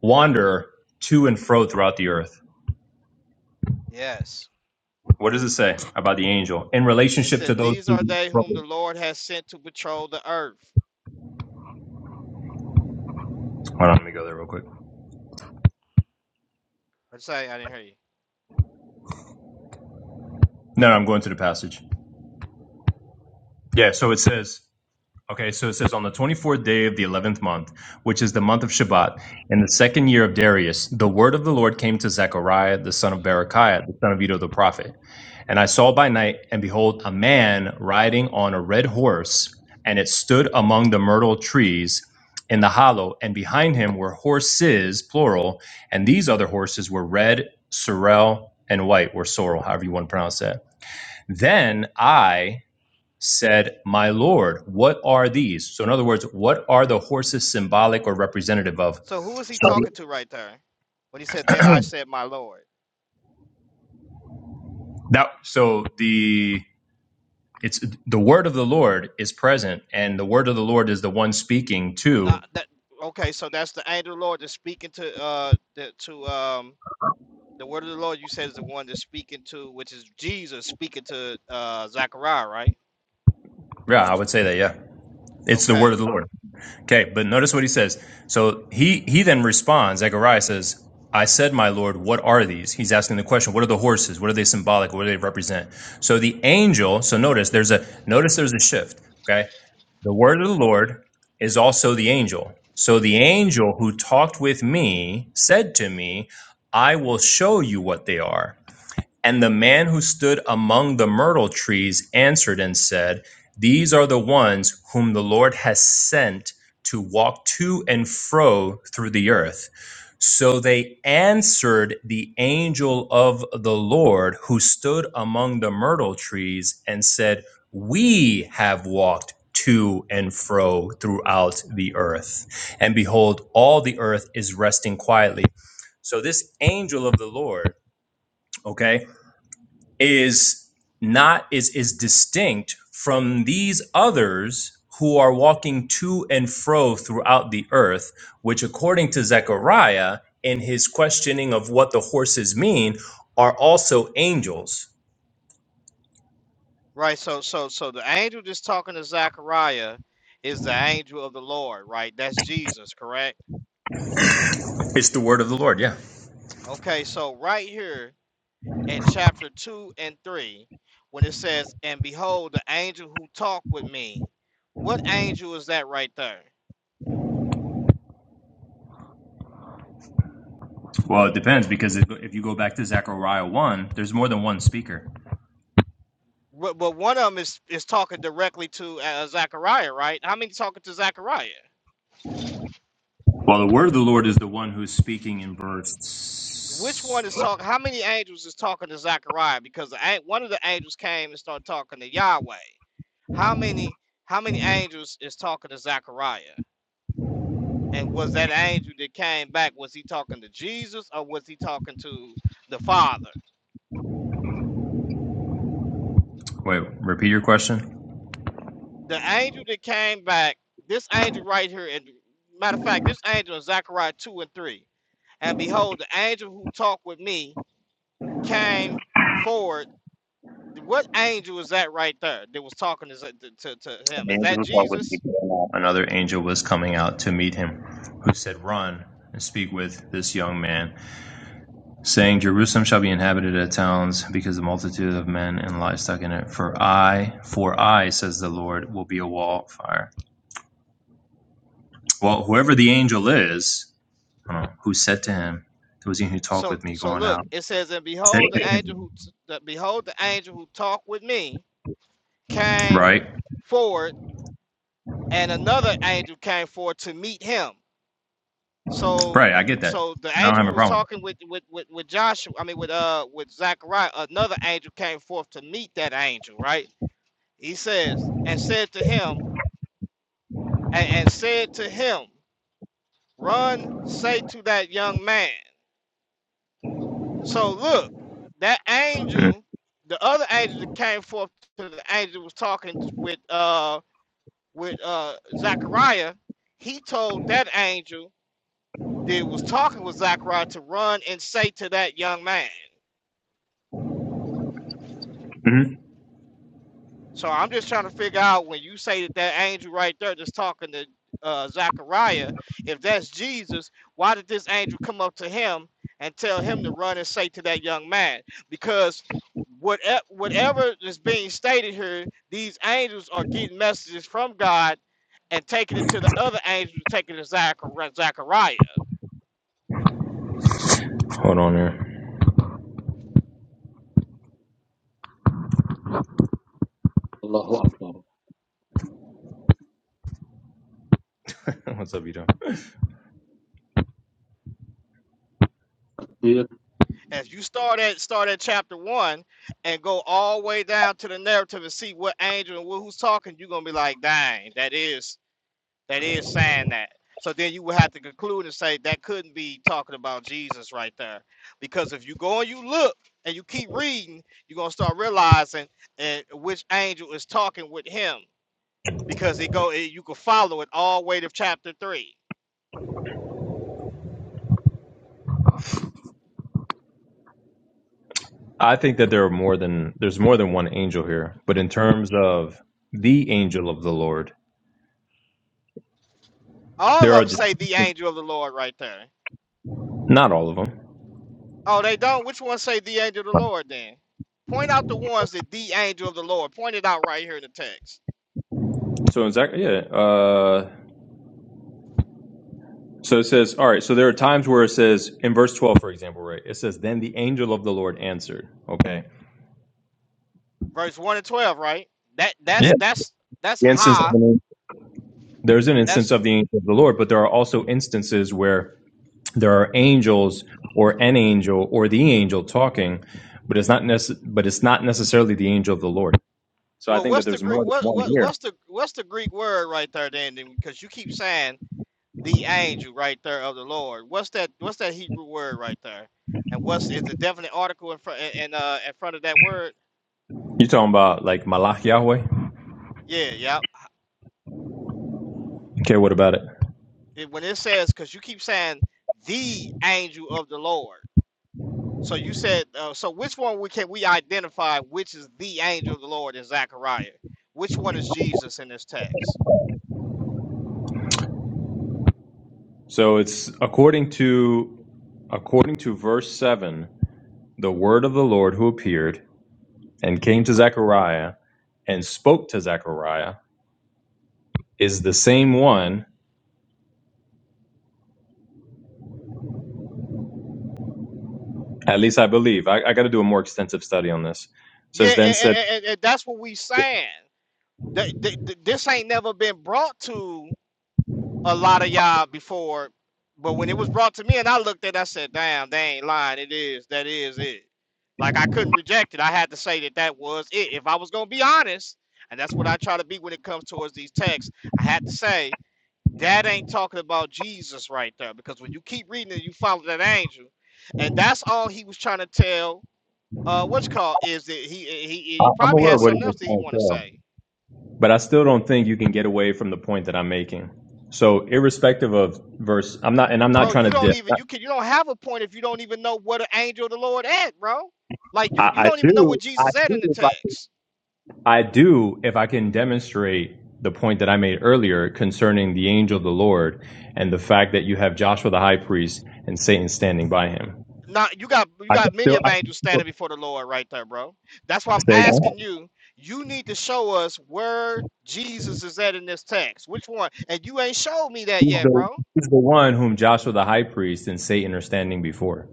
Speaker 11: wander to and fro throughout the earth.
Speaker 8: Yes.
Speaker 11: What does it say about the angel in
Speaker 8: It
Speaker 11: relationship
Speaker 8: says,
Speaker 11: to those
Speaker 8: These
Speaker 11: who?
Speaker 8: are they
Speaker 11: Hold
Speaker 8: whom the Lord has sent to patrol the earth.
Speaker 11: on, let me go there real quick.
Speaker 8: I'm sorry, I didn't hear you.
Speaker 11: No, no, I'm going to the passage. Yeah, so it says. Okay, so it says on the 24th day of the 11th month, which is the month of Shabbat, in the second year of Darius, the word of the Lord came to Zechariah, the son of Berechiah, the son of Edo the prophet. And I saw by night, and behold, a man riding on a red horse, and it stood among the myrtle trees in the hollow, and behind him were horses, plural, and these other horses were red, sorrel, and white, or sorrel, however you want to pronounce that. Then I said, My Lord, what are these? So, in other words, what are the horses symbolic or representative of?
Speaker 8: So who is he
Speaker 11: So,
Speaker 8: talking to right there? When he said, Then I said my Lord.
Speaker 11: that, so the It's the word of the Lord is present, and the word of the Lord is the one speaking
Speaker 8: Not
Speaker 11: to.
Speaker 8: that okay, so that's the angel of the Lord that's speaking to uh the, to um the word of the Lord you said is the one that's speaking to which is Jesus speaking to uh Zechariah, right?
Speaker 11: Yeah, I would say that. Yeah, it's the word
Speaker 8: Okay.
Speaker 11: of the Lord. Okay, but notice what he says. So he he then responds. Zechariah says, "I said, my Lord, what are these?" He's asking the question. What are the horses? What are they symbolic? What do they represent? So the angel. So notice there's a notice there's a shift. Okay, the word of the Lord is also the angel. So the angel who talked with me said to me, "I will show you what they are." And the man who stood among the myrtle trees answered and said, These are the ones whom the Lord has sent to walk to and fro through the earth. So they answered the angel of the Lord who stood among the myrtle trees and said, We have walked to and fro throughout the earth. And behold, all the earth is resting quietly. So this angel of the Lord, okay? is not is is distinct from these others who are walking to and fro throughout the earth which according to zechariah in his questioning of what the horses mean are also angels
Speaker 8: Right, so so so the angel that's talking to Zechariah is the angel of the Lord, right? That's Jesus, correct?
Speaker 11: it's the word of the lord yeah
Speaker 8: Okay, so right here in chapter 2 and 3 when it says, And behold, the angel who talked with me. What angel is that right there? But, but one of them is, is talking directly to uh, Zechariah, right? How many talking to Zechariah? Which one is talking? How many angels is talking to Zechariah? Because the, one of the angels came and started talking to Yahweh. How many? How many angels is talking to Zechariah? And was that angel that came back? Was he talking to Jesus or was he talking to the Father?
Speaker 11: wait repeat your question
Speaker 8: the angel that came back, this angel right here, and matter of fact, this angel in Zechariah 2 and 3. And behold, the angel who talked with me came forward. What angel is that right there that was talking to, to, to him? Is that Jesus?
Speaker 11: another angel was coming out to meet him who said run and speak with this young man saying, Jerusalem shall be inhabited of towns, because the multitude of men and livestock in it. For I, for I, says the Lord, will be a wall of fire. Well, whoever the angel is, I don't know, who said to him, it was he who talked
Speaker 8: So
Speaker 11: with me
Speaker 8: so
Speaker 11: going
Speaker 8: look,
Speaker 11: out,
Speaker 8: it says, and
Speaker 11: said
Speaker 8: behold,
Speaker 11: to
Speaker 8: the angel who the, behold the angel who talked with me came
Speaker 11: right?
Speaker 8: forward, and another angel came forward to meet him So so the angel who was talking with with with, with Joshua, I mean with uh with Zachariah, another angel came forth to meet that angel, right? He says, and said to him, and, and said to him, Run, say to that young man. So look, that angel, the other angel that came forth to the angel who was talking with uh with uh Zachariah, he told that angel that was talking with Zachariah to run and say to that young man.
Speaker 11: hmm
Speaker 8: So I'm just trying to figure out when you say that that angel right there that's talking to uh, Zachariah, if that's Jesus, why did this angel come up to him and tell him to run and say to that young man? Because whatever, whatever is being stated here, these angels are getting messages from God and taking it to the other angels, taking it to Zachari- Zachariah.
Speaker 11: Hold on here.
Speaker 12: Allahu Akbar.
Speaker 8: And if you start at start at chapter one and go all the way down to the narrative and see what angel and who's talking, you're gonna be like, dang, that is that is saying that. So then you would have to conclude and say that couldn't be talking about Jesus right there. Because if you go and you look and you keep reading, you're gonna start realizing and which angel is talking with him. Because it go it, you can follow it all the way to chapter three.
Speaker 11: I think that there are more than there's more than one angel here, but in terms of the angel of the Lord,
Speaker 8: All of
Speaker 11: there are
Speaker 8: them say the angel of the Lord right there.
Speaker 11: not all of them.
Speaker 8: Oh, they don't. Which one say the angel of the Lord then? Point out the ones that the angel of the Lord. pointed out right here in the text.
Speaker 11: So in Zach, yeah, uh, So it says, all right, so there are times where it says, in verse 12, for example, right? It says, then the angel of the Lord answered. Okay.
Speaker 8: Verse 1 and 12, right? That that's
Speaker 11: Yeah.
Speaker 8: that's that's
Speaker 11: The instance,
Speaker 8: high.
Speaker 11: there's an
Speaker 8: That's
Speaker 11: instance of the angel of the Lord, but there are also instances where there are angels or an angel or the angel talking, but it's not necess- but it's not necessarily the angel of the Lord. So I
Speaker 8: Well,
Speaker 11: think
Speaker 8: what's
Speaker 11: that
Speaker 8: the
Speaker 11: there's
Speaker 8: Greek?
Speaker 11: more than
Speaker 8: What
Speaker 11: one
Speaker 8: what
Speaker 11: here.
Speaker 8: what's the what's the Greek word right there, then? then, Because you keep saying the angel right there of the Lord. What's that? What's that Hebrew word right there? And what's is the definite article in front in uh in front of that word?
Speaker 11: You're talking about like Malach Yahweh?
Speaker 8: Yeah, yep.
Speaker 11: Okay, what about it?
Speaker 8: It, when it says, because you keep saying the angel of the Lord. So you said, uh, so which one we can we identify which is the angel of the Lord in Zechariah? Which one is Jesus in this text?
Speaker 11: So it's according to uh, 7, the word of the Lord appeared and came to Zion and Sariah. is At least I believe. I, I got to do a more extensive study on this.
Speaker 8: Yeah,
Speaker 11: Says then said,
Speaker 8: and, and and that's what we saying. th- th- th- this ain't never been brought to a lot of y'all before, but when it was brought to me and I looked at it, I said, damn, they ain't lying. It is. That is it. Like, I couldn't reject it. I had to say that that was it. If I was going to be honest, and that's what I try to be when it comes towards these texts, I had to say, that ain't talking about Jesus right there. Because when you keep reading it, you follow that angel. And that's all he was trying to tell uh what's called is that he he he he probably had something else that he want to say
Speaker 11: but I still don't think you can get away from the point that I'm making. So, irrespective of verse, I'm not, and I'm not
Speaker 8: bro,
Speaker 11: trying
Speaker 8: you
Speaker 11: to
Speaker 8: don't
Speaker 11: dip.
Speaker 8: even you can you don't have a point if you don't even know what an angel of the Lord at, bro. Like you you don't even know what Jesus at in the text.
Speaker 11: I do if I can demonstrate the point that I made earlier concerning the angel of the Lord and the fact that you have Joshua the high priest and Satan standing by him.
Speaker 8: Not you got you got many of angels standing before the Lord right there, bro. That's why I'm asking you. You need to show us where Jesus is at in this text. Which one? And you ain't showed me that
Speaker 11: He's
Speaker 8: yet,
Speaker 11: the,
Speaker 8: bro.
Speaker 11: he's the one whom Joshua the high priest and Satan are standing before.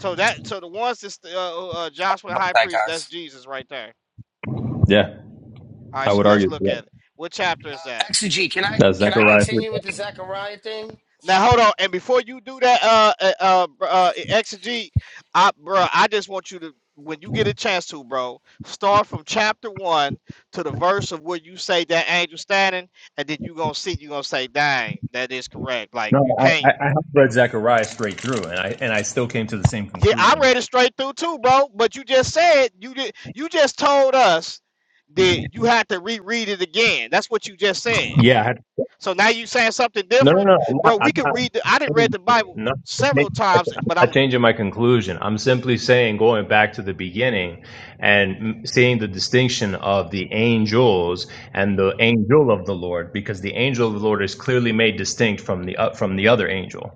Speaker 8: So that so the ones that's uh, uh, Joshua
Speaker 18: About
Speaker 8: high
Speaker 18: that,
Speaker 8: priest, that's
Speaker 18: guys.
Speaker 8: Jesus right there.
Speaker 11: Yeah,
Speaker 8: All right,
Speaker 11: I
Speaker 8: so
Speaker 11: would
Speaker 8: let's
Speaker 11: argue.
Speaker 8: look at it. What chapter
Speaker 18: Uh,
Speaker 8: is that?
Speaker 18: actually, can I can I continue with the Zechariah thing?
Speaker 8: Now hold on, and before you do that, uh, uh, uh, br- uh exegete, I, bro, I just want you to, when you get a chance to, bro, start from chapter one to the verse of where you say that angel standing, and then you gonna see, you gonna say, dang, that is correct. Like you
Speaker 11: No, I,
Speaker 8: can't.
Speaker 11: I I have read Zechariah straight through, and I and I still came to the same
Speaker 8: Yeah, I
Speaker 11: conclusion.
Speaker 8: read it straight through too, bro. But you just said you did. You just told us that you had to reread it again. That's what you just said.
Speaker 11: Yeah. I had-
Speaker 8: So now you saying something
Speaker 11: No, no,
Speaker 8: different,
Speaker 11: no. I'm not.
Speaker 8: bro. We
Speaker 11: I'm
Speaker 8: could
Speaker 11: not,
Speaker 8: read. The, I didn't read the Bible
Speaker 11: no,
Speaker 8: several times,
Speaker 11: I'm
Speaker 8: but I'm
Speaker 11: not changing my conclusion. I'm simply saying, going back to the beginning and mm, seeing the distinction of the angels and the angel of the Lord, because the angel of the Lord is clearly made distinct from the uh, from the other angel.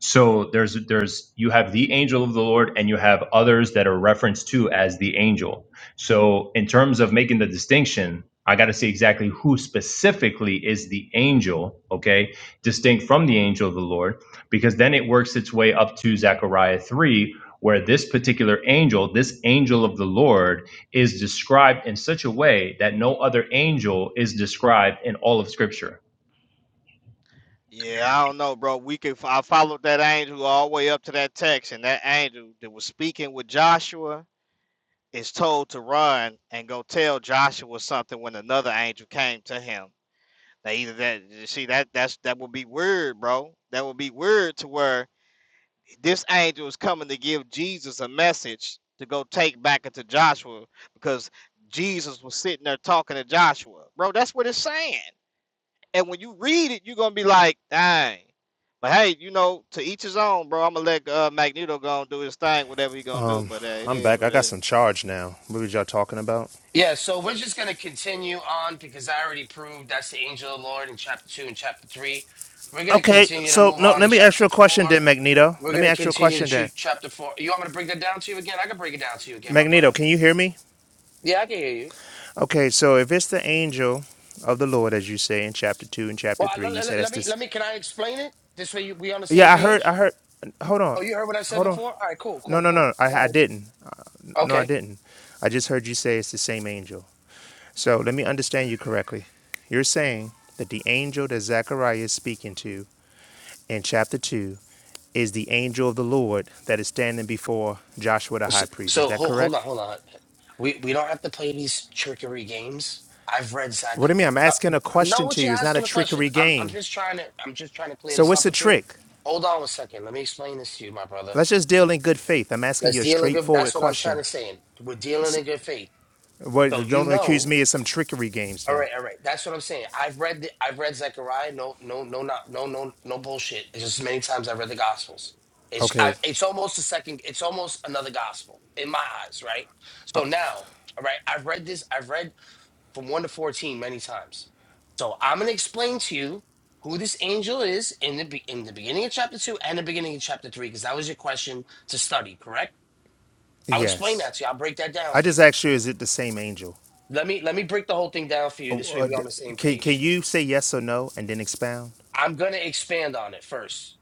Speaker 11: So there's there's you have the angel of the Lord and you have others that are referenced to as the angel. So in terms of making the distinction, I got to see exactly who specifically is the angel, okay, distinct from the angel of the Lord, because then it works its way up to Zechariah 3 where this particular angel, this angel of the Lord is described in such a way that no other angel is described in all of scripture.
Speaker 8: Yeah, I don't know, bro. We could. I followed that angel all the way up to that text, and that angel that was speaking with Joshua is told to run and go tell Joshua something when another angel came to him. Now either that you see that that's that would be weird, bro. That would be weird to where this angel is coming to give Jesus a message to go take back into Joshua because Jesus was sitting there talking to Joshua, bro. That's what it's saying. And when you read it, you're gonna be like, dang. But hey, you know, to each his own, bro. I'm gonna let uh, Magneto go and do his thing, whatever he gonna do. But uh, it
Speaker 19: I'm
Speaker 8: is
Speaker 19: back. I
Speaker 8: what it
Speaker 19: got
Speaker 8: is.
Speaker 19: some charge now. What was y'all talking about?
Speaker 18: Yeah, so we're just going to continue on because I already proved that's the angel of the Lord in chapter 2 and chapter 3. We're going to
Speaker 19: Okay,
Speaker 18: continue to
Speaker 19: so
Speaker 18: move
Speaker 19: no,
Speaker 18: on to
Speaker 19: let me ask you
Speaker 18: chapter
Speaker 19: a
Speaker 18: 4.
Speaker 19: question then, Magneto.
Speaker 18: We're
Speaker 19: Let
Speaker 18: going
Speaker 19: me
Speaker 18: to
Speaker 19: ask you a
Speaker 18: continue to
Speaker 19: question then.
Speaker 18: shoot chapter 4. You want me to break that down to you again? I can break it down to you again, my
Speaker 19: Magneto,
Speaker 18: brother.
Speaker 19: can you hear me?
Speaker 18: Yeah, I can hear you.
Speaker 19: Okay, so if it's the angel of the Lord, as you say in chapter two and chapter
Speaker 18: Well, I-
Speaker 19: three,
Speaker 18: let,
Speaker 19: you say
Speaker 18: let, let
Speaker 19: that's
Speaker 18: me,
Speaker 19: this.
Speaker 18: let me, can I explain it? This way you, we on the same
Speaker 19: Yeah, I heard. I
Speaker 18: page?
Speaker 19: heard. Hold
Speaker 18: Oh,
Speaker 19: on,
Speaker 18: you heard what I said
Speaker 19: hold on.
Speaker 18: before? All right, cool,
Speaker 19: No,
Speaker 18: cool,
Speaker 19: no,
Speaker 18: cool.
Speaker 19: no. I, I
Speaker 18: Go
Speaker 19: didn't. Uh, No, I
Speaker 18: ahead.
Speaker 19: didn't. I just heard you say it's the same angel. So let me understand you correctly. You're saying that the angel that Zechariah is speaking to in chapter 2 is the angel of the Lord that is standing before Joshua the
Speaker 18: So,
Speaker 19: high priest. Is
Speaker 18: so
Speaker 19: that
Speaker 18: hold, hold on,
Speaker 19: correct?
Speaker 18: hold on. We we don't have to play these trickery games. I've read Zach.
Speaker 19: What do you mean? I'm
Speaker 18: but
Speaker 19: asking a
Speaker 18: I know
Speaker 19: question to
Speaker 18: what you're
Speaker 19: you. It's not a
Speaker 18: asking a question.
Speaker 19: trickery
Speaker 18: I'm I'm
Speaker 19: game.
Speaker 18: just trying to I'm just trying to clear
Speaker 19: So
Speaker 18: this
Speaker 19: what's
Speaker 18: up
Speaker 19: the
Speaker 18: with you.
Speaker 19: trick?
Speaker 18: Hold on a second. Let me explain this to you, my brother.
Speaker 19: Let's just deal in good faith. I'm asking
Speaker 18: Let's
Speaker 19: you a
Speaker 18: deal in good.
Speaker 19: straightforward
Speaker 18: That's what I'm trying
Speaker 19: question.
Speaker 18: to say. We're dealing in good faith.
Speaker 19: What,
Speaker 18: So you
Speaker 19: don't accuse
Speaker 18: know.
Speaker 19: me of some trickery games
Speaker 18: All
Speaker 19: then.
Speaker 18: right, all right. That's what I'm saying. I've read the, I've read Zechariah. No, no, no, not no, no, no bullshit. It's just many times I've read the Gospels. It's
Speaker 19: Okay.
Speaker 18: I, it's almost a second. It's almost another gospel in my eyes, right? So now, all right, I've read this. I've read from one to fourteen many times. So I'm gonna explain to you who this angel is in the be- in the beginning of chapter two and the beginning of chapter three, because that was your question to study. Correct? I'll explain
Speaker 19: Yes.
Speaker 18: that to you. I'll break that down
Speaker 19: I
Speaker 18: for
Speaker 19: just
Speaker 18: you.
Speaker 19: asked you, is it the same angel?
Speaker 18: Let me let me break the whole thing down for you. This way,
Speaker 19: Or
Speaker 18: we're on the same
Speaker 19: Can,
Speaker 18: page.
Speaker 19: can you say yes or no and then expound?
Speaker 18: I'm going to expand on it first.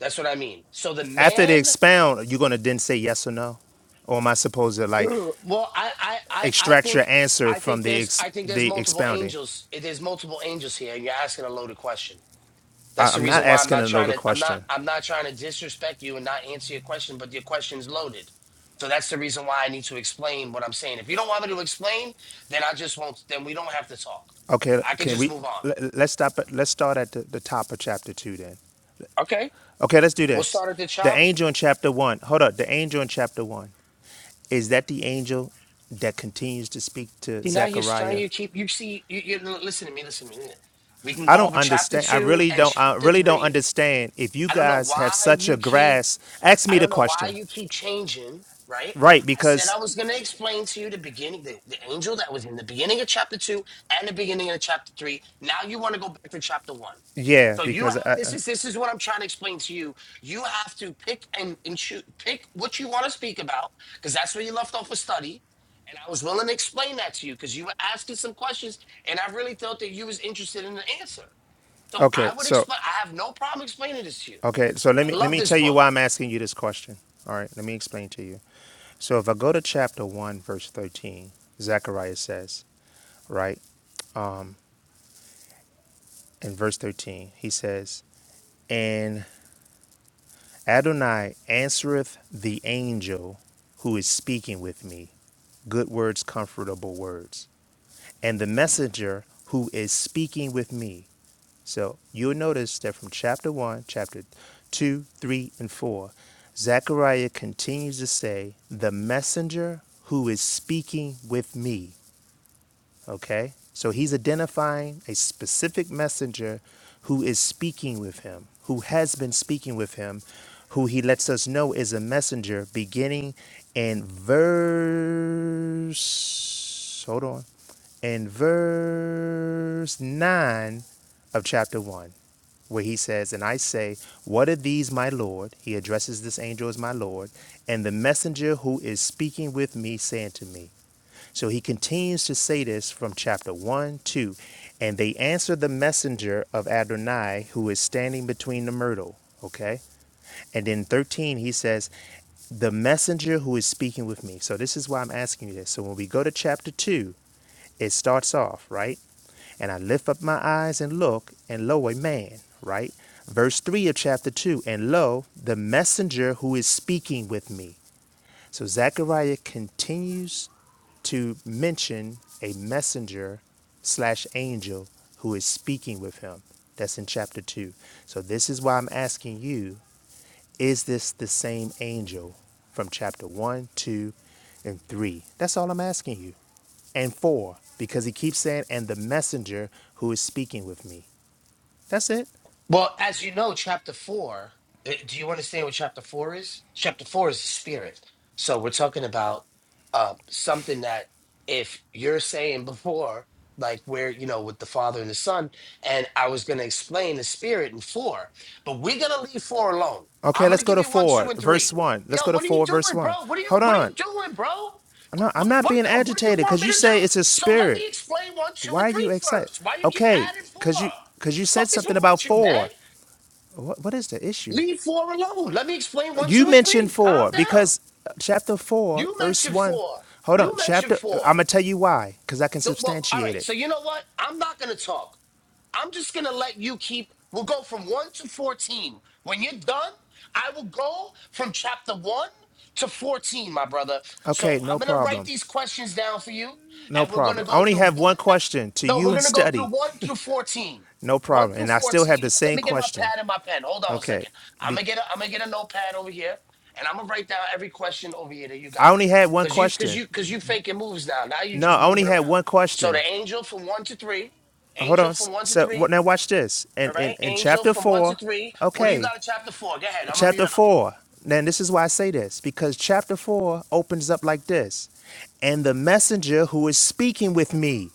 Speaker 18: That's what I mean. So the
Speaker 19: After they
Speaker 18: man,
Speaker 19: expound, you're going to then say yes or no? Or am I supposed to like?
Speaker 18: well, I, I, I, I
Speaker 19: extract your
Speaker 18: think,
Speaker 19: answer
Speaker 18: I
Speaker 19: from
Speaker 18: think
Speaker 19: the
Speaker 18: there's,
Speaker 19: ex-
Speaker 18: I think there's
Speaker 19: the
Speaker 18: multiple
Speaker 19: expounding.
Speaker 18: angels. It is multiple angels here, and you're asking a loaded question.
Speaker 19: I,
Speaker 18: That's the
Speaker 19: I'm not
Speaker 18: reason why I'm
Speaker 19: asking
Speaker 18: not trying
Speaker 19: another
Speaker 18: to, I'm not,
Speaker 19: question.
Speaker 18: I'm not trying to disrespect you and not answer your question, but your question's loaded. So that's the reason why I need to explain what I'm saying. If you don't want me to explain, then I just won't. Then we don't have to talk.
Speaker 19: Okay,
Speaker 18: I can
Speaker 19: can
Speaker 18: just
Speaker 19: we
Speaker 18: move on.
Speaker 19: let, let's stop at let's start at the, the top of chapter two then.
Speaker 18: Okay,
Speaker 19: Okay, let's do
Speaker 18: we'll
Speaker 19: this.
Speaker 18: start at the
Speaker 19: The
Speaker 18: top.
Speaker 19: angel in chapter one. Hold up. The angel in chapter one is that the angel that continues to speak to
Speaker 18: See, now you're now
Speaker 19: Zechariah.
Speaker 18: you keep you see you, you listen to me, listen to me. We can
Speaker 19: I
Speaker 18: go
Speaker 19: don't
Speaker 18: over chapter
Speaker 19: understand. I
Speaker 18: two
Speaker 19: really
Speaker 18: and
Speaker 19: don't. I
Speaker 18: chapter
Speaker 19: really don't
Speaker 18: three.
Speaker 19: understand. If you
Speaker 18: I don't know
Speaker 19: guys have
Speaker 18: why
Speaker 19: such
Speaker 18: you
Speaker 19: a
Speaker 18: keep
Speaker 19: grasp, ask
Speaker 18: I
Speaker 19: me the
Speaker 18: don't know why
Speaker 19: question.
Speaker 18: you keep changing, right?
Speaker 19: Right,
Speaker 18: I said
Speaker 19: because
Speaker 18: I was going to explain to you the beginning, the, the angel that was in the beginning of chapter two and the beginning of chapter three. Now you want to go back to chapter one.
Speaker 19: yeah,
Speaker 18: So you
Speaker 19: because
Speaker 18: have
Speaker 19: I,
Speaker 18: this is
Speaker 19: I
Speaker 18: this is what I'm trying to explain to you. You have to pick and, and choose, pick what you want to speak about because that's where you left off a study. And I was willing to explain that to you because you were asking some questions, and I really felt that you was interested in the answer. So
Speaker 19: okay.
Speaker 18: I would
Speaker 19: So
Speaker 18: explain. I have no problem explaining this to you.
Speaker 19: Okay, so let
Speaker 18: I
Speaker 19: me let
Speaker 18: love
Speaker 19: me
Speaker 18: this
Speaker 19: tell you
Speaker 18: book.
Speaker 19: why I'm asking you this question. All right, let me explain to you. So if I go to chapter 1 verse 13, Zechariah says, right? In verse 13, he says, and. Adonai answereth the angel who is speaking with me. Good words, comfortable words. And the messenger who is speaking with me. So you'll notice that from chapter 1, chapter 2, 3, and 4, Zechariah continues to say, The messenger who is speaking with me. Okay? So he's identifying a specific messenger who is speaking with him, who has been speaking with him, who he lets us know is a messenger beginning in verse. Hold on. In verse 9 of chapter 1, where he says, And I say, What are these, my Lord? He addresses this angel as my Lord, and the messenger who is speaking with me, saying to me. So he continues to say this from chapter 1, 2. And they answered the messenger of Adonai who is standing between the myrtle. Okay. And then 13, he says, the messenger who is speaking with me. So this is why I'm asking you this. So when we go to chapter 2, it starts off, right? And I lift up my eyes and look, and lo, a man, right? Verse 3 of chapter 2 And lo, the messenger who is speaking with me. So Zechariah continues to mention a messenger slash angel who is speaking with him. That's in chapter 2. So this is why I'm asking you is this the same angel from chapter 1, 2, and 3? That's all I'm asking you. And 4, because he keeps saying, and the messenger who is speaking with me. That's it.
Speaker 18: Well, as you know, chapter four, uh, do you understand what chapter four is? Chapter four is the spirit. So we're talking about uh, something that if you're saying before, like where, you know, with the father and the son, and I was going to explain the spirit in four, but we're going to leave four alone.
Speaker 19: Okay,
Speaker 18: I'm going
Speaker 19: let's
Speaker 18: to
Speaker 19: go
Speaker 18: give
Speaker 19: to
Speaker 18: you one, two,
Speaker 19: 4,
Speaker 18: and three.
Speaker 19: verse 1.
Speaker 18: Yo,
Speaker 19: Let's go to
Speaker 18: what are you
Speaker 19: 4, verse
Speaker 18: doing,
Speaker 19: 1.
Speaker 18: bro? What are you,
Speaker 19: Hold
Speaker 18: what are you
Speaker 19: on.
Speaker 18: doing, bro? What,
Speaker 19: No, I'm
Speaker 18: what,
Speaker 19: not
Speaker 18: what,
Speaker 19: being
Speaker 18: yo, what do you
Speaker 19: agitated
Speaker 18: want
Speaker 19: because
Speaker 18: me
Speaker 19: you
Speaker 18: to
Speaker 19: say
Speaker 18: do?
Speaker 19: it's a
Speaker 18: So let
Speaker 19: spirit.
Speaker 18: me explain one, two,
Speaker 19: Why
Speaker 18: and
Speaker 19: are you
Speaker 18: three
Speaker 19: excited?
Speaker 18: first. Why you keep
Speaker 19: Okay,
Speaker 18: adding
Speaker 19: because you
Speaker 18: four?
Speaker 19: because you said
Speaker 18: fuck is
Speaker 19: something
Speaker 18: wrong
Speaker 19: about
Speaker 18: with you, man?
Speaker 19: four. What, what is the issue?
Speaker 18: Leave four alone. Let me explain one,
Speaker 19: You
Speaker 18: two, and
Speaker 19: mentioned
Speaker 18: three. Calm
Speaker 19: four
Speaker 18: down.
Speaker 19: because uh, chapter four,
Speaker 18: You
Speaker 19: verse
Speaker 18: mentioned
Speaker 19: one.
Speaker 18: four.
Speaker 19: Hold on,
Speaker 18: You mentioned
Speaker 19: chapter.
Speaker 18: four.
Speaker 19: I'm gonna tell you why because I can
Speaker 18: No, Well, all
Speaker 19: substantiate
Speaker 18: right.
Speaker 19: it.
Speaker 18: So you know what? I'm not gonna talk. I'm just gonna let you keep. We'll go from one to fourteen. When you're done, I will go from chapter one to fourteen, my brother. So
Speaker 19: Okay,
Speaker 18: I'm
Speaker 19: no
Speaker 18: gonna write
Speaker 19: problem.
Speaker 18: these questions down for you,
Speaker 19: No
Speaker 18: and we're gonna
Speaker 19: problem. I
Speaker 18: go
Speaker 19: only
Speaker 18: through
Speaker 19: have one
Speaker 18: one.
Speaker 19: question to
Speaker 18: No,
Speaker 19: you
Speaker 18: we're
Speaker 19: and
Speaker 18: gonna go through
Speaker 19: study.
Speaker 18: one through fourteen.
Speaker 19: No
Speaker 18: One
Speaker 19: problem.
Speaker 18: through
Speaker 19: And I still have
Speaker 18: fourteen.
Speaker 19: the
Speaker 18: Let
Speaker 19: same
Speaker 18: me get my
Speaker 19: question.
Speaker 18: pad and my pen. Hold on a
Speaker 19: Okay.
Speaker 18: second. I'm
Speaker 19: Be-
Speaker 18: gonna get a, I'm gonna get a notepad over here, and I'm gonna write down every question over here that you got.
Speaker 19: I only had one
Speaker 18: Cause you, cause
Speaker 19: question.
Speaker 18: you, cause you faking moves now. Now you're
Speaker 19: No,
Speaker 18: just
Speaker 19: I only
Speaker 18: moving
Speaker 19: had
Speaker 18: around.
Speaker 19: one
Speaker 18: So the
Speaker 19: question.
Speaker 18: angel from one to three.
Speaker 19: hold on.
Speaker 18: Angel from one to
Speaker 19: So
Speaker 18: three.
Speaker 19: Now watch this.
Speaker 18: All
Speaker 19: And in,
Speaker 18: right.
Speaker 19: in, in
Speaker 18: Angel
Speaker 19: chapter
Speaker 18: from one to
Speaker 19: four,
Speaker 18: three. What do you
Speaker 19: okay,
Speaker 18: got in chapter four? Go ahead. I'm going to mute
Speaker 19: chapter
Speaker 18: up.
Speaker 19: four. Now this is why I say this because chapter four opens up like this, and the messenger who is speaking with me.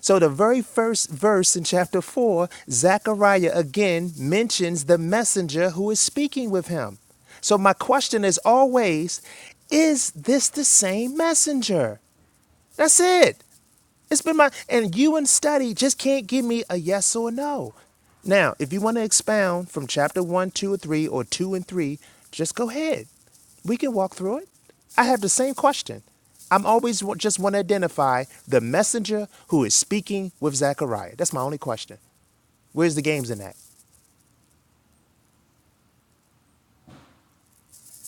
Speaker 19: So the very first verse in chapter four, Zechariah again mentions the messenger who is speaking with him. So my question is always, is this the same messenger? That's it. It's been my and you and study just can't give me a yes or a no. Now, if you want to expound from chapter one, two, or three, or two and three, just go ahead. We can walk through it. I have the same question. I'm always just want to identify the messenger who is speaking with Zechariah. That's my only question. Where's the games in that?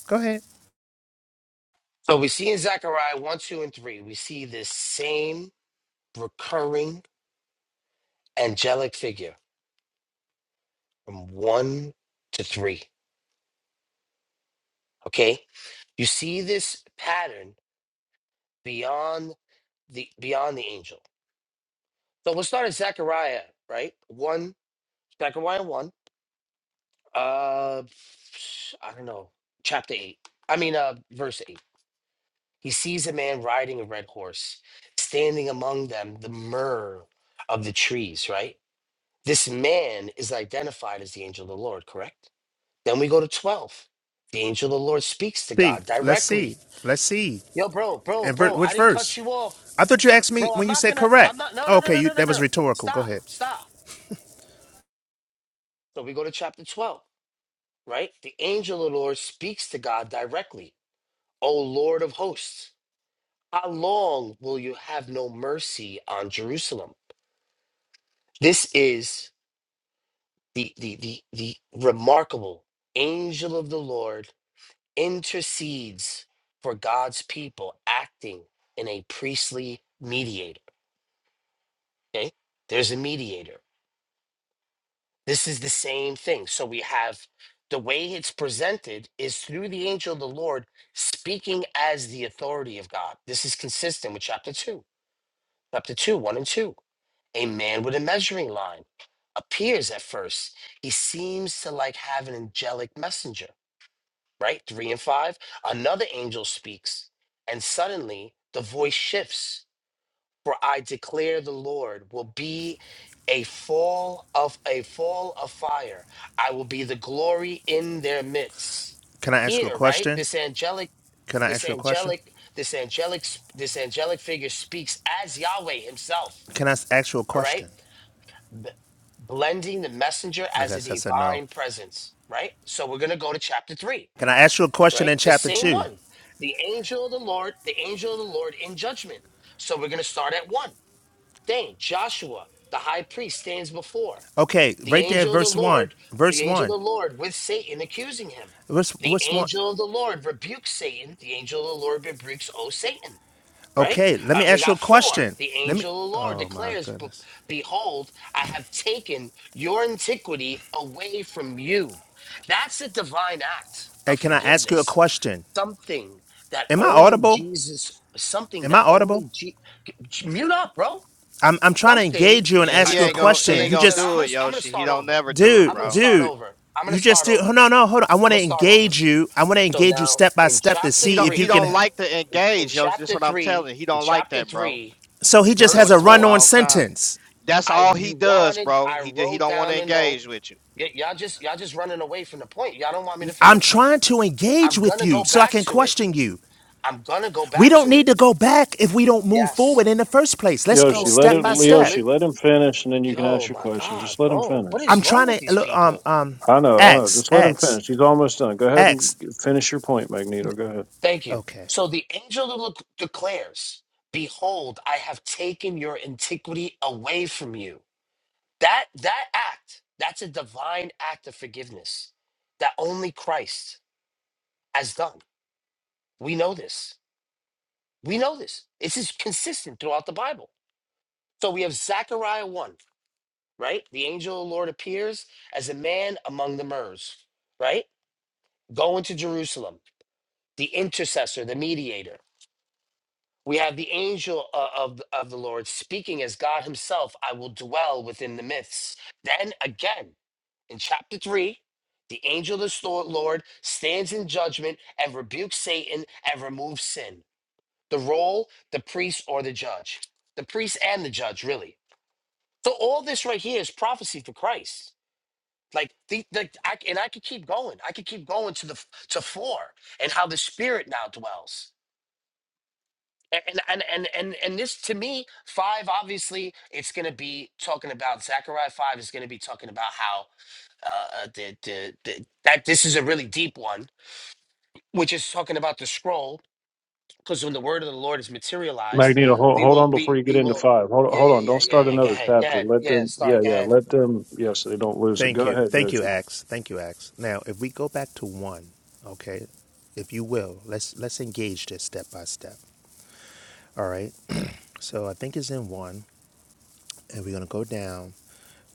Speaker 19: Go ahead.
Speaker 18: So we see in Zechariah one, two, and three, we see this same recurring angelic figure from one to three. Okay. You see this pattern beyond the beyond the angel. So we'll start at Zechariah, right? One, Zechariah one. Uh I don't know, chapter eight. I mean uh verse eight. He sees a man riding a red horse, standing among them, the myrrh of the trees, right? This man is identified as the angel of the Lord, correct? Then we go to 12. The angel of the Lord speaks to
Speaker 19: See,
Speaker 18: God
Speaker 19: let's see,
Speaker 18: directly.
Speaker 19: let's see.
Speaker 18: Yo, bro, bro,
Speaker 19: And ver-
Speaker 18: bro, I
Speaker 19: which
Speaker 18: didn't cut
Speaker 19: verse?
Speaker 18: you off.
Speaker 19: I thought you asked me
Speaker 18: Bro, I'm
Speaker 19: when you
Speaker 18: not
Speaker 19: said
Speaker 18: gonna, I'm
Speaker 19: correct.
Speaker 18: not, no,
Speaker 19: Oh,
Speaker 18: no, no,
Speaker 19: Okay,
Speaker 18: no,
Speaker 19: you,
Speaker 18: no, no, no.
Speaker 19: that was
Speaker 18: no.
Speaker 19: rhetorical. Go
Speaker 18: Stop,
Speaker 19: ahead.
Speaker 18: stop. So we go to chapter 12, right? The angel of the Lord speaks to God directly. O Lord of hosts, how long will you have no mercy on Jerusalem? This is the the the the remarkable angel of the Lord intercedes for God's people acting in a priestly mediator. Okay? There's a mediator. This is the same thing. So we have the way it's presented is through the angel of the Lord speaking as the authority of God. This is consistent with chapter 2. Chapter 2, 1 and 2 A man with a measuring line appears at first. He seems to like have an angelic messenger, right? Three and five. Another angel speaks, and suddenly the voice shifts. For I declare the Lord will be a fall of a fall of fire. I will be the glory in their midst.
Speaker 19: Can I ask you a
Speaker 18: Here, right?
Speaker 19: question?
Speaker 18: This angelic,
Speaker 19: Can I
Speaker 18: this
Speaker 19: ask you a question?
Speaker 18: angelic, this angelic, this angelic figure speaks as Yahweh himself.
Speaker 19: Can I ask you a
Speaker 18: All right
Speaker 19: question?
Speaker 18: b- blending the messenger as
Speaker 19: Okay,
Speaker 18: a
Speaker 19: so I said no.
Speaker 18: divine presence, right? So we're going to go to chapter 3,
Speaker 19: Can I ask you a question
Speaker 18: right?
Speaker 19: in
Speaker 18: The
Speaker 19: chapter
Speaker 18: same
Speaker 19: two?
Speaker 18: one. The angel of the Lord, the angel of the Lord in judgment. So we're going to start at 1. Dang, Joshua, the high priest stands before
Speaker 19: Okay,
Speaker 18: the
Speaker 19: right there,
Speaker 18: angel of the
Speaker 19: verse one.
Speaker 18: Lord, the
Speaker 19: Verse
Speaker 18: angel
Speaker 19: one.
Speaker 18: of the Lord with Satan accusing him.
Speaker 19: Verse
Speaker 18: The
Speaker 19: what's one?
Speaker 18: angel of the Lord rebukes Satan. The angel of the Lord rebukes, O Satan right?
Speaker 19: Okay, let
Speaker 18: Uh,
Speaker 19: me
Speaker 18: we
Speaker 19: ask you
Speaker 18: got
Speaker 19: a
Speaker 18: four.
Speaker 19: question.
Speaker 18: The
Speaker 19: Let me.
Speaker 18: angel of the Lord
Speaker 19: Oh my
Speaker 18: declares, "Be-
Speaker 19: goodness.
Speaker 18: Behold, I have taken your antiquity away from you. That's a divine act
Speaker 19: Hey,
Speaker 18: of
Speaker 19: can I ask you a
Speaker 18: forgiveness.
Speaker 19: question?
Speaker 18: Something that
Speaker 19: Am I
Speaker 18: only
Speaker 19: audible?
Speaker 18: Jesus, something
Speaker 19: Am I
Speaker 18: that
Speaker 19: audible?
Speaker 18: only Je- mute up, bro.
Speaker 19: I'm I'm trying to
Speaker 18: Something.
Speaker 19: engage you and
Speaker 8: Yeah,
Speaker 18: All
Speaker 8: he
Speaker 19: ask
Speaker 18: right.
Speaker 19: you a
Speaker 18: So
Speaker 8: ain't
Speaker 18: then,
Speaker 8: gonna
Speaker 18: so
Speaker 8: he
Speaker 19: question.
Speaker 8: ain't
Speaker 18: then,
Speaker 19: You
Speaker 8: gonna
Speaker 18: so now
Speaker 19: just,
Speaker 18: I'm
Speaker 8: do
Speaker 18: gonna,
Speaker 8: it,
Speaker 18: I'm gonna
Speaker 8: Yoshi. He
Speaker 18: start
Speaker 8: don't
Speaker 18: over.
Speaker 8: never do it,
Speaker 18: I'm
Speaker 19: dude,
Speaker 18: gonna
Speaker 8: bro.
Speaker 18: start
Speaker 19: dude.
Speaker 18: over. I'm gonna
Speaker 19: You just
Speaker 18: start
Speaker 19: do.
Speaker 18: over.
Speaker 19: No, no, hold on. I
Speaker 18: I'm
Speaker 19: want
Speaker 18: gonna
Speaker 19: to
Speaker 18: start over.
Speaker 19: engage you. I want to
Speaker 18: So
Speaker 19: engage you
Speaker 18: now
Speaker 19: step by
Speaker 18: in
Speaker 19: step to
Speaker 18: chapter
Speaker 8: He
Speaker 19: see
Speaker 8: don't
Speaker 19: if
Speaker 8: he
Speaker 19: you
Speaker 18: three,
Speaker 8: don't
Speaker 19: can.
Speaker 8: like to
Speaker 18: in, in
Speaker 8: engage, Yoshi. That's
Speaker 18: chapter
Speaker 8: what I'm telling
Speaker 18: three,
Speaker 8: you. He
Speaker 18: in
Speaker 8: don't like
Speaker 18: chapter
Speaker 8: that, bro.
Speaker 18: three
Speaker 19: So
Speaker 8: He
Speaker 19: he
Speaker 8: been
Speaker 19: just
Speaker 18: verse
Speaker 19: has
Speaker 8: doing
Speaker 19: a
Speaker 8: this for a
Speaker 18: four.
Speaker 19: run-on
Speaker 8: long time.
Speaker 19: sentence.
Speaker 8: That's
Speaker 18: I
Speaker 8: all he
Speaker 18: you
Speaker 8: does,
Speaker 18: wanted.
Speaker 8: bro.
Speaker 18: I
Speaker 8: He ju- he
Speaker 18: wrote
Speaker 8: don't want to
Speaker 18: down a note.
Speaker 8: engage with you.
Speaker 18: Y- y'all just y'all just running away from the point. Y'all don't want me to
Speaker 19: I'm
Speaker 18: finish.
Speaker 19: trying to engage
Speaker 18: I'm
Speaker 19: with
Speaker 18: gonna
Speaker 19: you
Speaker 18: go
Speaker 19: so I
Speaker 18: back
Speaker 19: can
Speaker 18: to it.
Speaker 19: question you.
Speaker 18: I'm gonna go
Speaker 19: We
Speaker 18: back
Speaker 19: don't
Speaker 18: to it.
Speaker 19: need to go back if we don't move
Speaker 18: Yes.
Speaker 19: forward in the first place. Let's go
Speaker 4: Yoshi,
Speaker 18: Well,
Speaker 4: let
Speaker 18: you
Speaker 19: step
Speaker 4: it.
Speaker 19: by
Speaker 18: need to
Speaker 19: step.
Speaker 18: li
Speaker 4: Yoshi, let him finish, and then you can
Speaker 18: Yo,
Speaker 4: ask your
Speaker 18: my
Speaker 4: question.
Speaker 18: God,
Speaker 4: Just let him
Speaker 18: bro, what
Speaker 4: finish.
Speaker 19: I'm
Speaker 18: is wrong with
Speaker 19: trying to
Speaker 18: these
Speaker 19: look um
Speaker 18: people?
Speaker 19: um
Speaker 4: I know, I know.
Speaker 19: X
Speaker 4: Just let him
Speaker 19: X
Speaker 4: finish. He's almost done. Go ahead and
Speaker 19: X.
Speaker 4: g- finish your point, Magneto. Go ahead.
Speaker 18: Thank you.
Speaker 19: Okay.
Speaker 18: So the angel of declares, "Behold, I have taken your antiquity away from you." That that act, that's a divine act of forgiveness that only Christ has done We know this. We know this. This is consistent throughout the Bible. So we have Zechariah 1, right? The angel of the Lord appears as a man among the myrrhs, right? Going to Jerusalem, the intercessor, the mediator. We have the angel uh, of, of the Lord speaking as God himself, I will dwell within the myths. Then again, in chapter 3, the angel of the sto- Lord stands in judgment and rebukes Satan and removes sin. the role, the priest, or the judge. The priest and the judge, really. So all this right here is prophecy for Christ. Like the, the I, and I could keep going. I could keep going to the f- to four and how the Spirit now dwells. And and and and and this to me five obviously it's going to be talking about Zechariah five is going to be talking about how uh, uh, the, the the that this is a really deep one, which is talking about the scroll because when the word of the Lord is materialized,
Speaker 4: Magneto, hold,
Speaker 18: we
Speaker 4: hold
Speaker 18: will,
Speaker 4: on
Speaker 18: we,
Speaker 4: before you get
Speaker 18: we
Speaker 4: into
Speaker 18: will,
Speaker 4: five. Hold,
Speaker 18: yeah,
Speaker 4: hold
Speaker 18: yeah,
Speaker 4: on.
Speaker 18: yeah,
Speaker 4: Don't
Speaker 18: yeah,
Speaker 4: start
Speaker 18: yeah. Go
Speaker 4: another
Speaker 18: ahead, go
Speaker 4: chapter.
Speaker 18: ahead.
Speaker 4: Let
Speaker 18: Yeah,
Speaker 4: them. Yeah,
Speaker 18: start, go
Speaker 4: yeah.
Speaker 18: ahead.
Speaker 4: Let them. Yeah, so they don't lose it.
Speaker 19: Thank
Speaker 4: Go
Speaker 19: you.
Speaker 4: ahead,
Speaker 19: Thank
Speaker 4: Yoshi.
Speaker 19: you X. Thank you X. Now, if we go back to 1, okay? If you will, let's let's engage this step by step. All right? So, I think it's in 1 and we're going to go down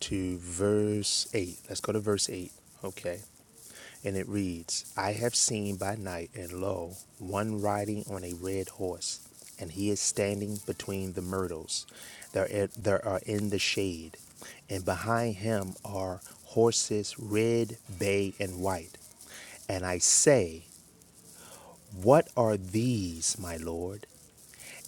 Speaker 19: to verse 8. Let's go to verse 8. Okay. and it reads, I have seen by night, and lo, one riding on a red horse, and he is standing between the myrtles that are are in the shade, and behind him are horses red, bay, and white. And I say, What are these, my Lord?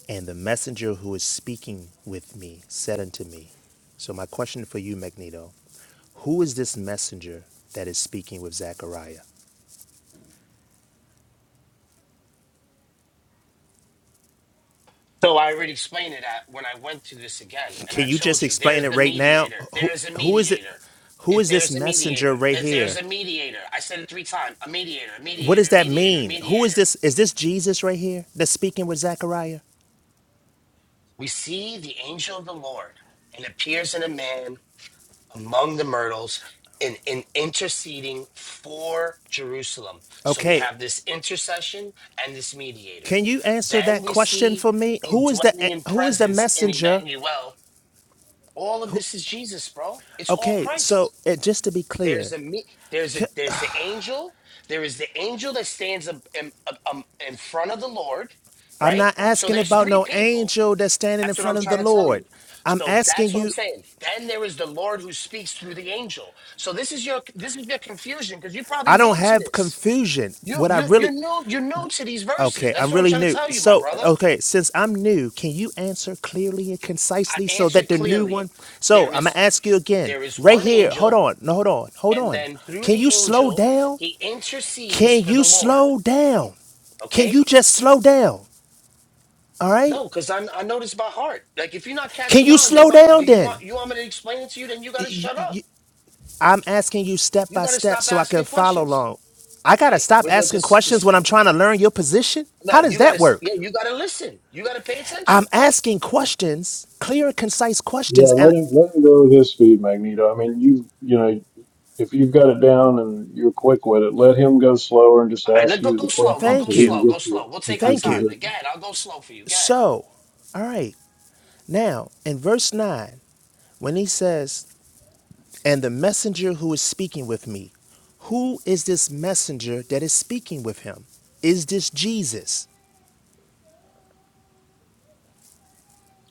Speaker 19: And the messenger who is speaking with me said unto me, So, my question for you, Magneto, who is this messenger that is speaking with Zechariah?
Speaker 18: So I already explained it at, when I went through this again, and
Speaker 19: Can
Speaker 18: I
Speaker 19: you just
Speaker 18: told you
Speaker 19: explain
Speaker 18: there's
Speaker 19: it
Speaker 18: the
Speaker 19: right now?
Speaker 18: mediator,
Speaker 19: Who
Speaker 18: there's a
Speaker 19: who is it?
Speaker 18: mediator.
Speaker 19: Who
Speaker 18: If
Speaker 19: is this
Speaker 18: there's a mediator,
Speaker 19: messenger right
Speaker 18: if there's
Speaker 19: here?
Speaker 18: a mediator, I said it three times a mediator, a
Speaker 19: What
Speaker 18: mediator,
Speaker 19: does
Speaker 18: a
Speaker 19: that
Speaker 18: mediator, a
Speaker 19: mean? Who is
Speaker 18: mediator.
Speaker 19: this? Is this Jesus right here that's speaking with Zechariah?
Speaker 18: We see the angel of the Lord and appears in a man among the myrtles in, in interceding for Jerusalem. So we
Speaker 19: Okay,
Speaker 18: have this intercession and this mediator.
Speaker 19: can you answer
Speaker 18: Then
Speaker 19: that
Speaker 18: we
Speaker 19: question
Speaker 18: see
Speaker 19: for me? Who is
Speaker 18: indwelling
Speaker 19: the
Speaker 18: in
Speaker 19: who is the
Speaker 18: presence in
Speaker 19: messenger?
Speaker 18: Emmanuel. All of this is Jesus, bro. It's all
Speaker 19: Okay, so
Speaker 18: Christ.
Speaker 19: it, just to be
Speaker 18: There's
Speaker 19: clear,
Speaker 18: a me- there's a there's the angel. There is the angel that stands up in, up- um, in front of the Lord,
Speaker 19: I'm
Speaker 18: right?
Speaker 19: not
Speaker 18: So
Speaker 19: asking
Speaker 18: there's
Speaker 19: about
Speaker 18: three
Speaker 19: no
Speaker 18: people.
Speaker 19: angel that's standing in
Speaker 18: That's what I'm
Speaker 19: front of the
Speaker 18: trying to tell you.
Speaker 19: Lord. I'm
Speaker 18: So that's
Speaker 19: asking
Speaker 18: what I'm
Speaker 19: you.
Speaker 18: saying. Then there is the Lord who speaks through the angel. So this is your this is your confusion because you're probably
Speaker 19: I don't
Speaker 18: new to
Speaker 19: have
Speaker 18: this.
Speaker 19: confusion.
Speaker 18: You
Speaker 19: What I
Speaker 18: you you're
Speaker 19: really
Speaker 18: new you're new to these verses.
Speaker 19: Okay,
Speaker 18: That's
Speaker 19: I'm
Speaker 18: what I'm
Speaker 19: really
Speaker 18: trying to
Speaker 19: new.
Speaker 18: tell you, my
Speaker 19: So,
Speaker 18: brother.
Speaker 19: okay, since I'm new, can you answer clearly and
Speaker 18: I
Speaker 19: concisely so that
Speaker 18: answered
Speaker 19: the new
Speaker 18: clearly.
Speaker 19: one? So,
Speaker 18: There
Speaker 19: I'm gonna
Speaker 18: is
Speaker 19: ask you again,
Speaker 18: there is
Speaker 19: right
Speaker 18: one
Speaker 19: here. Hold
Speaker 18: angel,
Speaker 19: on, no, hold on, hold
Speaker 18: and
Speaker 19: on.
Speaker 18: then through
Speaker 19: Can
Speaker 18: the
Speaker 19: you slow
Speaker 18: angel
Speaker 19: down?
Speaker 18: he intercedes
Speaker 19: Can
Speaker 18: for
Speaker 19: you
Speaker 18: the Lord.
Speaker 19: slow down? Can
Speaker 18: Okay.
Speaker 19: you just slow down? All right?
Speaker 18: No, because I I know this by heart. Like if you're not
Speaker 19: Can
Speaker 18: catching
Speaker 19: you
Speaker 18: on, then
Speaker 19: slow
Speaker 18: what do
Speaker 19: down
Speaker 18: you
Speaker 19: then?
Speaker 18: want? You want me to explain it to you? Then you got to shut up.
Speaker 19: I'm asking you step
Speaker 18: You
Speaker 19: by
Speaker 18: got to
Speaker 19: step
Speaker 18: stop
Speaker 19: so I can
Speaker 18: asking
Speaker 19: follow
Speaker 18: questions.
Speaker 19: along. I gotta
Speaker 18: Okay,
Speaker 19: stop
Speaker 18: we this, this
Speaker 19: asking questions when I'm trying to learn your position?
Speaker 18: no.
Speaker 19: How does
Speaker 18: You
Speaker 19: that
Speaker 18: gotta
Speaker 19: work?
Speaker 18: yeah. You gotta listen. You gotta pay attention.
Speaker 19: I'm asking questions, clear and concise
Speaker 4: Yeah,
Speaker 19: questions,
Speaker 4: let
Speaker 19: and.
Speaker 4: him let him go with his speed, Magneto. I mean, you you know, if you've got it down and you're quick with it, let him go slower and just
Speaker 18: All right,
Speaker 4: ask
Speaker 18: let go
Speaker 4: you
Speaker 18: go
Speaker 4: the
Speaker 18: slow. Go
Speaker 4: question
Speaker 18: go
Speaker 4: so
Speaker 19: Thank
Speaker 4: he
Speaker 19: you.
Speaker 4: can
Speaker 18: slow. Go
Speaker 4: get you
Speaker 18: slow. We'll
Speaker 4: get
Speaker 18: take our
Speaker 4: you
Speaker 19: Thank
Speaker 4: a
Speaker 19: you.
Speaker 18: time. Then. Go
Speaker 4: position.
Speaker 18: ahead. I'll go slow for you. Go ahead.
Speaker 19: So, all right. Now, in verse 9, when he says, And the messenger who is speaking with me, who is this messenger that is speaking with him? Is this Jesus?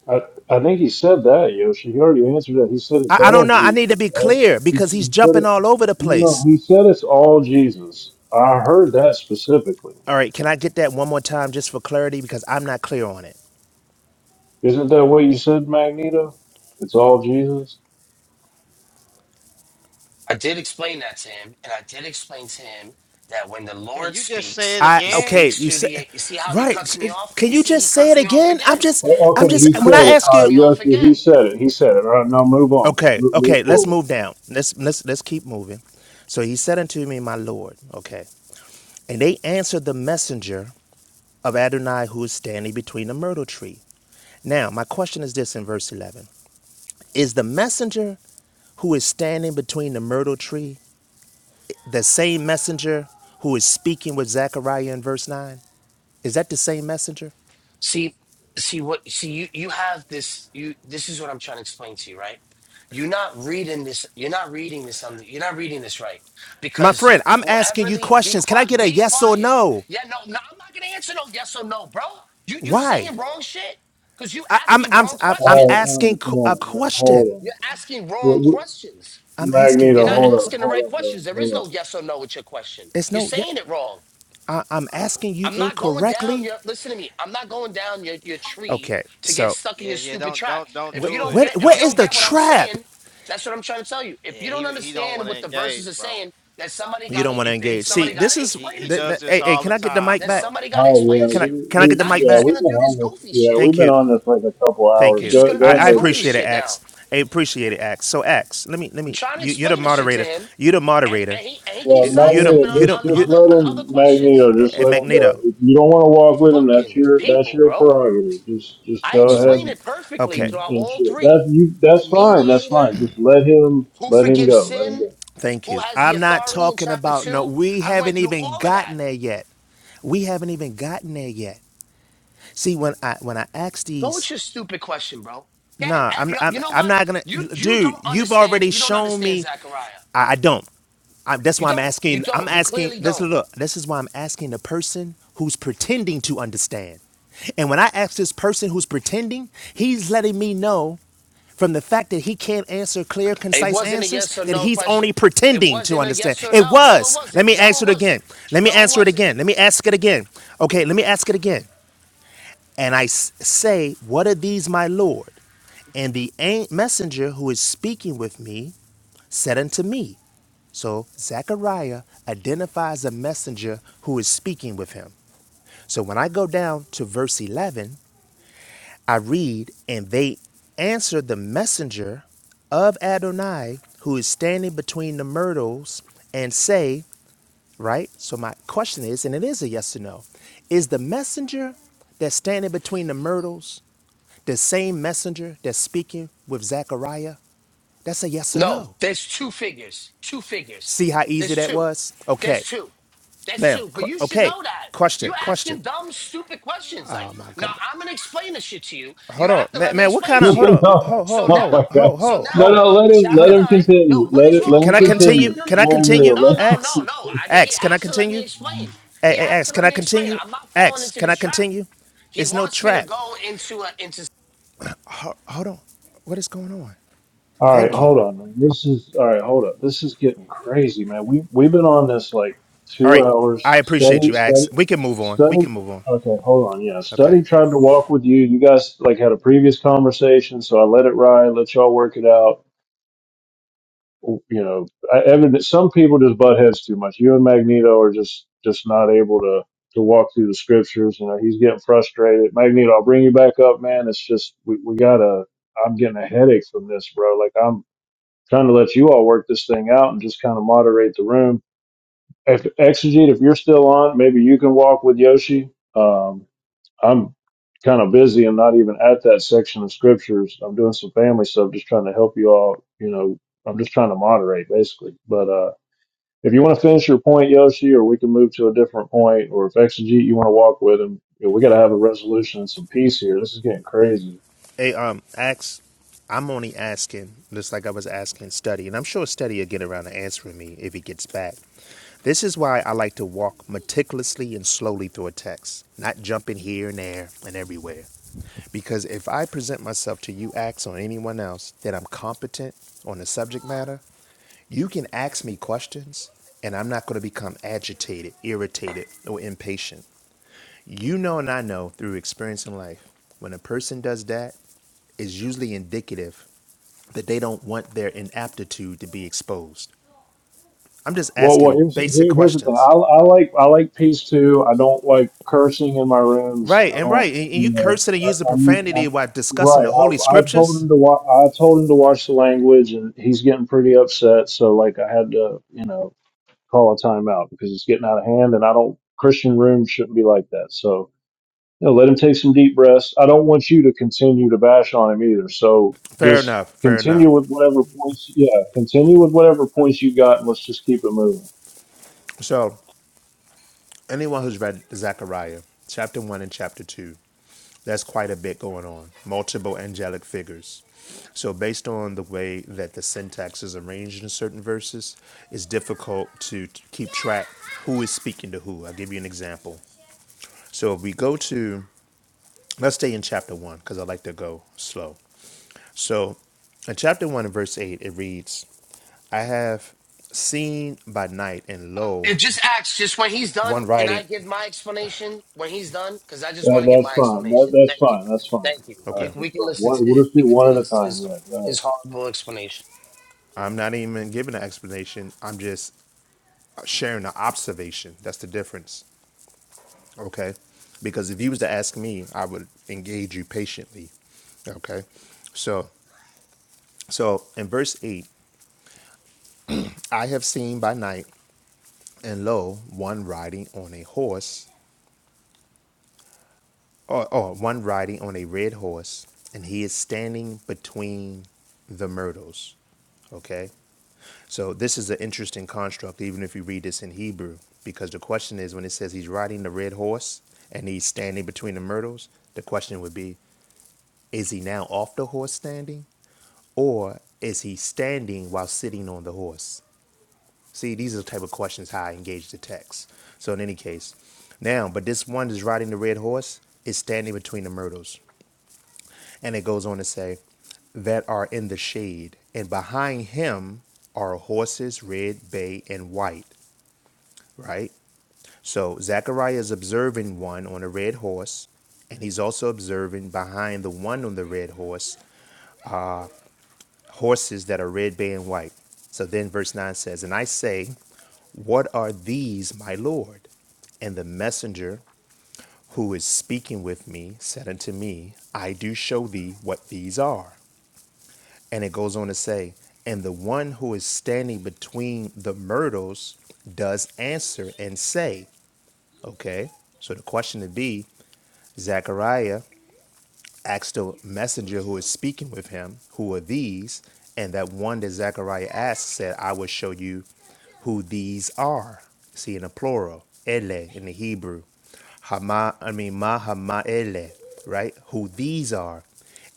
Speaker 4: I I think he said that, Yoshi. He already answered that. He said it's
Speaker 19: I, I don't
Speaker 4: all
Speaker 19: know. I
Speaker 4: Jesus.
Speaker 19: need to be
Speaker 4: Right?
Speaker 19: clear
Speaker 4: He, s-
Speaker 19: because he's
Speaker 4: he said
Speaker 19: jumping
Speaker 4: it.
Speaker 19: all over the
Speaker 4: No, no,
Speaker 19: place.
Speaker 4: he said it's all Jesus. I heard that specifically.
Speaker 19: All right, can I get that one more time just for clarity because I'm not clear on it.
Speaker 4: Isn't that what you said, Magneto? It's all Jesus.
Speaker 18: I did explain that to him, and I did explain to him that when the
Speaker 8: And
Speaker 18: Lord
Speaker 8: you just say
Speaker 18: speaks,
Speaker 8: it
Speaker 19: I
Speaker 18: He
Speaker 8: again?
Speaker 19: okay,
Speaker 18: speaks
Speaker 19: you
Speaker 18: through
Speaker 19: said
Speaker 18: the. You see how He
Speaker 19: right.
Speaker 18: cuts me off?
Speaker 19: Can
Speaker 18: You
Speaker 19: you
Speaker 18: see He
Speaker 19: just say
Speaker 18: cuts
Speaker 19: it
Speaker 18: me off
Speaker 19: again? I'm
Speaker 18: again.
Speaker 19: just
Speaker 4: O-
Speaker 19: I'm
Speaker 4: Okay,
Speaker 18: He
Speaker 19: just
Speaker 4: he
Speaker 19: when
Speaker 18: cuts.
Speaker 4: said
Speaker 18: He
Speaker 19: I
Speaker 4: it.
Speaker 19: ask
Speaker 4: All
Speaker 18: cuts
Speaker 19: you
Speaker 4: right,
Speaker 18: me off
Speaker 4: Yoshi, he
Speaker 18: again.
Speaker 4: said it. He said it. All right, now move on.
Speaker 19: Okay,
Speaker 4: Move, move
Speaker 19: okay, let's
Speaker 4: forward.
Speaker 19: move down. Let's let's let's keep moving. So he said unto me, My Lord, okay. And they answered the messenger of Adonai who is standing between the myrtle tree. Now, my question is this in verse 11. Is the messenger who is standing between the myrtle tree the same messenger who is speaking with Zechariah in verse 9? Is that the same messenger?
Speaker 18: See, see what see you you have this you this is what I'm trying to explain to you, right? You're not reading this you're not reading this on the, you're not reading this right
Speaker 19: My
Speaker 18: because
Speaker 19: friend, I'm asking
Speaker 18: whoever
Speaker 19: you
Speaker 18: the be
Speaker 19: questions. Can I
Speaker 18: quiet
Speaker 19: get a
Speaker 18: be
Speaker 19: yes or
Speaker 18: quiet.
Speaker 19: no?
Speaker 18: Yeah, no, no, I'm not gonna answer no yes or no, bro. You you
Speaker 19: Why?
Speaker 18: saying wrong shit because you
Speaker 19: I'm
Speaker 18: asking
Speaker 19: I'm
Speaker 18: wrong
Speaker 19: I'm, I'm
Speaker 4: All right,
Speaker 18: questions.
Speaker 4: all
Speaker 19: asking
Speaker 4: right, come
Speaker 19: qu-
Speaker 4: on,
Speaker 19: a
Speaker 4: all right, hold
Speaker 19: question.
Speaker 4: on.
Speaker 18: You're asking
Speaker 4: What,
Speaker 18: wrong
Speaker 4: what,
Speaker 18: questions.
Speaker 19: I'm asking
Speaker 18: You're
Speaker 4: Magneto,
Speaker 18: not
Speaker 19: wrong.
Speaker 4: hold
Speaker 19: Que-
Speaker 4: up,
Speaker 18: asking the right
Speaker 4: hold up, bro,
Speaker 18: questions. There
Speaker 4: hold
Speaker 18: is
Speaker 4: up.
Speaker 18: no yes or no with your question.
Speaker 19: it's
Speaker 18: You're
Speaker 19: no. Yeah,
Speaker 18: saying it wrong.
Speaker 19: I, I'm asking you
Speaker 18: I'm not going down
Speaker 19: incorrectly.
Speaker 18: your listen to me. I'm not going down your, your tree
Speaker 19: Okay,
Speaker 18: to get
Speaker 19: so
Speaker 18: stuck in
Speaker 8: Yeah,
Speaker 18: your
Speaker 8: yeah.
Speaker 18: stupid
Speaker 8: Don't
Speaker 18: trap.
Speaker 8: don't don't
Speaker 18: If
Speaker 19: what
Speaker 18: you
Speaker 8: do
Speaker 18: don't
Speaker 8: it,
Speaker 19: what
Speaker 18: get if
Speaker 19: what
Speaker 18: you
Speaker 19: is
Speaker 18: don't
Speaker 8: Yoshi.
Speaker 19: the
Speaker 18: get what I'm
Speaker 19: trap?
Speaker 18: saying, that's what I'm trying to tell you. If
Speaker 8: Yeah,
Speaker 18: you don't
Speaker 8: he he don't
Speaker 18: understand
Speaker 8: want to
Speaker 18: what the verses
Speaker 8: engage,
Speaker 18: are
Speaker 8: bro.
Speaker 18: saying, then somebody
Speaker 19: You
Speaker 18: gotta
Speaker 19: don't want to
Speaker 18: then
Speaker 19: engage. See,
Speaker 18: somebody
Speaker 8: Yeah,
Speaker 19: this
Speaker 18: gotta
Speaker 19: is.
Speaker 8: he
Speaker 18: explain
Speaker 8: he
Speaker 18: it
Speaker 19: Th-
Speaker 18: to
Speaker 8: does
Speaker 19: th-
Speaker 18: you.
Speaker 8: this
Speaker 19: hey, hey,
Speaker 8: all
Speaker 19: can
Speaker 8: the
Speaker 19: I get the
Speaker 8: time,
Speaker 19: mic
Speaker 18: Then
Speaker 19: back?
Speaker 8: bro.
Speaker 18: somebody gotta
Speaker 4: All right,
Speaker 18: explain
Speaker 4: yeah,
Speaker 18: it
Speaker 19: Can
Speaker 18: to
Speaker 19: I
Speaker 18: you.
Speaker 4: we,
Speaker 19: can I get
Speaker 4: we,
Speaker 19: the
Speaker 18: Now
Speaker 19: mic
Speaker 18: you're
Speaker 4: yeah,
Speaker 18: just
Speaker 19: back?
Speaker 4: we've
Speaker 18: gonna
Speaker 4: been
Speaker 18: do
Speaker 4: on
Speaker 18: this
Speaker 4: this,
Speaker 18: goofy
Speaker 4: yeah,
Speaker 18: shit.
Speaker 4: we've
Speaker 19: Thank
Speaker 4: been
Speaker 19: you,
Speaker 4: on this like a couple
Speaker 19: thank
Speaker 4: hours.
Speaker 18: You're
Speaker 19: you.
Speaker 18: just
Speaker 4: Go,
Speaker 18: gonna
Speaker 19: I,
Speaker 4: go
Speaker 18: do
Speaker 19: I
Speaker 18: this
Speaker 4: ahead,
Speaker 18: goofy
Speaker 19: appreciate it,
Speaker 4: Richie.
Speaker 18: shit now.
Speaker 19: Ax. I appreciate it, Ax. So Ax, let me let
Speaker 18: I'm
Speaker 19: me.
Speaker 18: trying to
Speaker 19: You, you're the
Speaker 18: explain this shit to
Speaker 19: moderator.
Speaker 18: him.
Speaker 19: You're the
Speaker 18: And,
Speaker 19: moderator.
Speaker 18: and he and he
Speaker 4: Well,
Speaker 18: keeps
Speaker 19: You're the
Speaker 18: sidestepping
Speaker 4: Magneto,
Speaker 18: on,
Speaker 19: you're the
Speaker 4: just,
Speaker 18: on
Speaker 19: you.
Speaker 4: just
Speaker 18: other
Speaker 4: let
Speaker 18: on
Speaker 4: him,
Speaker 18: other questions.
Speaker 4: Magneto, just
Speaker 19: And
Speaker 4: let him go.
Speaker 19: Magneto.
Speaker 4: If you don't want to walk with him, that's
Speaker 18: Fucking
Speaker 4: your, that's
Speaker 18: people,
Speaker 4: your
Speaker 18: bro.
Speaker 4: prerogative. Just, just
Speaker 18: I
Speaker 4: go ahead
Speaker 19: Listen.
Speaker 18: explain it perfectly
Speaker 19: Okay.
Speaker 4: and,
Speaker 18: throughout
Speaker 4: and
Speaker 18: all
Speaker 4: shit.
Speaker 18: three.
Speaker 4: That's you,
Speaker 18: The
Speaker 4: that's fine, that's fine.
Speaker 18: mediator,
Speaker 4: Just let him,
Speaker 18: who
Speaker 4: let him
Speaker 18: forgives
Speaker 4: go, let him
Speaker 18: sin,
Speaker 4: go.
Speaker 19: Thank
Speaker 18: who
Speaker 19: you.
Speaker 18: has the
Speaker 19: I'm not
Speaker 18: authority in
Speaker 19: talking
Speaker 18: chapter
Speaker 19: about no,
Speaker 18: two.
Speaker 19: we
Speaker 18: I went
Speaker 19: haven't
Speaker 18: through
Speaker 19: even
Speaker 18: all of that.
Speaker 19: gotten there yet. We haven't even gotten there yet. See, when I when I ask
Speaker 18: Go with
Speaker 19: these,
Speaker 18: your stupid question, bro. Dad,
Speaker 19: nah,
Speaker 18: eh,
Speaker 19: I'm
Speaker 18: you
Speaker 19: I'm
Speaker 18: you know
Speaker 19: I'm
Speaker 18: what?
Speaker 19: not gonna
Speaker 18: You you don't
Speaker 19: dude, you've
Speaker 18: understand.
Speaker 19: already
Speaker 18: You don't
Speaker 19: shown
Speaker 18: understand
Speaker 19: me
Speaker 18: Zechariah.
Speaker 19: I, I don't. I, that's
Speaker 18: You
Speaker 19: why I'm
Speaker 18: don't. You
Speaker 19: asking. I'm
Speaker 18: don't. You
Speaker 19: asking.
Speaker 18: clearly
Speaker 19: This
Speaker 18: don't.
Speaker 19: look. This is why I'm asking the person who's pretending to understand. And when I ask this person who's pretending, he's letting me know from the fact that he can't answer clear,
Speaker 18: It
Speaker 19: concise
Speaker 18: wasn't a
Speaker 19: answers
Speaker 18: yes or
Speaker 19: that
Speaker 18: no
Speaker 19: he's
Speaker 18: question.
Speaker 19: only
Speaker 18: It
Speaker 19: pretending to
Speaker 18: wasn't a
Speaker 19: understand.
Speaker 18: yes or
Speaker 19: It
Speaker 18: no. No, it
Speaker 19: was. Let
Speaker 18: wasn't.
Speaker 19: me
Speaker 18: No,
Speaker 19: answer
Speaker 18: it
Speaker 19: it
Speaker 18: wasn't.
Speaker 19: again. Let me
Speaker 18: No, it
Speaker 19: answer it
Speaker 18: wasn't.
Speaker 19: again. Let me ask it again. Okay. Let me ask it again. And I s- say, What are these, my Lord? And the an- messenger who is speaking with me said unto me, So Zechariah identifies a messenger who is speaking with him. So when I go down to verse 11, I read, And they answered the messenger of Adonai who is standing between the myrtles and say, right? So my question is, and it is a yes or no, is the messenger that's standing between the myrtles the same messenger that's speaking with Zechariah? That's a yes or
Speaker 18: No,
Speaker 19: no.
Speaker 18: there's two figures. Two figures.
Speaker 19: See how easy
Speaker 18: There's
Speaker 19: that
Speaker 18: two.
Speaker 19: was?
Speaker 18: There's
Speaker 19: Okay.
Speaker 18: two. That's
Speaker 19: Now,
Speaker 18: two. But
Speaker 19: qu-
Speaker 18: you should
Speaker 19: okay.
Speaker 18: know that. You're
Speaker 19: Question, question.
Speaker 18: asking dumb, stupid questions. Like,
Speaker 19: Oh my
Speaker 18: now
Speaker 19: goodness.
Speaker 18: I'm gonna explain this shit to you. You
Speaker 19: Hold on.
Speaker 18: have to let
Speaker 19: Man,
Speaker 18: me
Speaker 19: man what
Speaker 18: explain
Speaker 19: kind
Speaker 18: it
Speaker 19: of,
Speaker 4: no,
Speaker 18: to
Speaker 19: hold
Speaker 18: you.
Speaker 19: on.
Speaker 4: no,
Speaker 19: Ho,
Speaker 18: So
Speaker 19: ho,
Speaker 4: oh my
Speaker 19: ho,
Speaker 18: now,
Speaker 4: God.
Speaker 19: ho,
Speaker 18: so
Speaker 19: ho,
Speaker 4: No,
Speaker 18: now,
Speaker 19: ho.
Speaker 4: no, let him,
Speaker 19: Hold
Speaker 4: let
Speaker 18: chapter
Speaker 19: on.
Speaker 4: him
Speaker 18: nine. No,
Speaker 4: continue.
Speaker 18: what
Speaker 4: Let
Speaker 18: is
Speaker 4: it,
Speaker 19: C-
Speaker 4: let
Speaker 18: wrong?
Speaker 19: can
Speaker 4: him
Speaker 19: I
Speaker 18: Well, no, no,
Speaker 19: continue?
Speaker 4: continue.
Speaker 18: no, no,
Speaker 19: Can
Speaker 18: no,
Speaker 19: I
Speaker 18: no, no,
Speaker 4: No,
Speaker 18: no, no,
Speaker 19: continue?
Speaker 4: no,
Speaker 18: no,
Speaker 4: let
Speaker 19: Ax?
Speaker 18: no. no. I, just, he
Speaker 19: Ax, can I
Speaker 18: has to let me
Speaker 19: continue?
Speaker 18: explain.
Speaker 19: Hey,
Speaker 18: He
Speaker 19: hey,
Speaker 18: has
Speaker 19: X,
Speaker 18: to
Speaker 19: can
Speaker 18: let
Speaker 19: I
Speaker 18: me explain.
Speaker 19: continue?
Speaker 18: I'm not falling
Speaker 19: Ax,
Speaker 18: into
Speaker 19: can I
Speaker 18: this trap.
Speaker 19: continue?
Speaker 18: He
Speaker 19: It's no
Speaker 18: wants me to
Speaker 19: trap.
Speaker 18: go into a into
Speaker 19: Ho- hold on. What is going on?
Speaker 4: All right,
Speaker 19: Thank you.
Speaker 4: hold on. man. This is all right. Hold up. This is getting crazy, man. We we've been on this like
Speaker 19: All
Speaker 4: two
Speaker 19: right. I
Speaker 4: hours.
Speaker 19: appreciate
Speaker 4: Study,
Speaker 19: you, Ax.
Speaker 4: study,
Speaker 19: We can move on. We can
Speaker 4: study.
Speaker 19: move on.
Speaker 4: Okay, hold on. Yeah, study
Speaker 19: Okay.
Speaker 4: tried to walk with you. You guys like had a previous conversation, so I let it ride. Let y'all work it out. you know, I, evident, some people just butt heads too much. You and Magneto are just just not able to to walk through the scriptures. You know, he's getting frustrated. Magneto, I'll bring you back up, man. It's just we we gotta. I'm getting a headache from this, bro. Like I'm trying to let you all work this thing out and just kind of moderate the room. If Exegete, if you're still on, maybe you can walk with Yoshi. Um, I'm kind of busy and not even at that section of scriptures. I'm doing some family stuff, just trying to help you all. You know, I'm just trying to moderate basically. But uh, if you want to finish your point, Yoshi, or we can move to a different point, or if Exegete you want to walk with him, you know, we got to have a resolution and some peace here. This is getting crazy.
Speaker 19: Hey, um, Ax. I'm only asking, just like I was asking Study, and I'm sure Study will get around to answering me if he gets back. This is why I like to walk meticulously and slowly through a text, not jumping here and there and everywhere. Because if I present myself to you, Ax, or anyone else, that I'm competent on the subject matter, you can ask me questions and I'm not going to become agitated, irritated, or impatient. You know, and I know through experience in life, when a person does that, it's usually indicative that they don't want their inaptitude to be exposed. I'm just
Speaker 4: Well, well,
Speaker 19: asking
Speaker 4: here's,
Speaker 19: basic
Speaker 4: here- here's the thing.
Speaker 19: questions.
Speaker 4: I, I like I like peace too. I don't like cursing in my rooms.
Speaker 19: Right,
Speaker 4: I
Speaker 19: and
Speaker 4: don't,
Speaker 19: right. And and you
Speaker 4: you know,
Speaker 19: cursing and
Speaker 4: I,
Speaker 19: using
Speaker 4: I need. I,
Speaker 19: profanity while discussing
Speaker 4: right.
Speaker 19: the holy
Speaker 4: I, I told
Speaker 19: scriptures?
Speaker 4: him to watch. I told him to watch the language, and he's getting pretty upset. So like, I had to, you know, call a timeout because it's getting out of hand, and I don't. Christian rooms shouldn't be like that. So you know, let him take some deep breaths. I don't want you to continue to bash on him either. So
Speaker 19: Fair
Speaker 4: just
Speaker 19: enough, fair
Speaker 4: continue
Speaker 19: enough.
Speaker 4: with whatever points. Yeah, continue with whatever points you got, and let's just keep it moving.
Speaker 19: So, anyone who's read Zechariah, chapter 1 and chapter 2, That's quite a bit going on. Multiple angelic figures. So, based on the way that the syntax is arranged in certain verses, it's difficult to keep track who is speaking to who. I'll give you an example. So, if we go to, let's stay in chapter one because I like to go slow. So, in chapter one and verse eight, it reads, I have seen by night, and lo,
Speaker 18: It just acts just when he's done.
Speaker 19: one
Speaker 18: Can I
Speaker 19: writing.
Speaker 18: give my explanation when he's done? Because I just want
Speaker 4: That,
Speaker 18: to give
Speaker 4: that's
Speaker 18: my
Speaker 4: fine. That,
Speaker 18: explanation.
Speaker 4: that's
Speaker 18: Thank you,
Speaker 4: fine. That's fine.
Speaker 18: thank you.
Speaker 4: All
Speaker 19: Okay,
Speaker 18: you
Speaker 4: right,
Speaker 18: can, we
Speaker 4: that's
Speaker 18: can
Speaker 4: fine.
Speaker 18: listen to
Speaker 4: One, we'll
Speaker 18: his.
Speaker 4: just
Speaker 18: We
Speaker 4: do
Speaker 18: can
Speaker 4: one at a
Speaker 18: listen to
Speaker 4: time.
Speaker 18: his
Speaker 4: Yeah, go ahead.
Speaker 18: his horrible explanation.
Speaker 19: I'm not even giving an explanation. I'm just sharing an observation. That's the difference. okay? Because if you was to ask me, I would engage you patiently, okay? So, so in verse eight, I have seen by night, and lo, one riding on a horse, or, or one riding on a red horse, and he is standing between the myrtles, okay? So this is an interesting construct, even if you read this in Hebrew, because the question is when it says he's riding the red horse and he's standing between the myrtles, the question would be, is he now off the horse standing? Or is he standing while sitting on the horse? See, these are the type of questions how I engage the text. So in any case, now, but this one that's riding the red horse is standing between the myrtles. And it goes on to say, that are in the shade, and behind him are horses, red, bay, and white, right? So Zechariah is observing one on a red horse, and he's also observing behind the one on the red horse horses that are red, bay, and white. So then verse 9 says, And I say, What are these, my Lord? And the messenger who is speaking with me said unto me, I do show thee what these are. And it goes on to say, And the one who is standing between the myrtles does answer and say, Okay, so the question would be, Zechariah, asked the messenger who was speaking with him, Who are these? And that one that Zechariah asked said, I will show you who these are. See, in the plural, ele in the Hebrew. Hama, I mean, ma hama ele, right? Who these are.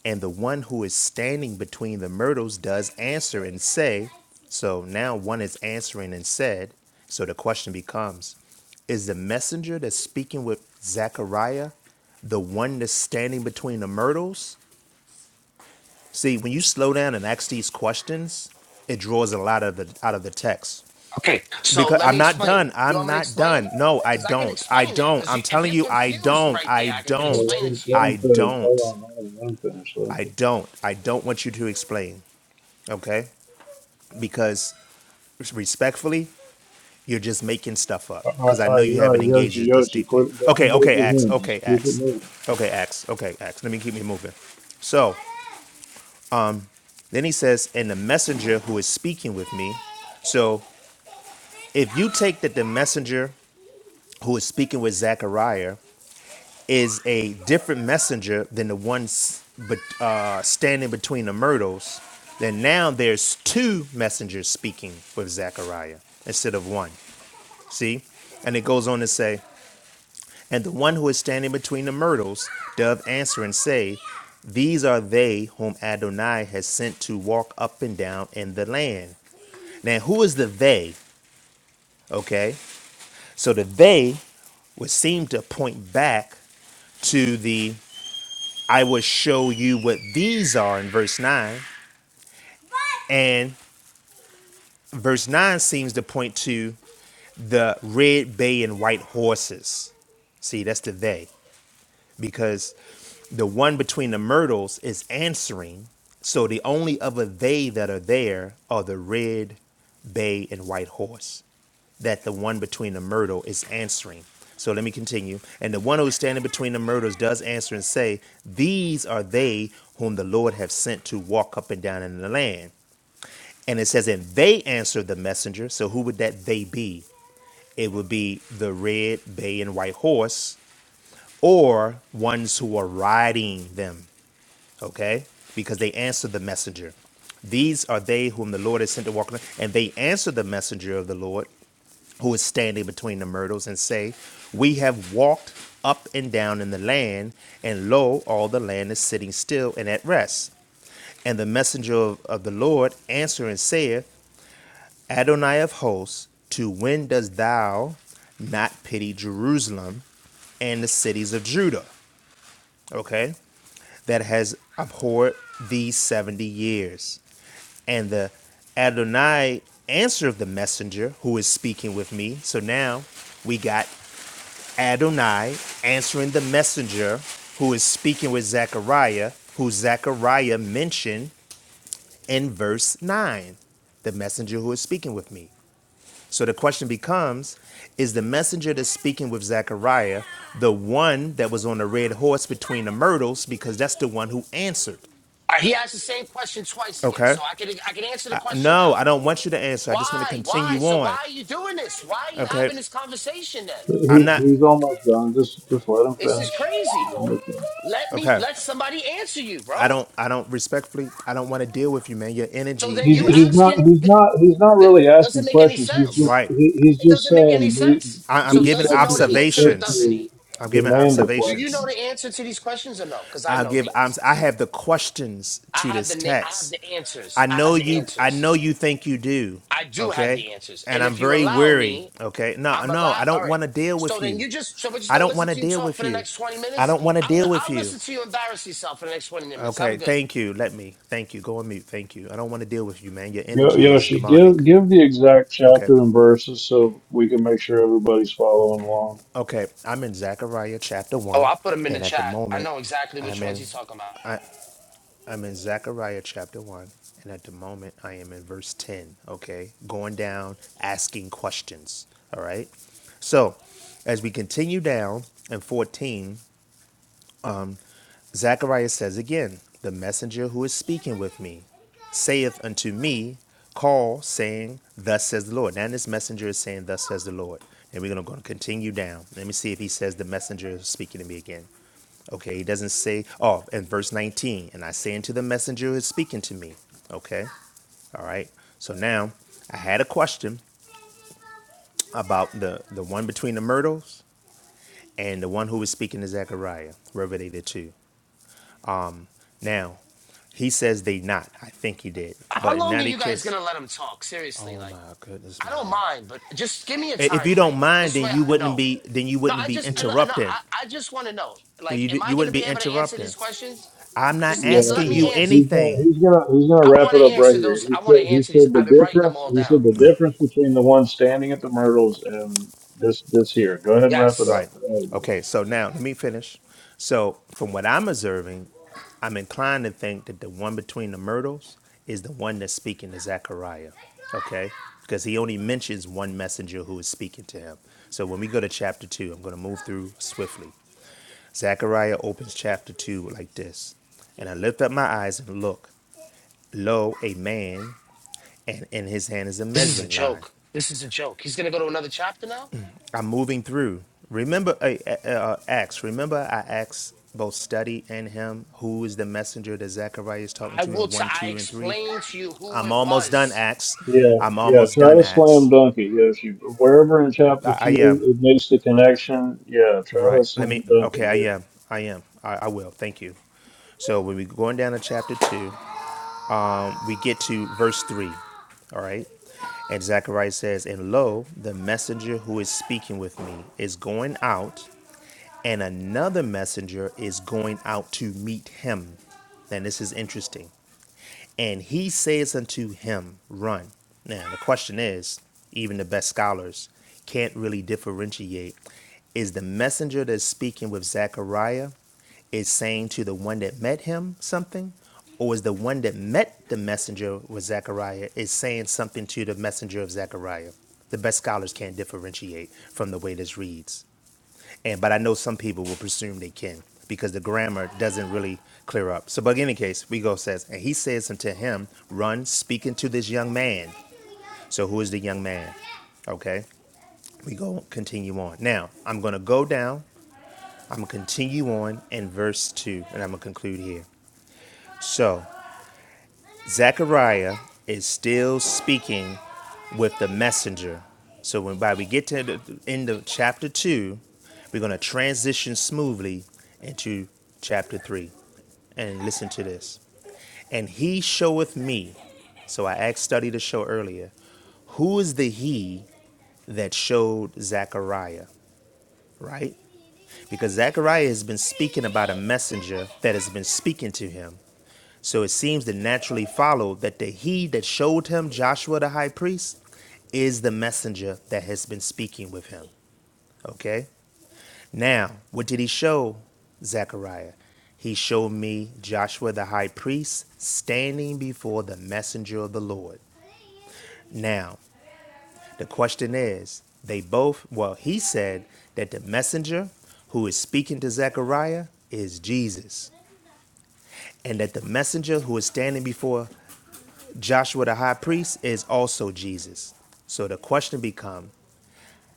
Speaker 19: And the one who is standing between the myrtles does answer and say, So now one is answering and said, So the question becomes, Is the messenger that's speaking with Zechariah the one that's standing between the myrtles? See, when you slow down and ask these questions, it draws a lot of the out of the text.
Speaker 18: Okay, so
Speaker 19: Because
Speaker 18: let
Speaker 19: I'm
Speaker 18: me
Speaker 19: not
Speaker 18: explain.
Speaker 19: done.
Speaker 18: You
Speaker 19: I'm
Speaker 18: want me to
Speaker 19: not
Speaker 18: explain?
Speaker 19: done. No, I
Speaker 18: Because I could
Speaker 19: don't. I
Speaker 18: explain that.
Speaker 19: don't.
Speaker 18: Because you,
Speaker 19: I'm
Speaker 18: if
Speaker 19: telling
Speaker 18: you're
Speaker 19: you, I
Speaker 18: confused
Speaker 19: don't.
Speaker 18: right there,
Speaker 19: I
Speaker 18: I can, could
Speaker 4: Yeah,
Speaker 19: don't.
Speaker 4: let
Speaker 18: explain it
Speaker 4: him,
Speaker 18: to
Speaker 4: let
Speaker 18: you.
Speaker 4: him
Speaker 19: I
Speaker 4: finish. Hold
Speaker 19: don't.
Speaker 4: on. Let him, let him finish. Let him
Speaker 19: I
Speaker 4: finish.
Speaker 19: don't. I don't want you to explain. okay? Because respectfully, you're just making stuff up.
Speaker 4: All
Speaker 19: Because
Speaker 4: right,
Speaker 19: I know
Speaker 4: all
Speaker 19: you
Speaker 4: right, all
Speaker 19: haven't
Speaker 4: right.
Speaker 19: engaged
Speaker 4: Yoshi,
Speaker 19: it this
Speaker 4: Yoshi,
Speaker 19: deeply.
Speaker 4: quit.
Speaker 19: Okay,
Speaker 4: Don't go
Speaker 19: okay,
Speaker 4: to
Speaker 19: Axe.
Speaker 4: him.
Speaker 19: Okay,
Speaker 4: Just keep it
Speaker 19: Axe.
Speaker 4: moving.
Speaker 19: Okay, Axe. Okay, Axe. Let me keep me moving. So then he says, and the messenger who is speaking with me. So if you take that the messenger who is speaking with Zechariah is a different messenger than the one s- but uh, standing between the myrtles, then now there's two messengers speaking with Zechariah instead of one. See? And it goes on to say, And the one who is standing between the myrtles doth answer and say, These are they whom Adonai has sent to walk up and down in the land. Now, who is the they? Okay. So the they would seem to point back to the I will show you what these are in verse 9. And verse 9 seems to point to the red bay and white horses. See, that's the they. because the one between the myrtles is answering. So the only other they that are there are the red, bay, and white horse that the one between the myrtle is answering. So let me continue. And the one who is standing between the myrtles does answer and say, These are they whom the Lord have sent to walk up and down in the land. And it says, And they answered the messenger. So who would that they be? It would be the red, bay, and white horse or ones who are riding them, okay? Because they answer the messenger. These are they whom the Lord has sent to walk, on- and they answer the messenger of the Lord who is standing between the myrtles and say, We have walked up and down in the land, and lo, all the land is sitting still and at rest. And the messenger of, of the Lord answer and saith, Adonai of hosts, to when dost thou not pity Jerusalem and the cities of Judah? Okay? that has abhorred these 70 years. And the Adonai answered the messenger who is speaking with me. So now we got Adonai answering the messenger who is speaking with Zechariah, who Zechariah mentioned in verse 9, the messenger who is speaking with me. So the question becomes Is the messenger that's speaking with Zechariah the one that was on the red horse between the myrtles? Because that's the one who answered.
Speaker 18: Uh, He asked the same question twice again,
Speaker 19: Okay.
Speaker 18: so I could I can answer the question
Speaker 19: No,
Speaker 18: now.
Speaker 19: I don't want you to answer. I just want to
Speaker 18: Why? Why?
Speaker 19: continue
Speaker 18: So why
Speaker 19: on.
Speaker 18: are you doing this? Why are you
Speaker 19: Okay.
Speaker 18: having this conversation then?
Speaker 4: He,
Speaker 19: I'm not
Speaker 4: he's almost done. Just, just let him
Speaker 18: This is
Speaker 4: finish. He's
Speaker 18: crazy.
Speaker 4: almost done.
Speaker 18: Let me
Speaker 19: okay.
Speaker 18: let somebody answer you,
Speaker 19: I
Speaker 18: bro.
Speaker 19: don't I don't respectfully I don't want to deal with you, man. Your
Speaker 18: So
Speaker 19: energy
Speaker 18: then
Speaker 4: He's,
Speaker 18: you
Speaker 19: is
Speaker 4: he's not,
Speaker 18: asking
Speaker 4: he's
Speaker 18: that
Speaker 4: not, he's not really
Speaker 18: doesn't
Speaker 4: asking
Speaker 18: make any
Speaker 4: questions. He's just,
Speaker 18: sense.
Speaker 19: right.
Speaker 4: he, he's
Speaker 18: It
Speaker 4: just
Speaker 18: doesn't make any
Speaker 4: saying the,
Speaker 18: sense.
Speaker 19: I, I'm
Speaker 18: So
Speaker 4: these
Speaker 19: giving
Speaker 18: does he know the
Speaker 4: sections of
Speaker 18: answer or
Speaker 19: observations.
Speaker 18: doesn't
Speaker 4: scripture
Speaker 18: he?
Speaker 19: I'm giving
Speaker 4: demand a
Speaker 18: Do you
Speaker 4: question.
Speaker 18: know
Speaker 19: observations.
Speaker 18: the answer to these questions or no? Because I
Speaker 19: I
Speaker 18: know
Speaker 19: give
Speaker 18: the
Speaker 19: I'm I
Speaker 18: answers.
Speaker 19: have the questions
Speaker 18: I
Speaker 19: to
Speaker 18: have
Speaker 19: this
Speaker 18: the na- I have
Speaker 19: text.
Speaker 18: the answers.
Speaker 19: I
Speaker 18: I
Speaker 19: know
Speaker 18: have the
Speaker 19: you I
Speaker 18: answers.
Speaker 19: know you think you do,
Speaker 18: I do have
Speaker 19: okay?
Speaker 18: the answers.
Speaker 19: And
Speaker 18: And
Speaker 19: I'm
Speaker 18: if you
Speaker 19: very
Speaker 18: allow
Speaker 19: weary,
Speaker 18: me,
Speaker 19: okay? No,
Speaker 18: I'm
Speaker 19: no, I
Speaker 18: allowed. All
Speaker 19: don't
Speaker 18: right.
Speaker 19: want to deal
Speaker 18: So
Speaker 19: with
Speaker 18: then
Speaker 19: you.
Speaker 18: you just so we're just
Speaker 19: I
Speaker 18: gonna
Speaker 19: don't want
Speaker 18: listen
Speaker 19: to
Speaker 18: to you
Speaker 19: deal
Speaker 18: talk
Speaker 19: with
Speaker 18: for the
Speaker 19: you.
Speaker 18: next twenty
Speaker 19: I
Speaker 18: minutes.
Speaker 19: don't want to
Speaker 18: I'll
Speaker 19: deal with
Speaker 18: I'll
Speaker 19: you.
Speaker 18: listen to you embarrass yourself for the next twenty minutes.
Speaker 19: Okay,
Speaker 18: I'm good.
Speaker 19: thank you. Let me. Thank you. Go on mute. Thank you. I don't want to deal with you, man. Your
Speaker 4: Yo-
Speaker 19: energy is
Speaker 4: Yoshi,
Speaker 19: demonic.
Speaker 4: give give the exact
Speaker 19: Okay.
Speaker 4: chapter and verses so we can make sure everybody's following along.
Speaker 19: Okay. I'm in Zechariah chapter
Speaker 18: Oh,
Speaker 19: 1,
Speaker 18: I'll put him in the
Speaker 19: and at the
Speaker 18: chat. I
Speaker 19: moment
Speaker 18: know exactly which
Speaker 19: I'm
Speaker 18: ones
Speaker 19: in
Speaker 18: he's talking about.
Speaker 19: I'm in Zechariah chapter 1, and at the moment I am in verse 10, okay? Going down asking questions, all right? So, as we continue down in 14, Zacharias says again, The messenger who is speaking with me saith unto me, Call, saying, Thus says the Lord. Now this messenger is saying, Thus says the Lord. And we're going to continue down. Let me see if he says, The messenger is speaking to me again. Okay, he doesn't say, Oh, in verse 19, and I say unto the messenger who is speaking to me. Okay, all right. So now I had a question about the, the one between the myrtles and the one who was speaking to Zechariah. Wherever they the two. Now, he says they not. I think he did.
Speaker 18: How
Speaker 19: But in
Speaker 18: long are
Speaker 19: that
Speaker 18: you guys
Speaker 19: case,
Speaker 18: gonna let him talk? Seriously,
Speaker 19: oh
Speaker 18: like.
Speaker 19: my goodness,
Speaker 18: I don't
Speaker 19: man.
Speaker 18: mind, but just give me a
Speaker 19: If
Speaker 18: time
Speaker 19: you don't
Speaker 18: frame.
Speaker 19: mind,
Speaker 18: This way,
Speaker 19: then you
Speaker 18: I
Speaker 19: wouldn't
Speaker 18: know.
Speaker 19: be then you
Speaker 18: No,
Speaker 19: wouldn't
Speaker 18: I
Speaker 19: be
Speaker 18: just I, no,
Speaker 19: interrupting.
Speaker 18: I, I just want to know. Like,
Speaker 19: You
Speaker 18: am I
Speaker 19: you
Speaker 18: going to
Speaker 19: wouldn't
Speaker 18: be
Speaker 19: be
Speaker 18: able to answer
Speaker 19: interrupting.
Speaker 18: these questions?
Speaker 19: I'm not
Speaker 18: Just
Speaker 4: Yeah,
Speaker 18: and let
Speaker 19: asking
Speaker 18: me
Speaker 19: you
Speaker 4: yeah.
Speaker 18: answer.
Speaker 4: He's gonna
Speaker 19: anything.
Speaker 4: he's gonna he's gonna
Speaker 18: I
Speaker 4: wrap
Speaker 18: want
Speaker 4: it
Speaker 18: to
Speaker 4: up right
Speaker 18: answer
Speaker 4: here.
Speaker 18: those.
Speaker 4: He
Speaker 18: I want to
Speaker 4: said he
Speaker 18: answer these.
Speaker 4: said the
Speaker 18: I've been writing them
Speaker 4: difference
Speaker 18: all
Speaker 4: he said
Speaker 18: down.
Speaker 4: the difference between the one standing at the myrtles and this this here. Go ahead and wrap it
Speaker 18: Yes,
Speaker 19: Right.
Speaker 4: up. There it is.
Speaker 19: Okay. So now let me finish. So from what I'm observing, I'm inclined to think that the one between the myrtles is the one that's speaking to Zechariah. Okay. Because he only mentions one messenger who is speaking to him. So when we go to chapter two, I'm going to move through swiftly. Zechariah opens chapter two like this. And I lift up my eyes and look. Lo, a man, and in his hand is a
Speaker 18: this is a
Speaker 19: measuring line.
Speaker 18: joke. This is a joke. He's going to go to another chapter now.
Speaker 19: I'm moving through. Remember, uh, uh, uh, Acts. Remember, I asked both study and him who is the messenger that Zechariah is talking
Speaker 18: I
Speaker 19: to
Speaker 18: will.
Speaker 19: in
Speaker 18: T-
Speaker 19: one,
Speaker 18: I
Speaker 19: two, and three.
Speaker 18: explained to you who
Speaker 19: I'm
Speaker 18: it
Speaker 19: almost done,
Speaker 18: was.
Speaker 19: Acts.
Speaker 4: Yeah,
Speaker 19: I'm
Speaker 4: yeah.
Speaker 19: almost
Speaker 4: Try
Speaker 19: done,
Speaker 4: to slam
Speaker 19: Acts.
Speaker 4: dunk it, Yoshi. Wherever in
Speaker 19: I,
Speaker 4: chapter
Speaker 19: I
Speaker 4: two
Speaker 19: am
Speaker 4: it makes the connection, yeah, try to
Speaker 19: right. Let
Speaker 4: slam
Speaker 19: me.
Speaker 4: dunk
Speaker 19: Okay, I
Speaker 4: it.
Speaker 19: am. I am. I, I will. Thank you. So when we're going down to chapter two, we get to verse three. All right. And Zechariah says, And lo, the messenger who is speaking with me is going out and another messenger is going out to meet him. And this is interesting. And he says unto him, Run. Now, the question is even the best scholars can't really differentiate is the messenger that's speaking with Zechariah is saying to the one that met him something, or is the one that met the messenger with Zechariah is saying something to the messenger of Zechariah? The best scholars can't differentiate from the way this reads and but I know some people will presume they can because the grammar doesn't really clear up. So, but in any case, we go says, and he says unto him, "Run, speaking to this young man." So, who is the young man? Okay, we go continue on. Now, I'm going to go down. I'm going to continue on in verse two, and I'm going to conclude here. So. Zechariah is still speaking with the messenger. So when by we get to the end of chapter two, we're going to transition smoothly into chapter three. And listen to this. And he showeth me. So I asked study to show earlier. Who is the he that showed Zechariah? Right? Because Zechariah has been speaking about a messenger that has been speaking to him. So it seems to naturally follow that the he that showed him Joshua the high priest is the messenger that has been speaking with him. Okay? Now, what did he show Zechariah? He showed me Joshua the high priest standing before the messenger of the Lord. Now, the question is, they both, well, he said that the messenger who is speaking to Zechariah is Jesus, and that the messenger who is standing before Joshua the high priest is also Jesus. So the question becomes: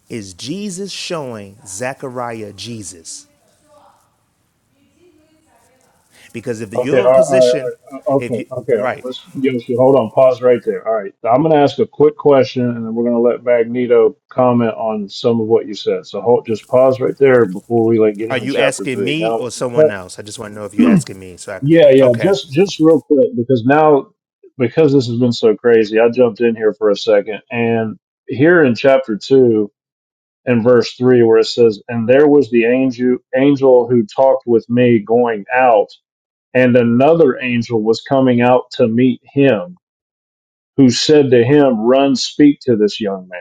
Speaker 19: is Jesus showing Zechariah Jesus? Because if
Speaker 4: Okay,
Speaker 19: your
Speaker 4: all right, all right, all
Speaker 19: position,
Speaker 4: right.
Speaker 19: if
Speaker 4: okay,
Speaker 19: you
Speaker 4: okay. All right.
Speaker 19: right,
Speaker 4: Let's Yoshi, hold on, pause right there. All right, I'm going to ask a quick question, and then we're going to let Magneto comment on some of what you said. So hold, just pause right there before we like get
Speaker 19: are
Speaker 4: into
Speaker 19: you
Speaker 4: chapter
Speaker 19: asking
Speaker 4: three.
Speaker 19: me
Speaker 4: Now,
Speaker 19: or someone else? I just want to know if you're asking me. So
Speaker 4: yeah,
Speaker 19: I
Speaker 4: yeah,
Speaker 19: okay.
Speaker 4: just just real quick because now because this has been so crazy, I jumped in here for a second, and here in chapter two and verse three, where it says, "And there was the angel angel who talked with me going out." and another angel was coming out to meet him, who said to him, Run, speak to this young man.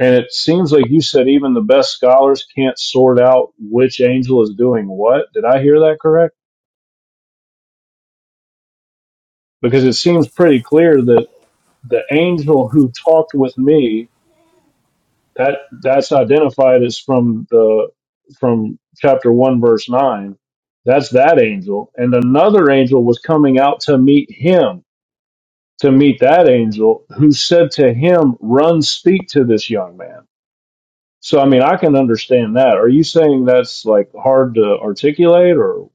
Speaker 4: And it seems like you said even the best scholars can't sort out which angel is doing what. Did I hear that correct? Because it seems pretty clear that the angel who talked with me, that that's identified as from the from chapter one verse nine. That's that angel. And another angel was coming out to meet him to meet that angel who said to him, Run, speak to this young man. So, I mean, I can understand that. Are you saying that's like hard to articulate or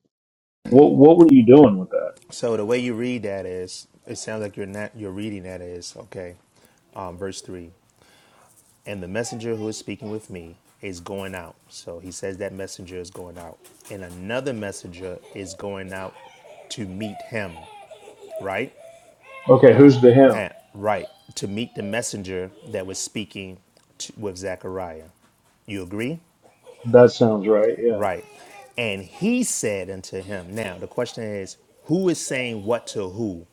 Speaker 4: what, what were you doing with that?
Speaker 19: So the way you read that is, it sounds like you're not you're reading that is okay. Um, verse three. and the messenger who is speaking with me is going out. So he says that messenger is going out, and another messenger is going out to meet him, right?
Speaker 4: Okay, who's the him?
Speaker 19: Now, right, to meet the messenger that was speaking to, with Zechariah. You agree?
Speaker 4: That sounds right.
Speaker 19: Right. And he said unto him, now the question is, who is saying what to who?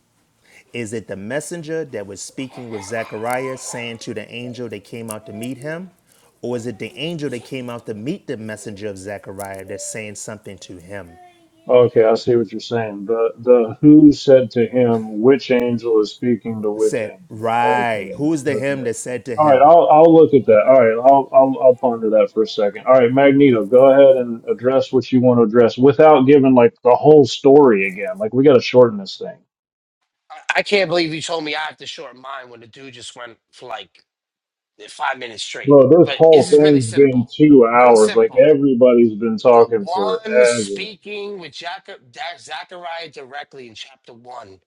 Speaker 19: Is it the messenger that was speaking with Zechariah, saying to the angel that came out to meet him? Or is it the angel that came out to meet the messenger of Zechariah that's saying something to him?
Speaker 4: Okay, I see what you're saying. The the who said to him, which angel is speaking to which
Speaker 19: Said,
Speaker 4: angel? Okay,
Speaker 19: right. Who is the him
Speaker 4: okay.
Speaker 19: that said to
Speaker 4: All right,
Speaker 19: him?
Speaker 4: I'll I'll look at that. All right, I'll I'll I'll ponder that for a second. All right, Magneto, go ahead and address what you want to address without giving like the whole story again. Like we got to shorten this thing,
Speaker 18: I, I can't believe you told me I have to shorten mine when the dude just went for like five minutes straight.
Speaker 4: bro. This
Speaker 18: But this
Speaker 4: whole
Speaker 18: is really
Speaker 4: thing's been
Speaker 18: simple.
Speaker 4: two
Speaker 18: Really
Speaker 4: hours. Like
Speaker 18: simple.
Speaker 4: everybody's been
Speaker 18: The
Speaker 4: talking
Speaker 18: one
Speaker 4: forever.
Speaker 18: speaking with Jacob, Zechariah directly in chapter one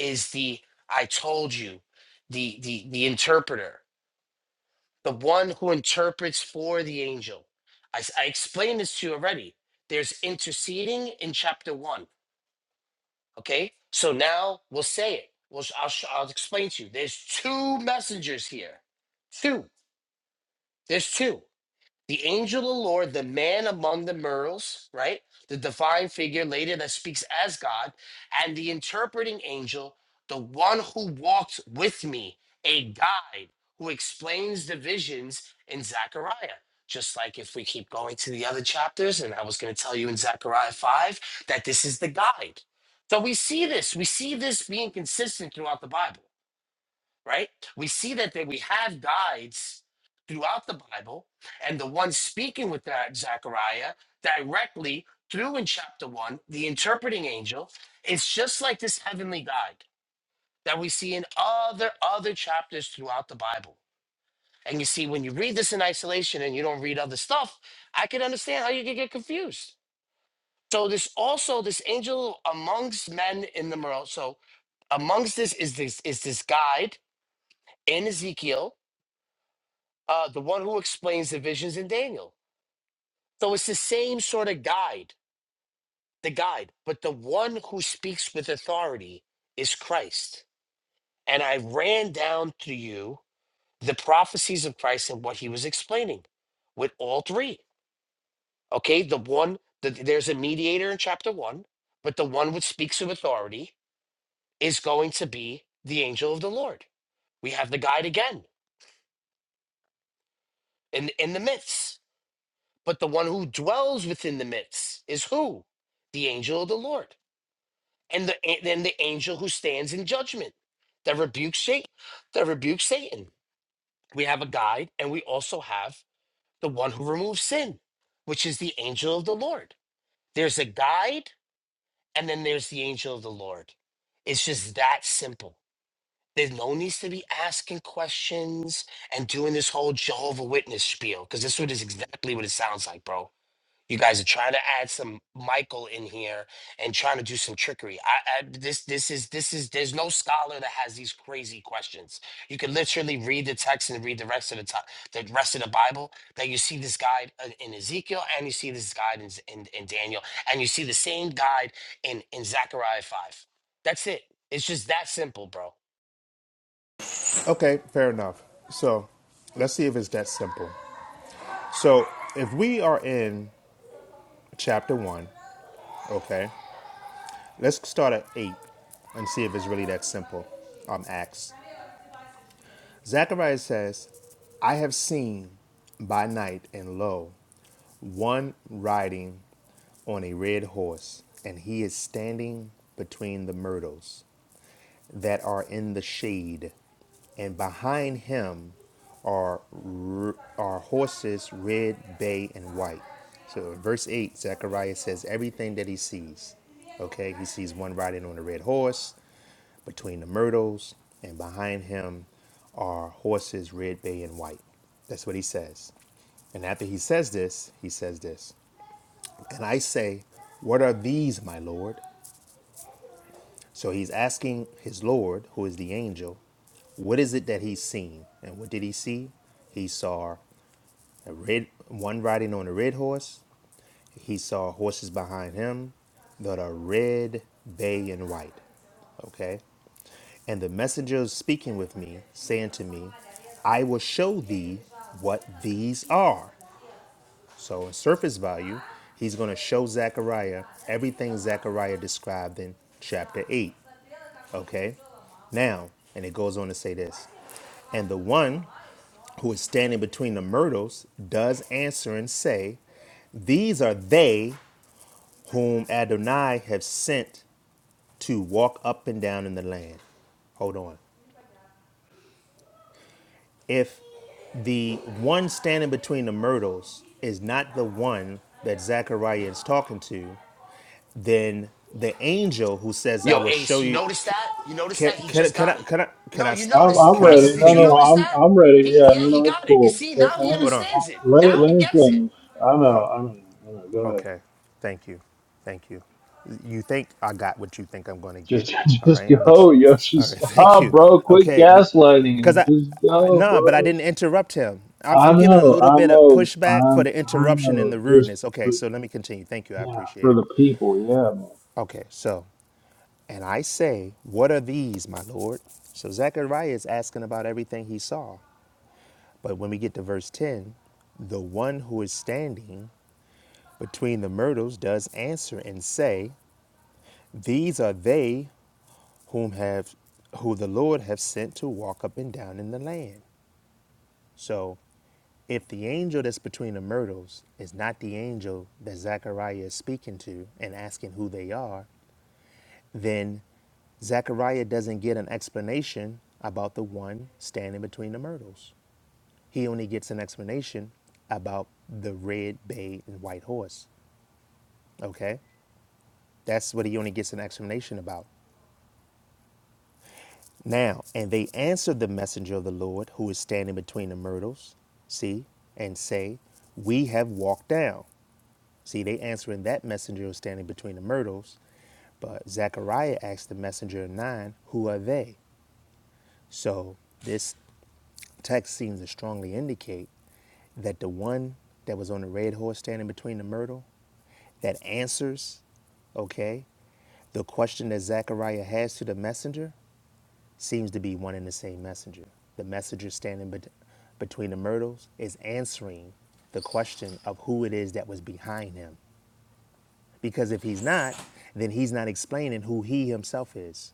Speaker 18: is the I told you, the the the interpreter, the one who interprets for the angel. I, s- I explained this to you already. There's interceding in chapter one. Okay, so now we'll say it. We'll, sh- I'll, sh- I'll explain to you. There's two messengers here. Two. There's two. the angel of the Lord, the man among the myrtles, right? The divine figure later that speaks as God, and the interpreting angel, the one who walked with me, a guide who explains the visions in Zechariah. Just like if we keep going to the other chapters, and I was going to tell you in Zechariah 5 that this is the guide. So we see this, we see this being consistent throughout the Bible right? We see that, that we have guides throughout the Bible, and the one speaking with that Zechariah directly through in chapter one, the interpreting angel, is just like this heavenly guide that we see in other other chapters throughout the Bible. And you see, when you read this in isolation and you don't read other stuff, I can understand how you could get confused. So this also this angel amongst men in the morale. So amongst this is this is this guide in Ezekiel uh, the one who explains the visions in Daniel. So it's the same sort of guide, the guide, but the one who speaks with authority is Christ. And I ran down to you the prophecies of Christ and what he was explaining with all three. Okay, the one, the, there's a mediator in chapter one, but the one which speaks with authority is going to be the angel of the Lord. We have the guide again in, in the myths. But the one who dwells within the midst is who? The angel of the Lord. And the then the angel who stands in judgment that rebukes Satan, that rebukes Satan. We have a guide and we also have the one who removes sin, which is the angel of the Lord. There's a guide and then there's the angel of the Lord. It's just that simple. There's no needs to be asking questions and doing this whole Jehovah Witness spiel because this what is exactly what it sounds like, bro You guys are trying to add some Michael in here and trying to do some trickery. I, I this this is this is there's no scholar that has these crazy questions. You can literally read the text and read the rest of the time, the rest of the Bible. That you see this guide uh, in Ezekiel and you see this guide in, Z- in in Daniel and you see the same guide in in Zechariah five. That's it. It's just that simple, bro.
Speaker 19: Okay, fair enough. So let's see if it's that simple. So if we are in chapter one, okay, let's start at eight and see if it's really that simple. Um, Acts. Zechariah says, I have seen by night, and lo, one riding on a red horse, and he is standing between the myrtles that are in the shade, and behind him are are horses red, bay, and white. So in verse 8, Zechariah says everything that he sees. Okay, he sees one riding on a red horse. Between the myrtles and behind him are horses, red bay and white. That's what he says. And after he says this, he says this. And I say, What are these, my Lord? So he's asking his Lord, who is the angel, what is it that he's seen? And what did he see? He saw a red one riding on a red horse. He saw horses behind him that are red, bay, and white. Okay? And the messenger was speaking with me, saying to me, I will show thee what these are. So, in surface value, he's going to show Zechariah everything Zechariah described in chapter 8. Okay? Now, and it goes on to say this And the one who is standing between the myrtles does answer and say, These are they whom Adonai have sent to walk up and down in the land. Hold on. If The one standing between the myrtles is not the one that Zechariah is talking to. Then the angel who says, "I
Speaker 18: Yo,
Speaker 19: will show
Speaker 18: Ace, you
Speaker 19: you."
Speaker 18: notice that? You notice that?
Speaker 19: Can,
Speaker 18: He
Speaker 19: can,
Speaker 18: just
Speaker 19: can I?
Speaker 18: got it.
Speaker 19: Can I? Can
Speaker 18: No,
Speaker 19: I?
Speaker 18: you
Speaker 4: I'm, I'm
Speaker 18: noticed,
Speaker 19: Can I?
Speaker 18: Ace,
Speaker 4: ready.
Speaker 18: did
Speaker 4: No,
Speaker 19: Can
Speaker 18: you
Speaker 4: no,
Speaker 19: you?
Speaker 18: notice
Speaker 4: I'm
Speaker 18: that?
Speaker 4: I'm ready.
Speaker 18: He,
Speaker 4: Yeah,
Speaker 18: yeah,
Speaker 4: no,
Speaker 18: he
Speaker 4: no, it's
Speaker 18: got it. You
Speaker 4: cool.
Speaker 18: see,
Speaker 4: It,
Speaker 18: now he
Speaker 4: I'm,
Speaker 19: Hold
Speaker 4: I,
Speaker 18: understands it.
Speaker 4: let it
Speaker 18: Now
Speaker 4: let
Speaker 18: he
Speaker 4: him
Speaker 18: gets it.
Speaker 4: finish. I
Speaker 19: on.
Speaker 4: know, I know, I know. Go ahead.
Speaker 19: Okay. Thank you. Thank you. You think I got what you think I'm going to get.
Speaker 4: Just
Speaker 19: All
Speaker 4: just
Speaker 19: right. But, you,
Speaker 4: go, Yoshi.
Speaker 19: all right. Thank
Speaker 4: Stop,
Speaker 19: you.
Speaker 4: bro. Quit
Speaker 19: Okay. Be,
Speaker 4: gaslighting
Speaker 19: because
Speaker 4: him.
Speaker 19: I,
Speaker 4: Just
Speaker 19: I,
Speaker 4: go,
Speaker 19: nah, but I
Speaker 4: bro.
Speaker 19: didn't interrupt him. I'm,
Speaker 4: I
Speaker 19: I'm giving a
Speaker 4: know,
Speaker 19: little
Speaker 4: I
Speaker 19: bit of
Speaker 4: know,
Speaker 19: pushback
Speaker 4: I
Speaker 19: for the
Speaker 4: I
Speaker 19: interruption and
Speaker 4: know.
Speaker 19: the
Speaker 4: Just
Speaker 19: rudeness. Okay.
Speaker 4: but
Speaker 19: So let me continue. Thank you. I
Speaker 4: yeah,
Speaker 19: appreciate
Speaker 4: for
Speaker 19: it.
Speaker 4: the people.
Speaker 19: Okay. So, and I say, what are these, my Lord? So Zechariah is asking about everything he saw. But when we get to verse 10, the one who is standing between the myrtles does answer and say, These are they whom have who the Lord have sent to walk up and down in the land. So if the angel that's between the myrtles is not the angel that Zechariah is speaking to and asking who they are, then Zechariah doesn't get an explanation about the one standing between the myrtles. He only gets an explanation about the red bay and white horse. Okay? That's what he only gets an explanation about. Now, and they answered the messenger of the Lord, who is standing between the myrtles, see, and say, We have walked down. See, they answering that messenger who's standing between the myrtles. But Zechariah asked the messenger of nine, Who are they? So this text seems to strongly indicate that the one that was on the red horse standing between the myrtle that answers, okay, the question that Zechariah has to the messenger seems to be one and the same messenger. The messenger standing bet- between the myrtles is answering the question of who it is that was behind him. Because if he's not, then he's not explaining who he himself is.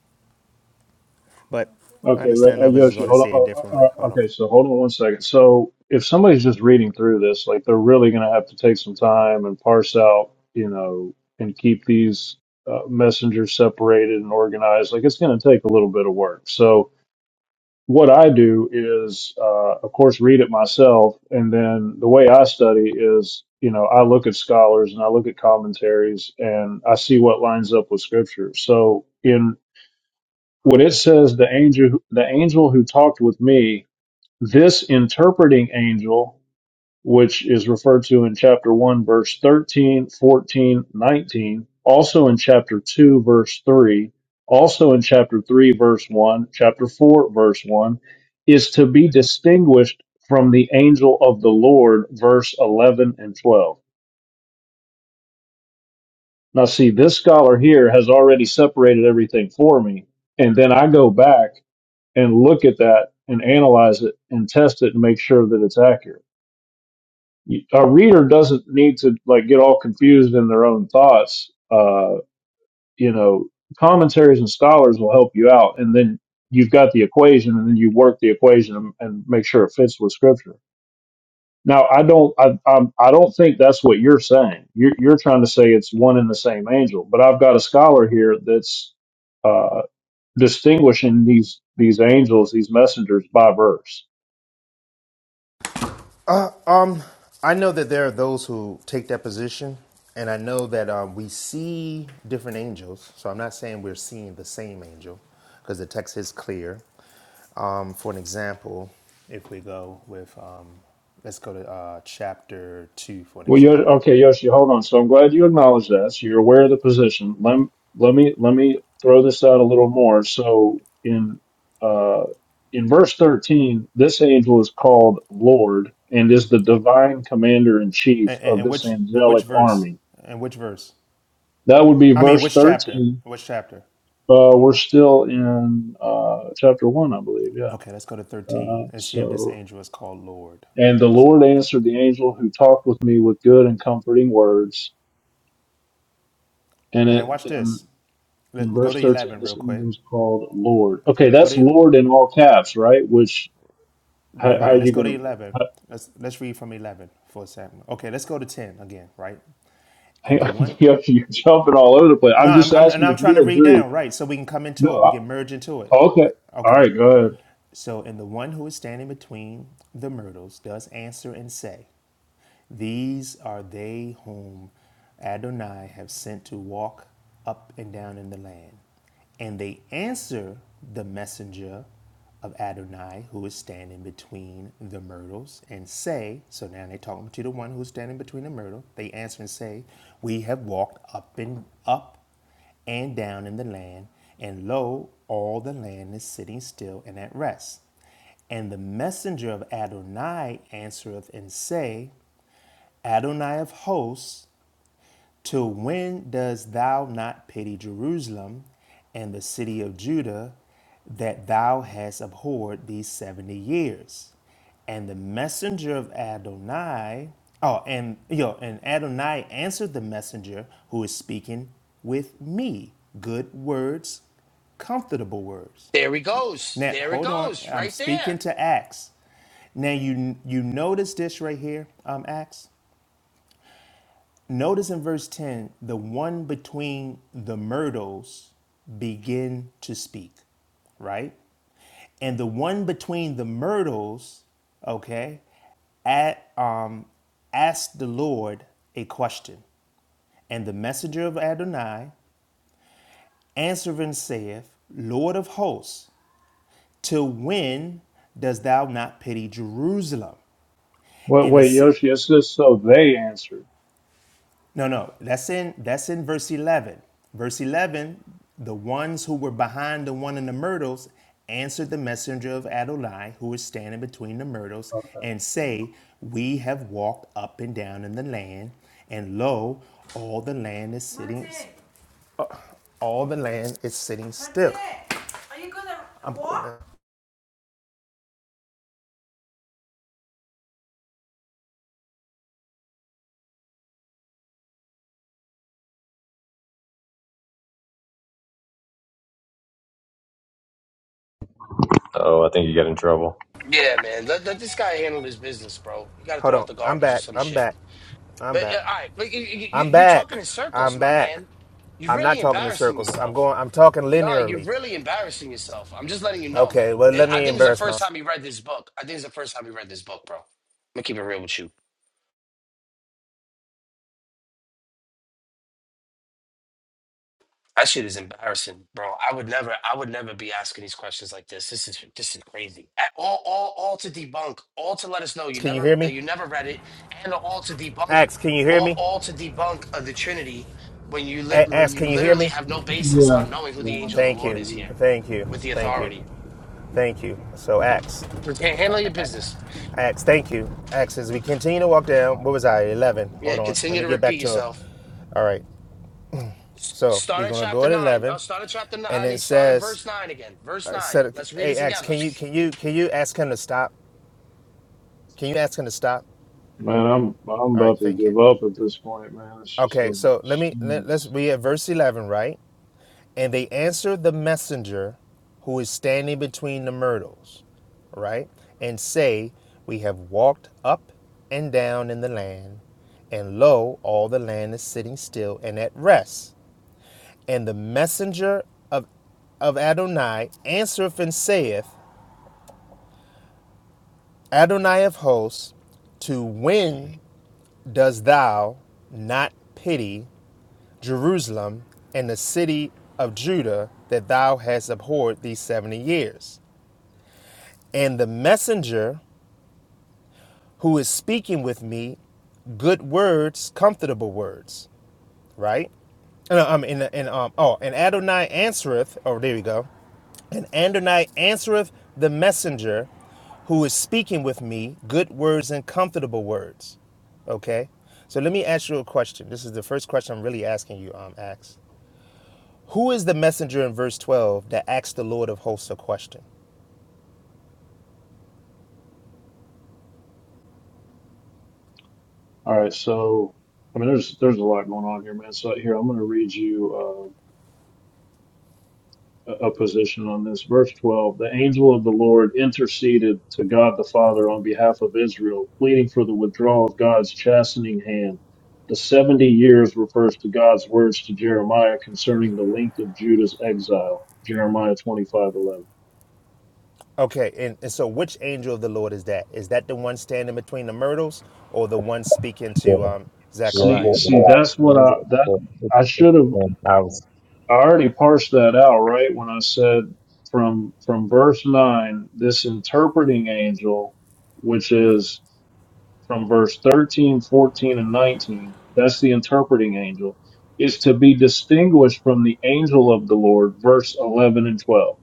Speaker 19: But I
Speaker 4: Okay, let-
Speaker 19: understand
Speaker 4: uh,
Speaker 19: others are
Speaker 4: Yoshi,
Speaker 19: going to
Speaker 4: hold on.
Speaker 19: see it a
Speaker 4: Oh,
Speaker 19: different way.
Speaker 4: uh, uh,
Speaker 19: Hold on.
Speaker 4: okay, so hold on one second. So if somebody's just reading through this, like they're really going to have to take some time and parse out, you know, and keep these uh, messengers separated and organized. Like it's going to take a little bit of work. So what I do is, uh, of course, read it myself, and then the way I study is, you know, I look at scholars and I look at commentaries and I see what lines up with scripture. So in when it says the angel the angel who talked with me this interpreting angel which is referred to in chapter 1 verse 13, 14, 19, also in chapter 2 verse 3 also in chapter 3 verse 1 chapter 4 verse 1 is to be distinguished from the angel of the lord verse 11 and 12 now see this scholar here has already separated everything for me and then i go back and look at that and analyze it and test it and make sure that it's accurate. A reader doesn't need to like get all confused in their own thoughts. Uh, you know, commentaries and scholars will help you out, and then you've got the equation, and then you work the equation and, and make sure it fits with scripture. Now, I don't, I, I'm, I don't think that's what you're saying. You're, you're trying to say it's one and the same angel, but I've got a scholar here that's uh, distinguishing these these angels, these messengers by verse
Speaker 19: Um, I know that there are those who take that position, and I know that um, we see different angels. So I'm not saying we're seeing the same angel, because the text is clear. Um, for an example, if we go with, um, let's go to uh, chapter two for an
Speaker 4: Well, Yoshi,
Speaker 19: example.
Speaker 4: okay, Yoshi, hold on. So I'm glad you acknowledge that. So you're aware of the position. Let let me let me throw this out a little more. So in uh, in verse 13, this angel is called Lord and is the divine commander in chief
Speaker 19: And, and,
Speaker 4: of
Speaker 19: and
Speaker 4: this
Speaker 19: which and which
Speaker 4: angelic
Speaker 19: verse?
Speaker 4: army.
Speaker 19: And which verse?
Speaker 4: That would be
Speaker 19: I mean,
Speaker 4: verse
Speaker 19: which chapter?
Speaker 4: 13.
Speaker 19: Which chapter?
Speaker 4: Uh, we're still in uh, chapter one, I believe. Yeah.
Speaker 19: Okay, let's go to 13
Speaker 4: Uh,
Speaker 19: and see if this
Speaker 4: so
Speaker 19: angel is called Lord.
Speaker 4: and the Lord answered the angel who talked with me with good and comforting words and
Speaker 19: Now
Speaker 4: it
Speaker 19: watch
Speaker 4: and
Speaker 19: this.
Speaker 4: In
Speaker 19: Let, go
Speaker 4: verse
Speaker 19: to
Speaker 4: 13,
Speaker 19: 11 real
Speaker 4: this angel
Speaker 19: quick.
Speaker 4: is called Lord. Okay,
Speaker 19: Go
Speaker 4: that's
Speaker 19: to
Speaker 4: Lord in all caps, right? Which, how, how are
Speaker 19: right. Let's
Speaker 4: you
Speaker 19: go to
Speaker 4: going
Speaker 19: eleven.
Speaker 4: to,
Speaker 19: Let's let's read from eleven for a second. Okay, let's go to ten again. Right, and
Speaker 4: hang
Speaker 19: the
Speaker 4: on,
Speaker 19: one.
Speaker 4: you're jumping all over the place.
Speaker 19: No,
Speaker 4: I'm
Speaker 19: I'm,
Speaker 4: just
Speaker 19: I'm and
Speaker 4: asking if
Speaker 19: I'm trying to
Speaker 4: you
Speaker 19: read
Speaker 4: agree.
Speaker 19: down right so we can come
Speaker 4: No,
Speaker 19: into it. We
Speaker 4: I,
Speaker 19: can merge into it.
Speaker 4: okay.
Speaker 19: Uh,
Speaker 4: All
Speaker 19: Okay.
Speaker 4: right, go ahead.
Speaker 19: So and the one who is standing between the myrtles does answer and say, These are they whom Adonai have sent to walk up and down in the land. And they answer the messenger of Adonai who is standing between the myrtles and say, So now they're talking to the one who's standing between the myrtle. They answer and say, We have walked up and up and down in the land, and lo, all the land is sitting still and at rest. And the messenger of Adonai answereth and say, Adonai of hosts, till when dost thou not pity Jerusalem and the city of Judah that thou hast abhorred these 70 years? And the messenger of Adonai, oh, and, you know, and Adonai answered the messenger who is speaking with me good words, comfortable words.
Speaker 18: There he goes.
Speaker 19: Now,
Speaker 18: There it
Speaker 19: hold on,
Speaker 18: goes.
Speaker 19: I'm
Speaker 18: Right there.
Speaker 19: speaking to Acts. Now, you, you notice this right here, um, Acts? Notice in verse 10, the one between the myrtles begin to speak, right? And the one between the myrtles, okay, at, um, asked the Lord a question. And the messenger of Adonai answering saith, Lord of hosts, till when dost thou not pity Jerusalem?
Speaker 4: Wait,
Speaker 19: And
Speaker 4: wait,
Speaker 19: it's,
Speaker 4: Yoshi, it says so they answered.
Speaker 19: No, no, that's in that's in verse eleven. Verse eleven, the ones who were behind the one in the myrtles answered the messenger of Adonai, who was standing between the myrtles, and say, We have walked up and down in the land, and lo, all the land is sitting all the land is sitting still. I'm
Speaker 11: Oh, I think you got in trouble.
Speaker 18: Yeah, man. Let, let this guy handle his business, bro. You got to
Speaker 19: hold
Speaker 18: throw out
Speaker 19: on.
Speaker 18: the
Speaker 19: I'm
Speaker 18: garbage or
Speaker 19: back.
Speaker 18: some
Speaker 19: I'm back.
Speaker 18: shit.
Speaker 19: I'm
Speaker 18: But, yeah,
Speaker 19: back.
Speaker 18: all right. But you, you, you-
Speaker 19: I'm
Speaker 18: you're
Speaker 19: back.
Speaker 18: talking in circles,
Speaker 19: I'm
Speaker 18: my
Speaker 19: back.
Speaker 18: man. You're
Speaker 19: I'm not
Speaker 18: really
Speaker 19: talking in
Speaker 18: embarrassing
Speaker 19: circles. I'm
Speaker 18: yourself.
Speaker 19: going I'm talking
Speaker 18: No, you're
Speaker 19: linearly.
Speaker 18: really embarrassing yourself. I'm just letting you know,
Speaker 19: Okay, well,
Speaker 18: man.
Speaker 19: let
Speaker 18: I
Speaker 19: me
Speaker 18: think it's the
Speaker 19: embarrass
Speaker 18: first
Speaker 19: myself.
Speaker 18: time he read this book. I think it's the first time he read this book, bro. I'm going to keep it real with you. That shit is embarrassing, bro. I would never, I would never be asking these questions like this. This is this is crazy. A- All, all, all to debunk, all to let us know you
Speaker 19: Can you
Speaker 18: never
Speaker 19: hear me?
Speaker 18: that you never read it, and all to debunk,
Speaker 19: Ax, can you hear
Speaker 18: all,
Speaker 19: me?
Speaker 18: all to debunk of the Trinity when you lit
Speaker 19: A-
Speaker 18: when
Speaker 19: Ax,
Speaker 18: you
Speaker 19: can you hear
Speaker 18: literally
Speaker 19: me?
Speaker 18: have no basis
Speaker 4: Yeah,
Speaker 18: on knowing who
Speaker 4: yeah,
Speaker 18: the angel of the
Speaker 19: Thank
Speaker 4: yeah.
Speaker 18: Lord
Speaker 19: you.
Speaker 18: is
Speaker 4: yeah.
Speaker 18: here
Speaker 19: Thank you.
Speaker 18: with the
Speaker 19: Thank you.
Speaker 18: authority.
Speaker 19: Thank you. So, Ax,
Speaker 18: You handle your business.
Speaker 19: Ax, thank you. Ax, as we continue to walk down, what was I, 11? Hold
Speaker 18: Yeah,
Speaker 19: on. Let
Speaker 18: continue
Speaker 19: me
Speaker 18: to
Speaker 19: get
Speaker 18: repeat
Speaker 19: back to it.
Speaker 18: yourself.
Speaker 19: All right.
Speaker 18: S-
Speaker 19: So,
Speaker 18: Start
Speaker 19: we're
Speaker 18: at
Speaker 19: going to go
Speaker 18: chapter
Speaker 19: at
Speaker 18: nine. No,
Speaker 19: 11.
Speaker 18: start at chapter nine.
Speaker 19: And
Speaker 18: I
Speaker 19: it
Speaker 18: mean, start at
Speaker 19: says,
Speaker 18: verse nine again. Verse
Speaker 19: uh,
Speaker 18: nine.
Speaker 19: said,
Speaker 18: Let's read it
Speaker 19: hey, Ax,
Speaker 18: together.
Speaker 19: can you, can, you, can you ask him to stop? Can you ask him to stop?
Speaker 4: Man, I'm I'm
Speaker 19: All right.
Speaker 4: about to
Speaker 19: Thank you.
Speaker 4: give up at this point, man. It's just,
Speaker 19: Okay. So, let me, let, let's,
Speaker 4: jeez.
Speaker 19: we at verse 11, right? And they answered the messenger who is standing between the myrtles, right? And say, We have walked up and down in the land, and lo, all the land is sitting still and at rest. And the messenger of, of Adonai answereth and saith, Adonai of hosts, to when does thou not pity Jerusalem and the city of Judah that thou hast abhorred these seventy years? And the messenger who is speaking with me, good words, comfortable words, right? And um, and, and um, oh, and Adonai answereth. Oh, there we go. And Adonai answereth the messenger who is speaking with me, good words and comfortable words. Okay? So let me ask you a question. This is the first question I'm really asking you, um, Ax. Who is the messenger in verse 12 that asked the Lord of hosts a question?
Speaker 4: All right, so I mean, there's there's a lot going on here, man. So here, I'm going to read you. uh, a position on this. Verse 12 The angel of the Lord interceded to God the Father on behalf of Israel, pleading for the withdrawal of God's chastening hand. The 70 years refers to God's words to Jeremiah concerning the length of Judah's exile. Jeremiah twenty five eleven.
Speaker 19: Okay, and, and so which angel of the Lord is that? Is that the one standing between the myrtles or the one speaking
Speaker 11: Yeah.
Speaker 19: to um,
Speaker 4: See,
Speaker 19: Zechariah?
Speaker 11: angel-
Speaker 4: see, that's what I,
Speaker 11: angel-
Speaker 4: that, I should have,
Speaker 11: I was-
Speaker 4: I already parsed that out, right? When I said from, from verse 9, this interpreting angel, which is from verse 13, 14, and 19, that's the interpreting angel, is to be distinguished from the angel of the Lord, verse 11 and 12.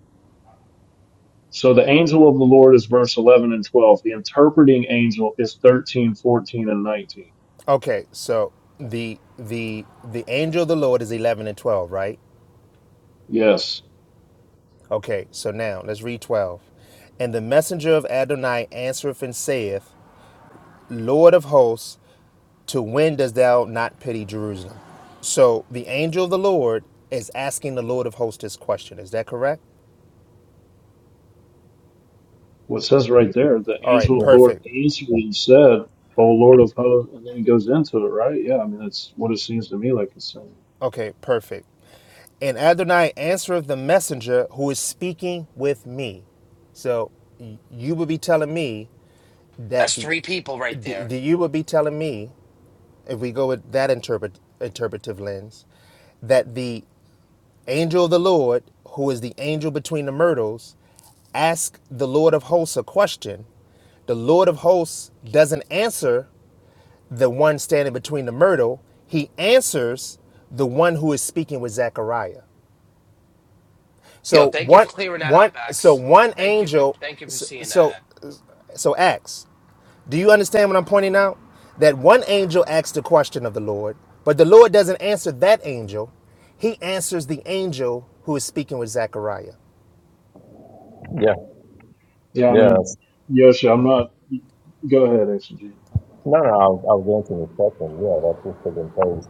Speaker 4: So the angel of the Lord is verse 11 and 12. The interpreting angel is 13, 14, and 19.
Speaker 19: Okay, so the the the angel of the Lord is eleven and twelve, right?
Speaker 4: Yes.
Speaker 19: Okay, so now let's read twelve. And the messenger of Adonai answereth and saith, Lord of hosts, to when dost thou not pity Jerusalem? So the angel of the Lord is asking the Lord of hosts this question. Is that correct?
Speaker 4: What says right there, the
Speaker 19: All right,
Speaker 4: angel of the Lord
Speaker 19: perfect.
Speaker 4: answered and said, O Lord of hosts, and then he goes into it, right? Yeah, I mean, that's what it seems to me like it's saying.
Speaker 19: Okay, perfect. And Adonai answered the messenger who is speaking with me. So y- you will be telling me that
Speaker 18: That's
Speaker 19: the,
Speaker 18: three people right
Speaker 19: the
Speaker 18: there.
Speaker 19: the- you will be telling me if we go with that interpret, interpretive lens that the angel of the Lord, who is the angel between the myrtles, asked the Lord of hosts a question. The Lord of hosts doesn't answer the one standing between the myrtle, he answers the one who is speaking with Zechariah.
Speaker 18: Yo,
Speaker 19: So
Speaker 18: thank you for
Speaker 19: one,
Speaker 18: clearing that
Speaker 19: one,
Speaker 18: up,
Speaker 19: so
Speaker 18: Ax.
Speaker 19: one
Speaker 18: Thank you for
Speaker 19: angel.
Speaker 18: thank you for
Speaker 19: So,
Speaker 18: seeing
Speaker 19: so,
Speaker 18: that.
Speaker 19: so acts. Do you understand what I'm pointing out? That one angel asks the question of the Lord, but the Lord doesn't answer that angel. He answers the angel who is speaking with Zechariah.
Speaker 11: yeah,
Speaker 4: Yeah, I
Speaker 11: Yes,
Speaker 4: mean, Yoshi, I'm not, go ahead, exegete.
Speaker 11: no, no, I was, I was answering the question. Yeah, that's just for the praise.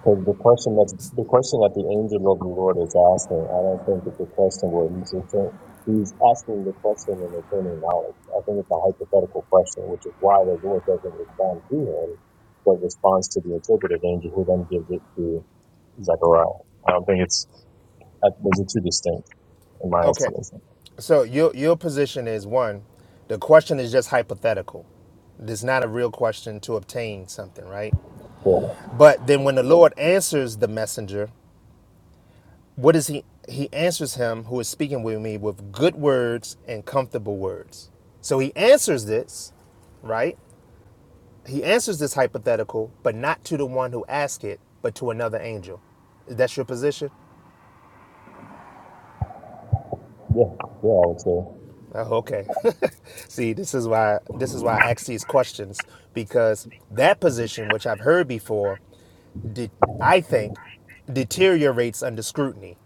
Speaker 11: Because the question that's the question that the angel of the Lord is asking, I don't think it's a question where he's just saying- he's asking the question and attaining knowledge. I think it's a hypothetical question, which is why the Lord doesn't respond to him, but responds to the interpretive angel who then gives it to Zechariah. I don't think it's, I, those are two distinct in my
Speaker 19: Okay.
Speaker 11: estimation.
Speaker 19: So your your position is one, the question is just hypothetical. It's not a real question to obtain something, right?
Speaker 11: Yeah,
Speaker 19: But then when the Lord answers the messenger, what is he? He answers him who is speaking with me with good words and comfortable words. So he answers this, right? He answers this hypothetical, but not to the one who asked it, but to another angel. Is that your position?
Speaker 11: yeah, yeah, I would say.
Speaker 19: Oh, okay. See, this is why this is why I ask these questions because that position, which I've heard before, did I think deteriorates under scrutiny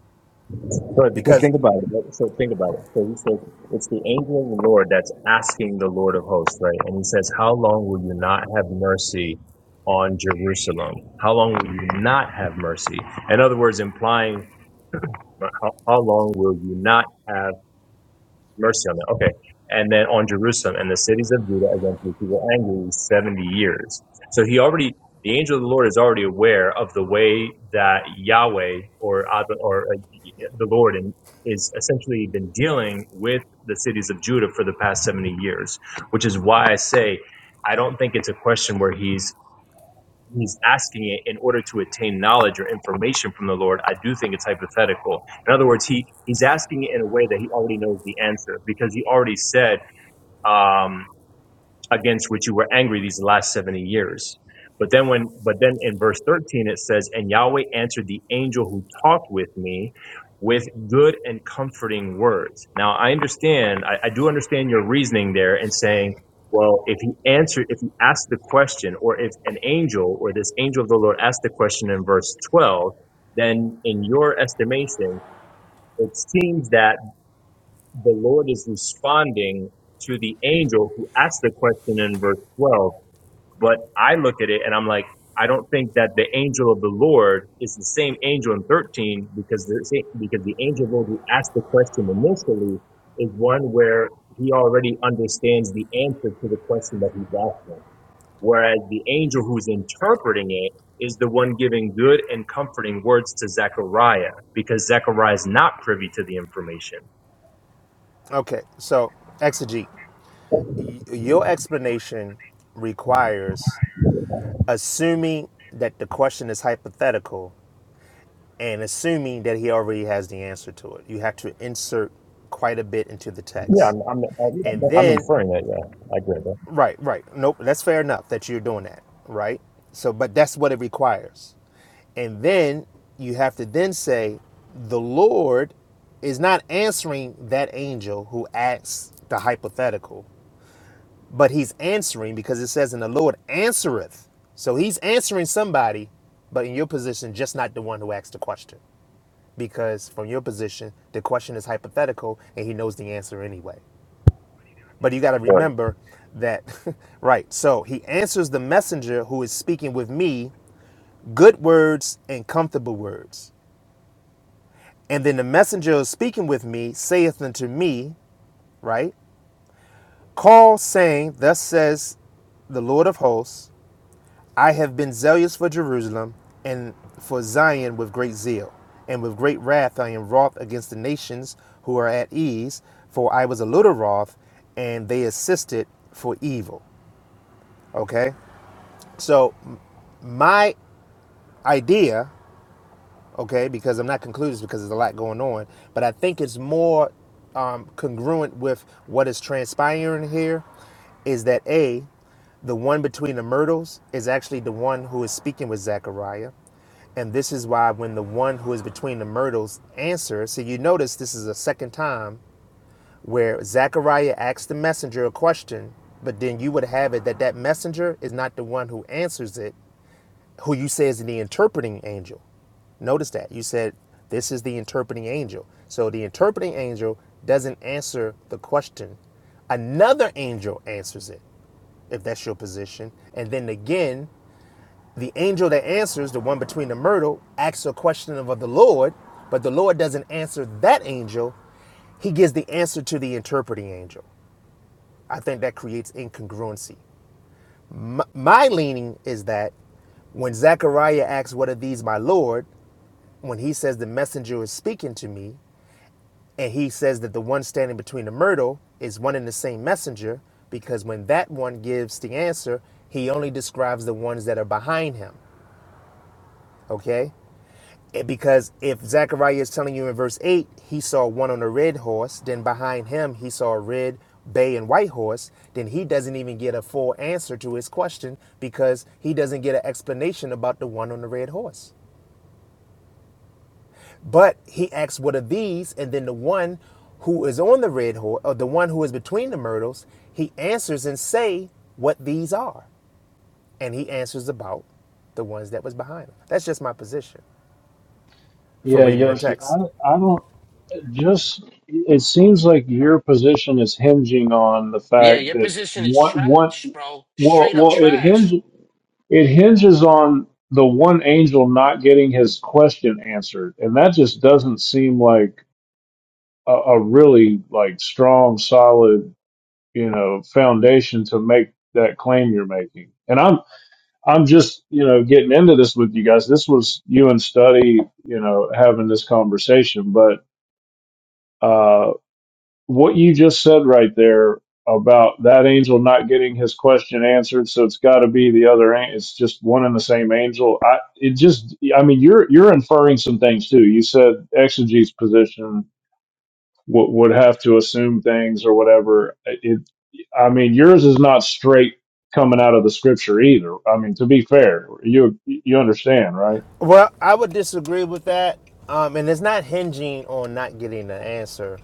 Speaker 11: But because
Speaker 19: because
Speaker 11: think about it. right? So think about it. So he says it's the angel of the Lord that's asking the Lord of hosts, right? And he says, How long will you not have mercy on Jerusalem? How long will you not have mercy? In other words, implying how, how long will you not have mercy on them. Okay. And then on Jerusalem and the cities of Judah against which he was angry 70 years. So he already, the angel of the Lord is already aware of the way that Yahweh or, Ad- or uh, the Lord in, is essentially been dealing with the cities of Judah for the past 70 years, which is why I say I don't think it's a question where he's he's asking it in order to attain knowledge or information from the Lord, I do think it's hypothetical. In other words, he he's asking it in a way that he already knows the answer because he already said. Um, against which you were angry these last 70 years. But then when but then in verse 13 it says, And Yahweh answered the angel who talked with me with good and comforting words. Now I understand, I, I do understand your reasoning there and saying, well, if he answered, if he asked the question, or if an angel or this angel of the Lord asked the question in verse 12, then in your estimation, it seems that the Lord is responding to the angel who asked the question in verse 12. But I look at it and I'm like, I don't think that the angel of the Lord is the same angel in 13 because the because the angel of the Lord who asked the question initially is one where he already understands the answer to the question that he's asking. Whereas the angel who's interpreting it is the one giving good and comforting words to Zechariah because Zechariah is not privy to the information.
Speaker 19: okay, so exegete. Your explanation requires assuming that the question is hypothetical and assuming that he already has the answer to it. You have to insert quite a bit into the
Speaker 11: Yeah,
Speaker 19: text.
Speaker 11: I'm I'm, I'm
Speaker 19: And then,
Speaker 11: inferring that. Yeah, I agree with
Speaker 19: right, right. Nope, that's fair enough that you're doing that, right? So, but that's what it requires. And then you have to then say, the Lord is not answering that angel who asks the hypothetical. but he's answering because it says, and the Lord answereth. So he's answering somebody, but in your position, just not the one who asked the question. Because from your position, the question is hypothetical and he knows the answer anyway. But you got to
Speaker 11: that.
Speaker 19: remember that, right? So he answers the messenger who is speaking with me good words and comfortable words. And then the messenger who is speaking with me saith unto me, right? Call saying, Thus says the Lord of hosts, I have been zealous for Jerusalem and for Zion with great zeal, and with great wrath I am wroth against the nations who are at ease, for I was a little wroth, and they assisted for evil. Okay? So, my idea okay, because I'm not concluded because there's a lot going on, but I think it's more um, congruent with what is transpiring here is that A, the one between the myrtles is actually the one who is speaking with Zechariah. And this is why when the one who is between the myrtles answers, so you notice this is a second time where Zechariah asks the messenger a question, but then you would have it that that messenger is not the one who answers it, who you say is the interpreting angel. Notice that. You said this is the interpreting angel. So the interpreting angel doesn't answer the question. Another angel answers it, if that's your position. And then again, the angel that answers, the one between the myrtle, asks a question of the Lord, but the Lord doesn't answer that angel. He gives the answer to the interpreting angel. I think that creates incongruency. My, my leaning is that when Zechariah asks, What are these, my Lord? when he says the messenger is speaking to me, and he says that the one standing between the myrtle is one and the same messenger, because when that one gives the answer, he only describes the ones that are behind him. Okay? And because if Zechariah is telling you in verse 8, he saw one on a red horse, then behind him he saw a red, bay, and white horse, then he doesn't even get a full answer to his question because he doesn't get an explanation about the one on the red horse. But he asks, What are these? And then the one who is on the red horse, or the one who is between the myrtles, he answers and say what these are. And he answers about the ones that was behind him. That's just my position from
Speaker 4: Yeah,
Speaker 19: reading the
Speaker 4: Yoshi, I,
Speaker 19: text.
Speaker 4: I don't. Just it seems like your position is hinging on the
Speaker 18: Yeah,
Speaker 4: fact
Speaker 18: your
Speaker 4: that
Speaker 18: position is
Speaker 4: one one
Speaker 18: trash, bro.
Speaker 4: well
Speaker 18: Straight up
Speaker 4: well it hinge
Speaker 18: trash.
Speaker 4: it hinges on the one angel not getting his question answered, and that just doesn't seem like a, a really like strong, solid you know foundation to make that claim you're making. And I'm I'm just you know getting into this with you guys. This was you and Study you know having this conversation, but. uh, what you just said right there about that angel not getting his question answered so it's got to be the other an- it's just one and the same angel i it just i mean you're you're inferring some things too you said exegete's position would would have to assume things or whatever it i mean yours is not straight coming out of the scripture either i mean to be fair you you understand right
Speaker 19: Well, I would disagree with that. Um, and it's not hinging on not getting the answer.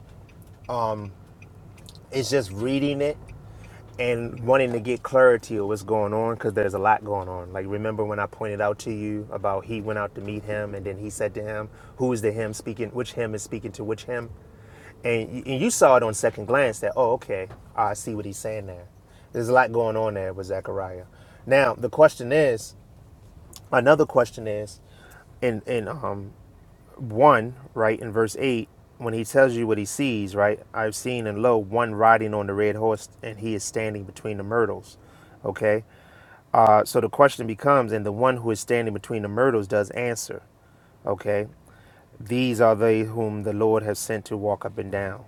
Speaker 19: It's just reading it and wanting to get clarity of what's going on because there's a lot going on. Like remember when I pointed out to you about he went out to meet him and then he said to him, "Who is the him speaking? Which him is speaking to which him?" And y- and you saw it on second glance that oh okay, I see what he's saying there. There's a lot going on there with Zechariah. Now the question is, another question is, and and um 1, right, in verse 8, when he tells you what he sees, right, I've seen and lo, one riding on the red horse, and he is standing between the myrtles. Okay. Uh, so the question becomes, and the one who is standing between the myrtles does answer. Okay. These are they whom the Lord has sent to walk up and down.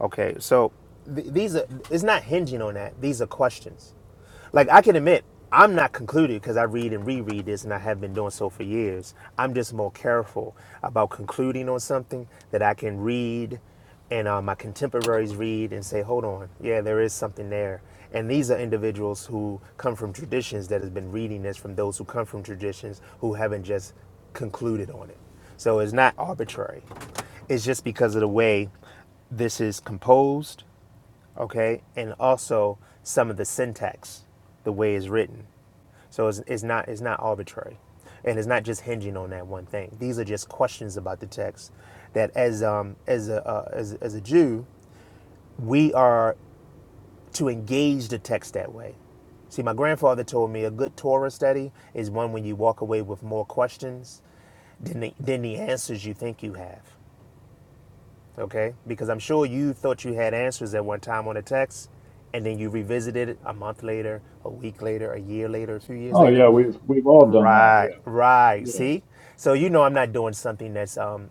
Speaker 19: Okay, so th- these are it's not hinging on that. These are questions. Like I can admit, I'm not concluded because I read and reread this, and I have been doing so for years. I'm just more careful about concluding on something that I can read, and uh, my contemporaries read and say, "Hold on, yeah, there is something there." And these are individuals who come from traditions that has been reading this from those who come from traditions who haven't just concluded on it. So it's not arbitrary. It's just because of the way this is composed, okay, and also some of the syntax, the way it's written. So it's, it's not it's not arbitrary, and it's not just hinging on that one thing. These are just questions about the text that as um as a uh, as, as a Jew we are to engage the text that way. See, my grandfather told me a good Torah study is one when you walk away with more questions than the, than the answers you think you have. okay? Because I'm sure you thought you had answers at one time on a text, and then you revisited it a month later, a week later, a year later, a few years
Speaker 4: oh
Speaker 19: later.
Speaker 4: yeah we've we've all done that
Speaker 19: Right, right.
Speaker 4: yeah
Speaker 19: See, so you know I'm not doing something that's, um,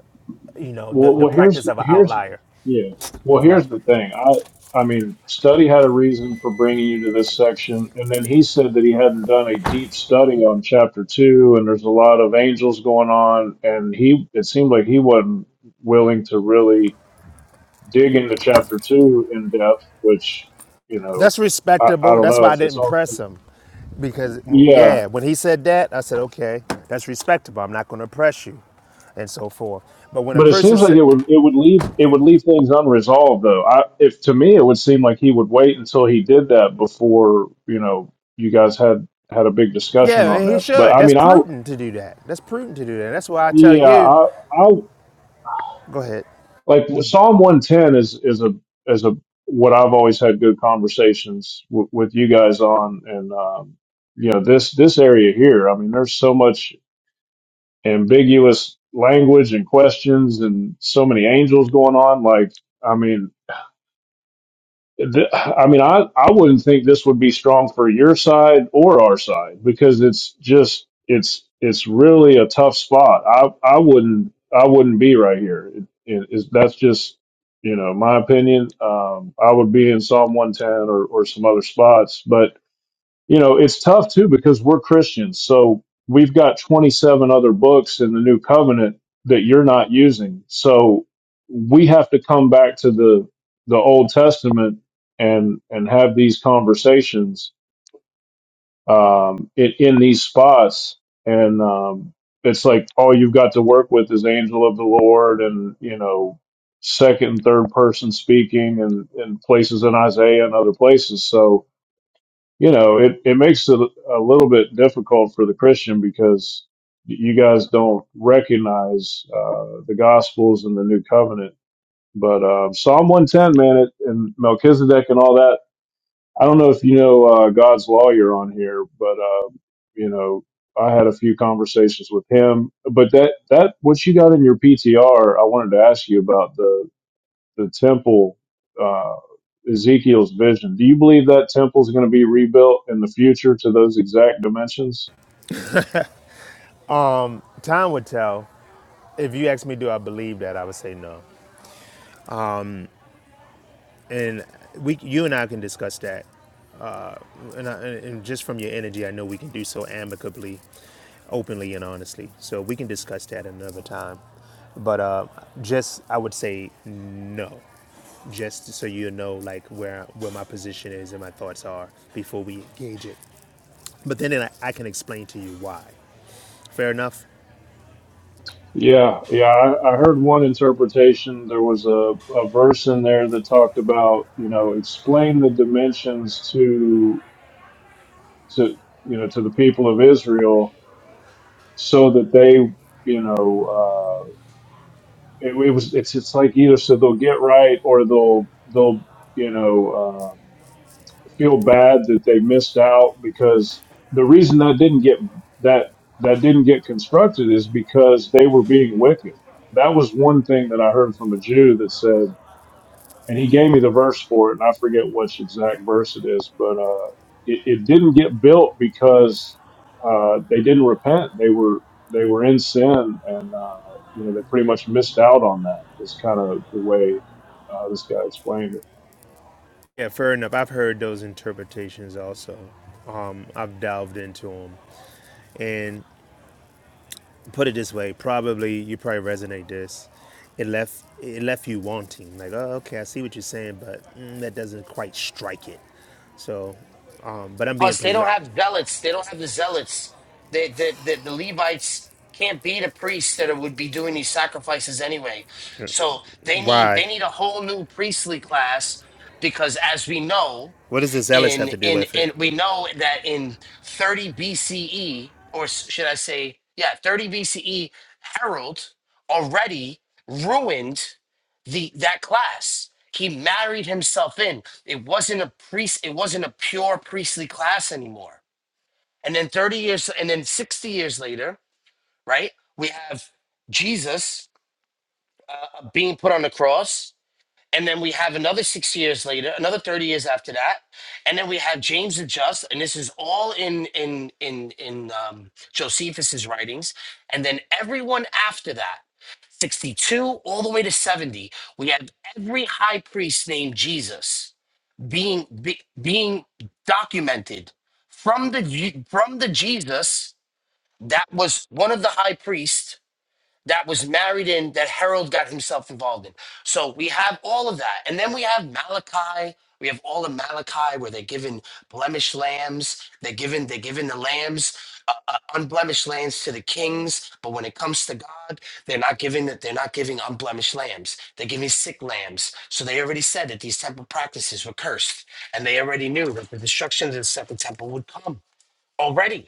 Speaker 19: you know, the
Speaker 4: Well,
Speaker 19: the
Speaker 4: well, here's
Speaker 19: practice of an
Speaker 4: here's
Speaker 19: outlier.
Speaker 4: yeah. Well,
Speaker 19: Right.
Speaker 4: here's the thing. I I mean, study had a reason for bringing you to this section, and then he said that he hadn't done a deep study on chapter two, and there's a lot of angels going on, and he it seemed like he wasn't willing to really dig into chapter two in depth, which you know,
Speaker 19: That's
Speaker 4: I I
Speaker 19: respectable.
Speaker 4: don't
Speaker 19: That's
Speaker 4: know
Speaker 19: why I
Speaker 4: if it's
Speaker 19: didn't
Speaker 4: all.
Speaker 19: press him, because
Speaker 4: Yeah,
Speaker 19: yeah, when he said that, I said, okay, that's respectable. I'm not going to press you, and so forth. But when a
Speaker 4: But it
Speaker 19: person
Speaker 4: seems like
Speaker 19: said,
Speaker 4: it would it would leave it would leave things unresolved though. I if to me it would seem like he would wait until he did that before, you know, you guys had had a big discussion
Speaker 19: Yeah,
Speaker 4: on
Speaker 19: he
Speaker 4: this. But
Speaker 19: should.
Speaker 4: I
Speaker 19: That's
Speaker 4: mean I
Speaker 19: prudent to do that. That's prudent to do that. That's why I tell
Speaker 4: yeah,
Speaker 19: you.
Speaker 4: I I
Speaker 19: Go ahead.
Speaker 4: like Psalm 110 is is a is a what I've always had good conversations w- with you guys on and um you know this this area here. I mean there's so much ambiguous language and questions and so many angels going on like I mean Th- I mean, I, I wouldn't think this would be strong for your side or our side because it's just it's it's really a tough spot. I I wouldn't I wouldn't be right here. It, it, it's- that's just you know my opinion. Um, I would be in Psalm 110 or, or some other spots, but you know, it's tough too because we're Christians. So we've got 27 other books in the New Covenant that you're not using. So we have to come back to the the Old Testament and and have these conversations um, in, in these spots. And um, it's like all you've got to work with is angel of the Lord, and you know, second and third person speaking, and and places in Isaiah and other places. So you know, it, it makes it a little bit difficult for the Christian because you guys don't recognize uh, the Gospels and the New Covenant. But um, Psalm 110, man, it, and Melchizedek and all that. I don't know if you know uh, God's lawyer on here, but uh, you know, I had a few conversations with him. But that that what you got in your PTR, I wanted to ask you about the the temple, uh, Ezekiel's vision. Do you believe that temple is going to be rebuilt in the future to those exact dimensions?
Speaker 19: Time would tell. If you ask me, do I believe that? I would say no. And we, you and I can discuss that. And, I, and just from your energy, I know we can do so amicably, openly, and honestly. So we can discuss that another time. But uh, just, I would say no. Just so you know, like where where my position is and my thoughts are before we engage it. But then I, I can explain to you why. Fair enough.
Speaker 4: Yeah, yeah. I, I heard one interpretation. There was a, a verse in there that talked about, you know, explain the dimensions to to you know to the people of Israel so that they, you know, uh, it, it was it's it's like either so they'll get right or they'll they'll you know. um, feel bad that they missed out because the reason that didn't get that that didn't get constructed is because they were being wicked. That was one thing that I heard from a Jew that said, and he gave me the verse for it, and I forget which exact verse it is, but uh, it, it didn't get built because uh, they didn't repent. They were they were in sin, and uh, you know they pretty much missed out on that. Is kind of the way uh, this guy explained it.
Speaker 19: Yeah, fair enough. I've heard those interpretations also. Um, I've delved into them. And put it this way, probably you probably resonate this. It left it left you wanting, like, oh, okay, I see what you're saying, but mm, that doesn't quite strike it. So, um, but I'm being
Speaker 18: Plus, they
Speaker 19: pres-
Speaker 18: don't have zealots. They don't have the zealots. They, the, the the Levites can't be the priests that would be doing these sacrifices anyway. So they need
Speaker 19: why?
Speaker 18: they need a whole new priestly class because, as we know.
Speaker 19: What does this Ellis have
Speaker 18: in
Speaker 19: to do
Speaker 18: in
Speaker 19: with it?
Speaker 18: and we know that in 30 BCE or s- should I say yeah 30 BCE Harold already ruined the that class he married himself in it wasn't a priest it wasn't a pure priestly class anymore and then 30 years and then 60 years later right we have Jesus uh, being put on the cross and then we have another six years later, another 30 years after that. And then we have James the Just, and this is all in in in in um, Josephus's writings. And then everyone after that, 62 all the way to 70, we have every high priest named Jesus being be, being documented from the Je- from the Jesus that was one of the high priests that was married in that Harold got himself involved in. So we have all of that. And then we have Malachi. We have all of Malachi where they're given blemished lambs. They're given, they're given the lambs, uh, uh, unblemished lambs to the kings. But when it comes to God, they're not giving that. They're not giving unblemished lambs. They're giving sick lambs. So they already said that these temple practices were cursed. And they already knew that the destruction of the second temple would come already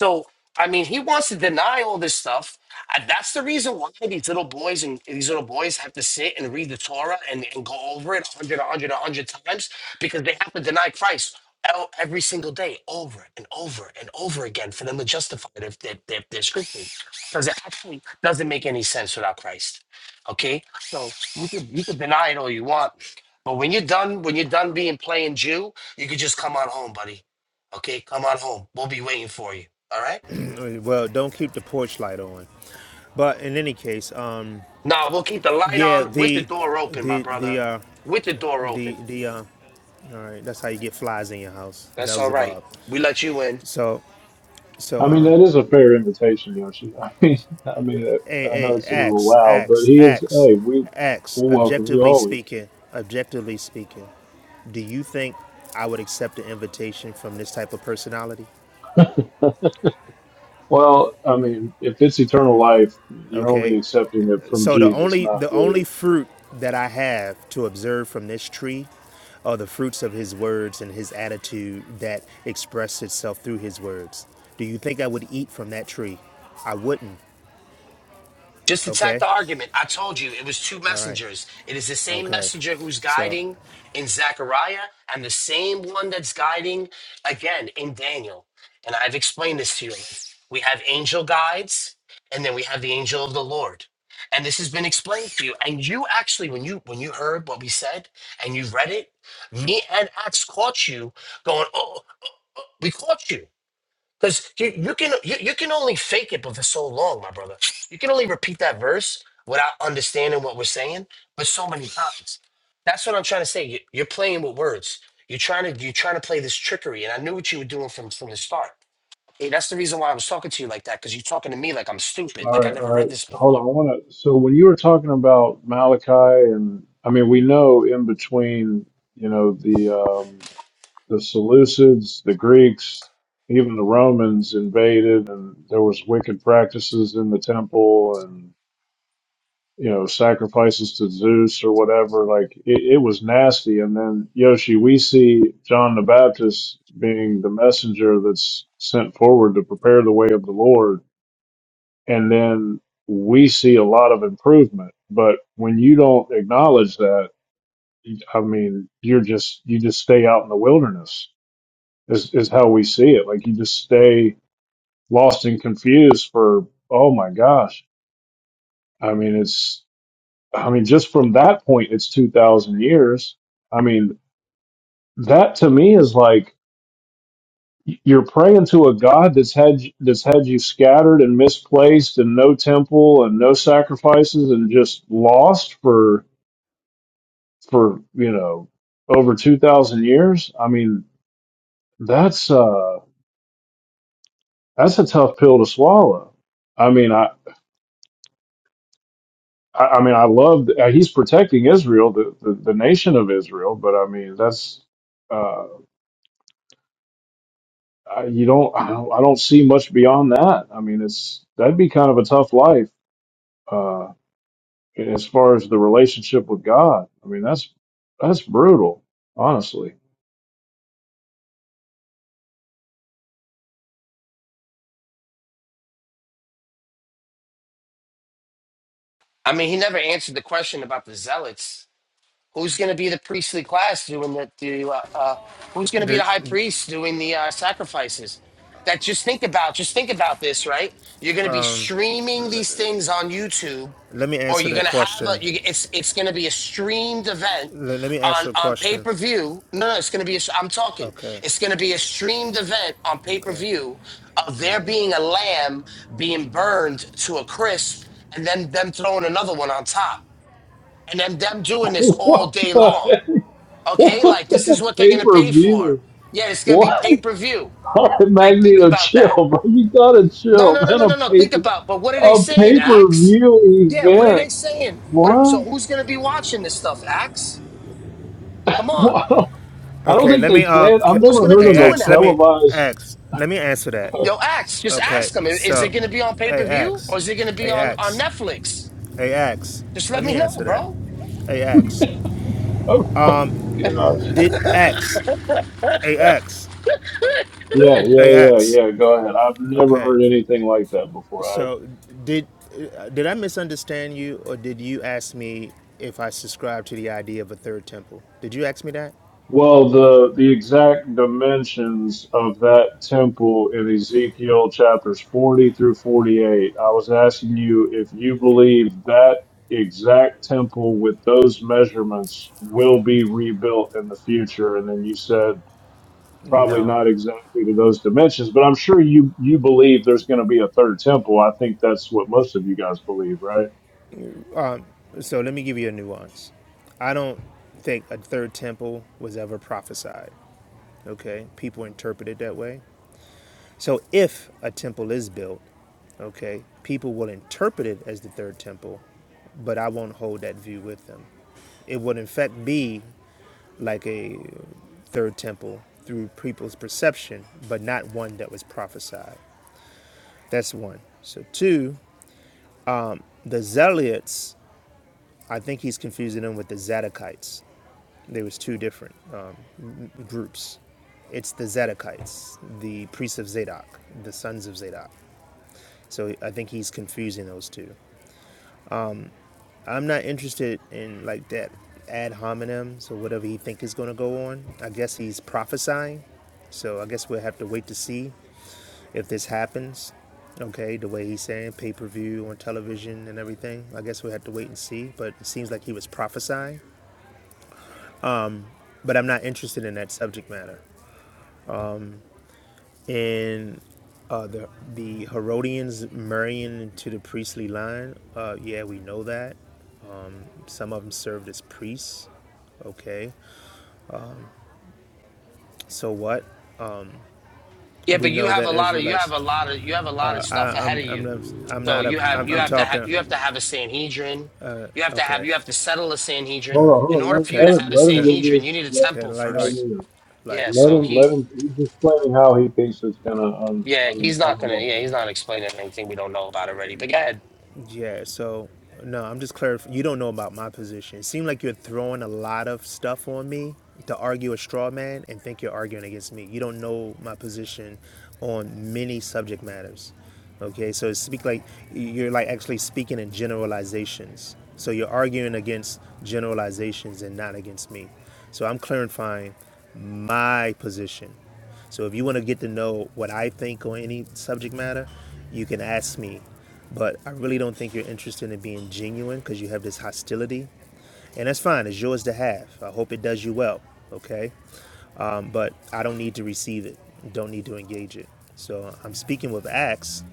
Speaker 18: so, I mean, he wants to deny all this stuff. And that's the reason why these little boys and these little boys have to sit and read the Torah and, and go over it 100, a 100, a 100 times because they have to deny Christ el- every single day over and over and over again for them to justify their, their, their, their scripture because it actually doesn't make any sense without Christ. Okay? So you can, you can deny it all you want. But when you're done, when you're done being playing Jew, you could just come on home, buddy Okay, come on home. We'll be waiting for you. All right?
Speaker 19: Well, don't keep the porch light on. But in any case, um,
Speaker 18: Now we'll keep the light
Speaker 19: yeah,
Speaker 18: on with the
Speaker 19: the
Speaker 18: door open, my
Speaker 19: the the
Speaker 18: brother.
Speaker 19: uh,
Speaker 18: With the door
Speaker 19: The
Speaker 18: open.
Speaker 19: the uh, all right, that's how you get flies in your house.
Speaker 18: That's all right.
Speaker 19: Beelzebub.
Speaker 18: We let you in.
Speaker 19: So so
Speaker 4: I mean,
Speaker 19: um,
Speaker 4: that is a fair invitation, Yoshi. I mean, I mean, I
Speaker 19: hey
Speaker 4: know
Speaker 19: hey,
Speaker 4: it's a little
Speaker 19: Axe
Speaker 4: loud, but
Speaker 19: axe
Speaker 4: he is.
Speaker 19: axe,
Speaker 4: Hey, we
Speaker 19: axe.
Speaker 4: we'll welcome you
Speaker 19: Objectively
Speaker 4: always.
Speaker 19: speaking, objectively speaking, do you think I would accept an invitation from this type of personality?
Speaker 4: Well, I mean, if it's eternal life, you're only
Speaker 19: Okay.
Speaker 4: accepting it from
Speaker 19: So the
Speaker 4: Jesus,
Speaker 19: only
Speaker 4: not
Speaker 19: the only
Speaker 4: really.
Speaker 19: fruit that I have to observe from this tree are the fruits of his words and his attitude that expressed itself through his words. Do you think I would eat from that tree? I wouldn't.
Speaker 18: Just attack
Speaker 19: Okay.
Speaker 18: the argument. I told you it was two
Speaker 19: All right.
Speaker 18: messengers. It is the same
Speaker 19: Okay.
Speaker 18: messenger who's
Speaker 19: So,
Speaker 18: guiding in Zechariah and the same one that's guiding again in Daniel. And I've explained this to you. We have angel guides and then we have the angel of the Lord. And this has been explained to you. And you actually, when you when you heard what we said and you read it, me and Axe caught you going, oh, oh, oh, we caught you. Because you, you can you, you can only fake it but for so long, my brother. You can only repeat that verse without understanding what we're saying, but so many times. That's what I'm trying to say. You, you're playing with words. You're trying to you're trying to play this trickery, and I knew what you were doing from from the start. Hey, that's the reason why I was talking to you like that, because you're talking to me like I'm stupid,
Speaker 4: All
Speaker 18: like I
Speaker 4: right,
Speaker 18: never
Speaker 4: all
Speaker 18: read
Speaker 4: right.
Speaker 18: this
Speaker 4: Hold on. I
Speaker 18: before.
Speaker 4: want to. So when you were talking about Malachi, and I mean, we know in between, you know, the um, the Seleucids, the Greeks, even the Romans invaded, and there was wicked practices in the temple, you know, sacrifices to Zeus or whatever. Like it, it was nasty. And then Yoshi, we see John the Baptist being the messenger that's sent forward to prepare the way of the Lord. And then we see a lot of improvement. But when you don't acknowledge that, I mean, you're just, you just stay out in the wilderness is, is how we see it. Like you just stay lost and confused for, oh my gosh. I mean, it's, I mean, just from that point, it's 2,000 years. I mean, that to me is like you're praying to a God that's had that's had you scattered and misplaced and no temple and no sacrifices and just lost for for, you know, over 2,000 years. I mean, that's uh that's a tough pill to swallow. I mean, I I I mean, I love uh, he's protecting Israel, the, the, the nation of Israel, but I mean, that's uh, I, you don't, I don't I don't see much beyond that. I mean, it's that'd be kind of a tough life uh, as far as the relationship with God. I mean, that's that's brutal, honestly.
Speaker 18: I mean, he never answered the question about the zealots Who's going to be the priestly class doing the, the uh, uh, who's going to be the
Speaker 19: the,
Speaker 18: high priest doing the uh, sacrifices? That just think about, just think about this, right? You're going to be streaming these things on YouTube,
Speaker 19: let me
Speaker 18: or
Speaker 19: answer
Speaker 18: you're
Speaker 19: that
Speaker 18: going to have
Speaker 19: question.
Speaker 18: a, you, it's it's going to be a streamed event
Speaker 19: Let, let me
Speaker 18: on
Speaker 19: answer a
Speaker 18: on pay
Speaker 19: question.
Speaker 18: per view. No, no, it's going to be. A, I'm talking.
Speaker 19: Okay.
Speaker 18: It's going to be a streamed event on pay per
Speaker 19: Okay.
Speaker 18: view of there being a lamb being burned to a crisp, and then them throwing another one on top, and then them doing this all day long Okay,
Speaker 4: What
Speaker 18: like
Speaker 4: the,
Speaker 18: this is
Speaker 4: what the
Speaker 18: what they're
Speaker 4: pay
Speaker 18: gonna
Speaker 4: per
Speaker 18: pay for.
Speaker 4: view?
Speaker 18: Yeah, it's gonna be
Speaker 4: What
Speaker 18: pay per view.
Speaker 4: All right,
Speaker 18: Like, think
Speaker 4: Magneto?
Speaker 18: about
Speaker 4: Chill,
Speaker 18: that.
Speaker 4: bro. You gotta
Speaker 18: No,
Speaker 4: chill,
Speaker 18: no, no,
Speaker 4: man.
Speaker 18: no,
Speaker 4: A
Speaker 18: no, no. Think
Speaker 4: paper
Speaker 18: about. But what are they
Speaker 4: a
Speaker 18: saying,
Speaker 4: pay per
Speaker 18: Axe?
Speaker 4: view
Speaker 18: Yeah, what are they
Speaker 4: event.
Speaker 18: saying? What? Are,
Speaker 4: What?
Speaker 18: so who's gonna be watching this stuff, Axe? Come on,
Speaker 4: What? I don't
Speaker 19: Okay.
Speaker 4: think
Speaker 19: Let me
Speaker 4: they
Speaker 19: um.
Speaker 4: planned. I've
Speaker 18: who's
Speaker 4: never
Speaker 18: gonna
Speaker 4: heard
Speaker 18: be
Speaker 19: Hey,
Speaker 4: of a
Speaker 18: doing
Speaker 19: X.
Speaker 18: that?
Speaker 19: Let me
Speaker 4: televised.
Speaker 19: X. Let me answer that.
Speaker 18: Yo, Axe, just
Speaker 19: Okay.
Speaker 18: ask them. i- Is it
Speaker 19: So,
Speaker 18: gonna be on pay
Speaker 19: hey,
Speaker 18: per view or
Speaker 19: X.
Speaker 18: is it gonna be
Speaker 19: Hey,
Speaker 18: on on
Speaker 19: X.
Speaker 18: Netflix?
Speaker 19: Hey, X.
Speaker 18: Just let
Speaker 19: Let
Speaker 18: me
Speaker 19: me
Speaker 18: know,
Speaker 19: answer that.
Speaker 18: bro.
Speaker 19: Hey, X.
Speaker 4: Oh gosh.
Speaker 19: Did X. Hey, X.
Speaker 4: Yeah, yeah,
Speaker 19: Hey,
Speaker 4: yeah,
Speaker 19: X.
Speaker 4: yeah. Go ahead. I've never
Speaker 19: Okay.
Speaker 4: heard anything like that before. I,
Speaker 19: So did uh, did I misunderstand you, or did you ask me if I subscribe to the idea of a third temple? Did you ask me that?
Speaker 4: well, the the exact dimensions of that temple in Ezekiel chapters 40 through 48. I was asking you if you believe that exact temple with those measurements will be rebuilt in the future, and then you said probably
Speaker 19: No.
Speaker 4: not exactly to those dimensions, but I'm sure you you believe there's going to be a third temple. I think that's what most of you guys believe, right?
Speaker 19: Um, so let me give you a nuance. I don't think a third temple was ever prophesied. Okay, people interpret it that way. So if a temple is built, okay, people will interpret it as the third temple, but I won't hold that view with them. It would in fact be like a third temple through people's perception, but not one that was prophesied. That's one. So two, the Zealots. I think he's confusing them with the Zadokites. There was two different um, groups. It's the Zadokites, the priests of Zadok, the sons of Zadok. So I think he's confusing those two. I'm not interested in like that ad hominem. So whatever he think is going to go on, I guess he's prophesying. So I guess we'll have to wait to see if this happens, okay, the way he's saying pay per view on television and everything, I guess we have to wait and see. But it seems like he was prophesying. But I'm not interested in that subject matter. And uh, the the Herodians marrying into the priestly line, uh, yeah, we know that. Some of them served as priests. Okay, so what?
Speaker 18: Yeah,
Speaker 19: We
Speaker 18: but you
Speaker 19: know
Speaker 18: have
Speaker 19: that
Speaker 18: a lot of you have
Speaker 19: Israelites.
Speaker 18: a lot of you have a lot
Speaker 19: Uh,
Speaker 18: of
Speaker 19: I,
Speaker 18: stuff ahead of
Speaker 19: I'm I'm
Speaker 18: you
Speaker 19: not I'm
Speaker 18: So
Speaker 19: not a
Speaker 18: you have
Speaker 19: I'm,
Speaker 18: you
Speaker 19: I'm
Speaker 18: have to have you have
Speaker 19: talking.
Speaker 18: to have a Sanhedrin. You have to have
Speaker 19: Okay,
Speaker 18: you have to settle a Sanhedrin.
Speaker 4: Hold on, hold
Speaker 18: In
Speaker 4: on.
Speaker 18: order for you
Speaker 19: can
Speaker 4: Let,
Speaker 18: to
Speaker 4: let him,
Speaker 18: have a
Speaker 4: let him
Speaker 19: can
Speaker 4: give
Speaker 18: Sanhedrin,
Speaker 4: this.
Speaker 18: you need a
Speaker 4: Let,
Speaker 18: temple
Speaker 19: can like
Speaker 4: let
Speaker 19: like
Speaker 18: first.
Speaker 4: him,
Speaker 19: like
Speaker 18: Yeah,
Speaker 4: let
Speaker 18: so
Speaker 19: um
Speaker 4: him.
Speaker 18: he
Speaker 4: Let him. He's explaining how he thinks it's gonna un,
Speaker 18: yeah,
Speaker 4: un,
Speaker 18: he's not gonna
Speaker 4: unroll.
Speaker 18: yeah,
Speaker 19: yeah.
Speaker 18: he's not explaining anything we don't know about already. But go ahead.
Speaker 19: Yeah, so no, I'm just clarifying. You don't know about my position. It seemed like you're throwing a lot of stuff on me to argue a straw man and think you're arguing against me. You don't know my position on many subject matters. Okay, so it's speak like you're like actually speaking in generalizations. So you're arguing against generalizations and not against me. So I'm clarifying my position. So if you want to get to know what I think on any subject matter, you can ask me. But I really don't think you're interested in being genuine because you have this hostility. And that's fine, it's yours to have. I hope it does you well, okay? Um, but I don't need to receive it, don't need to engage it. So I'm speaking with Axe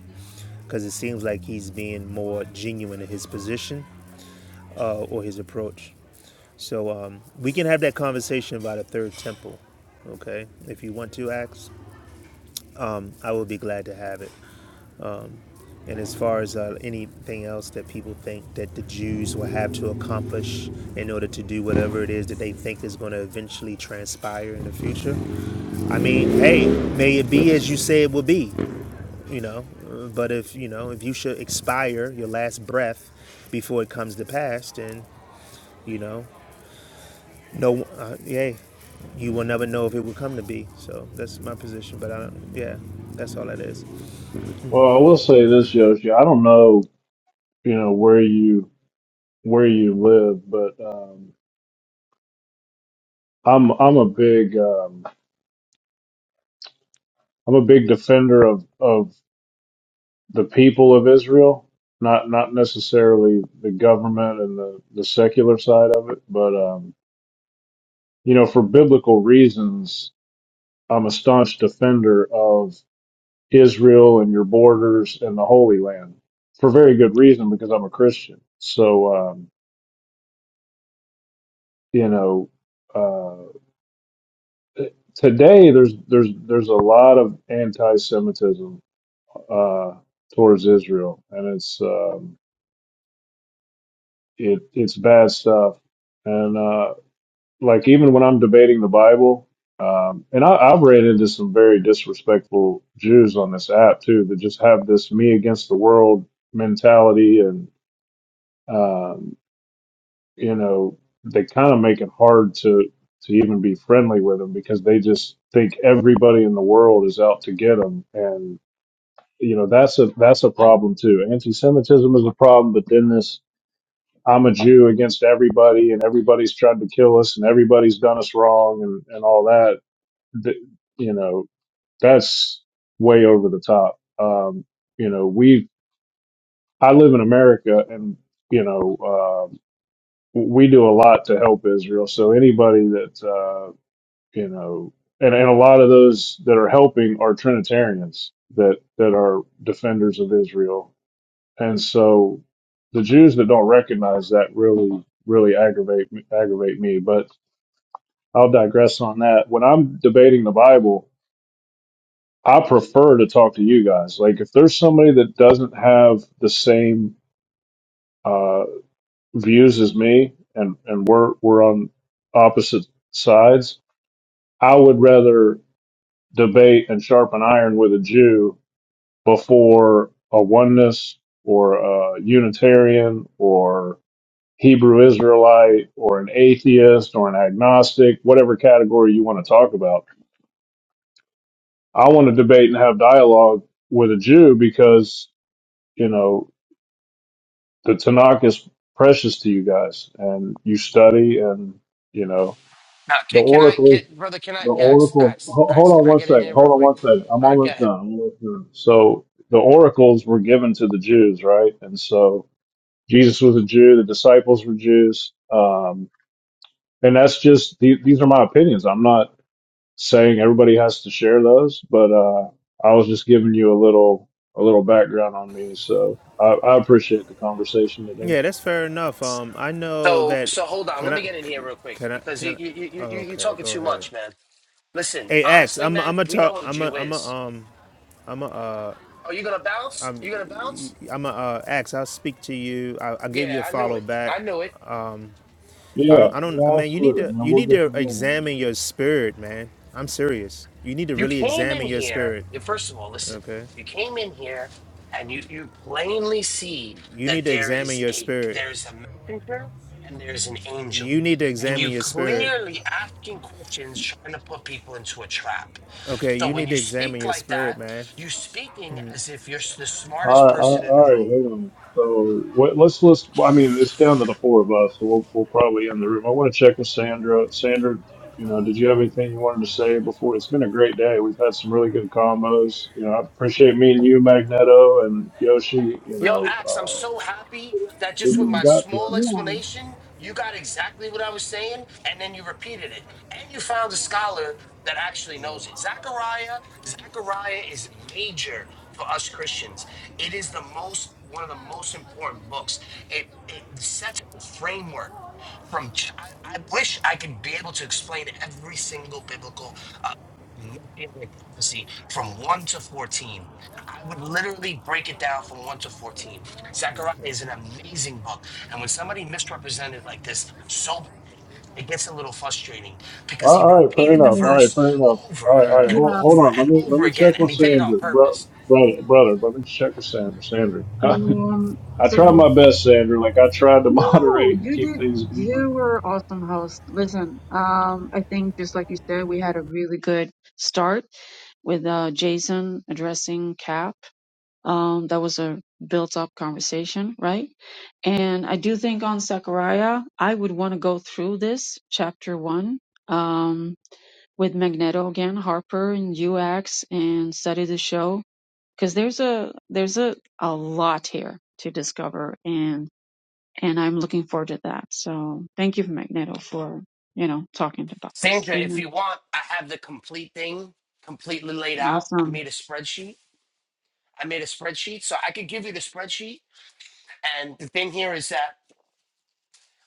Speaker 19: because it seems like he's being more genuine in his position uh, or his approach. So um, we can have that conversation about a third temple, okay? If you want to, Axe, um, I will be glad to have it. And as far as uh, anything else that people think that the Jews will have to accomplish in order to do whatever it is that they think is going to eventually transpire in the future, I mean, hey, may it be as you say it will be, you know. Uh, But if you know, if you should expire your last breath before it comes to pass, then you know, no, uh, yay, you will never know if it will come to be. So that's my position. But I don't, yeah, that's all that is.
Speaker 4: Well, I will say this, Yoshi. I don't know, you know, where you where you live, but um, I'm I'm a big um, I'm a big defender of of the people of Israel, not not necessarily the government and the the secular side of it, but um, you know, for biblical reasons, I'm a staunch defender of Israel and your borders and the Holy Land for very good reason because I'm a Christian. So um, you know, uh, today there's there's there's a lot of anti-Semitism uh, towards Israel, and it's um, it it's bad stuff. And uh, like even when I'm debating the Bible, um, and I, I've ran into some very disrespectful Jews on this app too that just have this me against the world mentality and Um, you know, they kind of make it hard to to even be friendly with them because they just think everybody in the world is out to get them, and you know that's a that's a problem too. Anti-Semitism is a problem, but then this I'm a Jew against everybody, and everybody's tried to kill us, and everybody's done us wrong, and and all that. Th- you know, that's way over the top. Um, you know, we I live in America, and you know. Uh, we do a lot to help Israel. So anybody that uh, you know, and, and a lot of those that are helping are Trinitarians that that are defenders of Israel, and so the Jews that don't recognize that really really aggravate me- aggravate me. But I'll digress on that. When I'm debating the Bible, I prefer to talk to you guys. Like if there's somebody that doesn't have the same uh, views as me, and and we're we're on opposite sides I would rather debate and sharpen iron with a Jew before a oneness or a Unitarian or Hebrew Israelite or an atheist or an agnostic, whatever category you want to talk about. I want to debate and have dialogue with a Jew because, you know, the Tanakh is precious to you guys and you study and, you know,
Speaker 18: Now,
Speaker 4: the
Speaker 18: can, can I
Speaker 4: oracles
Speaker 18: can, brother, can I
Speaker 4: The
Speaker 18: yeah, Ax,
Speaker 4: oracle.
Speaker 18: Ax,
Speaker 4: ho- Hold
Speaker 18: Ax,
Speaker 4: on
Speaker 18: can I
Speaker 4: one
Speaker 18: get in
Speaker 4: second.
Speaker 18: here
Speaker 4: Hold
Speaker 18: real
Speaker 4: on
Speaker 18: quick?
Speaker 4: one second. I'm
Speaker 18: All right, go
Speaker 4: almost done.
Speaker 18: ahead.
Speaker 4: I'm almost done. So the oracles were given to the Jews, right? And so Jesus was a Jew. The disciples were Jews. Um, and that's just the- these are my opinions. I'm not saying everybody has to share those, but uh, I was just giving you a little a little background on me. So I, I appreciate the conversation today.
Speaker 19: Yeah, that's fair enough. Um, I know
Speaker 18: So
Speaker 19: that.
Speaker 18: so hold on, let
Speaker 19: Can
Speaker 18: me
Speaker 19: I?
Speaker 18: get in
Speaker 19: c-
Speaker 18: here real quick
Speaker 19: Can I?
Speaker 18: because
Speaker 19: Can
Speaker 18: you you
Speaker 19: I?
Speaker 18: you you you're
Speaker 19: Okay,
Speaker 18: talking
Speaker 19: go
Speaker 18: too
Speaker 19: ahead.
Speaker 18: much, man. Listen,
Speaker 19: Hey, Ax,
Speaker 18: honestly,
Speaker 19: I'm. I'm.
Speaker 18: man,
Speaker 19: I'm a
Speaker 18: we know
Speaker 19: talk.
Speaker 18: what a
Speaker 19: I'm a.
Speaker 18: Jew
Speaker 19: I'm a.
Speaker 18: is.
Speaker 19: Um. I'm a. Uh,
Speaker 18: Oh, you gonna bounce? You gonna bounce?
Speaker 19: I'm a. Uh, Ax, I'll speak to you. I, I gave you a
Speaker 18: Yeah, I knew
Speaker 19: follow
Speaker 18: it.
Speaker 19: back.
Speaker 18: I knew it.
Speaker 19: I
Speaker 4: Yeah,
Speaker 19: don't. I don't.
Speaker 4: yeah,
Speaker 19: Man, you need
Speaker 4: absolutely,
Speaker 19: to.
Speaker 4: man.
Speaker 19: You
Speaker 4: We'll
Speaker 19: need
Speaker 4: get
Speaker 19: to
Speaker 4: from there.
Speaker 19: examine your spirit, man. I'm serious. You need to
Speaker 18: You
Speaker 19: really
Speaker 18: came in
Speaker 19: examine your
Speaker 18: here.
Speaker 19: spirit.
Speaker 18: First of all, listen.
Speaker 19: Okay.
Speaker 18: You came in here, and you you plainly see
Speaker 19: You
Speaker 18: that
Speaker 19: need to
Speaker 18: there
Speaker 19: examine
Speaker 18: is
Speaker 19: your
Speaker 18: a
Speaker 19: spirit.
Speaker 18: there's a messenger and there's an angel,
Speaker 19: You need to
Speaker 18: and
Speaker 19: examine
Speaker 18: you
Speaker 19: your spirit.
Speaker 18: clearly asking questions, trying to put people into a trap.
Speaker 19: Okay.
Speaker 18: So
Speaker 19: You
Speaker 18: when
Speaker 19: need
Speaker 18: you
Speaker 19: to examine
Speaker 18: speak
Speaker 19: your
Speaker 18: like
Speaker 19: spirit,
Speaker 18: that,
Speaker 19: man.
Speaker 18: you speaking as if you're s- the
Speaker 4: All
Speaker 18: smartest
Speaker 4: right, all
Speaker 18: person
Speaker 4: right,
Speaker 18: in
Speaker 4: all
Speaker 18: the
Speaker 4: right,
Speaker 18: room.
Speaker 4: hang on. So what, let's list. I mean, it's down to the four of us, so we'll we'll probably end the room. I want to check with Sandra. Sandra, you know, did you have anything you wanted to say before? It's been a great day. We've had some really good combos. You know, I appreciate meeting you, Magneto and Yoshi. You
Speaker 18: Yo,
Speaker 4: know,
Speaker 18: Axe, I'm
Speaker 4: uh,
Speaker 18: so happy that
Speaker 4: we,
Speaker 18: just with
Speaker 4: we
Speaker 5: Yeah,
Speaker 18: my
Speaker 4: got the.
Speaker 18: small
Speaker 5: yeah,
Speaker 18: explanation, you got exactly what I was saying, and then you repeated it. And you found a scholar that actually knows it. Zechariah, Zechariah is major for us Christians. It is the most one of the most important books. It it sets a framework from ch- I, I wish I could be able to explain every single biblical Messianic prophecy
Speaker 19: Okay.
Speaker 18: from 1 to 14. I would literally break it down from 1 to 14.
Speaker 19: Okay.
Speaker 18: Zechariah is an amazing book. And when somebody misrepresented like this so bad, it gets a little frustrating
Speaker 4: All
Speaker 18: because
Speaker 4: right,
Speaker 18: he
Speaker 4: all right, fair
Speaker 18: repeated the
Speaker 4: enough.
Speaker 5: yeah.
Speaker 4: All right,
Speaker 18: verse
Speaker 4: fair enough.
Speaker 18: over
Speaker 4: All right,
Speaker 19: All
Speaker 4: all right.
Speaker 18: and
Speaker 19: right.
Speaker 4: Hold,
Speaker 5: Yeah,
Speaker 18: over
Speaker 4: hold on. Let
Speaker 18: and
Speaker 4: me let
Speaker 18: over
Speaker 4: me check
Speaker 18: again, and
Speaker 4: with
Speaker 18: he did it on
Speaker 4: Sandra, bro,
Speaker 18: purpose.
Speaker 4: brother, brother. Let me check with Sandra. Sandra.
Speaker 5: um,
Speaker 4: I
Speaker 5: so
Speaker 4: tried my best, Sandra. Like I tried to
Speaker 5: no,
Speaker 4: moderate and
Speaker 5: you
Speaker 4: keep
Speaker 5: did,
Speaker 4: things going.
Speaker 5: you were awesome host. Listen, um, I think just like you said, we had a really good start with uh Jason addressing Cap. Um, that was a built-up conversation, right? And I do think on Zechariah, I would want to go through this chapter one, um, with Magneto again, Harper and UX, and study the show because there's a there's a a lot here to discover and and I'm looking forward to that. So thank you, Magneto, for you know talking about this.
Speaker 18: Sandra, if
Speaker 5: Amen.
Speaker 18: you want, I have the complete thing completely laid out. I
Speaker 5: Awesome.
Speaker 18: made a spreadsheet. I made a spreadsheet, so I could give you the spreadsheet. And the thing here is that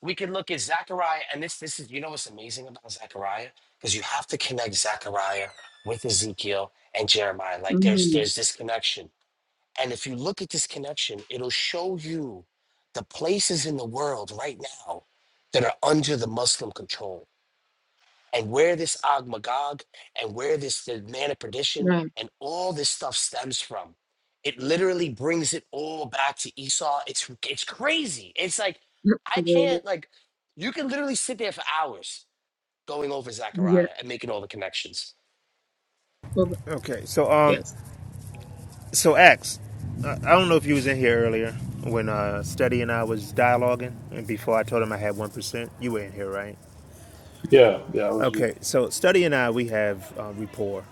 Speaker 18: we can look at Zechariah, and this this is you know what's amazing about Zechariah because you have to connect Zechariah with Ezekiel and Jeremiah. Like there's
Speaker 5: Mm,
Speaker 18: there's this connection, and if you look at this connection, it'll show you the places in the world right now that are under the Muslim control and where this Og Magog and where this the man of perdition
Speaker 5: right.
Speaker 18: and all this stuff stems from. It literally brings it all back to Esau. It's it's crazy. It's like I can't like you can literally sit there for hours going over
Speaker 5: Yep. Yeah.
Speaker 18: Zechariah and making all the connections.
Speaker 5: Well,
Speaker 19: Okay, so um,
Speaker 5: Yes.
Speaker 19: so X, I I don't know if you was in here earlier when uh, Steady and I was dialoguing, and before I told him I had one percent. You were in here, right?
Speaker 4: Yeah, yeah, I was yeah,
Speaker 19: Okay, so Steady and I we have uh, rapport.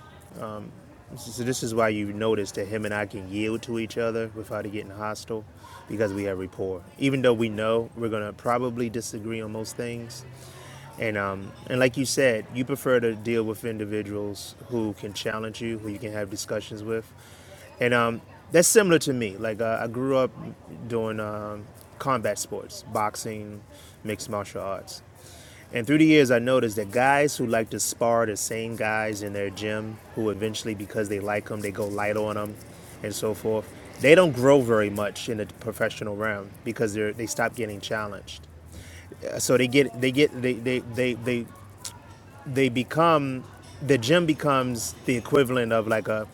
Speaker 19: So this is why you notice that him and I can yield to each other without it getting hostile, because we have rapport. Even though we know we're gonna probably disagree on most things, And um, and like you said, you prefer to deal with individuals who can challenge you, who you can have discussions with, and um, that's similar to me. Like uh, I grew up doing um, combat sports, boxing, mixed martial arts, and through the years, I noticed that guys who like to spar the same guys in their gym, who eventually because they like them, they go light on them, and so forth. They don't grow very much in the professional realm because they are they stop getting challenged so they get they get they they they, they they become the gym becomes the equivalent of like a,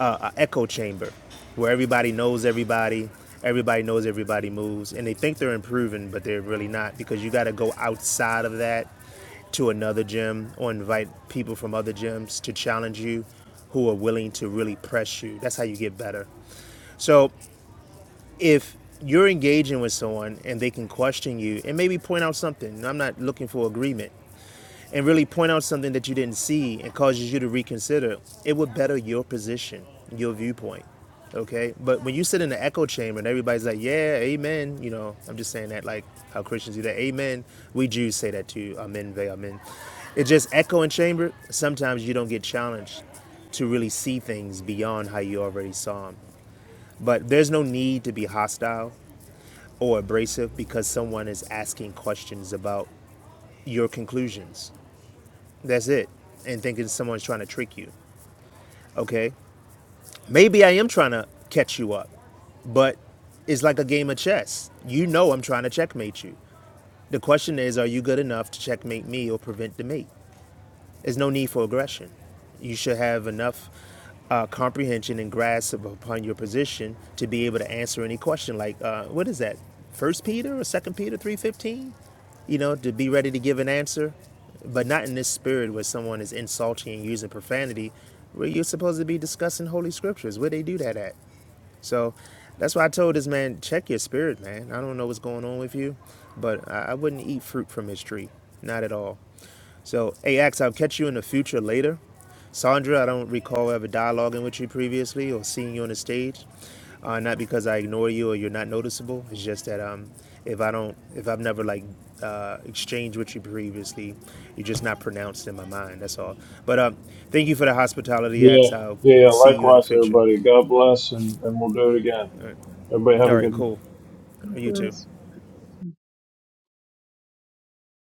Speaker 19: a, a echo chamber where everybody knows everybody everybody knows everybody moves and they think they're improving but they're really not because you got to go outside of that to another gym or invite people from other gyms to challenge you who are willing to really press you that's how you get better so if you're engaging with someone and they can question you and maybe point out something i'm not looking for agreement and really point out something that you didn't see and causes you to reconsider, it would better your position, your viewpoint. Okay? But when you sit in the echo chamber and everybody's like, yeah, amen, you know, I'm just saying that like how Christians do that, amen. We Jews say that too, amen, ve, amen. It's just echo and chamber. Sometimes you don't get challenged to really see things beyond how you already saw them. But there's no need to be hostile or abrasive because someone is asking questions about your conclusions that's it. And thinking someone's trying to trick you. Okay? Maybe I am trying to catch you up, but it's like a game of chess. You know I'm trying to checkmate you. The question is, are you good enough to checkmate me or prevent the mate? There's no need for aggression. You should have enough uh, comprehension and grasp upon your position to be able to answer any question. Like, uh, what is that? First Peter or Second Peter three fifteen? You know, to be ready to give an answer, but not in this spirit where someone is insulting and using profanity, where you're supposed to be discussing holy scriptures. Where they do that at? So, that's why I told this man, check your spirit, man. I don't know what's going on with you, but I, I wouldn't eat fruit from his tree, not at all. So, AX, I'll catch you in the future later. Sandra, I don't recall ever dialoguing with you previously or seeing you on the stage. Uh, not because I ignore you or you're not noticeable. It's just that um, if I don't, if I've never like uh, exchanged with you previously, you're just not pronounced in my mind. That's all. But um, thank you for the hospitality,
Speaker 4: yeah,
Speaker 19: Ax. I'll
Speaker 4: yeah.
Speaker 19: see you in the
Speaker 4: Likewise,
Speaker 19: future.
Speaker 4: everybody. God bless, and and we'll do it again.
Speaker 19: All right,
Speaker 4: Everybody have
Speaker 19: all
Speaker 4: a
Speaker 19: right
Speaker 4: good.
Speaker 19: cool.
Speaker 5: God
Speaker 19: You too.
Speaker 5: bless.